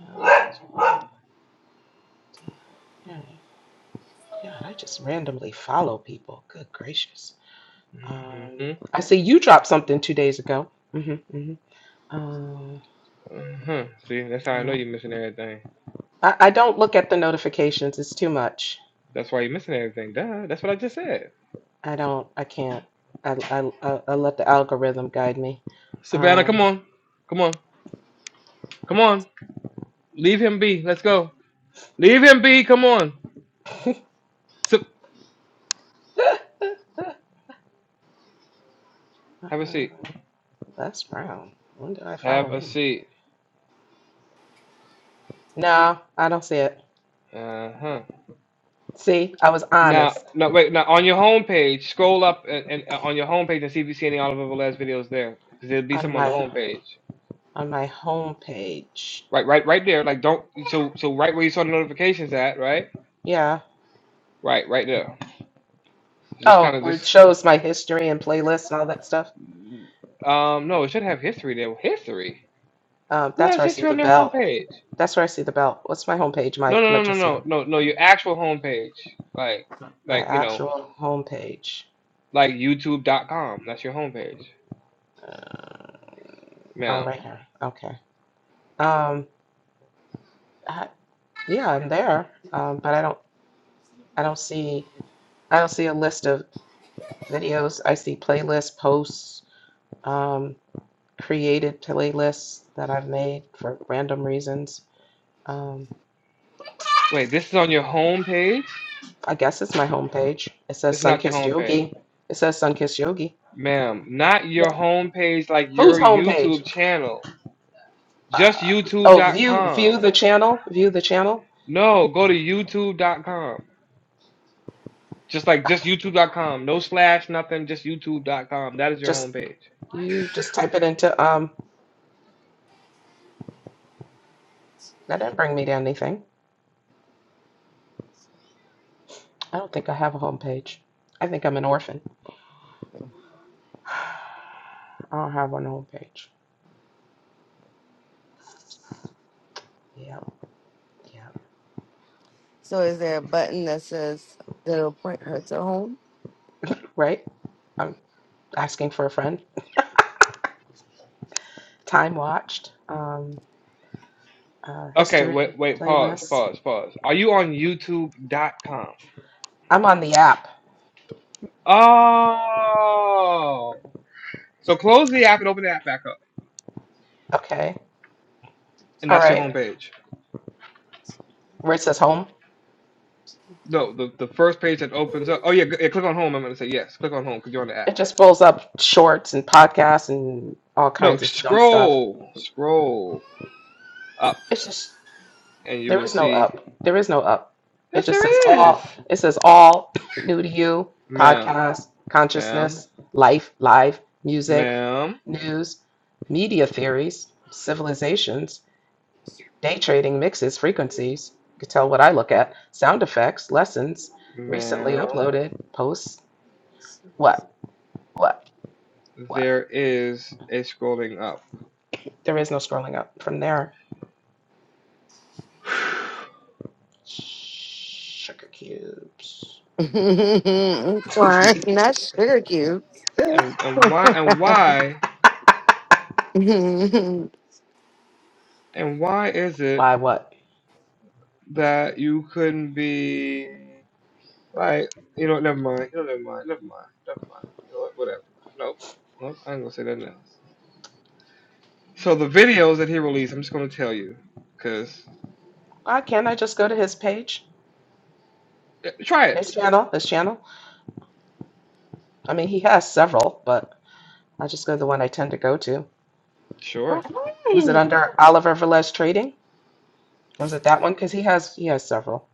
[SPEAKER 12] Uh, yeah, God, I just randomly follow people. Good gracious.
[SPEAKER 1] mm
[SPEAKER 12] Um,
[SPEAKER 1] hmm
[SPEAKER 12] I see you dropped something two days ago. hmm hmm Uh,
[SPEAKER 1] hmm See, that's how I know
[SPEAKER 12] yeah.
[SPEAKER 1] you're missing everything.
[SPEAKER 12] I, I don't look at the notifications. It's too much.
[SPEAKER 1] That's why you're missing everything. Duh. That's what I just said.
[SPEAKER 12] I don't. I can't. I, I, I, I let the algorithm guide me.
[SPEAKER 1] Savannah, come
[SPEAKER 12] Um,
[SPEAKER 1] on. Come on. Come on. Leave him be. Let's go. Leave him be. Come on. Sa- have a
[SPEAKER 12] uh,
[SPEAKER 1] seat.
[SPEAKER 12] Les Brown. When did I follow
[SPEAKER 1] Have a
[SPEAKER 12] him?
[SPEAKER 1] seat.
[SPEAKER 12] No, I don't see it.
[SPEAKER 1] Uh huh.
[SPEAKER 12] See, I was
[SPEAKER 1] Now,
[SPEAKER 12] honest.
[SPEAKER 1] now, wait. Now, on your homepage, scroll up and, and uh, on your homepage and see if you see any Oliver Velez videos there, because there'll be
[SPEAKER 12] on
[SPEAKER 1] some on the
[SPEAKER 12] my
[SPEAKER 1] homepage.
[SPEAKER 12] on my home page.
[SPEAKER 1] Right, right, right there. Like, don't. So, so right where you saw the notifications at, right,
[SPEAKER 12] Yeah.
[SPEAKER 1] right, right there. So just kind
[SPEAKER 12] Oh,
[SPEAKER 1] of
[SPEAKER 12] where it
[SPEAKER 1] just.
[SPEAKER 12] shows my history and playlists and all that stuff.
[SPEAKER 1] Um, no, it should have history there. History.
[SPEAKER 12] Um,
[SPEAKER 1] Who
[SPEAKER 12] that's
[SPEAKER 1] has
[SPEAKER 12] where I see
[SPEAKER 1] history
[SPEAKER 12] the
[SPEAKER 1] on their
[SPEAKER 12] bell.
[SPEAKER 1] homepage?
[SPEAKER 12] That's where I see the bell. What's my homepage?
[SPEAKER 1] No,
[SPEAKER 12] My my
[SPEAKER 1] no, no, no,
[SPEAKER 12] just my,
[SPEAKER 1] no, no, no. Your actual homepage, like,
[SPEAKER 12] my
[SPEAKER 1] like you know,
[SPEAKER 12] actual homepage.
[SPEAKER 1] like YouTube.com. That's your homepage,
[SPEAKER 12] Uh, oh,
[SPEAKER 1] ma'am.
[SPEAKER 12] right here. Okay. Um, I, yeah, I'm there. Um, but I don't I don't see I don't see a list of videos. I see playlist posts, um, created playlists that I've made for random reasons. Um.
[SPEAKER 1] Wait, this is on your homepage.
[SPEAKER 12] I guess it's my homepage. It says
[SPEAKER 1] This is not your
[SPEAKER 12] Sunkissed
[SPEAKER 1] homepage.
[SPEAKER 12] Yogi. It says Sunkissed Yogi.
[SPEAKER 1] ma'am, not your homepage like
[SPEAKER 12] Whose
[SPEAKER 1] your
[SPEAKER 12] homepage?
[SPEAKER 1] YouTube channel, just
[SPEAKER 12] Uh, oh, view view
[SPEAKER 1] YouTube.com.
[SPEAKER 12] the channel. View the channel.
[SPEAKER 1] No, go to YouTube.com. Just like just YouTube.com, no slash, nothing, just YouTube.com. That is your
[SPEAKER 12] Just
[SPEAKER 1] homepage.
[SPEAKER 12] you just type it into um. That didn't bring me to anything. I don't think I have a homepage. I think I'm an orphan. I don't have one homepage. Yeah, yeah.
[SPEAKER 4] so, is there a button that says that'll point her to home?
[SPEAKER 12] Right. I'm asking for a friend. Time watched. Um, uh,
[SPEAKER 1] Okay,
[SPEAKER 12] history
[SPEAKER 1] wait, wait, pause,
[SPEAKER 12] playlists.
[SPEAKER 1] pause, pause. Are you on YouTube.com?
[SPEAKER 12] I'm on the app.
[SPEAKER 1] Oh, so close the app and open the app back up,
[SPEAKER 12] Okay.
[SPEAKER 1] and
[SPEAKER 12] All
[SPEAKER 1] that's your
[SPEAKER 12] right.
[SPEAKER 1] homepage.
[SPEAKER 12] where it says home.
[SPEAKER 1] No, the, the first page that opens up. Oh yeah, g- yeah, click on home. I'm gonna say yes. Click on home because you're on the app.
[SPEAKER 12] It just fills up shorts and podcasts and all
[SPEAKER 1] No,
[SPEAKER 12] kinds of dumb stuff.
[SPEAKER 1] scroll, scroll.
[SPEAKER 12] It's just
[SPEAKER 1] and you
[SPEAKER 12] there
[SPEAKER 1] will
[SPEAKER 12] is no
[SPEAKER 1] see,
[SPEAKER 12] up. There is no up. It
[SPEAKER 1] yes,
[SPEAKER 12] just says
[SPEAKER 1] there is.
[SPEAKER 12] all. It says all new to you
[SPEAKER 1] Ma'am,
[SPEAKER 12] podcast
[SPEAKER 1] ma'am,
[SPEAKER 12] consciousness life live music
[SPEAKER 1] ma'am,
[SPEAKER 12] news media theories civilizations day trading mixes frequencies. You can tell what I look at sound effects lessons recently
[SPEAKER 1] ma'am,
[SPEAKER 12] uploaded posts. What what what?
[SPEAKER 1] there is a scrolling up.
[SPEAKER 12] There is no scrolling up from there. Sugar cubes.
[SPEAKER 4] I'm crying. Not sugar cubes.
[SPEAKER 1] And, and why, and why,
[SPEAKER 4] I'm
[SPEAKER 1] and why is it
[SPEAKER 12] Why what?
[SPEAKER 1] that you couldn't be like, you know, what, never mind, you know, never mind, never mind, never mind, you know what, whatever. Nope, nope, I ain't gonna say nothing else. So the videos that he released, I'm just gonna tell you, cause
[SPEAKER 12] Why can't I just go to his page?
[SPEAKER 1] eh, try it.
[SPEAKER 12] His channel? His channel? I mean, he has several, but I just go to the one I tend to go to.
[SPEAKER 1] Sure.
[SPEAKER 12] Was it under Oliver Velez Trading? Was it that one? Because he has he has several.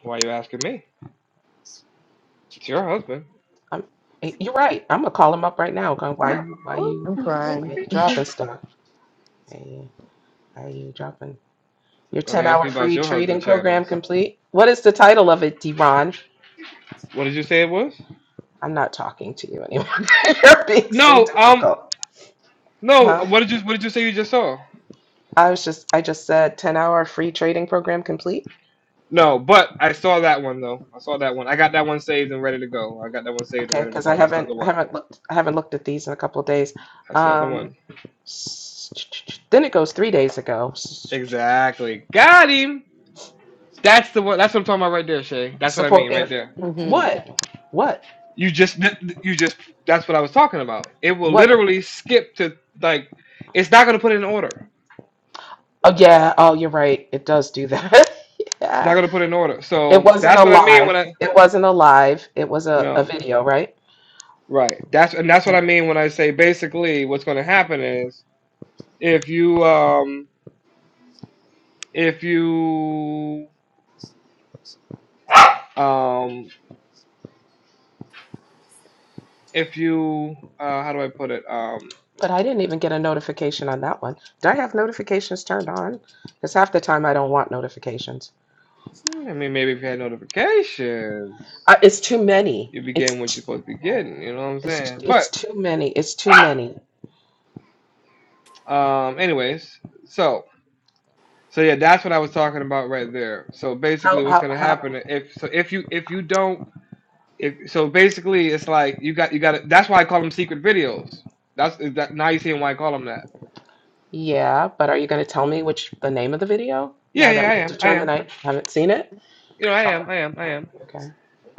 [SPEAKER 1] Why are you asking me? It's your husband.
[SPEAKER 12] I'm, eh, you're right. I'm gonna call him up right now. Going, why you why you why
[SPEAKER 4] crying.
[SPEAKER 12] you dropping stuff? Hey, why are you dropping your
[SPEAKER 1] Gonna
[SPEAKER 12] 10
[SPEAKER 1] ask
[SPEAKER 12] hour
[SPEAKER 1] me about
[SPEAKER 12] free
[SPEAKER 1] your
[SPEAKER 12] trading
[SPEAKER 1] husband
[SPEAKER 12] program
[SPEAKER 1] channels.
[SPEAKER 12] complete? What is the title of it, Deron?
[SPEAKER 1] What did you say it was?
[SPEAKER 12] I'm not talking to you anymore. You're being so
[SPEAKER 1] No, um,
[SPEAKER 12] difficult.
[SPEAKER 1] no.
[SPEAKER 12] Huh?
[SPEAKER 1] What did you What did you say you just saw?
[SPEAKER 12] I was just I just said 10 hour free trading program complete.
[SPEAKER 1] No, but I saw that one though. I saw that one. I got that one saved and ready to go. I got that one saved and
[SPEAKER 12] Okay,
[SPEAKER 1] ready to
[SPEAKER 12] because I
[SPEAKER 1] go. That's not
[SPEAKER 12] haven't
[SPEAKER 1] the
[SPEAKER 12] I
[SPEAKER 1] one.
[SPEAKER 12] haven't looked I haven't looked at these in a couple of days.
[SPEAKER 1] That's not the
[SPEAKER 12] Um,
[SPEAKER 1] one.
[SPEAKER 12] s- then it goes three days ago. S-
[SPEAKER 1] Exactly. Got him. That's the one. That's what I'm talking about right there, Shay. That's what I mean
[SPEAKER 12] Support
[SPEAKER 1] right
[SPEAKER 12] air.
[SPEAKER 1] there.
[SPEAKER 12] What? What?
[SPEAKER 1] You just, you just. That's what I was talking about. It will
[SPEAKER 12] What?
[SPEAKER 1] literally skip to like. It's not gonna put it in order.
[SPEAKER 12] Oh yeah. Oh, you're right. It does do that.
[SPEAKER 1] It's not
[SPEAKER 12] yeah.
[SPEAKER 1] gonna put it in order.
[SPEAKER 12] It
[SPEAKER 1] So
[SPEAKER 12] wasn't a
[SPEAKER 1] that's what I mean when
[SPEAKER 12] live.
[SPEAKER 1] I
[SPEAKER 12] It wasn't a live. It was a,
[SPEAKER 1] no.
[SPEAKER 12] a video, right?
[SPEAKER 1] Right. That's and that's what I mean when I say basically what's going to happen is if you um if you um if you uh how do I put it um
[SPEAKER 12] But I didn't even get a notification on that one. Do I have notifications turned on? Because half the time I don't want notifications.
[SPEAKER 1] hmm, I mean maybe if you had notifications
[SPEAKER 12] I, it's too many.
[SPEAKER 1] you would be
[SPEAKER 12] It's
[SPEAKER 1] getting what you're
[SPEAKER 12] t-
[SPEAKER 1] supposed to be getting you know what I'm
[SPEAKER 12] it's
[SPEAKER 1] saying
[SPEAKER 12] t- it's
[SPEAKER 1] but
[SPEAKER 12] too many. It's too many.
[SPEAKER 1] um anyways so so yeah that's what I was talking about right there so
[SPEAKER 12] How
[SPEAKER 1] basically what's
[SPEAKER 12] how
[SPEAKER 1] going to
[SPEAKER 12] how?
[SPEAKER 1] happen if so if you if you don't If, so basically, it's like you got you got. to That's why I call them secret videos. That's is that now you seeing why I call them that.
[SPEAKER 12] Yeah, but are you going to tell me which the name of the video
[SPEAKER 1] Yeah,
[SPEAKER 12] now
[SPEAKER 1] yeah,
[SPEAKER 12] that
[SPEAKER 1] I
[SPEAKER 12] we've
[SPEAKER 1] am, I
[SPEAKER 12] determined
[SPEAKER 1] am.
[SPEAKER 12] I haven't seen it?
[SPEAKER 1] You know, I
[SPEAKER 12] Oh,
[SPEAKER 1] am, I am, I am.
[SPEAKER 12] okay.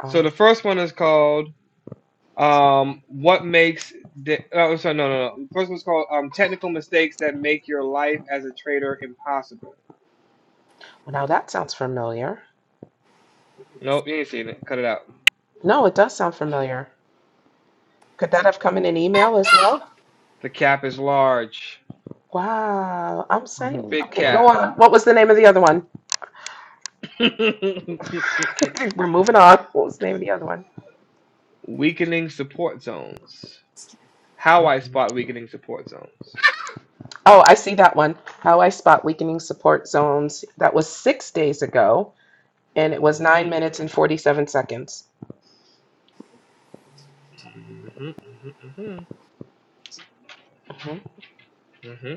[SPEAKER 12] Oh,
[SPEAKER 1] So the first one is called um, "What Makes." The, oh, sorry, no, no, no. The first one's called um, "Technical Mistakes That Make Your Life as a Trader Impossible."
[SPEAKER 12] well, now that sounds familiar.
[SPEAKER 1] Nope, you ain't seen it. Cut it out.
[SPEAKER 12] No, it does sound familiar. Could that have come in an email as well?
[SPEAKER 1] The cap is large,
[SPEAKER 12] Wow, I'm saying.
[SPEAKER 4] You
[SPEAKER 1] big
[SPEAKER 12] Okay, go
[SPEAKER 1] cap.
[SPEAKER 12] on. What was the name of the other one? We're moving on. What was the name of the other one?
[SPEAKER 1] Weakening support zones. How I
[SPEAKER 12] Mm-mm.
[SPEAKER 1] spot weakening support zones.
[SPEAKER 12] Oh, I see that one. How I spot weakening support zones. That was six days ago, and it was
[SPEAKER 1] Mhm.
[SPEAKER 12] nine minutes and 47 seconds.
[SPEAKER 1] hmm hmm hmm
[SPEAKER 12] hmm
[SPEAKER 1] hmm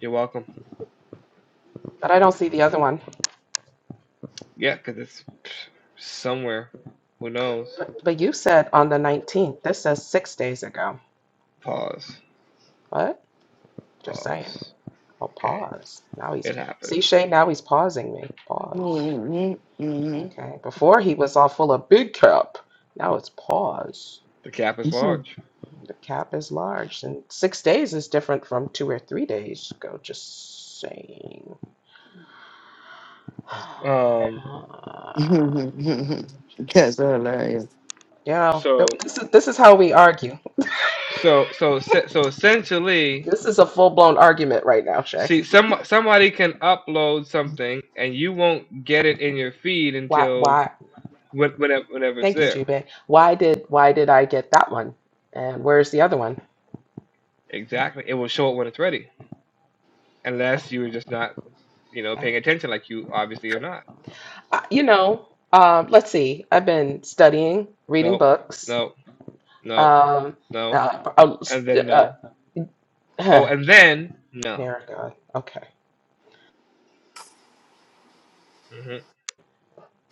[SPEAKER 1] You're welcome.
[SPEAKER 12] But I don't see the other one.
[SPEAKER 1] Yeah, because it's somewhere. Who knows?
[SPEAKER 12] But, but you said on the 19th. This says six days ago.
[SPEAKER 1] Pause.
[SPEAKER 12] What? Just saying.
[SPEAKER 1] Pause.
[SPEAKER 12] Oh,
[SPEAKER 1] Okay,
[SPEAKER 12] pause. Now he's,
[SPEAKER 1] it
[SPEAKER 12] see,
[SPEAKER 1] happened.
[SPEAKER 12] Shay, now he's pausing me. Pause. Okay. Before he was all full of big cap. Now it's pause.
[SPEAKER 1] The gap is large.
[SPEAKER 12] The cap is large, and six days is different from two or three days ago. Just saying.
[SPEAKER 1] Um.
[SPEAKER 4] guys
[SPEAKER 12] Just
[SPEAKER 4] are
[SPEAKER 12] saying.
[SPEAKER 4] hilarious.
[SPEAKER 12] Yeah,
[SPEAKER 1] So
[SPEAKER 12] this is this is how we argue.
[SPEAKER 1] so so so essentially,
[SPEAKER 12] This is a full blown argument right now, Shay.
[SPEAKER 1] see, some somebody can upload something, and you won't get it in your feed
[SPEAKER 12] Why?
[SPEAKER 1] until
[SPEAKER 12] Why?
[SPEAKER 1] when, whenever whenever it's
[SPEAKER 12] Thank you,
[SPEAKER 1] there.
[SPEAKER 12] Jubei. Why did Why did I get that one? And where's the other one?
[SPEAKER 1] Exactly. It will show it when it's ready,
[SPEAKER 12] Oh,
[SPEAKER 1] unless you were just not you know
[SPEAKER 12] oh.
[SPEAKER 1] paying attention, like you obviously are not.
[SPEAKER 12] Uh, you know, um, let's see. I've been studying, reading
[SPEAKER 1] No.
[SPEAKER 12] books.
[SPEAKER 1] No. No.
[SPEAKER 12] Um,
[SPEAKER 1] No.
[SPEAKER 12] uh,
[SPEAKER 1] And then no.
[SPEAKER 12] uh,
[SPEAKER 1] Oh,
[SPEAKER 12] uh,
[SPEAKER 1] and then no.
[SPEAKER 12] there, God. Okay.
[SPEAKER 1] hmm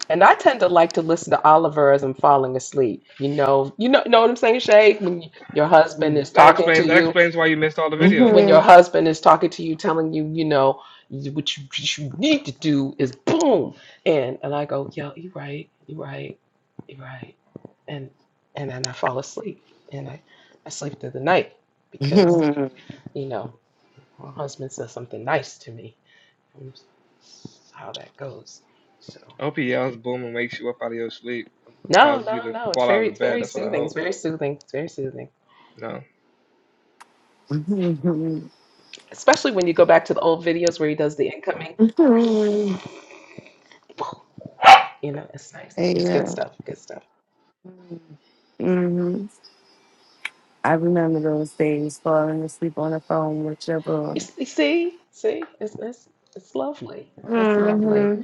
[SPEAKER 12] And I tend to like to listen to Oliver as I'm falling asleep. You know, you know, know what I'm saying, Shay? When y- your husband is
[SPEAKER 1] That
[SPEAKER 12] talking
[SPEAKER 1] explains
[SPEAKER 12] to
[SPEAKER 1] that
[SPEAKER 12] you,
[SPEAKER 1] explains why you missed all the videos.
[SPEAKER 12] when your husband is talking to you, telling you, you know, you- what you, what you need to do is boom, and and I go, yo, you right, you right, you right, and and then I fall asleep, and I I sleep through the night because
[SPEAKER 4] yeah.
[SPEAKER 12] you know my husband says something nice to me. That's how that goes. So.
[SPEAKER 1] I hope he yells boom and wakes you up out of your sleep and
[SPEAKER 12] No,
[SPEAKER 1] causes you
[SPEAKER 12] no,
[SPEAKER 1] to
[SPEAKER 12] no. It's
[SPEAKER 1] fall out of
[SPEAKER 12] very,
[SPEAKER 1] the
[SPEAKER 12] it's
[SPEAKER 1] bed.
[SPEAKER 12] very
[SPEAKER 1] That's what I
[SPEAKER 12] soothing. It's
[SPEAKER 1] hope.
[SPEAKER 12] very soothing. It's very soothing.
[SPEAKER 1] No.
[SPEAKER 4] hmm
[SPEAKER 12] Especially when you go back to the old videos where he does the incoming. You know, it's nice. It's good stuff. Good stuff.
[SPEAKER 4] I remember those days falling asleep on the phone with your
[SPEAKER 12] You,
[SPEAKER 4] boo.
[SPEAKER 12] s- you see, see, it's, it's it's lovely. It's lovely.
[SPEAKER 4] hmm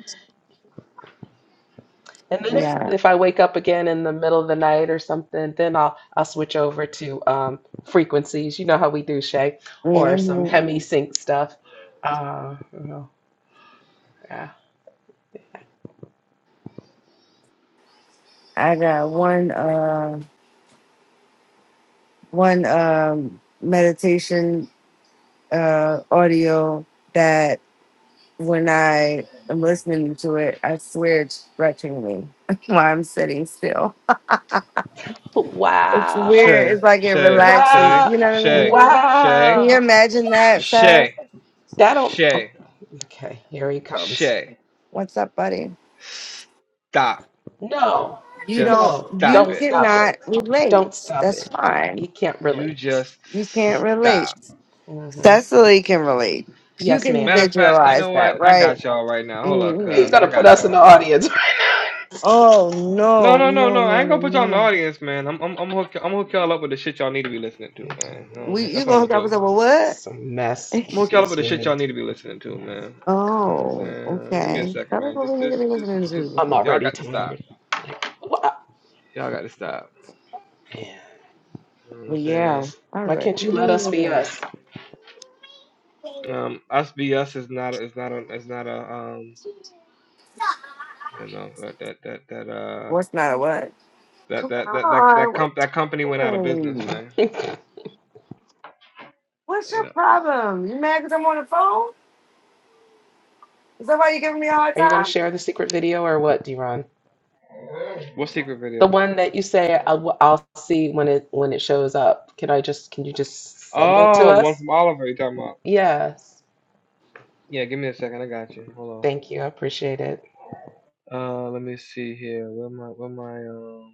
[SPEAKER 12] And then if
[SPEAKER 4] Yeah.
[SPEAKER 12] if I wake up again in the middle of the night or something, then I'll I'll switch over to um, frequencies. You know how we do, Shay, or some
[SPEAKER 4] hmm
[SPEAKER 12] hemi sync stuff. Uh, you know, yeah.
[SPEAKER 4] I got one uh one um meditation uh audio that when I am listening to it, I swear it's stretching me while I'm sitting still. It's
[SPEAKER 12] Wow.
[SPEAKER 4] weird.
[SPEAKER 1] Shay,
[SPEAKER 4] It's like it
[SPEAKER 1] Shay, Shay,
[SPEAKER 4] relaxes.
[SPEAKER 12] Wow.
[SPEAKER 4] You know what I
[SPEAKER 1] Shay,
[SPEAKER 4] mean? Can
[SPEAKER 1] Shay,
[SPEAKER 4] you
[SPEAKER 12] Wow.
[SPEAKER 4] imagine that,
[SPEAKER 1] Shay,
[SPEAKER 12] That don't
[SPEAKER 1] Shay,
[SPEAKER 12] okay, here he comes.
[SPEAKER 1] Shay.
[SPEAKER 4] What's up, buddy?
[SPEAKER 1] Stop.
[SPEAKER 12] No,
[SPEAKER 4] You
[SPEAKER 1] Just
[SPEAKER 4] don't,
[SPEAKER 12] no,
[SPEAKER 4] you
[SPEAKER 1] stop
[SPEAKER 12] don't
[SPEAKER 1] it.
[SPEAKER 12] stop
[SPEAKER 4] cannot
[SPEAKER 12] it.
[SPEAKER 4] relate.
[SPEAKER 12] Don't stop
[SPEAKER 4] That's
[SPEAKER 12] it. He, he
[SPEAKER 4] fine.
[SPEAKER 12] can't
[SPEAKER 1] You
[SPEAKER 12] relate.
[SPEAKER 1] just
[SPEAKER 4] You can't relate.
[SPEAKER 1] stop.
[SPEAKER 12] hmm
[SPEAKER 4] Cecily can relate. You
[SPEAKER 12] Yes,
[SPEAKER 4] can
[SPEAKER 1] Matter
[SPEAKER 12] ma'am.
[SPEAKER 1] of fact, you
[SPEAKER 4] visualize
[SPEAKER 1] know what?
[SPEAKER 4] that,
[SPEAKER 1] I
[SPEAKER 4] right?
[SPEAKER 1] got y'all right now. Hold up,
[SPEAKER 4] hmm
[SPEAKER 12] He's
[SPEAKER 1] cuz.
[SPEAKER 12] gonna
[SPEAKER 1] I
[SPEAKER 12] put
[SPEAKER 1] got
[SPEAKER 12] us in
[SPEAKER 1] y'all,
[SPEAKER 12] the
[SPEAKER 1] man.
[SPEAKER 12] audience right
[SPEAKER 4] Oh,
[SPEAKER 1] No,
[SPEAKER 4] no,
[SPEAKER 1] no, no,
[SPEAKER 4] no,
[SPEAKER 1] no. I
[SPEAKER 4] no,
[SPEAKER 1] ain't
[SPEAKER 4] no,
[SPEAKER 1] gonna put y'all in the
[SPEAKER 4] no.
[SPEAKER 1] audience, man. I'm, I'm, I'm hook, I'm hook y'all up with the shit y'all need to be listening to,
[SPEAKER 12] now.
[SPEAKER 1] man. You know what I'm
[SPEAKER 4] We,
[SPEAKER 1] saying?
[SPEAKER 4] you
[SPEAKER 1] That's what I'm
[SPEAKER 4] gonna hook
[SPEAKER 1] gonna
[SPEAKER 4] up with
[SPEAKER 1] do.
[SPEAKER 4] a well,
[SPEAKER 12] Some mess.
[SPEAKER 4] what?
[SPEAKER 1] I'm
[SPEAKER 12] He
[SPEAKER 1] gonna hook y'all up with
[SPEAKER 12] thinks
[SPEAKER 1] the
[SPEAKER 12] we
[SPEAKER 1] shit y'all
[SPEAKER 12] need.
[SPEAKER 1] need to be listening to, man. You know what I'm
[SPEAKER 12] God,
[SPEAKER 4] Oh,
[SPEAKER 1] saying? Give me
[SPEAKER 12] dear.
[SPEAKER 1] a
[SPEAKER 4] okay.
[SPEAKER 1] second,
[SPEAKER 4] Tell us
[SPEAKER 1] man.
[SPEAKER 4] what we
[SPEAKER 1] Just,
[SPEAKER 4] need to be
[SPEAKER 1] just,
[SPEAKER 4] listening
[SPEAKER 1] just, just,
[SPEAKER 4] to.
[SPEAKER 12] I'm
[SPEAKER 1] cause y'all
[SPEAKER 12] already
[SPEAKER 1] got to stop.
[SPEAKER 12] tired. Like, what?
[SPEAKER 1] Y'all got to stop. You know what I'm
[SPEAKER 4] But yeah,
[SPEAKER 1] saying?
[SPEAKER 4] all
[SPEAKER 12] Why
[SPEAKER 4] right.
[SPEAKER 12] can't you let us be
[SPEAKER 4] Mm.
[SPEAKER 12] us?
[SPEAKER 1] Um, us be us is not, is not a, is not a, um, you know, that, that, that, that, uh,
[SPEAKER 4] What's not a what?
[SPEAKER 1] that,
[SPEAKER 4] Come
[SPEAKER 1] that, that, that, that,
[SPEAKER 4] on, what
[SPEAKER 1] comp- that company went
[SPEAKER 4] are you
[SPEAKER 1] out of business,
[SPEAKER 4] doing?
[SPEAKER 1] man.
[SPEAKER 12] Are
[SPEAKER 4] What's
[SPEAKER 1] You
[SPEAKER 4] your
[SPEAKER 1] know.
[SPEAKER 4] problem? You mad because I'm on the phone? Is that why you're giving me a hard
[SPEAKER 12] you gonna
[SPEAKER 4] time?
[SPEAKER 12] share the secret video or what, D.
[SPEAKER 1] What secret
[SPEAKER 12] The
[SPEAKER 1] video?
[SPEAKER 12] one that you say I w- I'll, will see when it when it shows up. Can I just can you just send it to
[SPEAKER 1] Oh, the one
[SPEAKER 12] us?
[SPEAKER 1] from Oliver. You talking about?
[SPEAKER 12] Yes.
[SPEAKER 1] Yeah, give me a second. I got you. Hold on.
[SPEAKER 12] Thank you. I appreciate it.
[SPEAKER 1] Uh, let me see here. Where my where my um.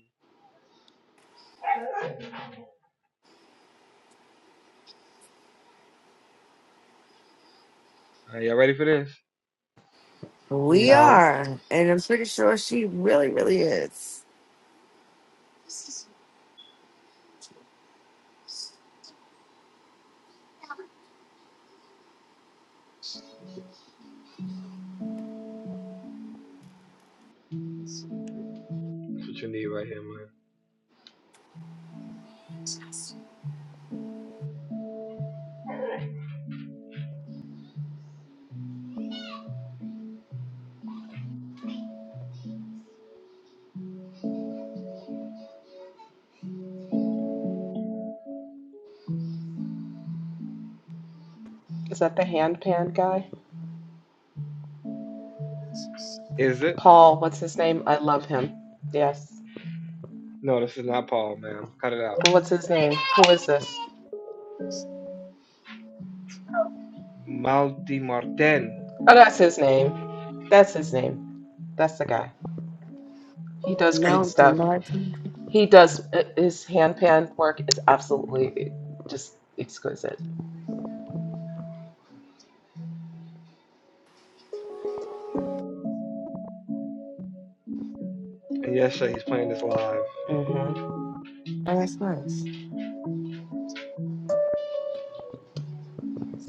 [SPEAKER 1] Are y'all ready for this?
[SPEAKER 4] We
[SPEAKER 12] No.
[SPEAKER 4] are, and I'm pretty sure she really, really is.
[SPEAKER 1] That's what you need right here, man.
[SPEAKER 12] Is that the hand pan guy?
[SPEAKER 1] Is it?
[SPEAKER 12] Paul, what's his name? I love him. Yes.
[SPEAKER 1] No, this is not Paul, man. Cut it out.
[SPEAKER 12] Well, What's his name? Who is this?
[SPEAKER 1] Maldi Martin.
[SPEAKER 12] Oh, that's his name. That's his name. That's the guy. He does great
[SPEAKER 4] No, do
[SPEAKER 12] stuff.
[SPEAKER 4] not. Oh,
[SPEAKER 12] He does uh, his hand pan work is absolutely just exquisite.
[SPEAKER 1] And yes, sir, he's playing this live.
[SPEAKER 12] Mm-hmm.
[SPEAKER 4] that's nice.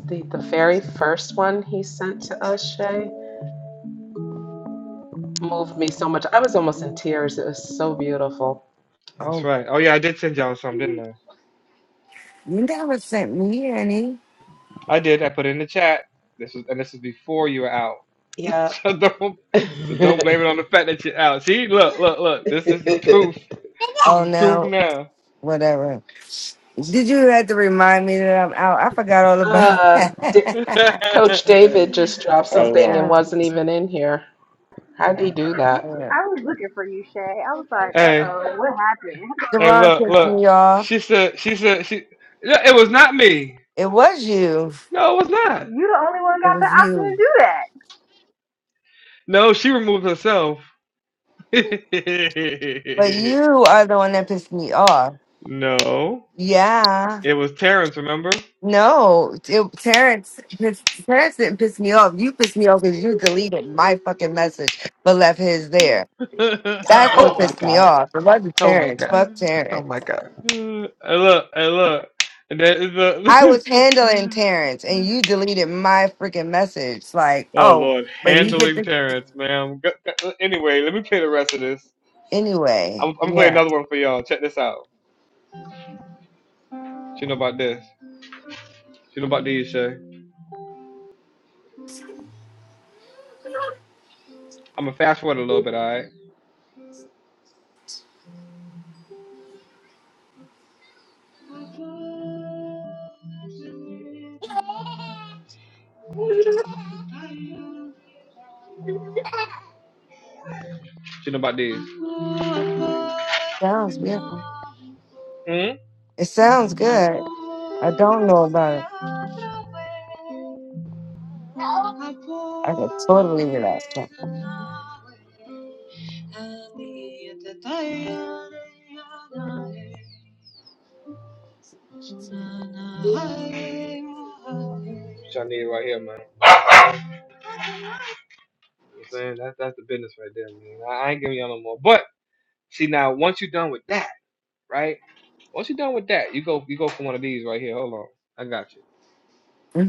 [SPEAKER 12] The the very first one he sent to us, Shay, moved me so much. I was almost in tears. It was so beautiful.
[SPEAKER 1] That's
[SPEAKER 4] Oh,
[SPEAKER 1] right. Oh yeah, I did send y'all some, didn't I?
[SPEAKER 4] you never sent me any.
[SPEAKER 1] I did. I put it in the chat. This was and this is before you were out.
[SPEAKER 12] Yeah.
[SPEAKER 1] so don't so don't blame it on the fact that you're out. See, look, look, look. This this is proof. This
[SPEAKER 4] Oh
[SPEAKER 1] is proof
[SPEAKER 4] no,
[SPEAKER 1] now.
[SPEAKER 4] whatever. Did you have to remind me that I'm out? I forgot all about
[SPEAKER 12] uh,
[SPEAKER 4] that.
[SPEAKER 12] D- Coach David just dropped
[SPEAKER 4] hey,
[SPEAKER 12] something and
[SPEAKER 4] yeah.
[SPEAKER 12] wasn't even in here. How'd he do that?
[SPEAKER 4] yeah.
[SPEAKER 2] I was looking for you, Shay. I was like, uh
[SPEAKER 1] hey,
[SPEAKER 2] oh, what happened?
[SPEAKER 1] hey,
[SPEAKER 4] Javon
[SPEAKER 1] look,
[SPEAKER 4] pissed
[SPEAKER 1] look.
[SPEAKER 4] me off.
[SPEAKER 1] She said she said she yeah, it was not me.
[SPEAKER 4] It was you.
[SPEAKER 1] No, it was not.
[SPEAKER 2] You the only one
[SPEAKER 4] It
[SPEAKER 2] got the
[SPEAKER 4] was
[SPEAKER 2] option
[SPEAKER 4] you.
[SPEAKER 2] to do that.
[SPEAKER 1] No, she removed herself. no,
[SPEAKER 4] But you are the one that pissed me off. Yeah.
[SPEAKER 1] it was Terrence. Remember?
[SPEAKER 4] No, it, Terrence, piss- Terrence didn't piss me off. You pissed me off because you deleted my fucking message but left his there. That's what
[SPEAKER 12] Oh my
[SPEAKER 4] pissed me
[SPEAKER 12] God.
[SPEAKER 4] off. It wasn't
[SPEAKER 12] Oh my
[SPEAKER 4] Terrence.
[SPEAKER 12] God.
[SPEAKER 4] Fuck
[SPEAKER 1] I
[SPEAKER 12] Oh
[SPEAKER 4] Terrence.
[SPEAKER 12] my God.
[SPEAKER 1] look, I look, and that is
[SPEAKER 4] I
[SPEAKER 1] the.
[SPEAKER 4] was handling Terrence and you deleted my freaking message. Like,
[SPEAKER 1] oh
[SPEAKER 4] oh,
[SPEAKER 1] Lord,
[SPEAKER 4] but he get
[SPEAKER 1] handling
[SPEAKER 4] the
[SPEAKER 1] Terrence, ma'am. Go- go- Anyway, let me play the rest of this.
[SPEAKER 4] anyway.
[SPEAKER 1] I'm, I'm gonna play
[SPEAKER 4] Yeah,
[SPEAKER 1] another one for y'all. Check this out. She know about this. She know about these, Shay. I'm gonna fast forward a little bit, alright? You know about this?
[SPEAKER 4] sounds beautiful.
[SPEAKER 1] Hmm?
[SPEAKER 4] It sounds good. I don't know about it. I could totally relax.
[SPEAKER 1] Which I need right here, man. You know what I'm saying that that's the business right there, man. I, I ain't giving y'all no more. But see now, once you're done with that, right? Once you're done with that, you go you go for one of these right here. Hold on, I got you.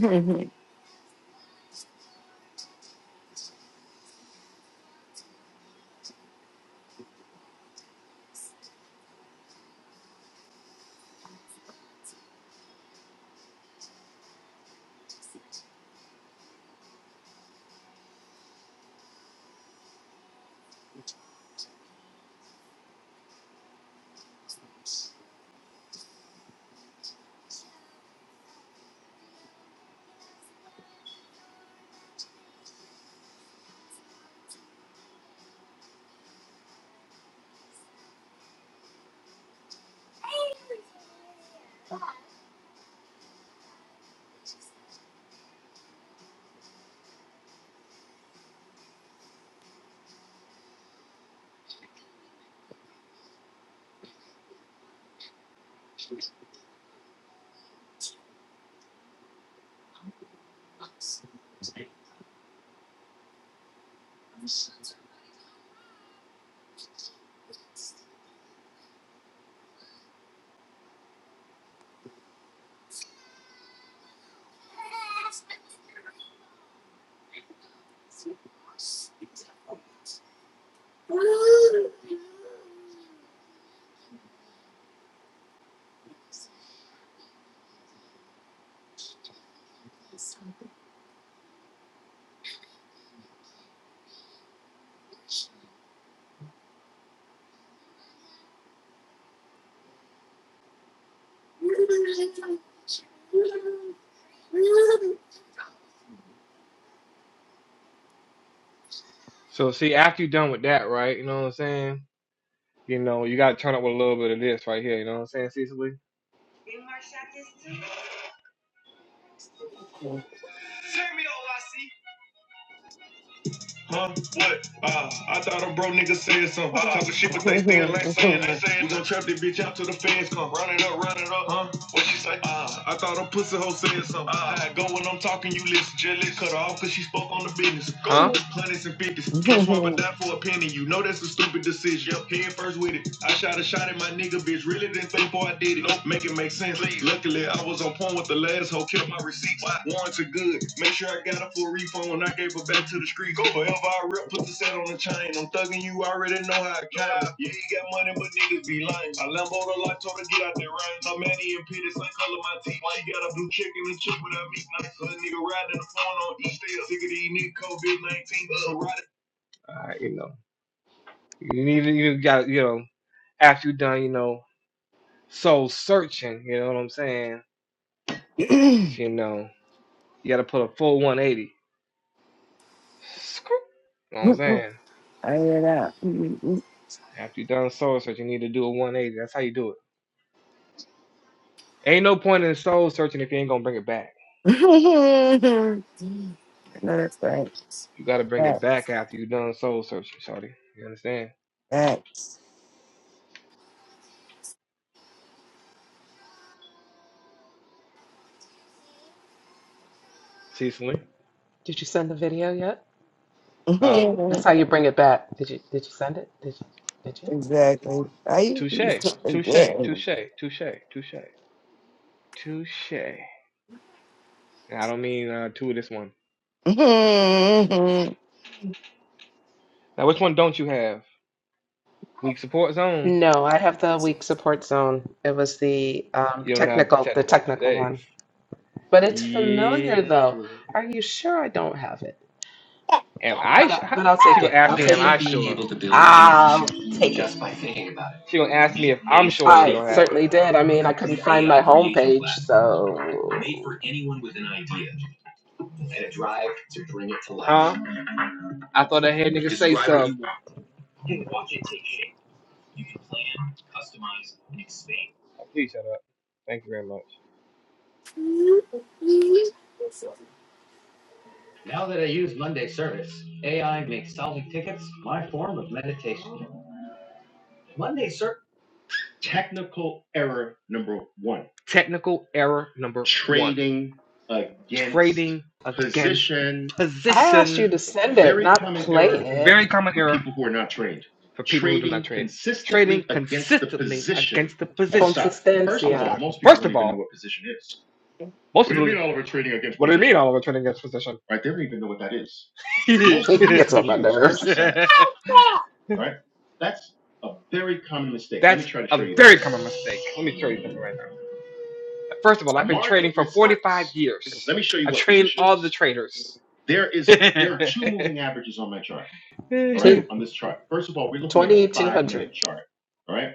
[SPEAKER 1] So see, after you're done with that, right? You know what I'm saying? You know, you gotta turn up with a little bit of this right here. You know what I'm saying, Cecily? Huh? What? Uh, I thought a bro nigga said something. Uh, Talking shit, but they still ain't saying nothing. We gon' trap this bitch out till the feds come. Run it up, run it up. Huh? What she say? Uh, I thought a pussy hoe said something. Uh, I go when I'm talking, you listen. Jealous, cut her off cause she spoke on the business. Go Huh? hundreds and fifties. Can't swap a dime for a penny. You know that's a stupid decision. Yep, head first with it. I shot a shot at my nigga, bitch. Really didn't think before I did it. Nope. Make it make sense. Please. Luckily, I was on point with the last hoe, kept my receipts. Warrants are good. Make sure I got her for a refund. I gave her back to the street. Go forever, I rip, put the set on the chain. I'm thugging you, I already know how I count. Yeah, you got money, but niggas be lying. I Lambo the lot, told her get out that rain. I'm Manny and Peter, same color my teeth. She got a blue chicken and a chick without meat. Nice little nigga riding in the phone on E. Still sick of these niggas, COVID 19. Uh, Alright, you know, you need you got you know after you done you know soul searching. You know what I'm saying? You know. You got to put a full 180. You know what I'm saying?
[SPEAKER 4] I hear that.
[SPEAKER 1] After you done soul searching, you need to do a 180. That's how you do it. Ain't no point in soul searching if you ain't gonna bring it back.
[SPEAKER 4] no, that's facts.
[SPEAKER 1] You got to bring it
[SPEAKER 4] Fact-
[SPEAKER 1] back after you done soul searching, Shorty. You understand?
[SPEAKER 4] Facts.
[SPEAKER 1] Cecily?
[SPEAKER 12] Did you send the video yet?
[SPEAKER 1] Oh,
[SPEAKER 12] That's how you bring it back. Did you did you send it? Did you did you?
[SPEAKER 4] exactly. I
[SPEAKER 1] touche,
[SPEAKER 4] used to
[SPEAKER 1] touche,
[SPEAKER 4] forget.
[SPEAKER 1] touche, touche, touche, touche. I don't mean uh, two of this one. Now, which one don't you have? Weak support zones.
[SPEAKER 12] No, I have the weak support zone. It was the um,
[SPEAKER 1] You don't have the
[SPEAKER 12] technical, the
[SPEAKER 1] technical
[SPEAKER 12] technical one.
[SPEAKER 1] mistakes.
[SPEAKER 12] But it's familiar though.
[SPEAKER 1] Yeah.
[SPEAKER 12] Are you sure I don't have it?
[SPEAKER 1] Am I?
[SPEAKER 12] But
[SPEAKER 1] Sh-
[SPEAKER 12] I, but I'll
[SPEAKER 1] she
[SPEAKER 12] take
[SPEAKER 1] gonna
[SPEAKER 12] it.
[SPEAKER 1] ask
[SPEAKER 12] I'll
[SPEAKER 1] me, am
[SPEAKER 12] take
[SPEAKER 1] Imagine I
[SPEAKER 12] it.
[SPEAKER 1] being sure? Being able to build any
[SPEAKER 12] I'll
[SPEAKER 1] shoe
[SPEAKER 12] take it.
[SPEAKER 1] just by thinking about it. She gonna ask me if I'm sure she
[SPEAKER 12] I
[SPEAKER 1] don't have it.
[SPEAKER 12] certainly did. I
[SPEAKER 1] a
[SPEAKER 12] mean, I couldn't
[SPEAKER 1] complete
[SPEAKER 12] find my
[SPEAKER 1] AI creation
[SPEAKER 12] homepage,
[SPEAKER 1] platform made
[SPEAKER 12] so
[SPEAKER 1] for anyone with an idea and a drive to bring it to life. Huh? I thought I heard niggas say something. watch it take shape. You can plan, customize, and expand. Oh, please shut up. Thank you very much. Now that I use Monday Service, AI makes solving tickets my form of meditation. Monday Service. One. Technical error number one. against trading against Position,
[SPEAKER 12] I asked you
[SPEAKER 1] position.
[SPEAKER 12] to send it,
[SPEAKER 1] very
[SPEAKER 12] not
[SPEAKER 1] common
[SPEAKER 12] play
[SPEAKER 1] error Very
[SPEAKER 12] it.
[SPEAKER 1] common for error people who are not trained. for people trading who do not Trading trade. Trading consistently against consistently the position against the position stock. First of of all,
[SPEAKER 12] Consistencia.
[SPEAKER 1] most people First don't of even all, know what position is. most What do you people, mean all over trading against what position? do you mean all of a trading against position? Right? They don't even know what that is. Most of
[SPEAKER 12] It
[SPEAKER 1] you are
[SPEAKER 12] gets on my
[SPEAKER 1] confused, which
[SPEAKER 12] nerves.
[SPEAKER 1] is sad, right? That's a very common mistake. That's Let me That's try to show a you very this. common mistake. Let me show you something right now. First of all, I've been market trading for is this. 45 business. years. Let me show you I what train all the traders. There is there are two moving averages on my chart. All right,
[SPEAKER 12] Two.
[SPEAKER 1] on this chart. First of all, we're looking at a five minute chart. All right,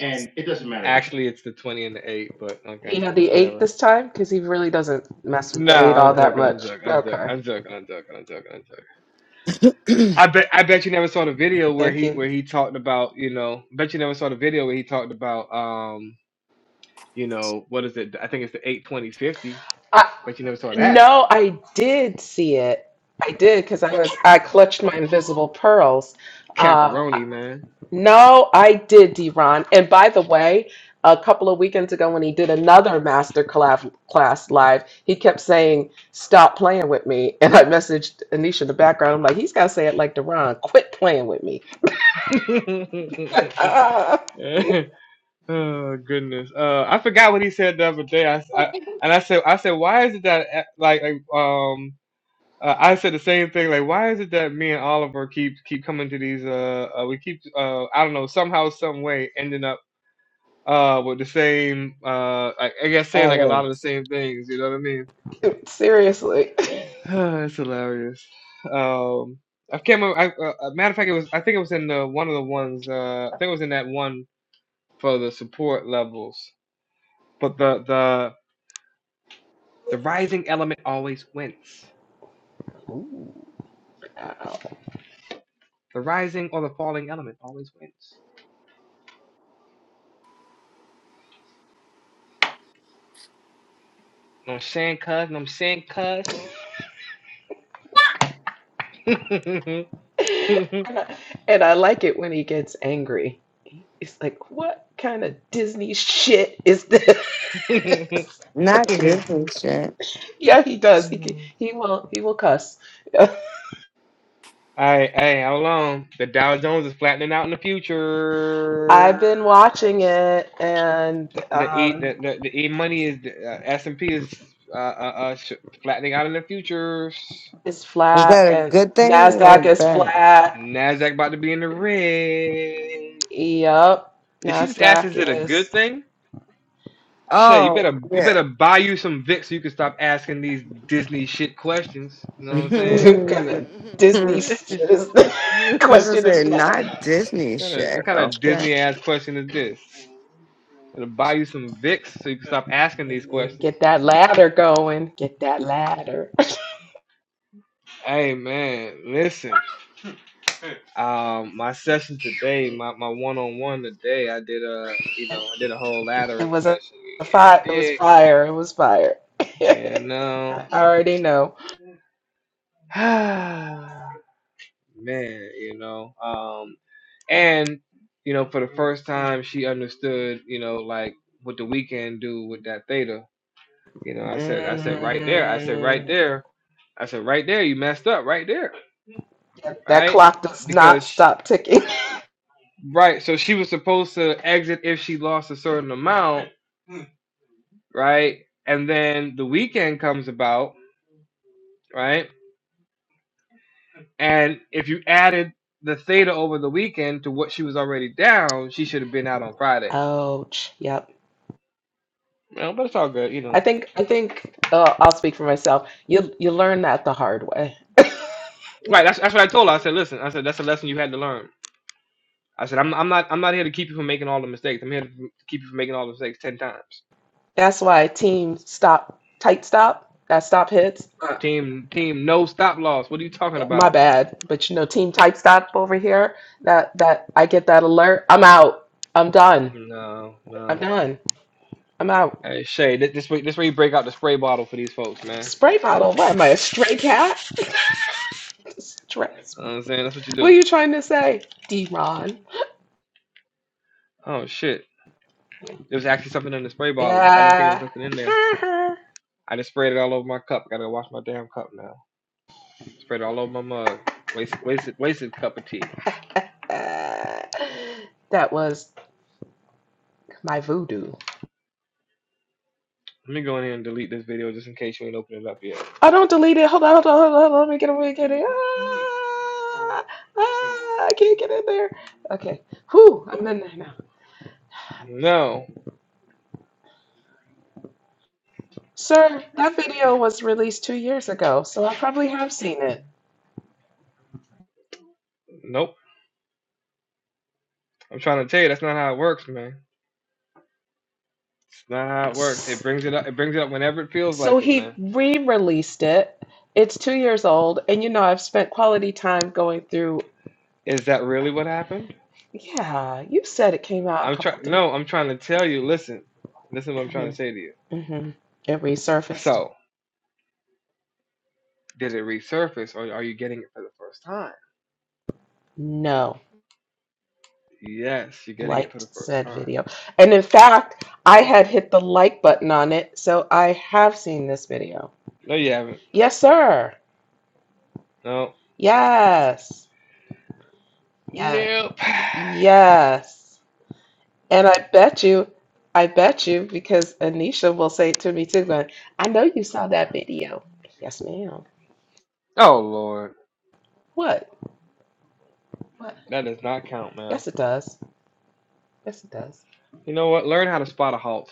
[SPEAKER 1] and it doesn't matter Actually, it's the 20 and the 8, but
[SPEAKER 12] He
[SPEAKER 1] okay,
[SPEAKER 12] had the eight
[SPEAKER 1] whatever.
[SPEAKER 12] this time because he really doesn't mess with
[SPEAKER 1] No,
[SPEAKER 12] the eight all
[SPEAKER 1] I'm
[SPEAKER 12] that
[SPEAKER 1] joking. I'm
[SPEAKER 12] much.
[SPEAKER 1] joking. I'm joking.
[SPEAKER 12] Okay,
[SPEAKER 1] I'm joking. I'm joking. I'm joking. I'm joking. I bet. I bet you never saw the video where
[SPEAKER 12] thank
[SPEAKER 1] he where
[SPEAKER 12] you.
[SPEAKER 1] he talked about you know. Bet you never saw the video where he talked about um you know what is it? I think it's the eight twenty fifty.
[SPEAKER 12] I,
[SPEAKER 1] But you never saw that.
[SPEAKER 12] no, I did see it. I did because I was I clutched my invisible pearls. Uh,
[SPEAKER 1] Caparoni, man.
[SPEAKER 12] no, I did, Deron. And by the way, a couple of weekends ago when he did another master collab, class live, he kept saying, "Stop playing with me." And I messaged Anisha in the background. I'm like, he's got to say it like Deron. Quit playing with me.
[SPEAKER 1] oh goodness. Uh, I forgot what he said the other day. I, I, and I said I said why is it that uh, like like, um uh, I said the same thing like why is it that me and Oliver keep keep coming to these uh, uh we keep uh I don't know somehow some way ending up uh with the same uh I, I guess saying like a
[SPEAKER 4] All
[SPEAKER 1] lot of the
[SPEAKER 4] this.
[SPEAKER 1] same things. You know what I mean?
[SPEAKER 12] Seriously.
[SPEAKER 1] it's hilarious. Um. I can't remember. I, uh, uh, matter of fact, it was. I think it was in the one of the ones. Uh, I think it was in that one for the support levels. But the the the rising element always wins.
[SPEAKER 12] Ow.
[SPEAKER 1] The rising or the falling element always wins. You know what I'm saying, cuz? You know what I'm
[SPEAKER 12] And I, and I like it when he gets angry. It's like, what kind of Disney shit is this?
[SPEAKER 1] saying, cuz?
[SPEAKER 4] Not different shit.
[SPEAKER 12] yeah, he does. He can- he will he will cuss.
[SPEAKER 1] Alright, hey, how long The Dow Jones is flattening out in the futures.
[SPEAKER 12] I've been watching it, and
[SPEAKER 1] The the e the
[SPEAKER 12] um,
[SPEAKER 1] the, the e money is uh, S and P is uh, uh, uh sh- flattening out in the futures.
[SPEAKER 12] it's
[SPEAKER 4] Is
[SPEAKER 12] flat,
[SPEAKER 4] that a
[SPEAKER 12] and
[SPEAKER 4] good thing or
[SPEAKER 12] Nasdaq is
[SPEAKER 4] bad?
[SPEAKER 12] flat.
[SPEAKER 1] Nasdaq about to be in the red.
[SPEAKER 12] Yep,
[SPEAKER 1] Did she just ask,
[SPEAKER 12] Nasdaq
[SPEAKER 1] is it a good
[SPEAKER 12] is
[SPEAKER 1] thing? Shay, you
[SPEAKER 4] Oh,
[SPEAKER 1] better you
[SPEAKER 4] yeah.
[SPEAKER 1] better buy you some Vicks so you can stop asking these Disney shit questions. You know what I'm
[SPEAKER 12] what kind of
[SPEAKER 4] that
[SPEAKER 12] Disney shit is
[SPEAKER 1] saying?
[SPEAKER 12] question
[SPEAKER 4] was
[SPEAKER 12] is
[SPEAKER 4] a
[SPEAKER 12] that?
[SPEAKER 4] not Disney
[SPEAKER 1] what
[SPEAKER 4] shit.
[SPEAKER 1] kind of
[SPEAKER 4] Okay.
[SPEAKER 1] Disney ass question is this? Better buy you some Vicks so you can stop asking these questions.
[SPEAKER 12] Get that ladder going. Get that ladder.
[SPEAKER 1] Hey man, listen. Um, my session today, my my one on one today, I did a you know I did a whole
[SPEAKER 12] It
[SPEAKER 1] laddering
[SPEAKER 12] was a,
[SPEAKER 1] session.
[SPEAKER 12] fire. It
[SPEAKER 1] Yeah,
[SPEAKER 12] was
[SPEAKER 1] dick.
[SPEAKER 12] fire. It was fire.
[SPEAKER 1] Yeah,
[SPEAKER 12] I
[SPEAKER 1] no.
[SPEAKER 12] already know.
[SPEAKER 1] man, you know. um. And you know, for the first time, she understood. You know, like what the weekend do with that theta. You know, I said, I said right there, I said right
[SPEAKER 12] Mm,
[SPEAKER 1] there, I said right there, you messed up right there,
[SPEAKER 12] yep, that
[SPEAKER 1] right?
[SPEAKER 12] clock does not
[SPEAKER 1] Because sh
[SPEAKER 12] stop ticking.
[SPEAKER 1] right, so she was supposed to exit if she lost a certain amount, right? And then the weekend comes about, right? And if you added the theta over the weekend to what she was already down, she should have been out on Friday.
[SPEAKER 12] Ouch. Yep.
[SPEAKER 1] Well, but it's all good, you know.
[SPEAKER 12] I think I think uh, I'll speak for myself. You you learn that the hard way.
[SPEAKER 1] Right. That's that's what I told her. I said, listen. I said that's a lesson you had to learn. I said I'm I'm not I'm not here to keep you from making all the mistakes. I'm here to keep you from making all the mistakes ten times.
[SPEAKER 12] That's why team stop tight stop that stop hits.
[SPEAKER 1] Team team no stop loss. What are you talking
[SPEAKER 12] My
[SPEAKER 1] about?
[SPEAKER 12] bad, but you know team tight stop over here. That that I get that alert. I'm out. I'm done.
[SPEAKER 1] No
[SPEAKER 12] I'm
[SPEAKER 1] no.
[SPEAKER 12] done. I'm out.
[SPEAKER 1] Hey Shay, this, this way this way you break out the spray bottle for these folks, man.
[SPEAKER 12] Spray bottle? What am I, a stray cat? Stray.
[SPEAKER 1] You know what I'm saying that's what you
[SPEAKER 12] What are
[SPEAKER 1] do.
[SPEAKER 12] you trying to say, D-Ron?
[SPEAKER 1] Oh shit. There was actually something in the spray bottle. I didn't think there was
[SPEAKER 12] Yeah.
[SPEAKER 1] nothing in there.
[SPEAKER 12] Ha, ha.
[SPEAKER 1] I just sprayed it all over my cup. Gotta wash my damn cup now. Sprayed it all over my mug. Wasted wasted wasted cup of tea.
[SPEAKER 12] Uh, that was my voodoo.
[SPEAKER 1] Let me go in here and delete this video just in case you ain't opened it up yet.
[SPEAKER 12] I don't delete it. Hold on, hold on, hold on. hold on. Let me get it. Let me get it. Ah, ah, I can't get in there. Okay. Whew, I'm in there now.
[SPEAKER 1] No.
[SPEAKER 12] Sir, that video was released two years ago, so I probably have seen
[SPEAKER 1] Nope. I'm trying to tell you that's not how it works, man. It's not how it works.
[SPEAKER 12] it.
[SPEAKER 1] It brings it up. It brings it up whenever it feels
[SPEAKER 12] So
[SPEAKER 1] like it,
[SPEAKER 12] he
[SPEAKER 1] man.
[SPEAKER 12] re-released it. It's two years old, and you know I've spent quality time going through.
[SPEAKER 1] Is that really what happened?
[SPEAKER 12] Yeah, you said it came out a
[SPEAKER 1] I'm trying.
[SPEAKER 12] couple of days.
[SPEAKER 1] No, I'm trying to tell you. Listen, listen. What I'm trying to
[SPEAKER 12] Mm-hmm,
[SPEAKER 1] say to you.
[SPEAKER 12] mm-hmm. It resurfaced.
[SPEAKER 1] So, did it resurface, or are you getting it for the first time?
[SPEAKER 12] No,
[SPEAKER 1] Yes, you're getting it for the
[SPEAKER 12] liked
[SPEAKER 1] first
[SPEAKER 12] said
[SPEAKER 1] time.
[SPEAKER 12] video, and in fact, I had hit the like button on it, so I have seen this video.
[SPEAKER 1] No, you haven't.
[SPEAKER 12] Yes, sir.
[SPEAKER 1] No.
[SPEAKER 12] Yes. Yeah.
[SPEAKER 1] Nope.
[SPEAKER 12] Yes. And I bet you, I bet you, because Anisha will say it to me too, going, I know you saw that video. Yes, ma'am.
[SPEAKER 1] Oh Lord,
[SPEAKER 12] What? What?
[SPEAKER 1] that does not count, man.
[SPEAKER 12] Yes, it does. Yes, it does.
[SPEAKER 1] You know what? Learn how to spot a halt.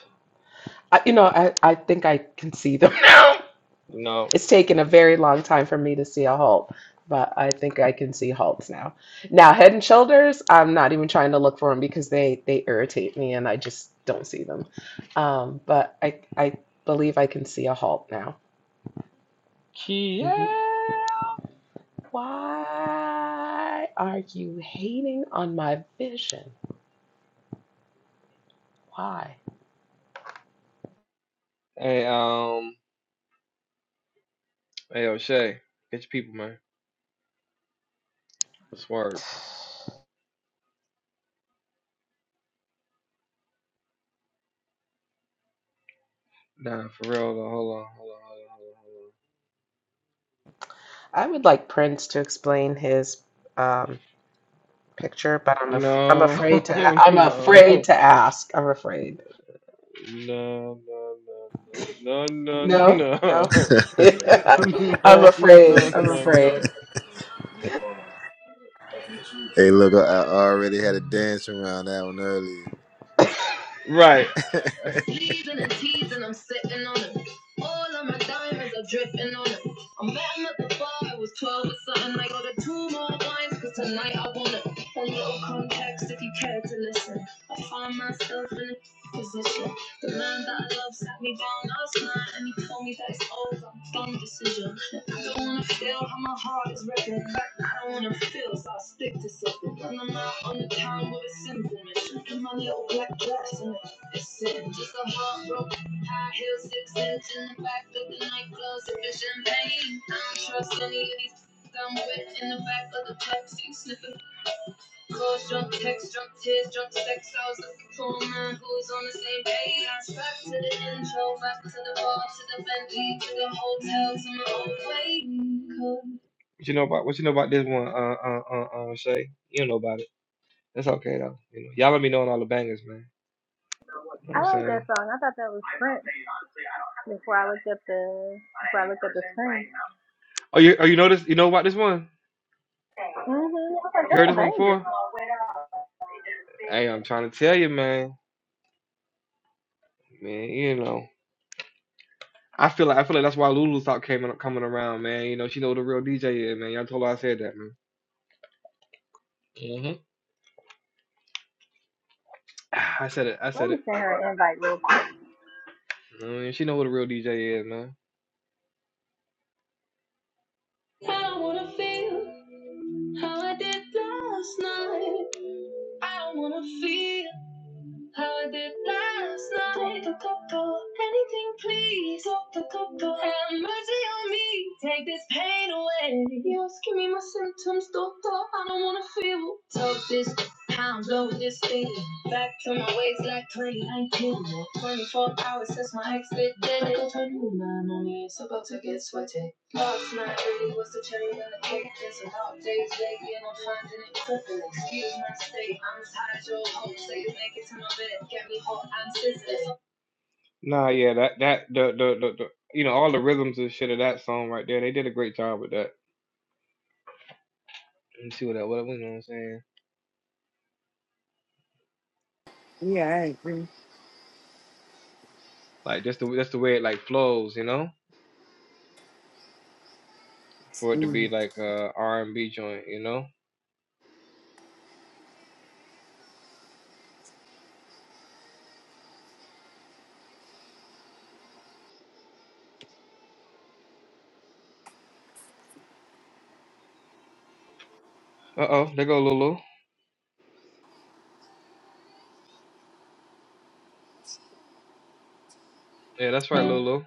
[SPEAKER 12] I, you know, I, I think I can see them now.
[SPEAKER 1] No.
[SPEAKER 12] It's taken a very long time for me to see a Hulk, but I think I can see Hulks now. Now, Head and Shoulders, I'm not even trying to look for them because they they irritate me and I just don't see them. Um, but I I believe I can see a Hulk now.
[SPEAKER 1] Kia.
[SPEAKER 12] Mm-hmm. Why are you hating on my vision? Why?
[SPEAKER 1] Hey, um. Hey, O'Shea, get your people, man. Swerve. Nah, for real, though. Hold on, hold
[SPEAKER 12] I would like Prince to explain his um, picture, but I'm af- I'm
[SPEAKER 1] on, hold on, hold on,
[SPEAKER 12] afraid to
[SPEAKER 1] hold
[SPEAKER 12] a-
[SPEAKER 1] on. No, no,
[SPEAKER 12] I'm afraid to ask. I'm afraid.
[SPEAKER 1] no, no, no, no, no, no,
[SPEAKER 12] No, no.
[SPEAKER 1] no,
[SPEAKER 12] I'm, I'm
[SPEAKER 1] no,
[SPEAKER 12] afraid.
[SPEAKER 1] no,
[SPEAKER 12] I'm
[SPEAKER 1] no,
[SPEAKER 12] afraid.
[SPEAKER 1] no.
[SPEAKER 10] Hey, look, I I already had a dance around that one earlier.
[SPEAKER 1] Right, Teasing and teasing, I'm sitting on it. All of my diamonds are dripping on it. I met him at the bar, I was 12 or something. I ordered two more wines, cause tonight I want it. A little context if you care to listen. I find myself in a position. The man that I love sat me down last night and he told me that it's over. Dumb decision. I don't wanna feel how my heart is ripping. I don't wanna feel, so I stick to something. And I'm out on the town with a simple mission. In my little black dress and it's Just a heart high heel six inch in the back of the nightclub, sufficient pain. I don't trust any of these. I'm wet in the back of the taxi, sniffing calls, drunk texts, drunk tears, drunk sex. I was looking for a man who was on the same page. I strapped to the intro, back to the bar, to the Bentley, to the hotel, to my own way. What you know about what you know about this one, uh, uh, uh, uh, Shay? You don't know about it. That's okay though. You know, y'all let me know on all the bangers, man. You know what
[SPEAKER 2] I
[SPEAKER 1] I'm
[SPEAKER 2] like
[SPEAKER 1] saying?
[SPEAKER 2] that song. I thought that was Prince before I looked up the before I looked up the screen.
[SPEAKER 1] Oh, you oh you know this? You know about this one?
[SPEAKER 2] Mhm. I was like,
[SPEAKER 1] You
[SPEAKER 2] that's
[SPEAKER 1] heard
[SPEAKER 2] a
[SPEAKER 1] this one
[SPEAKER 2] banger.
[SPEAKER 1] before? Hey, I'm trying to tell you, man. Man, you know. I feel like I feel like that's why Lulu stopped coming coming around, man. You know, she know who the real DJ is, man. Y'all told her I said that, man. hmm I said it. I
[SPEAKER 2] Let
[SPEAKER 1] said
[SPEAKER 2] me
[SPEAKER 1] it.
[SPEAKER 2] send her an invite real quick.
[SPEAKER 1] I mean, she know who the real DJ is, man. I don't wanna feel how I did last night. I don't wanna feel. Heard it last night. Anything, please. Have mercy on me. Take this pain away. Yes, give me my symptoms, doctor. I don't wanna feel. Talk this, pound, blow this thing. Back to my ways like 2019. 24 hours since my ex did it. Don't turn your mind on me, my money is about to get sweaty. Last night really was the cherry on the cake. There's a lot of days lately and I'm finding it crippling. Excuse my state, I'm as high as your hope. Say you make it to my bed, get me hot and sizzling. Nah, yeah, that, that, the, the, the, the, you know, all the rhythms and shit of that song right there, they did a great job with that. Let me see what that, was. you know what I'm saying?
[SPEAKER 4] Yeah. I agree.
[SPEAKER 1] Like, just the, that's the way it, like, flows, you know? For it to be, like, a R&B joint, you know? Uh oh, there go Lulu. Yeah, that's right, Lulu.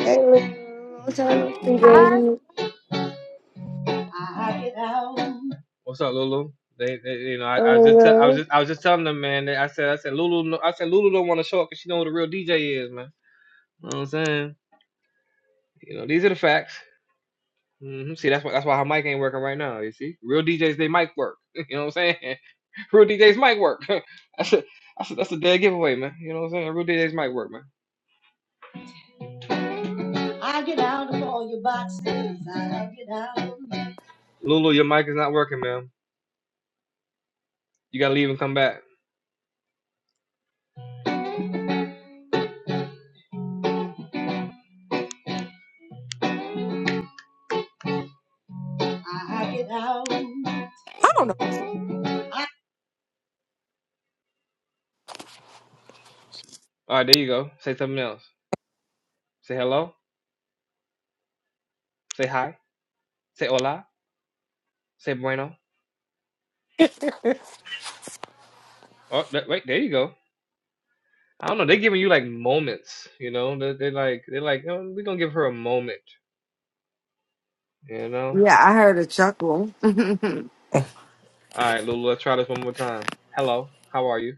[SPEAKER 4] Hey, Lou. What's up,
[SPEAKER 14] Hi,
[SPEAKER 4] baby?
[SPEAKER 1] I down. What's up, Lulu? They, they you know, I, I was just, te- I was
[SPEAKER 4] Oh,
[SPEAKER 1] just, I was just telling them, man. That I said, I said, Lulu, no, I said, Lulu don't want to show up because she know who the real DJ is, man. You know what I'm saying? You know, these are the facts. hmm See, that's why, that's why her mic ain't working right now. You see, real DJs, they mic work. You know what I'm saying? Real DJs mic work. I said, I said, that's a dead giveaway, man. You know what I'm saying? Real DJs mic work, man. I get out of all your boxes. I get out. Lulu, your mic is not working, ma'am. You gotta leave and come back. All right, there you go. Say something else. Say hello. Say hi. Say hola. Say bueno. Oh, th- wait, there you go. I don't know. They're giving you like moments, you know? They're, they're like, they're like, oh, we're gonna give her a moment, you
[SPEAKER 4] yeah.
[SPEAKER 1] know?
[SPEAKER 4] Yeah, I heard a chuckle.
[SPEAKER 1] All right, Lulu, let's try this one more time. Hello. How are you?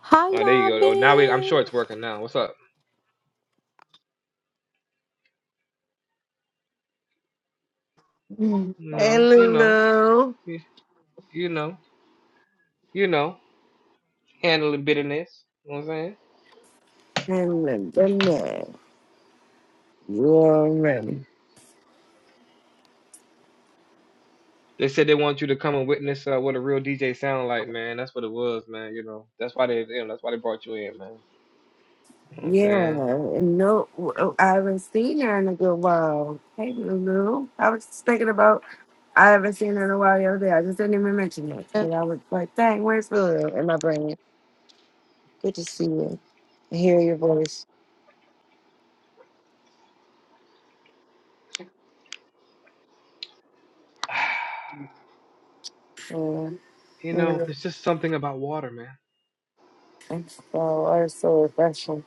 [SPEAKER 14] how
[SPEAKER 1] All right, there you
[SPEAKER 14] y'all
[SPEAKER 1] go. Oh, now we, I'm
[SPEAKER 14] been?
[SPEAKER 1] sure it's working now. What's up?
[SPEAKER 4] Hello,
[SPEAKER 1] You know, you know,
[SPEAKER 4] Lulu.
[SPEAKER 1] you, you know, you know, handling bitterness. You know what I'm saying?
[SPEAKER 4] And Lynette. You already.
[SPEAKER 1] They said they want you to come and witness uh, what a real DJ sound like, man. That's what it was, man. You know, that's why they, you know, that's why they brought you in, man. You know what I'm
[SPEAKER 4] Yeah.
[SPEAKER 1] saying?
[SPEAKER 4] and No, I haven't seen her in a good while. Hey, Lulu. I was just thinking about, I haven't seen her in a while the other day. I just didn't even mention it.
[SPEAKER 14] Uh,
[SPEAKER 4] But I was like, dang, where's Lulu in my brain? Good to see you. I hear your voice. Uh,
[SPEAKER 1] You know,
[SPEAKER 4] yeah.
[SPEAKER 1] there's just something about water, man.
[SPEAKER 4] And so, I was so refreshing.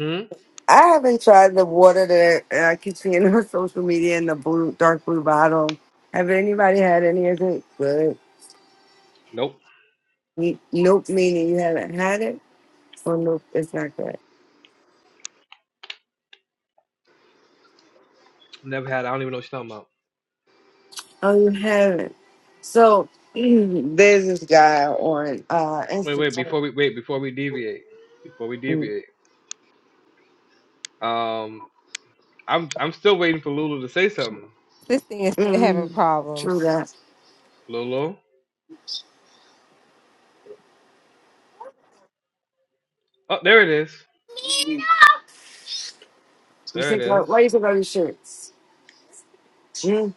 [SPEAKER 1] Hmm?
[SPEAKER 4] I haven't tried the water that I I keep seeing on social media in the blue, dark blue bottle. Have anybody had any of it? Good.
[SPEAKER 1] Nope.
[SPEAKER 4] Me- Nope, meaning you haven't had it, or nope, it's not good.
[SPEAKER 1] Never had. I don't even know what you're talking about.
[SPEAKER 4] Oh, you haven't. So there's this guy on uh,
[SPEAKER 1] Wait, wait.
[SPEAKER 4] Instagram.
[SPEAKER 1] Before we wait, before we deviate, before we
[SPEAKER 4] Mm,
[SPEAKER 1] deviate, um, I'm I'm still waiting for Lulu to say something.
[SPEAKER 14] This thing is still having
[SPEAKER 4] mm, true
[SPEAKER 14] problems.
[SPEAKER 4] that.
[SPEAKER 1] Lulu. Oh, there it is.
[SPEAKER 4] You
[SPEAKER 1] There it
[SPEAKER 4] think why
[SPEAKER 1] is.
[SPEAKER 4] why you took all your shirts? Mm,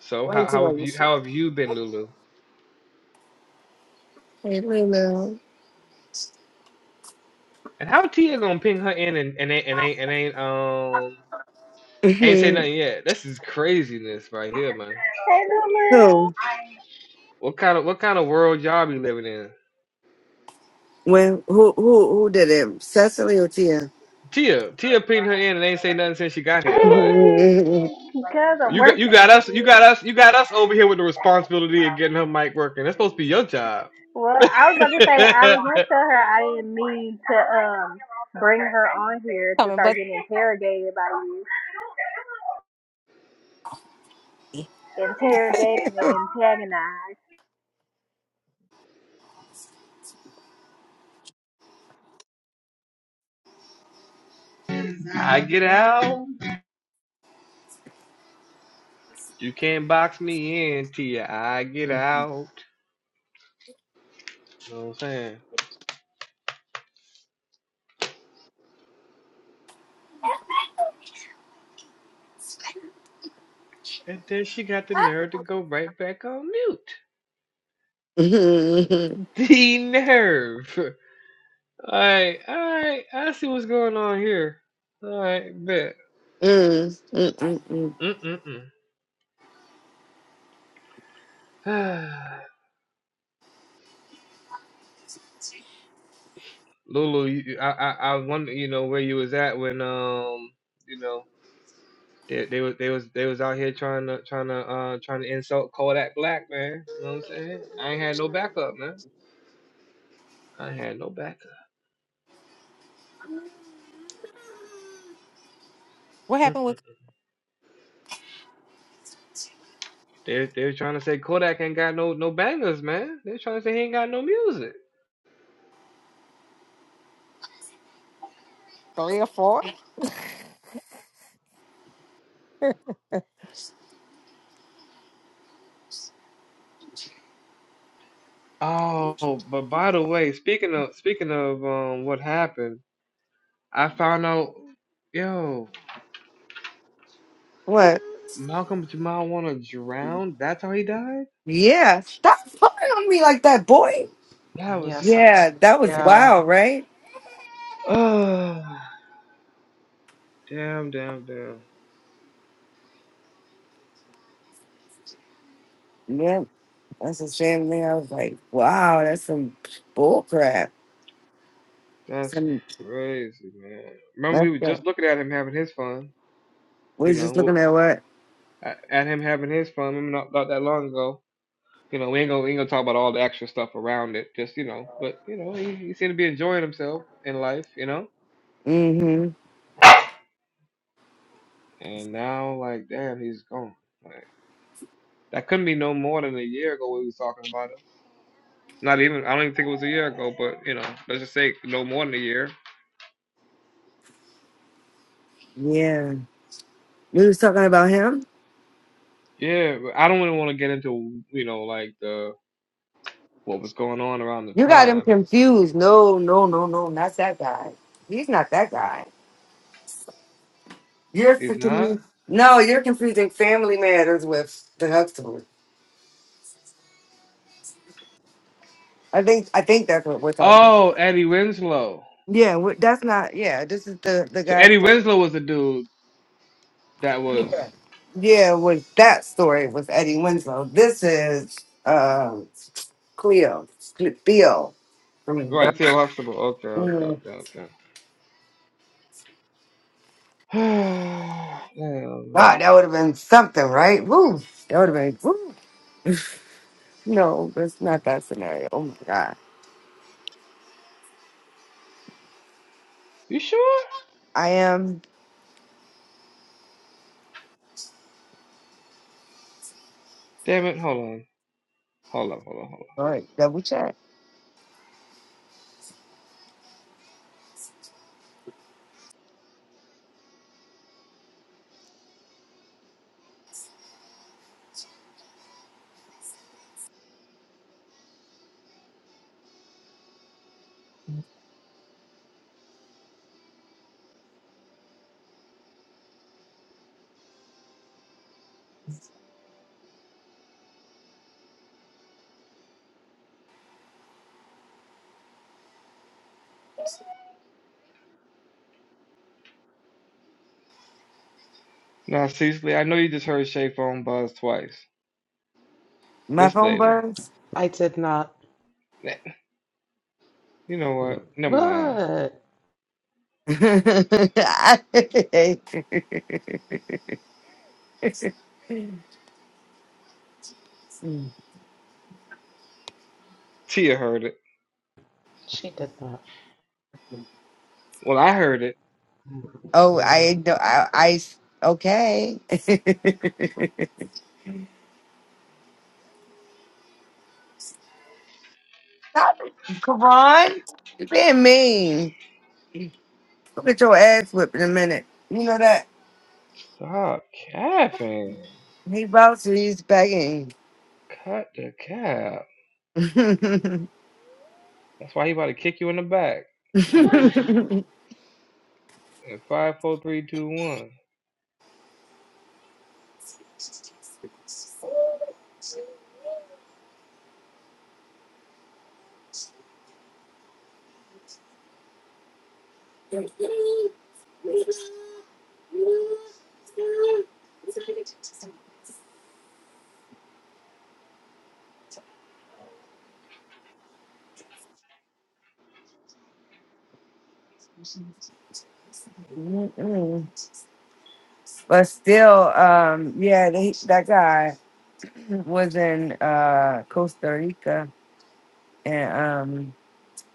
[SPEAKER 1] So
[SPEAKER 4] why
[SPEAKER 1] how
[SPEAKER 4] you took
[SPEAKER 1] how
[SPEAKER 4] all
[SPEAKER 1] have
[SPEAKER 4] your
[SPEAKER 1] you
[SPEAKER 4] shirts?
[SPEAKER 1] how have you been, Lulu?
[SPEAKER 4] Hey, Lulu.
[SPEAKER 1] And how Tia gonna ping her in and and ain't and ain't and ain't um Ain't say
[SPEAKER 4] Mm-hmm.
[SPEAKER 1] nothing yet. This is craziness right here, man.
[SPEAKER 2] Hey, little girl.
[SPEAKER 4] Who?
[SPEAKER 1] What kind of what kind of world y'all be living in?
[SPEAKER 4] When? Who? Who? Who did it? Cecily or Tia?
[SPEAKER 1] Tia, Tia pinged her in and ain't say nothing since she got here. Like
[SPEAKER 4] Mm,
[SPEAKER 2] Because I'm
[SPEAKER 1] you got
[SPEAKER 2] worth
[SPEAKER 1] you got us you
[SPEAKER 2] it.
[SPEAKER 1] got us you got us over here with the responsibility of getting her mic working. That's supposed to be your job.
[SPEAKER 2] Well,
[SPEAKER 1] I
[SPEAKER 2] I was about to say I was gonna tell her I didn't mean to um bring her on here to
[SPEAKER 14] Coming,
[SPEAKER 2] start
[SPEAKER 14] but
[SPEAKER 2] getting carried by you and
[SPEAKER 1] get out. You can't box me in, Tia. I get out. You know what I'm saying? And then she got the nerve to go right back on mute.
[SPEAKER 4] mm, mm,
[SPEAKER 1] The nerve. Alright, alright, I see what's going on here. Alright, bet.
[SPEAKER 4] mm, mm, mm.
[SPEAKER 1] Mm-mm-mm. Lulu, you, I, I, I wonder, you know, where you was at when, um, you know, they, they was, they was, they was out here trying to, trying to, uh, trying to insult Kodak Black, man. You know what I'm saying? I ain't had no backup, man. I ain't had no backup.
[SPEAKER 14] what happened
[SPEAKER 1] Mm-mm.
[SPEAKER 14] with
[SPEAKER 1] They, they were trying to say Kodak ain't got no, no bangers, man. They were trying to say he ain't got no music.
[SPEAKER 14] three or four?
[SPEAKER 1] Oh, but by the way, speaking of, speaking of, um, what happened. I found out, yo,
[SPEAKER 4] what?
[SPEAKER 1] Malcolm Jamal wanna drown? That's how he died?
[SPEAKER 4] Yeah. Stop pulling on me like that, boy.
[SPEAKER 1] That was,
[SPEAKER 12] Yes. I-
[SPEAKER 4] Yeah, that was
[SPEAKER 12] yeah.
[SPEAKER 4] wild, right?
[SPEAKER 1] oh, damn, damn, damn.
[SPEAKER 4] Yeah, that's the same thing. I was like, wow, that's some bull crap.
[SPEAKER 1] That's
[SPEAKER 4] Some
[SPEAKER 1] crazy, man. Remember,
[SPEAKER 4] that's
[SPEAKER 1] we were
[SPEAKER 4] that.
[SPEAKER 1] just looking at him having his fun,
[SPEAKER 4] We
[SPEAKER 1] you
[SPEAKER 4] was
[SPEAKER 1] know,
[SPEAKER 4] just looking at what?
[SPEAKER 1] at him having his fun, remember not, not that long ago. You know, we ain't gonna, we ain't gonna talk about all the extra stuff around it, just, you know, but, you know, he, he seemed to be enjoying himself in life, you know?
[SPEAKER 4] Mm-hmm.
[SPEAKER 1] And now, like, damn, he's gone. Like, that couldn't be no more than a year ago we was talking about it. Not even I don't even think it was a year ago, but you know, let's just say no more than a year.
[SPEAKER 4] Yeah. We was talking about him?
[SPEAKER 1] Yeah, but I don't really want to get into you know like the what was going on around the
[SPEAKER 4] You got him
[SPEAKER 1] time.
[SPEAKER 4] confused. No, no, no, no, not that guy. He's not that guy. You're
[SPEAKER 1] He's not.
[SPEAKER 4] confused. No, you're confusing family matters with the Huxtables. I think I think that's what we're talking. About.
[SPEAKER 1] Oh, Eddie Winslow.
[SPEAKER 4] Yeah, wh- that's not. Yeah, this is the the
[SPEAKER 1] So
[SPEAKER 4] guy.
[SPEAKER 1] Eddie
[SPEAKER 4] From,
[SPEAKER 1] Winslow was the dude that was
[SPEAKER 4] yeah, was that story was Eddie Winslow. This is uh, Cleo Cl- Theo from. The,
[SPEAKER 1] right. Theo Huxtable. Okay, okay,
[SPEAKER 4] mm,
[SPEAKER 1] okay, okay. Damn,
[SPEAKER 4] God,
[SPEAKER 1] man.
[SPEAKER 4] that would have been something, right? Woo, that would have been. Woo. No, it's not that scenario. Oh my God,
[SPEAKER 1] You sure?
[SPEAKER 4] I am.
[SPEAKER 1] Damn it! Hold on, hold on, hold on, hold on.
[SPEAKER 4] All right, double check.
[SPEAKER 1] Now, seriously, I know you just heard Shay Phone buzz twice.
[SPEAKER 4] My
[SPEAKER 1] This
[SPEAKER 4] phone
[SPEAKER 1] lady.
[SPEAKER 4] buzz.
[SPEAKER 12] I did not.
[SPEAKER 1] Nah, You know what? Never mind.
[SPEAKER 12] What?
[SPEAKER 4] oh,
[SPEAKER 1] Tia heard it.
[SPEAKER 12] She did not.
[SPEAKER 1] Well, I heard it.
[SPEAKER 4] I know. I, I okay. Stop it, Karan. You being mean. Go get your ass whipped in a minute. You know that.
[SPEAKER 1] Stop capping.
[SPEAKER 4] He bounces, he's begging.
[SPEAKER 1] Cut the cap.
[SPEAKER 4] Mm-mm.
[SPEAKER 1] That's why he about to kick you in the back. At five, four, three, two, one.
[SPEAKER 4] but still, um, yeah, they, that guy was in uh, Costa Rica and um,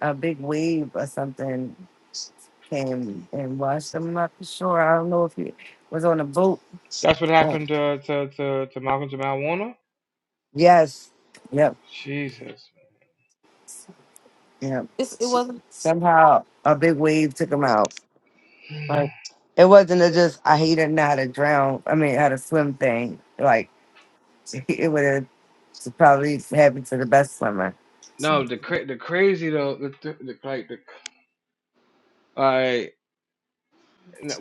[SPEAKER 4] a big wave or something came and washed him. I'm not for sure. I don't know if he was on a boat.
[SPEAKER 1] That's what
[SPEAKER 4] Oh,
[SPEAKER 1] happened to to to, to Malcolm Jamal Warner.
[SPEAKER 4] yes. Yep.
[SPEAKER 1] Jesus.
[SPEAKER 4] Yep.
[SPEAKER 14] It's- it, wasn't
[SPEAKER 4] Somehow a big wave took him out. Like it wasn't a just I he didn't know how to drown. I mean how to swim thing. Like it would have probably happened to the best swimmer.
[SPEAKER 1] No, the cra- the crazy though. The, the, the like the like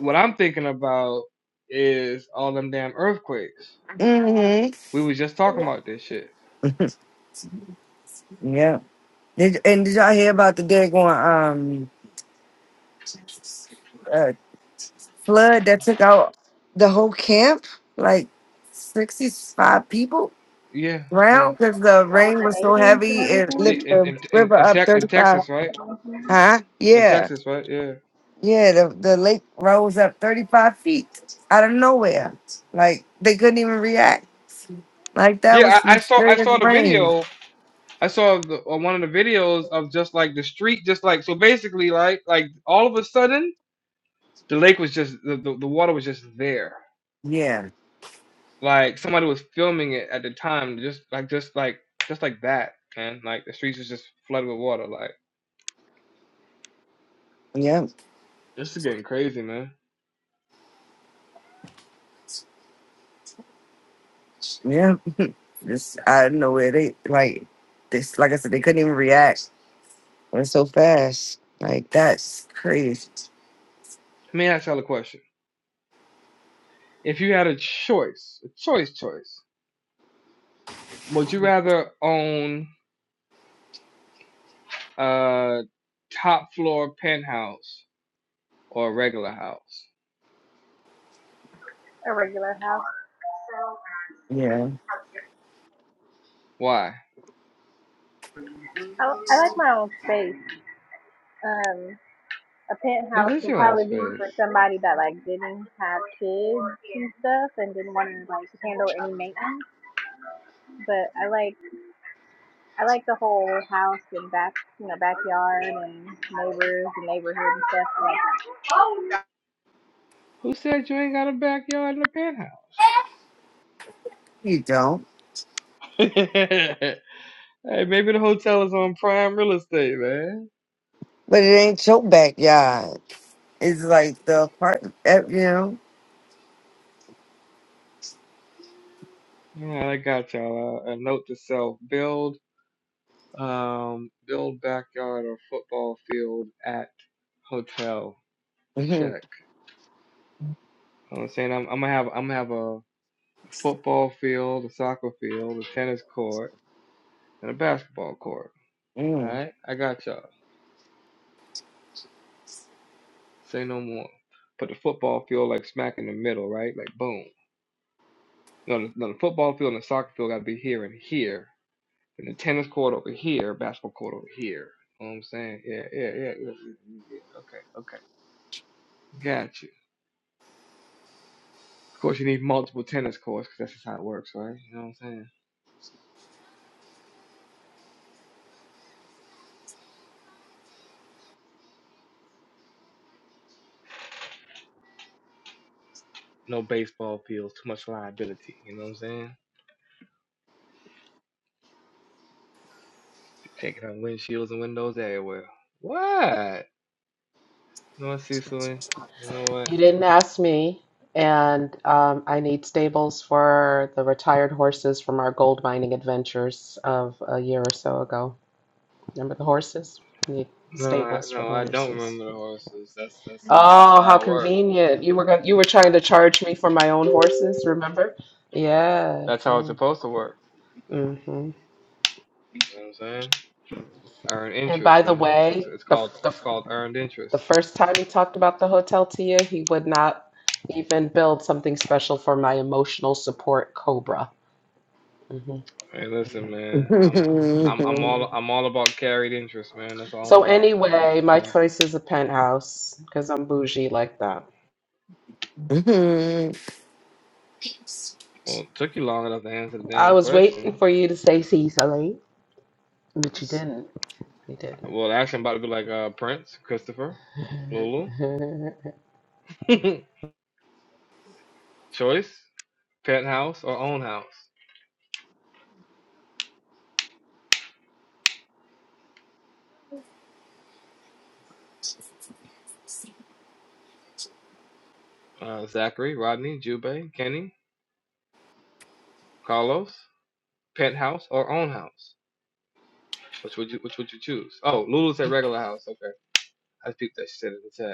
[SPEAKER 1] what I'm thinking about is all them damn earthquakes.
[SPEAKER 4] hmm
[SPEAKER 1] We was just talking about this shit.
[SPEAKER 4] Yeah. Did and did y'all hear about the day going um uh, flood that took out the whole camp? Like sixty five people
[SPEAKER 1] Yeah, yeah,
[SPEAKER 4] drowned because the
[SPEAKER 2] so with
[SPEAKER 4] rain
[SPEAKER 2] the
[SPEAKER 4] was so
[SPEAKER 2] babies and
[SPEAKER 4] heavy it
[SPEAKER 1] yeah.
[SPEAKER 2] everything.
[SPEAKER 4] lifted
[SPEAKER 1] In
[SPEAKER 4] the
[SPEAKER 1] in in
[SPEAKER 4] river
[SPEAKER 1] in,
[SPEAKER 4] up
[SPEAKER 1] Tex in
[SPEAKER 4] thirty five.
[SPEAKER 1] Texas, right?
[SPEAKER 4] Huh?
[SPEAKER 1] In
[SPEAKER 4] Yeah.
[SPEAKER 1] Texas, right? Yeah.
[SPEAKER 4] Yeah, the, the lake rose up 35 feet out of nowhere. Like they couldn't even react. Like that
[SPEAKER 1] Yeah,
[SPEAKER 4] was
[SPEAKER 1] I, I
[SPEAKER 4] some
[SPEAKER 1] saw I
[SPEAKER 4] serious
[SPEAKER 1] saw the
[SPEAKER 4] brain.
[SPEAKER 1] video I saw the, on one of the videos of just like the street, just like so basically like like all of a sudden the lake was just the, the, the water was just there.
[SPEAKER 4] Yeah,
[SPEAKER 1] Like somebody was filming it at the time, just like just like just like that, man. Like the streets was just flooded with water. Like
[SPEAKER 4] yeah,
[SPEAKER 1] this is getting crazy, man.
[SPEAKER 4] yeah. Just out of nowhere. They like this like I said, they couldn't even react. Went so fast. Like that's crazy.
[SPEAKER 1] Let me ask y'all a question. If you had a choice, a choice choice, would you rather own a top floor penthouse or a regular house?
[SPEAKER 4] Yeah.
[SPEAKER 1] Why?
[SPEAKER 2] Oh, um, a
[SPEAKER 1] The
[SPEAKER 2] penthouse would
[SPEAKER 1] visual
[SPEAKER 2] probably be
[SPEAKER 1] space.
[SPEAKER 2] for somebody that like didn't have kids and stuff and didn't want to like handle any maintenance. But I like I like the whole house and back you know backyard and neighbors and neighborhood and stuff. Like,
[SPEAKER 1] Who said you ain't got a backyard in the penthouse?
[SPEAKER 4] You don't.
[SPEAKER 1] hey, maybe the hotel is on prime real estate, man.
[SPEAKER 4] But it ain't your backyard. It's like the apartment eh, you know.
[SPEAKER 1] Yeah, I got y'all. Uh, a note to self: build, um, build backyard or football field at hotel. Check. I'm saying I'm, I'm gonna have I'm gonna have a football field, a soccer field, a tennis court, and a basketball court. All
[SPEAKER 4] Mhm,
[SPEAKER 1] right, I got y'all. Say no more. Put the football field like smack in the middle, right? Like boom. You know, the, you know, the football field and the soccer field got to be here and here, and the tennis court over here, basketball court over here. You know what I'm saying? Yeah, yeah, yeah, yeah, yeah. yeah. yeah. Okay, okay, got you. Of course, you need multiple tennis courts because that's just how it works, right? You know what I'm saying? No baseball fields, too much liability. You know what I'm saying? Taking out windshields and windows everywhere. What? You know what, Cecily? You know what?
[SPEAKER 12] You didn't ask me, and um, I need stables for the retired horses from our gold mining adventures of a year or so ago. Remember the horses? We need
[SPEAKER 1] No, I,
[SPEAKER 12] stables for the
[SPEAKER 1] no, I don't
[SPEAKER 12] horses.
[SPEAKER 1] remember the horses. That's that's how that's
[SPEAKER 12] Oh, how
[SPEAKER 1] how it worked.
[SPEAKER 12] convenient! You were going you were trying to charge me for my own horses, remember? Yeah.
[SPEAKER 1] That's how it's
[SPEAKER 12] yeah.
[SPEAKER 1] supposed to work.
[SPEAKER 12] hmm
[SPEAKER 1] You know what I'm saying? Earned
[SPEAKER 12] And by
[SPEAKER 1] interest,
[SPEAKER 12] the
[SPEAKER 1] man. That's what it's,
[SPEAKER 12] way,
[SPEAKER 1] it's
[SPEAKER 12] the,
[SPEAKER 1] called.
[SPEAKER 12] the
[SPEAKER 1] It's called earned
[SPEAKER 12] the
[SPEAKER 1] interest.
[SPEAKER 12] first time he talked about the hotel to you, he would not even build something special for my emotional support cobra. hmm
[SPEAKER 1] Hey, listen, man. I'm I'm I'm
[SPEAKER 12] hmm
[SPEAKER 1] all I'm all about carried interest, man. That's all
[SPEAKER 12] So
[SPEAKER 1] I'm about, man.
[SPEAKER 12] anyway,
[SPEAKER 1] All
[SPEAKER 12] my
[SPEAKER 1] right.
[SPEAKER 12] choice is a penthouse because I'm bougie like that.
[SPEAKER 1] Well, it took you long enough to answer the
[SPEAKER 12] I
[SPEAKER 1] damn
[SPEAKER 12] was
[SPEAKER 1] question.
[SPEAKER 12] waiting for you to say Cecily, but you didn't. You didn't.
[SPEAKER 1] Well, actually, I'm about to be like uh, Prince, Christopher, Lulu, Choice, Penthouse, or Own House. Uh, Zachary, Rodney, Jube, Kenny, Carlos, Penthouse, or Own House. Which would you Which would you choose? Oh, Lulu said regular house. Okay, I peeped that shit in the chat.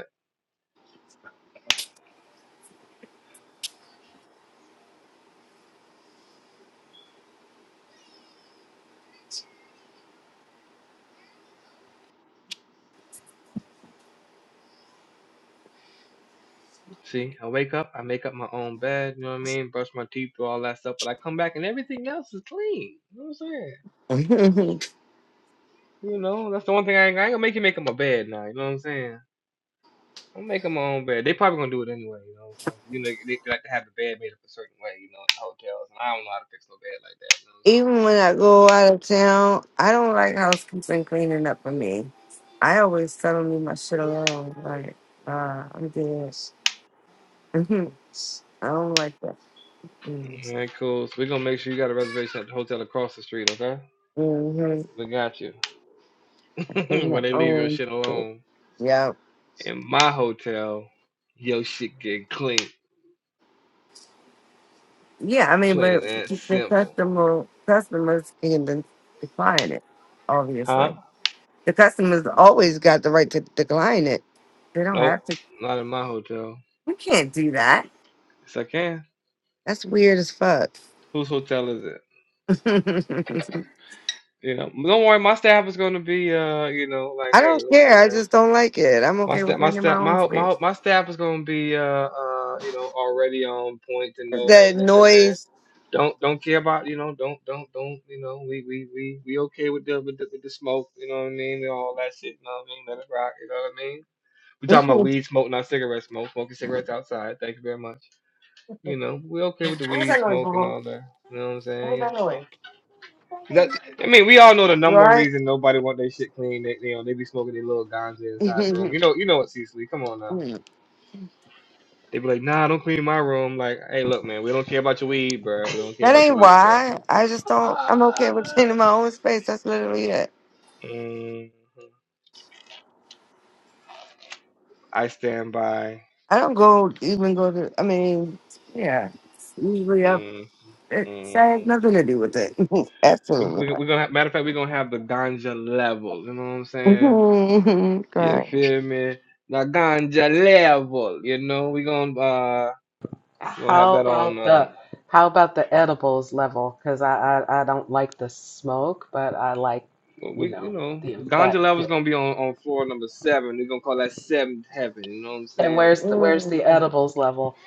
[SPEAKER 1] See, I wake up, I make up my own bed, you know what I mean? Brush my teeth, do all that stuff, but I come back and everything else is clean. You know what I'm saying?
[SPEAKER 4] mm.
[SPEAKER 1] You know, that's the one thing I ain't, I ain't gonna make you make up my bed now. You know what I'm saying? I'm making my own bed. They probably gonna do it anyway. You know what I'm saying? saying? You know, they, they like to have the bed made up a certain way. You know, in hotels, and I don't know how to fix no bed like
[SPEAKER 4] Even
[SPEAKER 1] that.
[SPEAKER 4] when I go out of town, I don't like housekeeping cleaning up for me. I always tell them leave my shit alone. Like, uh, I'm good. Mhm. I don't like that.
[SPEAKER 1] You know what I'm saying? All
[SPEAKER 4] Mm-hmm.
[SPEAKER 1] right, cool. So we are gonna make sure you got a reservation at the hotel across the street, okay?
[SPEAKER 4] Mm-hmm.
[SPEAKER 1] We got you.
[SPEAKER 4] I clean my
[SPEAKER 1] Where they leave your
[SPEAKER 4] own
[SPEAKER 1] shit
[SPEAKER 4] shit.
[SPEAKER 1] alone.
[SPEAKER 4] Yeah.
[SPEAKER 1] In my hotel, your shit get clean.
[SPEAKER 4] Yeah, I mean, but
[SPEAKER 1] Plain and
[SPEAKER 4] the
[SPEAKER 1] simple.
[SPEAKER 4] customer customers can de- decline it,
[SPEAKER 1] Huh?
[SPEAKER 4] obviously. The customers always got the right to decline it. They don't
[SPEAKER 1] Nope,
[SPEAKER 4] have to.
[SPEAKER 1] not in my hotel.
[SPEAKER 4] You can't do that.
[SPEAKER 1] Yes, I can.
[SPEAKER 4] That's weird as fuck.
[SPEAKER 1] Whose hotel is it? You know, don't worry. My staff is gonna be, uh, you know, like,
[SPEAKER 4] I don't
[SPEAKER 1] hey, listen,
[SPEAKER 4] care. I
[SPEAKER 1] man.
[SPEAKER 4] just don't like it. I'm
[SPEAKER 1] My
[SPEAKER 4] okay
[SPEAKER 1] staff,
[SPEAKER 4] with
[SPEAKER 1] my
[SPEAKER 4] making my
[SPEAKER 1] staff,
[SPEAKER 4] own
[SPEAKER 1] my my
[SPEAKER 4] space.
[SPEAKER 1] my staff is gonna be, uh, uh, you know, already on point to
[SPEAKER 4] It's
[SPEAKER 1] know, hey,
[SPEAKER 4] that
[SPEAKER 1] listen, man.
[SPEAKER 4] noise.
[SPEAKER 1] Don't don't care about, you know, don't don't don't, you know, we we we we okay with the with the, with the smoke, you know what I mean, and all that shit. You know what I mean? Let it rock. You know what I mean? We
[SPEAKER 4] what
[SPEAKER 1] talking about weed smoke, not cigarette smoke. Smoking cigarettes outside. Thank you very much. You know, we're okay with the
[SPEAKER 4] was
[SPEAKER 1] weed
[SPEAKER 4] that noise,
[SPEAKER 1] smoke and
[SPEAKER 4] Boo?
[SPEAKER 1] all that. You know what I'm saying?
[SPEAKER 4] What was
[SPEAKER 1] You
[SPEAKER 4] that
[SPEAKER 1] know, don't.
[SPEAKER 4] noise?
[SPEAKER 1] 'cause That, I mean, we all know the
[SPEAKER 4] You
[SPEAKER 1] number one
[SPEAKER 4] alright?
[SPEAKER 1] reason nobody want their shit clean. They, they, you know, they be smoking their little ganja inside the room. You know, you know what, Cecily? Come on now. They be like, nah, don't clean my room. Like, hey, look, man, we don't care about your weed, bro. We don't care
[SPEAKER 4] that
[SPEAKER 1] about your
[SPEAKER 4] ain't
[SPEAKER 1] weed, bro.
[SPEAKER 4] why. I just don't. I'm
[SPEAKER 12] Uh,
[SPEAKER 4] okay with cleaning my own space. That's literally it.
[SPEAKER 1] Mhm. I stand by.
[SPEAKER 4] I don't go even go to. I mean, yeah. Usually, I,
[SPEAKER 1] hmm
[SPEAKER 4] it
[SPEAKER 1] hmm
[SPEAKER 4] that has nothing to do with it.
[SPEAKER 1] We,
[SPEAKER 4] Absolutely.
[SPEAKER 1] we,
[SPEAKER 4] right.
[SPEAKER 1] we're gonna have, matter of fact, we're gonna have the ganja level. You know what I'm saying? You
[SPEAKER 4] Right.
[SPEAKER 1] feel me? the ganja level. You know, we gonna uh We're gonna have
[SPEAKER 12] How
[SPEAKER 1] that on.
[SPEAKER 12] about
[SPEAKER 1] Uh,
[SPEAKER 12] the how about the edibles level? Because I, I I don't like the smoke, but I like
[SPEAKER 1] well,
[SPEAKER 12] you
[SPEAKER 1] we you
[SPEAKER 12] know
[SPEAKER 1] know,
[SPEAKER 12] the
[SPEAKER 1] ganja
[SPEAKER 12] effect.
[SPEAKER 1] level's gonna be on on floor number seven. They're gonna call that seventh heaven. You know what I'm
[SPEAKER 12] And
[SPEAKER 1] saying?
[SPEAKER 12] where's the where's the
[SPEAKER 4] Mm.
[SPEAKER 12] edibles level?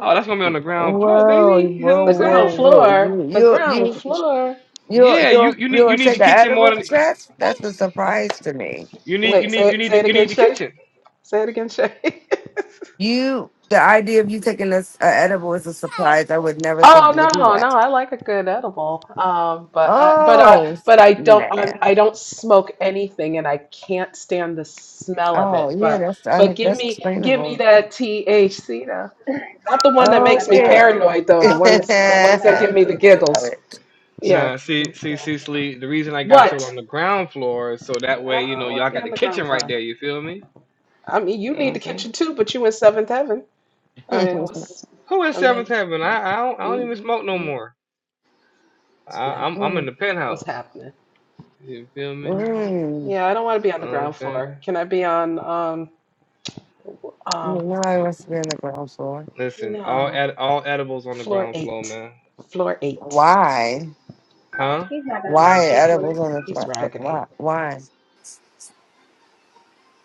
[SPEAKER 1] Oh, that's gonna be on the
[SPEAKER 4] Whoa,
[SPEAKER 1] ground floor, baby. You know what
[SPEAKER 4] whoa,
[SPEAKER 12] The
[SPEAKER 1] I'm saying?
[SPEAKER 4] whoa,
[SPEAKER 12] ground
[SPEAKER 4] whoa!
[SPEAKER 12] floor.
[SPEAKER 4] You,
[SPEAKER 12] The
[SPEAKER 4] you,
[SPEAKER 12] ground
[SPEAKER 4] you.
[SPEAKER 12] floor.
[SPEAKER 4] You'll
[SPEAKER 1] Yeah, you
[SPEAKER 4] you'll
[SPEAKER 1] you need you
[SPEAKER 4] you'll
[SPEAKER 1] need
[SPEAKER 4] take
[SPEAKER 1] the
[SPEAKER 4] an
[SPEAKER 1] kitchen more
[SPEAKER 4] edible
[SPEAKER 1] than
[SPEAKER 4] That's That's a surprise to me.
[SPEAKER 1] you need you
[SPEAKER 12] Wait,
[SPEAKER 1] need
[SPEAKER 12] say
[SPEAKER 1] you
[SPEAKER 12] it-
[SPEAKER 1] need
[SPEAKER 12] say
[SPEAKER 1] the,
[SPEAKER 12] it
[SPEAKER 1] you
[SPEAKER 12] again,
[SPEAKER 1] need the
[SPEAKER 12] Shay.
[SPEAKER 1] kitchen.
[SPEAKER 12] Say it again, Shay.
[SPEAKER 4] You the idea of you taking this a edible is a surprise. I would never think
[SPEAKER 12] Oh
[SPEAKER 4] you would do
[SPEAKER 12] no,
[SPEAKER 4] that.
[SPEAKER 12] no, I like a good edible. Um, but I, but I,
[SPEAKER 4] Oh
[SPEAKER 12] but I don't,
[SPEAKER 4] nah.
[SPEAKER 12] I'm, I don't smoke anything, and I can't stand the smell of
[SPEAKER 4] Oh
[SPEAKER 12] it.
[SPEAKER 4] yeah,
[SPEAKER 12] But
[SPEAKER 4] that's
[SPEAKER 12] but
[SPEAKER 4] un-
[SPEAKER 12] give
[SPEAKER 4] that's
[SPEAKER 12] me give me
[SPEAKER 4] explainable.
[SPEAKER 12] that THC though. Not the one that
[SPEAKER 2] she's about
[SPEAKER 12] makes
[SPEAKER 2] to
[SPEAKER 12] me
[SPEAKER 2] have
[SPEAKER 4] Okay.
[SPEAKER 2] a
[SPEAKER 12] paranoid though. The
[SPEAKER 2] mother
[SPEAKER 12] ones the
[SPEAKER 2] uh,
[SPEAKER 12] ones that
[SPEAKER 4] I
[SPEAKER 12] give
[SPEAKER 2] child.
[SPEAKER 12] me the
[SPEAKER 4] love
[SPEAKER 12] giggles.
[SPEAKER 4] it.
[SPEAKER 12] Yeah,
[SPEAKER 1] Nah, see see
[SPEAKER 12] yeah.
[SPEAKER 1] Cecily, the reason I got y'all on
[SPEAKER 12] What?
[SPEAKER 1] the ground floor is so that
[SPEAKER 12] I
[SPEAKER 1] way you
[SPEAKER 12] don't
[SPEAKER 1] know
[SPEAKER 12] want
[SPEAKER 1] y'all
[SPEAKER 12] to be
[SPEAKER 1] got
[SPEAKER 12] on
[SPEAKER 1] the
[SPEAKER 12] the ground
[SPEAKER 1] kitchen
[SPEAKER 12] floor.
[SPEAKER 1] right there. You feel me?
[SPEAKER 12] I mean, you
[SPEAKER 1] You know what
[SPEAKER 12] need
[SPEAKER 1] I'm
[SPEAKER 12] the
[SPEAKER 1] saying?
[SPEAKER 12] kitchen too, but you in seventh heaven. I mean,
[SPEAKER 4] mm,
[SPEAKER 12] what's,
[SPEAKER 1] Who is
[SPEAKER 12] I
[SPEAKER 1] seventh
[SPEAKER 12] mean,
[SPEAKER 1] heaven? I I don't I don't even
[SPEAKER 12] you
[SPEAKER 1] smoke no
[SPEAKER 12] you you-
[SPEAKER 1] more.
[SPEAKER 12] what's
[SPEAKER 1] I,
[SPEAKER 12] happening?
[SPEAKER 1] I'm I'm in the
[SPEAKER 12] What's
[SPEAKER 1] penthouse.
[SPEAKER 12] happening?
[SPEAKER 1] You feel me?
[SPEAKER 12] Uh-huh.
[SPEAKER 4] mm.
[SPEAKER 12] Yeah, I don't want to be on
[SPEAKER 1] You know
[SPEAKER 12] the
[SPEAKER 1] what I'm
[SPEAKER 12] ground
[SPEAKER 1] saying?
[SPEAKER 12] floor. Can I be on um
[SPEAKER 4] You
[SPEAKER 12] um
[SPEAKER 4] know, I must be on the ground floor.
[SPEAKER 1] Listen, all
[SPEAKER 12] no
[SPEAKER 1] ed- all edibles on the
[SPEAKER 12] floor
[SPEAKER 1] ground floor,
[SPEAKER 12] eight?
[SPEAKER 1] man.
[SPEAKER 12] Floor eight.
[SPEAKER 4] Why?
[SPEAKER 12] Bye.
[SPEAKER 1] Huh?
[SPEAKER 2] She's not gonna know
[SPEAKER 4] Why
[SPEAKER 2] two
[SPEAKER 12] Raggedy.
[SPEAKER 4] edibles on the
[SPEAKER 12] He's
[SPEAKER 4] front?
[SPEAKER 12] raggedy.
[SPEAKER 4] Why? Why?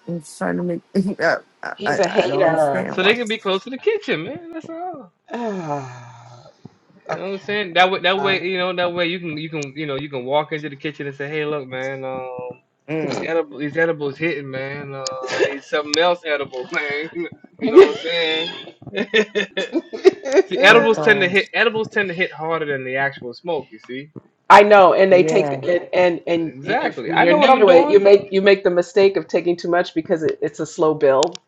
[SPEAKER 4] It's trying to make. I,
[SPEAKER 12] He's
[SPEAKER 4] I
[SPEAKER 12] a
[SPEAKER 4] I don't
[SPEAKER 12] hater.
[SPEAKER 4] understand
[SPEAKER 1] So they
[SPEAKER 4] why.
[SPEAKER 1] can be close to the kitchen, man. That's all.
[SPEAKER 12] Ah,
[SPEAKER 1] You know what I'm
[SPEAKER 12] okay.
[SPEAKER 1] saying? That way, that
[SPEAKER 12] Fine.
[SPEAKER 1] way, you know, that way you can you can you know you can walk into the kitchen and say, hey, look, man, um, these
[SPEAKER 4] Mm,
[SPEAKER 1] edible these edibles hitting, man. Uh, I need something else edible, man. you know what I'm saying? see,
[SPEAKER 4] I'm
[SPEAKER 1] edibles tend to
[SPEAKER 4] sorry.
[SPEAKER 1] hit edibles tend to hit harder than the actual smoke. You see?
[SPEAKER 12] I know, and they take
[SPEAKER 4] Yeah,
[SPEAKER 12] and and and, and if
[SPEAKER 1] Exactly.
[SPEAKER 12] when
[SPEAKER 1] I
[SPEAKER 12] you're
[SPEAKER 1] know what
[SPEAKER 12] new
[SPEAKER 1] I'm
[SPEAKER 12] to it, you
[SPEAKER 1] doing.
[SPEAKER 12] make you make the mistake of taking too much because it, it's a slow build.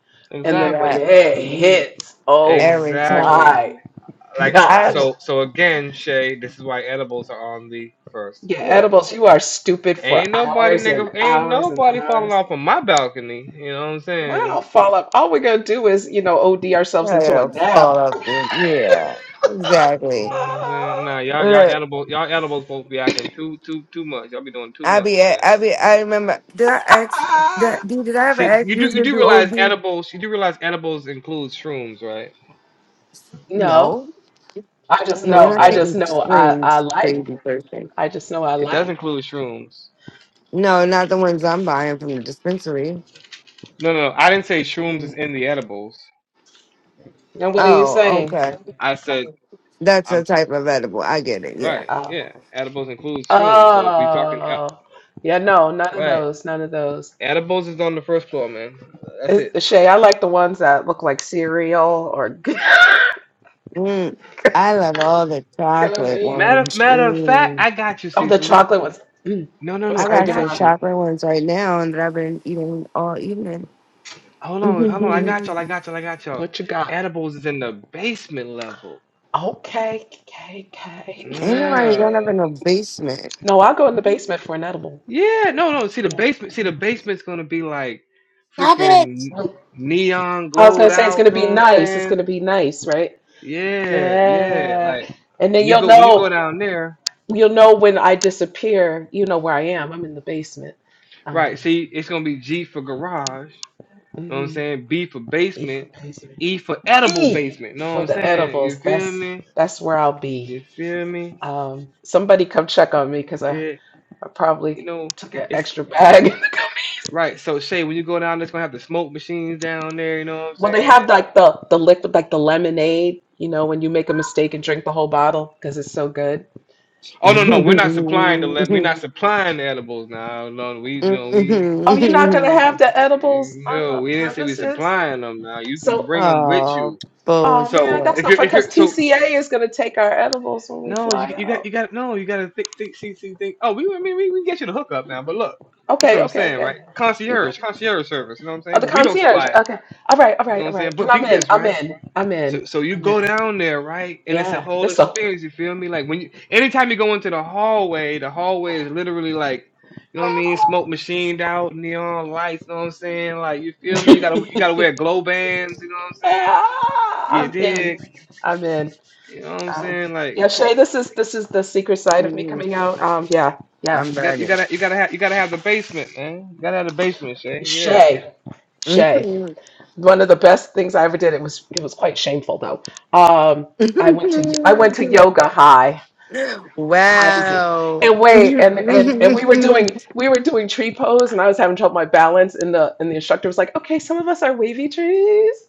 [SPEAKER 12] And then when
[SPEAKER 1] Exactly.
[SPEAKER 4] yeah.
[SPEAKER 12] it
[SPEAKER 4] Mm,
[SPEAKER 12] hits, oh
[SPEAKER 4] every time
[SPEAKER 1] Exactly.
[SPEAKER 12] my
[SPEAKER 1] like uh,
[SPEAKER 4] I
[SPEAKER 12] gosh.
[SPEAKER 4] will
[SPEAKER 1] so so again, Shay, this is why edibles are on the first
[SPEAKER 12] Yeah,
[SPEAKER 1] floor.
[SPEAKER 12] edibles, you are stupid for
[SPEAKER 1] Ain't nobody
[SPEAKER 12] hours and
[SPEAKER 1] nigga ain't
[SPEAKER 12] hours and
[SPEAKER 1] nobody falling
[SPEAKER 12] hours.
[SPEAKER 1] off of my balcony. You know what I'm saying?
[SPEAKER 12] Wow, fall up. All we're gonna do is, you know, OD ourselves into a
[SPEAKER 4] fall
[SPEAKER 12] nap.
[SPEAKER 4] off the yeah,
[SPEAKER 1] You
[SPEAKER 4] exactly.
[SPEAKER 1] know what I'm saying? Nah, y'all y'all
[SPEAKER 4] Look,
[SPEAKER 1] edible y'all edibles supposed to be acting too too too much. Y'all be doing too
[SPEAKER 4] I
[SPEAKER 1] much,
[SPEAKER 4] be at-
[SPEAKER 1] man.
[SPEAKER 4] I be I remember. Did I ask? Did I, dude, did I ever
[SPEAKER 1] See,
[SPEAKER 4] ask
[SPEAKER 1] you do
[SPEAKER 4] you
[SPEAKER 1] you
[SPEAKER 4] to
[SPEAKER 1] do
[SPEAKER 4] do
[SPEAKER 1] realize
[SPEAKER 4] OD?
[SPEAKER 1] edibles you do realize edibles includes shrooms, right?
[SPEAKER 12] No,
[SPEAKER 4] No,
[SPEAKER 12] I just
[SPEAKER 4] no,
[SPEAKER 1] Yes
[SPEAKER 4] we're
[SPEAKER 12] know.
[SPEAKER 1] it
[SPEAKER 4] not
[SPEAKER 12] I
[SPEAKER 1] does.
[SPEAKER 12] just
[SPEAKER 4] taking
[SPEAKER 12] know. I I
[SPEAKER 4] shrooms.
[SPEAKER 12] like.
[SPEAKER 4] Crazy person.
[SPEAKER 12] I just know. I
[SPEAKER 1] It does
[SPEAKER 12] like.
[SPEAKER 1] include shrooms.
[SPEAKER 4] No, not the ones I'm buying from the dispensary.
[SPEAKER 1] No no, no I didn't say shrooms is
[SPEAKER 12] Mhm.
[SPEAKER 1] in the edibles.
[SPEAKER 12] And what are you
[SPEAKER 4] Oh,
[SPEAKER 12] saying?
[SPEAKER 4] okay.
[SPEAKER 1] I said
[SPEAKER 4] That's a
[SPEAKER 1] I'm
[SPEAKER 4] type of edible. I get it. yeah.
[SPEAKER 1] right, yeah.
[SPEAKER 12] Oh,
[SPEAKER 1] Edibles includes shrooms. So if we talking el-
[SPEAKER 12] oh, yeah. No, none of
[SPEAKER 1] Right.
[SPEAKER 12] those. None of those.
[SPEAKER 1] Edibles is on the first floor, man. That's it.
[SPEAKER 12] It's, Shay, I like the ones that look like cereal or.
[SPEAKER 4] Mm, I love all the
[SPEAKER 12] Color
[SPEAKER 4] chocolate
[SPEAKER 12] me.
[SPEAKER 1] Matter of
[SPEAKER 4] ones.
[SPEAKER 1] matter of fact,
[SPEAKER 4] Mm.
[SPEAKER 1] I got you,
[SPEAKER 12] Oh, the
[SPEAKER 1] Cecily.
[SPEAKER 12] chocolate ones. Mm.
[SPEAKER 1] No, no,
[SPEAKER 12] I'm
[SPEAKER 1] no,
[SPEAKER 4] I
[SPEAKER 12] sorry,
[SPEAKER 1] I
[SPEAKER 4] got some
[SPEAKER 1] got
[SPEAKER 12] Devon.
[SPEAKER 1] you.
[SPEAKER 4] chocolate ones right now and that I've been eating all evening.
[SPEAKER 1] Hold on, hold on, I got y'all, I
[SPEAKER 12] Mm.
[SPEAKER 1] got y'all, I got y'all.
[SPEAKER 12] What you got?
[SPEAKER 1] Edibles is in the basement level.
[SPEAKER 12] Okay, okay, okay.
[SPEAKER 4] Ain't nobody going up
[SPEAKER 1] Yeah.
[SPEAKER 4] in the basement.
[SPEAKER 12] No, I'll go in the basement for an edible.
[SPEAKER 1] Yeah, no, no. See the
[SPEAKER 12] Yeah.
[SPEAKER 1] basement. See the basement's gonna be like freaking
[SPEAKER 12] I
[SPEAKER 1] neon
[SPEAKER 12] was gonna
[SPEAKER 1] glowed
[SPEAKER 12] say it's gonna
[SPEAKER 1] out. Know
[SPEAKER 12] be
[SPEAKER 1] what I'm
[SPEAKER 12] nice. It's
[SPEAKER 1] saying?
[SPEAKER 12] gonna be nice, right?
[SPEAKER 1] Yeah, yeah.
[SPEAKER 12] Yeah.
[SPEAKER 1] Like
[SPEAKER 12] And then
[SPEAKER 1] when you
[SPEAKER 12] you'll
[SPEAKER 1] go when you go
[SPEAKER 12] know
[SPEAKER 1] down there,
[SPEAKER 12] you'll know when I disappear, you know where I am. I'm in the basement. Um
[SPEAKER 1] right? See, it's gonna be G for garage. know what I'm
[SPEAKER 12] mhm.
[SPEAKER 1] saying? B for
[SPEAKER 12] B for
[SPEAKER 1] basement,
[SPEAKER 12] basement.
[SPEAKER 1] E for edible
[SPEAKER 12] E
[SPEAKER 1] basement. Know what
[SPEAKER 12] for
[SPEAKER 1] I'm
[SPEAKER 12] the
[SPEAKER 1] saying? You
[SPEAKER 12] edibles.
[SPEAKER 1] feel
[SPEAKER 12] That's
[SPEAKER 1] me?
[SPEAKER 12] that's where I'll
[SPEAKER 1] You
[SPEAKER 12] be.
[SPEAKER 1] feel me?
[SPEAKER 12] Um somebody come check on me
[SPEAKER 1] You
[SPEAKER 12] because
[SPEAKER 1] did.
[SPEAKER 12] I
[SPEAKER 1] You
[SPEAKER 12] probably
[SPEAKER 1] know,
[SPEAKER 12] took an
[SPEAKER 1] it's
[SPEAKER 12] extra bag.
[SPEAKER 1] right. So Shay, when you go down, there's gonna have the smoke machines down there. You know what I'm
[SPEAKER 12] well, they have
[SPEAKER 1] saying?
[SPEAKER 12] like the the liquid, like the lemonade. You know, when you make a mistake and drink the whole bottle because it's so good.
[SPEAKER 1] Oh no,
[SPEAKER 12] And
[SPEAKER 1] no, we're
[SPEAKER 12] then,
[SPEAKER 1] not supplying the le- we're not supplying the edibles now. No, we no we.
[SPEAKER 12] oh, you're not gonna have the edibles on
[SPEAKER 1] No,
[SPEAKER 12] the
[SPEAKER 1] we didn't say we
[SPEAKER 12] premises.
[SPEAKER 1] supplying them. Now you can
[SPEAKER 12] So,
[SPEAKER 1] bring them with
[SPEAKER 4] oh,
[SPEAKER 1] you.
[SPEAKER 12] oh man,
[SPEAKER 1] So
[SPEAKER 12] that's
[SPEAKER 4] bullshit.
[SPEAKER 1] if
[SPEAKER 12] not
[SPEAKER 1] you're
[SPEAKER 12] fun
[SPEAKER 1] if
[SPEAKER 12] because
[SPEAKER 1] you're so
[SPEAKER 12] TCA is gonna take our edibles when we
[SPEAKER 1] No, you
[SPEAKER 12] fly
[SPEAKER 1] you got you
[SPEAKER 12] out.
[SPEAKER 1] got no, you got to think think see see think. Oh, we I mean we, we can get you the hookup now, but look, that's
[SPEAKER 12] Okay,
[SPEAKER 1] what I'm
[SPEAKER 12] okay,
[SPEAKER 1] saying,
[SPEAKER 12] okay.
[SPEAKER 1] right?
[SPEAKER 12] You got
[SPEAKER 1] Concierge,
[SPEAKER 12] it.
[SPEAKER 1] concierge service, you know what I'm
[SPEAKER 12] Oh,
[SPEAKER 1] saying?
[SPEAKER 12] the
[SPEAKER 1] But we don't
[SPEAKER 12] concierge.
[SPEAKER 1] supply it,
[SPEAKER 12] Okay. All right, all
[SPEAKER 1] you know
[SPEAKER 12] right,
[SPEAKER 1] what
[SPEAKER 12] all
[SPEAKER 1] I'm
[SPEAKER 12] right.
[SPEAKER 1] saying?
[SPEAKER 12] Then
[SPEAKER 1] But
[SPEAKER 12] I'm
[SPEAKER 1] peep
[SPEAKER 12] in.
[SPEAKER 1] this,
[SPEAKER 12] I'm
[SPEAKER 1] right?
[SPEAKER 12] in. I'm in.
[SPEAKER 1] So so you
[SPEAKER 12] I'm
[SPEAKER 1] go
[SPEAKER 12] in.
[SPEAKER 1] down there, right? And it's a
[SPEAKER 12] Yeah.
[SPEAKER 1] whole
[SPEAKER 12] This the
[SPEAKER 1] experience. You feel me? Like when you anytime you go into the hallway, the
[SPEAKER 12] the
[SPEAKER 1] hallway is literally like. You know what I mean? Smoke machined out, neon lights. You know what I'm saying? Like you feel me? You gotta you
[SPEAKER 12] hallway.
[SPEAKER 1] gotta wear glow bands. You know what I'm saying?
[SPEAKER 12] Ah,
[SPEAKER 1] Yeah,
[SPEAKER 12] I'm in.
[SPEAKER 1] dig.
[SPEAKER 12] I'm in.
[SPEAKER 1] You know what I'm
[SPEAKER 12] Um,
[SPEAKER 1] saying? Like.
[SPEAKER 12] yeah, Shay, this is this is the secret side of me
[SPEAKER 4] Mm,
[SPEAKER 12] coming out. Um, yeah, yeah.
[SPEAKER 4] I'm
[SPEAKER 1] You got you
[SPEAKER 4] burning.
[SPEAKER 1] gotta you gotta have you gotta have the basement, man. You gotta have the basement, Shay. Yeah.
[SPEAKER 12] Shay, Shay.
[SPEAKER 4] Mhm.
[SPEAKER 12] One of the best things I ever did. It was it was quite shameful though. Um, I went to I went to yoga high. High as a-
[SPEAKER 4] wow.
[SPEAKER 12] and wait, and, and and we were doing we were doing tree pose, and I was having trouble with my balance. And the and the instructor was like, "Okay, some of us are wavy trees."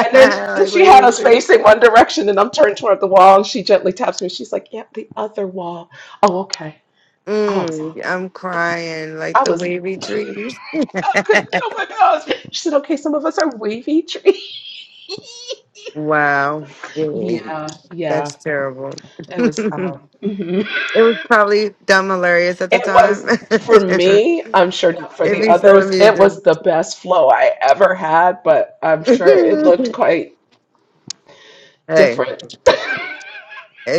[SPEAKER 12] And then and she had us
[SPEAKER 4] wait,
[SPEAKER 12] facing one direction, and I'm turned toward the wall, and she gently taps me. She's like, "Yep, the other wall." Oh, okay. Oh, I was,
[SPEAKER 4] Mm, I'm crying like
[SPEAKER 12] I
[SPEAKER 4] the
[SPEAKER 12] was,
[SPEAKER 4] wavy trees.
[SPEAKER 12] I could, oh my gosh. She said, "Okay, some of us are wavy tree."
[SPEAKER 4] Wow. Really?
[SPEAKER 12] Yeah, yeah.
[SPEAKER 4] That's terrible.
[SPEAKER 12] It was,
[SPEAKER 4] it
[SPEAKER 12] um, mhm.
[SPEAKER 4] was probably dumb hilarious at the
[SPEAKER 12] it
[SPEAKER 4] time.
[SPEAKER 12] was for me. I'm sure not for
[SPEAKER 4] It'd
[SPEAKER 12] the
[SPEAKER 4] be so
[SPEAKER 12] others. It
[SPEAKER 4] amusing.
[SPEAKER 12] was the best flow I ever had, but I'm
[SPEAKER 4] hey,
[SPEAKER 12] sure it looked quite different.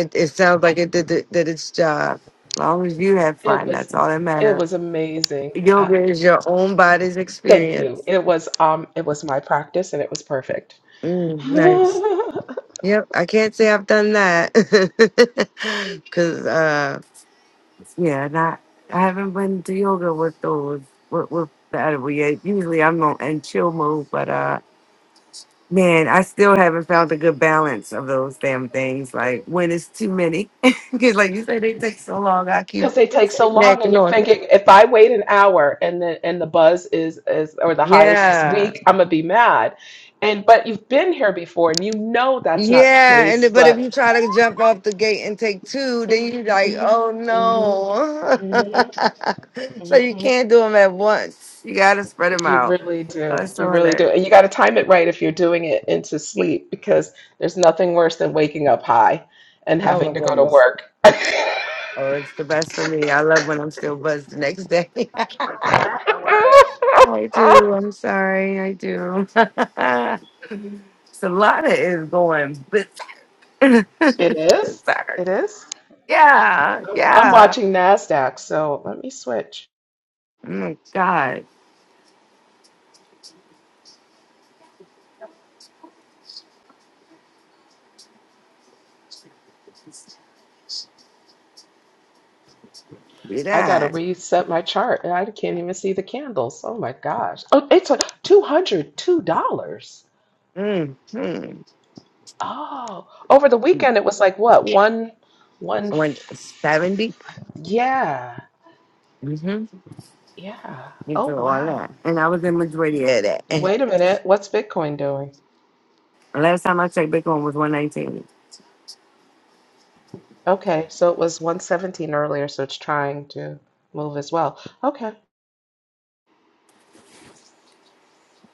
[SPEAKER 4] it, it sounds like it did, the, did its job. As long as you have
[SPEAKER 12] It
[SPEAKER 4] fun,
[SPEAKER 12] was,
[SPEAKER 4] that's all that
[SPEAKER 12] it was
[SPEAKER 4] matters.
[SPEAKER 12] amazing.
[SPEAKER 4] Yoga is your own body's
[SPEAKER 12] Thank you.
[SPEAKER 4] experience.
[SPEAKER 12] It was um it was my practice and it was perfect.
[SPEAKER 4] Mm, nice. Yep, I can't say I've done that because Yeah, not I haven't been to yoga with those with, with the edible yet. Usually I'm on in chill mode, but uh man, I still haven't found a good balance of those damn things. Like when it's too many. Because like you say they take so long, I keep
[SPEAKER 12] Because they take so long and
[SPEAKER 4] snacking
[SPEAKER 12] you're
[SPEAKER 4] on them.
[SPEAKER 12] thinking if I wait an hour and the and the buzz is is or the high is just
[SPEAKER 4] Yeah.
[SPEAKER 12] weak, I'm gonna be mad. And but you've been here before and you know that's not the
[SPEAKER 4] Yeah, and
[SPEAKER 12] case,
[SPEAKER 4] it- but if you
[SPEAKER 12] but
[SPEAKER 4] try to jump off the gate and take two, then
[SPEAKER 12] Mhm,
[SPEAKER 4] you like,
[SPEAKER 12] mhm,
[SPEAKER 4] oh no.
[SPEAKER 12] mhm,
[SPEAKER 4] so you
[SPEAKER 12] mhm.
[SPEAKER 4] can't do them at once. You gotta spread them
[SPEAKER 12] you
[SPEAKER 4] out.
[SPEAKER 12] really do.
[SPEAKER 4] That's
[SPEAKER 12] You
[SPEAKER 4] so
[SPEAKER 12] really do.
[SPEAKER 4] hilarious.
[SPEAKER 12] And you gotta time it right if you're doing it into sleep because there's nothing worse than waking up high and
[SPEAKER 4] Oh
[SPEAKER 12] having
[SPEAKER 4] my
[SPEAKER 12] to go to
[SPEAKER 4] goodness.
[SPEAKER 12] work.
[SPEAKER 4] Oh, it's the best for me. I love when I'm still buzzed the next day.
[SPEAKER 2] Oh, that's the word.
[SPEAKER 4] I do. I'm sorry. I do. Solana is going bizarre.
[SPEAKER 12] It is.
[SPEAKER 4] Bizarre.
[SPEAKER 12] It is.
[SPEAKER 4] Yeah.
[SPEAKER 12] I'm
[SPEAKER 4] Yeah.
[SPEAKER 12] watching NASDAQ, so let me switch.
[SPEAKER 4] Oh my God. See
[SPEAKER 12] I got to
[SPEAKER 4] that.
[SPEAKER 12] reset my chart and I can't even see the candles. Oh my gosh. Oh, it's like $202.
[SPEAKER 4] Mm-hmm.
[SPEAKER 12] Oh, over the weekend it was like what? One, one.
[SPEAKER 4] Went
[SPEAKER 12] f-
[SPEAKER 4] 70.
[SPEAKER 12] Yeah.
[SPEAKER 4] Mm-hmm.
[SPEAKER 12] Yeah.
[SPEAKER 4] You
[SPEAKER 12] Oh,
[SPEAKER 4] do all that.
[SPEAKER 12] wow.
[SPEAKER 4] And I was in majority of that.
[SPEAKER 12] Wait a minute. What's Bitcoin doing?
[SPEAKER 4] And last time I checked, Bitcoin was 119.
[SPEAKER 12] Okay. So it was 117 earlier, so it's trying to move as well. Okay.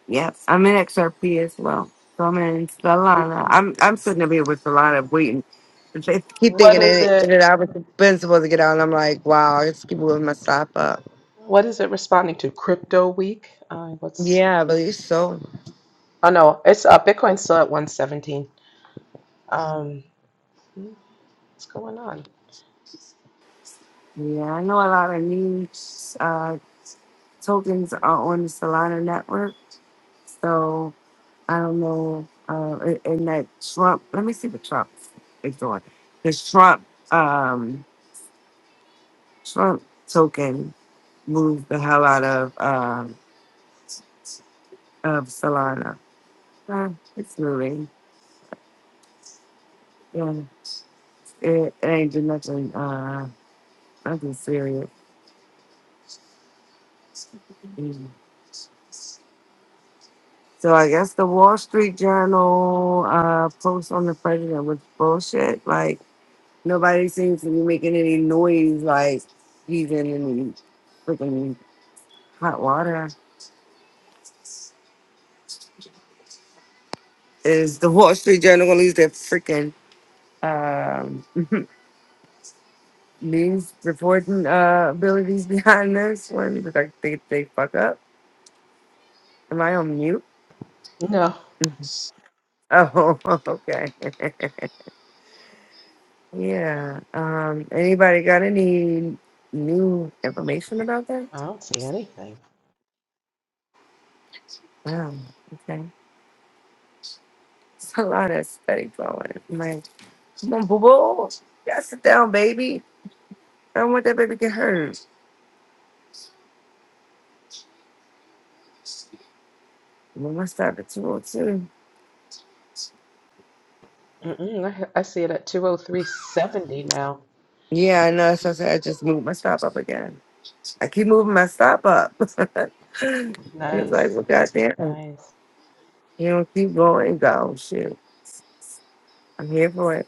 [SPEAKER 4] Yep, I'm in XRP as well. So I'm in Solana. I'm I'm sitting up here with Solana waiting. But they keep
[SPEAKER 12] What
[SPEAKER 4] thinking
[SPEAKER 12] is
[SPEAKER 4] it
[SPEAKER 12] it?
[SPEAKER 4] that I was been supposed to get out, and I'm like, wow, it's people will mess up up.
[SPEAKER 12] What is it responding to? Crypto week? Uh, what's?
[SPEAKER 4] Yeah, I believe so.
[SPEAKER 12] Oh no, it's uh, Bitcoin's still at 117. Um, what's going on?
[SPEAKER 4] Yeah, I know a lot of new uh, tokens are on the Solana network, so I don't know. Uh, and and that Trump, let me see what Trump is doing. This Trump, um, Trump token moved the hell out of. um, of Solana. Uh, it's moving. Yeah, it, it ain't do nothing. Uh, nothing serious. Mm. So I guess the Wall Street Journal uh, post on the president was bullshit. Like nobody seems to be making any noise. Like he's in any freaking hot water. Is the Wall Street Journal gonna lose their freaking um, news reporting uh, abilities behind this one? Because I think they fuck up. Am I on mute?
[SPEAKER 12] No,
[SPEAKER 4] Oh, okay. yeah. Um. Anybody got any new information about that?
[SPEAKER 12] I don't see anything.
[SPEAKER 4] Wow. Okay. It's a lot of study going. I'm like, come on, boo boo. Gotta sit down, baby. I don't want that baby to get hurt. Move my stop at 202.
[SPEAKER 12] Mm-mm, I, ha- I see it at 203.70 now.
[SPEAKER 4] Yeah, I know. So I said I just moved my stop up again. I keep moving my stop up. It was like,
[SPEAKER 12] Nice,
[SPEAKER 4] well, goddamn.
[SPEAKER 12] nice.
[SPEAKER 4] You don't keep going, go. Shoot. I'm here for it.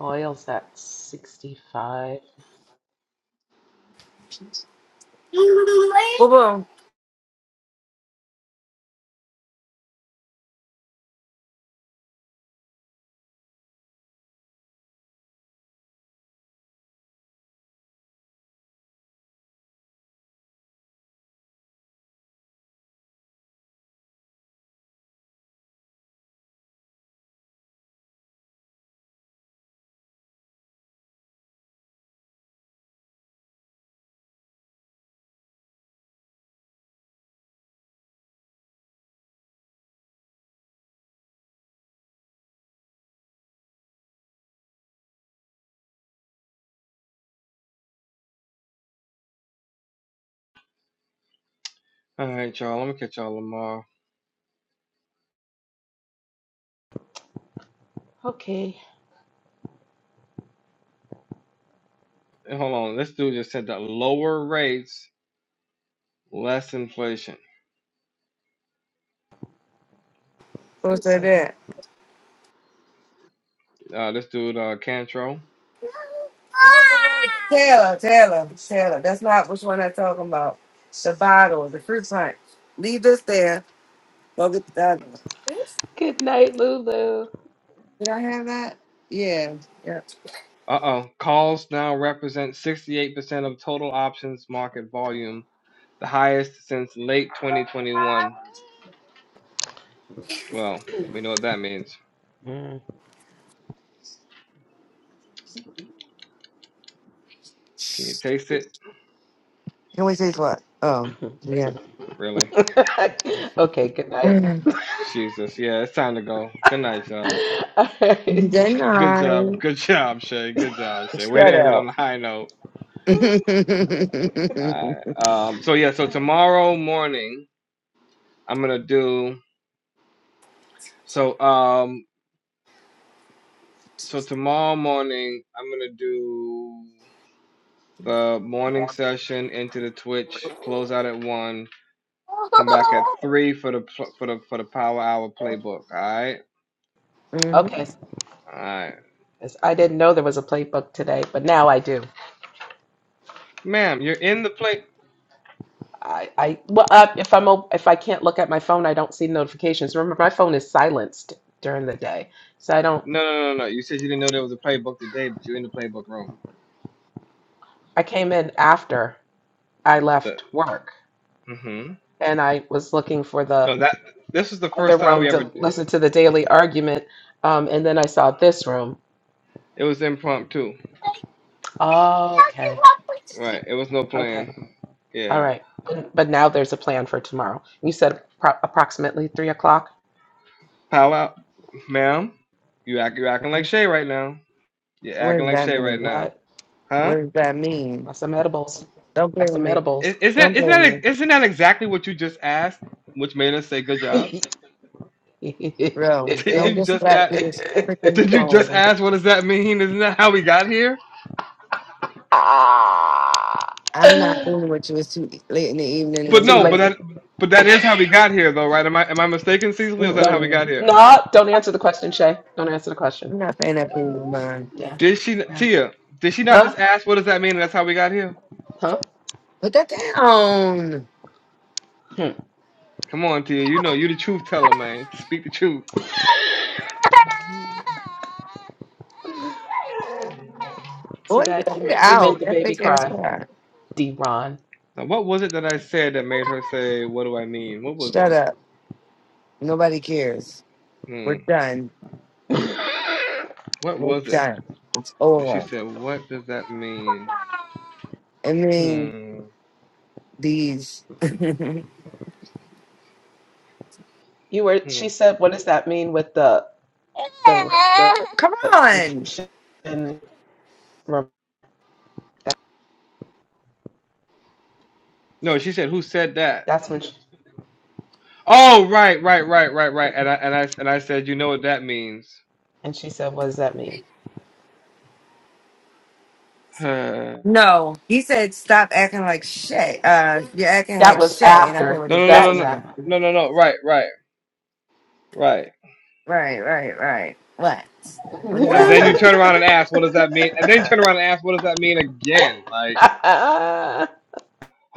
[SPEAKER 12] Oil's at 65.
[SPEAKER 4] Boo boo.
[SPEAKER 1] All right, y'all. Let me catch y'all tomorrow.
[SPEAKER 12] Okay,
[SPEAKER 1] And hold on. This dude just said that lower rates, less inflation.
[SPEAKER 12] who
[SPEAKER 4] What's
[SPEAKER 12] said
[SPEAKER 4] that?
[SPEAKER 12] that?
[SPEAKER 1] Uh, this dude, uh, Cantro.
[SPEAKER 4] Taylor, Taylor, Taylor. That's not which one I'm talking about. The bottle, the fruit punch. Leave this there. Go get the other one. This?
[SPEAKER 12] Good night, Lulu.
[SPEAKER 4] Did I have that? Yeah. Yeah.
[SPEAKER 1] Uh oh. Calls now represent 68% of total options market volume, the highest since late 2021. Well, we know what that means.
[SPEAKER 12] Mm.
[SPEAKER 1] Can you taste it?
[SPEAKER 4] Can we taste what? Oh, yeah.
[SPEAKER 1] Really?
[SPEAKER 12] Okay, good night.
[SPEAKER 4] Mm.
[SPEAKER 1] Jesus. Yeah, it's time to go. Good night, y'all.
[SPEAKER 12] All right.
[SPEAKER 4] Good
[SPEAKER 1] Good job.
[SPEAKER 4] night.
[SPEAKER 1] Good job, Shay. Good job, Shay. Way to
[SPEAKER 4] Shut
[SPEAKER 1] end it on
[SPEAKER 4] up.
[SPEAKER 1] a high note. Alright. Um, so yeah, so tomorrow morning I'm gonna do so um so tomorrow morning I'm gonna do the morning session into the Twitch, close out at one, come back at three for the pl- for the for the power hour playbook. Alright?
[SPEAKER 4] hmm
[SPEAKER 12] Okay.
[SPEAKER 1] Alright.
[SPEAKER 12] Yes, I didn't know there was a playbook today, but now I do.
[SPEAKER 1] Ma'am, you're in the play
[SPEAKER 12] I, I well, uh, if I'm op- if I can't look at my phone, I don't see notifications. Remember, my phone is silenced during the day, so I don't.
[SPEAKER 1] no, no, no, no. no. You said you didn't know there was a playbook today, but you're in the playbook room.
[SPEAKER 12] I came in after I left work,
[SPEAKER 1] Mm-hmm.
[SPEAKER 12] and I was looking for the
[SPEAKER 1] No, that this was the
[SPEAKER 12] other
[SPEAKER 1] first time
[SPEAKER 12] room
[SPEAKER 1] we ever.
[SPEAKER 12] to listen to the daily argument, um, and then I saw this room.
[SPEAKER 1] It was impromptu,
[SPEAKER 12] okay,
[SPEAKER 1] right? It was no
[SPEAKER 12] okay,
[SPEAKER 1] plan.
[SPEAKER 12] all
[SPEAKER 1] Yeah.
[SPEAKER 12] right. But, but now there's a plan for tomorrow. You said pro- approximately three o'clock.
[SPEAKER 1] Pow out, ma'am. You act, you acting like
[SPEAKER 12] Mm,
[SPEAKER 1] Shay right now. You're
[SPEAKER 4] What
[SPEAKER 1] acting
[SPEAKER 4] does
[SPEAKER 1] like
[SPEAKER 4] that
[SPEAKER 1] Shay right
[SPEAKER 4] mean?
[SPEAKER 1] now,
[SPEAKER 12] What?
[SPEAKER 4] What
[SPEAKER 1] huh?
[SPEAKER 4] does that mean?
[SPEAKER 12] Got some edibles.
[SPEAKER 4] Don't
[SPEAKER 12] Got
[SPEAKER 4] play with
[SPEAKER 12] some
[SPEAKER 4] me.
[SPEAKER 12] edibles.
[SPEAKER 1] I- Isn't that,
[SPEAKER 4] Don't
[SPEAKER 1] isn't
[SPEAKER 4] play with
[SPEAKER 1] that
[SPEAKER 4] me.
[SPEAKER 1] isn't that exactly what you just asked, which made us say good job?
[SPEAKER 4] Bro,
[SPEAKER 1] Did
[SPEAKER 4] don't
[SPEAKER 1] you
[SPEAKER 4] get
[SPEAKER 1] just
[SPEAKER 4] slapped
[SPEAKER 1] ask?
[SPEAKER 4] with this freaking
[SPEAKER 1] Did you just
[SPEAKER 4] phone.
[SPEAKER 1] ask? What does that mean? Isn't that how we got here?
[SPEAKER 12] ah,
[SPEAKER 4] I'm not doing what you. It's too late in the evening.
[SPEAKER 12] it's
[SPEAKER 1] But
[SPEAKER 4] I'm
[SPEAKER 12] too
[SPEAKER 1] no, but
[SPEAKER 4] trying to.
[SPEAKER 1] that
[SPEAKER 12] late.
[SPEAKER 1] but that is how we got here, though, right? Am I am I mistaken, Cecily? Is that how
[SPEAKER 12] Don't
[SPEAKER 1] we
[SPEAKER 4] Mm-mm.
[SPEAKER 1] got here?
[SPEAKER 12] no. Don't answer the question, Shay. Don't answer the question.
[SPEAKER 4] I'm not paying that premium mind.
[SPEAKER 12] Yeah.
[SPEAKER 1] Did she
[SPEAKER 12] Yeah.
[SPEAKER 1] Tia? Did she not
[SPEAKER 12] Huh?
[SPEAKER 1] just ask? What does that mean? And that's how we got here.
[SPEAKER 12] Huh?
[SPEAKER 4] Put that down.
[SPEAKER 12] Hmm.
[SPEAKER 1] Come on, Tia. You know you the truth teller, man. Speak the truth.
[SPEAKER 12] See
[SPEAKER 4] Boy,
[SPEAKER 12] that you
[SPEAKER 4] get it
[SPEAKER 12] ma- you made
[SPEAKER 4] out.
[SPEAKER 12] the
[SPEAKER 4] That
[SPEAKER 12] baby
[SPEAKER 4] fake ass
[SPEAKER 12] cry,
[SPEAKER 4] car.
[SPEAKER 12] D. Ron.
[SPEAKER 1] Now, what was it that I said that made her say, What do I mean? What was it?
[SPEAKER 4] Shut up. Nobody cares. We're
[SPEAKER 1] Hmm.
[SPEAKER 4] done.
[SPEAKER 1] What
[SPEAKER 4] We're
[SPEAKER 1] was it?
[SPEAKER 4] done. It's
[SPEAKER 1] When she
[SPEAKER 4] over.
[SPEAKER 1] said, What does that mean?
[SPEAKER 4] I mean,
[SPEAKER 1] Hmm.
[SPEAKER 4] these. Come
[SPEAKER 12] you were.
[SPEAKER 1] Hmm.
[SPEAKER 12] She said, "What does that mean with the the the
[SPEAKER 4] on.
[SPEAKER 12] infection?"
[SPEAKER 1] No, she said, Who said that?
[SPEAKER 12] That's when. She,
[SPEAKER 1] Oh, right, right, right, right, right. And I and I and I said, You know what that means.
[SPEAKER 12] and she said, "What does that mean?"
[SPEAKER 1] Huh. no,
[SPEAKER 4] No. He said, stop acting like Shay. Uh, you're acting
[SPEAKER 12] That
[SPEAKER 4] like
[SPEAKER 12] was
[SPEAKER 4] Shay. And I said, what
[SPEAKER 12] after.
[SPEAKER 4] does
[SPEAKER 1] no,
[SPEAKER 12] That
[SPEAKER 1] no, no,
[SPEAKER 4] that
[SPEAKER 12] was
[SPEAKER 1] no,
[SPEAKER 4] mean?
[SPEAKER 12] after.
[SPEAKER 1] no, no. no. Right, right, right.
[SPEAKER 4] Right, right, right. What? What does
[SPEAKER 12] All
[SPEAKER 1] And
[SPEAKER 4] that
[SPEAKER 1] then you
[SPEAKER 4] mean?
[SPEAKER 1] turn around and ask, What does that mean? And then you turn around and ask, What does that mean again? Like,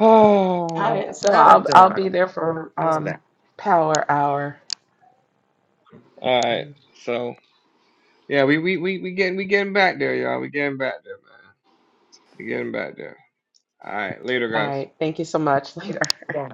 [SPEAKER 12] right,
[SPEAKER 1] oh.
[SPEAKER 12] so
[SPEAKER 4] Shut up,
[SPEAKER 12] I'll I'll be
[SPEAKER 4] Dorado.
[SPEAKER 12] there for
[SPEAKER 4] How
[SPEAKER 12] um
[SPEAKER 4] about
[SPEAKER 12] power hour.
[SPEAKER 1] All
[SPEAKER 12] All
[SPEAKER 1] right. So yeah, we we we we getting we getting back there, y'all. We getting back there, man. You're getting back there. All right. Later, guys.
[SPEAKER 12] right, thank you so much. Later.
[SPEAKER 4] that?